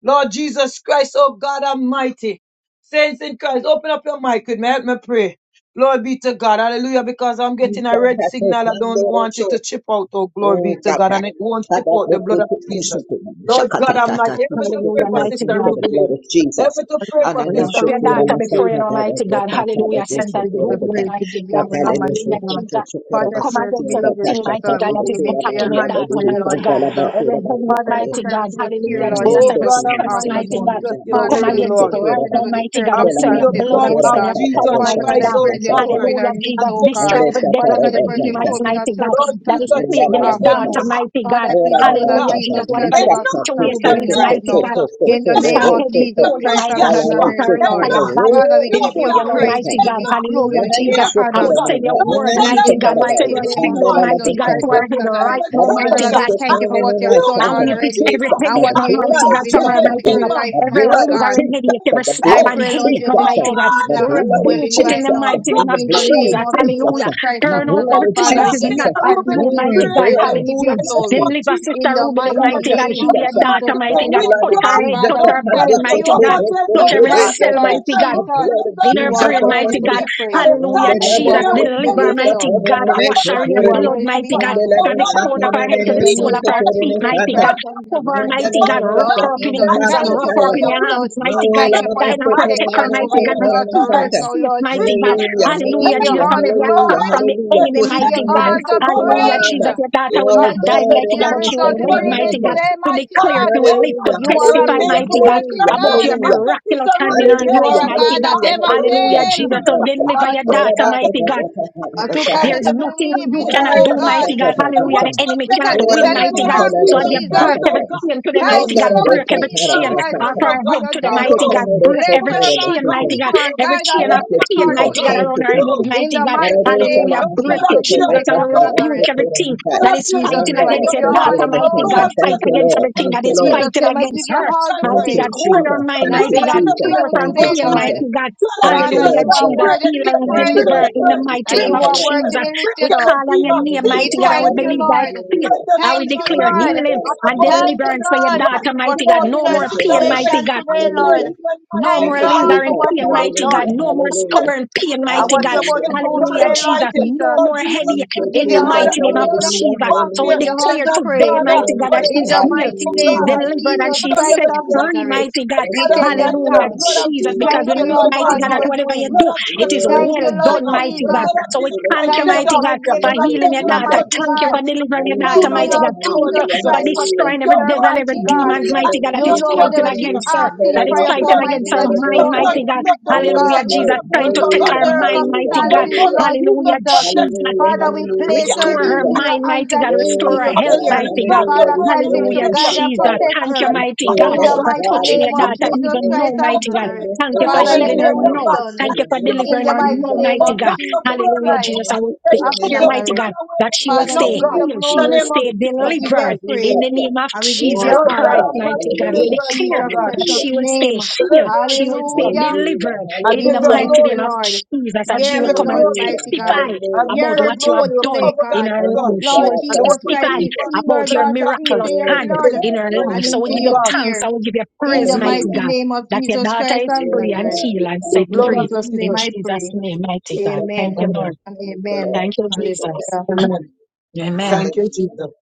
[SPEAKER 2] Lord Jesus Christ, oh God Almighty. Saints in Christ, open up your mic with me. Help me pray. Glory be to God. Hallelujah. Because I'm getting a red signal. I don't want it to chip out. Oh, glory
[SPEAKER 4] Oh,
[SPEAKER 2] be to
[SPEAKER 4] God.
[SPEAKER 2] God. And it won't
[SPEAKER 4] To
[SPEAKER 2] chip out the blood of Jesus. Lord God
[SPEAKER 4] the
[SPEAKER 2] Almighty. Help me to pray
[SPEAKER 1] Hallelujah,
[SPEAKER 2] for
[SPEAKER 1] mighty
[SPEAKER 2] Sister
[SPEAKER 1] God.
[SPEAKER 2] Ruby
[SPEAKER 4] blood
[SPEAKER 2] Lynn.
[SPEAKER 4] of
[SPEAKER 2] Help
[SPEAKER 4] Jesus.
[SPEAKER 2] me to pray for
[SPEAKER 3] yeah.
[SPEAKER 1] Lift
[SPEAKER 2] Sister
[SPEAKER 1] up your
[SPEAKER 2] Ruby
[SPEAKER 1] daughter
[SPEAKER 2] Lynn
[SPEAKER 1] before
[SPEAKER 2] today.
[SPEAKER 1] you, Almighty God. Hallelujah,
[SPEAKER 3] Thanks
[SPEAKER 1] sister.
[SPEAKER 3] to give
[SPEAKER 1] Ruth,
[SPEAKER 3] you praise, to
[SPEAKER 1] Almighty
[SPEAKER 3] give you
[SPEAKER 1] God.
[SPEAKER 3] honor,
[SPEAKER 1] Hallelujah,
[SPEAKER 3] mighty God.
[SPEAKER 1] Jesus. We
[SPEAKER 3] Father,
[SPEAKER 1] come
[SPEAKER 3] praise,
[SPEAKER 1] against
[SPEAKER 3] beloved
[SPEAKER 1] everything, mighty
[SPEAKER 3] sister,
[SPEAKER 1] God,
[SPEAKER 3] we
[SPEAKER 1] that is
[SPEAKER 3] believe into your
[SPEAKER 1] attacking your
[SPEAKER 3] hands
[SPEAKER 1] daughter,
[SPEAKER 3] today,
[SPEAKER 1] mighty
[SPEAKER 3] Lord
[SPEAKER 1] God.
[SPEAKER 3] Jesus.
[SPEAKER 1] Every heavy,
[SPEAKER 3] Father, I
[SPEAKER 4] Hallelujah.
[SPEAKER 3] put
[SPEAKER 1] mighty
[SPEAKER 3] her
[SPEAKER 1] God.
[SPEAKER 3] into your care,
[SPEAKER 1] Hallelujah,
[SPEAKER 3] Lord
[SPEAKER 1] Jesus.
[SPEAKER 2] Oh,
[SPEAKER 1] Every
[SPEAKER 3] Jesus,
[SPEAKER 2] God
[SPEAKER 3] this
[SPEAKER 1] stress,
[SPEAKER 2] Almighty.
[SPEAKER 1] mighty
[SPEAKER 3] afternoon.
[SPEAKER 1] God.
[SPEAKER 2] Jesus, you
[SPEAKER 1] We
[SPEAKER 2] are
[SPEAKER 3] Father,
[SPEAKER 1] come
[SPEAKER 3] you know
[SPEAKER 2] worthy,
[SPEAKER 3] the
[SPEAKER 1] against it
[SPEAKER 2] Lord.
[SPEAKER 3] situation,
[SPEAKER 1] right
[SPEAKER 3] you
[SPEAKER 1] now,
[SPEAKER 3] know the
[SPEAKER 1] mighty God.
[SPEAKER 2] I
[SPEAKER 1] We send
[SPEAKER 2] plead
[SPEAKER 1] your
[SPEAKER 2] the
[SPEAKER 3] circumstances,
[SPEAKER 1] blood and
[SPEAKER 2] blood
[SPEAKER 1] we
[SPEAKER 3] mighty
[SPEAKER 2] of
[SPEAKER 1] send your
[SPEAKER 3] God.
[SPEAKER 2] Jesus
[SPEAKER 1] fire,
[SPEAKER 3] Father
[SPEAKER 1] mighty
[SPEAKER 3] God, I
[SPEAKER 2] Christ,
[SPEAKER 1] God.
[SPEAKER 2] oh
[SPEAKER 3] pray that you show up
[SPEAKER 2] Nazareth,
[SPEAKER 3] in our
[SPEAKER 1] Hallelujah,
[SPEAKER 3] midst,
[SPEAKER 1] Jesus.
[SPEAKER 3] oh
[SPEAKER 2] against
[SPEAKER 3] God.
[SPEAKER 1] Destroy every devil
[SPEAKER 3] Father
[SPEAKER 1] and
[SPEAKER 3] God, I
[SPEAKER 1] every
[SPEAKER 3] pray that you
[SPEAKER 2] this.
[SPEAKER 3] show
[SPEAKER 1] demons,
[SPEAKER 3] up in our
[SPEAKER 1] mighty God.
[SPEAKER 2] Lord
[SPEAKER 1] That is
[SPEAKER 2] Jesus
[SPEAKER 3] circumstances this
[SPEAKER 1] plaguing your
[SPEAKER 2] Christ,
[SPEAKER 1] daughter,
[SPEAKER 3] afternoon.
[SPEAKER 2] enough,
[SPEAKER 1] mighty
[SPEAKER 3] Father,
[SPEAKER 1] God.
[SPEAKER 3] I plead the
[SPEAKER 2] enough,
[SPEAKER 3] blood of
[SPEAKER 1] Hallelujah,
[SPEAKER 2] God.
[SPEAKER 1] Jesus.
[SPEAKER 3] Jesus Christ
[SPEAKER 1] Whatever the
[SPEAKER 3] over
[SPEAKER 2] Enough
[SPEAKER 3] Sister
[SPEAKER 2] is
[SPEAKER 1] situation
[SPEAKER 3] Rubelin
[SPEAKER 1] is,
[SPEAKER 2] enough,
[SPEAKER 3] right
[SPEAKER 1] mighty God.
[SPEAKER 3] now.
[SPEAKER 2] Jesus.
[SPEAKER 1] We
[SPEAKER 3] In the
[SPEAKER 1] put our
[SPEAKER 3] name
[SPEAKER 2] Enough
[SPEAKER 3] of
[SPEAKER 1] head
[SPEAKER 2] is
[SPEAKER 3] Jesus
[SPEAKER 1] before you,
[SPEAKER 3] Christ
[SPEAKER 2] enough,
[SPEAKER 3] of
[SPEAKER 1] mighty God. We
[SPEAKER 2] Yeshua.
[SPEAKER 1] put
[SPEAKER 3] Nazareth,
[SPEAKER 1] our
[SPEAKER 3] Lord.
[SPEAKER 1] entire
[SPEAKER 2] Enough is
[SPEAKER 1] body
[SPEAKER 3] Father, we give
[SPEAKER 2] enough,
[SPEAKER 1] before
[SPEAKER 3] you
[SPEAKER 1] you,
[SPEAKER 2] Yahweh.
[SPEAKER 3] praise,
[SPEAKER 1] Almighty
[SPEAKER 3] we
[SPEAKER 4] Nana
[SPEAKER 3] give
[SPEAKER 1] God.
[SPEAKER 3] you
[SPEAKER 2] Enough
[SPEAKER 3] glory,
[SPEAKER 1] Hallelujah,
[SPEAKER 3] we
[SPEAKER 2] is
[SPEAKER 3] give you
[SPEAKER 1] Jesus.
[SPEAKER 2] enough,
[SPEAKER 1] I
[SPEAKER 3] honor.
[SPEAKER 1] will
[SPEAKER 2] Jesus.
[SPEAKER 1] send your
[SPEAKER 2] Lord
[SPEAKER 1] word,
[SPEAKER 2] God
[SPEAKER 1] mighty
[SPEAKER 3] In
[SPEAKER 1] God.
[SPEAKER 3] the
[SPEAKER 1] We
[SPEAKER 2] Almighty,
[SPEAKER 1] send
[SPEAKER 3] mighty
[SPEAKER 1] your
[SPEAKER 3] name
[SPEAKER 2] today,
[SPEAKER 3] of
[SPEAKER 1] feeling,
[SPEAKER 2] Lord,
[SPEAKER 1] mighty
[SPEAKER 3] Jesus
[SPEAKER 2] I
[SPEAKER 1] God,
[SPEAKER 3] Christ
[SPEAKER 1] to our
[SPEAKER 3] of
[SPEAKER 2] bring
[SPEAKER 1] head
[SPEAKER 2] up
[SPEAKER 3] Nazareth.
[SPEAKER 1] right
[SPEAKER 2] every
[SPEAKER 4] Jesus,
[SPEAKER 1] now,
[SPEAKER 3] Father
[SPEAKER 1] mighty
[SPEAKER 2] curse.
[SPEAKER 3] God,
[SPEAKER 1] God.
[SPEAKER 3] we
[SPEAKER 2] I
[SPEAKER 3] thank you for what you have
[SPEAKER 2] rebuke
[SPEAKER 3] done
[SPEAKER 1] And we
[SPEAKER 2] every
[SPEAKER 1] beat
[SPEAKER 3] already
[SPEAKER 1] every
[SPEAKER 2] demon.
[SPEAKER 3] and
[SPEAKER 1] headache,
[SPEAKER 3] what
[SPEAKER 4] the
[SPEAKER 2] I
[SPEAKER 3] you're doing
[SPEAKER 1] Almighty
[SPEAKER 4] blood of
[SPEAKER 1] God,
[SPEAKER 2] bless
[SPEAKER 3] even
[SPEAKER 1] from
[SPEAKER 3] now
[SPEAKER 2] every
[SPEAKER 4] Jesus,
[SPEAKER 3] in
[SPEAKER 1] Almighty
[SPEAKER 3] her
[SPEAKER 1] God.
[SPEAKER 2] demon.
[SPEAKER 3] life,
[SPEAKER 4] the
[SPEAKER 1] Every
[SPEAKER 2] I
[SPEAKER 3] mighty
[SPEAKER 4] blood of
[SPEAKER 2] curse
[SPEAKER 3] God.
[SPEAKER 1] lingering headache,
[SPEAKER 4] Jesus,
[SPEAKER 2] every
[SPEAKER 1] every
[SPEAKER 4] the
[SPEAKER 3] I
[SPEAKER 4] blood
[SPEAKER 2] hell.
[SPEAKER 4] of
[SPEAKER 1] stubborn
[SPEAKER 3] pray, Lord,
[SPEAKER 1] headache,
[SPEAKER 3] you to
[SPEAKER 2] Oh,
[SPEAKER 4] Jesus,
[SPEAKER 1] Almighty
[SPEAKER 3] show up
[SPEAKER 1] God.
[SPEAKER 2] God,
[SPEAKER 3] even
[SPEAKER 4] the blood of Jesus, the
[SPEAKER 1] We
[SPEAKER 3] her
[SPEAKER 2] every
[SPEAKER 4] blood of
[SPEAKER 1] rebuke
[SPEAKER 3] dwelling
[SPEAKER 2] hell.
[SPEAKER 1] it
[SPEAKER 3] right
[SPEAKER 1] in the
[SPEAKER 4] Jesus,
[SPEAKER 3] now.
[SPEAKER 2] Oh,
[SPEAKER 4] the
[SPEAKER 1] mighty name of
[SPEAKER 3] In the
[SPEAKER 4] blood
[SPEAKER 1] Jesus.
[SPEAKER 3] name
[SPEAKER 2] God,
[SPEAKER 4] of
[SPEAKER 3] of
[SPEAKER 4] Jesus,
[SPEAKER 1] Hallelujah.
[SPEAKER 3] Jesus Christ
[SPEAKER 4] the
[SPEAKER 3] of
[SPEAKER 1] Turn out
[SPEAKER 2] Oh
[SPEAKER 4] blood
[SPEAKER 3] Nazareth.
[SPEAKER 4] of
[SPEAKER 1] everything
[SPEAKER 2] God,
[SPEAKER 3] Father,
[SPEAKER 1] that
[SPEAKER 2] I
[SPEAKER 3] we
[SPEAKER 4] Jesus,
[SPEAKER 1] is
[SPEAKER 3] give
[SPEAKER 2] sit
[SPEAKER 3] you
[SPEAKER 1] not
[SPEAKER 4] the
[SPEAKER 2] the
[SPEAKER 1] of
[SPEAKER 3] thanks
[SPEAKER 2] Ruben
[SPEAKER 3] and we
[SPEAKER 1] you,
[SPEAKER 2] and his
[SPEAKER 3] give you
[SPEAKER 1] mighty God.
[SPEAKER 2] buried
[SPEAKER 3] praise
[SPEAKER 4] blood
[SPEAKER 3] and
[SPEAKER 2] head.
[SPEAKER 3] we
[SPEAKER 4] of
[SPEAKER 3] give you
[SPEAKER 1] Hallelujah.
[SPEAKER 2] And I
[SPEAKER 4] Jesus, the
[SPEAKER 2] know
[SPEAKER 3] glory.
[SPEAKER 1] Deliver
[SPEAKER 2] Jesus,
[SPEAKER 1] Sister
[SPEAKER 3] In
[SPEAKER 4] the
[SPEAKER 3] the
[SPEAKER 1] Rubelin,
[SPEAKER 4] blood
[SPEAKER 3] mighty
[SPEAKER 4] of
[SPEAKER 1] mighty
[SPEAKER 2] Almighty.
[SPEAKER 1] God.
[SPEAKER 3] name
[SPEAKER 4] Jesus,
[SPEAKER 1] Heal
[SPEAKER 2] by
[SPEAKER 3] of
[SPEAKER 1] her
[SPEAKER 2] the
[SPEAKER 4] uh,
[SPEAKER 1] daughter,
[SPEAKER 2] might
[SPEAKER 3] Jesus
[SPEAKER 2] of
[SPEAKER 4] the
[SPEAKER 2] the
[SPEAKER 1] mighty
[SPEAKER 3] Christ
[SPEAKER 1] God.
[SPEAKER 3] of
[SPEAKER 4] blood
[SPEAKER 1] Touch
[SPEAKER 4] of
[SPEAKER 3] Nazareth.
[SPEAKER 1] her
[SPEAKER 2] witchcraft,
[SPEAKER 1] head,
[SPEAKER 4] Jesus,
[SPEAKER 1] touch
[SPEAKER 3] Father,
[SPEAKER 4] the
[SPEAKER 3] we
[SPEAKER 1] her
[SPEAKER 2] Lord God,
[SPEAKER 1] brain,
[SPEAKER 3] thank
[SPEAKER 2] that is
[SPEAKER 1] mighty
[SPEAKER 3] you.
[SPEAKER 2] up
[SPEAKER 1] God.
[SPEAKER 2] against,
[SPEAKER 1] Touch
[SPEAKER 3] We
[SPEAKER 2] oh
[SPEAKER 1] every
[SPEAKER 2] God,
[SPEAKER 3] thank you,
[SPEAKER 1] cell,
[SPEAKER 3] Lord
[SPEAKER 1] mighty
[SPEAKER 2] Sister
[SPEAKER 1] God
[SPEAKER 2] Ruben,
[SPEAKER 3] Jesus.
[SPEAKER 4] blood
[SPEAKER 2] oh
[SPEAKER 4] of
[SPEAKER 1] in
[SPEAKER 2] Lord
[SPEAKER 1] her
[SPEAKER 3] You
[SPEAKER 2] God,
[SPEAKER 3] are
[SPEAKER 4] Jesus,
[SPEAKER 1] brain,
[SPEAKER 3] worthy
[SPEAKER 1] mighty
[SPEAKER 3] to
[SPEAKER 4] uh,
[SPEAKER 2] Almighty,
[SPEAKER 1] God.
[SPEAKER 3] be
[SPEAKER 2] that
[SPEAKER 3] praised
[SPEAKER 2] is
[SPEAKER 1] Hallelujah,
[SPEAKER 3] and
[SPEAKER 4] Mandela
[SPEAKER 3] you
[SPEAKER 2] tormenting
[SPEAKER 1] Jesus.
[SPEAKER 3] are
[SPEAKER 2] her
[SPEAKER 4] Rasta
[SPEAKER 3] worthy
[SPEAKER 2] with
[SPEAKER 3] to be
[SPEAKER 4] Kanda
[SPEAKER 1] Deliver,
[SPEAKER 2] Elias,
[SPEAKER 3] lifted
[SPEAKER 1] mighty
[SPEAKER 3] up.
[SPEAKER 4] Sakana
[SPEAKER 2] oh
[SPEAKER 1] God.
[SPEAKER 2] God,
[SPEAKER 4] Nene
[SPEAKER 1] Wash
[SPEAKER 2] up
[SPEAKER 1] her in your
[SPEAKER 3] You
[SPEAKER 2] against,
[SPEAKER 3] are
[SPEAKER 4] Sakurani,
[SPEAKER 1] blood,
[SPEAKER 3] worthy to
[SPEAKER 1] mighty
[SPEAKER 3] be
[SPEAKER 1] God.
[SPEAKER 4] Mandela
[SPEAKER 3] honored.
[SPEAKER 2] oh
[SPEAKER 1] From the
[SPEAKER 2] God,
[SPEAKER 4] Rasta
[SPEAKER 1] crown of her
[SPEAKER 4] Kana
[SPEAKER 1] head to
[SPEAKER 3] In
[SPEAKER 1] the
[SPEAKER 4] Nene
[SPEAKER 3] the
[SPEAKER 2] Almighty,
[SPEAKER 1] sole of
[SPEAKER 3] name
[SPEAKER 4] Santa
[SPEAKER 1] her
[SPEAKER 3] of
[SPEAKER 1] feet,
[SPEAKER 4] Kurani
[SPEAKER 3] Jesus
[SPEAKER 1] mighty
[SPEAKER 4] Kanda,
[SPEAKER 1] God.
[SPEAKER 3] Christ
[SPEAKER 2] Lord
[SPEAKER 3] of
[SPEAKER 2] God,
[SPEAKER 1] Cover her,
[SPEAKER 3] Nazareth.
[SPEAKER 1] mighty
[SPEAKER 4] Mandela
[SPEAKER 1] God.
[SPEAKER 2] Father
[SPEAKER 1] Wrap
[SPEAKER 3] Lord
[SPEAKER 4] Rasta
[SPEAKER 2] God,
[SPEAKER 1] her up in your
[SPEAKER 4] Kanda
[SPEAKER 3] Jesus,
[SPEAKER 2] I
[SPEAKER 1] bosom.
[SPEAKER 4] Rasta
[SPEAKER 2] curse
[SPEAKER 3] thank
[SPEAKER 1] Wrap
[SPEAKER 3] you
[SPEAKER 1] her up
[SPEAKER 3] for
[SPEAKER 4] Kaya,
[SPEAKER 1] in
[SPEAKER 3] your
[SPEAKER 2] every
[SPEAKER 1] your
[SPEAKER 3] blood.
[SPEAKER 1] arms, mighty
[SPEAKER 2] witchcraft
[SPEAKER 1] God.
[SPEAKER 3] Thank
[SPEAKER 4] Mola
[SPEAKER 3] you for
[SPEAKER 2] spirit.
[SPEAKER 3] your
[SPEAKER 1] Guide
[SPEAKER 4] Rasta
[SPEAKER 1] and
[SPEAKER 2] I
[SPEAKER 4] Kana
[SPEAKER 1] protect her,
[SPEAKER 3] protection
[SPEAKER 2] curse
[SPEAKER 4] Nene
[SPEAKER 3] over
[SPEAKER 1] mighty
[SPEAKER 3] your
[SPEAKER 1] God.
[SPEAKER 2] every
[SPEAKER 1] And
[SPEAKER 4] Sakurani
[SPEAKER 3] daughter
[SPEAKER 1] keep her
[SPEAKER 2] spell.
[SPEAKER 3] right
[SPEAKER 4] Santa.
[SPEAKER 3] now,
[SPEAKER 1] safe,
[SPEAKER 3] Lord
[SPEAKER 2] Break
[SPEAKER 1] mighty God.
[SPEAKER 3] Jesus.
[SPEAKER 4] Hallelujah,
[SPEAKER 2] every
[SPEAKER 3] We give
[SPEAKER 1] Hallelujah,
[SPEAKER 3] you
[SPEAKER 2] spell.
[SPEAKER 1] Jesus.
[SPEAKER 4] hallelujah,
[SPEAKER 3] all
[SPEAKER 1] From
[SPEAKER 3] the
[SPEAKER 1] every attack
[SPEAKER 4] hallelujah,
[SPEAKER 1] from
[SPEAKER 3] glory.
[SPEAKER 1] the
[SPEAKER 4] hallelujah.
[SPEAKER 2] Command every
[SPEAKER 1] enemy,
[SPEAKER 3] We give you
[SPEAKER 4] Kutana
[SPEAKER 1] mighty
[SPEAKER 2] spell.
[SPEAKER 1] God.
[SPEAKER 3] all
[SPEAKER 4] Nene
[SPEAKER 2] I
[SPEAKER 3] the
[SPEAKER 1] Hallelujah,
[SPEAKER 2] command
[SPEAKER 3] praise.
[SPEAKER 4] Sakurani
[SPEAKER 1] Jesus.
[SPEAKER 2] every
[SPEAKER 1] Your daughter will
[SPEAKER 2] demon
[SPEAKER 4] Oh
[SPEAKER 1] not
[SPEAKER 3] Lord
[SPEAKER 2] and
[SPEAKER 1] die,
[SPEAKER 2] every
[SPEAKER 3] Jesus,
[SPEAKER 4] God,
[SPEAKER 1] mighty God,
[SPEAKER 3] your
[SPEAKER 1] but
[SPEAKER 2] devil.
[SPEAKER 1] she
[SPEAKER 4] Emanesta,
[SPEAKER 1] will
[SPEAKER 3] result we
[SPEAKER 1] live,
[SPEAKER 2] But
[SPEAKER 3] believe in
[SPEAKER 1] mighty
[SPEAKER 4] Emanesta.
[SPEAKER 1] God.
[SPEAKER 3] today,
[SPEAKER 1] To
[SPEAKER 2] my
[SPEAKER 3] mighty
[SPEAKER 2] father,
[SPEAKER 1] declare, she
[SPEAKER 3] God.
[SPEAKER 1] will
[SPEAKER 2] Oh
[SPEAKER 1] live
[SPEAKER 2] God,
[SPEAKER 1] to
[SPEAKER 4] Hallelujah,
[SPEAKER 2] I
[SPEAKER 3] You are
[SPEAKER 2] break
[SPEAKER 3] a
[SPEAKER 1] testify,
[SPEAKER 4] hallelujah,
[SPEAKER 2] every
[SPEAKER 3] miracle
[SPEAKER 1] mighty God,
[SPEAKER 2] curse
[SPEAKER 3] working
[SPEAKER 4] hallelujah,
[SPEAKER 2] right now.
[SPEAKER 1] about your
[SPEAKER 3] God.
[SPEAKER 2] I'm
[SPEAKER 4] hallelujah,
[SPEAKER 2] a
[SPEAKER 1] miraculous
[SPEAKER 2] sister
[SPEAKER 1] hand in
[SPEAKER 2] Ruben
[SPEAKER 1] her
[SPEAKER 3] You
[SPEAKER 2] head
[SPEAKER 1] life,
[SPEAKER 2] of
[SPEAKER 4] hallelujah,
[SPEAKER 3] are a
[SPEAKER 2] God.
[SPEAKER 1] mighty
[SPEAKER 3] God
[SPEAKER 1] God.
[SPEAKER 3] that
[SPEAKER 2] I
[SPEAKER 4] hallelujah,
[SPEAKER 3] never
[SPEAKER 2] break
[SPEAKER 4] hallelujah,
[SPEAKER 1] Hallelujah,
[SPEAKER 2] every
[SPEAKER 3] fails.
[SPEAKER 1] Jesus. So
[SPEAKER 2] curse.
[SPEAKER 4] Jesus.
[SPEAKER 1] then live
[SPEAKER 2] I
[SPEAKER 3] Lord
[SPEAKER 1] your
[SPEAKER 2] break
[SPEAKER 1] daughter,
[SPEAKER 3] Jesus,
[SPEAKER 2] every
[SPEAKER 1] mighty God.
[SPEAKER 2] curse. I
[SPEAKER 3] as we
[SPEAKER 4] Orabakatatatatatatata.
[SPEAKER 1] There
[SPEAKER 3] continue
[SPEAKER 1] is
[SPEAKER 3] to
[SPEAKER 1] nothing
[SPEAKER 3] believe
[SPEAKER 1] you
[SPEAKER 3] in you,
[SPEAKER 2] break
[SPEAKER 1] cannot
[SPEAKER 3] oh
[SPEAKER 2] every
[SPEAKER 1] do, mighty
[SPEAKER 2] curse
[SPEAKER 3] God.
[SPEAKER 1] God.
[SPEAKER 2] and
[SPEAKER 1] Hallelujah.
[SPEAKER 4] Ayamakatatatata.
[SPEAKER 1] The
[SPEAKER 2] watch the
[SPEAKER 1] enemy
[SPEAKER 3] We
[SPEAKER 2] enemy
[SPEAKER 1] cannot
[SPEAKER 3] continue to
[SPEAKER 1] win,
[SPEAKER 2] in
[SPEAKER 3] tell
[SPEAKER 2] the
[SPEAKER 3] your
[SPEAKER 1] mighty
[SPEAKER 2] name
[SPEAKER 1] God.
[SPEAKER 2] of
[SPEAKER 3] thanks,
[SPEAKER 1] So as
[SPEAKER 2] Jesus
[SPEAKER 1] you
[SPEAKER 2] Christ,
[SPEAKER 1] break
[SPEAKER 3] Jesus.
[SPEAKER 2] oh
[SPEAKER 4] Oramakantadarabakatata.
[SPEAKER 1] every
[SPEAKER 2] God.
[SPEAKER 1] chain to the
[SPEAKER 3] Thank
[SPEAKER 1] mighty
[SPEAKER 3] you,
[SPEAKER 2] Loose
[SPEAKER 1] God,
[SPEAKER 3] Lord
[SPEAKER 1] break every
[SPEAKER 3] Jesus
[SPEAKER 1] chain
[SPEAKER 3] Christ, for
[SPEAKER 1] off
[SPEAKER 4] Kondarabakatarabakata.
[SPEAKER 1] our
[SPEAKER 2] Oh
[SPEAKER 3] some for
[SPEAKER 2] God,
[SPEAKER 1] head
[SPEAKER 3] your
[SPEAKER 1] to the mighty
[SPEAKER 3] daughter.
[SPEAKER 2] loose the
[SPEAKER 1] God, break
[SPEAKER 3] Bless
[SPEAKER 1] every
[SPEAKER 2] woman,
[SPEAKER 3] her,
[SPEAKER 2] oh
[SPEAKER 3] Lord,
[SPEAKER 1] chain,
[SPEAKER 2] God,
[SPEAKER 4] Kantekanorekotorabakita.
[SPEAKER 1] mighty
[SPEAKER 3] keep
[SPEAKER 1] God,
[SPEAKER 3] her,
[SPEAKER 2] loose
[SPEAKER 1] every
[SPEAKER 3] guide
[SPEAKER 2] her
[SPEAKER 1] chain
[SPEAKER 3] and
[SPEAKER 1] of
[SPEAKER 4] Thank
[SPEAKER 2] head,
[SPEAKER 4] you,
[SPEAKER 3] protect
[SPEAKER 1] pain,
[SPEAKER 3] her
[SPEAKER 2] oh
[SPEAKER 4] Jesus.
[SPEAKER 1] mighty God,
[SPEAKER 2] God,
[SPEAKER 3] today.
[SPEAKER 4] Thank
[SPEAKER 1] around
[SPEAKER 4] you,
[SPEAKER 1] our head,
[SPEAKER 4] Father.
[SPEAKER 2] loose her,
[SPEAKER 3] In
[SPEAKER 1] mighty
[SPEAKER 3] the
[SPEAKER 1] God.
[SPEAKER 3] mighty
[SPEAKER 4] Thank you,
[SPEAKER 2] God,
[SPEAKER 3] name
[SPEAKER 1] Hallelujah.
[SPEAKER 3] of
[SPEAKER 2] the
[SPEAKER 4] Lord.
[SPEAKER 1] Break
[SPEAKER 4] Thank
[SPEAKER 2] blood of
[SPEAKER 1] it,
[SPEAKER 3] Jesus
[SPEAKER 2] Jesus
[SPEAKER 1] Jesus.
[SPEAKER 3] Christ
[SPEAKER 1] I
[SPEAKER 2] Christ
[SPEAKER 3] of
[SPEAKER 1] will
[SPEAKER 2] over her
[SPEAKER 1] rebuke
[SPEAKER 3] Nazareth.
[SPEAKER 2] head,
[SPEAKER 1] everything
[SPEAKER 2] the blood
[SPEAKER 1] that
[SPEAKER 2] of
[SPEAKER 1] is
[SPEAKER 2] Jesus
[SPEAKER 3] Jesus'
[SPEAKER 2] Christ
[SPEAKER 1] fighting
[SPEAKER 3] name, I
[SPEAKER 2] over
[SPEAKER 1] against
[SPEAKER 3] give
[SPEAKER 1] your
[SPEAKER 2] her
[SPEAKER 3] you
[SPEAKER 2] job,
[SPEAKER 3] all
[SPEAKER 1] daughter,
[SPEAKER 3] the
[SPEAKER 2] the
[SPEAKER 1] mighty
[SPEAKER 2] blood
[SPEAKER 1] God.
[SPEAKER 2] of
[SPEAKER 3] glory.
[SPEAKER 1] Fight
[SPEAKER 2] Jesus
[SPEAKER 1] against
[SPEAKER 2] Christ over
[SPEAKER 1] everything
[SPEAKER 2] her
[SPEAKER 1] that
[SPEAKER 4] you,
[SPEAKER 1] is
[SPEAKER 2] business,
[SPEAKER 4] Lord.
[SPEAKER 3] Jesus'
[SPEAKER 1] fighting
[SPEAKER 2] the
[SPEAKER 3] name, I
[SPEAKER 2] blood
[SPEAKER 1] against
[SPEAKER 3] give
[SPEAKER 2] of
[SPEAKER 3] you
[SPEAKER 1] her,
[SPEAKER 2] Jesus
[SPEAKER 3] all the
[SPEAKER 2] Christ
[SPEAKER 4] Thank
[SPEAKER 2] over
[SPEAKER 1] mighty
[SPEAKER 4] you,
[SPEAKER 2] her
[SPEAKER 1] God.
[SPEAKER 3] praise
[SPEAKER 1] Free
[SPEAKER 2] home,
[SPEAKER 1] her
[SPEAKER 4] Jesus.
[SPEAKER 2] the
[SPEAKER 1] mind,
[SPEAKER 4] Thank
[SPEAKER 3] that
[SPEAKER 2] blood
[SPEAKER 4] you,
[SPEAKER 1] mighty
[SPEAKER 2] of
[SPEAKER 1] God.
[SPEAKER 3] belongs
[SPEAKER 2] Jesus
[SPEAKER 3] to
[SPEAKER 4] Jesus.
[SPEAKER 1] Free
[SPEAKER 2] Christ
[SPEAKER 1] her
[SPEAKER 3] you
[SPEAKER 1] from
[SPEAKER 2] over
[SPEAKER 4] Thank you,
[SPEAKER 3] today,
[SPEAKER 2] her
[SPEAKER 1] pain,
[SPEAKER 2] mind,
[SPEAKER 3] Lord.
[SPEAKER 4] Jesus.
[SPEAKER 1] mighty God.
[SPEAKER 2] the blood of
[SPEAKER 4] Thank you,
[SPEAKER 3] Father,
[SPEAKER 2] Jesus
[SPEAKER 1] Hallelujah,
[SPEAKER 4] Lord
[SPEAKER 3] you
[SPEAKER 2] Christ,
[SPEAKER 3] are
[SPEAKER 1] Jesus.
[SPEAKER 4] God.
[SPEAKER 2] break
[SPEAKER 3] worthy
[SPEAKER 2] the
[SPEAKER 3] to
[SPEAKER 1] Heal
[SPEAKER 3] be
[SPEAKER 1] her
[SPEAKER 2] sin,
[SPEAKER 1] and
[SPEAKER 4] Thank you,
[SPEAKER 3] praised
[SPEAKER 2] break
[SPEAKER 4] Lord
[SPEAKER 1] deliver
[SPEAKER 2] the
[SPEAKER 1] in the
[SPEAKER 4] God.
[SPEAKER 2] curse,
[SPEAKER 4] We
[SPEAKER 1] mighty
[SPEAKER 3] and
[SPEAKER 2] break
[SPEAKER 1] name
[SPEAKER 3] you
[SPEAKER 4] praise
[SPEAKER 1] of
[SPEAKER 2] the
[SPEAKER 4] you,
[SPEAKER 3] are
[SPEAKER 4] Lord
[SPEAKER 3] worthy
[SPEAKER 2] curse,
[SPEAKER 3] to
[SPEAKER 1] Jesus.
[SPEAKER 4] God.
[SPEAKER 3] be
[SPEAKER 2] break
[SPEAKER 1] We
[SPEAKER 3] lifted up.
[SPEAKER 2] every
[SPEAKER 1] call on your
[SPEAKER 2] demon,
[SPEAKER 1] name,
[SPEAKER 3] We
[SPEAKER 1] mighty
[SPEAKER 4] Hallelujah.
[SPEAKER 1] God,
[SPEAKER 2] destroy
[SPEAKER 1] and we
[SPEAKER 3] thank
[SPEAKER 2] them,
[SPEAKER 3] you,
[SPEAKER 1] believe
[SPEAKER 4] Hallelujah.
[SPEAKER 1] by
[SPEAKER 3] Lord.
[SPEAKER 2] I the line
[SPEAKER 1] faith.
[SPEAKER 4] Hallelujah.
[SPEAKER 1] And we
[SPEAKER 3] Thank
[SPEAKER 2] of
[SPEAKER 3] you,
[SPEAKER 4] Thank
[SPEAKER 1] declare
[SPEAKER 4] you,
[SPEAKER 2] yonder,
[SPEAKER 3] Lord.
[SPEAKER 1] healing
[SPEAKER 4] God.
[SPEAKER 2] and
[SPEAKER 1] and
[SPEAKER 4] Thank
[SPEAKER 2] above
[SPEAKER 4] you,
[SPEAKER 2] the
[SPEAKER 3] Thank you,
[SPEAKER 4] God.
[SPEAKER 1] deliverance
[SPEAKER 2] heaven,
[SPEAKER 1] for
[SPEAKER 2] oh
[SPEAKER 1] your
[SPEAKER 4] Thank
[SPEAKER 3] Lord,
[SPEAKER 4] you,
[SPEAKER 2] God.
[SPEAKER 1] daughter,
[SPEAKER 4] God.
[SPEAKER 3] for
[SPEAKER 1] mighty
[SPEAKER 2] Even
[SPEAKER 1] God.
[SPEAKER 2] as
[SPEAKER 3] sorting
[SPEAKER 1] No
[SPEAKER 2] your
[SPEAKER 3] our
[SPEAKER 4] Thank
[SPEAKER 1] more
[SPEAKER 4] you,
[SPEAKER 2] daughter
[SPEAKER 1] pain,
[SPEAKER 4] Lord.
[SPEAKER 2] bread,
[SPEAKER 1] mighty
[SPEAKER 3] situation
[SPEAKER 1] God.
[SPEAKER 2] I
[SPEAKER 3] today,
[SPEAKER 2] pray,
[SPEAKER 4] Hallelujah.
[SPEAKER 3] Lord.
[SPEAKER 2] even mine,
[SPEAKER 1] No
[SPEAKER 2] oh
[SPEAKER 4] Thank
[SPEAKER 3] Thank
[SPEAKER 1] more
[SPEAKER 4] you,
[SPEAKER 3] you,
[SPEAKER 2] God.
[SPEAKER 3] Lord,
[SPEAKER 1] lingering
[SPEAKER 3] for
[SPEAKER 4] Jesus.
[SPEAKER 3] what
[SPEAKER 1] pain,
[SPEAKER 3] you have
[SPEAKER 1] mighty God.
[SPEAKER 4] Hallelujah.
[SPEAKER 3] done
[SPEAKER 1] No more
[SPEAKER 4] Hallelujah.
[SPEAKER 1] stubborn pain,
[SPEAKER 3] and
[SPEAKER 1] mighty
[SPEAKER 3] what
[SPEAKER 1] God.
[SPEAKER 3] you're
[SPEAKER 2] In the
[SPEAKER 3] about
[SPEAKER 4] Hallelujah.
[SPEAKER 3] to
[SPEAKER 2] name of
[SPEAKER 3] do
[SPEAKER 2] God
[SPEAKER 1] Hallelujah,
[SPEAKER 3] today,
[SPEAKER 4] Hallelujah.
[SPEAKER 3] Lord
[SPEAKER 1] Jesus.
[SPEAKER 2] Almighty,
[SPEAKER 1] No
[SPEAKER 3] Jesus.
[SPEAKER 2] of
[SPEAKER 1] more
[SPEAKER 2] Jesus
[SPEAKER 1] headache
[SPEAKER 4] Thank you,
[SPEAKER 3] We
[SPEAKER 2] Christ, I
[SPEAKER 3] give
[SPEAKER 1] in
[SPEAKER 3] you
[SPEAKER 1] the
[SPEAKER 2] declare
[SPEAKER 3] all
[SPEAKER 1] mighty
[SPEAKER 4] Jesus.
[SPEAKER 3] the
[SPEAKER 2] that the
[SPEAKER 1] name of
[SPEAKER 2] weapon of
[SPEAKER 3] glory.
[SPEAKER 4] Hallelujah.
[SPEAKER 1] Jesus.
[SPEAKER 3] We
[SPEAKER 1] So we
[SPEAKER 3] give
[SPEAKER 2] warfare
[SPEAKER 4] Hallelujah.
[SPEAKER 3] you
[SPEAKER 2] is
[SPEAKER 3] all
[SPEAKER 1] declare
[SPEAKER 3] the
[SPEAKER 2] not
[SPEAKER 1] today,
[SPEAKER 3] praise.
[SPEAKER 2] carnal,
[SPEAKER 1] mighty
[SPEAKER 4] Glory
[SPEAKER 1] God,
[SPEAKER 2] but
[SPEAKER 1] that
[SPEAKER 4] to
[SPEAKER 2] is
[SPEAKER 3] In
[SPEAKER 1] she's
[SPEAKER 3] the
[SPEAKER 4] God.
[SPEAKER 2] mighty
[SPEAKER 1] healed,
[SPEAKER 3] mighty
[SPEAKER 2] through
[SPEAKER 1] she's
[SPEAKER 3] name
[SPEAKER 4] Hallelujah.
[SPEAKER 2] God.
[SPEAKER 3] of
[SPEAKER 1] delivered,
[SPEAKER 2] To
[SPEAKER 1] and
[SPEAKER 4] Hallelujah.
[SPEAKER 3] Jesus
[SPEAKER 2] put
[SPEAKER 1] she's
[SPEAKER 2] on
[SPEAKER 3] Christ
[SPEAKER 1] set
[SPEAKER 2] the
[SPEAKER 3] of
[SPEAKER 4] Hallelujah.
[SPEAKER 1] free,
[SPEAKER 2] struggle,
[SPEAKER 3] Nazareth,
[SPEAKER 1] mighty God.
[SPEAKER 2] oh
[SPEAKER 4] Bless
[SPEAKER 2] God
[SPEAKER 3] we
[SPEAKER 4] the
[SPEAKER 3] tell your
[SPEAKER 4] name,
[SPEAKER 2] Almighty, the
[SPEAKER 1] Hallelujah,
[SPEAKER 4] Lord.
[SPEAKER 3] thanks.
[SPEAKER 2] blood of
[SPEAKER 1] Jesus.
[SPEAKER 2] Jesus
[SPEAKER 4] Hallelujah.
[SPEAKER 1] Because
[SPEAKER 3] Thank
[SPEAKER 1] we
[SPEAKER 3] you,
[SPEAKER 2] Christ
[SPEAKER 4] Thank
[SPEAKER 1] know,
[SPEAKER 3] Lord,
[SPEAKER 4] you,
[SPEAKER 3] for
[SPEAKER 2] over
[SPEAKER 1] mighty
[SPEAKER 3] what
[SPEAKER 1] God,
[SPEAKER 3] you
[SPEAKER 1] that
[SPEAKER 2] now.
[SPEAKER 3] are
[SPEAKER 4] Jesus.
[SPEAKER 1] whatever
[SPEAKER 2] The
[SPEAKER 1] you
[SPEAKER 3] doing.
[SPEAKER 2] blood
[SPEAKER 1] do,
[SPEAKER 2] of
[SPEAKER 1] it
[SPEAKER 2] Jesus
[SPEAKER 1] is
[SPEAKER 4] Glory,
[SPEAKER 2] Christ,
[SPEAKER 3] Thank
[SPEAKER 1] well
[SPEAKER 3] you,
[SPEAKER 2] is
[SPEAKER 4] thank you,
[SPEAKER 3] Lord
[SPEAKER 1] done,
[SPEAKER 2] now.
[SPEAKER 4] thank
[SPEAKER 1] mighty
[SPEAKER 2] The
[SPEAKER 4] Hallelujah!
[SPEAKER 1] God.
[SPEAKER 3] Jesus.
[SPEAKER 2] blood of
[SPEAKER 1] So
[SPEAKER 4] thank
[SPEAKER 1] we
[SPEAKER 2] Jesus
[SPEAKER 4] you, thank
[SPEAKER 2] Christ,
[SPEAKER 1] thank you,
[SPEAKER 3] Thank you
[SPEAKER 2] set
[SPEAKER 4] you,
[SPEAKER 3] for
[SPEAKER 1] mighty
[SPEAKER 2] out
[SPEAKER 3] my
[SPEAKER 1] God,
[SPEAKER 2] here.
[SPEAKER 3] dear
[SPEAKER 1] for
[SPEAKER 4] thank
[SPEAKER 2] I
[SPEAKER 3] beloved
[SPEAKER 4] you,
[SPEAKER 1] healing
[SPEAKER 2] tell
[SPEAKER 1] your
[SPEAKER 2] your
[SPEAKER 3] sister,
[SPEAKER 1] daughter.
[SPEAKER 4] Jesus.
[SPEAKER 2] blood,
[SPEAKER 3] mighty
[SPEAKER 1] Thank you
[SPEAKER 3] God.
[SPEAKER 1] for
[SPEAKER 2] Jesus.
[SPEAKER 1] delivering your
[SPEAKER 2] I do
[SPEAKER 1] daughter,
[SPEAKER 3] Thank
[SPEAKER 2] no
[SPEAKER 3] you,
[SPEAKER 1] mighty
[SPEAKER 4] Hallelujah.
[SPEAKER 2] most
[SPEAKER 3] Lord
[SPEAKER 1] God.
[SPEAKER 2] power,
[SPEAKER 1] Thank you
[SPEAKER 3] Jesus
[SPEAKER 4] Hallelujah.
[SPEAKER 2] Jesus.
[SPEAKER 1] for
[SPEAKER 3] Christ,
[SPEAKER 2] I
[SPEAKER 3] for
[SPEAKER 4] Hallelujah.
[SPEAKER 2] tell
[SPEAKER 1] destroying
[SPEAKER 3] keeping
[SPEAKER 1] every
[SPEAKER 2] your
[SPEAKER 3] her,
[SPEAKER 1] devil
[SPEAKER 2] word,
[SPEAKER 1] and every
[SPEAKER 3] mighty
[SPEAKER 2] Jesus.
[SPEAKER 3] God.
[SPEAKER 1] demon,
[SPEAKER 4] Hallelujah.
[SPEAKER 2] I
[SPEAKER 1] mighty God,
[SPEAKER 4] Hallelujah.
[SPEAKER 2] tell
[SPEAKER 1] that
[SPEAKER 3] You
[SPEAKER 1] is
[SPEAKER 2] your
[SPEAKER 3] know
[SPEAKER 4] Krishna,
[SPEAKER 2] name,
[SPEAKER 1] fighting
[SPEAKER 3] whatever she's
[SPEAKER 1] against
[SPEAKER 2] Jesus.
[SPEAKER 4] Hallelujah.
[SPEAKER 1] her
[SPEAKER 2] I
[SPEAKER 3] asking
[SPEAKER 1] that
[SPEAKER 2] tell
[SPEAKER 1] is
[SPEAKER 4] Hallelujah.
[SPEAKER 2] your
[SPEAKER 3] prayer for,
[SPEAKER 1] fighting
[SPEAKER 2] blood.
[SPEAKER 4] Shukran,
[SPEAKER 3] mighty
[SPEAKER 1] against our
[SPEAKER 3] God.
[SPEAKER 2] The
[SPEAKER 3] You
[SPEAKER 4] Hallelujah.
[SPEAKER 1] mind,
[SPEAKER 3] know
[SPEAKER 4] Sai.
[SPEAKER 2] blood,
[SPEAKER 3] the
[SPEAKER 1] mighty
[SPEAKER 2] the
[SPEAKER 1] God.
[SPEAKER 2] blood,
[SPEAKER 3] needs,
[SPEAKER 2] the
[SPEAKER 3] oh
[SPEAKER 2] blood,
[SPEAKER 4] Holy
[SPEAKER 2] the
[SPEAKER 1] Hallelujah,
[SPEAKER 3] God.
[SPEAKER 2] blood,
[SPEAKER 1] Jesus.
[SPEAKER 2] the
[SPEAKER 4] Spirit.
[SPEAKER 2] blood,
[SPEAKER 3] You
[SPEAKER 1] Trying to
[SPEAKER 3] know
[SPEAKER 2] the
[SPEAKER 3] the
[SPEAKER 1] take
[SPEAKER 2] blood,
[SPEAKER 4] Hallelujah.
[SPEAKER 1] our
[SPEAKER 2] the blood.
[SPEAKER 1] mind,
[SPEAKER 4] Hallelujah.
[SPEAKER 1] mighty
[SPEAKER 2] Full of
[SPEAKER 1] God.
[SPEAKER 3] circumstances,
[SPEAKER 2] blood
[SPEAKER 4] Hallelujah.
[SPEAKER 2] of
[SPEAKER 3] Lord
[SPEAKER 2] you, the
[SPEAKER 1] Hallelujah,
[SPEAKER 3] Jesus.
[SPEAKER 2] person.
[SPEAKER 1] Jesus.
[SPEAKER 4] Hallelujah.
[SPEAKER 3] Father, we
[SPEAKER 4] Hallelujah.
[SPEAKER 3] place
[SPEAKER 2] Yes,
[SPEAKER 3] her
[SPEAKER 1] Restore her
[SPEAKER 4] Hallelujah.
[SPEAKER 3] into your
[SPEAKER 1] mind,
[SPEAKER 3] hands
[SPEAKER 1] mighty
[SPEAKER 3] and
[SPEAKER 1] God.
[SPEAKER 3] into
[SPEAKER 4] Glory
[SPEAKER 1] Restore her
[SPEAKER 4] to
[SPEAKER 3] your
[SPEAKER 2] of the
[SPEAKER 1] health,
[SPEAKER 4] God.
[SPEAKER 3] care.
[SPEAKER 2] living
[SPEAKER 1] mighty God.
[SPEAKER 2] God, the
[SPEAKER 4] Hallelujah.
[SPEAKER 3] Father,
[SPEAKER 4] We
[SPEAKER 2] burn of
[SPEAKER 3] continue
[SPEAKER 2] the
[SPEAKER 4] pray
[SPEAKER 3] to
[SPEAKER 1] Hallelujah,
[SPEAKER 4] this
[SPEAKER 2] Savior.
[SPEAKER 3] guide
[SPEAKER 4] with
[SPEAKER 3] and
[SPEAKER 1] Jesus.
[SPEAKER 4] God.
[SPEAKER 3] protect
[SPEAKER 2] I
[SPEAKER 1] Thank you,
[SPEAKER 2] stand
[SPEAKER 3] her.
[SPEAKER 4] We
[SPEAKER 2] on
[SPEAKER 1] mighty
[SPEAKER 2] fire
[SPEAKER 4] pray
[SPEAKER 1] God,
[SPEAKER 3] In
[SPEAKER 2] now,
[SPEAKER 3] the
[SPEAKER 4] that
[SPEAKER 1] for
[SPEAKER 2] God.
[SPEAKER 3] mighty
[SPEAKER 2] I
[SPEAKER 4] God
[SPEAKER 1] touching
[SPEAKER 4] in
[SPEAKER 3] name
[SPEAKER 1] your
[SPEAKER 2] stand on
[SPEAKER 3] of
[SPEAKER 1] daughter
[SPEAKER 4] Jesus'
[SPEAKER 2] fire,
[SPEAKER 3] Jesus
[SPEAKER 1] even
[SPEAKER 4] name.
[SPEAKER 1] now,
[SPEAKER 3] Christ of
[SPEAKER 2] oh
[SPEAKER 1] mighty
[SPEAKER 2] God,
[SPEAKER 1] God.
[SPEAKER 4] And
[SPEAKER 3] Nazareth.
[SPEAKER 4] this
[SPEAKER 1] Thank
[SPEAKER 2] the
[SPEAKER 4] is
[SPEAKER 1] you for
[SPEAKER 3] Father,
[SPEAKER 4] where
[SPEAKER 2] Ruben
[SPEAKER 3] let
[SPEAKER 4] we
[SPEAKER 1] healing
[SPEAKER 2] and
[SPEAKER 1] her
[SPEAKER 3] your will
[SPEAKER 2] Helium,
[SPEAKER 3] be
[SPEAKER 1] now.
[SPEAKER 2] God.
[SPEAKER 3] done.
[SPEAKER 2] I
[SPEAKER 4] In
[SPEAKER 1] Thank you
[SPEAKER 4] the
[SPEAKER 1] for
[SPEAKER 2] stand
[SPEAKER 4] name
[SPEAKER 2] on
[SPEAKER 4] of
[SPEAKER 3] In
[SPEAKER 1] delivering
[SPEAKER 3] the
[SPEAKER 1] her
[SPEAKER 2] fire.
[SPEAKER 3] mighty
[SPEAKER 1] now,
[SPEAKER 4] Jesus.
[SPEAKER 3] name
[SPEAKER 2] Oh
[SPEAKER 1] mighty
[SPEAKER 3] of
[SPEAKER 1] God.
[SPEAKER 2] God, the
[SPEAKER 3] Jesus
[SPEAKER 2] burn
[SPEAKER 1] Hallelujah,
[SPEAKER 2] up,
[SPEAKER 3] Christ
[SPEAKER 2] oh
[SPEAKER 1] Jesus. I
[SPEAKER 4] Hallelujah.
[SPEAKER 2] God,
[SPEAKER 1] will
[SPEAKER 2] the area,
[SPEAKER 3] of
[SPEAKER 1] declare,
[SPEAKER 2] the
[SPEAKER 4] Hallelujah.
[SPEAKER 1] mighty
[SPEAKER 3] Nazareth.
[SPEAKER 2] burn
[SPEAKER 1] God,
[SPEAKER 2] away,
[SPEAKER 1] that
[SPEAKER 2] oh
[SPEAKER 1] she
[SPEAKER 4] In
[SPEAKER 1] will
[SPEAKER 2] God,
[SPEAKER 4] the
[SPEAKER 3] Father,
[SPEAKER 2] no
[SPEAKER 3] we
[SPEAKER 1] stay
[SPEAKER 3] give
[SPEAKER 4] name
[SPEAKER 2] God,
[SPEAKER 3] you
[SPEAKER 4] of
[SPEAKER 1] healed.
[SPEAKER 2] in
[SPEAKER 1] She
[SPEAKER 2] the
[SPEAKER 1] will
[SPEAKER 3] glory,
[SPEAKER 2] name
[SPEAKER 4] Jesus,
[SPEAKER 2] of
[SPEAKER 1] stay
[SPEAKER 4] in
[SPEAKER 3] we
[SPEAKER 2] Jesus
[SPEAKER 4] the
[SPEAKER 3] give you
[SPEAKER 1] delivered
[SPEAKER 2] Christ.
[SPEAKER 4] name
[SPEAKER 1] in
[SPEAKER 3] praise,
[SPEAKER 4] of Jesus.
[SPEAKER 1] the
[SPEAKER 4] uh,
[SPEAKER 1] name of
[SPEAKER 3] and we give
[SPEAKER 1] Jesus
[SPEAKER 4] Glory
[SPEAKER 3] you
[SPEAKER 2] Oh
[SPEAKER 4] to
[SPEAKER 2] God
[SPEAKER 1] Christ,
[SPEAKER 3] honor
[SPEAKER 4] God.
[SPEAKER 1] mighty
[SPEAKER 2] Almighty,
[SPEAKER 1] God. We
[SPEAKER 3] in
[SPEAKER 4] Hallelujah.
[SPEAKER 2] deliverance, oh
[SPEAKER 1] declare
[SPEAKER 3] Jesus'
[SPEAKER 2] God,
[SPEAKER 1] that
[SPEAKER 3] precious
[SPEAKER 4] Hallelujah.
[SPEAKER 1] she will stay
[SPEAKER 3] name.
[SPEAKER 1] healed.
[SPEAKER 2] deliverance,
[SPEAKER 1] She will stay
[SPEAKER 2] Jesus.
[SPEAKER 3] Hallelujah.
[SPEAKER 4] Hallelujah.
[SPEAKER 1] delivered
[SPEAKER 2] I
[SPEAKER 1] in
[SPEAKER 2] give
[SPEAKER 3] We
[SPEAKER 1] the
[SPEAKER 2] you
[SPEAKER 4] Hallelujah.
[SPEAKER 1] mighty
[SPEAKER 3] thank you,
[SPEAKER 1] name
[SPEAKER 2] glory,
[SPEAKER 1] of
[SPEAKER 3] Lord.
[SPEAKER 1] Jesus.
[SPEAKER 2] I
[SPEAKER 1] And she
[SPEAKER 3] Your
[SPEAKER 2] give
[SPEAKER 1] will
[SPEAKER 2] you
[SPEAKER 1] come and
[SPEAKER 3] result,
[SPEAKER 2] glory,
[SPEAKER 4] Hallelujah.
[SPEAKER 3] mighty God.
[SPEAKER 1] testify
[SPEAKER 2] I
[SPEAKER 4] Hallelujah.
[SPEAKER 2] give
[SPEAKER 1] about
[SPEAKER 3] Your
[SPEAKER 2] the
[SPEAKER 1] what you have
[SPEAKER 2] glory,
[SPEAKER 3] report
[SPEAKER 2] we
[SPEAKER 1] done
[SPEAKER 3] today,
[SPEAKER 2] cover
[SPEAKER 1] in
[SPEAKER 2] that
[SPEAKER 3] God.
[SPEAKER 1] her
[SPEAKER 4] Thank
[SPEAKER 2] little
[SPEAKER 1] life.
[SPEAKER 2] gun,
[SPEAKER 4] you,
[SPEAKER 1] She
[SPEAKER 3] Lord
[SPEAKER 1] will
[SPEAKER 4] God.
[SPEAKER 2] and the
[SPEAKER 4] Thank
[SPEAKER 2] weapon
[SPEAKER 3] Jesus
[SPEAKER 4] you,
[SPEAKER 2] of
[SPEAKER 3] Christ,
[SPEAKER 1] testify
[SPEAKER 3] we
[SPEAKER 2] God
[SPEAKER 4] Jesus.
[SPEAKER 3] seal
[SPEAKER 2] is
[SPEAKER 3] your
[SPEAKER 1] about your
[SPEAKER 2] the
[SPEAKER 3] daughter
[SPEAKER 2] standard.
[SPEAKER 3] into
[SPEAKER 1] miraculous
[SPEAKER 3] your
[SPEAKER 4] Glory
[SPEAKER 1] hand
[SPEAKER 4] to
[SPEAKER 2] It
[SPEAKER 3] blood
[SPEAKER 2] is
[SPEAKER 1] in
[SPEAKER 4] God.
[SPEAKER 1] her life.
[SPEAKER 2] mighty
[SPEAKER 4] Glory
[SPEAKER 3] and
[SPEAKER 4] to
[SPEAKER 1] So we
[SPEAKER 3] into
[SPEAKER 2] to
[SPEAKER 1] give you
[SPEAKER 3] your
[SPEAKER 4] God.
[SPEAKER 2] God,
[SPEAKER 1] thanks. I
[SPEAKER 3] tear.
[SPEAKER 1] will give you
[SPEAKER 3] In
[SPEAKER 1] praise,
[SPEAKER 3] the
[SPEAKER 1] mighty
[SPEAKER 4] Hallelujah.
[SPEAKER 3] mighty
[SPEAKER 1] God,
[SPEAKER 3] name of
[SPEAKER 1] that your
[SPEAKER 3] Jesus
[SPEAKER 1] daughter
[SPEAKER 3] Christ
[SPEAKER 1] is
[SPEAKER 3] of
[SPEAKER 1] free
[SPEAKER 4] Glory to
[SPEAKER 1] and
[SPEAKER 4] God.
[SPEAKER 3] Nazareth.
[SPEAKER 4] We
[SPEAKER 1] healed and
[SPEAKER 2] the
[SPEAKER 4] thank
[SPEAKER 1] set
[SPEAKER 3] In
[SPEAKER 2] blood
[SPEAKER 4] you.
[SPEAKER 1] free.
[SPEAKER 2] of
[SPEAKER 3] Jesus'
[SPEAKER 1] In
[SPEAKER 3] name
[SPEAKER 2] Jesus.
[SPEAKER 3] I
[SPEAKER 1] Jesus'
[SPEAKER 3] pray.
[SPEAKER 1] name, mighty God. Thank
[SPEAKER 3] Amen
[SPEAKER 1] you,
[SPEAKER 2] Amen.
[SPEAKER 1] Lord.
[SPEAKER 3] and amen.
[SPEAKER 1] Thank you, Jesus.
[SPEAKER 3] Hallelujah.
[SPEAKER 2] Amen.
[SPEAKER 1] Amen.
[SPEAKER 2] Thank you, Jesus.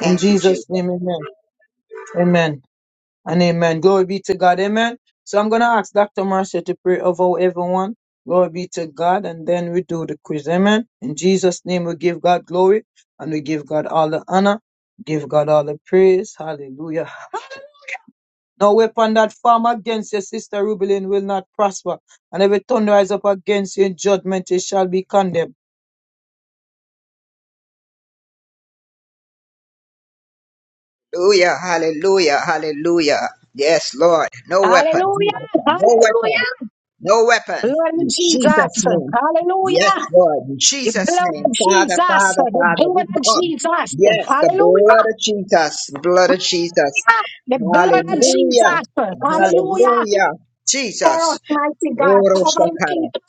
[SPEAKER 2] In Jesus' name, amen. Amen. And amen. Glory be to God. Amen. So I'm going to ask Dr. Marcia to pray over everyone. Glory be to God. And then we do the quiz. Amen. In Jesus' name, we give God glory and we give God all the honor. Give God all the praise. Hallelujah. No weapon that form against your sister Rubelin will not prosper, and every tongue rise up against you in judgment, it shall be condemned.
[SPEAKER 4] Hallelujah. Hallelujah. Hallelujah. Yes, Lord. No weapon.
[SPEAKER 1] Hallelujah.
[SPEAKER 4] No weapon.
[SPEAKER 1] Hallelujah.
[SPEAKER 4] No weapon.
[SPEAKER 1] Blood of Jesus.
[SPEAKER 4] Yes,
[SPEAKER 1] Hallelujah.
[SPEAKER 4] Lord. In
[SPEAKER 1] The
[SPEAKER 4] Jesus'
[SPEAKER 1] blood
[SPEAKER 4] name.
[SPEAKER 1] of
[SPEAKER 4] Father,
[SPEAKER 1] Jesus.
[SPEAKER 4] Father,
[SPEAKER 1] The
[SPEAKER 4] Father.
[SPEAKER 1] blood of Jesus.
[SPEAKER 4] Yes, the
[SPEAKER 1] Hallelujah.
[SPEAKER 4] blood of Jesus, blood of Jesus.
[SPEAKER 1] The blood of
[SPEAKER 4] Hallelujah,
[SPEAKER 1] Jesus. Hallelujah.
[SPEAKER 4] hallelujah.
[SPEAKER 1] Lord,
[SPEAKER 4] Jesus.
[SPEAKER 1] mighty God,
[SPEAKER 4] Oro
[SPEAKER 1] covering
[SPEAKER 4] shakara.
[SPEAKER 1] people.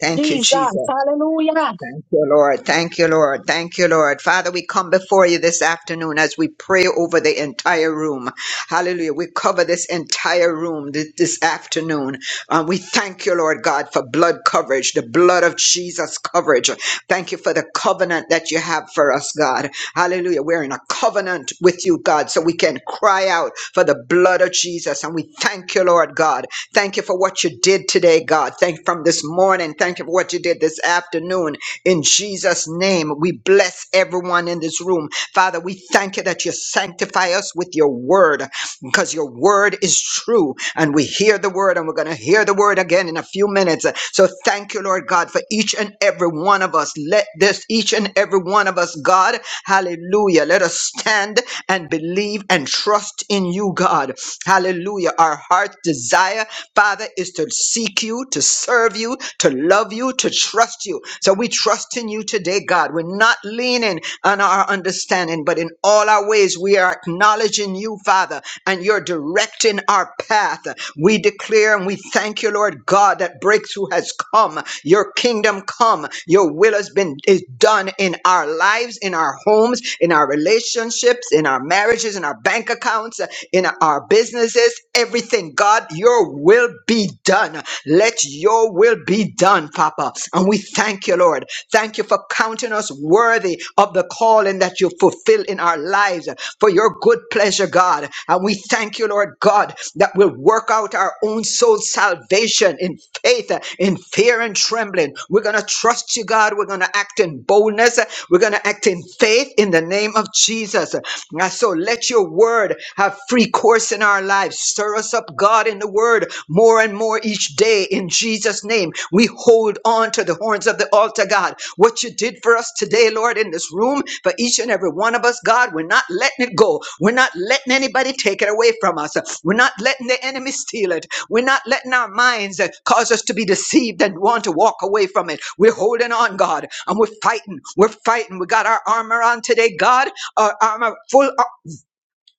[SPEAKER 4] Thank you,
[SPEAKER 1] Jesus,
[SPEAKER 4] Jesus.
[SPEAKER 1] hallelujah.
[SPEAKER 4] Thank you, Lord. Thank you, Lord. Thank you, Lord. Father, we come before you this afternoon as we pray over the entire room. Hallelujah. We cover this entire room th- this afternoon. Um, we thank you, Lord God, for blood coverage, the blood of Jesus coverage. Thank you for the covenant that you have for us, God. Hallelujah. We're in a covenant with you, God, so we can cry out for the blood of Jesus. And we thank you, Lord God. Thank you for what you did today, God. Thank you from this morning. Thank you for what you did this afternoon. In Jesus' name, we bless everyone in this room. Father, we thank you that you sanctify us with your word because your word is true. And we hear the word and we're going to hear the word again in a few minutes. So. So thank you, Lord God, for each and every one of us. Let this, each and every one of us, God, hallelujah. Let us stand and believe and trust in you, God. Hallelujah. Our heart's desire, Father, is to seek you, to serve you, to love you, to trust you. So we trust in you today, God. We're not leaning on our understanding, but in all our ways, we are acknowledging you, Father, and you're directing our path. We declare and we thank you, Lord God, that breakthrough has come. Your kingdom come. Your will has been is done in our lives, in our homes, in our relationships, in our marriages, in our bank accounts, in our businesses, everything. God, your will be done. Let your will be done, Papa. And we thank you, Lord. Thank you for counting us us worthy of the calling that you fulfill in our lives for your good pleasure, God. And we thank you, Lord God, that we'll work out our own soul salvation in faith, in fear and trembling. We're going to trust you, God. We're going to act in boldness. We're going to act in faith in the name of Jesus. And so let your word have free course in our lives. Stir us up, God, in the word more and more more each day in Jesus' name. We hold on to the horns of the altar, God. What you did for us today, Lord, in this room, for each and every one of us, God, we're not letting it go. We're not letting anybody take it away from us. We're not letting the enemy steal it. We're not letting our minds uh, cause us to be deceived and want to walk away from it. We're holding on, God, and we're fighting. We're fighting. We got our armor on today, God. Our armor, full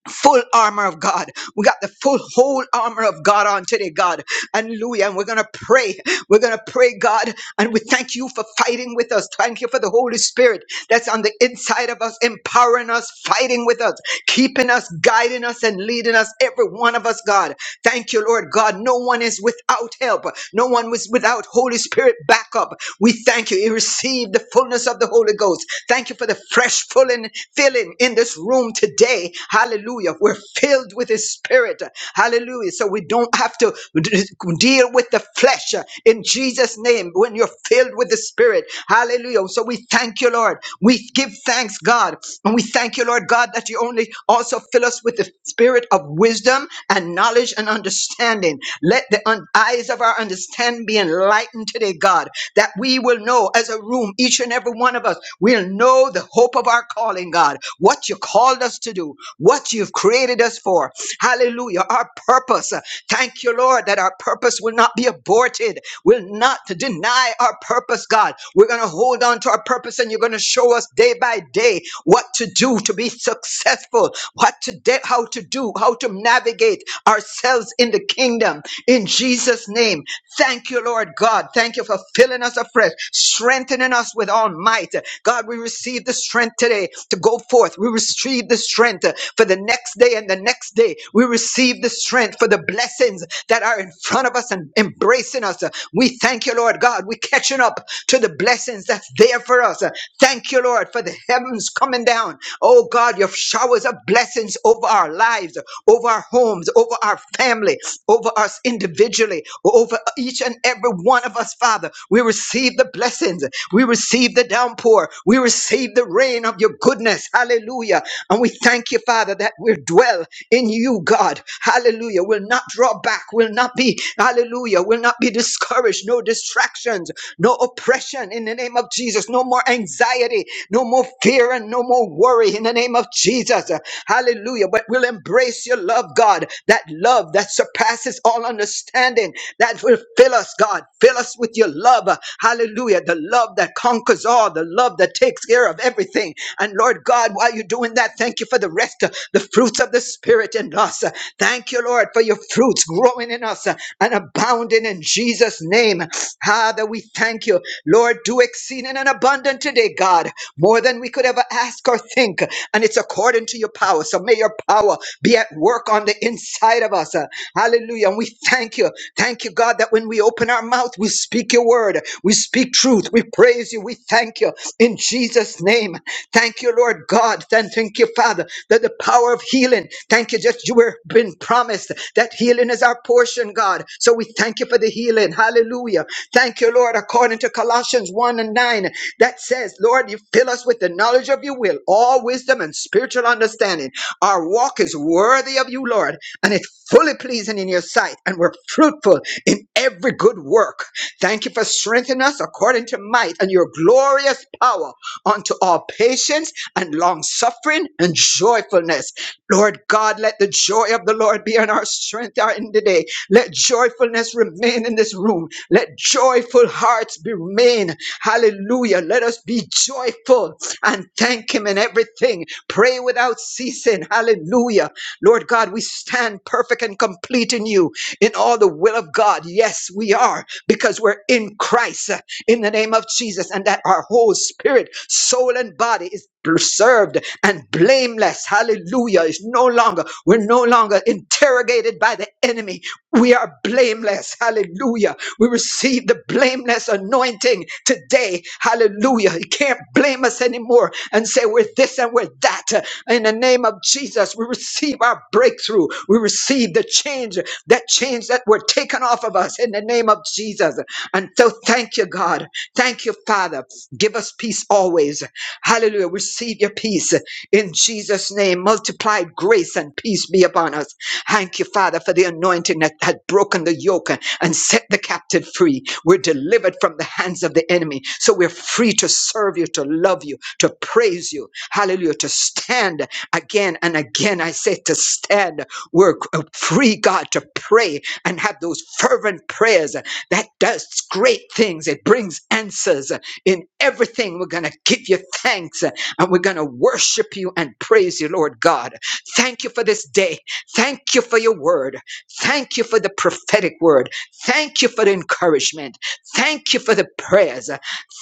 [SPEAKER 4] full armor of God. We got the full whole armor of God on today, God. Hallelujah. And we're going to pray. We're going to pray, God. And we thank you for fighting with us. Thank you for the Holy Spirit that's on the inside of us, empowering us, fighting with us, keeping us, guiding us, and leading us, every one of us, God. Thank you, Lord God. No one is without help. No one was without Holy Spirit backup. We thank you. You receive the fullness of the Holy Ghost. Thank you for the fresh fresh filling, filling in this room today. Hallelujah. We're filled with His Spirit. Hallelujah. So we don't have to d- deal with the flesh uh, in Jesus' name when you're filled with the Spirit. Hallelujah. So we thank you, Lord. We give thanks, God. And we thank you, Lord God, that you only also fill us with the Spirit of wisdom and knowledge and understanding. Let the un- eyes of our understanding be enlightened today, God, that we will will know as a room, each and every one of us, we'll know the hope of our calling, God, what you called us to do, what you've created us for. Hallelujah. Our purpose. Thank you, Lord, that our purpose will not be aborted. We'll not deny our purpose, God. We're going to hold on to our purpose and you're going to show us day by day what to do to be successful, what to de- how to do, how to navigate ourselves in the kingdom. In Jesus' name name. Thank you, Lord God. Thank you for filling us afresh, strengthening us with all might. God, we receive the strength today to go forth. We receive the strength for the next day and the next day. We receive the strength for the blessings that are in front of us and embracing us. We thank you, Lord God. We're catching up to the blessings that's there for us. Thank you, Lord, for the heavens coming down. Oh God, your showers of blessings over our lives, over our homes, over our family, over us individually, over each and every one of us, Father. We receive the blessings. We receive the downpour. We receive the rain of your goodness. Hallelujah. And we thank you, Father, that we dwell in you, God. Hallelujah. We'll not draw back. We'll not be, hallelujah. We'll not be discouraged. No distractions, no oppression in the name of Jesus. No more anxiety, no more fear, and no more worry in the name of name of Jesus. Hallelujah. But we'll embrace your love, God, that love that surpasses all understanding, that will fill us, God. Fill us with your love. Hallelujah. The love that conquers all, the love that takes care of everything. And Lord God, while you're doing that, thank you for the rest, uh, the fruits of the Spirit in us. Uh, Thank you, Lord, for your fruits growing in us uh, and abounding in Jesus' name. Father, we thank you. Lord, do exceeding and abundantly abundant today, God, more than we could ever ask or think. And it's according to your power. So may your power be at work on the inside of us. Uh, Hallelujah. And we thank you. Thank you, God, that when we open our mouth, we speak your word. We speak truth. We praise you. We thank you in Jesus' name. Thank you, Lord God. Thank, thank you, Father, that the power of healing. Thank you that you were been promised that healing is our portion, God. So we thank you for the healing. Hallelujah. Thank you, Lord, according to Colossians 1 and 9 that says, Lord, you fill us with the knowledge of your will, all wisdom and spiritual understanding. Our walk is worthy of you, Lord, and it's fully pleasing in your sight, and we're fruitful in every good work. Thank you for strengthening us according to might and your glorious power unto all patience and long suffering and joyfulness. Lord God, let the joy of the Lord be in our strength our in the day. Let joyfulness remain in this room. Let joyful hearts be remain Hallelujah. Let us be joyful and thank Him in everything. Pray without ceasing. Hallelujah. Lord God, we stand perfect and complete in you in all the will of God. Yes, we are because we're in Christ uh, in the name of Jesus, and that our whole spirit, soul, and body is preserved and blameless. Hallelujah. It's no longer, we're no longer interrogated by the enemy. We are blameless. Hallelujah we receive the blameless anointing today. Hallelujah. You can't blame us anymore and say we're this and we're that. In the name of Jesus, we receive our breakthrough. We receive the change, that change that were taken off of us in the name of Jesus. And so thank you, God. Thank you, Father. Give us peace always. Hallelujah. Receive your peace in Jesus' name. Multiplied grace and peace be upon us. Thank you, Father, for the anointing that had broken the yoke and set the captive free. We're delivered from the hands of the enemy. So we're free to serve you, to love you, to praise you. Hallelujah. To stand again and again. I say to stand. We're uh, free, God, to pray and have those fervent prayers that does great things. It brings answers. In everything, we're going to give you thanks uh, and we're going to worship you and praise you, Lord God. Thank you for this day. Thank you for your word. Thank you for the prophetic word. Thank you for the encouragement. Thank you for the prayers.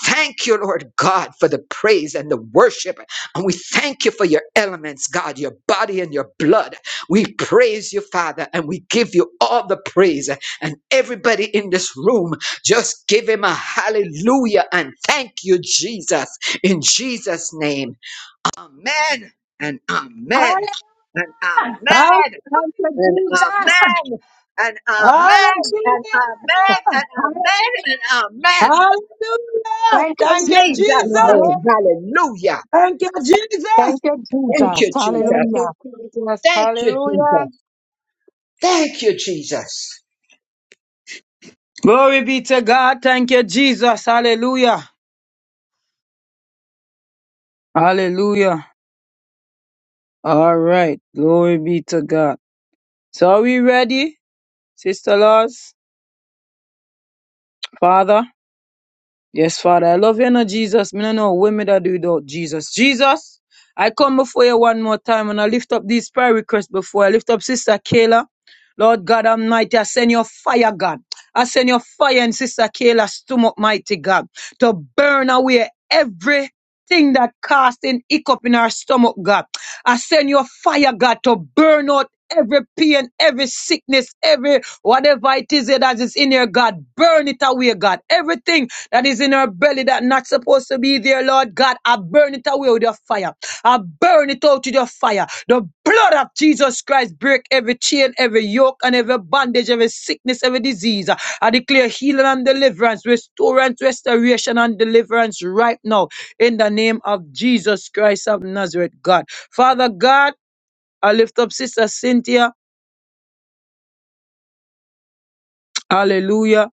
[SPEAKER 4] Thank you, Lord God, for the praise and the worship. And we thank you for your elements, God, your body and your blood. We praise you, Father, and we give you all the praise. And everybody in this room, just give him a hallelujah and thank you, Jesus, in Jesus' name. Amen and amen
[SPEAKER 1] Hallelujah.
[SPEAKER 4] and
[SPEAKER 2] Hall-
[SPEAKER 4] amen
[SPEAKER 1] Thank you,
[SPEAKER 4] um,
[SPEAKER 1] Jesus.
[SPEAKER 4] and
[SPEAKER 1] Thank
[SPEAKER 2] Hallelujah!
[SPEAKER 1] you,
[SPEAKER 4] amen and
[SPEAKER 1] Jesus.
[SPEAKER 4] amen and
[SPEAKER 1] Hallelujah.
[SPEAKER 4] amen and amen.
[SPEAKER 2] Hallelujah!
[SPEAKER 1] Thank you,
[SPEAKER 2] Thank you,
[SPEAKER 1] Lord. You
[SPEAKER 4] Jesus'
[SPEAKER 1] are
[SPEAKER 2] Jesus!
[SPEAKER 4] name.
[SPEAKER 1] worthy.
[SPEAKER 4] Hallelujah.
[SPEAKER 2] Thank you, Jesus!
[SPEAKER 1] Thank you,
[SPEAKER 4] Thank
[SPEAKER 1] Jesus.
[SPEAKER 4] you, Jesus.
[SPEAKER 3] Thank you,
[SPEAKER 1] Hallelujah.
[SPEAKER 3] Jesus.
[SPEAKER 4] Thank you,
[SPEAKER 3] Hallelujah.
[SPEAKER 4] Jesus. Thank you, Jesus.
[SPEAKER 2] Glory be to God. Thank you, Jesus. Hallelujah. Hallelujah. All right. Glory be to God. So are we ready, Sister Laws? Father? Yes, Father, I love you, no Jesus. Me no know what me that do without Jesus. Jesus, I come before you one more time and I lift up these prayer requests before I lift up Sister Kayla. Lord God Almighty, I send your fire, God. I send your fire in Sister Kayla's stomach, mighty God, to burn away everything that casting hiccup in our stomach, God. I send your fire, God, to burn out every pain, every sickness, every whatever it is that is in here, God. Burn it away, God. Everything that is in her belly that not supposed to be there, Lord God. I burn it away with your fire. I burn it out with your fire. The blood of Jesus Christ break every chain, every yoke, and every bondage, every sickness, every disease. I declare healing and deliverance, restorance, restoration, and deliverance right now in the name of Jesus Christ of Nazareth, God. Father God, I lift up Sister Cynthia. Hallelujah.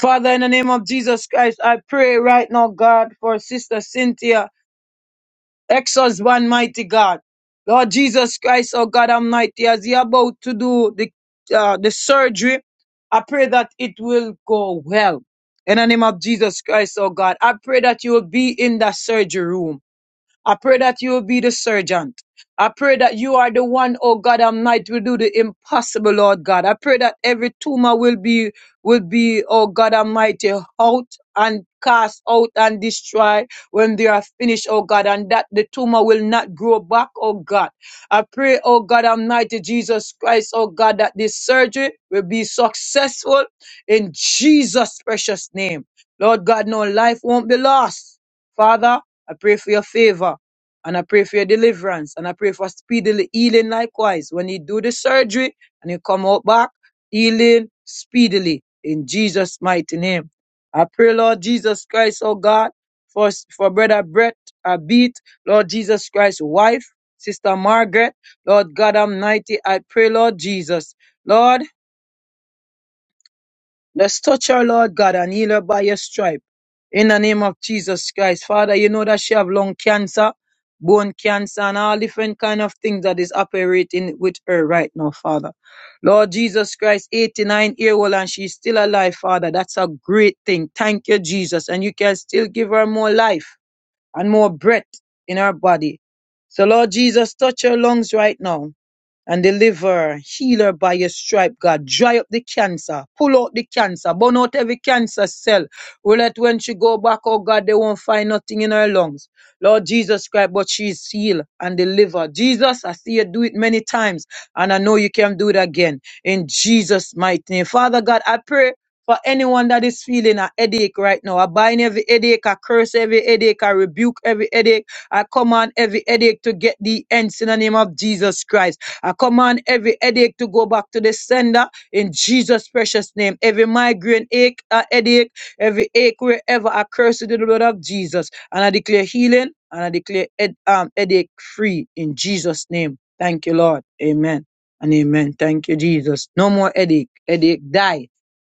[SPEAKER 2] Father, in the name of Jesus Christ, I pray right now, God, for Sister Cynthia. Ex-husband, mighty God. Lord Jesus Christ, oh God Almighty, as you're about to do the, uh, the surgery, I pray that it will go well. In the name of Jesus Christ, oh God, I pray that you will be in that surgery room. I pray that you will be the surgeon. I pray that you are the one, oh God Almighty, will do the impossible, Lord God. I pray that every tumor will be, will be, oh God Almighty, out and cast out and destroy when they are finished, oh God, and that the tumor will not grow back, oh God. I pray, oh God Almighty, Jesus Christ, oh God, that this surgery will be successful in Jesus' precious name. Lord God, no life won't be lost. Father, I pray for your favor. And I pray for your deliverance. And I pray for speedily healing likewise. When you do the surgery and you come out back, healing speedily in Jesus' mighty name. I pray, Lord Jesus Christ, oh God, for, for brother Brett, I beat, Lord Jesus Christ's wife, sister Margaret, Lord God Almighty, I pray, Lord Jesus. Lord, Let's touch her, Lord God, and heal her by your stripe. In the name of Jesus Christ. Father, you know that she have lung cancer, bone cancer, and all different kind of things that is operating with her right now, Father. Lord Jesus Christ, 89 year old and she's still alive, Father. That's a great thing. Thank you, Jesus. And you can still give her more life and more breath in her body. So Lord Jesus, touch her lungs right now and deliver her. Heal her by your stripe, God. Dry up the cancer. Pull out the cancer. Burn out every cancer cell. Will that when she go back, oh God, they won't find nothing in her lungs. Lord Jesus Christ, but she's healed and delivered. Jesus, I see you do it many times, and I know you can do it again. In Jesus' mighty name. Father God, I pray. For anyone that is feeling a headache right now, I bind every headache, I curse every headache, I rebuke every headache, I command every headache to get the ends in the name of Jesus Christ. I command every headache to go back to the sender in Jesus' precious name. Every migraine ache, uh, headache, every ache wherever I curse it in the blood of Jesus. And I declare healing and I declare head, um, headache free in Jesus' name. Thank you, Lord. Amen and amen. Thank you, Jesus. No more headache. Headache, die.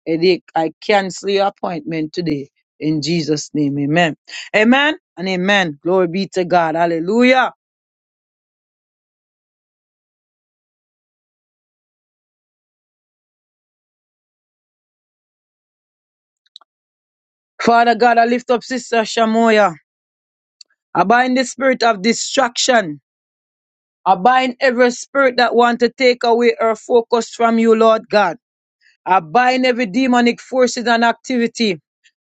[SPEAKER 2] Headache, I cancel your appointment today in Jesus' name. Amen. Amen and amen. Glory be to God. Hallelujah. Father God, I lift up Sister Shamoya. I bind the spirit of distraction. I bind every spirit that want to take away her focus from you, Lord God. I bind every demonic forces and activity.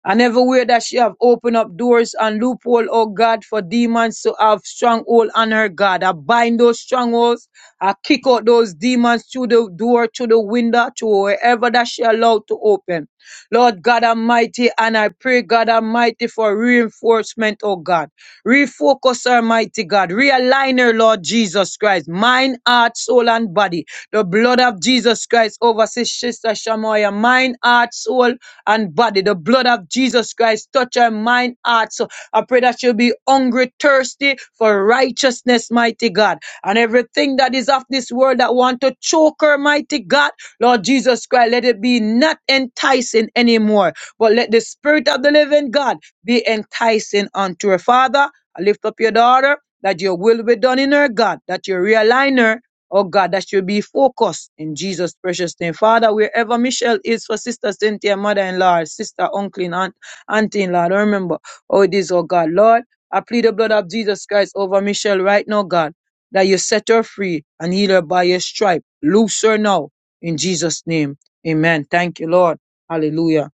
[SPEAKER 2] And everywhere that she have opened up doors and loophole, oh God, for demons to have stronghold on her, God. I bind those strongholds. I kick out those demons through the door, through the window, to wherever that she allowed to open. Lord God Almighty, and I pray, God Almighty, for reinforcement, oh God. Refocus her, mighty God. Realign her, Lord Jesus Christ. Mind, heart, soul, and body. The blood of Jesus Christ over sis- Sister Shamoya, mind, heart, soul, and body. The blood of Jesus Christ touch her mind, heart. So I pray that she'll be hungry, thirsty for righteousness, mighty God. And everything that is of this world that want to choke her, mighty God, Lord Jesus Christ, let it be not enticing anymore, but let the Spirit of the living God be enticing unto her. Father, I lift up your daughter that your will be done in her, God, that you realign her Oh God, that should be focused in Jesus' precious name. Father, wherever Michelle is for Sister Cynthia, mother-in-law, sister, uncle, and aunt, auntie-in-law, I don't remember how it is, oh God. Lord, I plead the blood of Jesus Christ over Michelle right now, God, that you set her free and heal her by your stripe. Loose her now in Jesus' name. Amen. Thank you, Lord. Hallelujah.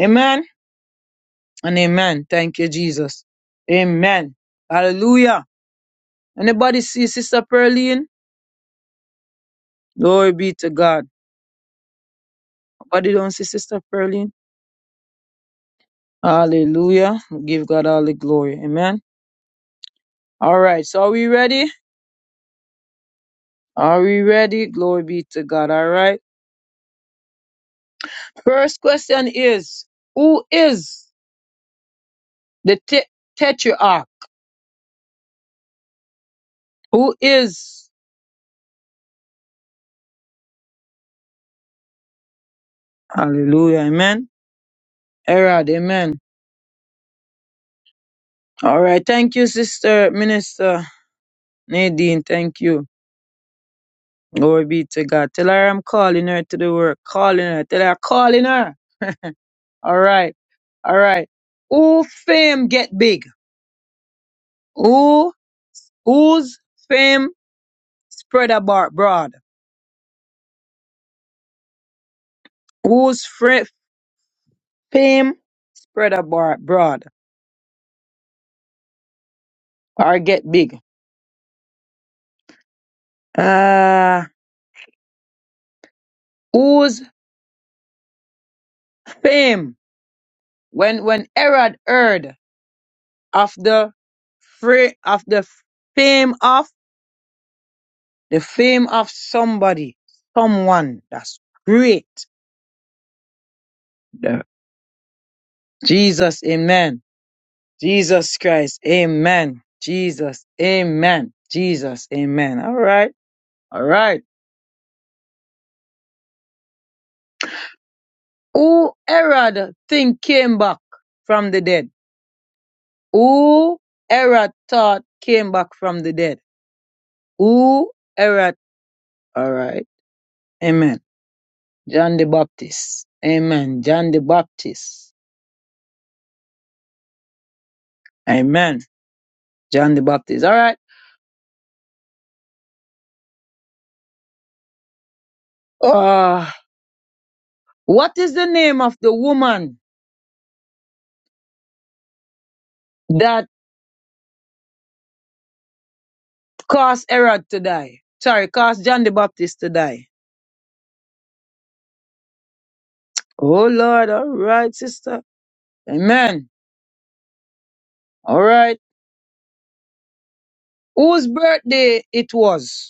[SPEAKER 2] Amen and amen. Thank you, Jesus. Amen. Hallelujah. Anybody see Sister Pearline? Glory be to God. What did you say, Sister Pearline? Hallelujah. Give God all the glory. Amen. All right. So are we ready? Are we ready? Glory be to God. All right. First question is, who is the te- tetrarch? Who is? Hallelujah. Amen. Erad. Amen. All right. Thank you, Sister Minister Nadine. Thank you. Glory be to God. Tell her I'm calling her to the work. Calling her. Tell her I'm calling her. All right. All right. Who fame get big? Who, whose fame spread abo- abroad. Whose fr- fame spread abo- abroad or get big. Uh, whose fame when when Herod heard of the free of the fame of the fame of somebody, someone that's great. The- Jesus, Amen. Jesus Christ, Amen. Jesus, Amen. Jesus, Amen. All right, all right. Who Herod think came back from the dead? Who Herod thought came back from the dead? Who Herod? All right. Amen. John the Baptist. Amen. John the Baptist. Amen. John the Baptist. All right. Uh, what is the name of the woman that caused Herod to die? Sorry, caused John the Baptist to die. Oh Lord. All right, sister. Amen. All right. Whose birthday it was?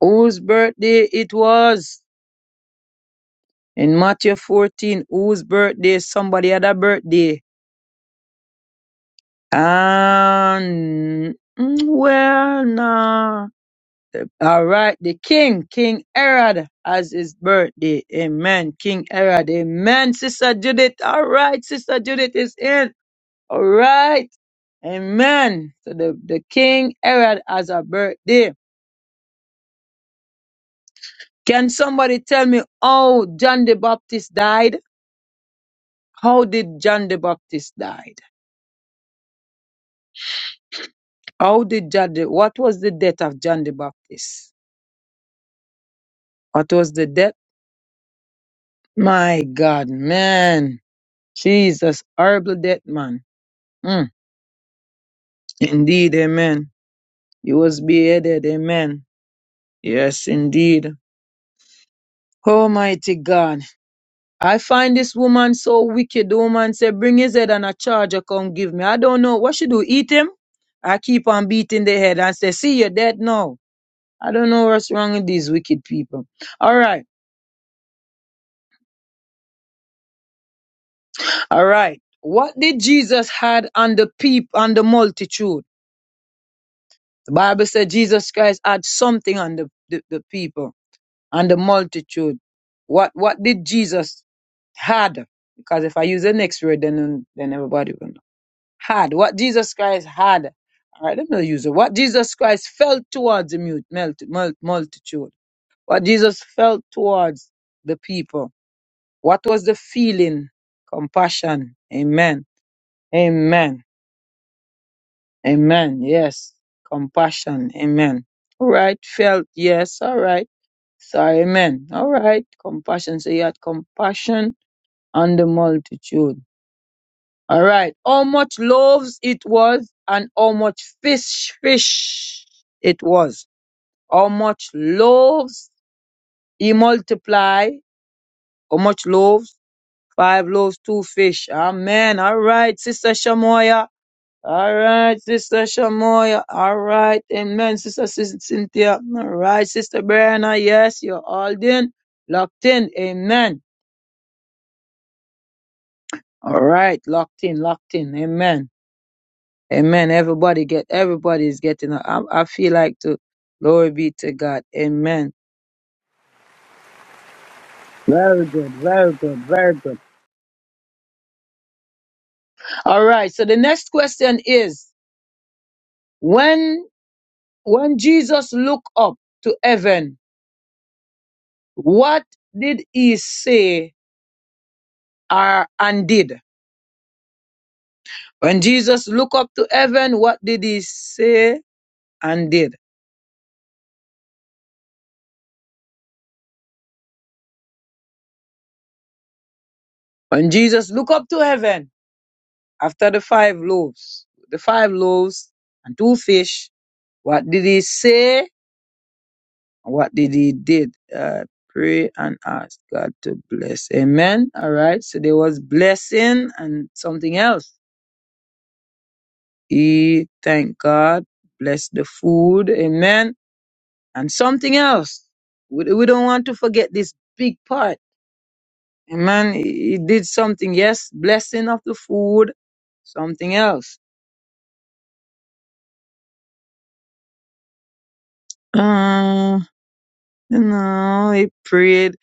[SPEAKER 2] Whose birthday it was? In Matthew 14, whose birthday? Somebody had a birthday. And, mm, well, nah. All right, the king, King Herod, has his birthday. Amen. King Herod. Amen, Sister Judith. All right, Sister Judith is in. All right. Amen. So the, the King Herod has a birthday. Can somebody tell me how John the Baptist died? How did John the Baptist died? How did John the, what was the death of John the Baptist? What was the death? My God, man. Jesus, horrible death, man. Mm. Indeed, amen. He was beheaded, amen. Yes, indeed. Almighty God. I find this woman so wicked. The woman said, bring his head and a charger come give me. I don't know. What should do? Eat him? I keep on beating the head and say, see, you're dead now. I don't know what's wrong with these wicked people. All right. All right. What did Jesus had on the peep on the multitude? The Bible said Jesus Christ had something on the, the, the people, on the multitude. What what did Jesus had? Because if I use the next word then then everybody will know. Had. What Jesus Christ had. All right, let me use it. What Jesus Christ felt towards the mute, melt, mult multitude. What Jesus felt towards the people. What was the feeling? Compassion. Amen. Amen. Amen. Yes. Compassion. Amen. All right. Felt. Yes. All right. So, amen. All right. Compassion. So, you had compassion on the multitude. All right. How much loaves it was and how much fish, fish it was. How much loaves he multiply. How much loaves? Five loaves, two fish. Amen. All right. Sister Shamoya. All right, Sister Shamoya. All right, amen, Sister Cy- Cynthia. All right, Sister Brianna. Yes, you're all in, locked in. Amen. All right, locked in, locked in. Amen. Amen. Everybody get, everybody is getting. I, I feel like to. Glory be to God. Amen. Very good, very good, very good. All right. So the next question is: When when Jesus looked up to heaven, what did he say or and did? When Jesus looked up to heaven, what did he say and did? When Jesus looked up to heaven after the five loaves, the five loaves and two fish, what did he say? and What did he did? Uh, pray and ask God to bless. Amen. All right. So there was blessing and something else. He thank God, bless the food. Amen. And something else. We, we don't want to forget this big part Amen. He he did something. Yes, blessing of the food. Something else. Uh, you know, he prayed,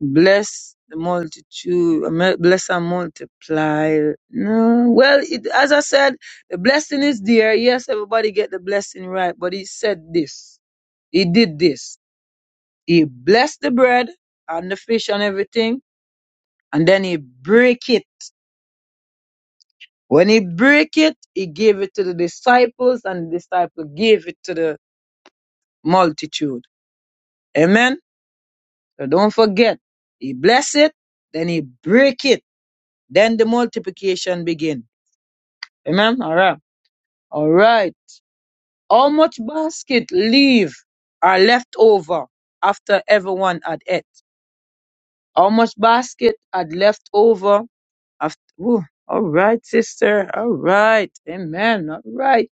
[SPEAKER 2] bless the multitude, ame- bless and multiply. No, well, it, as I said, the blessing is there. Yes, everybody get the blessing right, but he said this. He did this. He blessed the bread and the fish and everything, and then he break it. When he break it, he gave it to the disciples, and the disciple gave it to the multitude. Amen. So don't forget, he bless it, then he break it, then the multiplication begin. Amen. All right. All right. How much basket leave are left over after everyone had ate? How much basket had left over after? Ooh, all right, sister. All right. Amen. All right.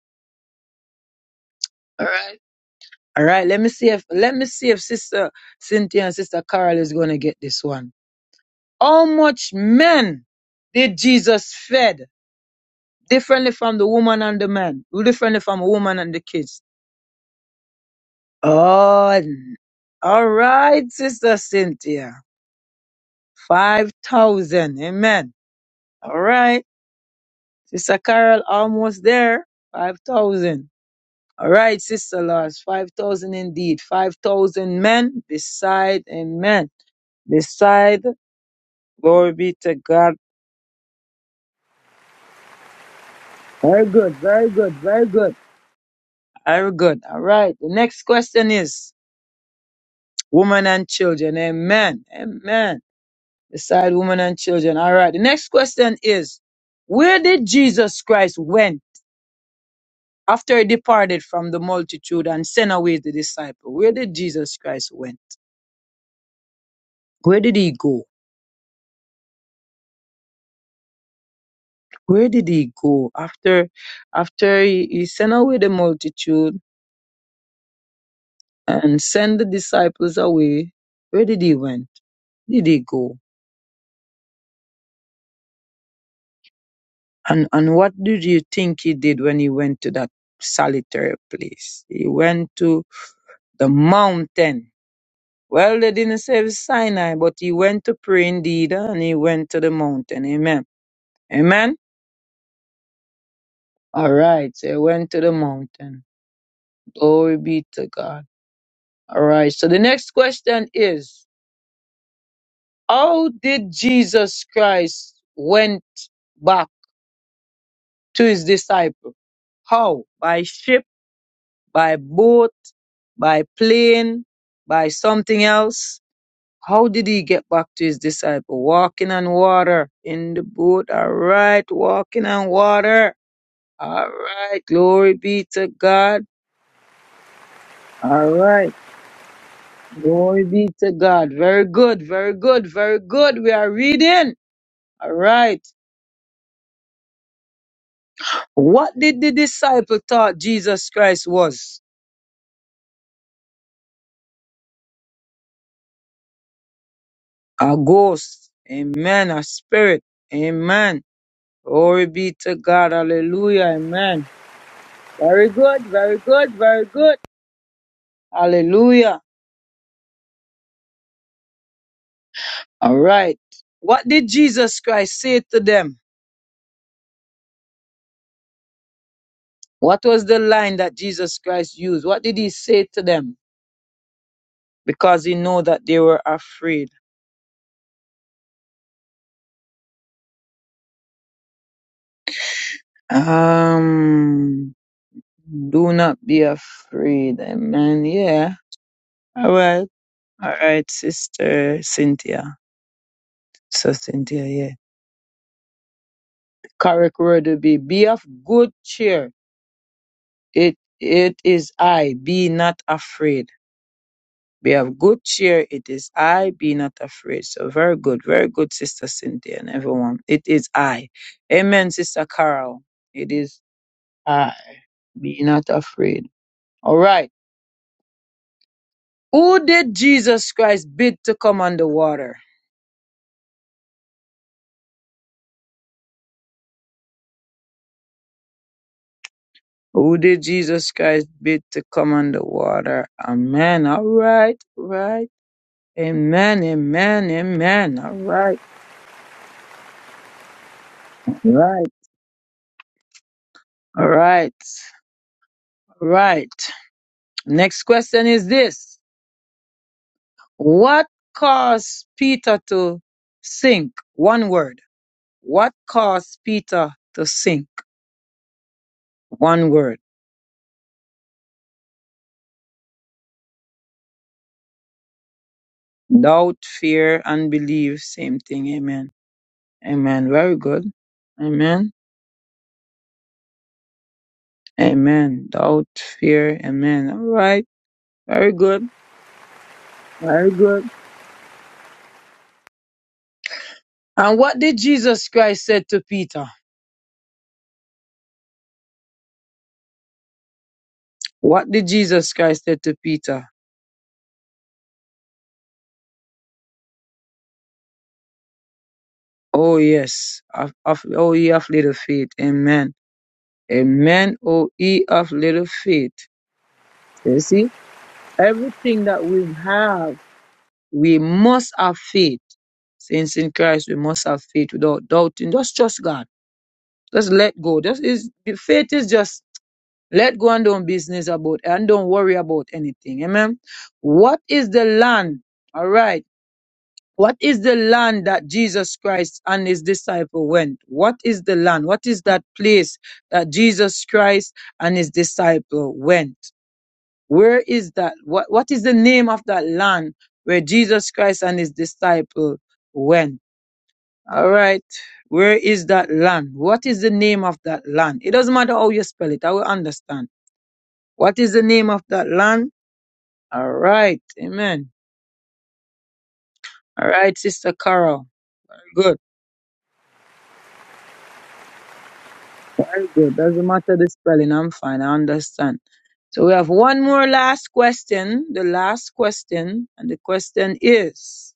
[SPEAKER 2] All right. All right. Let me see if let me see if sister Cynthia and sister Carol is gonna get this one. How much men did Jesus fed differently from the woman and the man, differently from a woman and the kids? Oh, all right, Sister Cynthia. 5,000. Amen. All right. Sister Carol, almost there. 5,000. All right, Sister Lars. 5,000 indeed. 5,000 men beside, amen. Beside, glory be to God. Very good, very good, very good. Very good. All right. The next question is women and children. Amen. Amen. Beside women and children. All right. The next question is where did Jesus Christ went after he departed from the multitude and sent away the disciple? Where did Jesus Christ went? Where did he go? Where did he go after after he, he sent away the multitude and sent the disciples away? Where did he went? Did he go? And and what did you think he did when he went to that solitary place? He went to the mountain. Well, they didn't say it was Sinai, but he went to pray indeed, and he went to the mountain. Amen. Amen. All right. So he went to the mountain. Glory be to God. All right. So the next question is, how did Jesus Christ went back to his disciple? How? By ship by boat, by plane, by something else. How did he get back to his disciple? Walking on water in the boat. All right, walking on water. All right, glory be to God. All right, glory be to God. Very good, very good, very good. We are reading. All right. What did the disciple thought Jesus Christ was? A ghost. Amen. A spirit. Amen. Glory be to God. Hallelujah. Amen. Very good. Very good. Very good. Hallelujah. All right. What did Jesus Christ say to them? What was the line that Jesus Christ used? What did he say to them? Because he know that they were afraid. Um, do not be afraid. Amen. Yeah. All right. All right, sister Cynthia. So Cynthia, yeah. Correct word would be be of good cheer It it is I, be not afraid. Be of good cheer, it is I, be not afraid. So very good, very good, Sister Cynthia and everyone. It is I. Amen, Sister Carol. It is I, be not afraid. All right. Who did Jesus Christ bid to come on the water? Who did Jesus Christ bid to come on the water? Amen. All right, right. Amen, amen, amen. All right, right, all right, all right. Next question is this. What caused Peter to sink? One word. What caused Peter to sink? One word. Doubt, fear, unbelief. Same thing. Amen. Amen. Very good. Amen. Amen. Doubt, fear. Amen. All right. Very good. Very good. And what did Jesus Christ said to Peter? What did Jesus Christ said to Peter? Oh yes. Of, of, oh ye of little faith. Amen. A man, O ye of little faith. You see, everything that we have, we must have faith. Since in Christ, we must have faith without doubting. Just trust God. Just let go. Just is the faith is just let go and don't business about and don't worry about anything. Amen. What is the land? All right. What is the land that Jesus Christ and his disciple went? What is the land? What is that place that Jesus Christ and his disciple went? Where is that? What, what is the name of that land where Jesus Christ and his disciple went? All right. Where is that land? What is the name of that land? It doesn't matter how you spell it. I will understand. What is the name of that land? All right. Amen. All right, Sister Carol. Good. Very good. Doesn't matter the spelling. I'm fine. I understand. So we have one more last question. The last question. And the question is,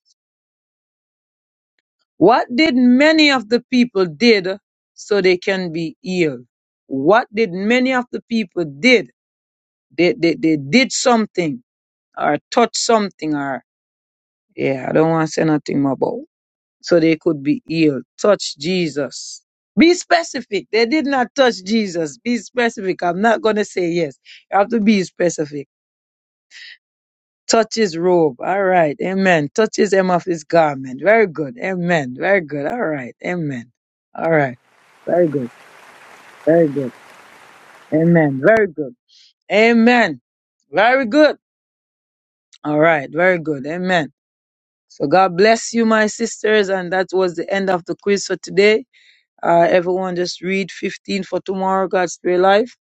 [SPEAKER 2] What did many of the people did so they can be healed? What did many of the people did? They, they, they did something or touched something or, yeah, I don't want to say nothing more about. So they could be healed. Touch Jesus. Be specific. They did not touch Jesus. Be specific. I'm not going to say yes. You have to be specific. Touch his robe. All right. Amen. Touch his hem of his garment. Very good. Amen. Very good. All right. Amen. All right. Very good. Very good. Amen. Very good. Amen. Very good. All right. Very good. Amen. So God bless you, my sisters. And that was the end of the quiz for today. Uh, everyone just read 15 for tomorrow, God's prayer life.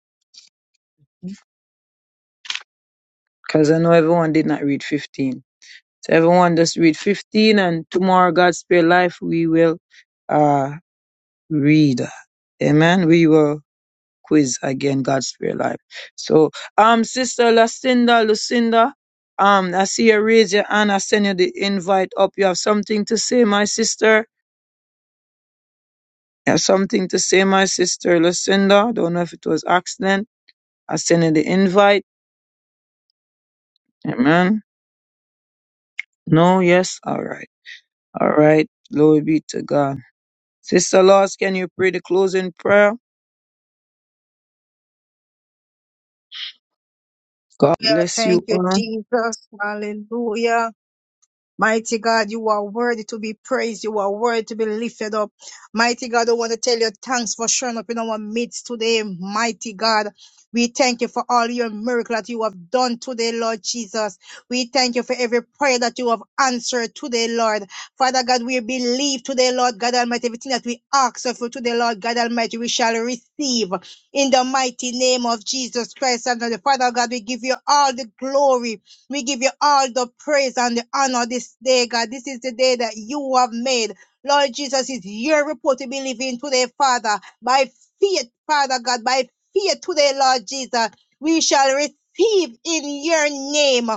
[SPEAKER 2] Cause I know everyone did not read 15. So everyone just read 15 and tomorrow, God's prayer life, we will, uh, read. Amen. We will quiz again, God's Spirit Life. So, um, Sister Lucinda, Lucinda, um, I see you raise your hand. I send you the invite up. You have something to say, my sister. You have something to say, my sister Lucinda. Don't know if it was accident. I send you the invite. Amen. No, yes, all right, all right. Glory be to God. Sister Lars, can you pray the closing prayer? God
[SPEAKER 3] Yeah,
[SPEAKER 2] bless
[SPEAKER 3] Thank
[SPEAKER 2] you
[SPEAKER 3] you,
[SPEAKER 2] all.
[SPEAKER 3] Jesus. Hallelujah. Mighty God, you are worthy to be praised. You are worthy to be lifted up. Mighty God, I want to tell you thanks for showing up in our midst today. Mighty God, we thank you for all your miracles that you have done today, Lord Jesus. We thank you for every prayer that you have answered today, Lord. Father God, we believe today, Lord God Almighty, everything that we ask of you today, Lord God Almighty, we shall receive in the mighty name of Jesus Christ. And Father God, we give you all the glory. We give you all the praise and the honor this day, God. This is the day that you have made. Lord Jesus, it's your report to believe in today, Father. By faith, Father God, by faith today, Lord Jesus, we shall receive in your name.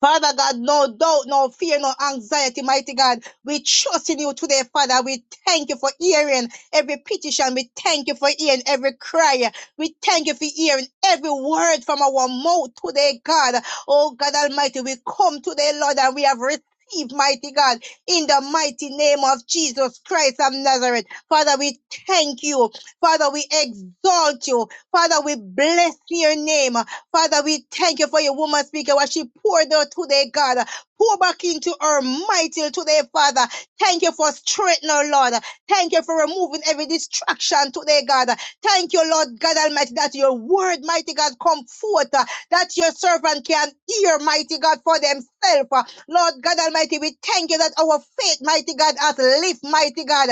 [SPEAKER 3] Father God, no doubt, no fear, no anxiety, mighty God. We trust in you today, Father. We thank you for hearing every petition. We thank you for hearing every cry. We thank you for hearing every word from our mouth today, God. Oh God Almighty, we come today, Lord, and we have received, mighty God, in the mighty name of Jesus Christ of Nazareth. Father, we thank you. Father, we exalt you. Father, we bless your name. Father, we thank you for your woman speaker, what she poured out today, God. Pour back into her mighty today, Father. Thank you for straightening her, Lord. Thank you for removing every distraction today, God. Thank you, Lord God Almighty, that your word, mighty God, come forth, uh, that your servant can hear, mighty God, for themselves. Uh, Lord God Almighty, we thank you that our faith, mighty God, has lived, mighty God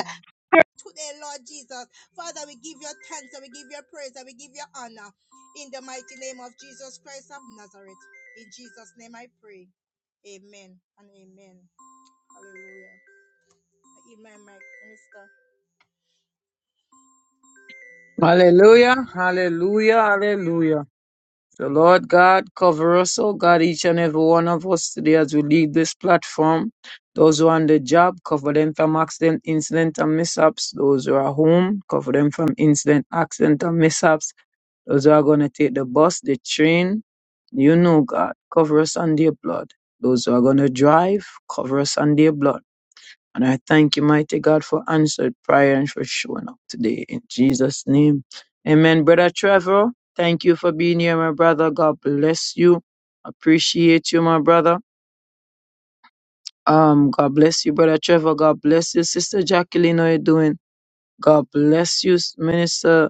[SPEAKER 3] today, Lord Jesus. Father, we give you thanks and we give you praise and we give you honor in the mighty name of Jesus Christ of Nazareth. In Jesus' name I pray. Amen and amen. Hallelujah. I eat my mic, minister.
[SPEAKER 2] Hallelujah, hallelujah, hallelujah. The Lord God cover us, oh God, each and every one of us today as we leave this platform. Those who are on the job, cover them from accident, incident, and mishaps. Those who are home, cover them from incident, accident, and mishaps. Those who are going to take the bus, the train, you know, God, cover us under your blood. Those who are going to drive, cover us under your blood and I thank you, mighty God, for answered prayer and for showing up today in Jesus' name. Amen. Brother Trevor, thank you for being here, my brother. God bless you. Appreciate you, my brother. Um, God bless you, brother Trevor. God bless you, sister Jacqueline. How you doing? God bless you, minister.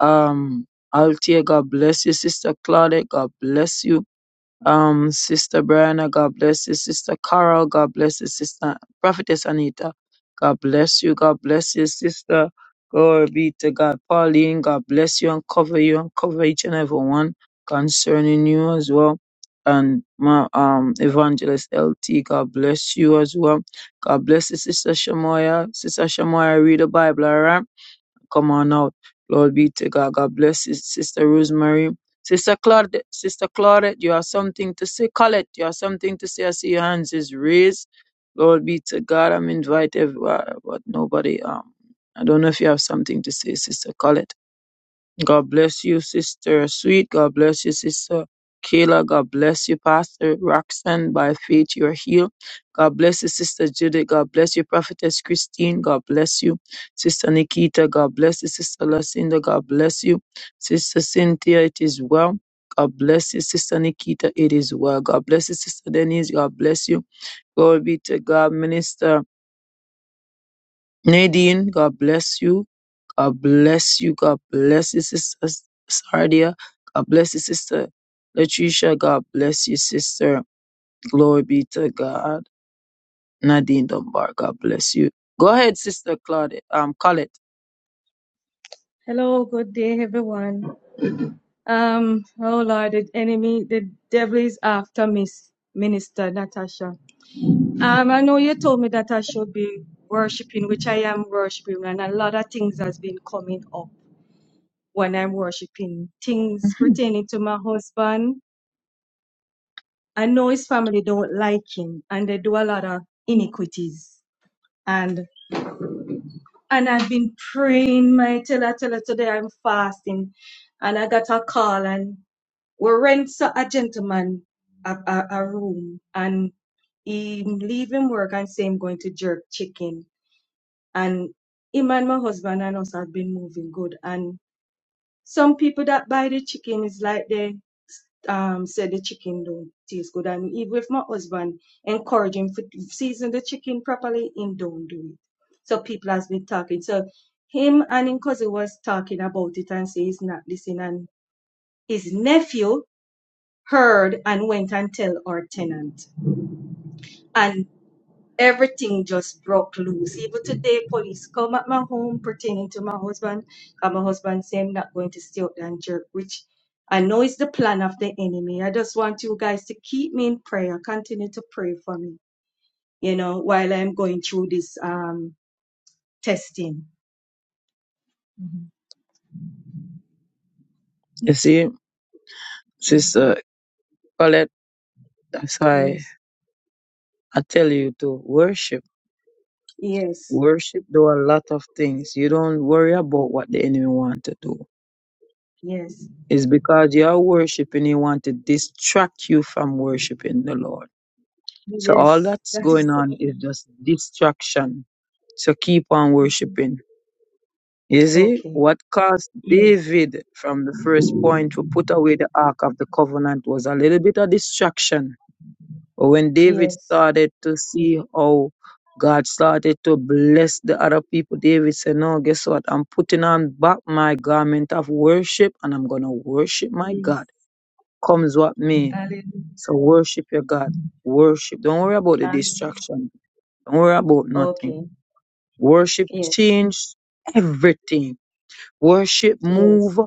[SPEAKER 2] Um, Altia. God bless you, sister Claudette. God bless you. Um, Sister Brianna, God bless you. Sister Carol, God bless you. Sister Prophetess Anita, God bless you. God bless you, Sister. Glory be to God. Pauline, God bless you and cover you and cover each and every one concerning you as well. And my um evangelist LT, God bless you as well. God bless you, Sister Shamoya. Sister Shamoya, read the Bible, all right? Come on out. Lord be to God. God bless you, Sister Rosemary. Sister Claudette, Sister Claudette, you have something to say. Colette, you have something to say. I see your hands is raised. Lord be to God. I'm invited, but nobody. Um, I don't know if you have something to say, Sister Colette. God bless you, Sister Sweet. God bless you, Sister Kayla. God bless you, Pastor Roxanne. By faith, you're healed. God bless you, Sister Judith. God bless you, Prophetess Christine. God bless you, Sister Nikita. God bless you, Sister Lucinda. God bless you, Sister Cynthia. It is well. God bless you, Sister Nikita. It is well. God bless you, Sister Denise. God bless you. Glory be to God, Minister. Nadine, God bless you. God bless you. God bless you, sister Sardia. God bless you, sister Latricia. God bless you, sister. Glory be to God. Nadine Dunbar, God bless you. Go ahead, sister Claudette. Um, Colette.
[SPEAKER 5] Hello, good day, everyone. Um, oh Lord, the enemy, the devil is after Miss Minister Natasha. Um, I know you told me that I should be worshiping, which I am worshiping, and a lot of things has been coming up when I'm worshiping. Things
[SPEAKER 2] Mhm.
[SPEAKER 5] pertaining to my husband. I know his family don't like him, and they do a lot of iniquities. And and I've been praying, my tell I tell her today I'm fasting, and I got a call and We rent so- a gentleman a, a, a room and he leaving work and say I'm going to jerk chicken. And him and my husband and us have been moving good. And some people that buy the chicken is like they um say the chicken don't taste good. And even if my husband encourage him to season the chicken properly, him don't do it. So people has been talking. So him and him cousin was talking about it and say he's not listening. And his nephew heard and went and tell our tenant. And everything just broke loose. Even today, police come at my home pertaining to my husband. And my husband say I'm not going to stay out there and jerk, which I know is the plan of the enemy. I just want you guys to keep me in prayer. Continue to pray for me, you know, while I'm going through this um testing. Mhm.
[SPEAKER 2] You see,
[SPEAKER 5] Mhm.
[SPEAKER 2] sister Colette, that's why
[SPEAKER 5] Yes.
[SPEAKER 2] I tell you to worship.
[SPEAKER 5] Yes.
[SPEAKER 2] Worship do a lot of things. You don't worry about what the enemy want to do.
[SPEAKER 5] Yes.
[SPEAKER 2] It's because you are worshiping, he want to distract you from worshiping the Lord. So all
[SPEAKER 5] Yes.
[SPEAKER 2] that's
[SPEAKER 5] That is
[SPEAKER 2] going
[SPEAKER 5] so-
[SPEAKER 2] on is just distraction. So keep on
[SPEAKER 5] Mhm.
[SPEAKER 2] worshiping. You see
[SPEAKER 5] okay.
[SPEAKER 2] what caused
[SPEAKER 5] Yes.
[SPEAKER 2] David from the first point to put away the Ark of the Covenant was a little bit of distraction. But when David
[SPEAKER 5] Yes.
[SPEAKER 2] started to see how God started to bless the other people, David said, No, guess what? I'm putting on back my garment of worship and I'm gonna worship my God.
[SPEAKER 5] Yes.
[SPEAKER 2] Comes what may.
[SPEAKER 5] Hallelujah.
[SPEAKER 2] So worship your God. Worship. Don't worry about the
[SPEAKER 5] Hallelujah.
[SPEAKER 2] distraction don't worry about nothing.
[SPEAKER 5] Okay.
[SPEAKER 2] Worship
[SPEAKER 5] Yes.
[SPEAKER 2] change everything. Worship
[SPEAKER 5] Yes.
[SPEAKER 2] move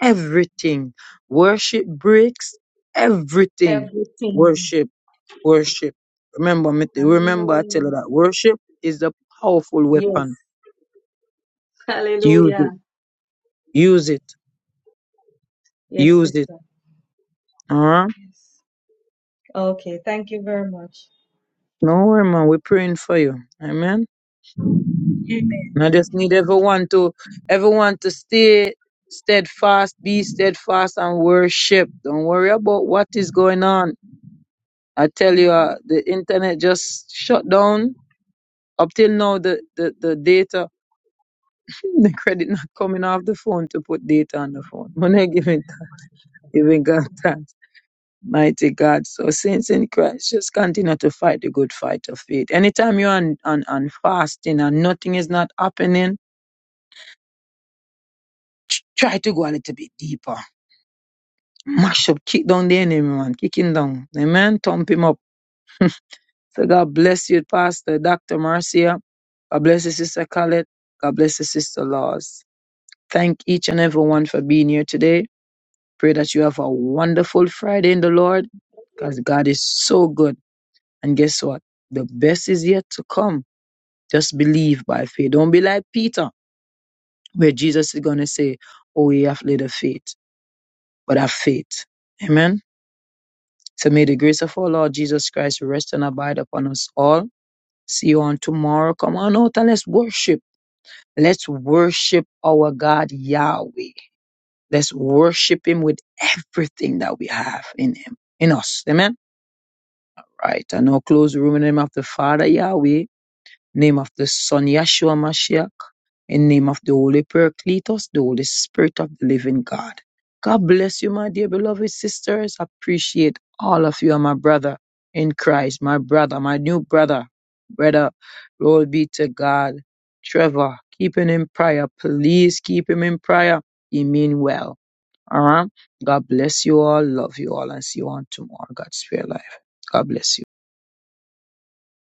[SPEAKER 2] everything. Worship breaks everything.
[SPEAKER 5] Everything.
[SPEAKER 2] Worship, worship. Remember, me t- remember I tell
[SPEAKER 5] Hallelujah.
[SPEAKER 2] you that worship is a powerful
[SPEAKER 5] Yes.
[SPEAKER 2] weapon. Use
[SPEAKER 5] Hallelujah.
[SPEAKER 2] it, use it,
[SPEAKER 5] Yes,
[SPEAKER 2] use it.
[SPEAKER 5] sister.
[SPEAKER 2] All right?
[SPEAKER 5] Yes. Okay. Thank you very much.
[SPEAKER 2] No worry, man. We're praying for you. Amen.
[SPEAKER 5] Amen.
[SPEAKER 2] And I just need everyone to everyone to stay steadfast, be steadfast and worship. Don't worry about what is going on. I tell you, uh, the internet just shut down. Up till now, the, the, the data, the credit not coming off the phone to put data on the phone. When I give it, giving God
[SPEAKER 5] Mhm.
[SPEAKER 2] thanks, mighty God. So saints in Christ, just continue to fight the good fight of faith. Anytime you're on, on, on fasting and nothing is not happening, tr- try to go a little bit deeper Mash up, kick down the enemy, man. Kick him down. Amen. Thump him up. So God bless you, Pastor Dr. Marcia. God bless you, Sister Colette. God bless you, Sister Laws. Thank each and everyone for being here today. Pray that you have a wonderful Friday in the Lord because God is so good. And guess what? The best is yet to come. Just believe by faith. Don't be like Peter, where Jesus is going to say, Oh, you have little faith, but have faith. Amen. So may the grace of our Lord Jesus Christ rest and abide upon us all. See you on tomorrow. Come on out and let's worship. Let's worship our God Yahweh. Let's worship Him with everything that we have in Him, in us. Amen. Right. And now close the room in the name of the Father Yahweh name of the Son Yahshua Mashiach, in name of the Holy Paracletos, the Holy Spirit of the Living God. God bless you, my dear beloved sisters. Appreciate all of you and my brother in Christ, my brother, my new brother, brother. Glory be to God. Trevor, keep him in prayer. Please keep him in prayer. He mean well. All right. God bless you all. Love you all and see you on tomorrow. God's spare life. God bless you.